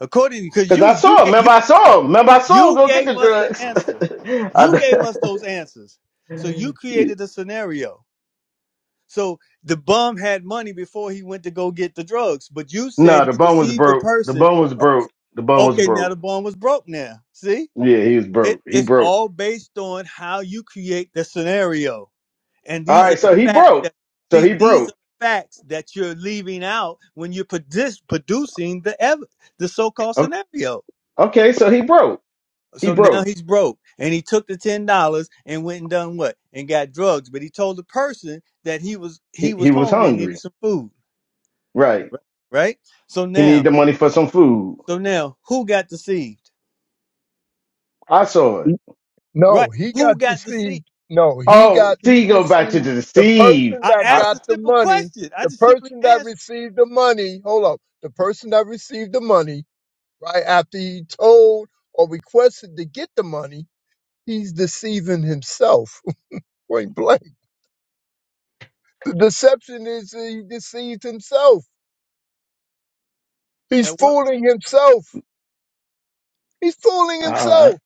[SPEAKER 1] According, because
[SPEAKER 5] because I
[SPEAKER 1] you, you
[SPEAKER 5] saw him.
[SPEAKER 1] get, you
[SPEAKER 5] Remember, I saw him. Remember, I saw him
[SPEAKER 1] You
[SPEAKER 5] go get
[SPEAKER 1] gave
[SPEAKER 5] the
[SPEAKER 1] us the
[SPEAKER 5] drugs.
[SPEAKER 1] answer. You gave us those answers. So you
[SPEAKER 5] I-
[SPEAKER 1] created the scenario. So the bum had money before he went to go get the drugs, but you
[SPEAKER 5] no,
[SPEAKER 1] said
[SPEAKER 5] the
[SPEAKER 1] he
[SPEAKER 5] bum was
[SPEAKER 1] deceived the
[SPEAKER 5] broke. The
[SPEAKER 1] person.
[SPEAKER 5] bum was broke.
[SPEAKER 1] Ac-
[SPEAKER 5] The bum was
[SPEAKER 1] Okay, now
[SPEAKER 5] broke.
[SPEAKER 1] the bum was broke now. See?
[SPEAKER 5] Yeah, he was
[SPEAKER 1] It,
[SPEAKER 5] broke. He
[SPEAKER 1] it's
[SPEAKER 5] broke.
[SPEAKER 1] all based on how you create the scenario. And
[SPEAKER 5] All
[SPEAKER 1] these are
[SPEAKER 5] right,
[SPEAKER 1] the
[SPEAKER 5] so he
[SPEAKER 1] facts
[SPEAKER 5] broke.
[SPEAKER 1] that,
[SPEAKER 5] So
[SPEAKER 1] see,
[SPEAKER 5] he
[SPEAKER 1] these are
[SPEAKER 5] broke.
[SPEAKER 1] facts that you're leaving out when you're produce, producing the, ev- the so called
[SPEAKER 5] O-
[SPEAKER 1] scenario.
[SPEAKER 5] Okay, so he broke. He
[SPEAKER 1] So
[SPEAKER 5] broke.
[SPEAKER 1] now he's broke, and he took the ten dollars and went and done what? And got drugs. But he told the person that he was he
[SPEAKER 5] He,
[SPEAKER 1] was
[SPEAKER 5] he was
[SPEAKER 1] hungry and needed
[SPEAKER 5] hungry.
[SPEAKER 1] some food,
[SPEAKER 5] Right.
[SPEAKER 1] ri- right? So
[SPEAKER 5] He
[SPEAKER 1] now,
[SPEAKER 5] needed the money for some food.
[SPEAKER 1] so now, who got deceived?
[SPEAKER 5] I saw it.
[SPEAKER 8] he-
[SPEAKER 1] Right?
[SPEAKER 8] no, he got
[SPEAKER 1] Who got
[SPEAKER 8] deceived.
[SPEAKER 1] deceived?
[SPEAKER 8] No, he
[SPEAKER 5] Oh,
[SPEAKER 8] got,
[SPEAKER 5] see,
[SPEAKER 8] he
[SPEAKER 5] you go back to
[SPEAKER 8] deceived
[SPEAKER 5] the
[SPEAKER 8] the
[SPEAKER 5] deceive.
[SPEAKER 8] person
[SPEAKER 1] I
[SPEAKER 8] that
[SPEAKER 5] I,
[SPEAKER 1] asked
[SPEAKER 8] got
[SPEAKER 1] a
[SPEAKER 8] the
[SPEAKER 1] simple
[SPEAKER 8] money,
[SPEAKER 1] question. I
[SPEAKER 8] the
[SPEAKER 1] just simply
[SPEAKER 8] person that
[SPEAKER 1] asked,
[SPEAKER 8] received the money. Hold up. The person that received the money, right after he told or requested to get the money, he's deceiving himself. Point blank. The deception is he deceives himself. He's
[SPEAKER 1] and what?
[SPEAKER 8] fooling himself. He's fooling
[SPEAKER 5] all right.
[SPEAKER 8] himself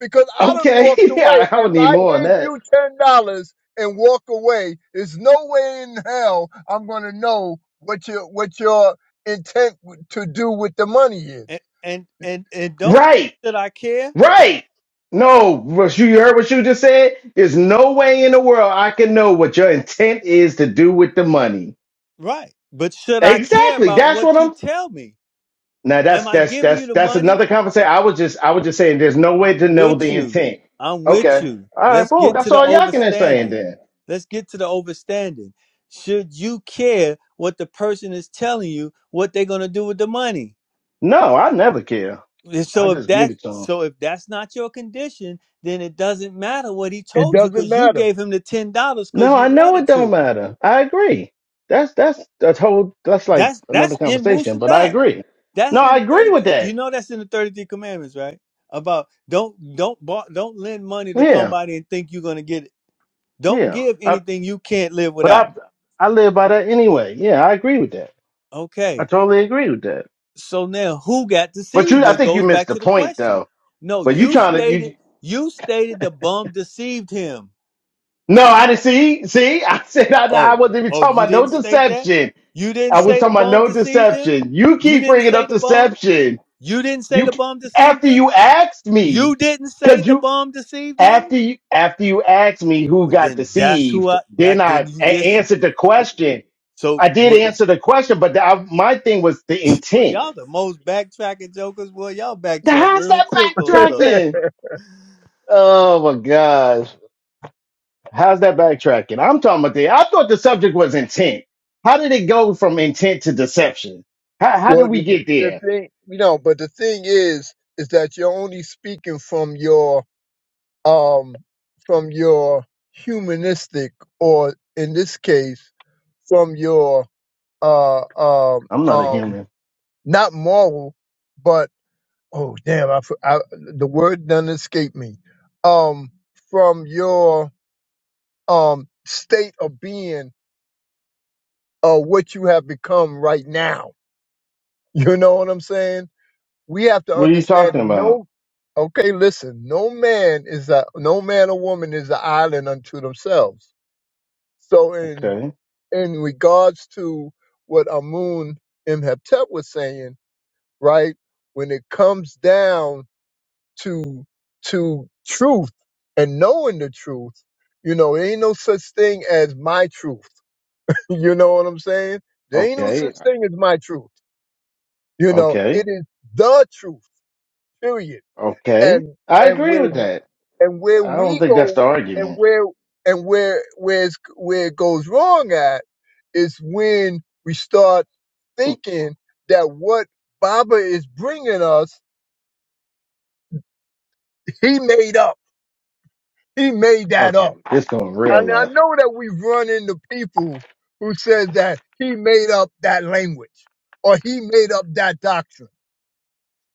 [SPEAKER 8] because I done
[SPEAKER 5] Okay.
[SPEAKER 8] walked away.
[SPEAKER 5] yeah, I
[SPEAKER 8] If
[SPEAKER 5] would need
[SPEAKER 8] I
[SPEAKER 5] more on
[SPEAKER 8] gave
[SPEAKER 5] that.
[SPEAKER 8] you ten dollars and walk away, there's no way in hell I'm gonna know what your what your intent w- to do with the money
[SPEAKER 1] And
[SPEAKER 8] is.
[SPEAKER 1] and and, and don't
[SPEAKER 5] Right.
[SPEAKER 1] should I care?
[SPEAKER 5] Right. No, what you you heard what you just said? There's no way in the world I can know what your intent is to do with the money.
[SPEAKER 1] Right? But should I care
[SPEAKER 5] Exactly.
[SPEAKER 1] about
[SPEAKER 5] That's
[SPEAKER 1] what
[SPEAKER 5] what
[SPEAKER 1] you
[SPEAKER 5] I'm
[SPEAKER 1] tell me?
[SPEAKER 5] now
[SPEAKER 1] Am
[SPEAKER 5] that's
[SPEAKER 1] I
[SPEAKER 5] that's
[SPEAKER 1] giving you
[SPEAKER 5] that's
[SPEAKER 1] the
[SPEAKER 5] that's
[SPEAKER 1] money?
[SPEAKER 5] another conversation. I was just I was just saying there's no way to
[SPEAKER 1] I'm
[SPEAKER 5] know
[SPEAKER 1] with
[SPEAKER 5] the
[SPEAKER 1] you.
[SPEAKER 5] intent.
[SPEAKER 1] I'm with
[SPEAKER 5] Okay.
[SPEAKER 1] you.
[SPEAKER 5] All right,
[SPEAKER 1] Let's
[SPEAKER 5] boom.
[SPEAKER 1] get to
[SPEAKER 5] That's
[SPEAKER 1] the
[SPEAKER 5] all y'all can say
[SPEAKER 1] overstanding.
[SPEAKER 5] then.
[SPEAKER 1] Let's get to the overstanding. Should you care what the person is telling you what they're gonna do with the money?
[SPEAKER 5] No, I never care.
[SPEAKER 1] And
[SPEAKER 5] I
[SPEAKER 1] so if
[SPEAKER 5] just give
[SPEAKER 1] that
[SPEAKER 5] it to them.
[SPEAKER 1] so if that's not your condition, then it doesn't matter what he
[SPEAKER 8] It
[SPEAKER 1] told you
[SPEAKER 8] doesn't
[SPEAKER 1] because you
[SPEAKER 8] matter.
[SPEAKER 1] gave him the ten dollars because
[SPEAKER 5] No,
[SPEAKER 1] you
[SPEAKER 5] I know it
[SPEAKER 1] wanted
[SPEAKER 5] don't
[SPEAKER 1] to.
[SPEAKER 5] matter. I agree. That's that's that's whole that's like
[SPEAKER 1] That's
[SPEAKER 5] another
[SPEAKER 1] that's in
[SPEAKER 5] conversation,
[SPEAKER 1] Wusabat.
[SPEAKER 5] but I agree. No,
[SPEAKER 1] That's in
[SPEAKER 5] I
[SPEAKER 1] the thirty
[SPEAKER 5] agree with
[SPEAKER 1] three. You
[SPEAKER 5] that.
[SPEAKER 1] know that's in the thirty three commandments, right? About don't don't bar, don't lend money to
[SPEAKER 5] Yeah,
[SPEAKER 1] somebody and think you're gonna get it Don't
[SPEAKER 5] yeah.
[SPEAKER 1] give
[SPEAKER 5] I,
[SPEAKER 1] anything you can't live
[SPEAKER 5] but
[SPEAKER 1] without.
[SPEAKER 5] I I live by that anyway. Yeah, I agree with that. I
[SPEAKER 1] Okay.
[SPEAKER 5] totally agree with that.
[SPEAKER 1] So now who got
[SPEAKER 5] But
[SPEAKER 1] deceived?
[SPEAKER 5] you,
[SPEAKER 1] Well,
[SPEAKER 5] I
[SPEAKER 1] It
[SPEAKER 5] think you
[SPEAKER 1] goes
[SPEAKER 5] missed
[SPEAKER 1] back
[SPEAKER 5] the
[SPEAKER 1] to the
[SPEAKER 5] point
[SPEAKER 1] question.
[SPEAKER 5] though.
[SPEAKER 1] No,
[SPEAKER 5] But you
[SPEAKER 1] you
[SPEAKER 5] trying to
[SPEAKER 1] stated
[SPEAKER 5] you?
[SPEAKER 1] you stated the bum deceived him.
[SPEAKER 5] No, I didn't see. See, I said I, I
[SPEAKER 1] Oh,
[SPEAKER 5] wasn't even
[SPEAKER 1] oh,
[SPEAKER 5] talking
[SPEAKER 1] you
[SPEAKER 5] about no
[SPEAKER 1] didn't state that?
[SPEAKER 5] deception.
[SPEAKER 1] You didn't
[SPEAKER 5] I was
[SPEAKER 1] say the
[SPEAKER 5] talking about
[SPEAKER 1] bum
[SPEAKER 5] no
[SPEAKER 1] deceived him?
[SPEAKER 5] deception. You
[SPEAKER 1] You
[SPEAKER 5] keep
[SPEAKER 1] didn't
[SPEAKER 5] bringing
[SPEAKER 1] say
[SPEAKER 5] up
[SPEAKER 1] the bum?
[SPEAKER 5] deception.
[SPEAKER 1] You didn't say
[SPEAKER 5] You
[SPEAKER 1] the
[SPEAKER 5] c-
[SPEAKER 1] bum deceived
[SPEAKER 5] after
[SPEAKER 1] him?
[SPEAKER 5] you asked me,
[SPEAKER 1] You didn't say
[SPEAKER 5] cause
[SPEAKER 1] the
[SPEAKER 5] you
[SPEAKER 1] bum deceived him?
[SPEAKER 5] after you after you asked me who
[SPEAKER 1] Well
[SPEAKER 5] got
[SPEAKER 1] then that's who
[SPEAKER 5] deceived,
[SPEAKER 1] I
[SPEAKER 5] then
[SPEAKER 1] that then
[SPEAKER 5] I
[SPEAKER 1] you
[SPEAKER 5] a-
[SPEAKER 1] just
[SPEAKER 5] answered the question.
[SPEAKER 1] so
[SPEAKER 5] I did
[SPEAKER 1] what
[SPEAKER 5] answer the question, but the, I, my thing was the
[SPEAKER 1] well
[SPEAKER 5] intent.
[SPEAKER 1] y'all the most backtracking jokers. Well y'all
[SPEAKER 5] Now,
[SPEAKER 1] backtrack
[SPEAKER 5] How's
[SPEAKER 1] real
[SPEAKER 5] that
[SPEAKER 1] quick on stuff.
[SPEAKER 5] backtracking? Oh my gosh, how's that backtracking? I'm talking about the. I thought the subject was intent. How did it go from intent to deception? How how did
[SPEAKER 8] Well, the,
[SPEAKER 5] we get
[SPEAKER 8] the
[SPEAKER 5] there?
[SPEAKER 8] thing you know, but the thing is, is that you're only speaking from your um, from your humanistic, or in this case, from your uh, um,
[SPEAKER 5] I'm not a
[SPEAKER 8] um,
[SPEAKER 5] human.
[SPEAKER 8] not moral, but oh damn, I, for- I the word doesn't escape me. Um, from your um state of being, uh, what you have become right now. You know what I'm saying? We have to
[SPEAKER 5] What are you
[SPEAKER 8] understand
[SPEAKER 5] talking
[SPEAKER 8] that
[SPEAKER 5] about?
[SPEAKER 8] no. Okay, listen. No man is a no man or woman is an island unto themselves. So in
[SPEAKER 5] Okay,
[SPEAKER 8] in regards to what Amun Imhotep was saying, right? When it comes down to to truth and knowing the truth, you know, there ain't no such thing as my truth. you know what I'm saying? There ain't no
[SPEAKER 5] okay,
[SPEAKER 8] such thing as my truth. You know,
[SPEAKER 5] okay.
[SPEAKER 8] it is the truth. Period.
[SPEAKER 5] Okay.
[SPEAKER 8] and
[SPEAKER 5] I
[SPEAKER 8] and
[SPEAKER 5] agree
[SPEAKER 8] where
[SPEAKER 5] with that.
[SPEAKER 8] and where
[SPEAKER 5] I don't
[SPEAKER 8] we
[SPEAKER 5] think that's
[SPEAKER 8] go
[SPEAKER 5] the
[SPEAKER 8] and
[SPEAKER 5] argument.
[SPEAKER 8] where and where where it's, where it goes wrong at is when we start thinking that what Baba is bringing us, he made up. He made that
[SPEAKER 5] Okay,
[SPEAKER 8] up.
[SPEAKER 5] this going real
[SPEAKER 8] And I
[SPEAKER 5] left.
[SPEAKER 8] know that we've run into people who says that he made up that language or he made up that doctrine.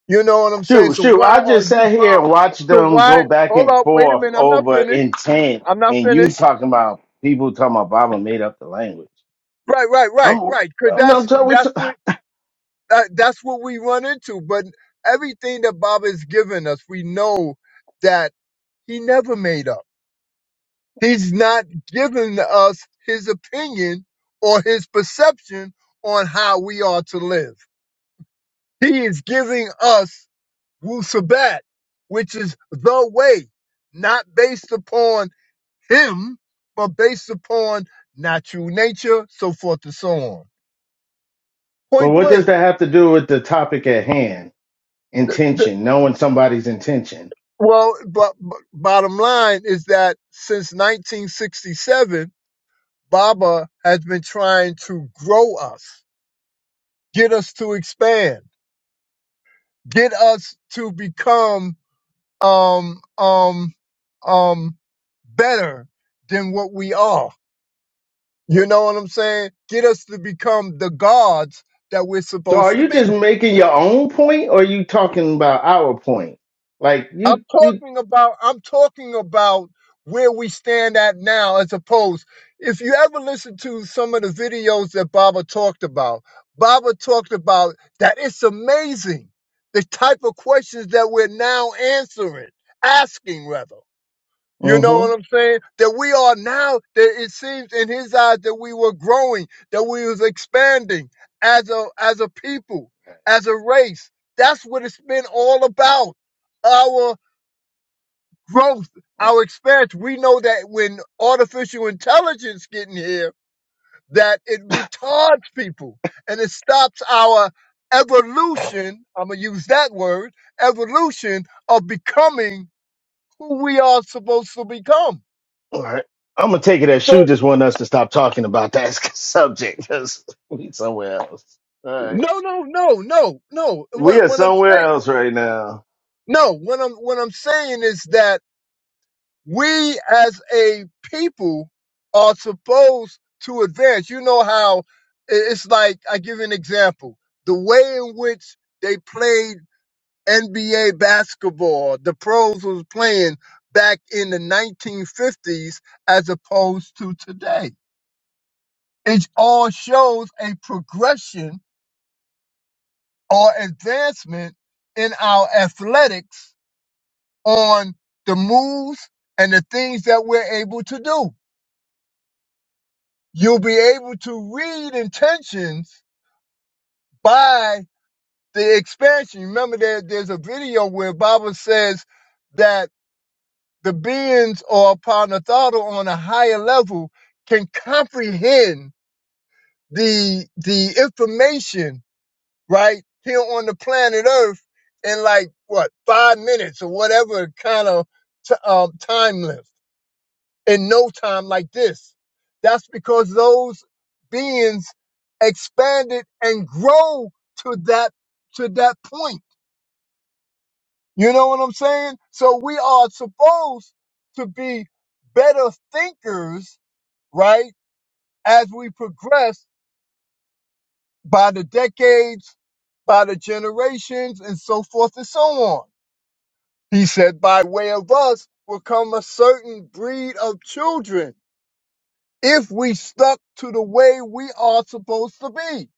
[SPEAKER 8] You know what I'm saying?
[SPEAKER 5] Shoot,
[SPEAKER 8] So
[SPEAKER 5] shoot.
[SPEAKER 8] why
[SPEAKER 5] I
[SPEAKER 8] are
[SPEAKER 5] just
[SPEAKER 8] you
[SPEAKER 5] sat here
[SPEAKER 8] following?
[SPEAKER 5] and watched
[SPEAKER 8] So
[SPEAKER 5] them go
[SPEAKER 8] why?
[SPEAKER 5] back
[SPEAKER 8] Hold
[SPEAKER 5] and
[SPEAKER 8] up. Wait a
[SPEAKER 5] forth
[SPEAKER 8] minute. I'm not
[SPEAKER 5] over
[SPEAKER 8] finished.
[SPEAKER 5] intent
[SPEAKER 8] I'm not
[SPEAKER 5] and you
[SPEAKER 8] finished.
[SPEAKER 5] talking about people talking about Baba made up the language.
[SPEAKER 8] Right, right, right,
[SPEAKER 5] I'm
[SPEAKER 8] right. Cause
[SPEAKER 5] I'm
[SPEAKER 8] that's
[SPEAKER 5] not talking we
[SPEAKER 8] that's
[SPEAKER 5] t-
[SPEAKER 8] what uh, that's what we run into. But everything that Baba has given us, we know that he never made up. He's not giving us his opinion or his perception on how we are to live. He is giving us Wu Sabat, which is the way, not based upon him, but based upon natural nature, so forth and so on.
[SPEAKER 5] Well,
[SPEAKER 8] Point
[SPEAKER 5] what does
[SPEAKER 8] blank.
[SPEAKER 5] that have to do with the topic at hand? Intention, knowing somebody's intention.
[SPEAKER 8] Well, but, but bottom line is that since 1967, Baba has been trying to grow us, get us to expand, get us to become um um um better than what we are. You know what I'm saying? Get us to become the gods that we're
[SPEAKER 5] So are
[SPEAKER 8] supposed to
[SPEAKER 5] you
[SPEAKER 8] be.
[SPEAKER 5] just making your own point or are you talking about our point? Like
[SPEAKER 8] I'm
[SPEAKER 5] you you
[SPEAKER 8] talking about I'm talking about where we stand at now as opposed if you ever listen to some of the videos that Baba talked about, Baba talked about that it's amazing the type of questions that we're now answering, asking rather. You know
[SPEAKER 5] mm-hmm.
[SPEAKER 8] what I'm saying? That we are now that it seems in his eyes that we were growing, that we was expanding as a as a people, as a race. That's what it's been all about Our growth, our experience. We know that when artificial intelligence get in here, that it retards people and it stops our evolution. I'm gonna use that word, evolution of becoming who we are supposed to become.
[SPEAKER 5] All right. I'm gonna take it as Shu
[SPEAKER 8] So
[SPEAKER 5] just want us to stop talking about that subject because we somewhere else. All right,
[SPEAKER 8] no, no, no, no, no.
[SPEAKER 5] we
[SPEAKER 8] What
[SPEAKER 5] are
[SPEAKER 8] what I'm
[SPEAKER 5] somewhere
[SPEAKER 8] saying,
[SPEAKER 5] else right now.
[SPEAKER 8] no, what I'm what I'm saying is that we as a people are supposed to advance. You know how i- it's like, I give you an example. The way in which they played NBA basketball, the pros was playing back in the 1950s as opposed to today. It all shows a progression or advancement in our athletics on the moves and the things that we're able to do. You'll be able to read intentions by the expansion. Remember that there's a video where Baba says that the beings or Panatharu on a higher level can comprehend the the information right here on the planet Earth in like what five minutes or whatever kind of t- um, time length. in no time like this. That's because those beings expanded and grow to that to that point. You know what I'm saying? So we are supposed to be better thinkers, right? As we progress by the decades, by the generations, and so forth and so on. He said, by way of us will come a certain breed of children if we stuck to the way we are supposed to be.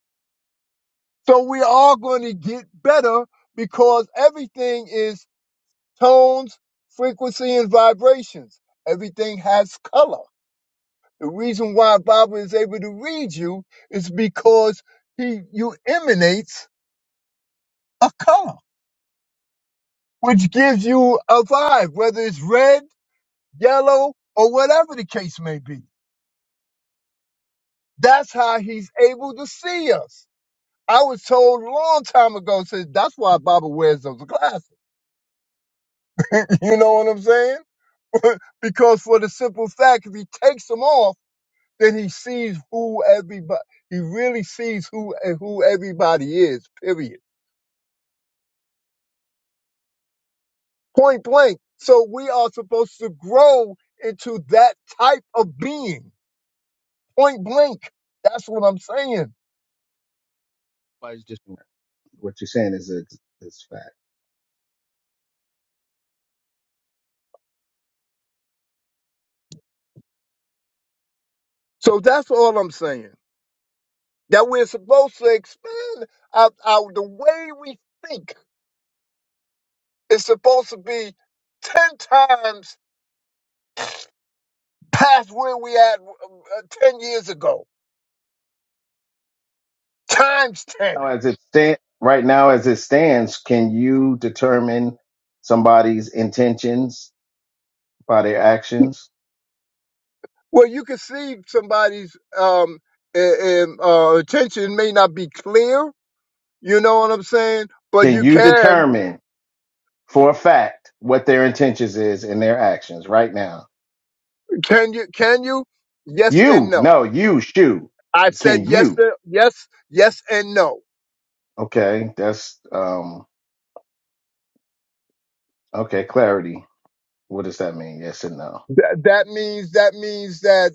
[SPEAKER 8] So we are going to get better because everything is tones, frequency, and vibrations. Everything has color. The reason why Baba is able to read you is because he you emanates a color, which gives you a vibe, whether it's red, yellow, or whatever the case may be. That's how he's able to see us. I was told a long time ago, says that's why Baba wears those glasses. You know what I'm saying? because for the simple fact, if he takes them off, then he sees who everybody, he really sees who and who everybody is, period. Point blank. So we are supposed to grow into that type of being. Point blank. That's what I'm saying.
[SPEAKER 5] Why is just what you're saying is a, is fact.
[SPEAKER 8] So that's all I'm saying. That we're supposed to expand out, out the way we think It's supposed to be 10 times past where we at uh, 10 years ago, times 10.
[SPEAKER 5] Now, as it stand, right now as it stands, can you determine somebody's intentions by their actions?
[SPEAKER 8] Well, you can see somebody's um, a- um, uh, attention may not be clear. You know what I'm saying? But
[SPEAKER 5] Can
[SPEAKER 8] you
[SPEAKER 5] you
[SPEAKER 8] can.
[SPEAKER 5] determine for a fact what their intentions is in their actions right now?
[SPEAKER 8] Can you? Can you? Yes and
[SPEAKER 5] You,
[SPEAKER 8] no.
[SPEAKER 5] no, you, Shu.
[SPEAKER 8] I said
[SPEAKER 5] Can
[SPEAKER 8] yes.
[SPEAKER 5] you?
[SPEAKER 8] To, yes. Yes and no.
[SPEAKER 5] Okay, that's um Okay, clarity. What does that mean? Yes and no.
[SPEAKER 8] That, that means that means that.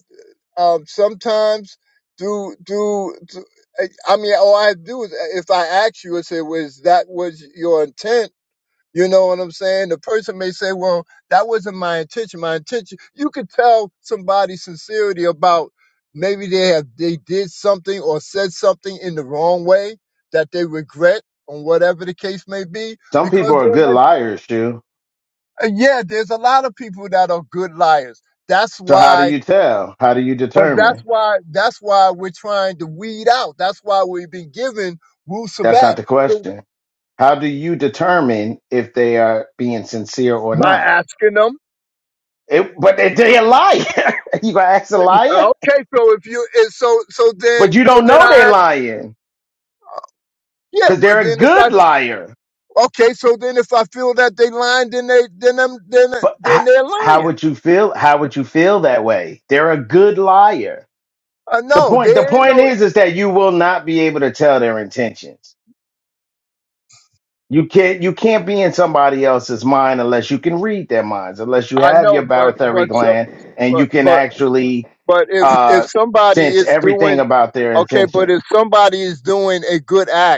[SPEAKER 8] um, sometimes do do, do eh, I mean all I do is if I ask you and say was that was your intent you know what I'm saying the person may say well that wasn't my intention my intention you could tell somebody's sincerity about maybe they have they did something or said something in the wrong way that they regret or whatever the case may be
[SPEAKER 5] Some people
[SPEAKER 8] because
[SPEAKER 5] are
[SPEAKER 8] they're
[SPEAKER 5] good
[SPEAKER 8] like
[SPEAKER 5] liars, Shu.
[SPEAKER 8] uh, yeah there's a lot of people that are good liars that's
[SPEAKER 5] So how do
[SPEAKER 8] why
[SPEAKER 5] you tell? How do you
[SPEAKER 8] but that's
[SPEAKER 5] determine?
[SPEAKER 8] why that's why we're trying to weed out. That's why we've been given Wu
[SPEAKER 5] That's
[SPEAKER 8] Sabat.
[SPEAKER 5] not the
[SPEAKER 8] So
[SPEAKER 5] question. How do you determine if they are being sincere or
[SPEAKER 8] by
[SPEAKER 5] not?
[SPEAKER 8] asking them,
[SPEAKER 5] It, but they, they a liar. you gonna ask a liar?
[SPEAKER 8] okay, so if you is so so then
[SPEAKER 5] But you
[SPEAKER 8] so
[SPEAKER 5] don't
[SPEAKER 8] then
[SPEAKER 5] know they're
[SPEAKER 8] I ask,
[SPEAKER 5] lying
[SPEAKER 8] yeah,
[SPEAKER 5] because
[SPEAKER 8] well
[SPEAKER 5] they're a
[SPEAKER 8] then if I
[SPEAKER 5] good liar.
[SPEAKER 8] okay, so then if I feel that they lying, then they then them then
[SPEAKER 5] But h-
[SPEAKER 8] then they're
[SPEAKER 5] how
[SPEAKER 8] lying.
[SPEAKER 5] would you feel? How would you feel that way? They're a good liar.
[SPEAKER 8] I
[SPEAKER 5] The
[SPEAKER 8] know
[SPEAKER 5] point. The
[SPEAKER 8] there ain't
[SPEAKER 5] point
[SPEAKER 8] no
[SPEAKER 5] is, is that you will not be able to tell their intentions. You can't you can't be in somebody else's mind unless you can read their minds, unless you
[SPEAKER 8] I
[SPEAKER 5] have
[SPEAKER 8] know,
[SPEAKER 5] your
[SPEAKER 8] but
[SPEAKER 5] barotheric
[SPEAKER 8] but so-
[SPEAKER 5] gland and
[SPEAKER 8] but
[SPEAKER 5] you can
[SPEAKER 8] but
[SPEAKER 5] actually
[SPEAKER 8] but if if
[SPEAKER 5] uh,
[SPEAKER 8] somebody
[SPEAKER 5] sense
[SPEAKER 8] is
[SPEAKER 5] everything
[SPEAKER 8] doing
[SPEAKER 5] about their
[SPEAKER 8] okay, but
[SPEAKER 5] intention.
[SPEAKER 8] if somebody is doing a good act.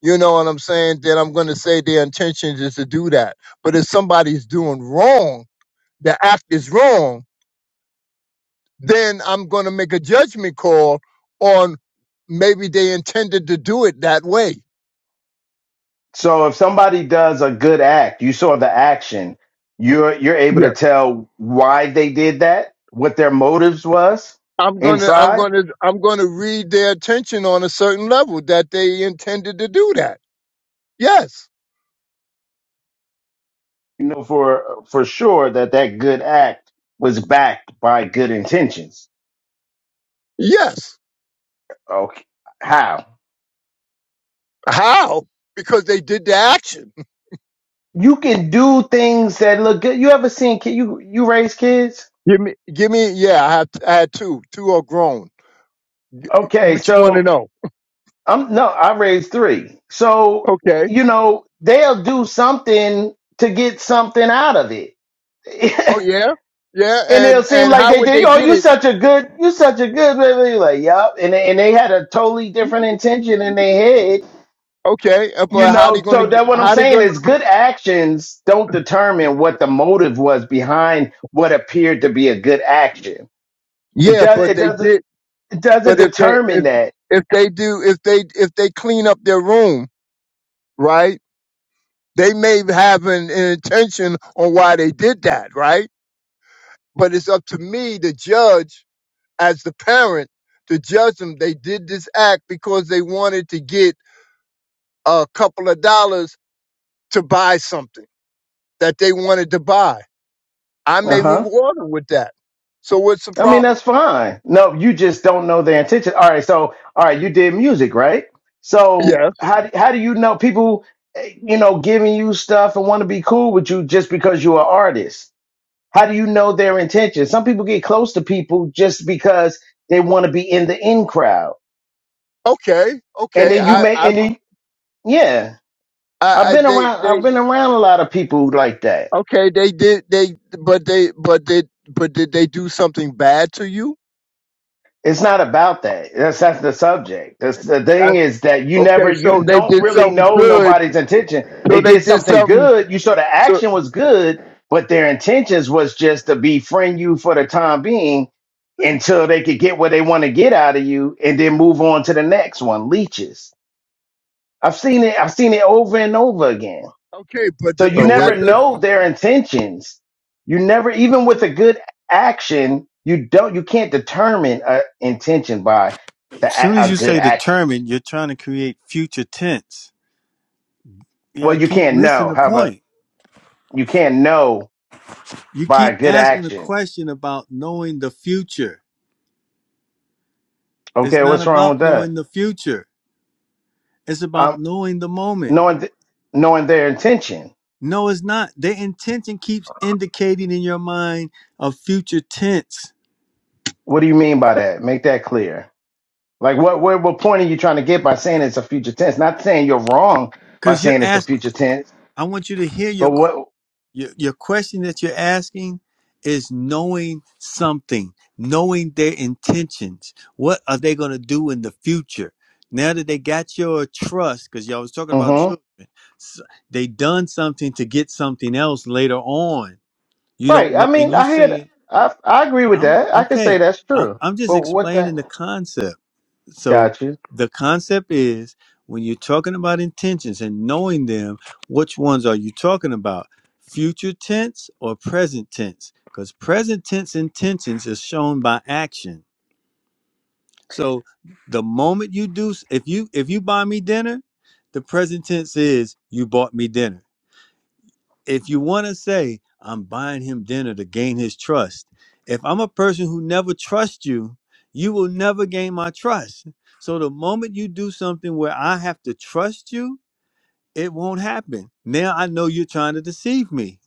[SPEAKER 8] You know what I'm saying? Then I'm going to say their intentions is to do that. But if somebody's doing wrong, the act is wrong, then I'm going to make a judgment call on maybe they intended to do it that way.
[SPEAKER 5] So if somebody does a good act, you saw the action, you're you're able to
[SPEAKER 8] Yes.
[SPEAKER 5] tell why they did that, what their motives was
[SPEAKER 8] I'm going to, I'm
[SPEAKER 5] inside.
[SPEAKER 8] going to, I'm going to read their attention on a certain level that they intended to do that. Yes.
[SPEAKER 5] You know for for sure that that good act was backed by good intentions.
[SPEAKER 8] Yes.
[SPEAKER 5] Okay, how?
[SPEAKER 8] How? Because they did the action.
[SPEAKER 5] you can do things that look good. You ever seen kid you you raise kids?
[SPEAKER 8] Give me, give me, yeah, I have, I had two, two are grown.
[SPEAKER 5] Okay,
[SPEAKER 8] What you want to
[SPEAKER 5] so
[SPEAKER 8] know?
[SPEAKER 5] I'm no, I raised three. So
[SPEAKER 8] Okay.
[SPEAKER 5] you know they'll do something to get something out of it,
[SPEAKER 8] Oh yeah, yeah,
[SPEAKER 5] and it'll
[SPEAKER 8] and
[SPEAKER 5] seem
[SPEAKER 8] and
[SPEAKER 5] like
[SPEAKER 8] how
[SPEAKER 5] they
[SPEAKER 8] would
[SPEAKER 5] did.
[SPEAKER 8] they
[SPEAKER 5] Oh,
[SPEAKER 8] get
[SPEAKER 5] you
[SPEAKER 8] it?
[SPEAKER 5] such a good, you such a good. blah, blah, blah." Like, yup, and they, and they had a totally different intention in their head.
[SPEAKER 8] Okay, uh,
[SPEAKER 5] You
[SPEAKER 8] but how they
[SPEAKER 5] know,
[SPEAKER 8] gonna
[SPEAKER 5] so
[SPEAKER 8] get?
[SPEAKER 5] that what I'm
[SPEAKER 8] How they
[SPEAKER 5] saying
[SPEAKER 8] gonna?
[SPEAKER 5] is good actions don't determine what the motive was behind what appeared to be a good action. It
[SPEAKER 8] Yeah,
[SPEAKER 5] does.
[SPEAKER 8] but
[SPEAKER 5] It
[SPEAKER 8] they
[SPEAKER 5] doesn't.
[SPEAKER 8] did.
[SPEAKER 5] it doesn't
[SPEAKER 8] But if they
[SPEAKER 5] determine
[SPEAKER 8] if
[SPEAKER 5] that.
[SPEAKER 8] if they do if they if they clean up their room, right? They may have an, an intention on why they did that, right? But it's up to me, the judge, as the parent, to judge them. They did this act because they wanted to get a couple of dollars to buy something that they wanted to buy I
[SPEAKER 5] Uh
[SPEAKER 8] may
[SPEAKER 5] huh.
[SPEAKER 8] reward him with that. So what's the
[SPEAKER 5] I mean,
[SPEAKER 8] problem?
[SPEAKER 5] that's fine. No, you just don't know their intention. All right. So, all right, you did music, right? So,
[SPEAKER 8] Yes.
[SPEAKER 5] how do- how do you know people, eh, you know, giving you stuff and want to be cool with you just because you're an artist? How do you know their intention? Some people get close to people just because they want to be in the in crowd,
[SPEAKER 8] Okay.
[SPEAKER 5] and
[SPEAKER 8] Okay.
[SPEAKER 5] then you
[SPEAKER 8] I,
[SPEAKER 5] may,
[SPEAKER 8] I,
[SPEAKER 5] and then yeah,
[SPEAKER 8] I,
[SPEAKER 5] I've
[SPEAKER 8] I
[SPEAKER 5] been
[SPEAKER 8] they,
[SPEAKER 5] around,
[SPEAKER 8] they,
[SPEAKER 5] I've been around a lot of people like that.
[SPEAKER 8] okay. They did, they, but they, but they, but did they do something bad to you?
[SPEAKER 5] It's not about that. That's that's the subject. That's the
[SPEAKER 8] I,
[SPEAKER 5] thing is that you never
[SPEAKER 8] okay. So
[SPEAKER 5] you
[SPEAKER 8] they
[SPEAKER 5] don't
[SPEAKER 8] did
[SPEAKER 5] really
[SPEAKER 8] something
[SPEAKER 5] know
[SPEAKER 8] good.
[SPEAKER 5] nobody's intention.
[SPEAKER 8] So
[SPEAKER 5] They
[SPEAKER 8] they
[SPEAKER 5] did
[SPEAKER 8] did
[SPEAKER 5] something
[SPEAKER 8] something.
[SPEAKER 5] good. You saw the
[SPEAKER 8] So,
[SPEAKER 5] action was good, but their intentions was just to befriend you for the time being until they could get what they want to get out of you and then move on to the next one. Leeches. I've seen it, I've seen it over and over again.
[SPEAKER 8] okay. But,
[SPEAKER 5] So
[SPEAKER 8] the,
[SPEAKER 5] you
[SPEAKER 4] So
[SPEAKER 8] but that
[SPEAKER 4] what?
[SPEAKER 5] never
[SPEAKER 8] does,
[SPEAKER 5] know their intentions. You never, even with a good action, you don't, you can't determine a intention by the
[SPEAKER 1] As soon as
[SPEAKER 5] a, a
[SPEAKER 1] you
[SPEAKER 5] good
[SPEAKER 1] say
[SPEAKER 5] action.
[SPEAKER 1] determined, you're trying to create future tense. Yeah, I
[SPEAKER 5] Well, you
[SPEAKER 1] keep
[SPEAKER 5] can't
[SPEAKER 1] missing
[SPEAKER 5] know.
[SPEAKER 1] the
[SPEAKER 5] How about
[SPEAKER 1] point.
[SPEAKER 5] you can't know
[SPEAKER 1] You
[SPEAKER 5] by
[SPEAKER 1] keep
[SPEAKER 5] a good
[SPEAKER 1] asking a
[SPEAKER 5] action?
[SPEAKER 1] question about knowing the future. It's
[SPEAKER 5] Okay,
[SPEAKER 1] not
[SPEAKER 5] what's wrong with
[SPEAKER 1] about
[SPEAKER 5] that?
[SPEAKER 1] knowing the future. It's about
[SPEAKER 5] Um,
[SPEAKER 1] knowing the moment.
[SPEAKER 5] knowing th- knowing their intention.
[SPEAKER 1] No, it's not. The intention keeps indicating in your mind a future tense.
[SPEAKER 5] What do you mean by that? Make that clear. Like what what what point are you trying to get by saying it's a future tense? Not saying you're wrong by
[SPEAKER 1] Because you're
[SPEAKER 5] saying it's a
[SPEAKER 1] asking,
[SPEAKER 5] future tense,
[SPEAKER 1] I want you to hear your
[SPEAKER 5] but
[SPEAKER 1] question.
[SPEAKER 5] what?
[SPEAKER 1] your, your question that you're asking is knowing something, knowing their intentions. What are they going to do in the future? Now that they got your trust, because y'all was talking about
[SPEAKER 5] mm-hmm.
[SPEAKER 1] children, s- they done something to get something else later on. You don't
[SPEAKER 5] Right. I
[SPEAKER 1] know, and
[SPEAKER 5] mean,
[SPEAKER 1] you
[SPEAKER 5] I hear.
[SPEAKER 1] saying,
[SPEAKER 5] I I agree with
[SPEAKER 1] "I'm
[SPEAKER 5] that. I could say
[SPEAKER 1] okay."
[SPEAKER 5] that's
[SPEAKER 1] I,
[SPEAKER 5] true.
[SPEAKER 1] I'm just
[SPEAKER 5] But what the
[SPEAKER 1] explaining the concept. So
[SPEAKER 5] got you?
[SPEAKER 1] the concept is when you're talking about intentions and knowing them, which ones are you talking about? Future tense or present tense? Because present tense intentions is shown by action. So the moment you do, if you if you buy me dinner, the present tense is you bought me dinner if you want to say i'm buying him dinner to gain his trust if i'm a person who never trusts you you will never gain my trust so the moment you do something where i have to trust you it won't happen now i know you're trying to deceive me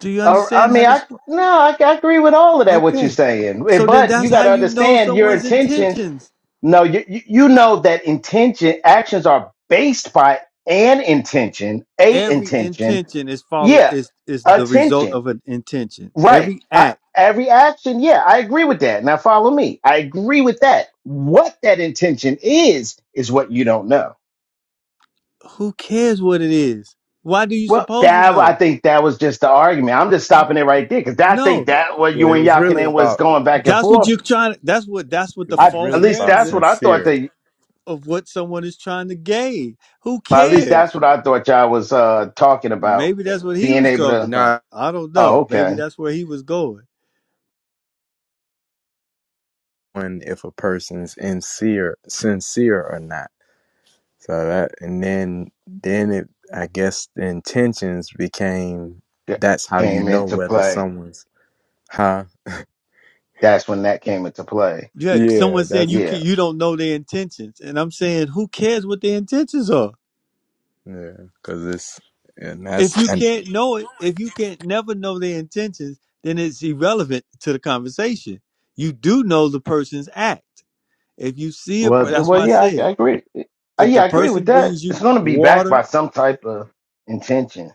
[SPEAKER 1] do you
[SPEAKER 5] Uh, I
[SPEAKER 1] understand how
[SPEAKER 5] mean, I
[SPEAKER 1] this works
[SPEAKER 5] no, I, I agree with all of that. What you're
[SPEAKER 1] okay
[SPEAKER 5] saying, Eh,
[SPEAKER 1] so then
[SPEAKER 5] but
[SPEAKER 1] that's
[SPEAKER 5] you got
[SPEAKER 1] how
[SPEAKER 5] to
[SPEAKER 1] you know
[SPEAKER 5] understand your
[SPEAKER 1] someone's
[SPEAKER 5] intentions.
[SPEAKER 1] intentions
[SPEAKER 5] No, you you you know that intention actions are based by an intention, a
[SPEAKER 1] every
[SPEAKER 5] intention.
[SPEAKER 1] intention is follow
[SPEAKER 5] Yeah,
[SPEAKER 1] is is the result
[SPEAKER 5] attention.
[SPEAKER 1] of an intention
[SPEAKER 5] Right.
[SPEAKER 1] every
[SPEAKER 5] I
[SPEAKER 1] act
[SPEAKER 5] every action. Yeah, I agree with that. Now follow me. I agree with that. What that intention is is what you don't know.
[SPEAKER 1] who cares what it is why do you
[SPEAKER 5] Well,
[SPEAKER 1] suppose to
[SPEAKER 5] that I
[SPEAKER 1] know?
[SPEAKER 5] think that was just the argument. I'm just stopping it right there because I
[SPEAKER 1] No,
[SPEAKER 5] think that what
[SPEAKER 4] Well,
[SPEAKER 5] you
[SPEAKER 4] it
[SPEAKER 5] and
[SPEAKER 4] was really
[SPEAKER 5] Yakinen was
[SPEAKER 4] about
[SPEAKER 5] going back and
[SPEAKER 1] That's what you're
[SPEAKER 5] forth.
[SPEAKER 1] trying. That's what. That's what
[SPEAKER 4] it
[SPEAKER 1] the
[SPEAKER 4] was
[SPEAKER 5] I
[SPEAKER 1] false
[SPEAKER 5] at
[SPEAKER 4] really
[SPEAKER 5] least
[SPEAKER 4] about
[SPEAKER 1] narrative
[SPEAKER 5] that's
[SPEAKER 1] is-
[SPEAKER 5] what I thought
[SPEAKER 4] sincere,
[SPEAKER 5] that.
[SPEAKER 1] of what someone is trying to gain. Who
[SPEAKER 5] well, at least that's
[SPEAKER 1] cares?
[SPEAKER 5] what I thought y'all was uh, talking about
[SPEAKER 1] Maybe that's what he
[SPEAKER 5] being
[SPEAKER 1] was
[SPEAKER 5] able
[SPEAKER 1] talking
[SPEAKER 5] to.
[SPEAKER 1] about.
[SPEAKER 4] not
[SPEAKER 1] I don't
[SPEAKER 5] Oh,
[SPEAKER 1] know. Maybe
[SPEAKER 5] okay,
[SPEAKER 1] that's where he was going.
[SPEAKER 4] when if a person's sincere, sincere or not. So that and then then it I guess the intentions became
[SPEAKER 5] Yeah,
[SPEAKER 4] that's how you
[SPEAKER 5] came
[SPEAKER 4] know
[SPEAKER 5] into
[SPEAKER 4] whether
[SPEAKER 5] play.
[SPEAKER 4] someone's huh.
[SPEAKER 5] That's when that came into play.
[SPEAKER 1] You had
[SPEAKER 4] Yeah,
[SPEAKER 1] someone saying
[SPEAKER 4] that's
[SPEAKER 1] you can,
[SPEAKER 5] Yeah.
[SPEAKER 1] you don't know their intentions, and I'm saying who cares what their intentions are?
[SPEAKER 4] yeah, cause it's and
[SPEAKER 1] If
[SPEAKER 4] that's
[SPEAKER 1] you
[SPEAKER 4] and
[SPEAKER 1] can't know it, if you can't never know their intentions, then it's irrelevant to the conversation. You do know the person's act. If you see a, per-
[SPEAKER 5] Well, th-
[SPEAKER 1] that's
[SPEAKER 5] well,
[SPEAKER 1] why I
[SPEAKER 5] yeah, I,
[SPEAKER 1] said
[SPEAKER 5] I agree. Uh,
[SPEAKER 1] if the
[SPEAKER 5] yeah, I agree with
[SPEAKER 1] person
[SPEAKER 5] that.
[SPEAKER 1] brings
[SPEAKER 5] It's
[SPEAKER 1] you
[SPEAKER 5] going to be backed
[SPEAKER 1] water
[SPEAKER 5] by some type of intention.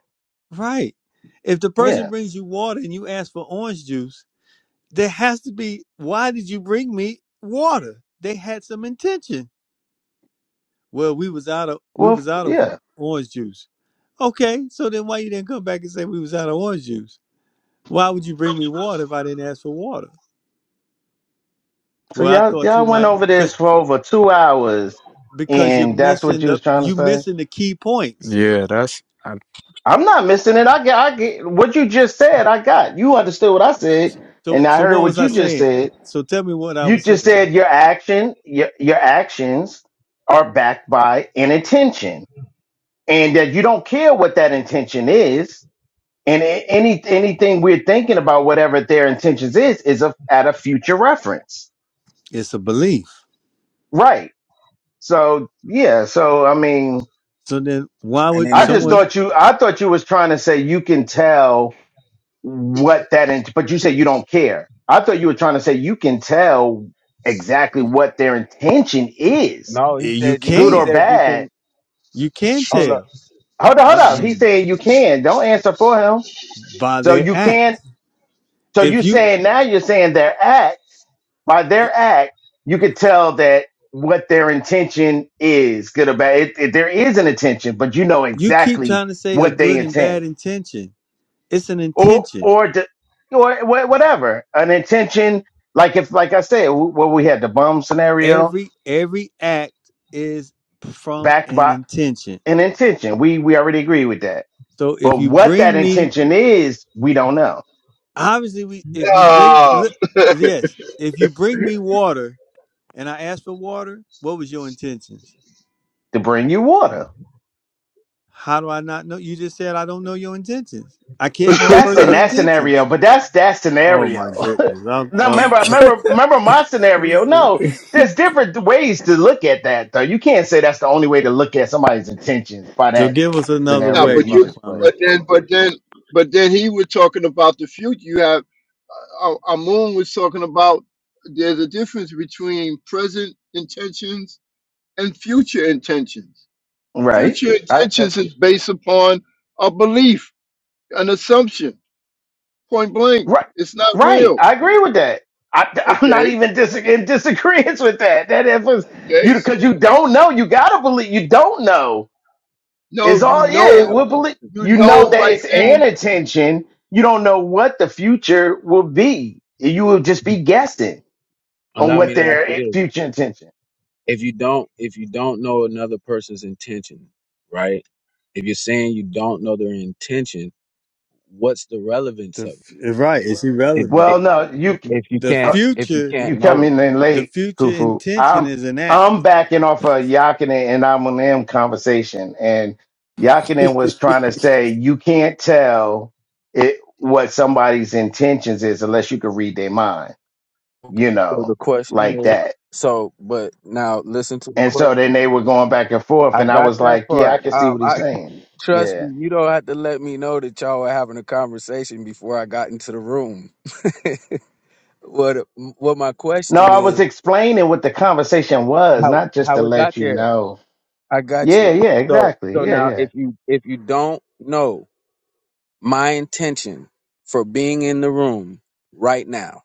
[SPEAKER 1] Right. If the person
[SPEAKER 5] Yeah.
[SPEAKER 1] brings you water and you ask for orange juice, there has to be why did you bring me water? They had some intention. Well, we was out of we
[SPEAKER 5] Well, of
[SPEAKER 1] was
[SPEAKER 5] cou-
[SPEAKER 1] out of
[SPEAKER 5] yeah.
[SPEAKER 1] orange juice. Okay, so then why you didn't come back and say we was out of orange juice? Why would you bring me water if I didn't ask for water?
[SPEAKER 5] So
[SPEAKER 1] Well, I
[SPEAKER 5] y'all
[SPEAKER 1] thought you
[SPEAKER 5] y'all went
[SPEAKER 1] might
[SPEAKER 5] over this
[SPEAKER 1] cuz
[SPEAKER 5] for over two hours,
[SPEAKER 1] because you're
[SPEAKER 5] and that's what
[SPEAKER 1] missing
[SPEAKER 5] you was
[SPEAKER 1] the
[SPEAKER 5] trying to
[SPEAKER 1] you
[SPEAKER 5] say.
[SPEAKER 1] missing the key points.
[SPEAKER 4] yeah, that's I,
[SPEAKER 5] I'm not missing it. I get I get what you just said. I got you understood what I said,
[SPEAKER 1] So
[SPEAKER 5] and I
[SPEAKER 1] so
[SPEAKER 5] heard
[SPEAKER 1] what was
[SPEAKER 5] what
[SPEAKER 1] I
[SPEAKER 5] you just
[SPEAKER 1] saying?
[SPEAKER 5] said.
[SPEAKER 1] So tell me what I
[SPEAKER 5] You
[SPEAKER 1] was
[SPEAKER 5] just
[SPEAKER 1] saying.
[SPEAKER 5] said your action your your actions are backed by an intention, and that you don't care what that intention is. And a- any anything we're thinking about, whatever their intentions is, is a, at a future reference,
[SPEAKER 1] It's a belief.
[SPEAKER 5] right? So yeah. So I mean.
[SPEAKER 1] So then why
[SPEAKER 9] And
[SPEAKER 1] would
[SPEAKER 9] then
[SPEAKER 5] I
[SPEAKER 9] if
[SPEAKER 5] just
[SPEAKER 9] you,
[SPEAKER 1] someone
[SPEAKER 5] thought you. I thought you was trying to say you can tell what that, int- but you say you don't care. I thought you were trying to say you can tell exactly what their intention is,
[SPEAKER 9] no,
[SPEAKER 1] Eh,
[SPEAKER 9] he
[SPEAKER 1] You
[SPEAKER 9] said you,
[SPEAKER 5] good
[SPEAKER 9] he
[SPEAKER 1] can.
[SPEAKER 5] or
[SPEAKER 9] said you
[SPEAKER 5] bad.
[SPEAKER 9] can
[SPEAKER 1] You can
[SPEAKER 9] hold up.
[SPEAKER 1] tell
[SPEAKER 5] Hold up, hold
[SPEAKER 1] by
[SPEAKER 5] up. He's
[SPEAKER 9] Mm.
[SPEAKER 5] saying you can. Don't answer for him.
[SPEAKER 1] by
[SPEAKER 5] So
[SPEAKER 1] their
[SPEAKER 5] you
[SPEAKER 1] acts.
[SPEAKER 5] can. So
[SPEAKER 1] If
[SPEAKER 5] you
[SPEAKER 1] you
[SPEAKER 5] saying now you're saying their act by their act, you could tell that what their intention is, good or bad. It, it- there is an intention, but you know
[SPEAKER 1] you keep
[SPEAKER 5] exactly
[SPEAKER 1] trying to say a
[SPEAKER 5] what they
[SPEAKER 1] good and bad
[SPEAKER 5] intend.
[SPEAKER 1] intention, it's an
[SPEAKER 5] or
[SPEAKER 1] intention.
[SPEAKER 5] or d- or wha- whatever an intention like if like i said wh- where we had the bum scenario
[SPEAKER 1] Every every act is from
[SPEAKER 5] backed
[SPEAKER 1] an
[SPEAKER 5] by
[SPEAKER 1] intention.
[SPEAKER 5] an intention we we already agree with that
[SPEAKER 1] So if
[SPEAKER 5] but
[SPEAKER 1] you
[SPEAKER 5] what that
[SPEAKER 1] bring me
[SPEAKER 5] intention is we don't know
[SPEAKER 1] obviously we if you bring look
[SPEAKER 8] No.
[SPEAKER 1] yes, if you bring me water and I ask for water, what was your intentions?
[SPEAKER 5] to bring you water
[SPEAKER 1] How do I not know? You just said I don't know your intentions. I can't know a
[SPEAKER 5] that's in
[SPEAKER 1] person's
[SPEAKER 5] that scenario
[SPEAKER 1] intentions.
[SPEAKER 5] but that's that
[SPEAKER 1] Oh my
[SPEAKER 5] scenario
[SPEAKER 1] goodness! I'm,
[SPEAKER 5] no remember
[SPEAKER 1] I'm
[SPEAKER 5] remember remember my scenario no there's different ways to look at that though you can't say that's the only way to look at somebody's intentions by
[SPEAKER 1] So
[SPEAKER 5] that
[SPEAKER 1] give us another
[SPEAKER 8] no,
[SPEAKER 5] scenario
[SPEAKER 1] way,
[SPEAKER 8] but
[SPEAKER 5] you
[SPEAKER 8] you
[SPEAKER 1] Rock
[SPEAKER 5] just put
[SPEAKER 1] Climbing,
[SPEAKER 8] but then but then but then he was talking about the future. You have. Our, our moon was talking about there's a difference between present intentions and future intentions. Future
[SPEAKER 5] right
[SPEAKER 8] intentions is based upon a belief, an assumption, point blank.
[SPEAKER 5] Right,
[SPEAKER 8] It's not
[SPEAKER 5] right.
[SPEAKER 8] real.
[SPEAKER 5] I agree with that. I, am not
[SPEAKER 8] Okay.
[SPEAKER 5] even dis- in disagreement with that. That if it's,
[SPEAKER 8] Okay.
[SPEAKER 5] you because you don't know, you gotta believe. You don't know
[SPEAKER 8] No,
[SPEAKER 5] is
[SPEAKER 8] you
[SPEAKER 5] all.
[SPEAKER 9] I, re-
[SPEAKER 5] Yeah,
[SPEAKER 9] I,
[SPEAKER 8] know,
[SPEAKER 5] we believe.
[SPEAKER 8] you
[SPEAKER 5] You know
[SPEAKER 8] know
[SPEAKER 5] that
[SPEAKER 8] right
[SPEAKER 5] it's
[SPEAKER 8] then and
[SPEAKER 9] I-
[SPEAKER 5] an intention. You don't know what the future will be. You will just be guessing on
[SPEAKER 9] allow me
[SPEAKER 5] what
[SPEAKER 9] to ask you
[SPEAKER 5] their
[SPEAKER 9] this:
[SPEAKER 5] future intention.
[SPEAKER 9] If you don't, if you don't know another person's intention, right? If you're saying you don't know their intention, what's the relevance
[SPEAKER 1] The
[SPEAKER 9] of
[SPEAKER 1] f-
[SPEAKER 9] it?
[SPEAKER 1] eh, right, it's
[SPEAKER 9] If
[SPEAKER 1] irrelevant.
[SPEAKER 9] if,
[SPEAKER 5] Well, no, you can.
[SPEAKER 9] if you
[SPEAKER 1] The
[SPEAKER 9] can't, if you
[SPEAKER 1] future,
[SPEAKER 9] can't
[SPEAKER 5] You
[SPEAKER 9] know it,
[SPEAKER 5] coming in
[SPEAKER 1] the
[SPEAKER 5] late,
[SPEAKER 1] future
[SPEAKER 5] Kufu.
[SPEAKER 1] intention
[SPEAKER 5] I'm
[SPEAKER 1] is an act.
[SPEAKER 5] I'm backing off of Yakinen and Eminem conversation, and Yakinen was trying to say you can't tell it what somebody's intentions is unless you can read their mind,
[SPEAKER 9] Okay.
[SPEAKER 5] you
[SPEAKER 9] so the
[SPEAKER 5] know, like
[SPEAKER 9] question is.
[SPEAKER 5] that.
[SPEAKER 9] So, but now listen to the
[SPEAKER 5] And so then
[SPEAKER 9] question.
[SPEAKER 5] they were going back and forth,
[SPEAKER 9] I
[SPEAKER 5] and I
[SPEAKER 9] got
[SPEAKER 5] was
[SPEAKER 9] that
[SPEAKER 5] like, yeah,
[SPEAKER 9] part.
[SPEAKER 5] I can see
[SPEAKER 9] Um,
[SPEAKER 5] what
[SPEAKER 9] I
[SPEAKER 5] he's saying.
[SPEAKER 9] Trust
[SPEAKER 5] Yeah.
[SPEAKER 9] me, you don't have to let me know that y'all were having a conversation before I got into the room. what what my
[SPEAKER 5] No,
[SPEAKER 9] question
[SPEAKER 5] I was
[SPEAKER 9] is
[SPEAKER 5] explaining what the conversation was,
[SPEAKER 9] how
[SPEAKER 5] not just to
[SPEAKER 9] how it got
[SPEAKER 5] let you
[SPEAKER 9] there.
[SPEAKER 5] know.
[SPEAKER 9] I got
[SPEAKER 5] Yeah,
[SPEAKER 9] you.
[SPEAKER 5] yeah,
[SPEAKER 9] So
[SPEAKER 5] exactly.
[SPEAKER 9] so
[SPEAKER 5] Yeah,
[SPEAKER 9] now
[SPEAKER 5] yeah.
[SPEAKER 9] if you if you don't know my intention for being in the room right now,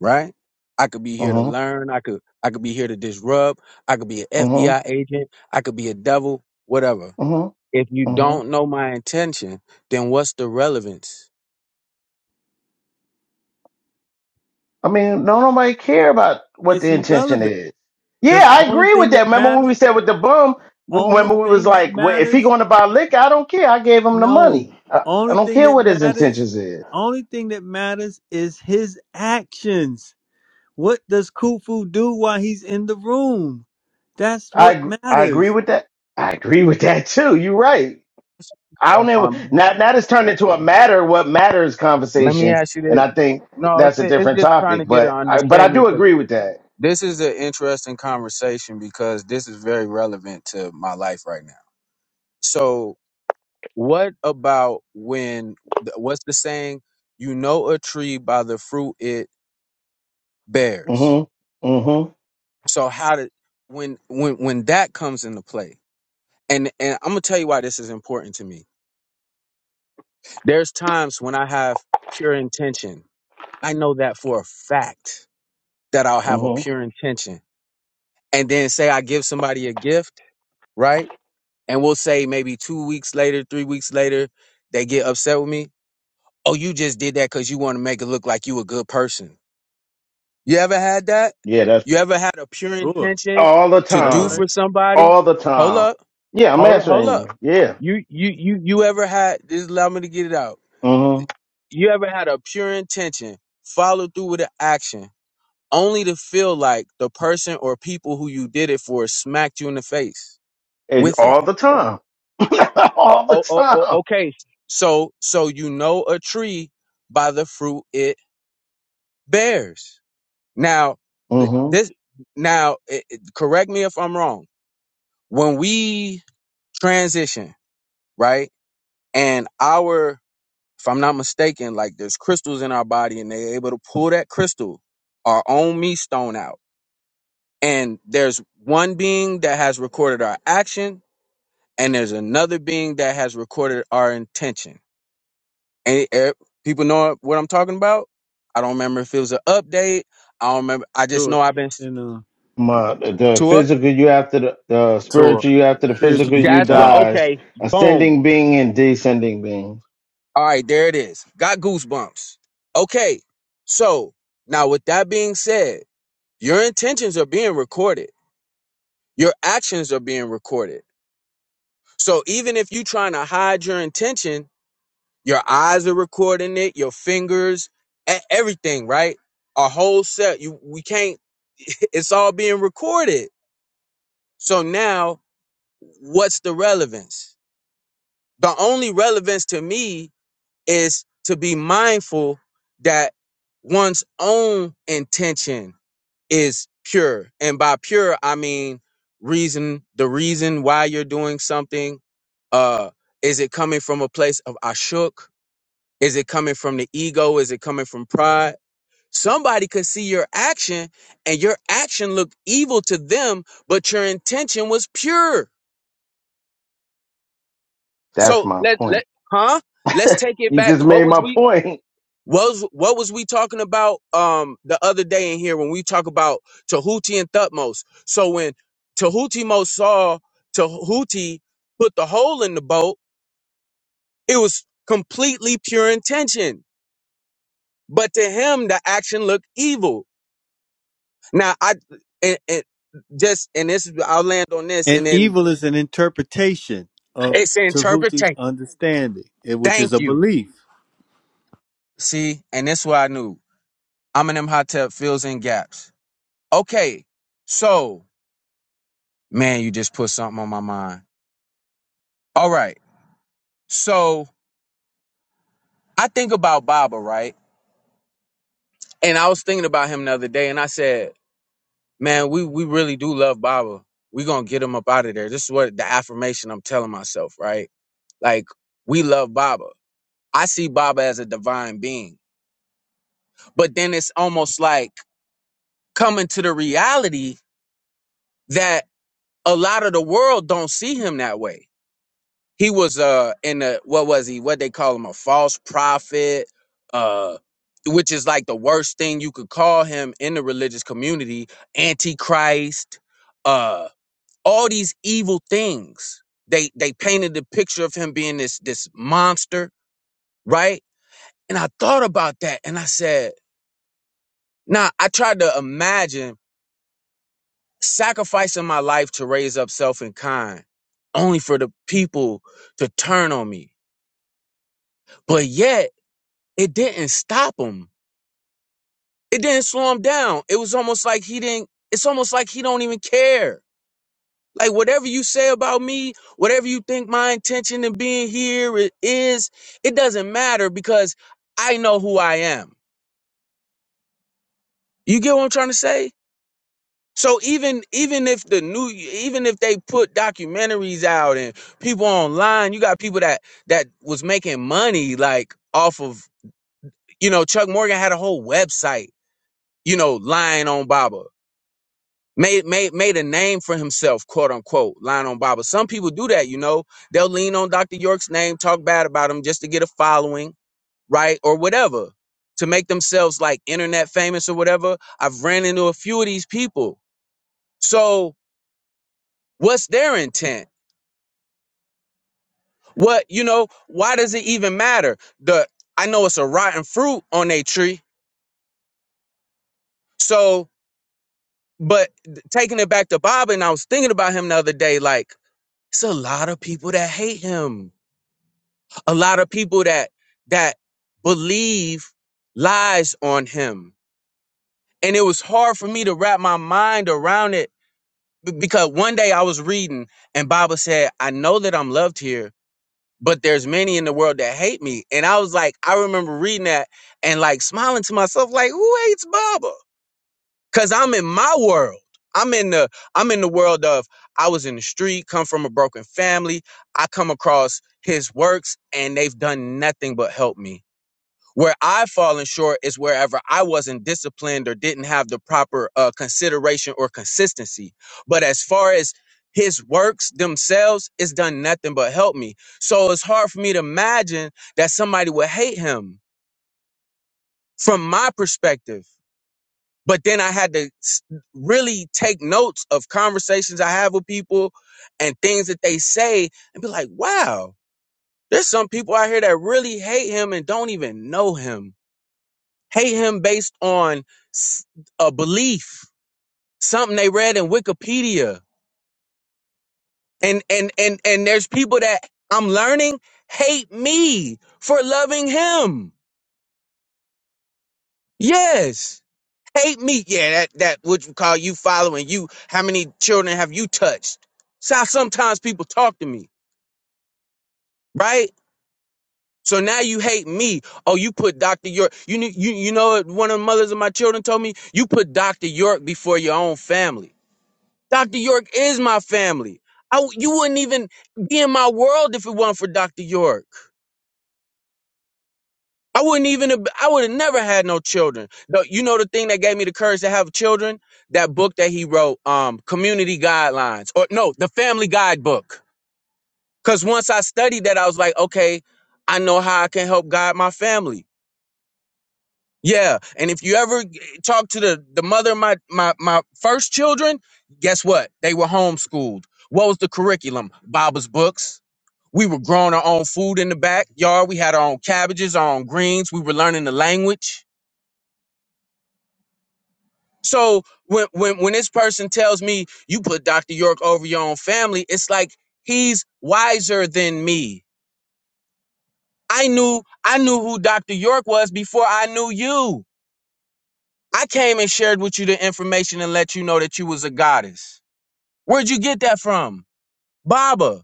[SPEAKER 9] right? I could be here to
[SPEAKER 5] Mm-hmm.
[SPEAKER 9] learn, I could I could be here to disrupt, I could be an
[SPEAKER 5] Mm-hmm.
[SPEAKER 9] FBI agent, I could be a devil, whatever.
[SPEAKER 5] Mm-hmm.
[SPEAKER 9] If you
[SPEAKER 5] mm-hmm.
[SPEAKER 9] don't know my intention, then what's the relevance?
[SPEAKER 5] I mean, no, nobody care about what
[SPEAKER 1] It's
[SPEAKER 5] the intention
[SPEAKER 1] irrelevant
[SPEAKER 5] is. Yeah,
[SPEAKER 1] because
[SPEAKER 5] I
[SPEAKER 1] only
[SPEAKER 5] agree with
[SPEAKER 1] thing that
[SPEAKER 5] that. Remember when we
[SPEAKER 1] matters,
[SPEAKER 5] said with the bum?
[SPEAKER 1] only
[SPEAKER 5] Remember we was
[SPEAKER 1] thing that
[SPEAKER 5] like, well, if he
[SPEAKER 1] matters,
[SPEAKER 5] going to buy liquor, I don't care. I gave him the
[SPEAKER 1] no,
[SPEAKER 5] money. I, I
[SPEAKER 1] only
[SPEAKER 5] don't
[SPEAKER 1] thing
[SPEAKER 5] care
[SPEAKER 1] that
[SPEAKER 5] what his
[SPEAKER 1] matters,
[SPEAKER 5] intentions is.
[SPEAKER 1] only thing that matters is his actions. What does Khufu do while he's in the room? That's
[SPEAKER 5] I
[SPEAKER 1] what
[SPEAKER 5] ag- I agree
[SPEAKER 1] matters.
[SPEAKER 5] with that. I agree with that too. You're right. I
[SPEAKER 9] stuff
[SPEAKER 5] don't ever
[SPEAKER 9] on
[SPEAKER 5] now now it's turned into a matter what matters
[SPEAKER 9] Let me
[SPEAKER 5] conversation,
[SPEAKER 9] ask you
[SPEAKER 5] and
[SPEAKER 9] this.
[SPEAKER 5] I think
[SPEAKER 9] No,
[SPEAKER 5] that's a
[SPEAKER 9] it's it's
[SPEAKER 5] different
[SPEAKER 9] just trying to
[SPEAKER 5] topic.
[SPEAKER 9] get an
[SPEAKER 5] But I but I
[SPEAKER 9] understanding
[SPEAKER 5] do
[SPEAKER 9] because
[SPEAKER 5] agree with that.
[SPEAKER 9] this is an interesting conversation because this is very relevant to my life right now. So, what about when, what's the saying? You know a tree by the fruit it bears.
[SPEAKER 5] Mm-hmm. Mm-hmm.
[SPEAKER 9] So, how did, when, when, when that comes into play, and, and I'm going to tell you why this is important to me. There's times when I have pure intention. I know that for a fact that I'll have a
[SPEAKER 5] Mm-hmm.
[SPEAKER 9] pure intention. And then say I give somebody a gift, right? And we'll say maybe two weeks later, three weeks later, they get upset with me. Oh, you just did that because you want to make it look like you a good person. You ever had that?
[SPEAKER 5] Yeah, that's.
[SPEAKER 9] You ever had a pure
[SPEAKER 1] Sure,
[SPEAKER 9] intention
[SPEAKER 5] All the
[SPEAKER 9] to
[SPEAKER 1] that's
[SPEAKER 9] do
[SPEAKER 1] right.
[SPEAKER 5] time.
[SPEAKER 9] for somebody?
[SPEAKER 5] All the
[SPEAKER 9] Hold
[SPEAKER 5] time.
[SPEAKER 9] up.
[SPEAKER 5] Yeah, I'm
[SPEAKER 9] Hold hold
[SPEAKER 5] answering you.
[SPEAKER 9] up.
[SPEAKER 5] Yeah.
[SPEAKER 9] You you you you ever had Just allow me to get it out.
[SPEAKER 5] Mm-hmm.
[SPEAKER 9] You ever had a pure intention, follow through with an action, only to feel like the person or people who you did it for smacked you in the face
[SPEAKER 5] It's
[SPEAKER 9] with it.
[SPEAKER 5] all the time. all the
[SPEAKER 9] Oh, oh, oh
[SPEAKER 5] time.
[SPEAKER 9] okay. So so you know a tree by the fruit it bears. Now th-
[SPEAKER 5] Mm-hmm.
[SPEAKER 9] this now it, it- correct me if I'm wrong. When we transition, right? And our if I'm not mistaken, like there's crystals in our body and they're able to pull that crystal, our own me stone out. And there's one being that has recorded our action and there's another being that has recorded our intention. And eh, people know what I'm talking about. I don't remember if it was an update. I don't remember. I just
[SPEAKER 1] Sure.
[SPEAKER 9] know I've been s-
[SPEAKER 1] In uh,
[SPEAKER 5] My, the
[SPEAKER 9] tour.
[SPEAKER 5] physical you after the, the
[SPEAKER 4] to
[SPEAKER 5] spiritual you after the
[SPEAKER 4] a,
[SPEAKER 1] spiritual
[SPEAKER 5] physical
[SPEAKER 1] you
[SPEAKER 5] you
[SPEAKER 9] That's what-
[SPEAKER 1] God.
[SPEAKER 5] dies.
[SPEAKER 9] okay. Boom.
[SPEAKER 5] Ascending being and descending being.
[SPEAKER 9] All right, there it is. Got goosebumps. Okay, so now with that being said, your intentions are being recorded. Your actions are being recorded. So even if you're trying to hide your intention, Your eyes are recording it, your fingers, e- everything, right? Our whole set. You we can't it's all being recorded. So now what's the relevance? The only relevance to me is to be mindful that one's own intention is pure. And by pure I mean reason, the reason why you're doing something, uh is it coming from a place of ashuk? Is it coming from the ego? Is it coming from pride? Somebody could see your action and your action looked evil to them, but your intention was pure.
[SPEAKER 5] That's
[SPEAKER 9] So
[SPEAKER 5] my
[SPEAKER 9] let let
[SPEAKER 5] point.
[SPEAKER 9] huh? Let's take it
[SPEAKER 5] You
[SPEAKER 9] back.
[SPEAKER 5] just
[SPEAKER 9] What
[SPEAKER 5] made
[SPEAKER 9] was
[SPEAKER 5] my
[SPEAKER 9] we
[SPEAKER 5] point.
[SPEAKER 9] what was what was we talking about um the other day in here when we talk about Tahuti and Thutmose? So when Tahuti Most saw Tahuti put the hole in the boat, it was completely pure intention. But to him the action looked evil. Now I and, and just and this I'll land on this
[SPEAKER 1] And
[SPEAKER 9] and then
[SPEAKER 1] evil is an interpretation of
[SPEAKER 9] it's
[SPEAKER 1] Tahuti's
[SPEAKER 9] interpretation.
[SPEAKER 1] understanding, eh, which is
[SPEAKER 9] Thank
[SPEAKER 1] a
[SPEAKER 9] you.
[SPEAKER 1] belief,
[SPEAKER 9] See, and this is what I knew. I'm in them hot tub fills in gaps. Okay, so man, you just put something on my mind. All right, so I think about Baba, right? And I was thinking about him the other day, and I said, man, we we really do love Baba. We gonna get him up out of there. This is what the affirmation I'm telling myself, right? Like we love Baba. I see Baba as a divine being but then it's almost like coming to the reality that a lot of the world don't see him that way. He was uh in a what was he? What they call him a false prophet, uh which is like the worst thing you could call him in the religious community, antichrist, uh all these evil things. They they painted the picture of him being this this monster, right? And I thought about that and I said, now I tried to imagine sacrificing my life to raise up self in kind, only for the people to turn on me. But yet, it didn't stop him. It didn't slow him down. It was almost like he didn't. It's almost like he don't even care. Like whatever you say about me, whatever you think my intention in being here i- is, it doesn't matter because I know who I am. You get what I'm trying to say? So even even if the new even if they put documentaries out and people online, you got people that that was making money like off of you know Chuck Morgan had a whole website you know lying on Baba made made made a name for himself quote unquote lying on Baba. Some people do that you know they'll lean on Dr. York's name, talk bad about him just to get a following right or whatever to make themselves like internet famous or whatever. I've ran into a few of these people, so what's their intent? What you know? Why does it even matter? The I know it's a rotten fruit on a tree. So, but taking it back to Baba, and I was thinking about him the other day. Like, it's a lot of people that hate him. A lot of people that that believe lies on him. And it was hard for me to wrap my mind around it b- because one day I was reading and Baba said, "I know that I'm loved here, but there's many in the world that hate me. And I was like, I remember reading that and like smiling to myself, like, who hates Baba? Cause I'm in my world. I'm in the I'm in the world of I was in the street, come from a broken family. I come across his works and they've done nothing but help me. Where I've fallen short is wherever I wasn't disciplined or didn't have the proper uh, consideration or consistency. But as far as his works themselves, it's done nothing but help me. So it's hard for me to imagine that somebody would hate him from my perspective. But then I had to s- really take notes of conversations I have with people and things that they say and be like, wow, there's some people out here that really hate him and don't even know him hate him based on s- a belief, something they read in Wikipedia. And and and and there's people that I'm learning hate me for loving him. Yes. Hate me. Yeah, that that what you call you following you. How many children have you touched? So how sometimes people talk to me, right? So now you hate me. Oh, you put Dr. York. You knew- you you know what one of the mothers of my children told me? You put Dr. York before your own family. Dr. York is my family. I w- you wouldn't even be in my world if it wasn't for Dr. York. I wouldn't even have, I would have never had no children. The- you know the thing that gave me the courage to have children? That book that he wrote, um, Community Guidelines. Or no, the family guidebook. Cause once I studied that, I was like, okay, I know how I can help guide my family. Yeah. And if you ever g- talk to the, the mother of my, my my first children, guess what? They were homeschooled. What was the curriculum? Baba's books We were growing our own food in the backyard. We had our own cabbages, our own greens. We were learning the language. So when when when this person tells me you put Dr. York over your own family, it's like he's wiser than me. I knew I knew who Dr. York was before I knew you. I came and shared with you the information and let you know that you was a goddess. Where'd you get that from? Baba,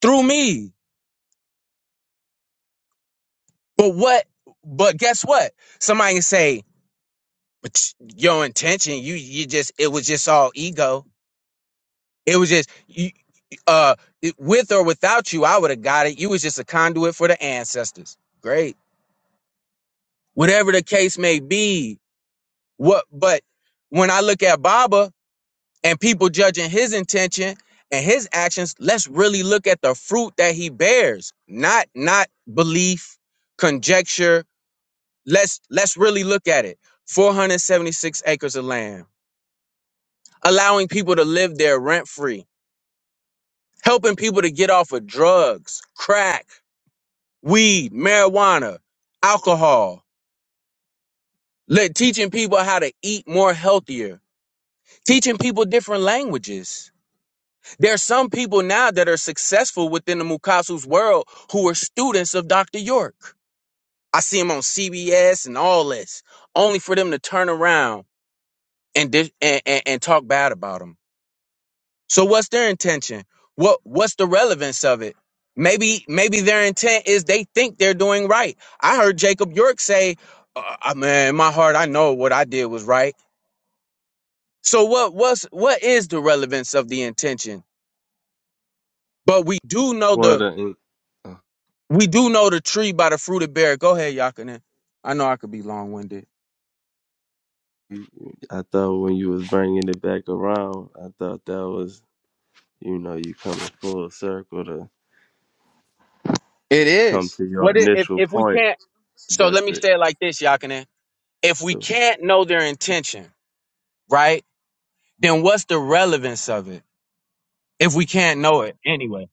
[SPEAKER 9] through me. But what but guess what? Somebody can say, but your intention you you just it was just all ego it was just you uh it- with or without you i would have got it you was just a conduit for the ancestors great whatever the case may be what but when i look at baba and people judging his intention and his actions let's really look at the fruit that he bears not not belief conjecture let's let's really look at it 476 acres of land allowing people to live there rent free helping people to get off of drugs, crack, weed, marijuana, alcohol, let teaching people how to eat more healthier, teaching people different languages. There are some people now that are successful within the Mukasu's world who are students of Dr. York. I see him on CBS and all this, only for them to turn around and dis- and, and, and talk bad about him. So what's their intention? What what's the relevance of it? Maybe maybe their intent is they think they're doing right. I heard Jacob York say, uh, uh, "Man, in my heart, I know what I did was right." So what what's what is the relevance of the intention? But we do know the
[SPEAKER 3] What a.
[SPEAKER 9] we do know the tree by the fruit it bear. Go ahead, Yakinen. I know I could be long winded.
[SPEAKER 3] I thought when you was bringing it back around, I thought that was, you know, you coming full circle to
[SPEAKER 9] It
[SPEAKER 3] come
[SPEAKER 9] is.
[SPEAKER 3] to your
[SPEAKER 9] What i- if
[SPEAKER 3] initial
[SPEAKER 9] if we
[SPEAKER 3] point,
[SPEAKER 9] can't? So
[SPEAKER 3] but
[SPEAKER 9] let me
[SPEAKER 3] the
[SPEAKER 9] say it like this, Yakinen. If we
[SPEAKER 3] to
[SPEAKER 9] can't know their intention, right? Then what's the relevance of it? if we can't know it anyway.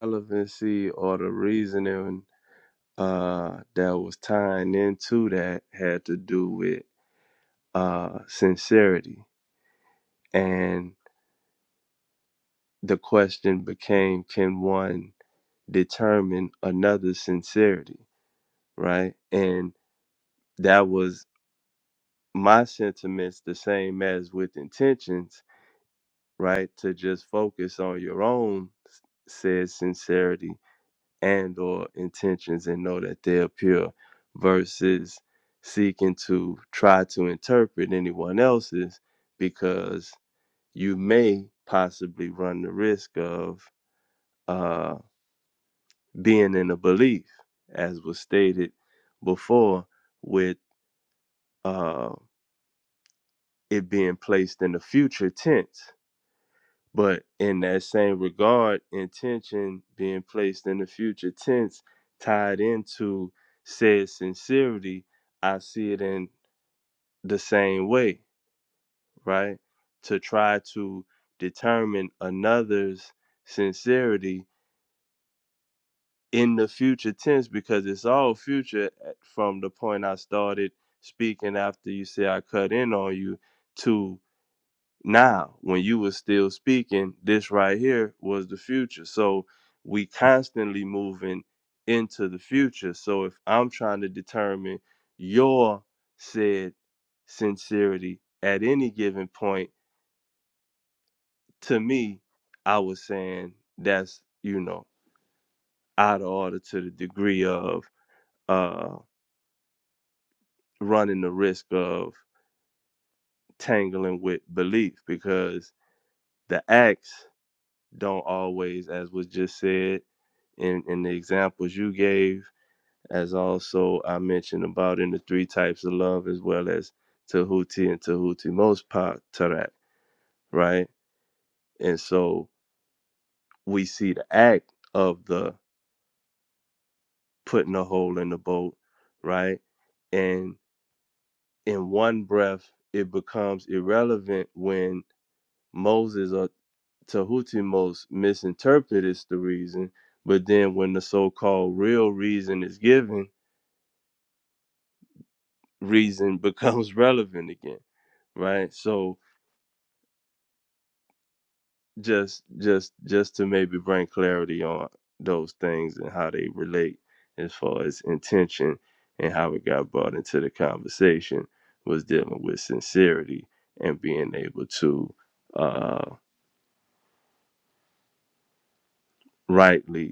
[SPEAKER 3] relevancy or the reasoning uh, that was tying into that had to do with uh, sincerity, and the question became, can one determine another's sincerity, right? And that was my sentiments the same as with intentions, right? To just focus on your own s- said sincerity and or intentions and know that they're pure versus seeking to try to interpret anyone else's because you may possibly run the risk of uh, being in a belief, as was stated before, with uh, it being placed in the future tense But in that same regard, intention being placed in the future tense tied into said sincerity, I see it in the same way, right? To try to determine another's sincerity in the future tense because it's all future uh, from the point I started speaking after you say I cut in on you to. Now, when you was still speaking, this right here was the future. So we constantly moving into the future. So if I'm trying to determine your said sincerity at any given point, to me, I was saying that's, you know, out of order to the degree of uh running the risk of tangling with belief because the acts don't always, as was just said in, in the examples you gave, as also I mentioned about in the three types of love, as well as Tahuti and Tahuti most part Tarak, right? And so we see the act of the putting a hole in the boat, right? And in one breath, it becomes irrelevant when. Moses or Tahutimos misinterprets the reason, but then when the so-called real reason is given, reason becomes relevant again, right? So just just just to maybe bring clarity on those things and how they relate as far as intention and how it got brought into the conversation was dealing with sincerity and being able to uh, rightly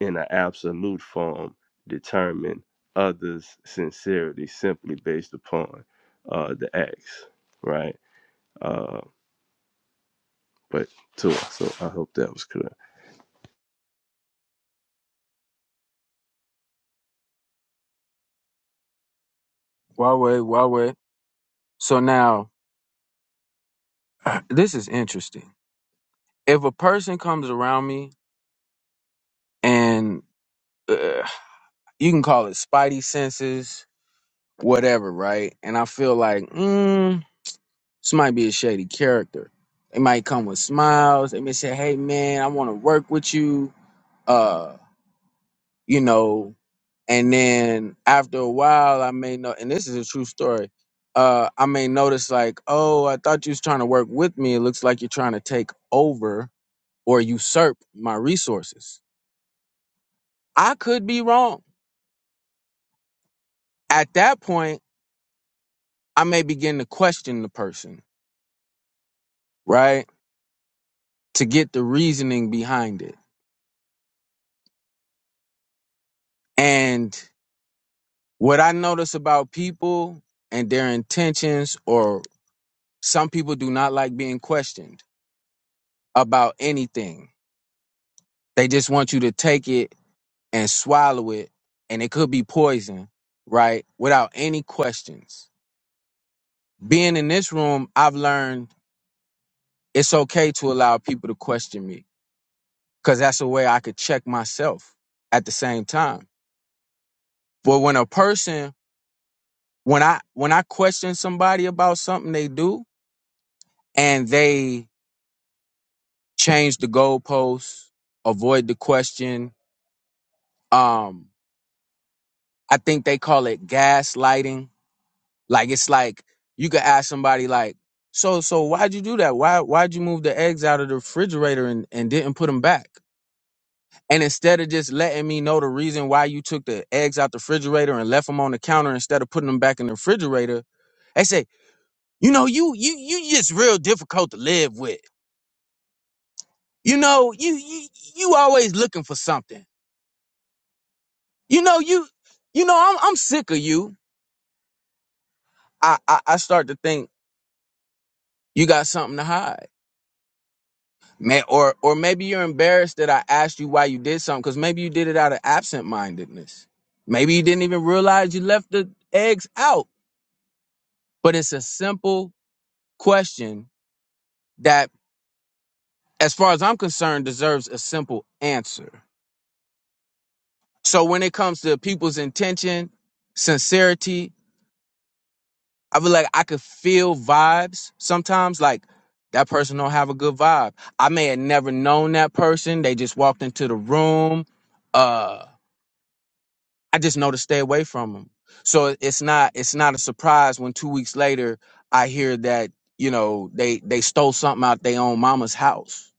[SPEAKER 3] in an absolute form determine others' sincerity simply based upon uh, the acts, right? Uh, but too, so I hope that was clear.
[SPEAKER 9] Why wait? Why wait? So now, this is interesting. If a person comes around me and uh, you can call it spidey senses, whatever, right? And I feel like, mm, this might be a shady character. They might come with smiles. They may say, "Hey, man, I want to work with you." Uh, you know, and then after a while i may know and this is a true story uh i may notice like oh i thought you was trying to work with me it looks like you're trying to take over or usurp my resources i could be wrong at that point i may begin to question the person right to get the reasoning behind it and what i notice about people and their intentions or some people do not like being questioned about anything they just want you to take it and swallow it, and it could be poison, right? Without any questions. Being in this room, I've learned it's okay to allow people to question me because that's a way I could check myself at the same time. But when a person, when I when I question somebody about something they do and they change the goalposts, avoid the question, um, I think they call it gaslighting Like it's like you could ask somebody like, so so why'd you do that? Why why'd you move the eggs out of the refrigerator and, and didn't put them back? And instead of just letting me know the reason why you took the eggs out the refrigerator and left them on the counter instead of putting them back in the refrigerator, they say, you know, you you you just real difficult to live with. You know, you you you always looking for something. You know, you you know, I'm I'm sick of you. I I, I start to think you got something to hide. May, or or maybe you're embarrassed that I asked you why you did something because maybe you did it out of absent-mindedness. Maybe you didn't even realize you left the eggs out. But it's a simple question that, as far as I'm concerned, deserves a simple answer. So when it comes to people's intention, sincerity, I feel like I could feel vibes sometimes. Like that person don't have a good vibe. I may have never known that person. They just walked into the room. Uh. I just know to stay away from them. So it's not it's not a surprise when two weeks later I hear that you know they they stole something out their own mama's house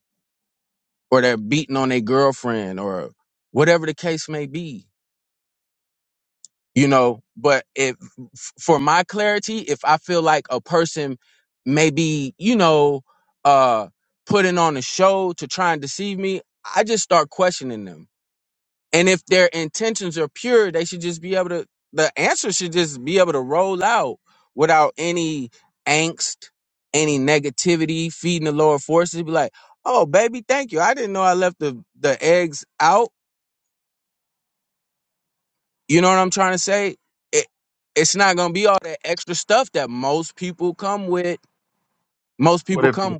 [SPEAKER 9] or they're beating on their girlfriend or whatever the case may be. You know, but if f- for my clarity, if I feel like a person maybe you know uh putting on a show to try and deceive me, I just start questioning them And if their intentions are pure, they should just be able to, the answer should just be able to roll out without any angst, any negativity, feeding the lower forces. Be like, oh, baby, thank you. I didn't know I left the, the eggs out. You know what I'm trying to say? It, it's not going to be all that extra stuff that most people come with. Most
[SPEAKER 5] What
[SPEAKER 9] people
[SPEAKER 5] if
[SPEAKER 9] come.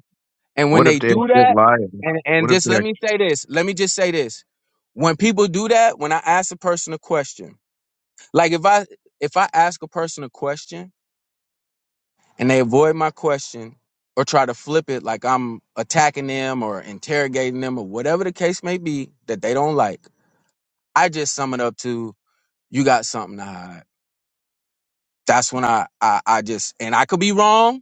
[SPEAKER 9] And when
[SPEAKER 5] what if
[SPEAKER 9] they
[SPEAKER 5] they're
[SPEAKER 9] do
[SPEAKER 5] just
[SPEAKER 9] that,
[SPEAKER 5] lying?
[SPEAKER 9] and, and
[SPEAKER 5] What if
[SPEAKER 9] just let
[SPEAKER 5] they're
[SPEAKER 9] me say this, let me just say this. When people do that, when I ask a person a question, Like if I if I ask a person a question and they avoid my question or try to flip it like I'm attacking them or interrogating them or whatever the case may be that they don't like, I just sum it up to you got something to hide. That's when I I, I just and I could be wrong.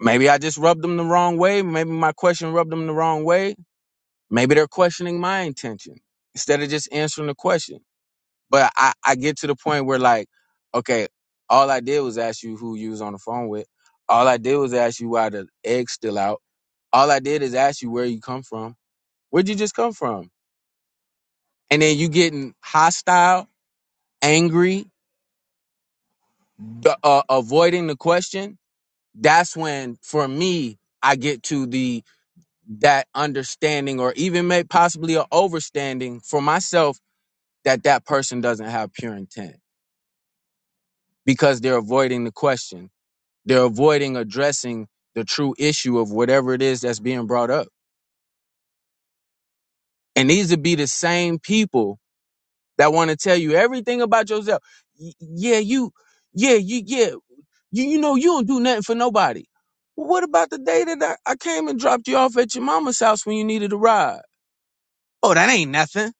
[SPEAKER 9] Maybe I just rubbed them the wrong way. Maybe my question rubbed them the wrong way. Maybe they're questioning my intention instead of just answering the question. But I, I get to the point where like, okay, all I did was ask you who you was on the phone with. All I did was ask you why the egg's still out. All I did is ask you where you come from. Where'd you just come from? And then you getting hostile, angry, d- uh, avoiding the question. That's when, for me, I get to the that understanding, or even may possibly a overstanding for myself that that person doesn't have pure intent because they're avoiding the question They're avoiding addressing the true issue of whatever it is that's being brought up. And these would be the same people that want to tell you everything about yourself. Y- yeah, you, yeah, you, yeah, you, you know, you don't do nothing for nobody. Well, what about the day that I, I came and dropped you off at your mama's house when you needed a ride? Oh, that ain't nothing.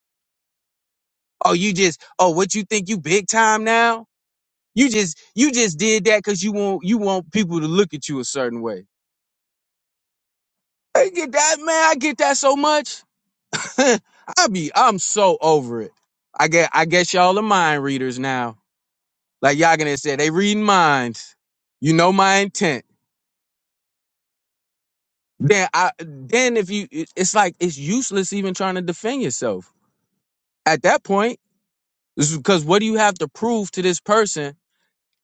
[SPEAKER 9] Oh, you just, oh, what you think you big time now? You just, you just did that because you want, you want people to look at you a certain way. I get that, man. I get that so much. I be I'm so over it. I get I guess y'all are mind readers now. Like Yagana said, they reading minds. You know my intent. Then I then if you it- it's like it's useless even trying to defend yourself. At that point, this is because what do you have to prove to this person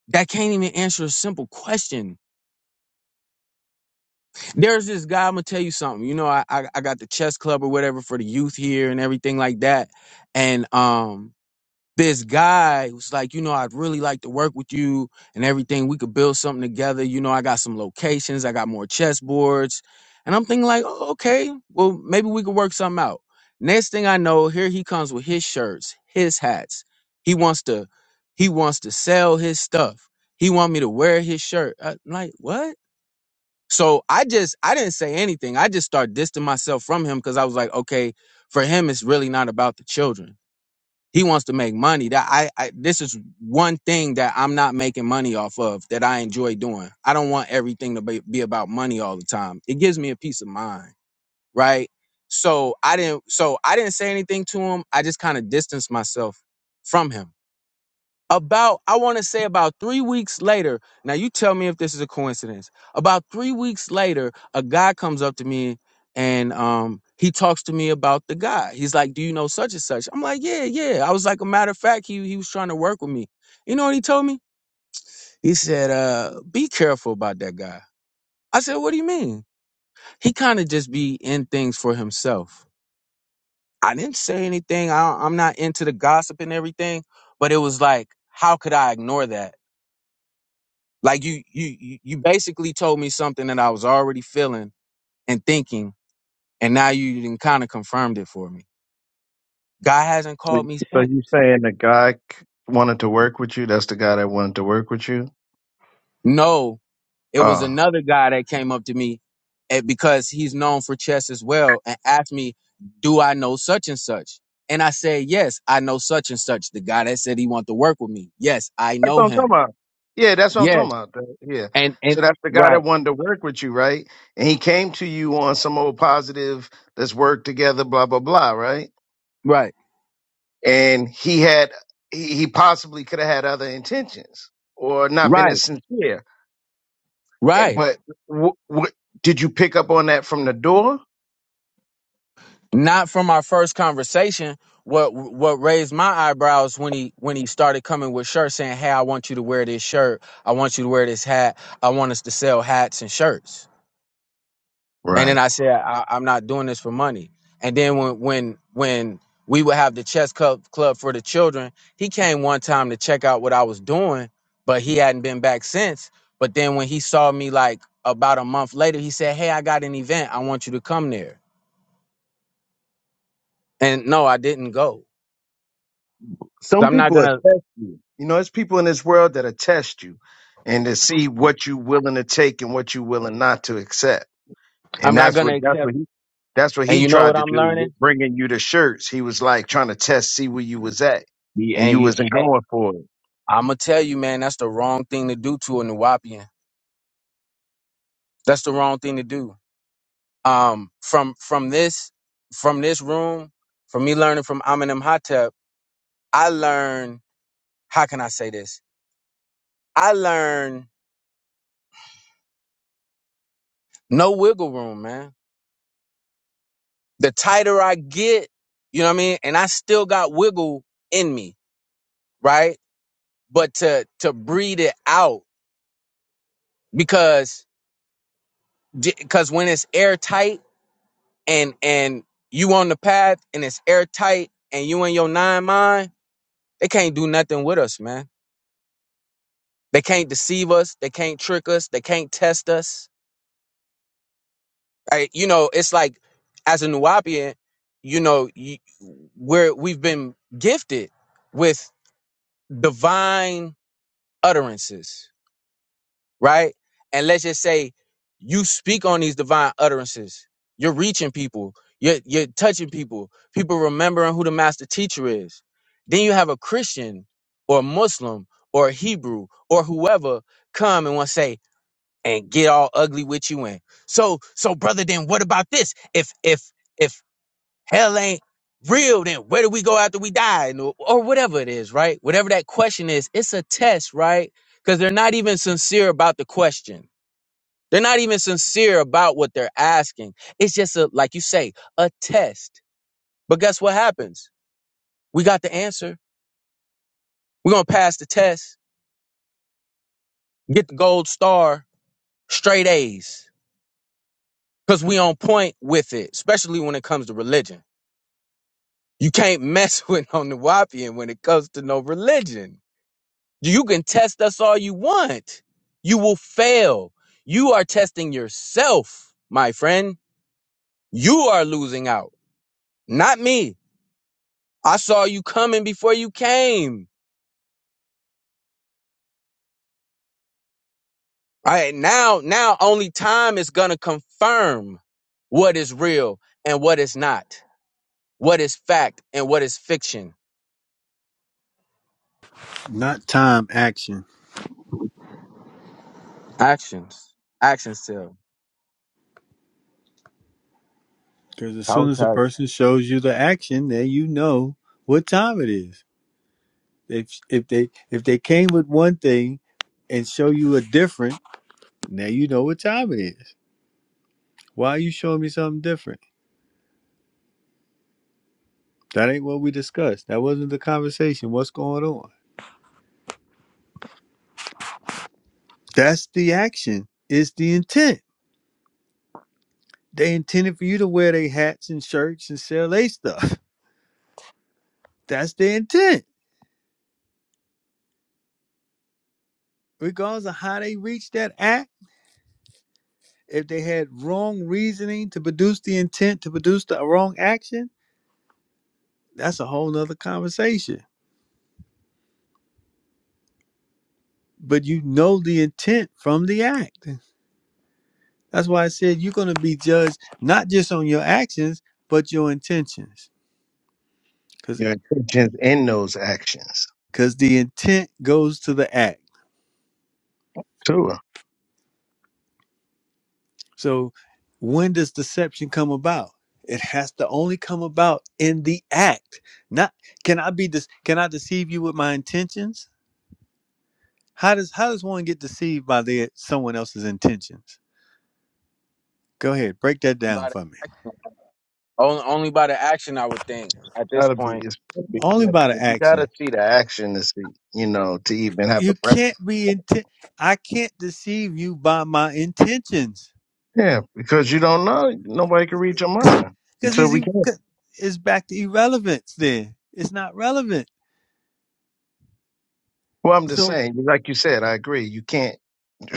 [SPEAKER 9] that can't even answer a simple question? There's this guy, I'm gonna tell you something. You know, I I, I got the chess club or whatever for the youth here and everything like that. And um this guy who's like, you know, I'd really like to work with you and everything. We could build something together. You know, I got some locations, I got more chessboards. And I'm thinking, like, oh, okay, well, maybe we could work something out. Next thing I know, here he comes with his shirts, his hats. He wants to, he wants to sell his stuff. He want me to wear his shirt. i am like, what? So I just, I didn't say anything. I just started distancing myself from him because I was like, okay, for him, it's really not about the children. He wants to make money. That I, I this is one thing that I'm not making money off of that I enjoy doing. I don't want everything to be, be about money all the time. It gives me a peace of mind, right? So I didn't so I didn't say anything to him. I just kind of distanced myself from him about, I want to say about three weeks later. Now, you tell me if this is a coincidence. About three weeks later, a guy comes up to me and um, he talks to me about the guy. He's like, Do you know such and such? I'm like, Yeah, yeah. I was like, A matter of fact, he, he was trying to work with me. You know what he told me? He said, uh, Be careful about that guy. I said, What do you mean? He kind of just be in things for himself. I didn't say anything. I, I'm not into the gossip and everything, but it was like, How could I ignore that? Like you, you, you you basically told me something that I was already feeling and thinking, and now you did kind of confirmed it for me. God hasn't
[SPEAKER 5] so
[SPEAKER 9] called me
[SPEAKER 5] so
[SPEAKER 9] since.
[SPEAKER 5] you saying the guy c- wanted to work with you? That's the guy that wanted to work with you.
[SPEAKER 9] No, it was
[SPEAKER 5] Oh.
[SPEAKER 9] another guy that came up to me, and because he's known for chess as well, and asked me, "Do I know such and such?" And I said, "Yes, I know such and such." The guy that said he wanted to work with me. Yes, I
[SPEAKER 5] That's what
[SPEAKER 9] know
[SPEAKER 5] I'm talking
[SPEAKER 9] him.
[SPEAKER 5] about. Yeah, that's what I'm
[SPEAKER 9] Yes,
[SPEAKER 5] talking about. The- Yeah.
[SPEAKER 9] and and
[SPEAKER 5] So that's the guy that
[SPEAKER 9] right,
[SPEAKER 5] wanted to work with you, right? And he came to you on some old positive, let's work together, blah, blah, blah, right?
[SPEAKER 9] right,
[SPEAKER 5] And he had, he he possibly could have had other intentions or not been as
[SPEAKER 9] right,
[SPEAKER 5] sincere. Eh,
[SPEAKER 9] right.
[SPEAKER 5] But what, what did you pick up on that from the door?
[SPEAKER 9] not from our first conversation. What what raised my eyebrows when he when he started coming with shirts saying, "Hey, I want you to wear this shirt. I want you to wear this hat. I want us to sell hats and shirts." And then
[SPEAKER 5] Right.
[SPEAKER 9] I said, I, "I'm not doing this for money." And then when when when we would have the chess club club for the children, he came one time to check out what I was doing, but he hadn't been back since. But then when he saw me like about a month later, he said, "Hey, I got an event. I want you to come there." And no, I didn't go. So
[SPEAKER 5] Some
[SPEAKER 9] I'm not
[SPEAKER 5] people
[SPEAKER 9] gonna
[SPEAKER 5] attest you. You know, there's people in this world that attest you and to see what you're willing to take and what you're willing not to accept.
[SPEAKER 9] I'm
[SPEAKER 5] And
[SPEAKER 9] not
[SPEAKER 5] that's what
[SPEAKER 9] gonna
[SPEAKER 5] that's
[SPEAKER 9] accept.
[SPEAKER 5] what he that's what
[SPEAKER 9] And
[SPEAKER 5] he
[SPEAKER 9] you know what
[SPEAKER 5] tried to
[SPEAKER 9] I'm
[SPEAKER 5] do,
[SPEAKER 9] learning?
[SPEAKER 5] with bringing you the shirts. He was like trying to test, see where you was at,
[SPEAKER 9] Yeah,
[SPEAKER 5] and
[SPEAKER 9] and
[SPEAKER 5] you
[SPEAKER 9] you,
[SPEAKER 5] wasn't
[SPEAKER 9] and
[SPEAKER 5] going for it.
[SPEAKER 9] I'm gonna tell you, man, that's the wrong thing to do to a Nuwapian. That's the wrong thing to do. Um, from from this from this room, from me learning from Eminem, Hotep, I learn. How can I say this? I learn no wiggle room, man. The tighter I get, you know what I mean, and I still got wiggle in me, right? But to to breathe it out because because when it's airtight and and you on the path and it's airtight and you in your nine mind, they can't do nothing with us, man. They can't deceive us. They can't trick us. They can't test us. I, you know, it's like as a Nuwapian, you know, you, we're we've been gifted with divine utterances right? And let's just say you speak on these divine utterances. You're reaching people. You're, you're touching people. People remembering who the master teacher is. Then you have a Christian or a Muslim or a Hebrew or whoever come and want to say and get all ugly with you in. So so brother, then what about this? If if if hell ain't real, then where do we go after we die? And- Or, or whatever it is, right? Whatever that question is, it's a test, right? Because they're not even sincere about the question. They're not even sincere about what they're asking. It's just a, like you say, a test. But guess what happens? We got the answer. We're gonna pass the test, get the gold star, straight A's. Cause we on point with it, especially when it comes to religion. You can't mess with on the Wapian when it comes to no religion You can test us all you want. You will fail. You are testing yourself, my friend. You are losing out, not me. I saw you coming before you came. All right, now, now only time is going to confirm what is real and what is not, what is fact and what is fiction.
[SPEAKER 1] not time action.
[SPEAKER 9] Actions, actions still.
[SPEAKER 1] Because as soon
[SPEAKER 9] Talk,
[SPEAKER 1] as a
[SPEAKER 9] talk.
[SPEAKER 1] person shows you the action, then you know what time it is. If if they if they came with one thing and show you a different, now you know what time it is. Why are you showing me something different? That ain't what we discussed. That wasn't the conversation. What's going on? That's the action. It's the intent. They intended for you to wear their hats and shirts and sell their stuff. That's their intent. Regardless of how they reached that act, if they had wrong reasoning to produce the intent to produce the wrong action, that's a whole nother conversation. But you know the intent from the act. That's why I said you're gonna be judged not just on your actions, but your intentions. Cause
[SPEAKER 5] Your intentions in those actions,
[SPEAKER 1] cause the intent goes to the act.
[SPEAKER 5] sure.
[SPEAKER 1] So when does deception come about? It has to only come about in the act. Not can I be this can I deceive you with my intentions? How does how does one get deceived by their someone else's intentions? Go ahead, break that down
[SPEAKER 9] By the
[SPEAKER 1] for me.
[SPEAKER 9] action. Only, only by the action, I would think at this
[SPEAKER 5] Gotta be,
[SPEAKER 9] point.
[SPEAKER 5] it's gotta be-
[SPEAKER 1] Only
[SPEAKER 5] yeah,
[SPEAKER 1] by the
[SPEAKER 5] you gotta
[SPEAKER 1] action.
[SPEAKER 5] see the action to see, you know, to even have a
[SPEAKER 1] You
[SPEAKER 5] breath.
[SPEAKER 1] can't be intent I can't deceive you by my intentions.
[SPEAKER 5] Yeah, because you don't know, nobody can read your mind
[SPEAKER 1] Because
[SPEAKER 5] until
[SPEAKER 1] it's,
[SPEAKER 5] we
[SPEAKER 1] e-
[SPEAKER 5] can.
[SPEAKER 1] 'cause it's back to irrelevance then. It's not relevant.
[SPEAKER 5] Well, I'm just
[SPEAKER 1] So.
[SPEAKER 5] saying, like you said, I agree. You can't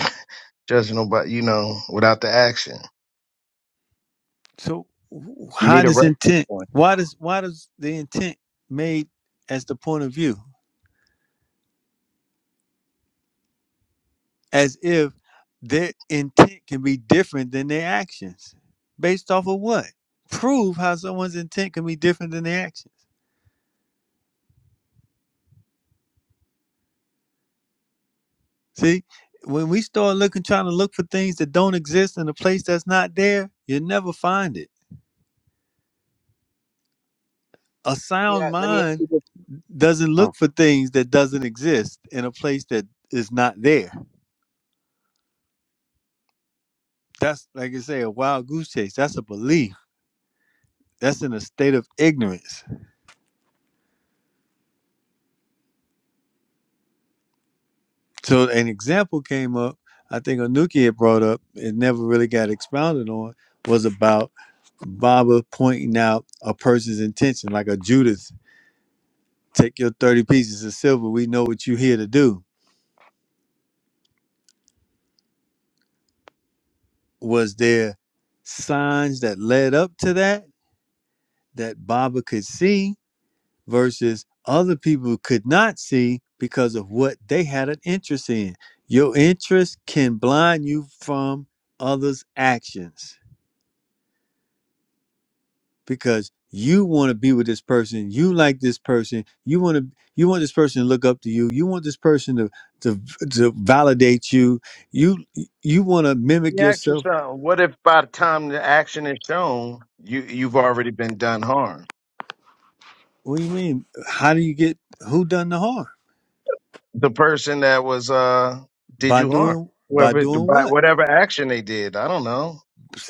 [SPEAKER 5] judge nobody, you know, without the action.
[SPEAKER 1] So wh-
[SPEAKER 5] You
[SPEAKER 1] how
[SPEAKER 5] need a
[SPEAKER 1] does
[SPEAKER 5] reference.
[SPEAKER 1] intent?
[SPEAKER 5] point.
[SPEAKER 1] Why does why does the intent made as the point of view, as if their intent can be different than their actions, based off of what? Prove how someone's intent can be different than their actions. See, when we start looking, trying to look for things that don't exist in a place that's not there, you'll never find it. A sound
[SPEAKER 9] Yeah, let me. ask
[SPEAKER 1] mind
[SPEAKER 9] you
[SPEAKER 1] doesn't
[SPEAKER 9] this.
[SPEAKER 1] look for things that doesn't exist in a place that is not there. that's like I say, a wild goose chase. That's a belief. That's in a state of ignorance. So an example came up. I think Anuki had brought up. It never really got expounded on. Was about Baba pointing out a person's intention, like a Judas. Take your thirty pieces of silver. We know what you're here to do. Was there signs that led up to that that Baba could see? versus other people could not see because of what they had an interest in. Your interest can blind you from others' actions because you want to be with this person, you like this person, you want to you want this person to look up to you, you want this person to to, to validate you, you you want to mimic
[SPEAKER 5] You ask
[SPEAKER 1] yourself.
[SPEAKER 5] yourself, what if by the time the action is shown, you you've already been done harm?
[SPEAKER 1] What do you mean? How do you get who done the harm?
[SPEAKER 5] The person that was uh did
[SPEAKER 1] By
[SPEAKER 5] you harm?
[SPEAKER 1] doing by
[SPEAKER 5] Whoever
[SPEAKER 1] doing
[SPEAKER 5] by
[SPEAKER 1] what?
[SPEAKER 5] whatever action they did, I don't know.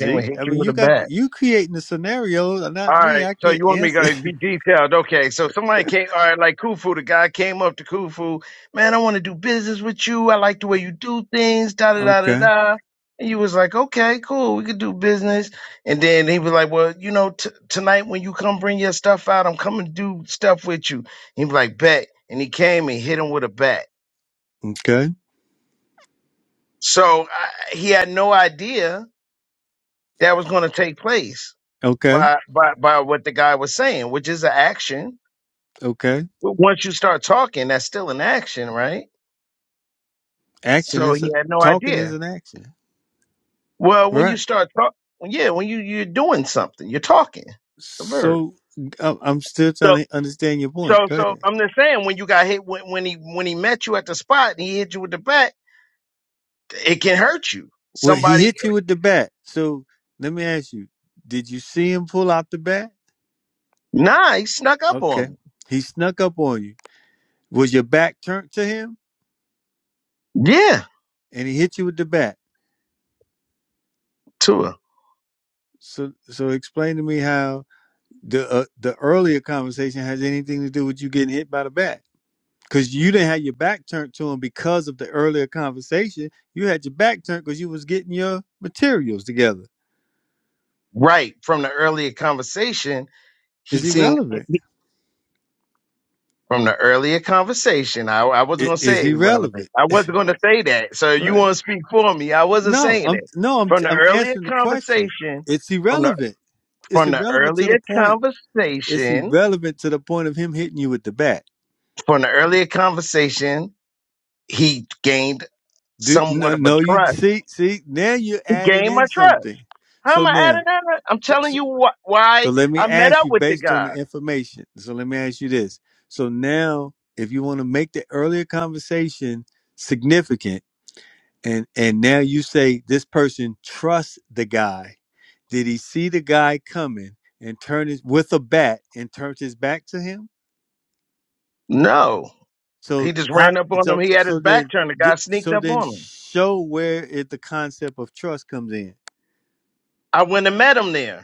[SPEAKER 5] Came and hit
[SPEAKER 1] I
[SPEAKER 5] you
[SPEAKER 1] mean,
[SPEAKER 5] with
[SPEAKER 1] you
[SPEAKER 5] a
[SPEAKER 1] got
[SPEAKER 5] bat.
[SPEAKER 1] you creating the scenario,
[SPEAKER 5] All
[SPEAKER 1] not me.
[SPEAKER 5] right,
[SPEAKER 1] I
[SPEAKER 5] so
[SPEAKER 1] can't
[SPEAKER 5] you want me to
[SPEAKER 1] answer.
[SPEAKER 5] go be detailed? Okay, so somebody came. All right, like Khufu, the guy came up to Khufu. Man, I want to do business with you. I like the way you do things. Da da da da
[SPEAKER 1] Okay,
[SPEAKER 5] da. And you was like, okay, cool, we could do business. And then he was like, well, you know, t- tonight when you come bring your stuff out, I'm coming to do stuff with you. He was like, bet. And he came and hit him with a bat.
[SPEAKER 1] okay,
[SPEAKER 5] So I, he had no idea that was going to take place
[SPEAKER 1] okay,
[SPEAKER 5] by by by what the guy was saying, which is an action
[SPEAKER 1] okay.
[SPEAKER 5] But once you start talking, that's still an action, right?
[SPEAKER 1] Action
[SPEAKER 5] So
[SPEAKER 1] is
[SPEAKER 5] he had no
[SPEAKER 1] talking is
[SPEAKER 5] idea.
[SPEAKER 1] an action,
[SPEAKER 5] Well, when you
[SPEAKER 1] right?
[SPEAKER 5] start talking, yeah, when you you're doing something, you're talking. It's the verb.
[SPEAKER 1] So I- I'm still
[SPEAKER 5] So
[SPEAKER 1] trying to understand your point.
[SPEAKER 5] so
[SPEAKER 1] Go
[SPEAKER 5] so
[SPEAKER 1] ahead.
[SPEAKER 5] I'm just saying when you got hit when, when he when he met you at the spot and he hit you with the bat, it can hurt you.
[SPEAKER 1] Well, he
[SPEAKER 5] Somebody
[SPEAKER 1] hit you with the bat. So let me ask you: Did you see him pull out the bat?
[SPEAKER 5] nah, he snuck up
[SPEAKER 1] Okay,
[SPEAKER 5] on me.
[SPEAKER 1] he snuck up on you. Was your back turned to him,
[SPEAKER 5] Yeah,
[SPEAKER 1] and he hit you with the bat?
[SPEAKER 5] Tua.
[SPEAKER 1] So, so explain to me how the uh, the earlier conversation has anything to do with you getting hit by the bat because you didn't have your back turned to him because of the earlier conversation you had your back turned because you was getting your materials together
[SPEAKER 5] Right from the earlier conversation, he
[SPEAKER 1] is
[SPEAKER 5] seemed
[SPEAKER 1] irrelevant
[SPEAKER 5] From the earlier conversation, I, I wasn't
[SPEAKER 1] it
[SPEAKER 5] going to
[SPEAKER 1] is
[SPEAKER 5] say irrelevant.
[SPEAKER 1] irrelevant
[SPEAKER 5] I wasn't going to say that. So you
[SPEAKER 1] right
[SPEAKER 5] want to speak for me? I wasn't
[SPEAKER 1] no
[SPEAKER 5] saying
[SPEAKER 1] i'm
[SPEAKER 5] that.
[SPEAKER 1] no i'm
[SPEAKER 5] From the
[SPEAKER 1] i'm
[SPEAKER 5] earlier
[SPEAKER 1] answering the question
[SPEAKER 5] conversation,
[SPEAKER 1] it's
[SPEAKER 5] from the
[SPEAKER 1] irrelevant it's
[SPEAKER 5] from the
[SPEAKER 1] irrelevant to the
[SPEAKER 5] earlier
[SPEAKER 1] point it's
[SPEAKER 5] conversation,
[SPEAKER 1] irrelevant to the point of him hitting you with the bat
[SPEAKER 5] from the earlier conversation, he gained
[SPEAKER 1] do
[SPEAKER 5] somewhat
[SPEAKER 1] no
[SPEAKER 5] of a
[SPEAKER 1] no you
[SPEAKER 5] trust.
[SPEAKER 1] see see now you're
[SPEAKER 5] He
[SPEAKER 1] adding
[SPEAKER 5] gained
[SPEAKER 1] in
[SPEAKER 5] my trust.
[SPEAKER 1] something
[SPEAKER 5] How
[SPEAKER 1] so
[SPEAKER 5] am I
[SPEAKER 1] now
[SPEAKER 5] adding that? up? I'm
[SPEAKER 1] so,
[SPEAKER 5] telling
[SPEAKER 1] so
[SPEAKER 5] you wh-
[SPEAKER 1] So
[SPEAKER 5] why
[SPEAKER 1] let me
[SPEAKER 5] I met
[SPEAKER 1] ask
[SPEAKER 5] up
[SPEAKER 1] you
[SPEAKER 5] with the
[SPEAKER 1] based on
[SPEAKER 5] guy.
[SPEAKER 1] the information. So let me ask you this. So now if you want to make the earlier conversation significant and and now you say this person trusts the guy. Did he see the guy coming and turn his with a bat and turns his back to him?
[SPEAKER 5] No,
[SPEAKER 1] So
[SPEAKER 5] he just
[SPEAKER 1] how
[SPEAKER 5] ran up on him.
[SPEAKER 1] so
[SPEAKER 5] He had his
[SPEAKER 1] so
[SPEAKER 5] back
[SPEAKER 1] then
[SPEAKER 5] turned. The
[SPEAKER 1] th-
[SPEAKER 5] guy sneaked
[SPEAKER 1] so
[SPEAKER 5] up
[SPEAKER 1] then
[SPEAKER 5] on him.
[SPEAKER 1] show where it, the concept of trust comes in.
[SPEAKER 5] I went and met him there.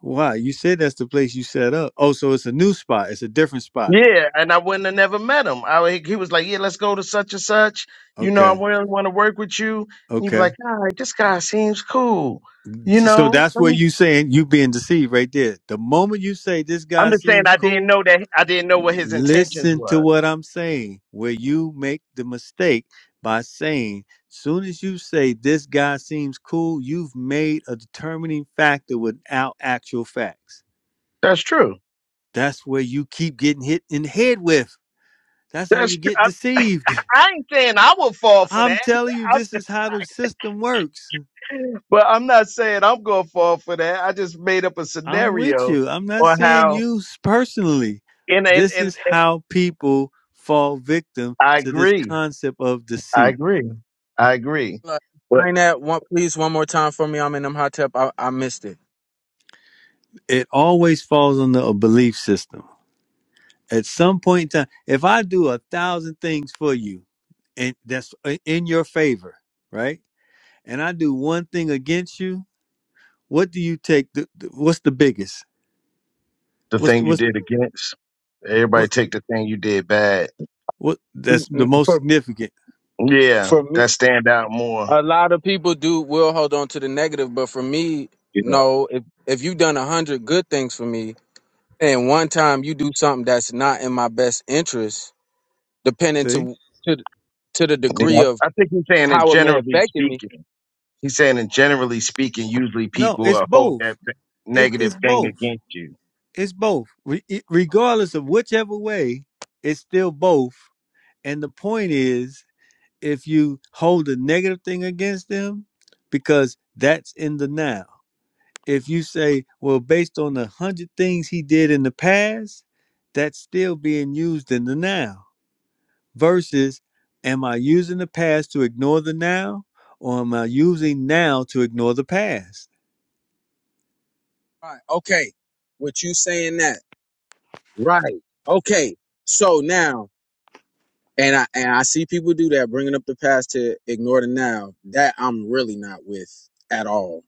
[SPEAKER 1] Why? You said that's the place you set up. Oh, so it's a new spot. It's a different spot.
[SPEAKER 5] Yeah, and I wouldn't have never met him. I would- he was like, "Yeah, let's go to such and such. You know, I
[SPEAKER 1] Okay.
[SPEAKER 5] really want to work with you." And you'd be
[SPEAKER 1] Okay.
[SPEAKER 5] like, "All right, this guy seems cool." You
[SPEAKER 1] So
[SPEAKER 5] know,
[SPEAKER 1] that's
[SPEAKER 5] let
[SPEAKER 1] where
[SPEAKER 5] me.
[SPEAKER 1] you saying you being deceived right there. The moment you say this
[SPEAKER 5] I'm
[SPEAKER 1] guy
[SPEAKER 5] just saying,
[SPEAKER 1] seems
[SPEAKER 5] I didn't
[SPEAKER 1] cool,
[SPEAKER 5] know that. I didn't know what his intentions
[SPEAKER 1] listen to
[SPEAKER 5] were.
[SPEAKER 1] what I'm saying. Where you make the mistake by saying, soon as you say this guy seems cool, you've made a determining factor without actual facts.
[SPEAKER 5] That's true.
[SPEAKER 1] That's where you keep getting hit in the head with. That's how
[SPEAKER 5] That's
[SPEAKER 1] you
[SPEAKER 5] true.
[SPEAKER 1] get
[SPEAKER 5] I,
[SPEAKER 1] deceived.
[SPEAKER 5] I ain't saying I would fall for
[SPEAKER 1] I'm
[SPEAKER 5] that,
[SPEAKER 1] telling you,
[SPEAKER 5] I,
[SPEAKER 1] this is how the system works.
[SPEAKER 5] but I'm not saying I'm gonna fall for that. I just made up a
[SPEAKER 1] I'm with
[SPEAKER 5] scenario
[SPEAKER 1] you. I'm not
[SPEAKER 5] on
[SPEAKER 1] saying
[SPEAKER 5] how.
[SPEAKER 1] you s- personally.
[SPEAKER 5] And and
[SPEAKER 1] This
[SPEAKER 5] and,
[SPEAKER 1] is
[SPEAKER 5] and
[SPEAKER 1] how people fall victim
[SPEAKER 5] I
[SPEAKER 1] to this
[SPEAKER 5] agree.
[SPEAKER 1] concept of
[SPEAKER 5] I
[SPEAKER 1] deceit.
[SPEAKER 5] agree. I agree.
[SPEAKER 9] Uh, Explain that one, please, one more time for me. I'm in them hot tub. I, I missed it.
[SPEAKER 1] It always falls under a belief system. At some point in time, if I do a thousand things for you and that's i- in your favor, right? And I do one thing against you, what do you take? The, the- what's the biggest?
[SPEAKER 5] The
[SPEAKER 1] What's the,
[SPEAKER 5] thing you
[SPEAKER 1] what's
[SPEAKER 5] did against. Everybody
[SPEAKER 1] what
[SPEAKER 5] take the thing you did bad.
[SPEAKER 1] what
[SPEAKER 9] Mm,
[SPEAKER 1] that's the
[SPEAKER 9] mm,
[SPEAKER 1] most
[SPEAKER 9] For
[SPEAKER 1] significant?
[SPEAKER 5] Yeah,
[SPEAKER 9] for me,
[SPEAKER 5] that stand out more.
[SPEAKER 9] a lot of people do will hold on to the negative, but for me,
[SPEAKER 5] Yeah.
[SPEAKER 9] no. If if you done a hundred good things for me, and one time you do something that's not in my best interest, depending
[SPEAKER 1] See?
[SPEAKER 9] to to th- to the degree
[SPEAKER 5] yeah.
[SPEAKER 9] of
[SPEAKER 5] I think he's saying in
[SPEAKER 9] how it may
[SPEAKER 5] generally
[SPEAKER 9] affected me.
[SPEAKER 5] speaking. He's saying in generally speaking, usually
[SPEAKER 1] No,
[SPEAKER 5] people
[SPEAKER 1] it's
[SPEAKER 5] uh, hold
[SPEAKER 1] both.
[SPEAKER 5] that th-
[SPEAKER 1] It's
[SPEAKER 5] negative
[SPEAKER 1] it's
[SPEAKER 5] thing
[SPEAKER 1] both.
[SPEAKER 5] against you.
[SPEAKER 1] It's both. Re- it- regardless of whichever way, it's still both. And the point is, if you hold a negative thing against them, because that's in the now. If you say, well, based on the hundred things he did in the past, that's still being used in the now. Versus, am I using the past to ignore the now, or am I using now to ignore the past?
[SPEAKER 9] Right. Okay. With you saying that. Right. Okay. So now. And I and I see people do that, bringing up the past to ignore the now. That I'm really not with at all.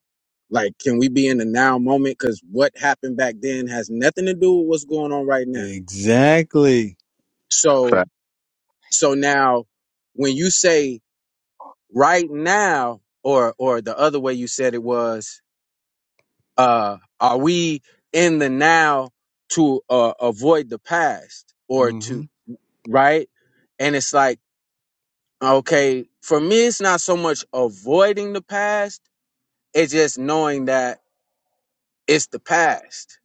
[SPEAKER 9] Like, can we be in the now moment? Because what happened back then has nothing to do with what's going on right now.
[SPEAKER 1] Exactly.
[SPEAKER 9] So,
[SPEAKER 5] Fact.
[SPEAKER 9] so now, when you say right now, or or the other way you said it was, uh, are we in the now to uh, avoid the past or
[SPEAKER 1] hmm
[SPEAKER 9] to right? And it's like Okay. For me, it's not so much avoiding the past, it's just knowing that it's the past.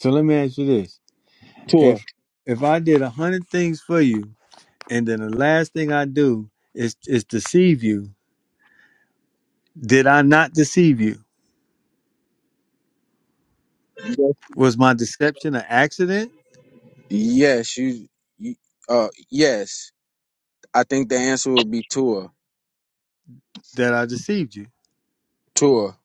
[SPEAKER 1] So let me ask you this
[SPEAKER 9] Tua.
[SPEAKER 1] if if I did a hundred things for you, and then the last thing I do is is deceive you, did I not deceive you?
[SPEAKER 9] Yes,
[SPEAKER 1] Was my deception an accident
[SPEAKER 9] Yes, you, you uh yes. I think the answer would be tour.
[SPEAKER 1] that I deceived you?
[SPEAKER 9] Tour.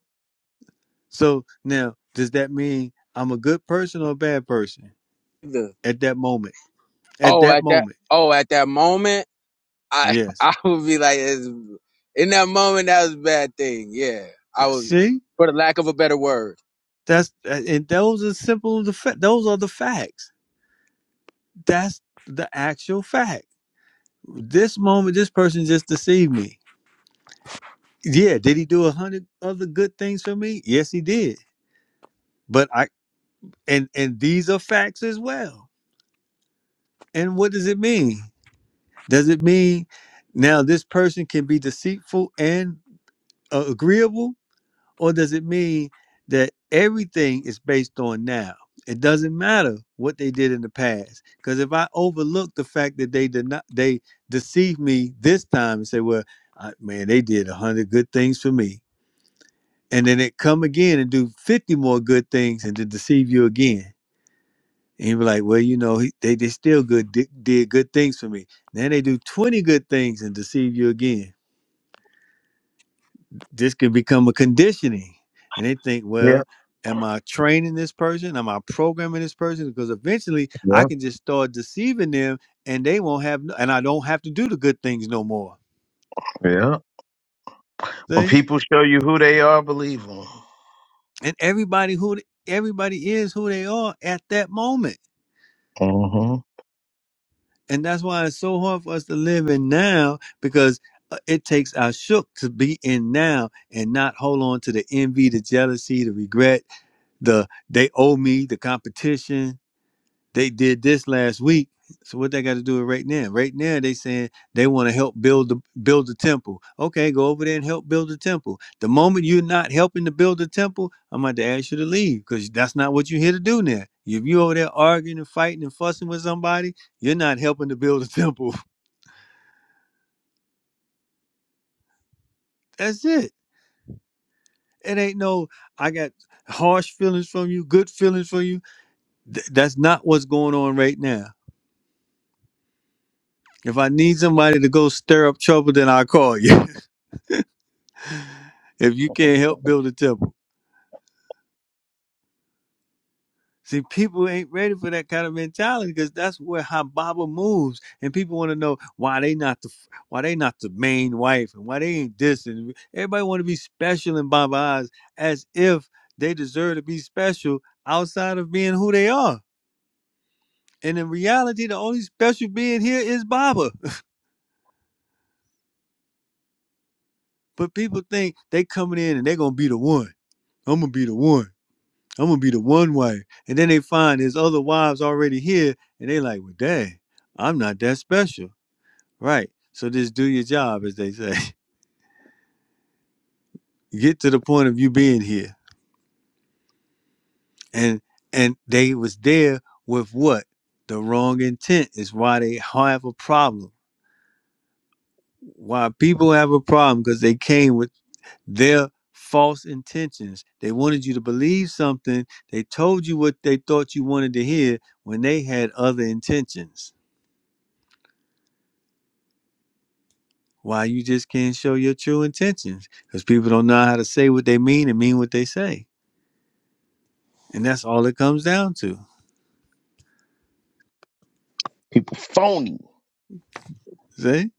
[SPEAKER 1] So now, does that mean I'm a good person or a bad person
[SPEAKER 9] The-
[SPEAKER 1] at that moment? At
[SPEAKER 9] oh
[SPEAKER 1] that
[SPEAKER 9] at that
[SPEAKER 1] moment,
[SPEAKER 9] oh at that moment I
[SPEAKER 1] yes.
[SPEAKER 9] I would be like it's, in that moment that was a bad thing. Yeah. I would
[SPEAKER 1] See,
[SPEAKER 9] for the lack of a better word.
[SPEAKER 1] that's uh, and those are simple. The fa- those are the facts. That's the actual fact. This moment, this person just deceived me. Yeah, did he do a hundred other good things for me? Yes, he did. But I and and these are facts as well. And what does it mean? Does it mean now this person can be deceitful and uh, agreeable, or does it mean that everything is based on now? It doesn't matter what they did in the past, because if I overlook the fact that they did not, they deceived me this time and say, "Well, I, man, they did a hundred good things for me." and then it come again and do 50 more good things and to deceive you again and you be like well you know he, they, they still good did, did good things for me then they do 20 good things and deceive you again this can become a conditioning and they think
[SPEAKER 5] Yeah,
[SPEAKER 1] well am i training this person am i programming this person because eventually i
[SPEAKER 5] yeah,
[SPEAKER 1] can just start deceiving them and they won't have no, and i don't have to do the good things no more
[SPEAKER 5] yeah. When
[SPEAKER 1] see
[SPEAKER 5] people show you who they are, believe them.
[SPEAKER 1] and everybody who everybody is who they are at that moment
[SPEAKER 5] hmm
[SPEAKER 1] and that's why it's so hard for us to live in now because uh, it takes our shook to be in now and not hold on to the envy, the jealousy, the regret, the they owe me, the competition they did this last week. So what they got to do it right now? Right now they saying they want to help build the build the temple. Okay, go over there and help build the temple. The moment you're not helping to build the temple, I'm about to ask you to leave because that's not what you're here to do now. If you over there arguing and fighting and fussing with somebody, you're not helping to build a temple. That's it. It ain't no I got harsh feelings from you, good feelings from you. Th- that's not what's going on right now. If I need somebody to go stir up trouble, then I'll call you. if you can't help build a temple. See, people ain't ready for that kind of mentality because that's where Hababa moves, and people want to know why they not the why they not the main wife and why they ain't this and everybody want to be special in Baba eyes as if they deserve to be special outside of being who they are. And in reality, the only special being here is Baba. But people think they coming in and they gonna be the one. I'm gonna be the one. I'm gonna be the one wife. And then they find his other wives already here, and they like, well, dang, I'm not that special, right? So just do your job, as they say. Get to the point of you being here, and and they was there with what the wrong intent is why they have a problem. Why people have a problem because they came with their false intentions. They wanted you to believe something. They told you what they thought you wanted to hear when they had other intentions why you just can't show your true intentions because people don't know how to say what they mean and mean what they say and that's all it comes down to
[SPEAKER 5] People phony.
[SPEAKER 1] see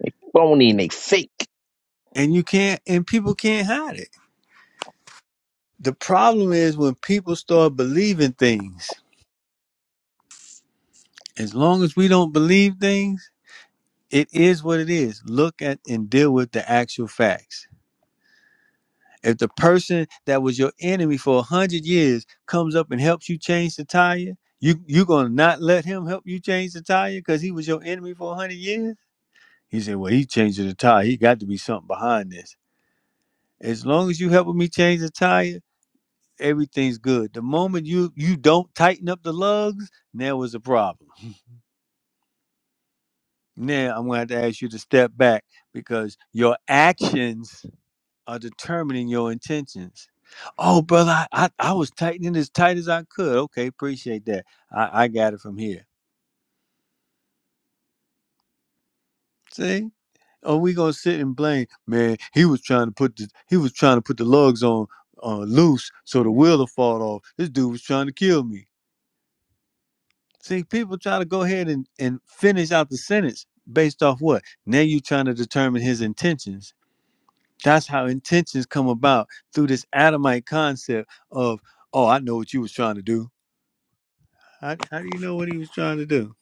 [SPEAKER 5] They phony and they fake.
[SPEAKER 1] and you can't and people can't hide it the problem is when people start believing things as long as we don't believe things it is what it is look at and deal with the actual facts if the person that was your enemy for a 100 years comes up and helps you change the tire you you gonna not let him help you change the tire because he was your enemy for a 100 years He said, Well, he's changing the tire. He got to be something behind this. As long as you helping me change the tire, everything's good. The moment you you don't tighten up the lugs, now was a problem. Now I'm gonna have to ask you to step back because your actions are determining your intentions. Oh, brother, I, I, I was tightening as tight as I could. Okay, appreciate that. I, I got it from here. See? Oh, we gonna sit and blame, man. He was trying to put the he was trying to put the lugs on uh, loose so the wheel will fall off. This dude was trying to kill me. See, people try to go ahead and, and finish out the sentence based off what? Now you trying to determine his intentions. That's how intentions come about through this Adamite concept of, oh, I know what you was trying to do. How, how do you know what he was trying to do?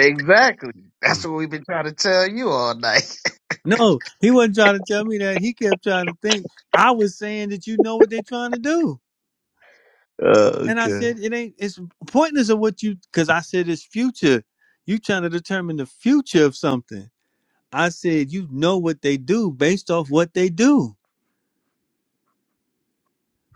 [SPEAKER 5] Exactly. That's what we've been trying to tell you all night.
[SPEAKER 1] No, he wasn't trying to tell me that. He kept trying to think. I was saying that you know what they're trying to do.
[SPEAKER 5] Uh,
[SPEAKER 1] And I
[SPEAKER 5] okay.
[SPEAKER 1] said, it ain't, it's pointless of what you, because I said it's future. You trying to determine the future of something. I said, you know what they do based off what they do.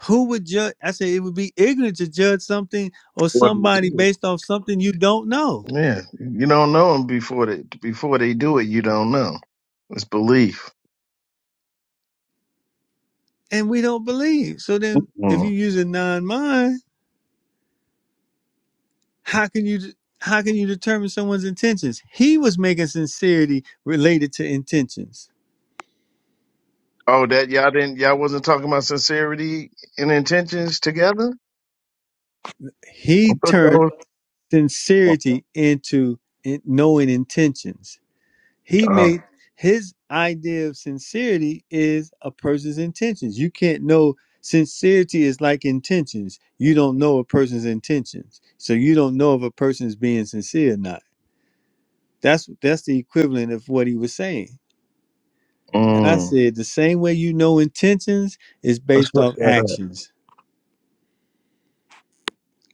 [SPEAKER 1] Who would judge? I said, it would be ignorant to judge something or
[SPEAKER 5] What?
[SPEAKER 1] somebody based off something you don't know
[SPEAKER 5] Yeah, you don't know them before they before they do it. You don't know. It's belief.
[SPEAKER 1] and we don't believe. So then if
[SPEAKER 5] Mm.
[SPEAKER 1] you use a non-mind, how can you, how can you determine someone's intentions? He was making sincerity related to intentions.
[SPEAKER 5] Oh, that y'all didn't y'all wasn't talking about sincerity and intentions together. I
[SPEAKER 1] He
[SPEAKER 5] thought that
[SPEAKER 1] turned
[SPEAKER 5] was. Oh,
[SPEAKER 1] sincerity into in- knowing intentions. He
[SPEAKER 5] uh,
[SPEAKER 1] made his idea of sincerity is a person's intentions. You can't know sincerity is like intentions. You don't know a person's intentions. So you don't know if a person is being sincere or not. That's that's the equivalent of what he was saying. And I
[SPEAKER 5] mm.
[SPEAKER 1] said the same way you know intentions is
[SPEAKER 5] Let's
[SPEAKER 1] based
[SPEAKER 5] look
[SPEAKER 1] off
[SPEAKER 5] that up.
[SPEAKER 1] actions.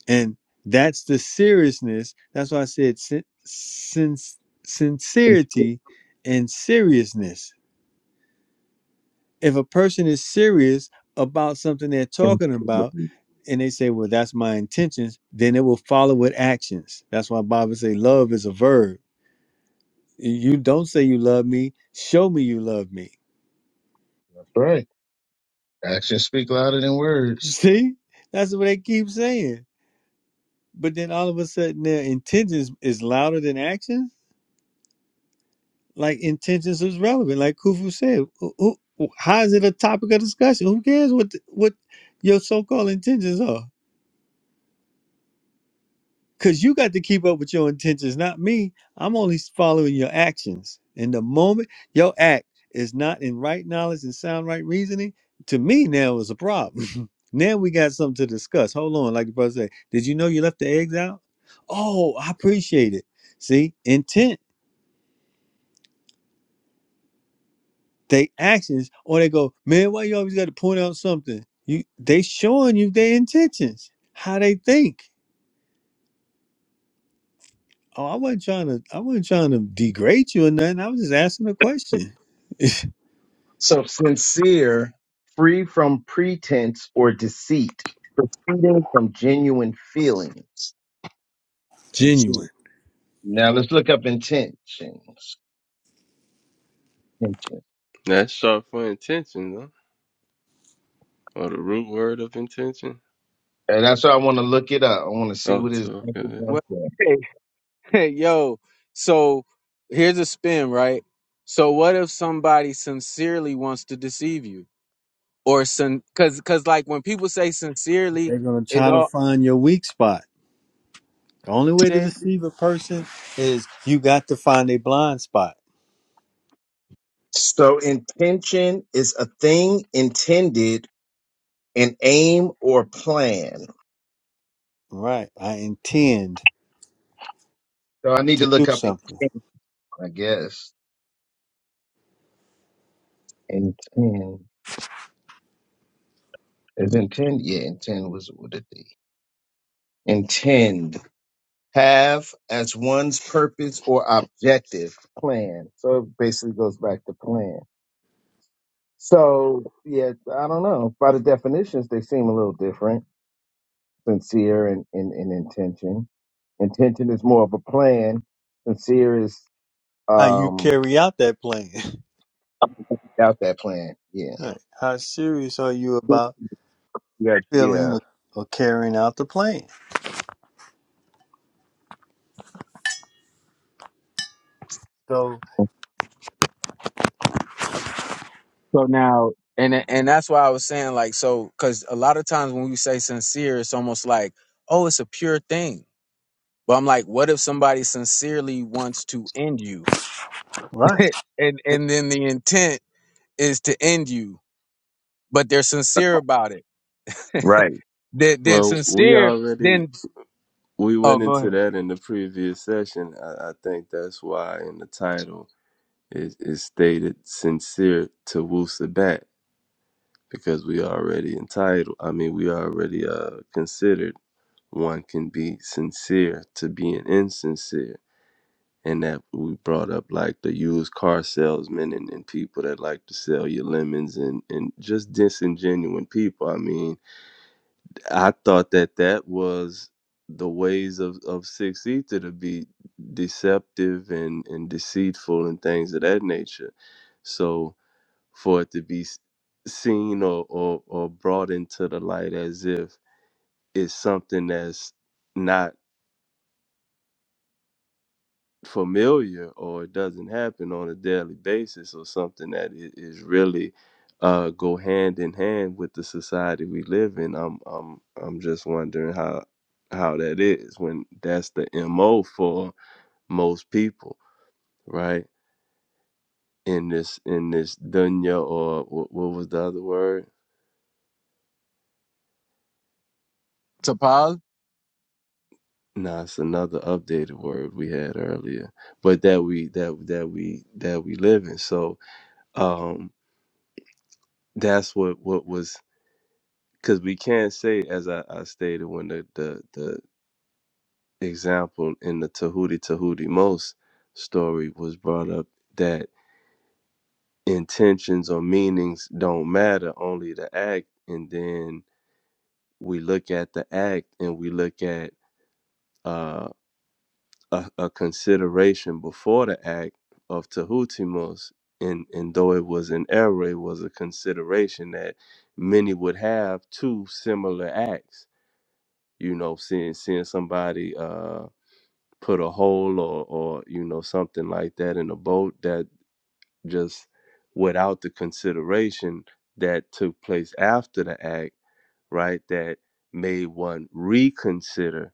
[SPEAKER 1] And that's the seriousness. That's why I said sin- sin- sincerity and seriousness. If a person is serious about something they're talking about
[SPEAKER 5] Sincerity.
[SPEAKER 1] and they say, well, that's my intentions, then it will follow with actions. That's why Bible say love is a verb. You don't say you love me, show me you love me.
[SPEAKER 5] That's right. Actions speak louder than words.
[SPEAKER 1] See? That's what they keep saying. But then all of a sudden their intentions is louder than actions like intentions is relevant. Like Kufu said, who, who- how is it a topic of discussion? Who cares what the, what your so called intentions are? Because you got to keep up with your intentions, not me. I'm only following your actions. And the moment your act is not in right knowledge and sound right reasoning, to me now is a problem. now we got something to discuss. Hold on, like the brother said, did you know you left the eggs out? Oh, I appreciate it. See, intent They actions or they go, man, why you always got to point out something? You they showing you their intentions, how they think. Oh, I wasn't trying to I wasn't trying to degrade you or nothing. I was just asking a question.
[SPEAKER 5] So sincere, free from pretense or deceit, proceeding from genuine feelings. Sincere.
[SPEAKER 1] genuine.
[SPEAKER 5] Now let's look up intentions.
[SPEAKER 3] That's sharp for intention, though, or the root word of intention.
[SPEAKER 5] And that's why I want to look it up. I want to see
[SPEAKER 3] Oh,
[SPEAKER 5] what is.
[SPEAKER 3] too good.
[SPEAKER 9] What yo, so here's a spin, right? So what if somebody sincerely wants to deceive you, or sin? Because because like when people say sincerely,
[SPEAKER 1] They're gonna
[SPEAKER 9] it's
[SPEAKER 1] try to
[SPEAKER 9] all
[SPEAKER 1] find your weak spot. The only way to
[SPEAKER 9] shake.
[SPEAKER 1] deceive a person is you got to find a blind spot.
[SPEAKER 5] So intention is a thing intended, an aim or plan.
[SPEAKER 1] Right. I intend
[SPEAKER 5] So I need to
[SPEAKER 1] to do
[SPEAKER 5] look up
[SPEAKER 1] something.
[SPEAKER 5] intent, I guess. Intend is intend. Yeah, intend was what it be. Intend have as one's purpose or objective plan. So it basically goes back to plan. So yeah, I don't know. By the definitions, they seem a little different. Sincere and, and, and intention. Intention is more of a plan. Sincere is
[SPEAKER 1] How you
[SPEAKER 5] um
[SPEAKER 1] carry out that plan.
[SPEAKER 5] out that plan. Yeah.
[SPEAKER 1] Right. How serious are you about
[SPEAKER 5] Yeah. Yeah.
[SPEAKER 1] feeling or carrying out the plan? So
[SPEAKER 9] So now, and and that's why I was saying like so, because a lot of times when we say sincere, it's almost like oh, it's a pure thing. But I'm like, what if somebody sincerely wants to end you,
[SPEAKER 1] Right.
[SPEAKER 9] and and then the intent is to end you, but they're sincere about it.
[SPEAKER 5] Right.
[SPEAKER 9] Then then
[SPEAKER 3] Well, we
[SPEAKER 9] sincere.
[SPEAKER 3] already
[SPEAKER 9] then.
[SPEAKER 3] we
[SPEAKER 9] Oh,
[SPEAKER 3] went
[SPEAKER 9] go
[SPEAKER 3] into
[SPEAKER 9] ahead.
[SPEAKER 3] that in the previous session. I, I think that's why in the title it is stated "sincere to Wusabat." because we are already entitled. I mean, we are already uh, considered. One can be sincere to being insincere, and that we brought up like the used car salesmen and, and people that like to sell you lemons and and just disingenuine people. I mean, I thought that that was the ways of of six ether to be deceptive and and deceitful and things of that nature. So for it to be s- seen or, or or brought into the light as if it's something that's not familiar or it doesn't happen on a daily basis or something that i- is really uh go hand in hand with the society we live in i'm i'm i'm just wondering how how that is when that's the mo for most people right in this in this dunya or what, what was the other word
[SPEAKER 9] To pause
[SPEAKER 3] Nah, it's another updated word we had earlier, but that we that that we that we live in. So um, that's what what was because we can't say as I, I stated when the, the the example in the Tahuti Tahuti Most story was brought up that intentions or meanings don't matter, only the act. And then we look at the act and we look at uh. a, a consideration before the act of Tahutimos, and, and though it was an error, it was a consideration that many would have two similar acts. You know, seeing seeing somebody uh, put a hole or or you know something like that in a boat that just without the consideration that took place after the act, right? That made one reconsider,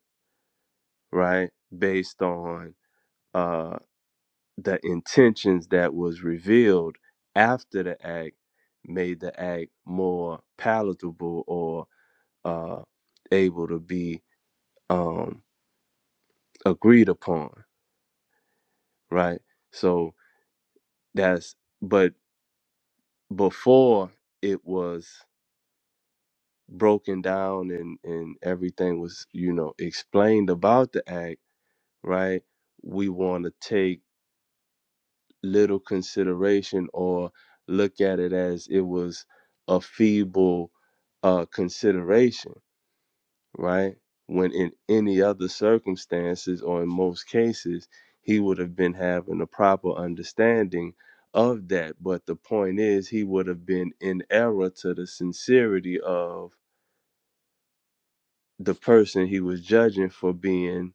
[SPEAKER 3] right, based on uh. the intentions that was revealed after the act made the act more palatable or uh, able to be um, agreed upon, right? So that's but before it was broken down and and everything was you know explained about the act, right? We want to take little consideration or look at it as it was a feeble uh, consideration, right? When in any other circumstances or in most cases, he would have been having a proper understanding of that. But the point is, he would have been in error to the sincerity of the person he was judging for being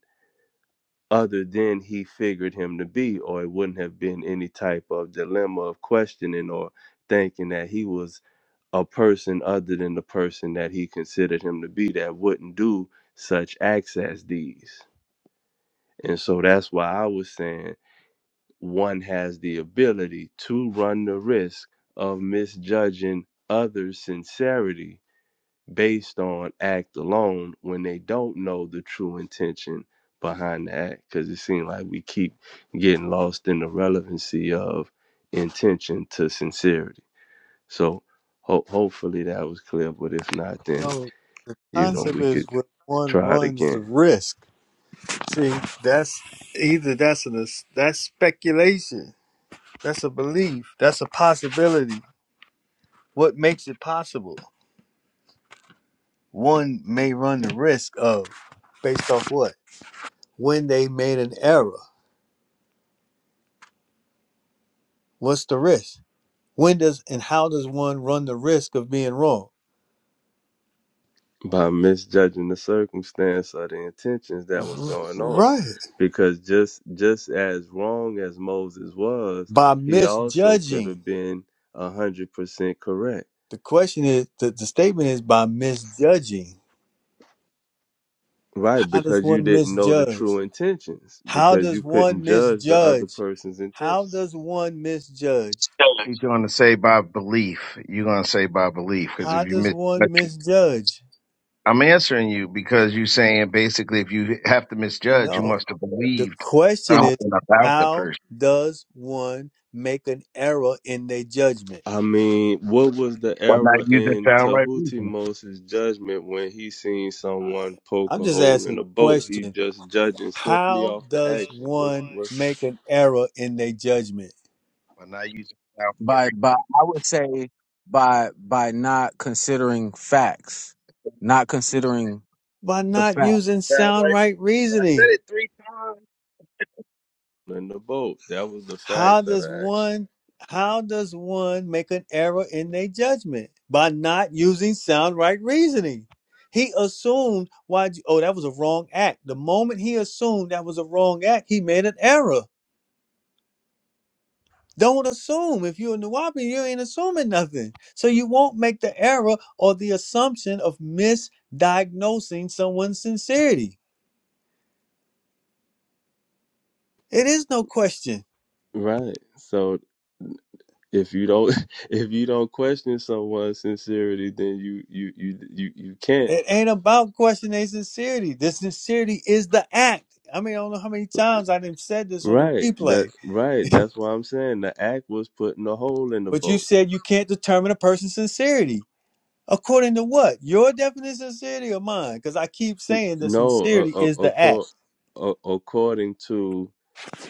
[SPEAKER 3] other than he figured him to be, or it wouldn't have been any type of dilemma of questioning or thinking that he was a person other than the person that he considered him to be that wouldn't do such acts as these. And so that's why I was saying one has the ability to run the risk of misjudging others' sincerity based on act alone when they don't know the true intention behind the act because it seems like we keep getting lost in the relevancy of intention to sincerity so ho- hopefully that was clear but if not then
[SPEAKER 1] No, the
[SPEAKER 3] you know
[SPEAKER 1] concept
[SPEAKER 3] we could
[SPEAKER 1] is where one
[SPEAKER 3] try it
[SPEAKER 1] runs the
[SPEAKER 3] again
[SPEAKER 1] risk. See, that's either that's an that's speculation, that's a belief, that's a possibility. What makes it possible? One may run the risk of, based off what? When they made an error. What's the risk? When does and how does one run the risk of being wrong?
[SPEAKER 3] by misjudging the circumstance or the intentions that was
[SPEAKER 1] R-
[SPEAKER 3] going on
[SPEAKER 1] Right.
[SPEAKER 3] because just just as wrong as moses was
[SPEAKER 1] By
[SPEAKER 3] he also could
[SPEAKER 1] misjudging.
[SPEAKER 3] have been a hundred percent correct
[SPEAKER 1] The question is, the, the statement is by misjudging
[SPEAKER 3] Right,
[SPEAKER 1] How does
[SPEAKER 3] because you
[SPEAKER 1] one
[SPEAKER 3] didn't know the
[SPEAKER 1] misjudge?
[SPEAKER 3] true intentions,
[SPEAKER 1] How
[SPEAKER 3] because
[SPEAKER 1] does
[SPEAKER 3] you couldn't
[SPEAKER 1] one
[SPEAKER 3] judge the other
[SPEAKER 1] misjudge?
[SPEAKER 3] person's
[SPEAKER 1] How
[SPEAKER 3] intentions.
[SPEAKER 1] does one misjudge?
[SPEAKER 5] He's going to say by belief. You're going to say by belief because if
[SPEAKER 1] How
[SPEAKER 5] you
[SPEAKER 1] does
[SPEAKER 5] mis-
[SPEAKER 1] one misjudge?
[SPEAKER 5] I'm answering you because you're saying basically if you have to misjudge, you
[SPEAKER 1] No.
[SPEAKER 5] must have
[SPEAKER 1] The
[SPEAKER 5] believed
[SPEAKER 1] question is
[SPEAKER 5] something about the
[SPEAKER 1] how
[SPEAKER 5] person.
[SPEAKER 1] does one make an error in their judgment?
[SPEAKER 3] I mean, what was the
[SPEAKER 5] Why not
[SPEAKER 3] error
[SPEAKER 5] using
[SPEAKER 3] in
[SPEAKER 5] sound right
[SPEAKER 3] Tahuti
[SPEAKER 5] reason.
[SPEAKER 3] Moses' judgment when he seen
[SPEAKER 1] I-
[SPEAKER 3] someone poke
[SPEAKER 1] I'm
[SPEAKER 3] a
[SPEAKER 1] just
[SPEAKER 3] hole
[SPEAKER 1] asking
[SPEAKER 3] in
[SPEAKER 1] a
[SPEAKER 3] a boat? He
[SPEAKER 1] question.
[SPEAKER 3] just judging simply
[SPEAKER 1] How
[SPEAKER 3] off the
[SPEAKER 1] does
[SPEAKER 3] action. What's
[SPEAKER 1] one
[SPEAKER 3] what's
[SPEAKER 1] make an error in their judgment?
[SPEAKER 5] Why not using sound right
[SPEAKER 9] by by
[SPEAKER 5] reason.
[SPEAKER 9] I would say by by not considering facts, not
[SPEAKER 5] Reasoning.
[SPEAKER 9] considering
[SPEAKER 1] By
[SPEAKER 9] the
[SPEAKER 1] not
[SPEAKER 9] fact.
[SPEAKER 1] using
[SPEAKER 5] Sound
[SPEAKER 1] sound
[SPEAKER 5] right
[SPEAKER 1] right
[SPEAKER 5] reason. I
[SPEAKER 1] reasoning.
[SPEAKER 5] said it three times.
[SPEAKER 3] in the boat? That was the fact
[SPEAKER 1] How
[SPEAKER 3] of
[SPEAKER 1] does
[SPEAKER 3] the action.
[SPEAKER 1] one how does one make an error in their judgment? By not using sound right reasoning. He assumed why oh that was a wrong act. The moment he assumed that was a wrong act, he made an error. Don't assume. If you're a Nuwapi, you ain't assuming nothing. So you won't make the error or the assumption of misdiagnosing someone's sincerity. It is no question.
[SPEAKER 3] Right. So if you don't if you don't question someone's sincerity, then you you you you, you can't
[SPEAKER 1] It ain't about questioning their sincerity. The sincerity is the act. I mean, I don't know how many times I done said this on the
[SPEAKER 3] Right. That
[SPEAKER 1] replay,
[SPEAKER 3] right. That's why I'm saying the act was putting a hole in the
[SPEAKER 1] but you
[SPEAKER 3] boat.
[SPEAKER 1] said you can't determine a person's sincerity. According to what? Your definition of sincerity or mine? Because I keep saying the
[SPEAKER 3] No,
[SPEAKER 1] sincerity
[SPEAKER 3] uh,
[SPEAKER 1] is
[SPEAKER 3] uh,
[SPEAKER 1] the
[SPEAKER 3] accord,
[SPEAKER 1] act.
[SPEAKER 3] uh, according to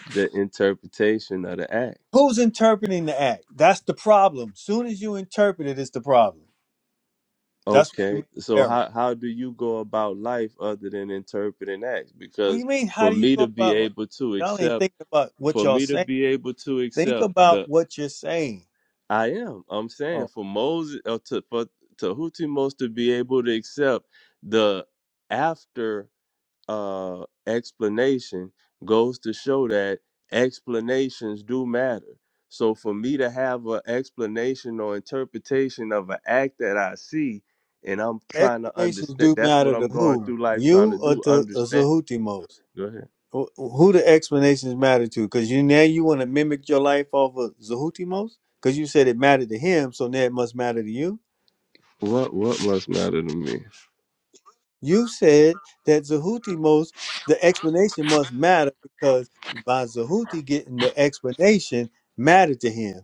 [SPEAKER 3] the interpretation of the act.
[SPEAKER 1] Who's interpreting the act? That's the problem. Soon as you interpret it, it's the problem. That's what you
[SPEAKER 3] Okay.
[SPEAKER 1] mean
[SPEAKER 3] So
[SPEAKER 1] error.
[SPEAKER 3] how how do you go about life other than interpreting acts?
[SPEAKER 1] What do
[SPEAKER 3] Because
[SPEAKER 1] you mean?
[SPEAKER 3] for
[SPEAKER 1] How do you
[SPEAKER 3] me to
[SPEAKER 1] go
[SPEAKER 3] be
[SPEAKER 1] about?
[SPEAKER 3] able to
[SPEAKER 1] Y'all ain't
[SPEAKER 3] accept,
[SPEAKER 1] thinking about what
[SPEAKER 3] for
[SPEAKER 1] y'all
[SPEAKER 3] me to
[SPEAKER 1] saying.
[SPEAKER 3] be able to
[SPEAKER 1] Think
[SPEAKER 3] accept
[SPEAKER 1] about
[SPEAKER 3] the
[SPEAKER 1] what you're saying.
[SPEAKER 3] I am. I'm
[SPEAKER 1] Oh,
[SPEAKER 3] saying for Moses or to for to most to be able to accept the after. uh, explanation goes to show that explanations do matter. So for me to have an explanation or interpretation of an act that I see, and I'm trying to
[SPEAKER 1] Explanations
[SPEAKER 3] understand,
[SPEAKER 1] do
[SPEAKER 3] that's what
[SPEAKER 1] matter to
[SPEAKER 3] I'm going
[SPEAKER 1] who?
[SPEAKER 3] through life trying to
[SPEAKER 1] You or
[SPEAKER 3] do.
[SPEAKER 1] to or
[SPEAKER 3] Understand?
[SPEAKER 1] Zahuti most?
[SPEAKER 3] Go ahead.
[SPEAKER 1] Who who the explanations matter to? Because you now you want to mimic your life off of Zahuti most? Because you said it mattered to him, so now it must matter to you.
[SPEAKER 3] What what must matter to me?
[SPEAKER 1] You said that Zahuti most, the explanation must matter because by Zahuti getting the explanation mattered to him.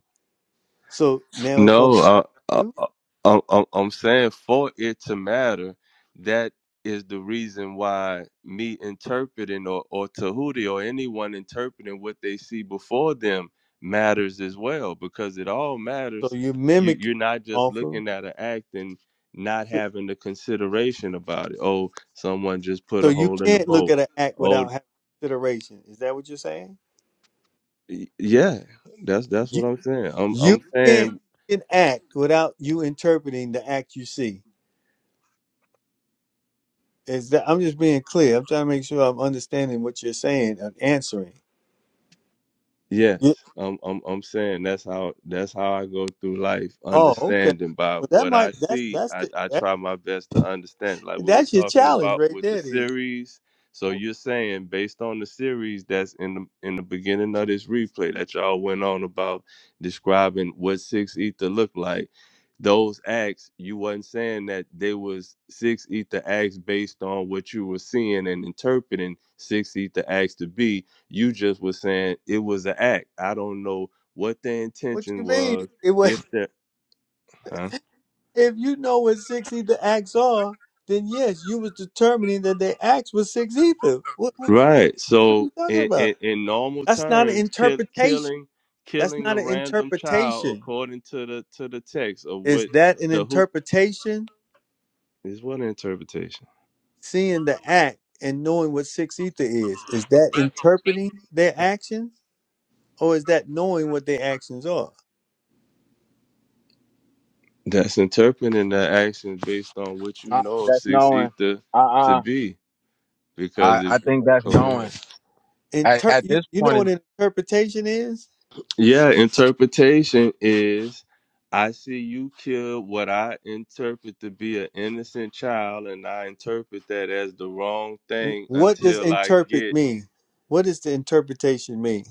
[SPEAKER 1] So now it's
[SPEAKER 3] No,
[SPEAKER 1] supposed to
[SPEAKER 3] uh,
[SPEAKER 1] matter to
[SPEAKER 3] uh,
[SPEAKER 1] you.
[SPEAKER 3] uh, I'm, I'm I'm saying for it to matter, that is the reason why me interpreting or, or Tahuti or anyone interpreting what they see before them matters as well, because it all
[SPEAKER 1] So
[SPEAKER 3] matters.
[SPEAKER 1] you're
[SPEAKER 3] You,
[SPEAKER 1] mimicking
[SPEAKER 3] you're not just
[SPEAKER 1] off of.
[SPEAKER 3] looking at an act and not
[SPEAKER 1] So,
[SPEAKER 3] having the consideration about it. Oh, someone just put
[SPEAKER 1] so
[SPEAKER 3] a
[SPEAKER 1] you
[SPEAKER 3] hole in the
[SPEAKER 1] can't look
[SPEAKER 3] boat.
[SPEAKER 1] at an act
[SPEAKER 3] Oh,
[SPEAKER 1] without having consideration. Is that what you're saying?
[SPEAKER 3] y- yeah, that's that's
[SPEAKER 1] You
[SPEAKER 3] what I'm saying. I'm
[SPEAKER 1] you
[SPEAKER 3] I'm
[SPEAKER 1] can't
[SPEAKER 3] saying
[SPEAKER 1] see an act without you interpreting the act you see. Is that I'm just being clear. I'm trying to make sure I'm understanding what you're saying and answering. You,
[SPEAKER 3] Yes, I'm, I'm I'm saying that's how that's how I go through life,
[SPEAKER 1] oh, okay.
[SPEAKER 3] understanding by
[SPEAKER 1] Well, that
[SPEAKER 3] what I
[SPEAKER 1] might that's
[SPEAKER 3] see.
[SPEAKER 1] that's
[SPEAKER 3] I,
[SPEAKER 1] the
[SPEAKER 3] I
[SPEAKER 1] that,
[SPEAKER 3] try my best to understand. Like we was
[SPEAKER 1] that's your
[SPEAKER 3] talking
[SPEAKER 1] challenge
[SPEAKER 3] about
[SPEAKER 1] right
[SPEAKER 3] with the
[SPEAKER 1] there. Then
[SPEAKER 3] series. So you're saying based on the series that's in the in the beginning of this replay that y'all went on about describing what six ether looked like. Those acts, you wasn't saying that they was six ether acts based on what you were seeing and interpreting six ether acts to be you just was saying it was an act. I don't know what the
[SPEAKER 1] what
[SPEAKER 3] intention
[SPEAKER 1] you mean?
[SPEAKER 3] was.
[SPEAKER 1] It was
[SPEAKER 3] If that, huh?
[SPEAKER 1] if you know what six ether acts are, then yes, you was determining that their acts were six ether. What what
[SPEAKER 3] Right.
[SPEAKER 1] what are you
[SPEAKER 3] So
[SPEAKER 1] talking
[SPEAKER 3] in,
[SPEAKER 1] about?
[SPEAKER 3] in, in normal
[SPEAKER 1] That's not an
[SPEAKER 3] terms, kill,
[SPEAKER 1] interpretation.
[SPEAKER 3] killing
[SPEAKER 1] That's
[SPEAKER 3] killing a
[SPEAKER 1] not an
[SPEAKER 3] random child
[SPEAKER 1] interpretation.
[SPEAKER 3] according to the to the text of
[SPEAKER 1] Is
[SPEAKER 3] what
[SPEAKER 1] that an
[SPEAKER 3] the who
[SPEAKER 1] interpretation?
[SPEAKER 3] is what interpretation.
[SPEAKER 1] seeing the act and knowing what six ether is is that interpreting their actions or is that knowing what their actions are
[SPEAKER 3] That's interpreting the action based on what you
[SPEAKER 9] Uh,
[SPEAKER 3] know of
[SPEAKER 9] that's
[SPEAKER 3] six
[SPEAKER 9] knowing.
[SPEAKER 3] ether
[SPEAKER 9] Uh,
[SPEAKER 3] to
[SPEAKER 9] uh
[SPEAKER 3] be.
[SPEAKER 9] I
[SPEAKER 3] Because if
[SPEAKER 9] I think that's
[SPEAKER 3] okay.
[SPEAKER 9] knowing. At,
[SPEAKER 1] Inter-
[SPEAKER 9] at
[SPEAKER 1] you,
[SPEAKER 9] this
[SPEAKER 1] you know
[SPEAKER 9] point,
[SPEAKER 1] what
[SPEAKER 9] in-
[SPEAKER 1] an interpretation is
[SPEAKER 3] Yeah, interpretation is I see you kill what I interpret to be an innocent child, and I interpret that as the wrong
[SPEAKER 1] W-
[SPEAKER 3] thing
[SPEAKER 1] what does
[SPEAKER 3] until I
[SPEAKER 1] interpret
[SPEAKER 3] get.
[SPEAKER 1] mean what does the interpretation mean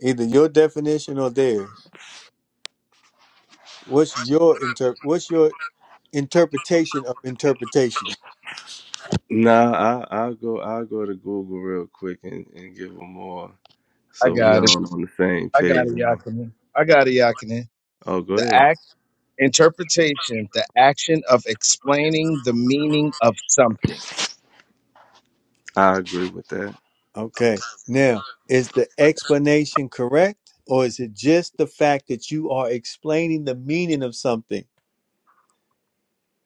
[SPEAKER 1] either your definition or theirs what's your inter- what's your interpretation of interpretation
[SPEAKER 3] Nah, I, I'll go. I'll go to Google real quick and, and give them more,
[SPEAKER 5] I
[SPEAKER 3] so we
[SPEAKER 5] got it.
[SPEAKER 3] all on the same
[SPEAKER 5] I got
[SPEAKER 3] page.
[SPEAKER 5] it,
[SPEAKER 3] You know?
[SPEAKER 5] Yakinen. I got it, Yakinen.
[SPEAKER 3] Oh, go
[SPEAKER 5] The
[SPEAKER 3] ahead.
[SPEAKER 5] act, interpretation, the action of explaining the meaning of something.
[SPEAKER 3] I agree with that.
[SPEAKER 1] okay now is the explanation correct or is it just the fact that you are explaining the meaning of something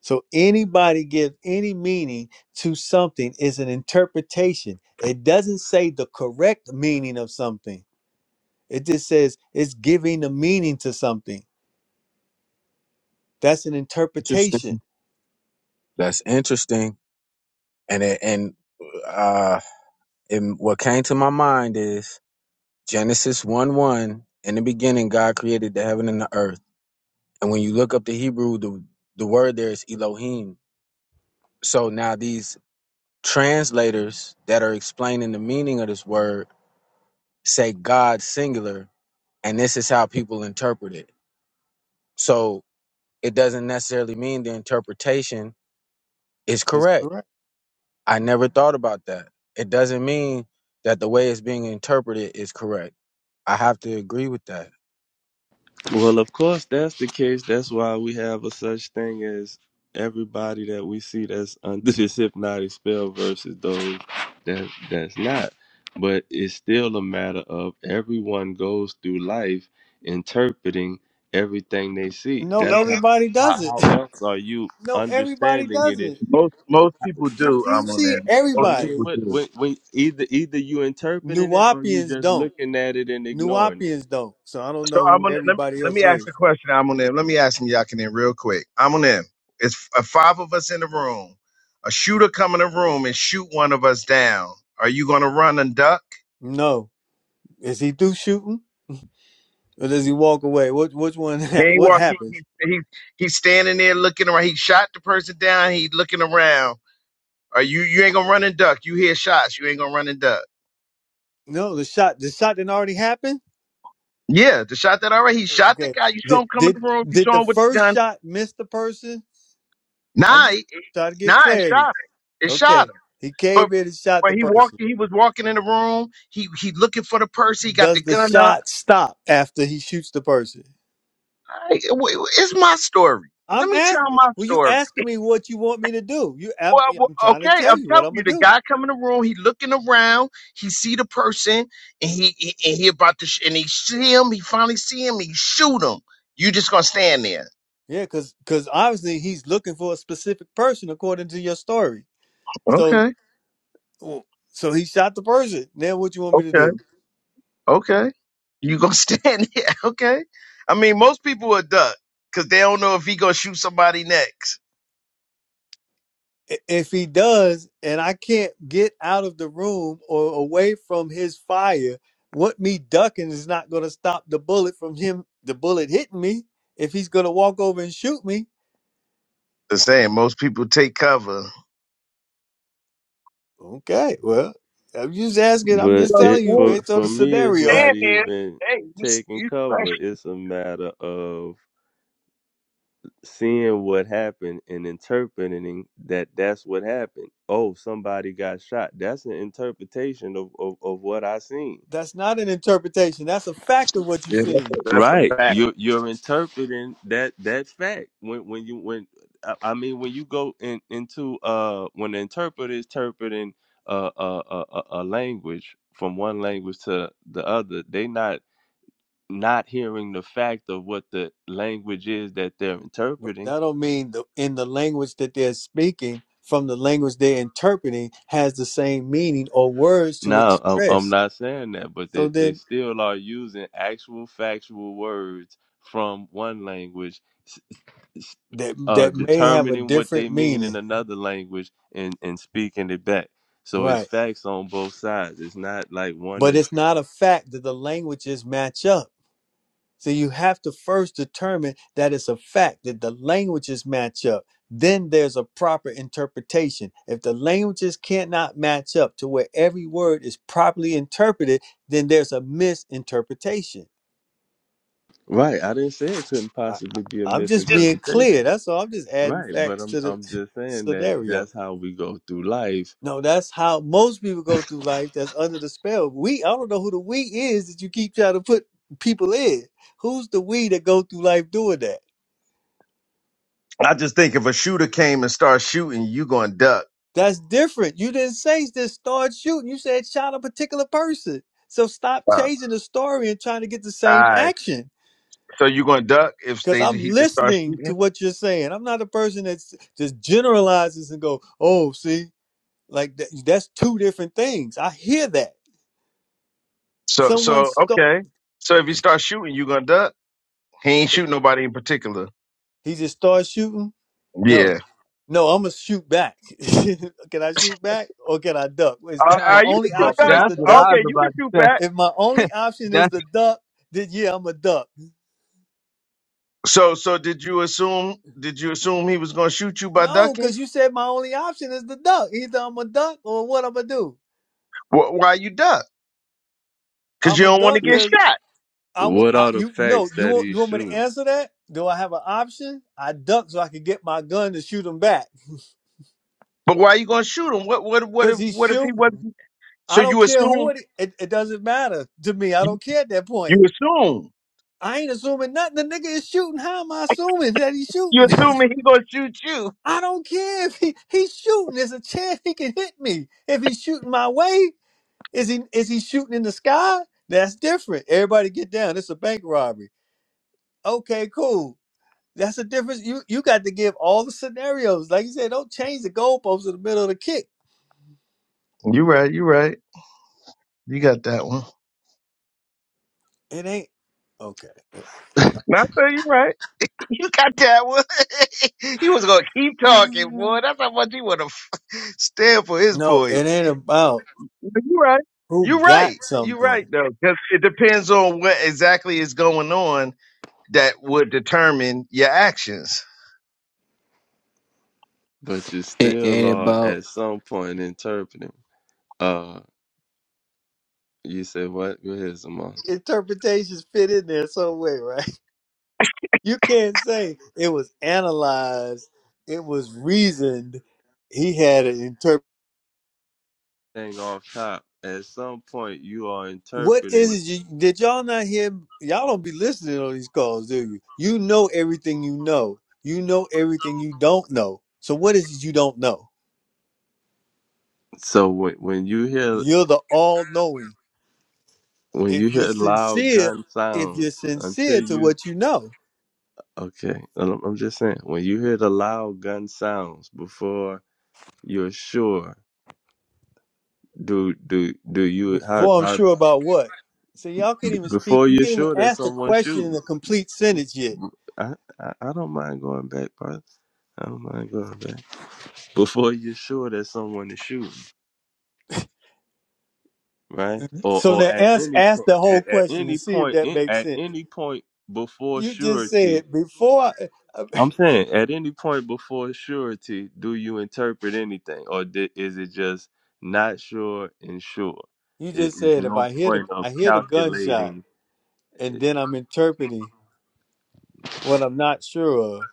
[SPEAKER 1] So anybody give any meaning to something is an interpretation. It doesn't say the correct meaning of something. It just says it's giving a meaning to something. That's an
[SPEAKER 9] interesting.
[SPEAKER 1] interpretation.
[SPEAKER 9] That's interesting. And it, and uh, and what came to my mind is Genesis one one. In the beginning, God created the heaven and the earth. And when you look up the Hebrew, the the word there is Elohim. So now these translators that are explaining the meaning of this word say God singular, and this is how people interpret it. So it doesn't necessarily mean the interpretation is
[SPEAKER 1] It's
[SPEAKER 9] correct.
[SPEAKER 1] correct.
[SPEAKER 9] I never thought about that. It doesn't mean that the way it's being interpreted is correct. I have to agree with that.
[SPEAKER 3] Well, of course, that's the case. That's why we have a such thing as everybody that we see that's under this hypnotic spell versus those that that's not. But it's still a matter of everyone goes through life interpreting everything they see.
[SPEAKER 1] No,
[SPEAKER 3] That's No,
[SPEAKER 1] everybody
[SPEAKER 3] how how,
[SPEAKER 1] doesn't.
[SPEAKER 3] how else are you
[SPEAKER 1] No, everybody
[SPEAKER 3] understanding it? If
[SPEAKER 1] doesn't.
[SPEAKER 5] Most most people
[SPEAKER 1] You,
[SPEAKER 5] do,
[SPEAKER 1] you see,
[SPEAKER 5] Amunim.
[SPEAKER 3] I
[SPEAKER 5] Most
[SPEAKER 1] everybody.
[SPEAKER 3] mean,
[SPEAKER 5] people
[SPEAKER 3] what
[SPEAKER 5] do.
[SPEAKER 3] when, when either either you interpreting it or you
[SPEAKER 1] Nuwapians
[SPEAKER 3] just
[SPEAKER 1] don't.
[SPEAKER 3] looking at it and ignoring it.
[SPEAKER 1] Nuwapians don't. So I don't
[SPEAKER 5] So
[SPEAKER 1] know who
[SPEAKER 5] Amunim, let,
[SPEAKER 1] everybody
[SPEAKER 5] let
[SPEAKER 1] else
[SPEAKER 5] me ask
[SPEAKER 1] is.
[SPEAKER 5] the question, Amunim. Let me ask him, Yakinen, real quick. Amunim, it's uh, five of us in the room. A shooter come in the room and shoot one of us down. Are you gonna run and duck?
[SPEAKER 1] No, is he through shooting or does he walk away? What which one?
[SPEAKER 5] He ain't
[SPEAKER 1] What
[SPEAKER 5] walk. He, he,
[SPEAKER 1] happens?
[SPEAKER 5] he, he's standing there looking around. He shot the person down. He looking around Or you you ain't gonna run and duck. You hear shots, you ain't gonna run and duck.
[SPEAKER 1] No, the shot, the shot didn't already happen.
[SPEAKER 5] Yeah, the shot that already he shot the
[SPEAKER 1] Okay.
[SPEAKER 5] guy. You saw
[SPEAKER 1] Did
[SPEAKER 5] him come in
[SPEAKER 1] did
[SPEAKER 5] the room. You
[SPEAKER 1] did
[SPEAKER 5] saw
[SPEAKER 1] the
[SPEAKER 5] him with the
[SPEAKER 1] first
[SPEAKER 5] gun.
[SPEAKER 1] shot miss the person? I'm
[SPEAKER 5] Nah,
[SPEAKER 1] just
[SPEAKER 5] he, he-
[SPEAKER 1] trying to get
[SPEAKER 5] nah, it shot
[SPEAKER 1] clarity.
[SPEAKER 5] her. It
[SPEAKER 1] Okay.
[SPEAKER 5] shot her.
[SPEAKER 1] He
[SPEAKER 5] But
[SPEAKER 1] came in and shot
[SPEAKER 5] but
[SPEAKER 1] the
[SPEAKER 5] he walked.
[SPEAKER 1] person.
[SPEAKER 5] He was walking in the room. He he looking for the purse. He got
[SPEAKER 1] Does
[SPEAKER 5] the
[SPEAKER 1] the
[SPEAKER 5] gun up.
[SPEAKER 1] shot stop after he shoots the person?
[SPEAKER 5] I, it- it's my story. Let
[SPEAKER 1] I'm
[SPEAKER 5] me tell
[SPEAKER 1] asking.
[SPEAKER 5] my
[SPEAKER 1] Well, you
[SPEAKER 5] story.
[SPEAKER 1] asking me what you want me to do? You, I'm,
[SPEAKER 5] Well, well,
[SPEAKER 1] I'm trying to
[SPEAKER 5] okay,
[SPEAKER 1] tell
[SPEAKER 5] I'm
[SPEAKER 1] you what
[SPEAKER 5] telling
[SPEAKER 1] I'm
[SPEAKER 5] you,
[SPEAKER 1] gonna
[SPEAKER 5] the
[SPEAKER 1] do.
[SPEAKER 5] guy come in the room. He looking around. He see the person, and he, he and he about to sh- and he see him. He finally see him. He shoot him. You just gonna stand there.
[SPEAKER 1] Yeah, because because obviously he's looking for a specific person according to your story. So
[SPEAKER 5] Okay.
[SPEAKER 1] so he shot the person. Now what you want me to
[SPEAKER 5] Okay.
[SPEAKER 1] do?
[SPEAKER 5] Okay. You gonna stand here? Okay. I mean, most people would duck because they don't know if he gonna shoot somebody next.
[SPEAKER 1] I- If he does, and I can't get out of the room or away from his fire, what me ducking is not going to stop the bullet from him, the bullet hitting me. If he's going to walk over and shoot me,
[SPEAKER 5] The same. Most people take cover.
[SPEAKER 1] okay, well, I'm just asking, I'm
[SPEAKER 5] You
[SPEAKER 3] But
[SPEAKER 1] just
[SPEAKER 5] gonna
[SPEAKER 3] it
[SPEAKER 1] telling you
[SPEAKER 3] for
[SPEAKER 5] stand
[SPEAKER 1] based on
[SPEAKER 3] for
[SPEAKER 1] the
[SPEAKER 5] you
[SPEAKER 3] me,
[SPEAKER 5] gonna
[SPEAKER 3] it's
[SPEAKER 1] scenario.
[SPEAKER 3] not
[SPEAKER 5] stand there?
[SPEAKER 3] even
[SPEAKER 5] Hey, you, s-
[SPEAKER 3] taking
[SPEAKER 5] you
[SPEAKER 3] cover.
[SPEAKER 5] special.
[SPEAKER 3] It's a matter of seeing what happened and interpreting that that's what happened. Oh, somebody got shot. That's an interpretation of, of, of what I seen.
[SPEAKER 1] That's not an interpretation. That's a fact of what you
[SPEAKER 5] Yeah, that's
[SPEAKER 1] see.
[SPEAKER 5] a, that's a
[SPEAKER 3] Right.
[SPEAKER 5] fact.
[SPEAKER 3] You're you're interpreting that that fact when when you when I I mean when you go in into uh when the interpreter is interpreting uh, uh a, a a language from one language to the other. They not not hearing the fact of what the language is that they're
[SPEAKER 1] But
[SPEAKER 3] interpreting.
[SPEAKER 1] that don't mean the, in the language that they're speaking from the language they're interpreting has the same meaning or words to
[SPEAKER 3] No, I'm, I'm
[SPEAKER 1] express.
[SPEAKER 3] not saying that, but
[SPEAKER 1] So
[SPEAKER 3] they,
[SPEAKER 1] then
[SPEAKER 3] they still are using actual factual words from one language, s- s-
[SPEAKER 1] that
[SPEAKER 3] uh,
[SPEAKER 1] that may have a
[SPEAKER 3] determining what they
[SPEAKER 1] different
[SPEAKER 3] mean in
[SPEAKER 1] meaning,
[SPEAKER 3] another language and, and speaking it back. So it's
[SPEAKER 1] right?
[SPEAKER 3] facts on both sides. It's not like one
[SPEAKER 1] But
[SPEAKER 3] is
[SPEAKER 1] it's not a fact that the languages match up. So you have to first determine that it's a fact that the languages match up. Then there's a proper interpretation. If the languages cannot match up to where every word is properly interpreted, then there's a misinterpretation.
[SPEAKER 3] right. I didn't say it couldn't
[SPEAKER 1] I, I,
[SPEAKER 3] possibly be a
[SPEAKER 1] I'm just being clear.
[SPEAKER 3] misinterpretation.
[SPEAKER 1] That's all. I'm just adding
[SPEAKER 3] Right, but
[SPEAKER 1] facts
[SPEAKER 3] I'm
[SPEAKER 1] to
[SPEAKER 3] I'm
[SPEAKER 1] the
[SPEAKER 3] just saying that
[SPEAKER 1] scenario.
[SPEAKER 3] that's how we go through life
[SPEAKER 1] No, that's how most people go through life that's under the spell. We, I don't know who the we is that you keep trying to put people in. Who's the we that go through life doing that?
[SPEAKER 5] I just think if a shooter came and started shooting, you gonna duck.
[SPEAKER 1] That's different. You didn't say just start shooting. You said shot a particular person. So stop
[SPEAKER 5] Wow.
[SPEAKER 1] changing the story and trying to get the
[SPEAKER 5] All
[SPEAKER 1] same
[SPEAKER 5] right.
[SPEAKER 1] action.
[SPEAKER 5] So you gonna duck if
[SPEAKER 1] Because
[SPEAKER 5] they
[SPEAKER 1] I'm
[SPEAKER 5] he just start
[SPEAKER 1] listening to
[SPEAKER 5] shooting?
[SPEAKER 1] what you're saying. I'm not a person that just generalizes and go, oh, see, like that, that's two different things. I hear that.
[SPEAKER 5] So
[SPEAKER 1] Someone
[SPEAKER 5] so
[SPEAKER 1] start,
[SPEAKER 5] okay. So if he starts shooting, you gonna duck? He ain't shooting nobody in particular.
[SPEAKER 1] he just starts shooting. No.
[SPEAKER 5] Yeah.
[SPEAKER 1] No, I'm gonna shoot back. can I shoot back or can I duck? Is
[SPEAKER 5] Uh,
[SPEAKER 1] that
[SPEAKER 9] That,
[SPEAKER 1] my
[SPEAKER 5] uh, you can
[SPEAKER 1] only
[SPEAKER 5] shoot.
[SPEAKER 9] oh,
[SPEAKER 1] option? Is
[SPEAKER 9] that's
[SPEAKER 1] the
[SPEAKER 9] what
[SPEAKER 5] No,
[SPEAKER 1] duck?
[SPEAKER 9] I was
[SPEAKER 5] okay, you can
[SPEAKER 9] about
[SPEAKER 5] shoot
[SPEAKER 9] to
[SPEAKER 5] back.
[SPEAKER 1] If my
[SPEAKER 9] say.
[SPEAKER 1] only option is
[SPEAKER 9] that's
[SPEAKER 1] the duck, then yeah, I'm a duck.
[SPEAKER 5] So, so did you assume? Did you assume he was going to shoot you by
[SPEAKER 1] No,
[SPEAKER 5] ducking?
[SPEAKER 1] because you said my only option is the duck. Either I'm a duck or what I'm gonna do.
[SPEAKER 5] Wh- why you duck? Because
[SPEAKER 1] I'm
[SPEAKER 5] you
[SPEAKER 1] a
[SPEAKER 5] don't want to
[SPEAKER 1] duck
[SPEAKER 5] get
[SPEAKER 1] because
[SPEAKER 5] shot.
[SPEAKER 1] I, w-
[SPEAKER 3] what
[SPEAKER 1] I-
[SPEAKER 3] are the
[SPEAKER 1] you no
[SPEAKER 3] facts
[SPEAKER 1] you
[SPEAKER 3] that
[SPEAKER 1] want you
[SPEAKER 3] he's
[SPEAKER 1] want me to
[SPEAKER 3] shooting?
[SPEAKER 1] answer that? Do I have an option? I duck so I can get my gun to shoot him back
[SPEAKER 5] But why you going to shoot him? What, what, what
[SPEAKER 1] because
[SPEAKER 5] if,
[SPEAKER 1] he's
[SPEAKER 5] what if he
[SPEAKER 1] shooting.
[SPEAKER 5] wasn't?
[SPEAKER 1] I
[SPEAKER 5] So
[SPEAKER 1] don't
[SPEAKER 5] you
[SPEAKER 1] care who
[SPEAKER 5] assume?
[SPEAKER 1] it. It, it doesn't matter to me. I
[SPEAKER 5] You,
[SPEAKER 1] don't care at that point.
[SPEAKER 5] you assume?
[SPEAKER 1] I ain't assuming nothing. The nigga is shooting. How am I assuming that he's
[SPEAKER 5] You
[SPEAKER 1] shooting?
[SPEAKER 5] assuming he going to shoot you?
[SPEAKER 1] I don't care if he, he's shooting. There's a chance he can hit me. If he's shooting my way, is he is he shooting in the sky? That's different. Everybody get down. It's a bank robbery. Okay, cool. That's the difference. You you got to give all the scenarios. Like you said, don't change the goalposts in the middle of the kick.
[SPEAKER 5] You right. You right. You got that one.
[SPEAKER 1] It ain't okay.
[SPEAKER 5] No, I say you right. You got that one. he was gonna keep talking, boy. That's how much he wanna f- stand for his
[SPEAKER 1] No,
[SPEAKER 5] point.
[SPEAKER 1] it ain't about
[SPEAKER 5] No, You right.
[SPEAKER 1] who
[SPEAKER 5] You are
[SPEAKER 1] got
[SPEAKER 5] right. You are
[SPEAKER 1] something.
[SPEAKER 5] right though, because it depends on what exactly is going on that would determine your actions.
[SPEAKER 3] But you
[SPEAKER 10] It
[SPEAKER 3] still
[SPEAKER 10] ain't
[SPEAKER 3] are
[SPEAKER 10] about
[SPEAKER 3] at some point interpreting. Uh, you said what? Go ahead, Zamar.
[SPEAKER 1] Interpretations fit in there some way, right? You can't say it was analyzed. It was reasoned. He had an interpret.
[SPEAKER 3] Thing off top. At some point, you are
[SPEAKER 1] What
[SPEAKER 3] interpreting.
[SPEAKER 1] is it? You, did y'all not hear? Y'all don't be listening on these calls, do you? You know everything you know. You know everything you don't know. So what is it you don't know?
[SPEAKER 3] So when when you hear
[SPEAKER 1] You're the all-knowing.
[SPEAKER 3] when
[SPEAKER 1] If
[SPEAKER 3] you
[SPEAKER 1] you're
[SPEAKER 3] hear loud
[SPEAKER 1] sincere,
[SPEAKER 3] gun
[SPEAKER 1] if you're
[SPEAKER 3] sounds, until
[SPEAKER 1] sincere to
[SPEAKER 3] you
[SPEAKER 1] what you know,
[SPEAKER 3] okay, I'm I'm just saying when you hear the loud gun sounds before you're sure. Do do do you how
[SPEAKER 1] before I'm
[SPEAKER 3] how
[SPEAKER 1] sure about what. So y'all can't
[SPEAKER 3] b-
[SPEAKER 1] even speak.
[SPEAKER 3] before
[SPEAKER 1] You
[SPEAKER 3] you're
[SPEAKER 1] can't even
[SPEAKER 3] sure that
[SPEAKER 1] ask the
[SPEAKER 3] someone's
[SPEAKER 1] question in
[SPEAKER 3] shooting?
[SPEAKER 1] a complete sentence yet.
[SPEAKER 3] I, I I don't mind going back, brother. I don't mind going back. Before you're sure that someone is shooting, right? Or
[SPEAKER 1] So
[SPEAKER 3] or
[SPEAKER 1] now
[SPEAKER 3] at
[SPEAKER 1] ask,
[SPEAKER 3] any
[SPEAKER 1] ask the
[SPEAKER 3] point,
[SPEAKER 1] whole
[SPEAKER 3] at, at
[SPEAKER 1] question and
[SPEAKER 3] any
[SPEAKER 1] see if
[SPEAKER 3] point,
[SPEAKER 1] that
[SPEAKER 3] in,
[SPEAKER 1] makes
[SPEAKER 3] at
[SPEAKER 1] sense.
[SPEAKER 3] any point before
[SPEAKER 1] You just
[SPEAKER 3] surety.
[SPEAKER 1] said before I,
[SPEAKER 3] I'm saying, at any point before surety, do you interpret anything, or di- is it just not sure and sure?
[SPEAKER 1] you
[SPEAKER 3] It
[SPEAKER 1] just
[SPEAKER 3] is
[SPEAKER 1] said if
[SPEAKER 3] no
[SPEAKER 1] I hear the
[SPEAKER 3] point of
[SPEAKER 1] I hear the gunshot
[SPEAKER 3] calculating.
[SPEAKER 1] and then I'm interpreting what I'm not sure of.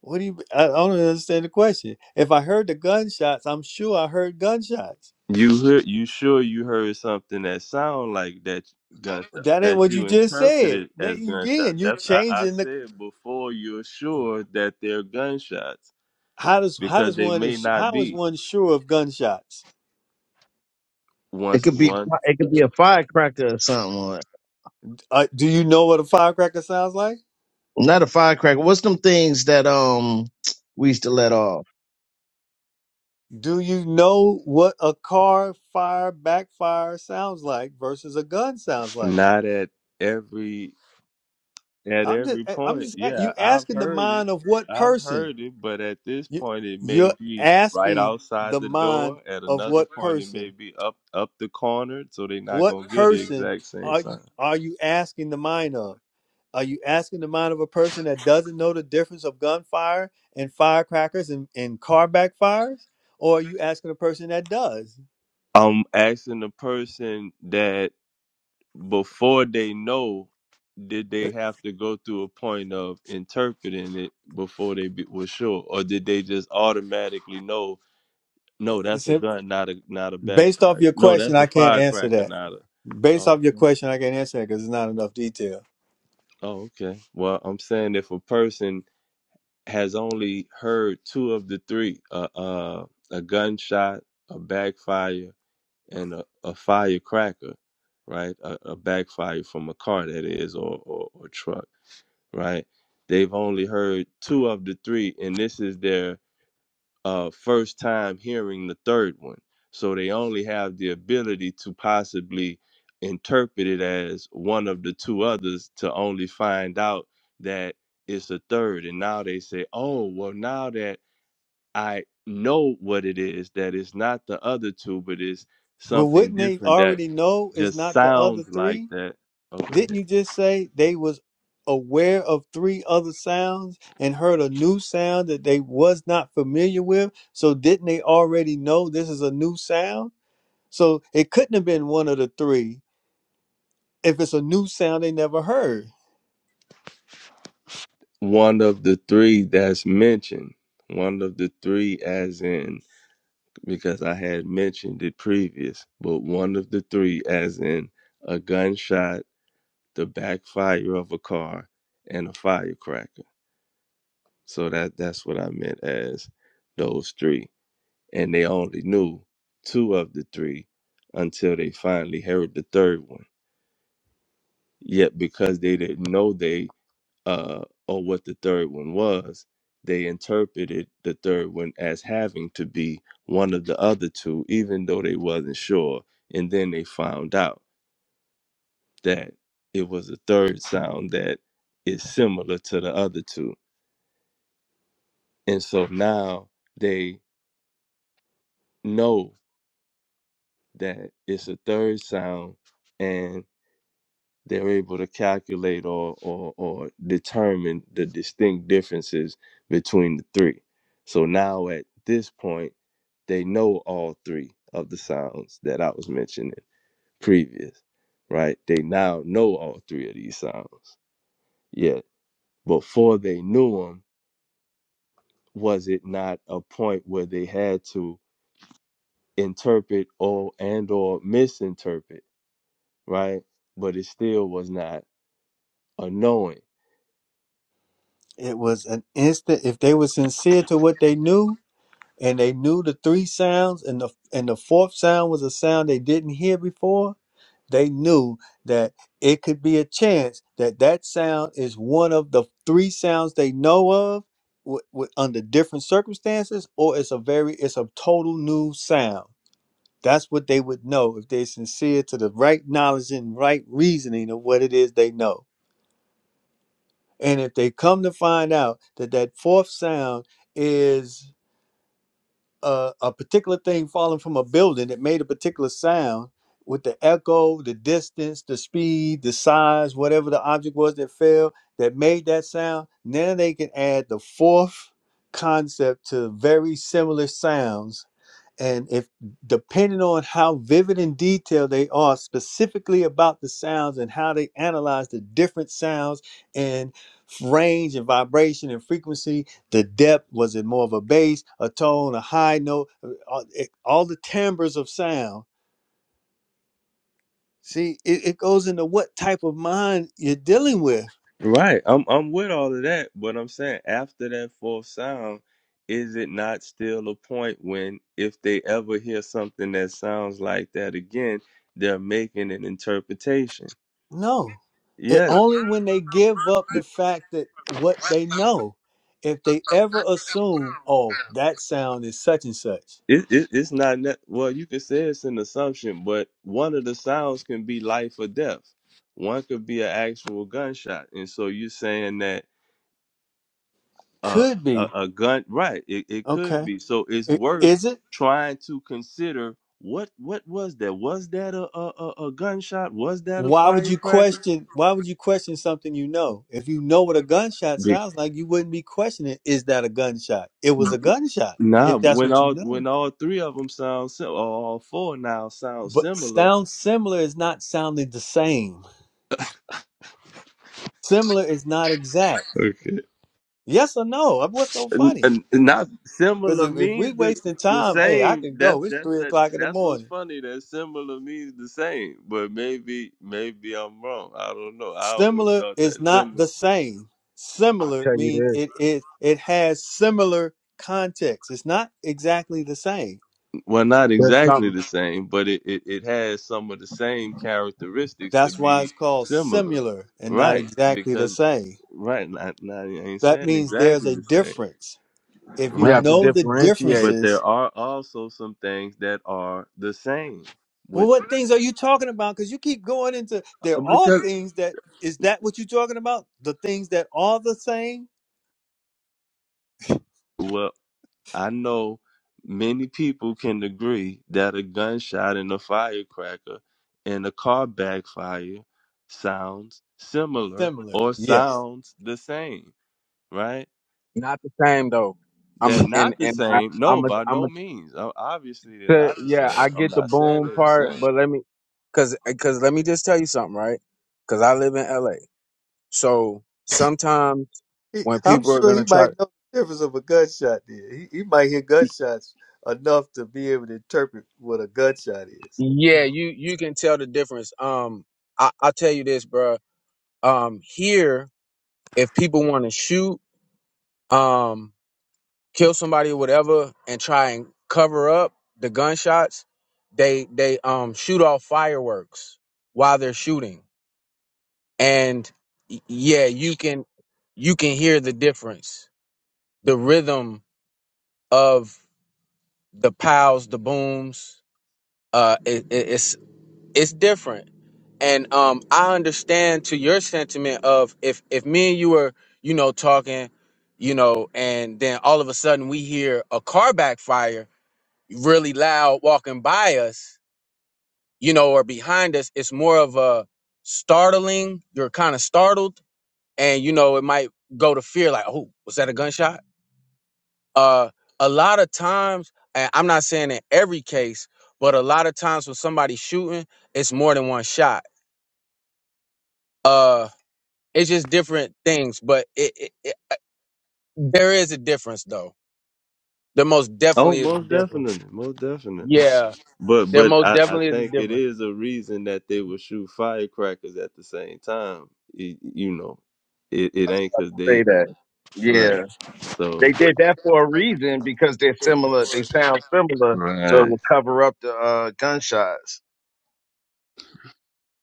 [SPEAKER 1] What do you? I don't understand the question. If I heard the gunshots, I'm sure I heard gunshots.
[SPEAKER 3] You heard, you sure you heard something that sound like that gunshot
[SPEAKER 1] That ain't
[SPEAKER 3] that
[SPEAKER 1] what you
[SPEAKER 3] you
[SPEAKER 1] just said.
[SPEAKER 3] interpreted
[SPEAKER 1] Now
[SPEAKER 3] as
[SPEAKER 1] you again,
[SPEAKER 3] gunshot.
[SPEAKER 1] you're
[SPEAKER 3] That's I, I
[SPEAKER 1] changing the
[SPEAKER 3] said before you're sure that they're gunshots
[SPEAKER 1] how does how
[SPEAKER 3] because
[SPEAKER 1] does
[SPEAKER 3] they
[SPEAKER 1] one
[SPEAKER 3] may
[SPEAKER 1] is
[SPEAKER 3] not
[SPEAKER 1] how is
[SPEAKER 3] be.
[SPEAKER 1] one sure of gunshots?
[SPEAKER 5] It
[SPEAKER 3] Once
[SPEAKER 5] could be
[SPEAKER 3] once
[SPEAKER 5] it could be a firecracker or something. Or
[SPEAKER 1] Uh, do you know what a firecracker sounds like?
[SPEAKER 5] not a firecracker. What's them things that um we used to let off?
[SPEAKER 1] Do you know what a car fire backfire sounds like versus a gun sounds like?
[SPEAKER 3] not at every at
[SPEAKER 1] I'm just
[SPEAKER 3] every
[SPEAKER 1] eh, I'm
[SPEAKER 3] point.
[SPEAKER 1] just
[SPEAKER 3] Yeah,
[SPEAKER 1] you
[SPEAKER 3] I've
[SPEAKER 1] asking the
[SPEAKER 3] heard it.
[SPEAKER 1] mind of what
[SPEAKER 3] I've
[SPEAKER 1] person?
[SPEAKER 3] heard it, but at this
[SPEAKER 1] You
[SPEAKER 3] point it may
[SPEAKER 1] you're
[SPEAKER 3] be right
[SPEAKER 1] asking
[SPEAKER 3] outside
[SPEAKER 1] the
[SPEAKER 3] the
[SPEAKER 1] mind
[SPEAKER 3] door. At
[SPEAKER 1] of
[SPEAKER 3] another
[SPEAKER 1] what
[SPEAKER 3] point it may
[SPEAKER 1] person?
[SPEAKER 3] be up up the corner, so they're not
[SPEAKER 1] What
[SPEAKER 3] gonna get the
[SPEAKER 1] person
[SPEAKER 3] exact same
[SPEAKER 1] are you,
[SPEAKER 3] sound.
[SPEAKER 1] are you asking the mind of? Are you asking the mind of a person that doesn't know the difference of gunfire and firecrackers and, and car backfires? Or are you asking a person that does?
[SPEAKER 3] I'm asking the person that before they know, did they have to go through a point of interpreting it before they be, were sure, or did they just automatically know? No, that's a
[SPEAKER 1] It's
[SPEAKER 3] gun, not a not a
[SPEAKER 1] Based off
[SPEAKER 3] backfire.
[SPEAKER 1] your
[SPEAKER 3] No,
[SPEAKER 1] question,
[SPEAKER 3] that's a
[SPEAKER 1] I can't answer
[SPEAKER 3] firecracker,
[SPEAKER 1] that.
[SPEAKER 3] not a.
[SPEAKER 1] Based
[SPEAKER 3] Oh,
[SPEAKER 1] off your
[SPEAKER 3] okay.
[SPEAKER 1] question, I can't answer that because it's not enough detail.
[SPEAKER 3] Oh, okay. Well, I'm saying if a person has only heard two of the three, uh, uh, a gunshot, a backfire, and a, a firecracker, right? A, a backfire from a car that is, or, or or truck, right? They've only heard two of the three, and this is their uh, first time hearing the third one. So they only have the ability to possibly interpret it as one of the two others to only find out that it's a third. And now they say, oh, well, now that I know what it is that it's not the other two, but it's
[SPEAKER 1] Well,
[SPEAKER 3] something
[SPEAKER 1] wouldn't they
[SPEAKER 3] different that
[SPEAKER 1] already know it's
[SPEAKER 3] just
[SPEAKER 1] not the other
[SPEAKER 3] sounds like
[SPEAKER 1] three?
[SPEAKER 3] that. Oh, go ahead.
[SPEAKER 1] Didn't you just say they was aware of three other sounds and heard a new sound that they was not familiar with? So didn't they already know this is a new sound? So it couldn't have been one of the three if it's a new sound they never heard.
[SPEAKER 3] One of the three that's mentioned. One of the three, as in, because I had mentioned it previous, but one of the three, as in a gunshot, the backfire of a car, and a firecracker. So that that's what I meant as those three. and they only knew two of the three until they finally heard the third one. Yet because they didn't know they uh or what the third one was, they interpreted the third one as having to be one of the other two, even though they wasn't sure. And then they found out that it was a third sound that is similar to the other two. And so now they know that it's a third sound and. they're able to calculate or, or or determine the distinct differences between the three. So now at this point, they know all three of the sounds that I was mentioning previous, right? They now know all three of these sounds. Yet before they knew them, was it not a point where they had to interpret or and or misinterpret, right? But it still was not a knowing
[SPEAKER 1] It was an instant. If they were sincere to what they knew, and they knew the three sounds and the and the fourth sound was a sound they didn't hear before they knew that it could be a chance that that sound is one of the three sounds they know of w- w- under different circumstances or it's a very it's a total new sound that's what they would know if they're sincere to the right knowledge and right reasoning of what it is they know and if they come to find out that that fourth sound is. a, a particular thing falling from a building that made a particular sound with the echo, the distance, the speed, the size, whatever the object was that fell that made that sound. Now they can add the fourth concept to very similar sounds and if depending on how vivid and detailed they are specifically about the sounds and how they analyze the different sounds and range and vibration and frequency the depth was it more of a bass a tone a high note uh, all it- all the timbres of sound see it, it goes into what type of mind you're dealing with
[SPEAKER 3] Right. I'm I'm with all of that, but I'm saying after that fourth sound, is it not still a point when if they ever hear something that sounds like that again, they're making an interpretation?
[SPEAKER 1] no it
[SPEAKER 3] Yes.
[SPEAKER 1] only when they give up the fact that what they know if they ever assume oh that sound is such and such
[SPEAKER 3] It, it, it's not ne- well. You could say it's an assumption, but one of the sounds can be life or death. One could be an actual gunshot, and so you're saying that a
[SPEAKER 1] Could
[SPEAKER 3] a,
[SPEAKER 1] be.
[SPEAKER 3] a gun right it, it could
[SPEAKER 1] Okay.
[SPEAKER 3] be so it's
[SPEAKER 1] I-
[SPEAKER 3] worth
[SPEAKER 1] Is it?
[SPEAKER 3] trying to consider what what was that was that a a, a a gunshot was that a
[SPEAKER 1] Why would you
[SPEAKER 3] firecracker
[SPEAKER 1] question why would you question something you know? If you know what a gunshot
[SPEAKER 3] Bec-
[SPEAKER 1] sounds like, you wouldn't be questioning is that a gunshot? It was a gunshot
[SPEAKER 3] nah
[SPEAKER 1] if that's
[SPEAKER 3] when
[SPEAKER 1] what you
[SPEAKER 3] all when
[SPEAKER 1] know.
[SPEAKER 3] all three of them sound sim- or all four now sound
[SPEAKER 1] But
[SPEAKER 3] similar
[SPEAKER 1] sound similar is not sounding the same. Similar is not exact. Yes or no? What's so
[SPEAKER 3] N-
[SPEAKER 1] funny?
[SPEAKER 3] n- not
[SPEAKER 1] Because
[SPEAKER 3] similar
[SPEAKER 1] if, if
[SPEAKER 3] means
[SPEAKER 1] we
[SPEAKER 3] the,
[SPEAKER 1] wasting
[SPEAKER 3] the
[SPEAKER 1] time, hey, I
[SPEAKER 3] same.
[SPEAKER 1] can
[SPEAKER 3] That's
[SPEAKER 1] go. It's
[SPEAKER 3] that's
[SPEAKER 1] three
[SPEAKER 3] that.
[SPEAKER 1] o'clock in the
[SPEAKER 3] That's what's
[SPEAKER 1] morning.
[SPEAKER 3] funny. That similar means the same, but maybe maybe I'm wrong. I don't know. I always
[SPEAKER 1] Similar
[SPEAKER 3] thought that
[SPEAKER 1] is not
[SPEAKER 3] similar.
[SPEAKER 1] the same.
[SPEAKER 9] I'll
[SPEAKER 1] Similar
[SPEAKER 9] tell you
[SPEAKER 1] mean
[SPEAKER 9] this.
[SPEAKER 1] it is it has similar context. It's not exactly the same.
[SPEAKER 3] Well, not
[SPEAKER 9] There's
[SPEAKER 3] exactly
[SPEAKER 9] something
[SPEAKER 3] the same, but it, it, it has some of the same characteristics to
[SPEAKER 1] That's why
[SPEAKER 3] be
[SPEAKER 1] it's called
[SPEAKER 3] similar,
[SPEAKER 1] similar and not
[SPEAKER 3] right?
[SPEAKER 1] exactly the
[SPEAKER 3] Because
[SPEAKER 1] same.
[SPEAKER 3] right, not, not I ain't
[SPEAKER 1] That
[SPEAKER 3] saying
[SPEAKER 1] means there's
[SPEAKER 3] exactly
[SPEAKER 1] a
[SPEAKER 3] the same,
[SPEAKER 1] difference. If
[SPEAKER 9] we
[SPEAKER 1] you
[SPEAKER 9] have
[SPEAKER 3] right?
[SPEAKER 9] to
[SPEAKER 1] know the
[SPEAKER 9] differentiate.
[SPEAKER 3] But there
[SPEAKER 1] differences,
[SPEAKER 3] are also some things that are the same
[SPEAKER 1] well,
[SPEAKER 3] with
[SPEAKER 1] what things are you talking about? Because you keep going into there are
[SPEAKER 3] because
[SPEAKER 1] things that is that what you're talking about? The things that are the same?
[SPEAKER 3] Well, I know many people can agree that a gunshot and a firecracker and a car backfire sounds similar
[SPEAKER 1] Similar.
[SPEAKER 3] or
[SPEAKER 1] Yes.
[SPEAKER 3] sounds the same, right?
[SPEAKER 9] Not the same though. I'm
[SPEAKER 3] They're
[SPEAKER 9] and
[SPEAKER 3] not the
[SPEAKER 9] and I,
[SPEAKER 3] same. No,
[SPEAKER 9] I'm a,
[SPEAKER 3] by
[SPEAKER 9] I'm
[SPEAKER 3] no means. O- Obviously, they're
[SPEAKER 9] So,
[SPEAKER 3] not the
[SPEAKER 9] yeah,
[SPEAKER 3] same.
[SPEAKER 9] I
[SPEAKER 3] I'm
[SPEAKER 9] get the
[SPEAKER 3] not saying
[SPEAKER 9] boom
[SPEAKER 3] they're the
[SPEAKER 9] part,
[SPEAKER 3] same.
[SPEAKER 9] but let me, cause, cause let me just tell you something, right? Cause I live in LA, so sometimes
[SPEAKER 1] He,
[SPEAKER 9] when
[SPEAKER 1] I'm
[SPEAKER 9] people are
[SPEAKER 1] sure he
[SPEAKER 9] gonna try,
[SPEAKER 1] might know the difference of a gunshot. There, he, he might hear gunshots enough to be able to interpret what a gunshot is.
[SPEAKER 9] yeah, you you can tell the difference. Um, I I tell you this, bruh. Um, here, if people want to shoot, um, kill somebody, or whatever, and try and cover up the gunshots, they they um shoot off fireworks while they're shooting. and y- yeah you can you can hear the difference the rhythm of the pows the booms uh it, it- it's it's different and um i understand to your sentiment of if if me and you were you know talking you know and then all of a sudden we hear a car backfire really loud walking by us you know or behind us it's more of a startling you're kind of startled and you know it might go to fear like oh was that a gunshot uh a lot of times and i'm not saying in every case but a lot of times when somebody's shooting it's more than one shot uh it's just different things but it, it, it there is a difference though there most
[SPEAKER 3] Oh,
[SPEAKER 9] definitely is a
[SPEAKER 3] most
[SPEAKER 9] difference
[SPEAKER 3] definitely, most definitely.
[SPEAKER 9] yeah
[SPEAKER 3] But
[SPEAKER 9] there
[SPEAKER 3] but
[SPEAKER 9] most
[SPEAKER 3] I, I
[SPEAKER 9] definitely is a
[SPEAKER 3] think it
[SPEAKER 9] difference
[SPEAKER 3] is a reason that they would shoot firecrackers at the same time. Y- you know, it, it
[SPEAKER 5] I was
[SPEAKER 3] ain't
[SPEAKER 5] about
[SPEAKER 3] because
[SPEAKER 5] to
[SPEAKER 3] they
[SPEAKER 5] say that.
[SPEAKER 3] Right.
[SPEAKER 5] Yeah,
[SPEAKER 3] So
[SPEAKER 5] they did that for a reason because they're similar. They sound similar, so it
[SPEAKER 3] right.
[SPEAKER 5] will cover up the uh, gunshots.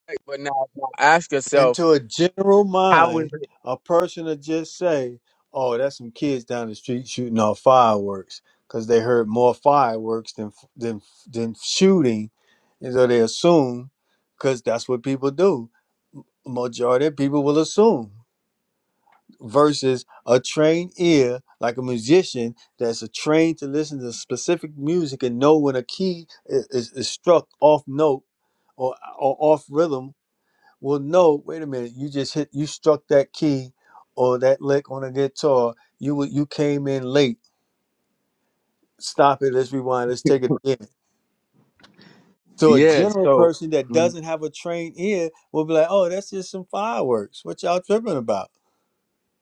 [SPEAKER 9] Right, but now, now ask
[SPEAKER 1] And
[SPEAKER 9] yourself
[SPEAKER 1] to a general
[SPEAKER 9] how is
[SPEAKER 1] mind,
[SPEAKER 9] it
[SPEAKER 1] a person would just say, "Oh, that's some kids down the street shooting off fireworks," because they heard more fireworks than than than shooting, and so they assume, because that's what people do. Majority of people will assume. versus a trained ear like a musician that's a trained to listen to specific music and know when a key i- is, is struck off note or, or off rhythm will know wait a minute you just hit you struck that key or that lick on a guitar you wa- you came in late stop it let's rewind let's take it again so a
[SPEAKER 9] yeah
[SPEAKER 1] general
[SPEAKER 9] so
[SPEAKER 1] person that
[SPEAKER 9] mm,
[SPEAKER 1] doesn't have a trained ear will be like oh that's just some fireworks what y'all tripping about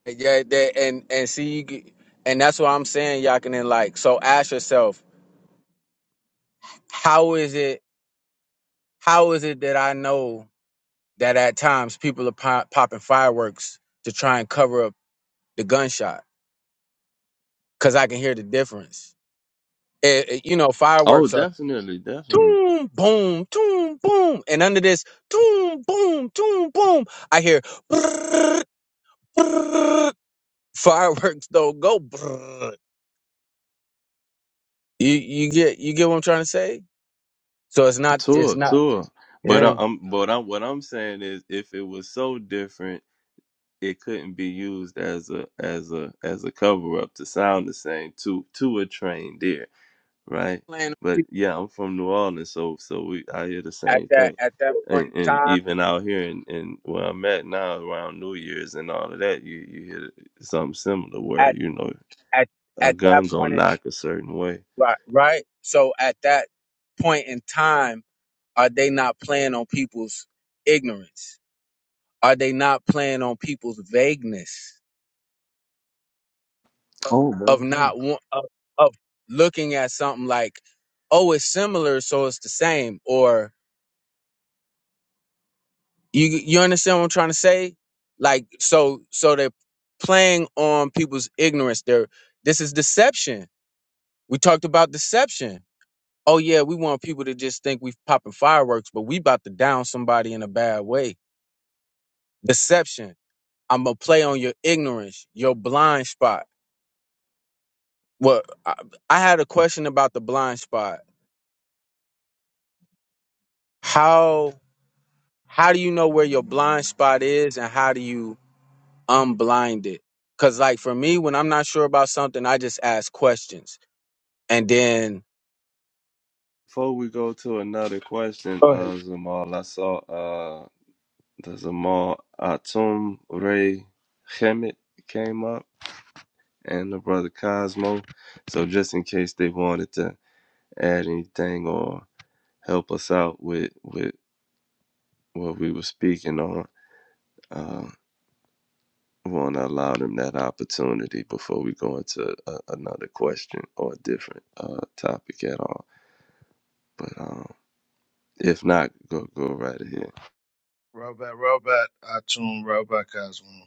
[SPEAKER 9] yeah that, and and see you, g- and that's what i'm saying you like so ask yourself How is it? How is it that I know that at times people are pop, popping fireworks to try and cover up the gunshot? Because I can hear the difference. It, it- you know,
[SPEAKER 3] Oh,
[SPEAKER 9] fireworks are
[SPEAKER 3] definitely, definitely.
[SPEAKER 9] toom boom, toom boom, and under this toom boom, toom boom, I hear brrrr, brrrr. fireworks don't go. brrrr. You you get you get what I'm trying to say? So it's not it's
[SPEAKER 3] Tour,
[SPEAKER 9] not
[SPEAKER 3] tour. But I,
[SPEAKER 9] yeah.
[SPEAKER 3] I'm, but I, am what I'm saying is, if it was so different, it couldn't be used as a, as a, as a cover up to sound the same to, to a trained ear, right?
[SPEAKER 9] Playing on
[SPEAKER 3] But
[SPEAKER 9] people
[SPEAKER 3] yeah, I'm from New Orleans, so, so we, I hear the
[SPEAKER 9] At
[SPEAKER 3] same
[SPEAKER 9] that
[SPEAKER 3] thing,
[SPEAKER 9] at that point
[SPEAKER 3] and,
[SPEAKER 9] in
[SPEAKER 3] and
[SPEAKER 9] time
[SPEAKER 3] even out here in, in where I'm at now, around New Year's and all of that, you, you hear something similar where
[SPEAKER 9] at
[SPEAKER 3] you know
[SPEAKER 9] at
[SPEAKER 3] a
[SPEAKER 9] at that
[SPEAKER 3] gun
[SPEAKER 9] point
[SPEAKER 3] gonna
[SPEAKER 9] in
[SPEAKER 3] knock a certain way.
[SPEAKER 9] Right. Right. So at that point in time, are they not playing on people's ignorance? Are they not playing on people's vagueness
[SPEAKER 3] Oh, well
[SPEAKER 9] of
[SPEAKER 3] done.
[SPEAKER 9] not want, of, of looking at something like, oh, it's similar, so it's the same, or you you understand what I'm trying to say? Like, so so they're playing on people's ignorance. They're this is deception. We talked about deception oh yeah, we want people to just think we popping fireworks, but we about to down somebody in a bad way. Deception. I'm gonna play on your ignorance, your blind spot. Well, I, I had a question about the blind spot. How how do you know where your blind spot is, and how do you unblind it? Cause like for me, when I'm not sure about something, I just ask questions, and then
[SPEAKER 3] Before we go to another question,
[SPEAKER 9] go ahead.
[SPEAKER 3] uh, Zamal, I saw uh, the Zamal Atum Ray Hemet came up and the brother Cosmo. So just in case they wanted to add anything or help us out with, with what we were speaking on, uh, we want to allow them that opportunity before we go into a, another question or a different uh, topic at all. But um, if not, go go right ahead.
[SPEAKER 5] Robot, robot, Atun, robot, Cosmo.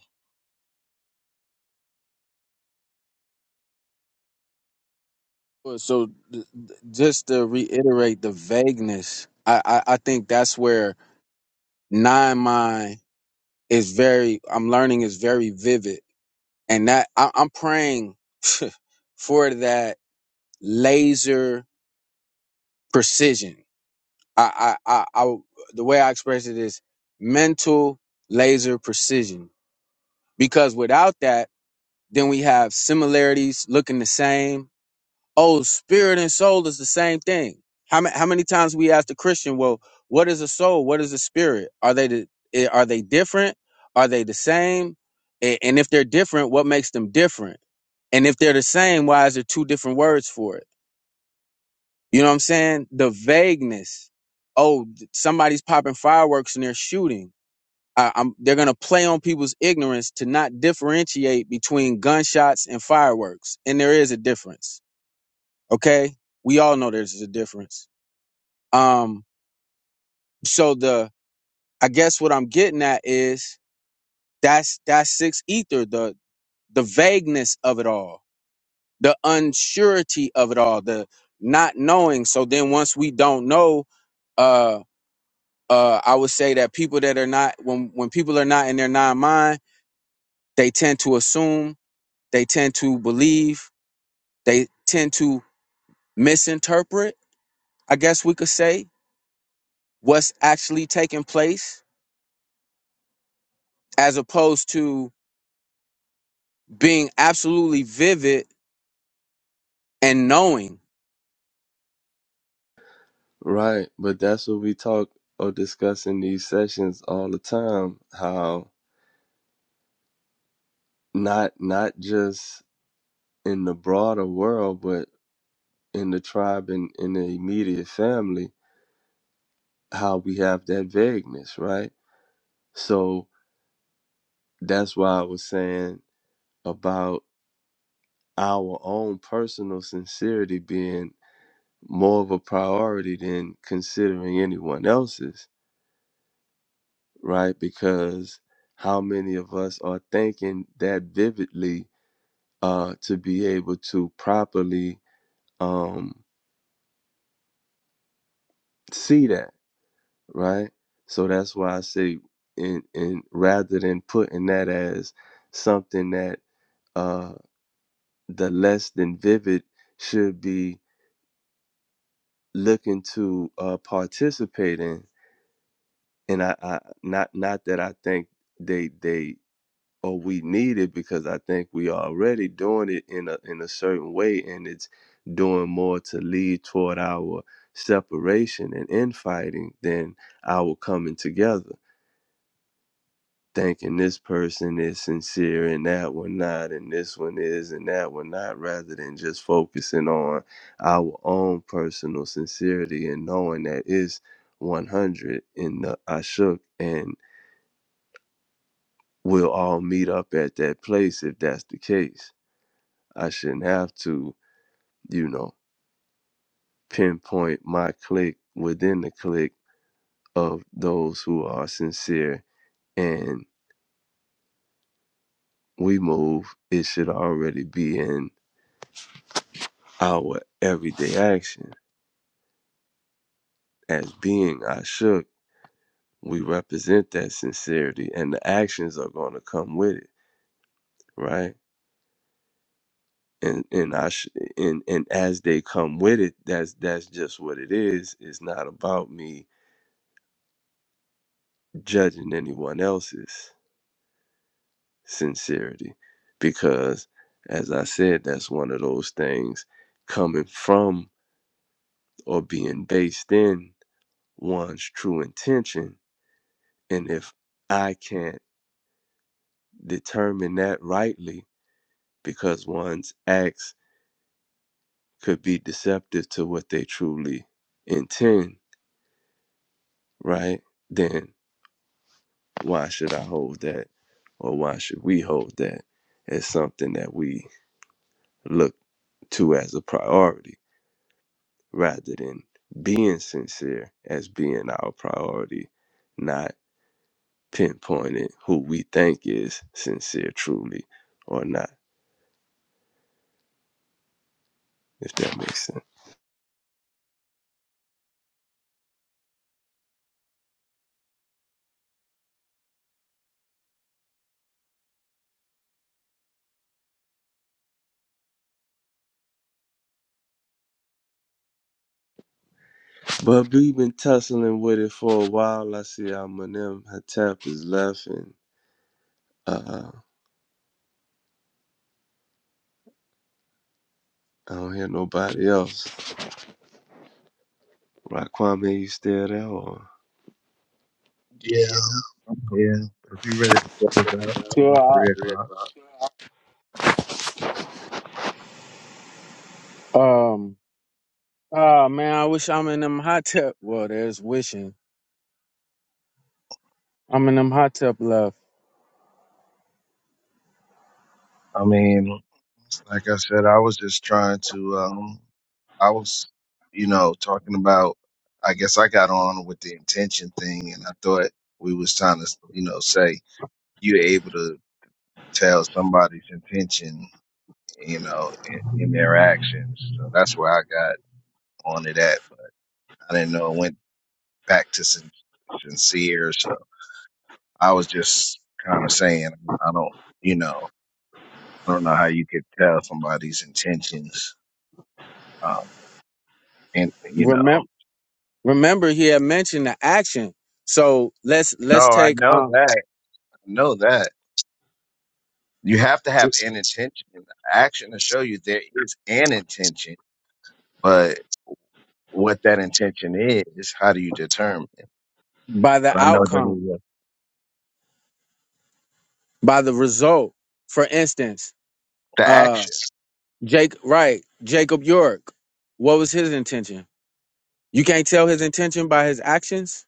[SPEAKER 9] Well, So th- th- just to reiterate the vagueness, I, I I think that's where nine mind is very i'm learning is very vivid and that I, i'm praying for that laser precision I, I i i the way i express it is mental laser precision because without that then we have similarities looking the same oh, spirit and soul is the same thing. How many how many times we ask the Christian, well, what is a soul? What is a spirit? Are they the, eh, are they different? Are they the same? A- And if they're different, what makes them different? And if they're the same, why is there two different words for it? You know what I'm saying? The vagueness. Oh, th- somebody's popping fireworks and they're shooting. I, I'm, they're gonna play on people's ignorance to not differentiate between gunshots and fireworks, and there is a difference Okay. We all know there's a difference. Um, so the I guess what I'm getting at is that's that's six ether, the the vagueness of it all, the unsurety of it all, the not knowing. So then once we don't know, uh uh I would say that people that are not when when people are not in their non mind, they tend to assume, they tend to believe, they tend to misinterpret, I guess we could say, what's actually taking place as opposed to being absolutely vivid and knowing.
[SPEAKER 3] Right, but that's what we talk or discuss in these sessions all the time. How not not just in the broader world, but in the tribe and in the immediate family, how we have that vagueness, right? So that's why I was saying about our own personal sincerity being more of a priority than considering anyone else's, right? Because how many of us are thinking that vividly uh, to be able to properly um, see that, right? So that's why I say, in, in rather than putting that as something that uh, the less than vivid should be looking to uh, participate in, and I, I not not that I think they they or we need it because I think we are already doing it in a in a certain way and it's doing more to lead toward our separation and infighting than our coming together. Thinking this person is sincere and that one not and this one is and that one not rather than just focusing on our own personal sincerity and knowing that it's 100 in the Ashuk and we'll all meet up at that place if that's the case I shouldn't have to, you know, pinpoint my clique within the clique of those who are sincere and we move. It should already be in our everyday action. As being I shook, we represent that sincerity and the actions are going to come with it, right? And and I sh- and and as they come with it, that's that's just what it is. It's not about me judging anyone else's. sincerity because as i said that's one of those things coming from or being based in one's true intention and if i can't determine that rightly because one's acts could be deceptive to what they truly intend right then why should i hold that or why should we hold that as something that we look to as a priority rather than being sincere as being our priority, not pinpointing who we think is sincere truly or not, if that makes sense. But we've been tussling with it for a while. I see how Manem Hatap is left and uh, I don't hear nobody else. Raquame, you still there or
[SPEAKER 5] Yeah, yeah. If you're ready to close out, you know,
[SPEAKER 9] So,
[SPEAKER 5] three
[SPEAKER 3] Real
[SPEAKER 5] o'clock.
[SPEAKER 9] uh, um, ah, man, I wish I'm in them hot tub. Well, there's wishing I'm in them hot tub love.
[SPEAKER 5] I mean, like I said, I was just trying to. um I was, you know, talking about. I guess I got on with the intention thing, and I thought we was trying to, you know, say you're able to tell somebody's intention, you know, in, in their actions. So that's where I got on it at, but I didn't know it went back to sin- sincere. so I was just kind of saying, I don't, you know, I don't know how you could tell somebody's intentions. Um, and you know,
[SPEAKER 9] Remember, remember, he had mentioned the action. So let's
[SPEAKER 5] no,
[SPEAKER 9] let's
[SPEAKER 5] I
[SPEAKER 9] take
[SPEAKER 5] know
[SPEAKER 9] um
[SPEAKER 5] that. I know that you have to have an intention and action to show you there is an intention, but what that intention is, how do you determine? it?
[SPEAKER 9] by
[SPEAKER 5] But
[SPEAKER 9] the
[SPEAKER 5] I know that it
[SPEAKER 9] outcome,
[SPEAKER 5] was
[SPEAKER 9] by the result. For instance,
[SPEAKER 5] the
[SPEAKER 9] uh,
[SPEAKER 5] action.
[SPEAKER 9] Jake, right? Jacob York. What was his intention? You can't tell his intention by his actions,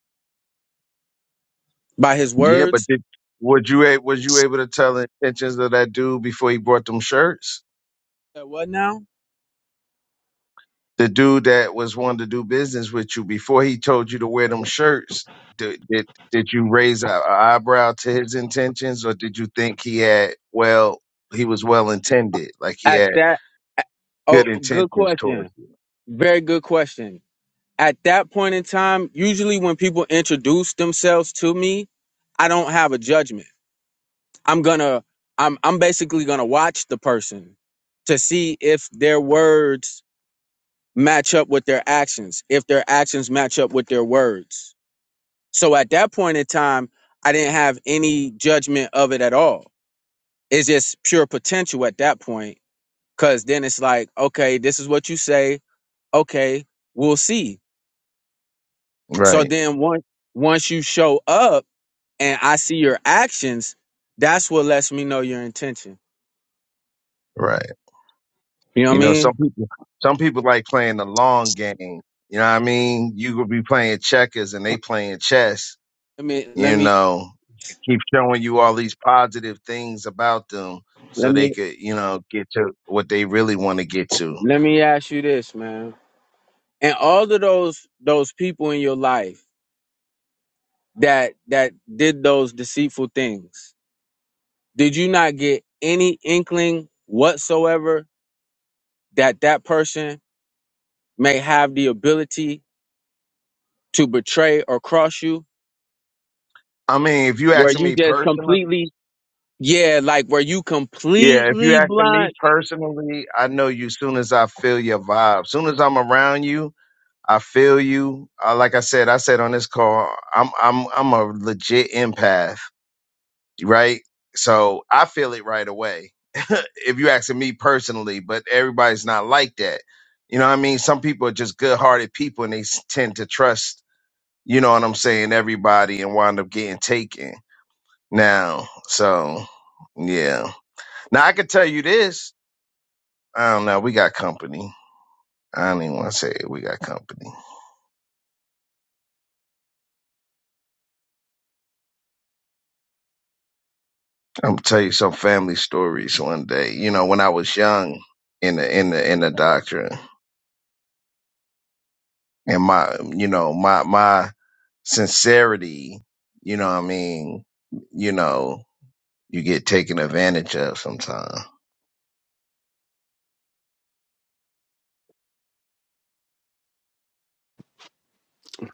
[SPEAKER 9] by his
[SPEAKER 5] Yeah, but
[SPEAKER 9] words.
[SPEAKER 5] did, was you a- was you able to tell the intentions of that dude before he brought them shirts?
[SPEAKER 9] At what now?
[SPEAKER 5] the dude that was wanting to do business with you before he told you to wear them shirts did did, did you raise an eyebrow to his intentions or did you think he had well he was well intended like he
[SPEAKER 9] At
[SPEAKER 5] had
[SPEAKER 9] that. Oh,
[SPEAKER 5] good
[SPEAKER 9] good
[SPEAKER 5] intentions towards
[SPEAKER 9] question.
[SPEAKER 5] you
[SPEAKER 9] Very good question. At that point in time, usually when people introduce themselves to me, I don't have a judgment. I'm gonna, I'm, I'm basically gonna watch the person to see if their words match up with their actions, if their actions match up with their words. So at that point in time, I didn't have any judgment of it at all it's just pure potential at that point because then it's like okay this is what you say okay we'll see so
[SPEAKER 5] right
[SPEAKER 9] then once once you show up and i see your actions that's what lets me know your intention
[SPEAKER 5] right
[SPEAKER 9] you know what i
[SPEAKER 5] you know
[SPEAKER 9] mean
[SPEAKER 5] some people some people like playing the long game you know what i mean you could be playing checkers and they playing chess
[SPEAKER 9] let me let
[SPEAKER 5] you
[SPEAKER 9] me
[SPEAKER 5] know, keep showing you all these positive things about them
[SPEAKER 9] let
[SPEAKER 5] so they
[SPEAKER 9] me
[SPEAKER 5] could, you know, get to what they really want to get to.
[SPEAKER 9] let me ask you this man and all of those those people in your life that that did those deceitful things did you not get any inkling whatsoever that that person may have the ability to betray or cross you,
[SPEAKER 5] I mean, if you
[SPEAKER 9] where
[SPEAKER 5] asking
[SPEAKER 9] you
[SPEAKER 5] me
[SPEAKER 9] just
[SPEAKER 5] personally,
[SPEAKER 9] completely, yeah, like where you
[SPEAKER 5] yeah, if you
[SPEAKER 9] completely
[SPEAKER 5] asking me
[SPEAKER 9] blind.
[SPEAKER 5] personally, I know you soon as I feel your vibe. Soon as I'm around you, I feel you. Uh, like I said, I said on this call, I'm I'm I'm a legit empath. right? So I feel it right away. if you're asking me personally, but everybody's not like that. You know what I mean? Some people are just good hearted people and they s- tend to trust, you know what I'm saying, everybody and wind up getting taken. Now, so yeah. Now I could tell you this. I don't know, we got company. I don't even want to say it. We got company. I'm gonna tell you some family stories one day. You know, when I was young in the in the in the doctrine and my you know, my my sincerity, you know what I mean, you know, you get taken advantage of sometimes.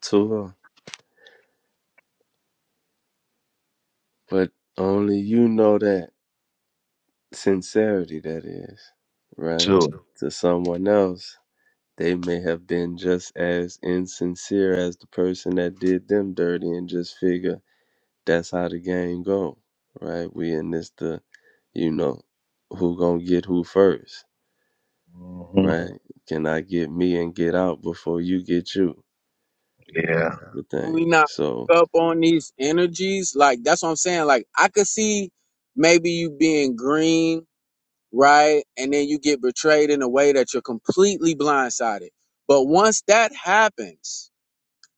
[SPEAKER 3] Tua? But only you know that sincerity that is, right?
[SPEAKER 5] Sure.
[SPEAKER 3] To someone else. They may have been just as insincere as the person that did them dirty and just figure that's how the game go, right? We in this the you know who gonna get who first,
[SPEAKER 5] hmm
[SPEAKER 3] right? Can I get me and get out before you get you?
[SPEAKER 5] Yeah.
[SPEAKER 3] The thing.
[SPEAKER 9] We not
[SPEAKER 3] So
[SPEAKER 9] up on these energies. Like that's what I'm saying. Like I could see maybe you being green, right? And then you get betrayed in a way that you're completely blindsided. But once that happens,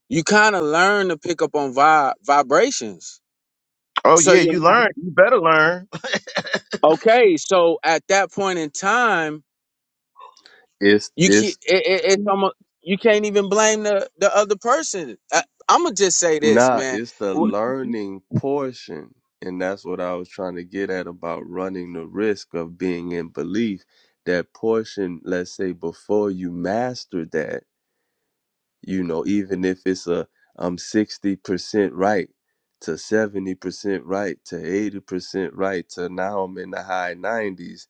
[SPEAKER 9] you kind of learn to pick up on vi- vibrations.
[SPEAKER 5] Oh
[SPEAKER 9] So
[SPEAKER 5] yeah,
[SPEAKER 9] you're
[SPEAKER 5] you
[SPEAKER 9] not
[SPEAKER 5] learn. You better learn.
[SPEAKER 9] okay. So at that point in time,
[SPEAKER 3] it's
[SPEAKER 9] you can't
[SPEAKER 3] it's
[SPEAKER 9] it, it, it's almost you can't even blame the the other person I, i'm gonna just say this
[SPEAKER 3] nah,
[SPEAKER 9] man
[SPEAKER 3] it's the
[SPEAKER 9] Wh-
[SPEAKER 3] learning portion. And that's what I was trying to get at about running the risk of being in belief. That portion, let's say before you master that you know even if it's a i'm 60% right to 70% right to 80% right to now i'm in the high 90s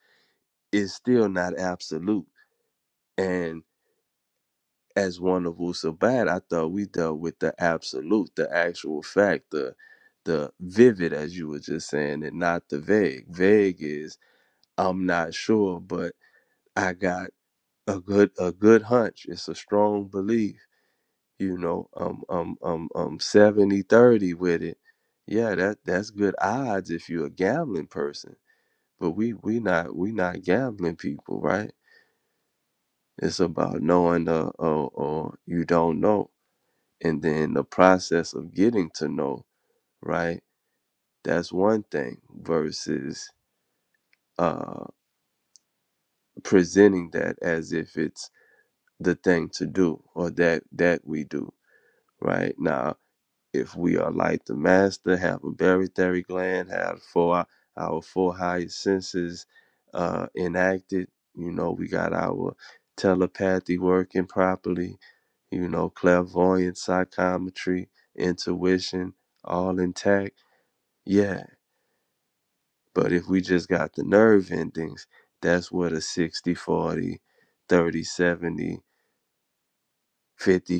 [SPEAKER 3] it's still not absolute and as one of Wusabat, I thought we dealt with the absolute, the actual fact, the the vivid, as you were just saying, and not the vague. Vague is I'm not sure, but I got a good a good hunch. It's a strong belief you know um um um um 70 30 with it yeah that that's good odds if you're a gambling person but we we not we not gambling people right it's about knowing the, or, or you don't know and then the process of getting to know right that's one thing versus uh presenting that as if it's the thing to do or that that we do right now if we are like the master, have a barytheric gland, have four our four highest senses uh, enacted. You know, we got our telepathy working properly. You know, clairvoyance, psychometry, intuition, all intact. Yeah, but if we just got the nerve endings, that's where the 60 40, 30 70, 50 fifty.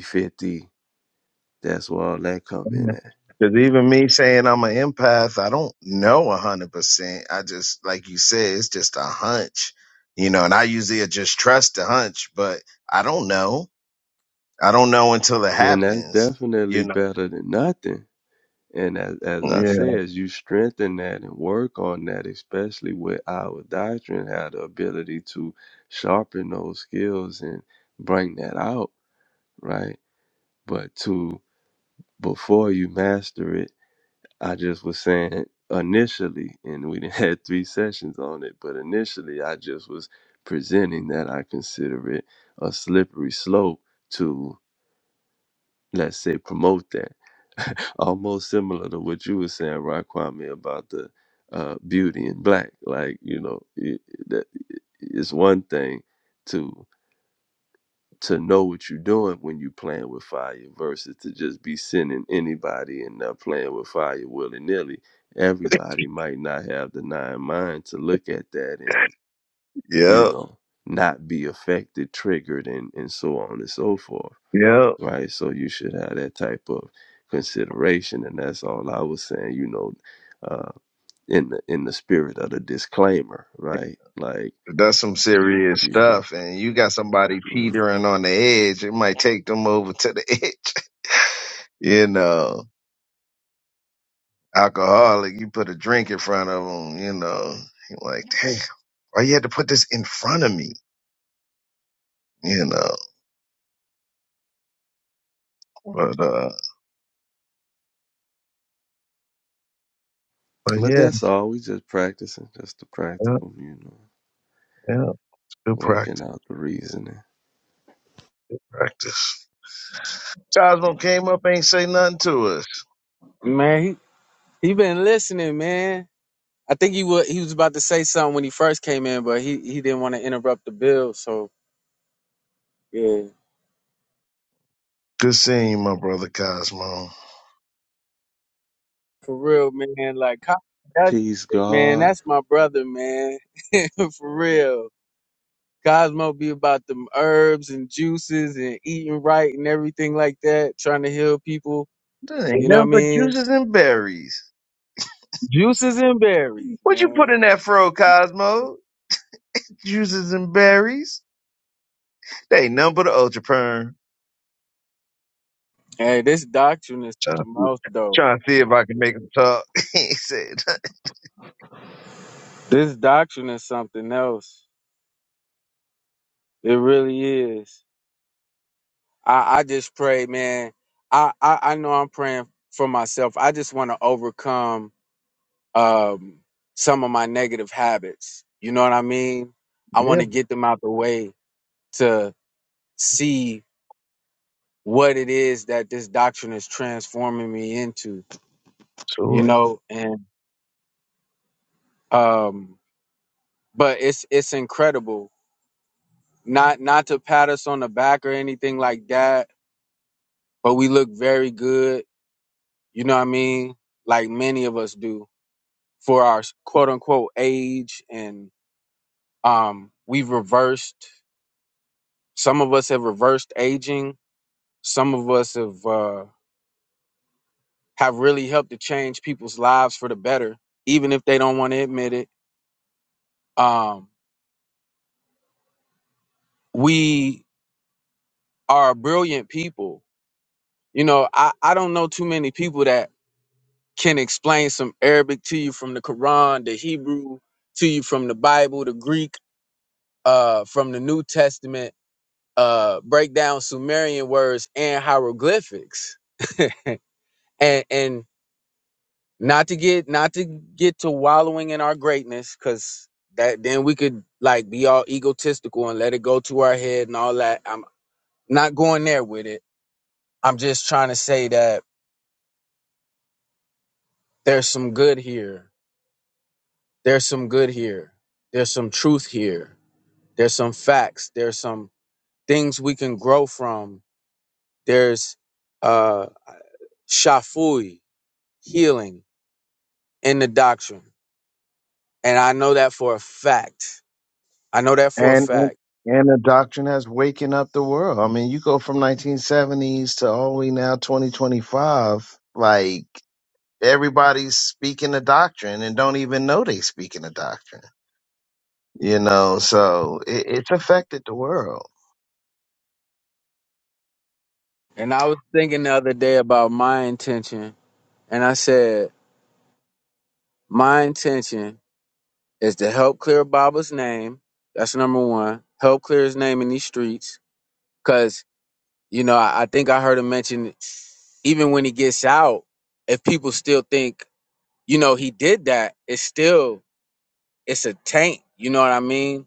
[SPEAKER 3] that's where all that come in at.
[SPEAKER 5] Because even me saying I'm an empath, I don't know a hundred percent. I just like you said, it's just a hunch, you know. And I usually just trust the hunch, but I don't know. I don't know until it
[SPEAKER 3] And that's
[SPEAKER 5] happens,
[SPEAKER 3] definitely
[SPEAKER 5] you
[SPEAKER 3] better than nothing And as, as I
[SPEAKER 5] know.
[SPEAKER 3] said, you strengthen that and work on that, especially with our doctrine, have the ability to sharpen those skills and bring that out, right? But to before you master it, I just was saying initially, and we done had three sessions on it, but initially I just was presenting that I consider it a slippery slope to let's say promote that almost similar to what you were saying right Kwame about the uh, beauty in black like you know it, that it's one thing to to know what you're doing when you are playing with fire versus to just be sending anybody and uh, playing with fire willy-nilly everybody might not have the nine mind to look at that and you
[SPEAKER 5] Yep.
[SPEAKER 3] know not be affected triggered and and so on and so forth
[SPEAKER 5] Yep.
[SPEAKER 3] right? So you should have that type of consideration, and that's all I was saying. You know, uh, in the in the spirit of the disclaimer, right? Like
[SPEAKER 5] That's some serious
[SPEAKER 3] you know,
[SPEAKER 5] stuff. And you got somebody
[SPEAKER 3] yeah.
[SPEAKER 5] teetering on the edge, it might take them over to the edge. you know, alcoholic, you put a drink in front of them, you know, you're like, damn, why you had to put this in front of me? You know, but, uh, but
[SPEAKER 3] but
[SPEAKER 5] yeah,
[SPEAKER 3] that's all. We just practicing, just the
[SPEAKER 5] yeah,
[SPEAKER 3] practical, you know,
[SPEAKER 5] yeah, good
[SPEAKER 3] working
[SPEAKER 5] practice,
[SPEAKER 3] out the reasoning.
[SPEAKER 5] practice. Cosmo came up, ain't say nothing to us.
[SPEAKER 9] man he, he been listening man i think he was he was about to say something when he first came in but he he didn't want to interrupt the bill so yeah
[SPEAKER 5] Good seeing you, my brother Cosmo.
[SPEAKER 9] for real man like Co- that,
[SPEAKER 3] Peace,
[SPEAKER 9] man
[SPEAKER 3] God.
[SPEAKER 9] that's my brother man for real Cosmo be about them herbs and juices and eating right and everything like that, trying to heal people.
[SPEAKER 5] There
[SPEAKER 9] You
[SPEAKER 5] Ain't
[SPEAKER 9] know what I
[SPEAKER 5] nothing but
[SPEAKER 9] mean?
[SPEAKER 5] juices and berries.
[SPEAKER 9] Juices and berries,
[SPEAKER 5] What you put
[SPEAKER 9] man.
[SPEAKER 5] in that fro, Cosmo? Juices and berries? They ain't nothing but an ultra perm.
[SPEAKER 9] Hey, this doctrine is
[SPEAKER 5] Trying to,
[SPEAKER 9] something
[SPEAKER 5] see-
[SPEAKER 9] else, though.
[SPEAKER 5] trying to see if I can make him talk. he said,
[SPEAKER 9] This doctrine is something else. It really is. I, I just pray, man. I, I, I know I'm praying for myself. I just want to overcome um, some of my negative habits. You know what I mean? I want
[SPEAKER 5] Yeah,
[SPEAKER 9] to get them out the way to see what it is that this doctrine is transforming me into. You
[SPEAKER 5] sure.
[SPEAKER 9] know, and um, but it's it's incredible not not to pat us on the back or anything like that, but we look very good. You know what I mean? Like many of us do for our quote unquote age, and um, we've reversed. Some of us have reversed aging. Some of us have uh, have really helped to change people's lives for the better, even if they don't want to admit it. Um, we are brilliant people. You know, I, I don't know too many people that can explain some Arabic to you from the Quran, the Hebrew to you from the Bible, the Greek uh, from the New Testament, uh, break down Sumerian words and hieroglyphics. and, and not to get not to get to wallowing in our greatness, because that then we could like be all egotistical and let it go to our head and all that. I'm not going there with it. I'm just trying to say that there's some good here. There's some good here. There's some truth here there's some facts there's some things we can grow from there's uh shafui healing in the doctrine and i know that for a fact i know that for a
[SPEAKER 5] And and
[SPEAKER 9] fact
[SPEAKER 5] the doctrine has waken up the world. I mean, you go from 1970s to all the way now 2025. Like everybody's speaking the doctrine and don't even know they speaking the doctrine. You know, so it, it's affected the world.
[SPEAKER 9] and i was thinking the other day about my intention and i said my intention is to help clear baba's name that's number one help clear his name in these streets because you know I, I think i heard him mention even when he gets out if people still think you know he did that it's still it's a taint you know what i mean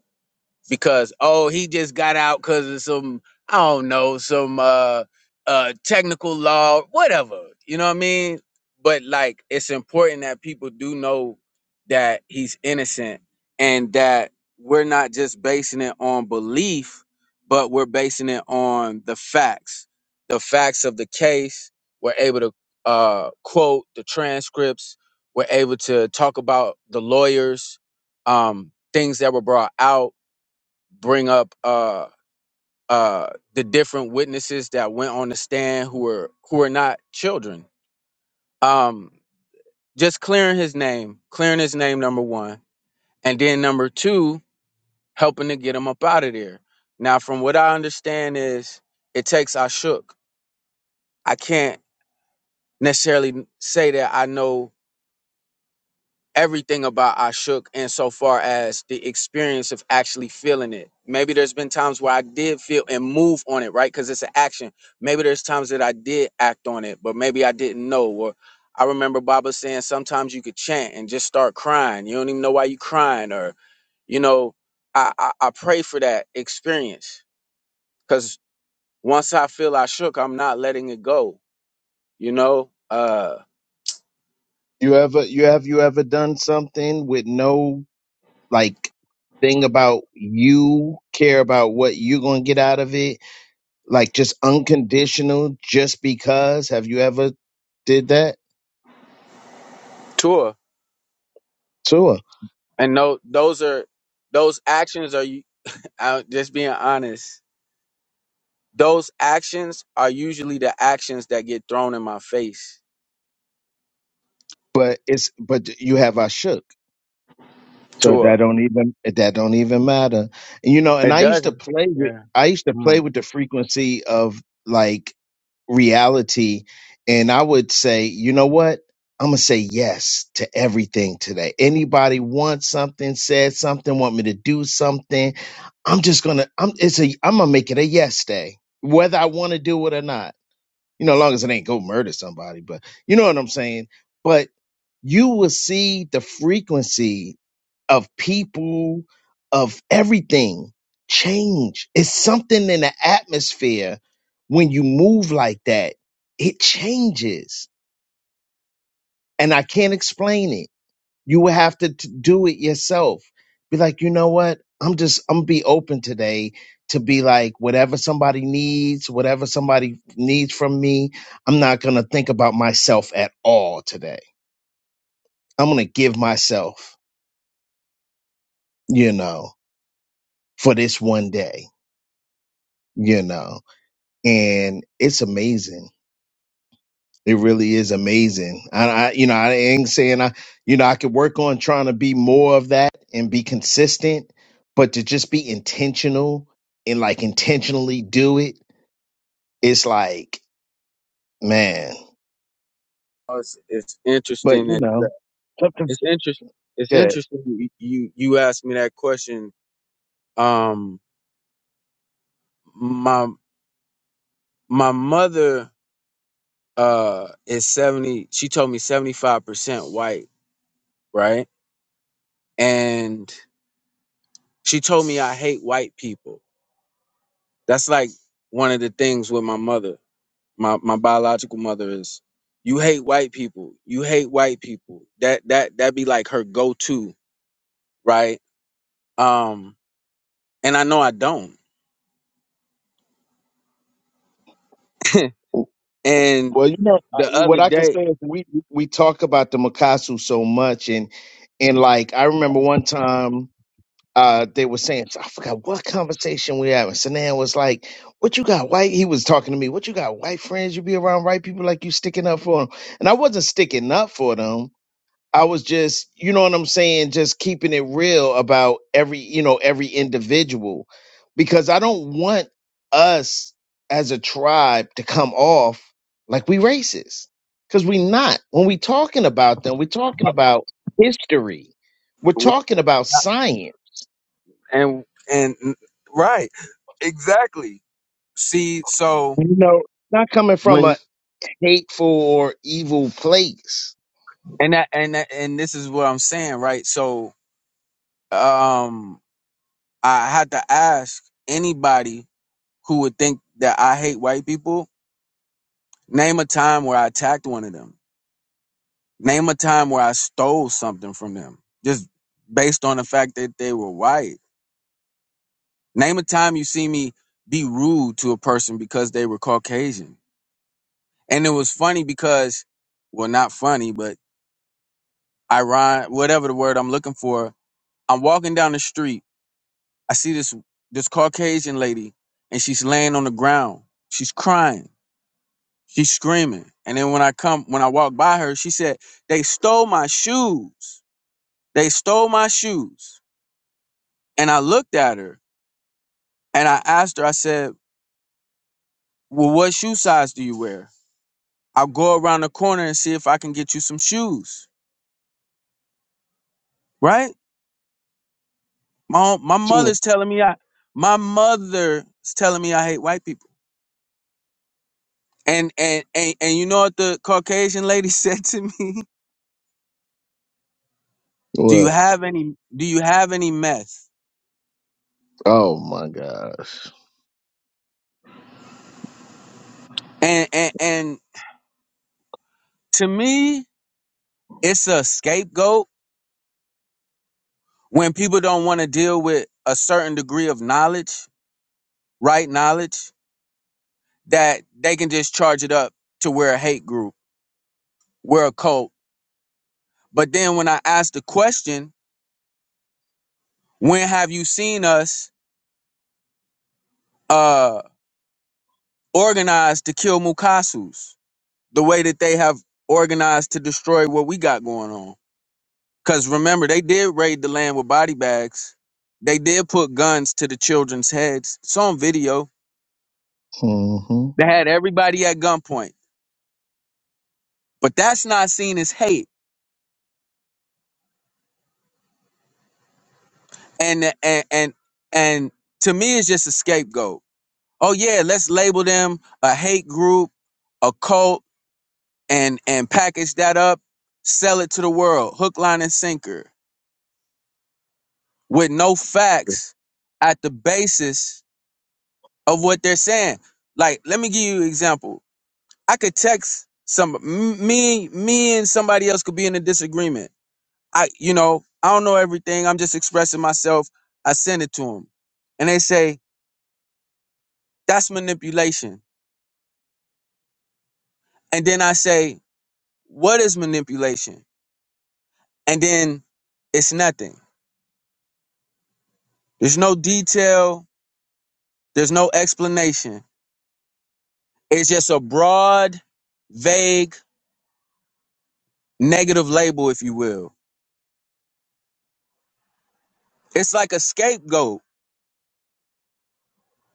[SPEAKER 9] because oh he just got out because of some i don't know some uh uh technical law whatever you know what i mean but like it's important that people do know that he's innocent and that we're not just basing it on belief but we're basing it on the facts the facts of the case we're able to uh quote the transcripts we're able to talk about the lawyers um things that were brought out bring up uh uh the different witnesses that went on the stand who were who were not children um just clearing his name clearing his name number one and then number two helping to get him up out of there now from what i understand is it takes i shook i can't necessarily say that i know everything about Ashok insofar as the experience of actually feeling it. Maybe there's been times where I did feel and move on it, right? Because it's an action. Maybe there's times that I did act on it, but maybe I didn't know. Or I remember Baba saying sometimes you could chant and just start crying. You don't even know why you are crying. Or, you know, I, I, I pray for that experience. Because once I feel I shook, I'm not letting it go, you know? Uh
[SPEAKER 5] You ever you have you ever done something with no like thing about you care about what you're going to get out of it like just unconditional just because have you ever did that
[SPEAKER 9] tour.
[SPEAKER 5] sure
[SPEAKER 9] And no those are those actions are i just being honest, those actions are usually the actions that get thrown in my face.
[SPEAKER 5] but it's but you have i shook so that
[SPEAKER 9] Tour,
[SPEAKER 5] don't even that don't even matter and, you know and
[SPEAKER 9] It
[SPEAKER 5] i used to
[SPEAKER 9] doesn't.
[SPEAKER 5] play with
[SPEAKER 9] Yeah.
[SPEAKER 5] i used to
[SPEAKER 9] Hmm.
[SPEAKER 5] play with the frequency of like reality and i would say you know what i'm gonna say yes to everything today anybody wants something said something want me to do something i'm just gonna i'm it's a i'm gonna make it a yes day whether i want to do it or not you know as long as it ain't go murder somebody but you know what i'm saying but you will see the frequency of people, of everything. Change. It's something in the atmosphere when you move like that. It changes. And I can't explain it. You will have to t- do it yourself. Be like, you know what? I'm just, I'm be open today to be like, whatever somebody needs, whatever somebody needs from me, I'm not going to think about myself at all today. I'm going to give myself, you know, for this one day, you know. and it's amazing. It really is amazing. And I, you know, I ain't saying I, you know, I could work on trying to be more of that and be consistent, but to just be intentional and like intentionally do it, it's like, man.
[SPEAKER 9] Oh, It's, it's
[SPEAKER 5] But
[SPEAKER 9] interesting
[SPEAKER 5] you
[SPEAKER 9] that
[SPEAKER 5] know,
[SPEAKER 9] that-
[SPEAKER 5] something.
[SPEAKER 9] it's interest it's
[SPEAKER 5] Yeah.
[SPEAKER 9] interesting you, you you asked me that question. Um my my mother uh is 70 she told me 75% white, right? And she told me I hate white people. That's like one of the things with my mother my my biological mother is you hate white people you hate white people that that that be like her go-to right um and i know i don't and
[SPEAKER 5] Well, you know
[SPEAKER 9] the
[SPEAKER 5] I- what
[SPEAKER 9] other
[SPEAKER 5] I can
[SPEAKER 9] day
[SPEAKER 5] say is we we talk about the Makasu so much, and and like I remember one time uh, they were saying, I forgot what conversation we having. Sanan was like, What you got, white? He was talking to me, What you got, white friends? You be around white people like you sticking up for them. And I wasn't sticking up for them. I was just, you know what I'm saying, just keeping it real about every, you know, every individual. Because I don't want us as a tribe to come off like we racist. Because we not. When we talking about them, we are talking about history. We're
[SPEAKER 9] w-
[SPEAKER 5] talking about science
[SPEAKER 9] and and right exactly see so
[SPEAKER 5] You know, not coming from
[SPEAKER 9] when
[SPEAKER 5] a hateful or evil place.
[SPEAKER 9] and that and that, and this is what i'm saying right so um i had to ask anybody who would think that i hate white people name a time where i attacked one of them Name a time where I stole something from them, just based on the fact that they were white. Name a time you see me be rude to a person because they were Caucasian. And it was funny because, well, not funny, but ironic, whatever the word I'm looking for. I'm walking down the street. I see this this Caucasian lady, and she's laying on the ground. She's crying. She's screaming. And then when I come, when I walk by her, she said, "They stole my shoes. They stole my shoes." And I looked at her and I asked her, I said, Well, what shoe size do you wear? I'll go around the corner and see if I can get you some shoes. Right? My own- my
[SPEAKER 5] Too.
[SPEAKER 9] mother's telling me I my mother's telling me I hate white people. And and and, and you know what the Caucasian lady said to me? Do you
[SPEAKER 5] What?
[SPEAKER 9] have any do you have any meth?
[SPEAKER 5] Oh my gosh.
[SPEAKER 9] And and, and to me, it's a scapegoat when people don't want to deal with a certain degree of knowledge, right knowledge that they can just charge it up to we're a hate group, we're a cult. But then when I asked the question, when have you seen us uh organized to kill Mukasus the way that they have organized to destroy what we got going on? Because remember, they did raid the land with body bags. They did put guns to the children's heads. It's on video.
[SPEAKER 5] hmm
[SPEAKER 9] They had everybody at gunpoint. But that's not seen as hate. And and and, and to me it's just a scapegoat oh yeah, let's label them a hate group, a cult, and and package that up, sell it to the world, hook, line, and sinker, with no facts at the basis of what they're saying. Like, let me give you an example. I could text some m- me, me and somebody else could be in a disagreement. I, you know, I don't know everything. I'm just expressing myself. I send it to them, and they say that's manipulation. And then I say, what is manipulation? and then it's nothing. There's no detail, there's no explanation. It's just a broad, vague, negative label, if you will. It's like a scapegoat.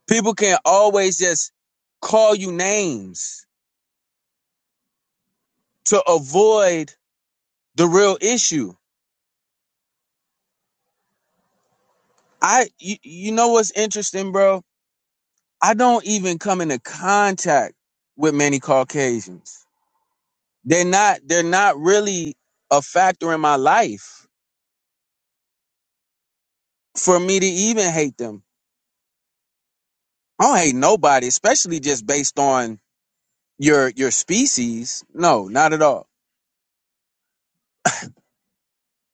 [SPEAKER 9] People can always just call you names to avoid the real issue. I, you, you know what's interesting, bro? I don't even come into contact with many Caucasians. They're not, they're not really a factor in my life for me to even hate them I don't hate nobody, especially just based on your your species. No, not at all.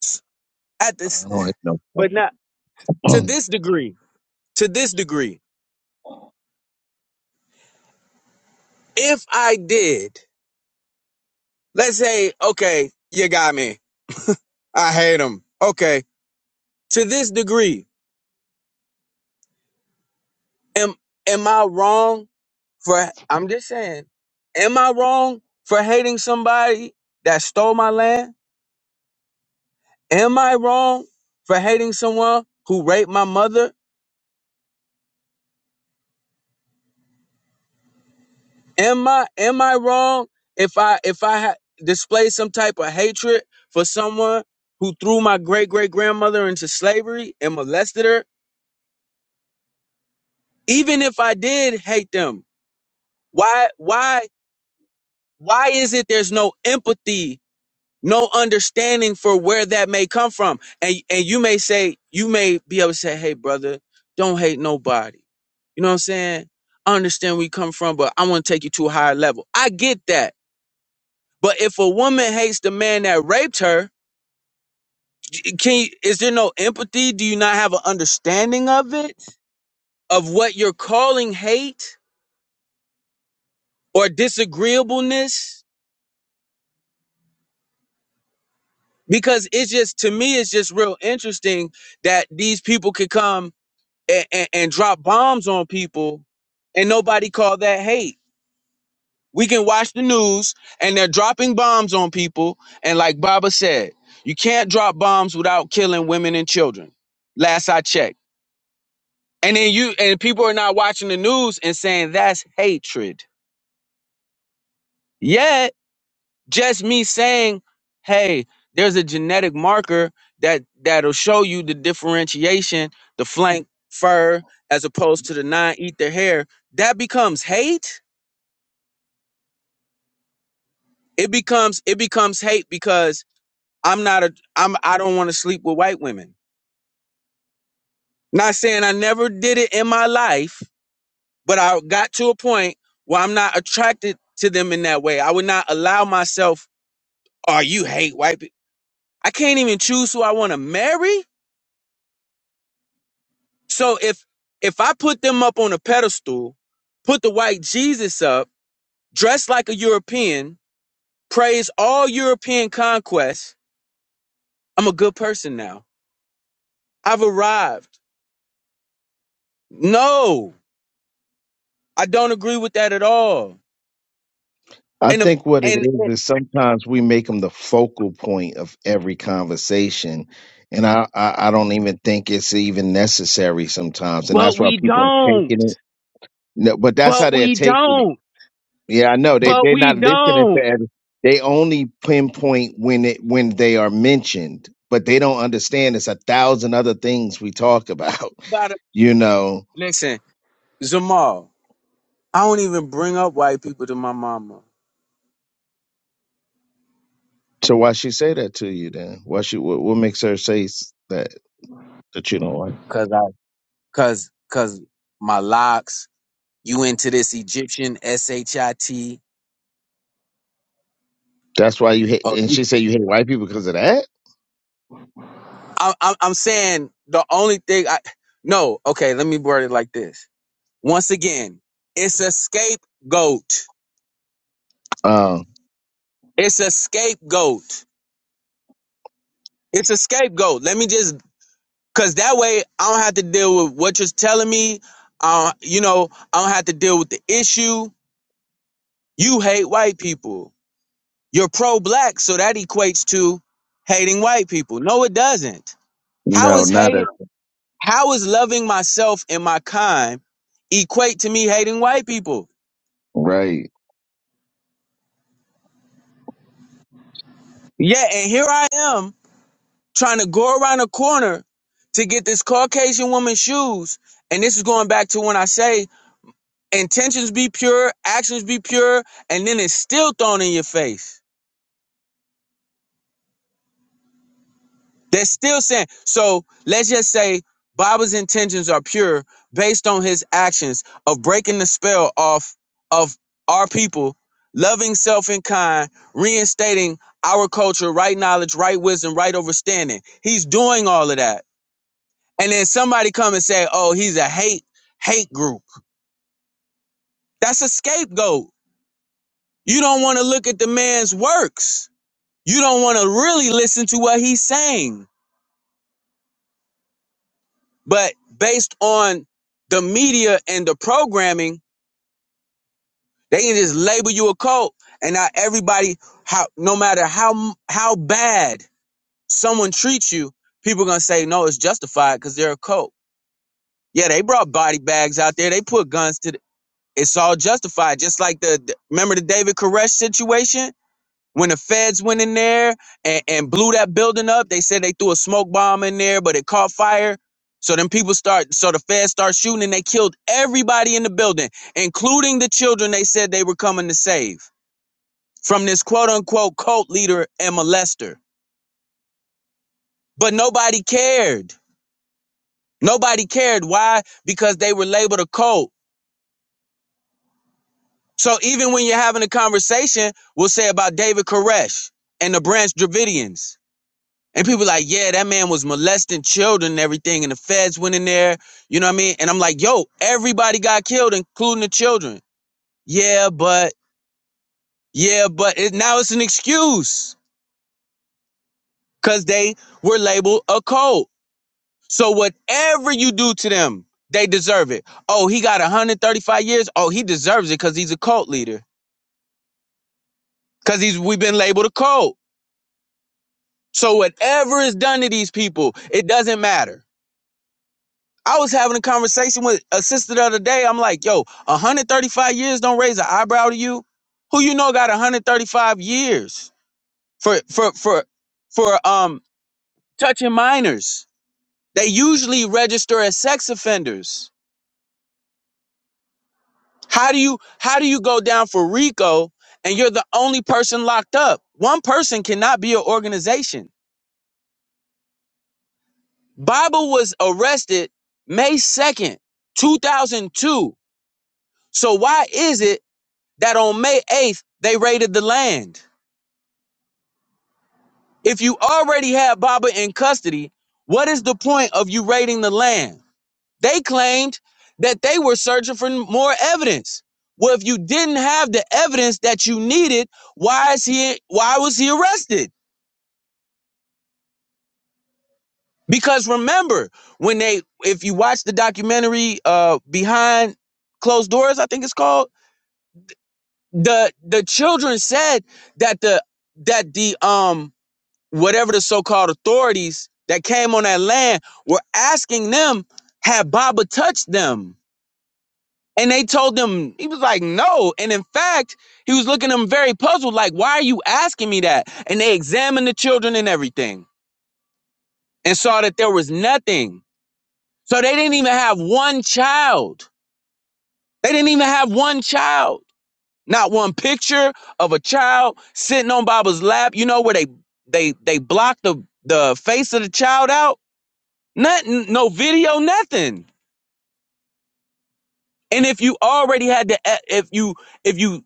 [SPEAKER 9] S- At this,
[SPEAKER 5] I don't
[SPEAKER 9] but not to
[SPEAKER 5] know.
[SPEAKER 9] this degree. To this degree, if I did, let's say, okay, you got me. I hate him. Okay, to this degree, am am I wrong for? I'm just saying, am I wrong for hating somebody that stole my land? Am I wrong for hating someone who raped my mother? Am I am I wrong if I if I ha- display some type of hatred for someone who threw my great great grandmother into slavery and molested her? Even if I did hate them, why why why is it there's no empathy, no understanding for where that may come from? And and you may say you may be able to say, "Hey brother, don't hate nobody." You know what I'm saying? I understand where you come from, but I want to take you to a higher level. I get that. But if a woman hates the man that raped her, can you, is there no empathy? Do you not have an understanding of it? Of what you're calling hate or disagreeableness? Because it's just to me, it's just real interesting that these people could come and, and, and drop bombs on people, and nobody call that hate. We can watch the news, and they're dropping bombs on people. And like Baba said, you can't drop bombs without killing women and children. Last I checked. And then you and people are not watching the news and saying that's hatred. Yet just me saying, hey, there's a genetic marker that that'll show you the differentiation, the flank fur as opposed to the non eat their hair. That becomes hate. It becomes it becomes hate because I'm not a I'm I don't want to sleep with white women. Not saying I never did it in my life, but I got to a point where I'm not attracted to them in that way. I would not allow myself or you hate white people. I can't even choose who I want to marry. So if if I put them up on a pedestal, put the white Jesus up, dress like a European, praise all European conquests, I'm a good person now. I've arrived. No, I don't agree with that at all.
[SPEAKER 5] I
[SPEAKER 9] And if
[SPEAKER 5] think what it
[SPEAKER 9] and
[SPEAKER 5] is is sometimes we make them the focal point of every conversation, and I, I I don't even think it's even necessary sometimes, and
[SPEAKER 9] but
[SPEAKER 5] that's why
[SPEAKER 9] we
[SPEAKER 5] people are taking
[SPEAKER 9] don't.
[SPEAKER 5] it. No, but that's how
[SPEAKER 9] But
[SPEAKER 5] they're
[SPEAKER 9] we
[SPEAKER 5] taking it.
[SPEAKER 9] don't.
[SPEAKER 5] Yeah, I know. They
[SPEAKER 9] But
[SPEAKER 5] they're
[SPEAKER 9] we
[SPEAKER 5] not listening to
[SPEAKER 9] don't.
[SPEAKER 5] every, they only pinpoint when it when they are mentioned, but they don't understand it's a thousand other things we talk about,
[SPEAKER 9] But
[SPEAKER 5] you know.
[SPEAKER 9] listen, Zamal, I don't even bring up white people to my mama.
[SPEAKER 5] So why she say that to you then? Why she what, what makes her say s- that that you don't like?
[SPEAKER 9] cause cause my locks. You into this Egyptian S H I T?
[SPEAKER 5] That's why you hate
[SPEAKER 9] Oh,
[SPEAKER 5] and she said you hate white people because of that?
[SPEAKER 9] I'm I'm I'm saying the only thing I no. Okay, let me word it like this. Once again, it's a scapegoat.
[SPEAKER 5] Um
[SPEAKER 9] It's a scapegoat. It's a scapegoat. Let me just cause that way I don't have to deal with what you're telling me. Uh, you know, I don't have to deal with the issue. You hate white people. You're pro-black, so that equates to hating white people. No, it doesn't How
[SPEAKER 5] no,
[SPEAKER 9] is
[SPEAKER 5] not
[SPEAKER 9] hating,
[SPEAKER 5] at
[SPEAKER 9] how is loving myself and my kind equate to me hating white people?
[SPEAKER 5] right.
[SPEAKER 9] Yeah, and here I am trying to go around a corner to get this Caucasian woman's shoes. And this is going back to when I say intentions be pure, actions be pure, and then it's still thrown in your face. They're still saying, so let's just say Baba's intentions are pure based on his actions of breaking the spell off of our people, loving self and kind, reinstating our culture, right knowledge, right wisdom, right understanding. He's doing all of that. And then somebody come and say, oh, he's a hate, hate group. That's a scapegoat. You don't want to look at the man's works. You don't want to really listen to what he's saying But based on the media and the programming, they can just label you a cult. And now everybody, how no matter how how bad someone treats you, people gonna say no, it's justified because they're a cult. Yeah, they brought body bags out there. They put guns to. The, it's all justified. Just like the- remember the David Koresh situation when the feds went in there and, and blew that building up, they said they threw a smoke bomb in there, but it caught fire. So then people start, so the feds start shooting and they killed everybody in the building, including the children they said they were coming to save from this quote unquote cult leader and molester. But nobody cared. Nobody cared. Why? Because they were labeled a cult. So even when you're having a conversation, we'll say about David Koresh and the Branch Dravidians. And people like, yeah, that man was molesting children and everything, and the feds went in there, you know what I mean? And I'm like, yo, everybody got killed, including the children. Yeah, but yeah, but it, now it's an excuse because they were labeled a cult. So whatever you do to them, they deserve it. Oh, he got 135 years. Oh, he deserves it because he's a cult leader. Because he's we've been labeled a cult. So whatever is done to these people, it doesn't matter. I was having a conversation with a sister the other day. I'm like, yo, 135 years don't raise an eyebrow to you. Who you know got 135 years for for for for um touching minors? They usually register as sex offenders. How do you how do you go down for RICO and you're the only person locked up? One person cannot be an organization. Bible was arrested May 2nd, 2002. So why is it? that on May 8th, they raided the land. If you already had Baba in custody, what is the point of you raiding the land? They claimed that they were searching for more evidence. Well, if you didn't have the evidence that you needed, why is he why was he arrested? Because remember, when they if you watch the documentary uh behind closed doors, I think it's called, the the children said that the that the um whatever the so-called authorities that came on that land were asking them, had Baba touched them? And they told them, he was like, no. And in fact, he was looking at them very puzzled, like, why are you asking me that? And they examined the children and everything and saw that there was nothing. So they didn't even have one child. They didn't even have one child. Not one picture of a child sitting on Baba's lap, you know, where they they they blocked the the face of the child out nothing no video nothing and if you already had the e- if you if you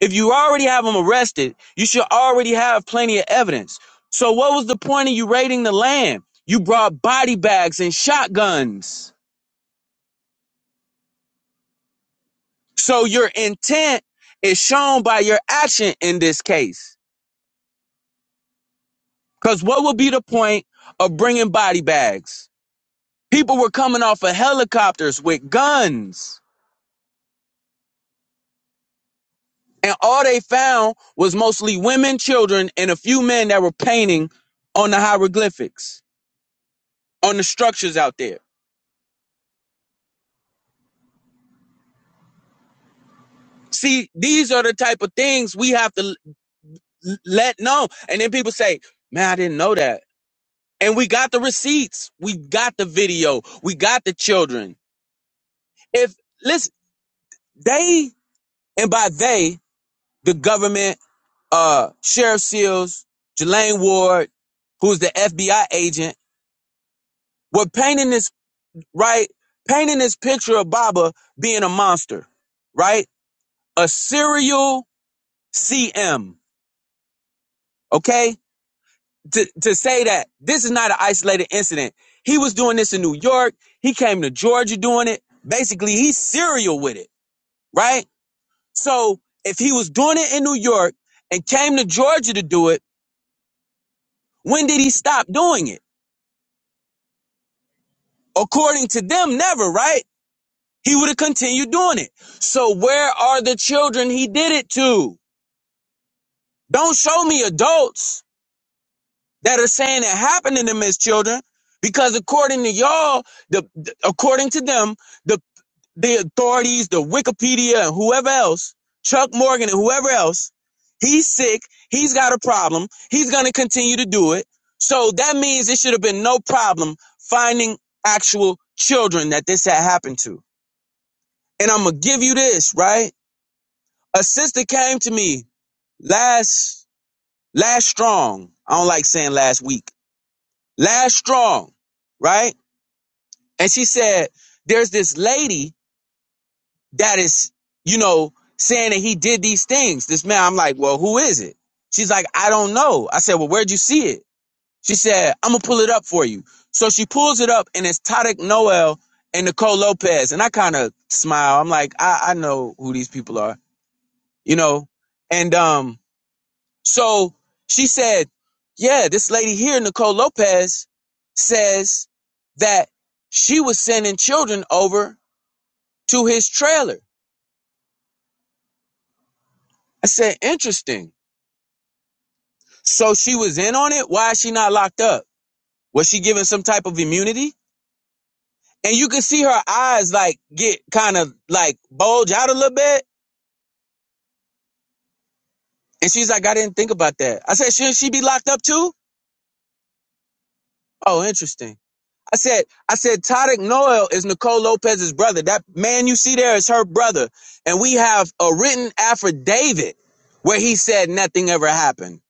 [SPEAKER 9] if you already have them arrested you should already have plenty of evidence so what was the point of you raiding the land you brought body bags and shotguns so your intent is shown by your action in this case because what would be the point of bringing body bags people were coming off of helicopters with guns And all they found was mostly women, children, and a few men that were painting on the hieroglyphics, on the structures out there. See, these are the type of things we have to l- let know. And then people say, man, I didn't know that. And we got the receipts. We got the video. We got the children. If, listen, they, and by they, the government, uh, Sheriff Seals, Jelaine Ward, who's the FBI agent, were painting this right? Painting this picture of Baba being a monster, right? A serial CM, okay? To, to say that this is not an isolated incident. He was doing this in New York. He came to Georgia doing it. Basically, he's serial with it, right? So if he was doing it in New York and came to Georgia to do it, when did he stop doing it? According to them, never, right? He would have continued doing it. So where are the children he did it to? Don't show me adults that are saying it happened to them as children, because according to y'all, the the- according to them, the the authorities, the Wikipedia, and whoever else, Chuck Morgan and whoever else, he's sick, he's got a problem, he's gonna continue to do it. So that means it should have been no problem finding actual children that this had happened to. And I'm gonna give you this, right? A sister came to me last last strong. I don't like saying last week last strong, right? And she said, there's this lady that is, you know, saying that he did these things. This man, I'm like, well, who is it? She's like, I don't know. I said, well, where'd you see it? She said, I'm gonna pull it up for you. So she pulls it up and it's Tadek Noel and Nicole Lopez. And I kind of smile. I'm like, I, I know who these people are, you know? And, um, So she said, Yeah, this lady here, Nicole Lopez, says that she was sending children over to his trailer. I said, Interesting. So she was in on it. Why is she not locked up? Was she given some type of immunity? And you could see her eyes like get kind of like bulge out a little bit. And she's like, I didn't think about that. I said, Shouldn't she be locked up too? Oh, interesting. I said, I said, Todrick Noel is Nicole Lopez's brother. That man you see there is her brother. And we have a written affidavit where he said nothing ever happened.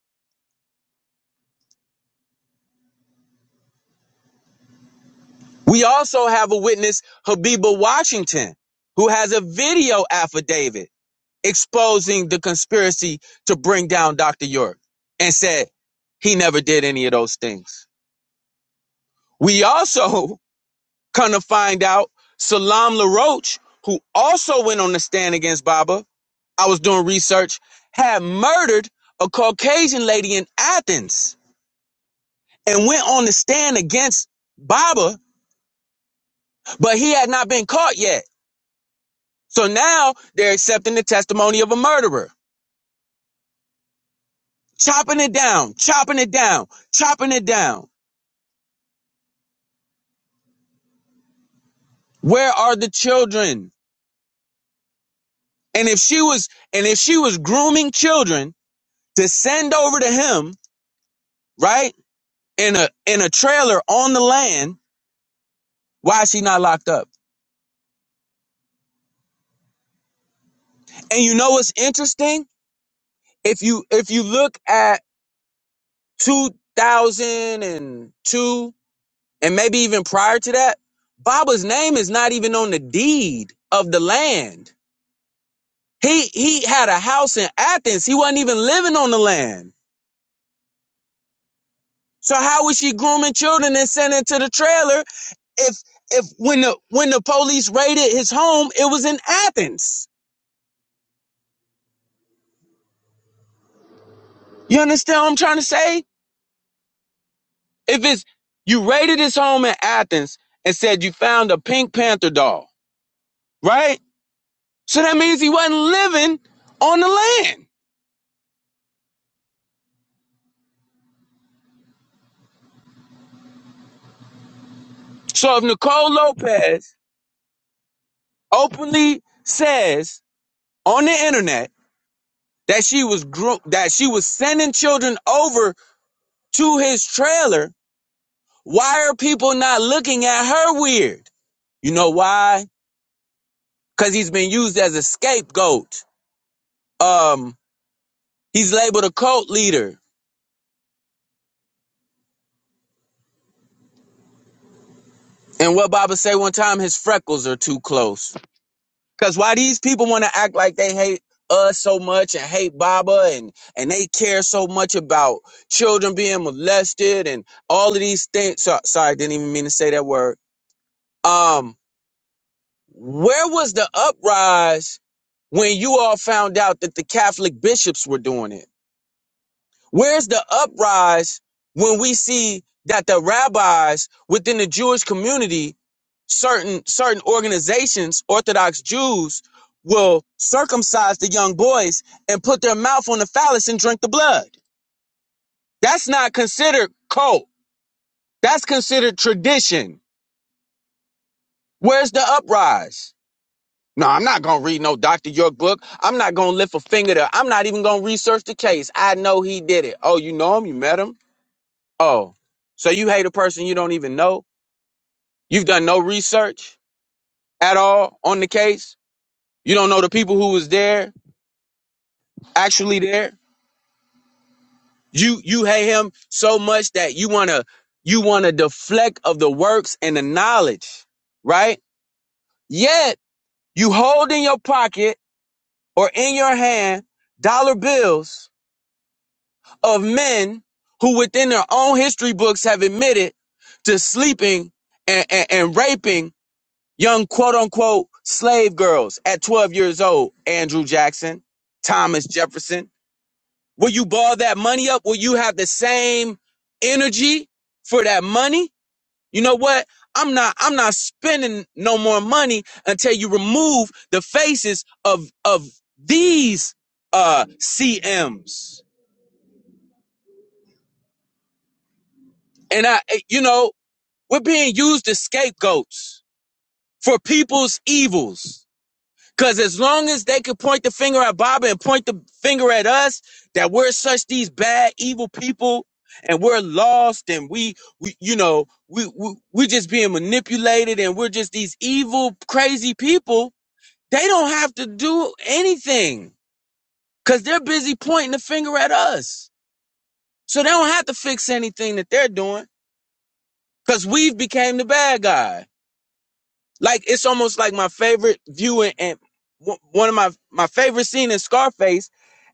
[SPEAKER 9] We also have a witness, Habiba Washington, who has a video affidavit exposing the conspiracy to bring down Dr. York and said he never did any of those things. We also come to find out Salam LaRoche, who also went on the stand against Baba, I was doing research, had murdered a Caucasian lady in Athens and went on the stand against Baba, but he had not been caught yet. So now they're accepting the testimony of a murderer, chopping it down, chopping it down, chopping it down. Where are the children? And if she was, and if she was grooming children to send over to him, right? In a, in a trailer on the land, why is she not locked up? And you know what's interesting? if you if you look at 2002 and two and maybe even prior to that baba's name is not even on the deed of the land he he had a house in athens he wasn't even living on the land so how was she grooming children and sending to the trailer if if when the when the police raided his home it was in athens you understand what i'm trying to say if it's you raided his home in athens and said you found a pink panther doll right So that means he wasn't living on the land. So if Nicole Lopez openly says on the internet that she was gro- that she was sending children over to his trailer, why are people not looking at her weird? You know why? Because he's been used as a scapegoat. Um, he's labeled a cult leader. And what Baba say one time, his freckles are too close. Cause why these people want to act like they hate us so much and hate Baba and and they care so much about children being molested and all of these things. So, sorry, I didn't even mean to say that word. Um, where was the uprise when you all found out that the Catholic bishops were doing it? Where's the uprise when we see that the rabbis within the Jewish community, certain certain organizations, Orthodox Jews, will circumcise the young boys and put their mouth on the phallus and drink the blood? That's not considered cult. That's considered tradition. Where's the uprise? No, I'm not gonna read no Dr. York book. I'm not gonna lift a finger there. I'm not even gonna research the case. I know he did it. Oh, you know him? You met him? Oh, so you hate a person you don't even know? You've done no research at all on the case. You don't know the people who was there, actually there. You you hate him so much that you wanna you wanna deflect of the works and the knowledge, right? Yet you hold in your pocket or in your hand dollar bills of men who within their own history books have admitted to sleeping and, and, and raping Young quote unquote slave girls at 12 years old, Andrew Jackson, Thomas Jefferson. Will you ball that money up? Will you have the same energy for that money? You know what? I'm not I'm not spending no more money until you remove the faces of of these uh CMs. And I you know, we're being used as scapegoats for people's evils. Cause as long as they could point the finger at Baba and point the finger at us that we're such these bad, evil people and we're lost and we, we you know, we, we, we're just being manipulated and we're just these evil, crazy people. They don't have to do anything cause they're busy pointing the finger at us. So they don't have to fix anything that they're doing cause we've became the bad guy. Like it's almost like my favorite viewing and one of my my favorite scene in Scarface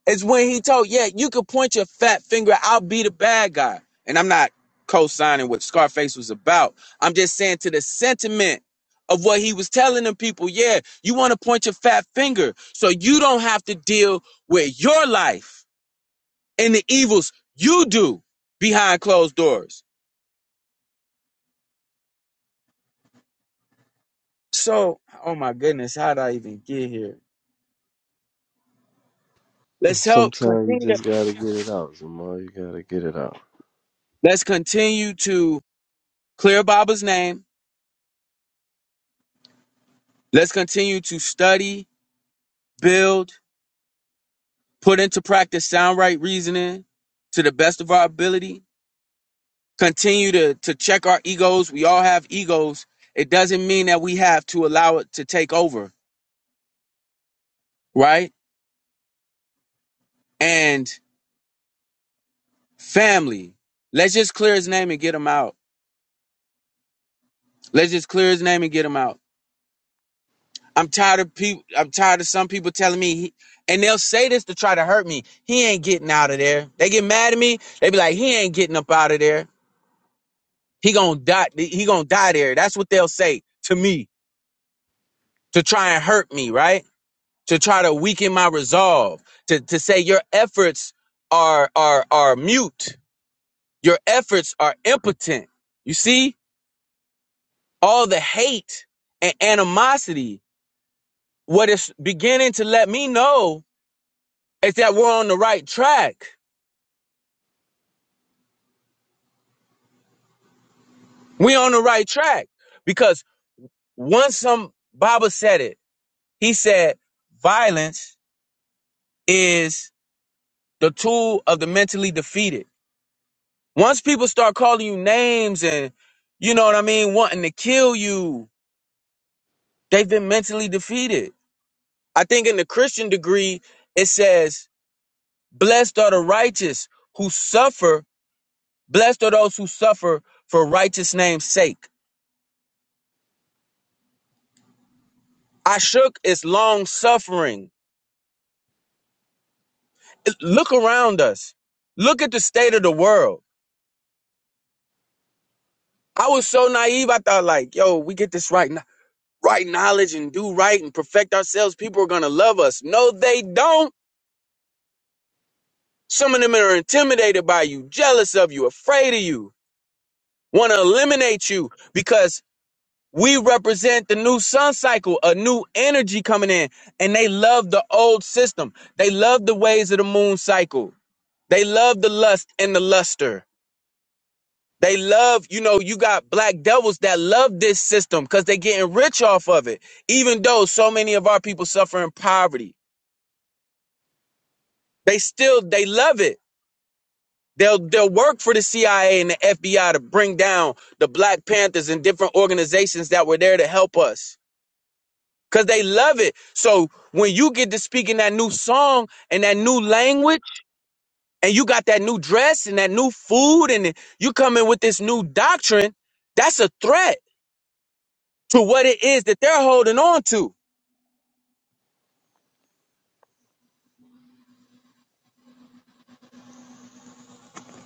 [SPEAKER 9] is when he told, "Yeah, you could point your fat finger, I'll be the bad guy." And I'm not co-signing what Scarface was about. I'm just saying to the sentiment of what he was telling them people, "Yeah, you want to point your fat finger so you don't have to deal with your life and the evils you do behind closed doors." So, oh my goodness, how did I even get here? Let's help
[SPEAKER 3] Sometimes you
[SPEAKER 9] continue
[SPEAKER 3] just gotta get it out, Jamal. You gotta get it out,
[SPEAKER 9] Let's continue to clear Baba's name. Let's continue to study, build, put into practice sound right reasoning to the best of our ability. Continue to, to check our egos. We all have egos. It doesn't mean that we have to allow it to take over, right? And family. Let's just clear his name and get him out. Let's just clear his name and get him out. I'm tired of people. I'm tired of some people telling me, he, and they'll say this to try to hurt me. He ain't getting out of there. They get mad at me. They be like, he ain't getting up out of there. He gonna die. He gonna die there. That's what they'll say to me to try and hurt me, right? To try to weaken my resolve. To to say your efforts are are are mute. Your efforts are impotent. You see all the hate and animosity. What it's beginning to let me know is that we're on the right track We on the right track because once some Baba said it, he said violence is the tool of the mentally defeated. Once people start calling you names and you know what I mean, wanting to kill you, they've been mentally defeated. I think in the Christian degree, it says, Blessed are the righteous who suffer, blessed are those who suffer for righteous name's sake. I shook is long suffering look around us. Look at the state of the world. I was so naive. I thought like, yo, we get this right, right knowledge and do right and perfect ourselves. People are gonna love us. No, they don't. Some of them are intimidated by you, jealous of you, afraid of you, want to eliminate you because we represent the new sun cycle, a new energy coming in, and they love the old system. They love the ways of the moon cycle. They love the lust and the luster. They love, you know, you got black devils that love this system because they are getting rich off of it. Even though so many of our people suffer in poverty, they still they love it. They'll they'll work for the CIA and the FBI to bring down the Black Panthers and different organizations that were there to help us. Cause they love it. So when you get to speaking that new song and that new language, and you got that new dress and that new food, and you come in with this new doctrine, that's a threat to what it is that they're holding on to.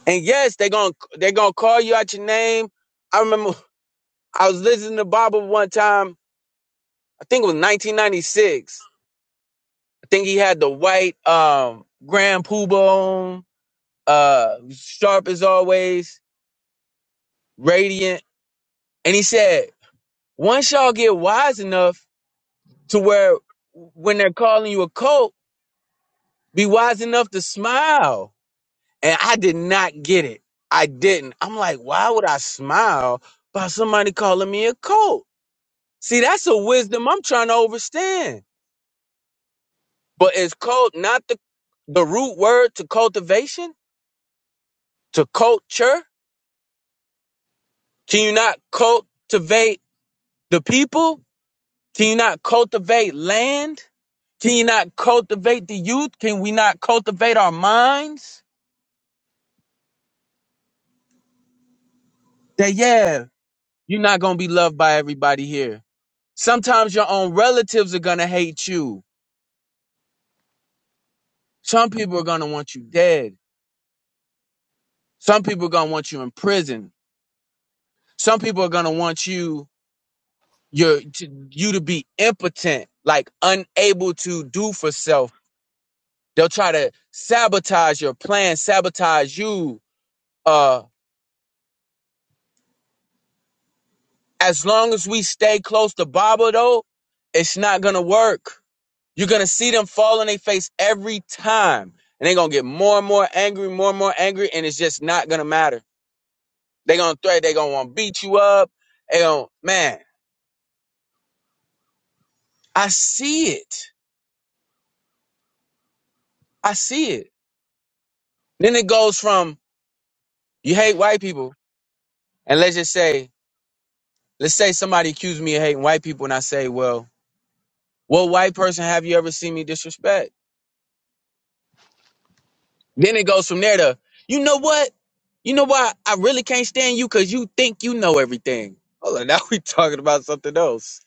[SPEAKER 9] And yes, they're gonna they're gonna call you out your name. I remember I was listening to Baba one time. I think it was 1996. I think he had the white um Grand Poobah on, uh, sharp as always, radiant. And he said, once y'all get wise enough to where when they're calling you a cult, be wise enough to smile And I did not get it. I didn't. I'm like, why would I smile by somebody calling me a cult? See, that's a wisdom I'm trying to overstand. But is cult not the, the root word to cultivation? To culture? Can you not cultivate the people? Can you not cultivate land? Can you not cultivate the youth? Can we not cultivate our minds? That, yeah, you're not going to be loved by everybody here. Sometimes your own relatives are going to hate you Some people are going to want you dead. Some people are going to want you in prison. Some people are going to want you your to, you to be impotent, like unable to do for self. They'll try to sabotage your plan, sabotage you. Uh as long as we stay close to Baba though, it's not going to work. You're going to see them fall on their face every time. And they're going to get more and more angry, more and more angry and it's just not going to matter. They're going to threat, they're going to want to beat you up. They gonna, man I see it. I see it. Then it goes from you hate white people, and let's just say, let's say somebody accused me of hating white people, and I say, well, what white person have you ever seen me disrespect? Then it goes from there to, you know what? You know why I really can't stand you because you think you know everything. Hold on, now we talking about something else.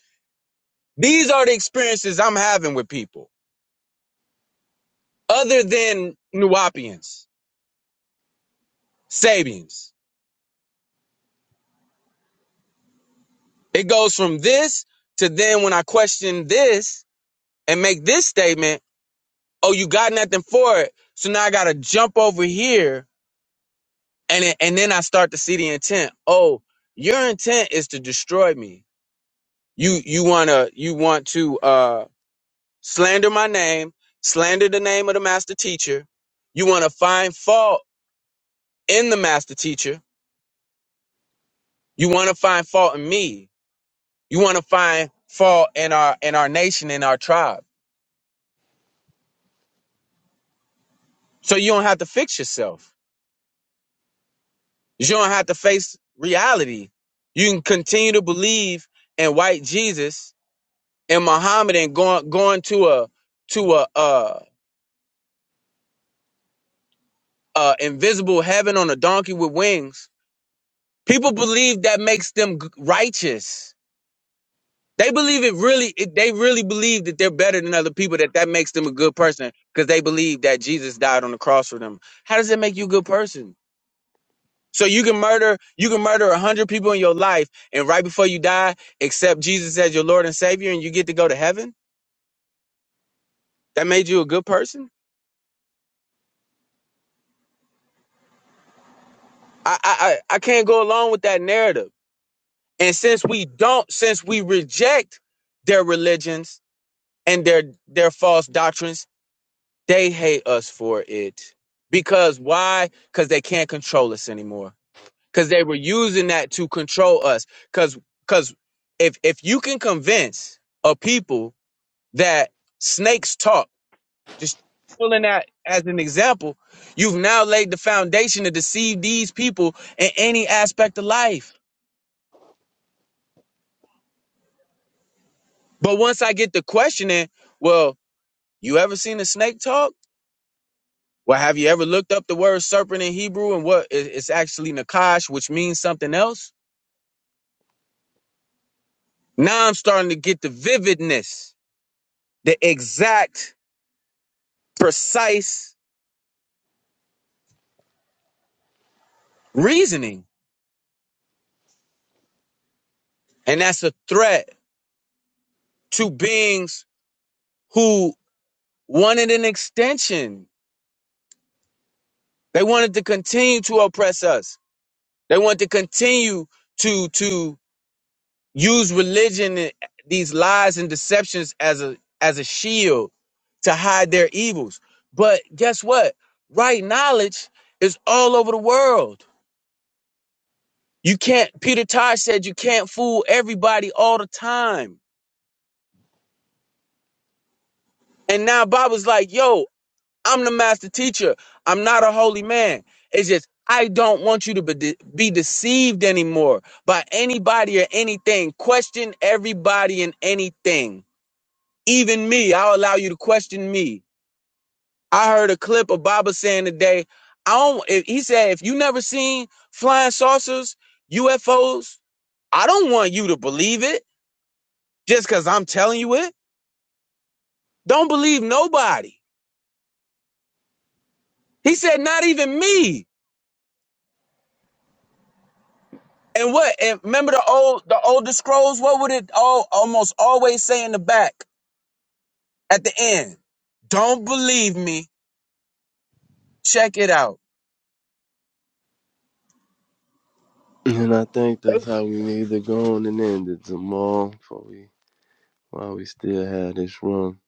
[SPEAKER 9] These are the experiences I'm having with people, other than Nuapians, Sabians. It goes from this to then when I question this and make this statement, oh, you got nothing for it. So now I gotta jump over here and it- and then I start to see the intent. Oh, your intent is to destroy me. You you wanna you want to uh slander my name, slander the name of the master teacher. You wanna find fault in the master teacher. You wanna find fault in me. You wanna find fault in our in our nation, in our tribe. So you don't have to fix yourself You don't have to face reality. You can continue to believe in white Jesus and Muhammad and going going to a to a uh uh invisible heaven on a donkey with wings. People believe that makes them g- righteous. They believe it really. It, they really believe that they're better than other people. That that makes them a good person because they believe that Jesus died on the cross for them. How does that make you a good person? So you can murder, you can murder a hundred people in your life, and right before you die, accept Jesus as your Lord and Savior, and you get to go to heaven. That made you a good person. I, I, I I can't go along with that narrative. And since we don't, since we reject their religions and their their false doctrines, they hate us for it. Because why? Because they can't control us anymore. Because they were using that to control us. Because because if if you can convince a people that snakes talk. Just pulling that as an example, you've now laid the foundation to deceive these people in any aspect of life. But once I get the questioning, well, you ever seen a snake talk? Well, have you ever looked up the word serpent in Hebrew and what it- it's actually nakash, which means something else? Now I'm starting to get the vividness, the exact, precise reasoning. And that's a threat to beings who wanted an extension They wanted to continue to oppress us. They wanted to continue to to use religion and these lies and deceptions as a as a shield to hide their evils. But guess what? Right knowledge is all over the world. You can't Peter Tosh said you can't fool everybody all the time. And now Bob was like, yo, I'm the master teacher. I'm not a holy man. It's just I don't want you to be, de- be deceived anymore by anybody or anything. Question everybody and anything. Even me, I'll allow you to question me. I heard a clip of Baba saying today, I don't if- he said if you never seen flying saucers, UFOs, I don't want you to believe it just cuz I'm telling you it. Don't believe nobody. He said not even me. And what? And remember the old the older scrolls? What would it all almost always say in the back at the end? Don't believe me. Check it out.
[SPEAKER 3] and I think that's how we need to go on and end it, Jamal. Before we while we still have this room,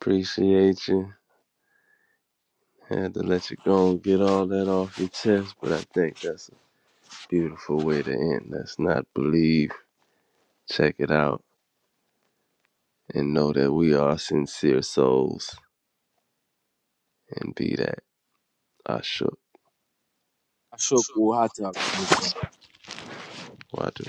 [SPEAKER 3] appreciate you. Had to let you go and get all that off your chest, but I think that's a beautiful way to end. Let's not believe. Check it out and know that we are sincere souls and be that. I shook.
[SPEAKER 9] Ashok Wahata
[SPEAKER 3] Why do?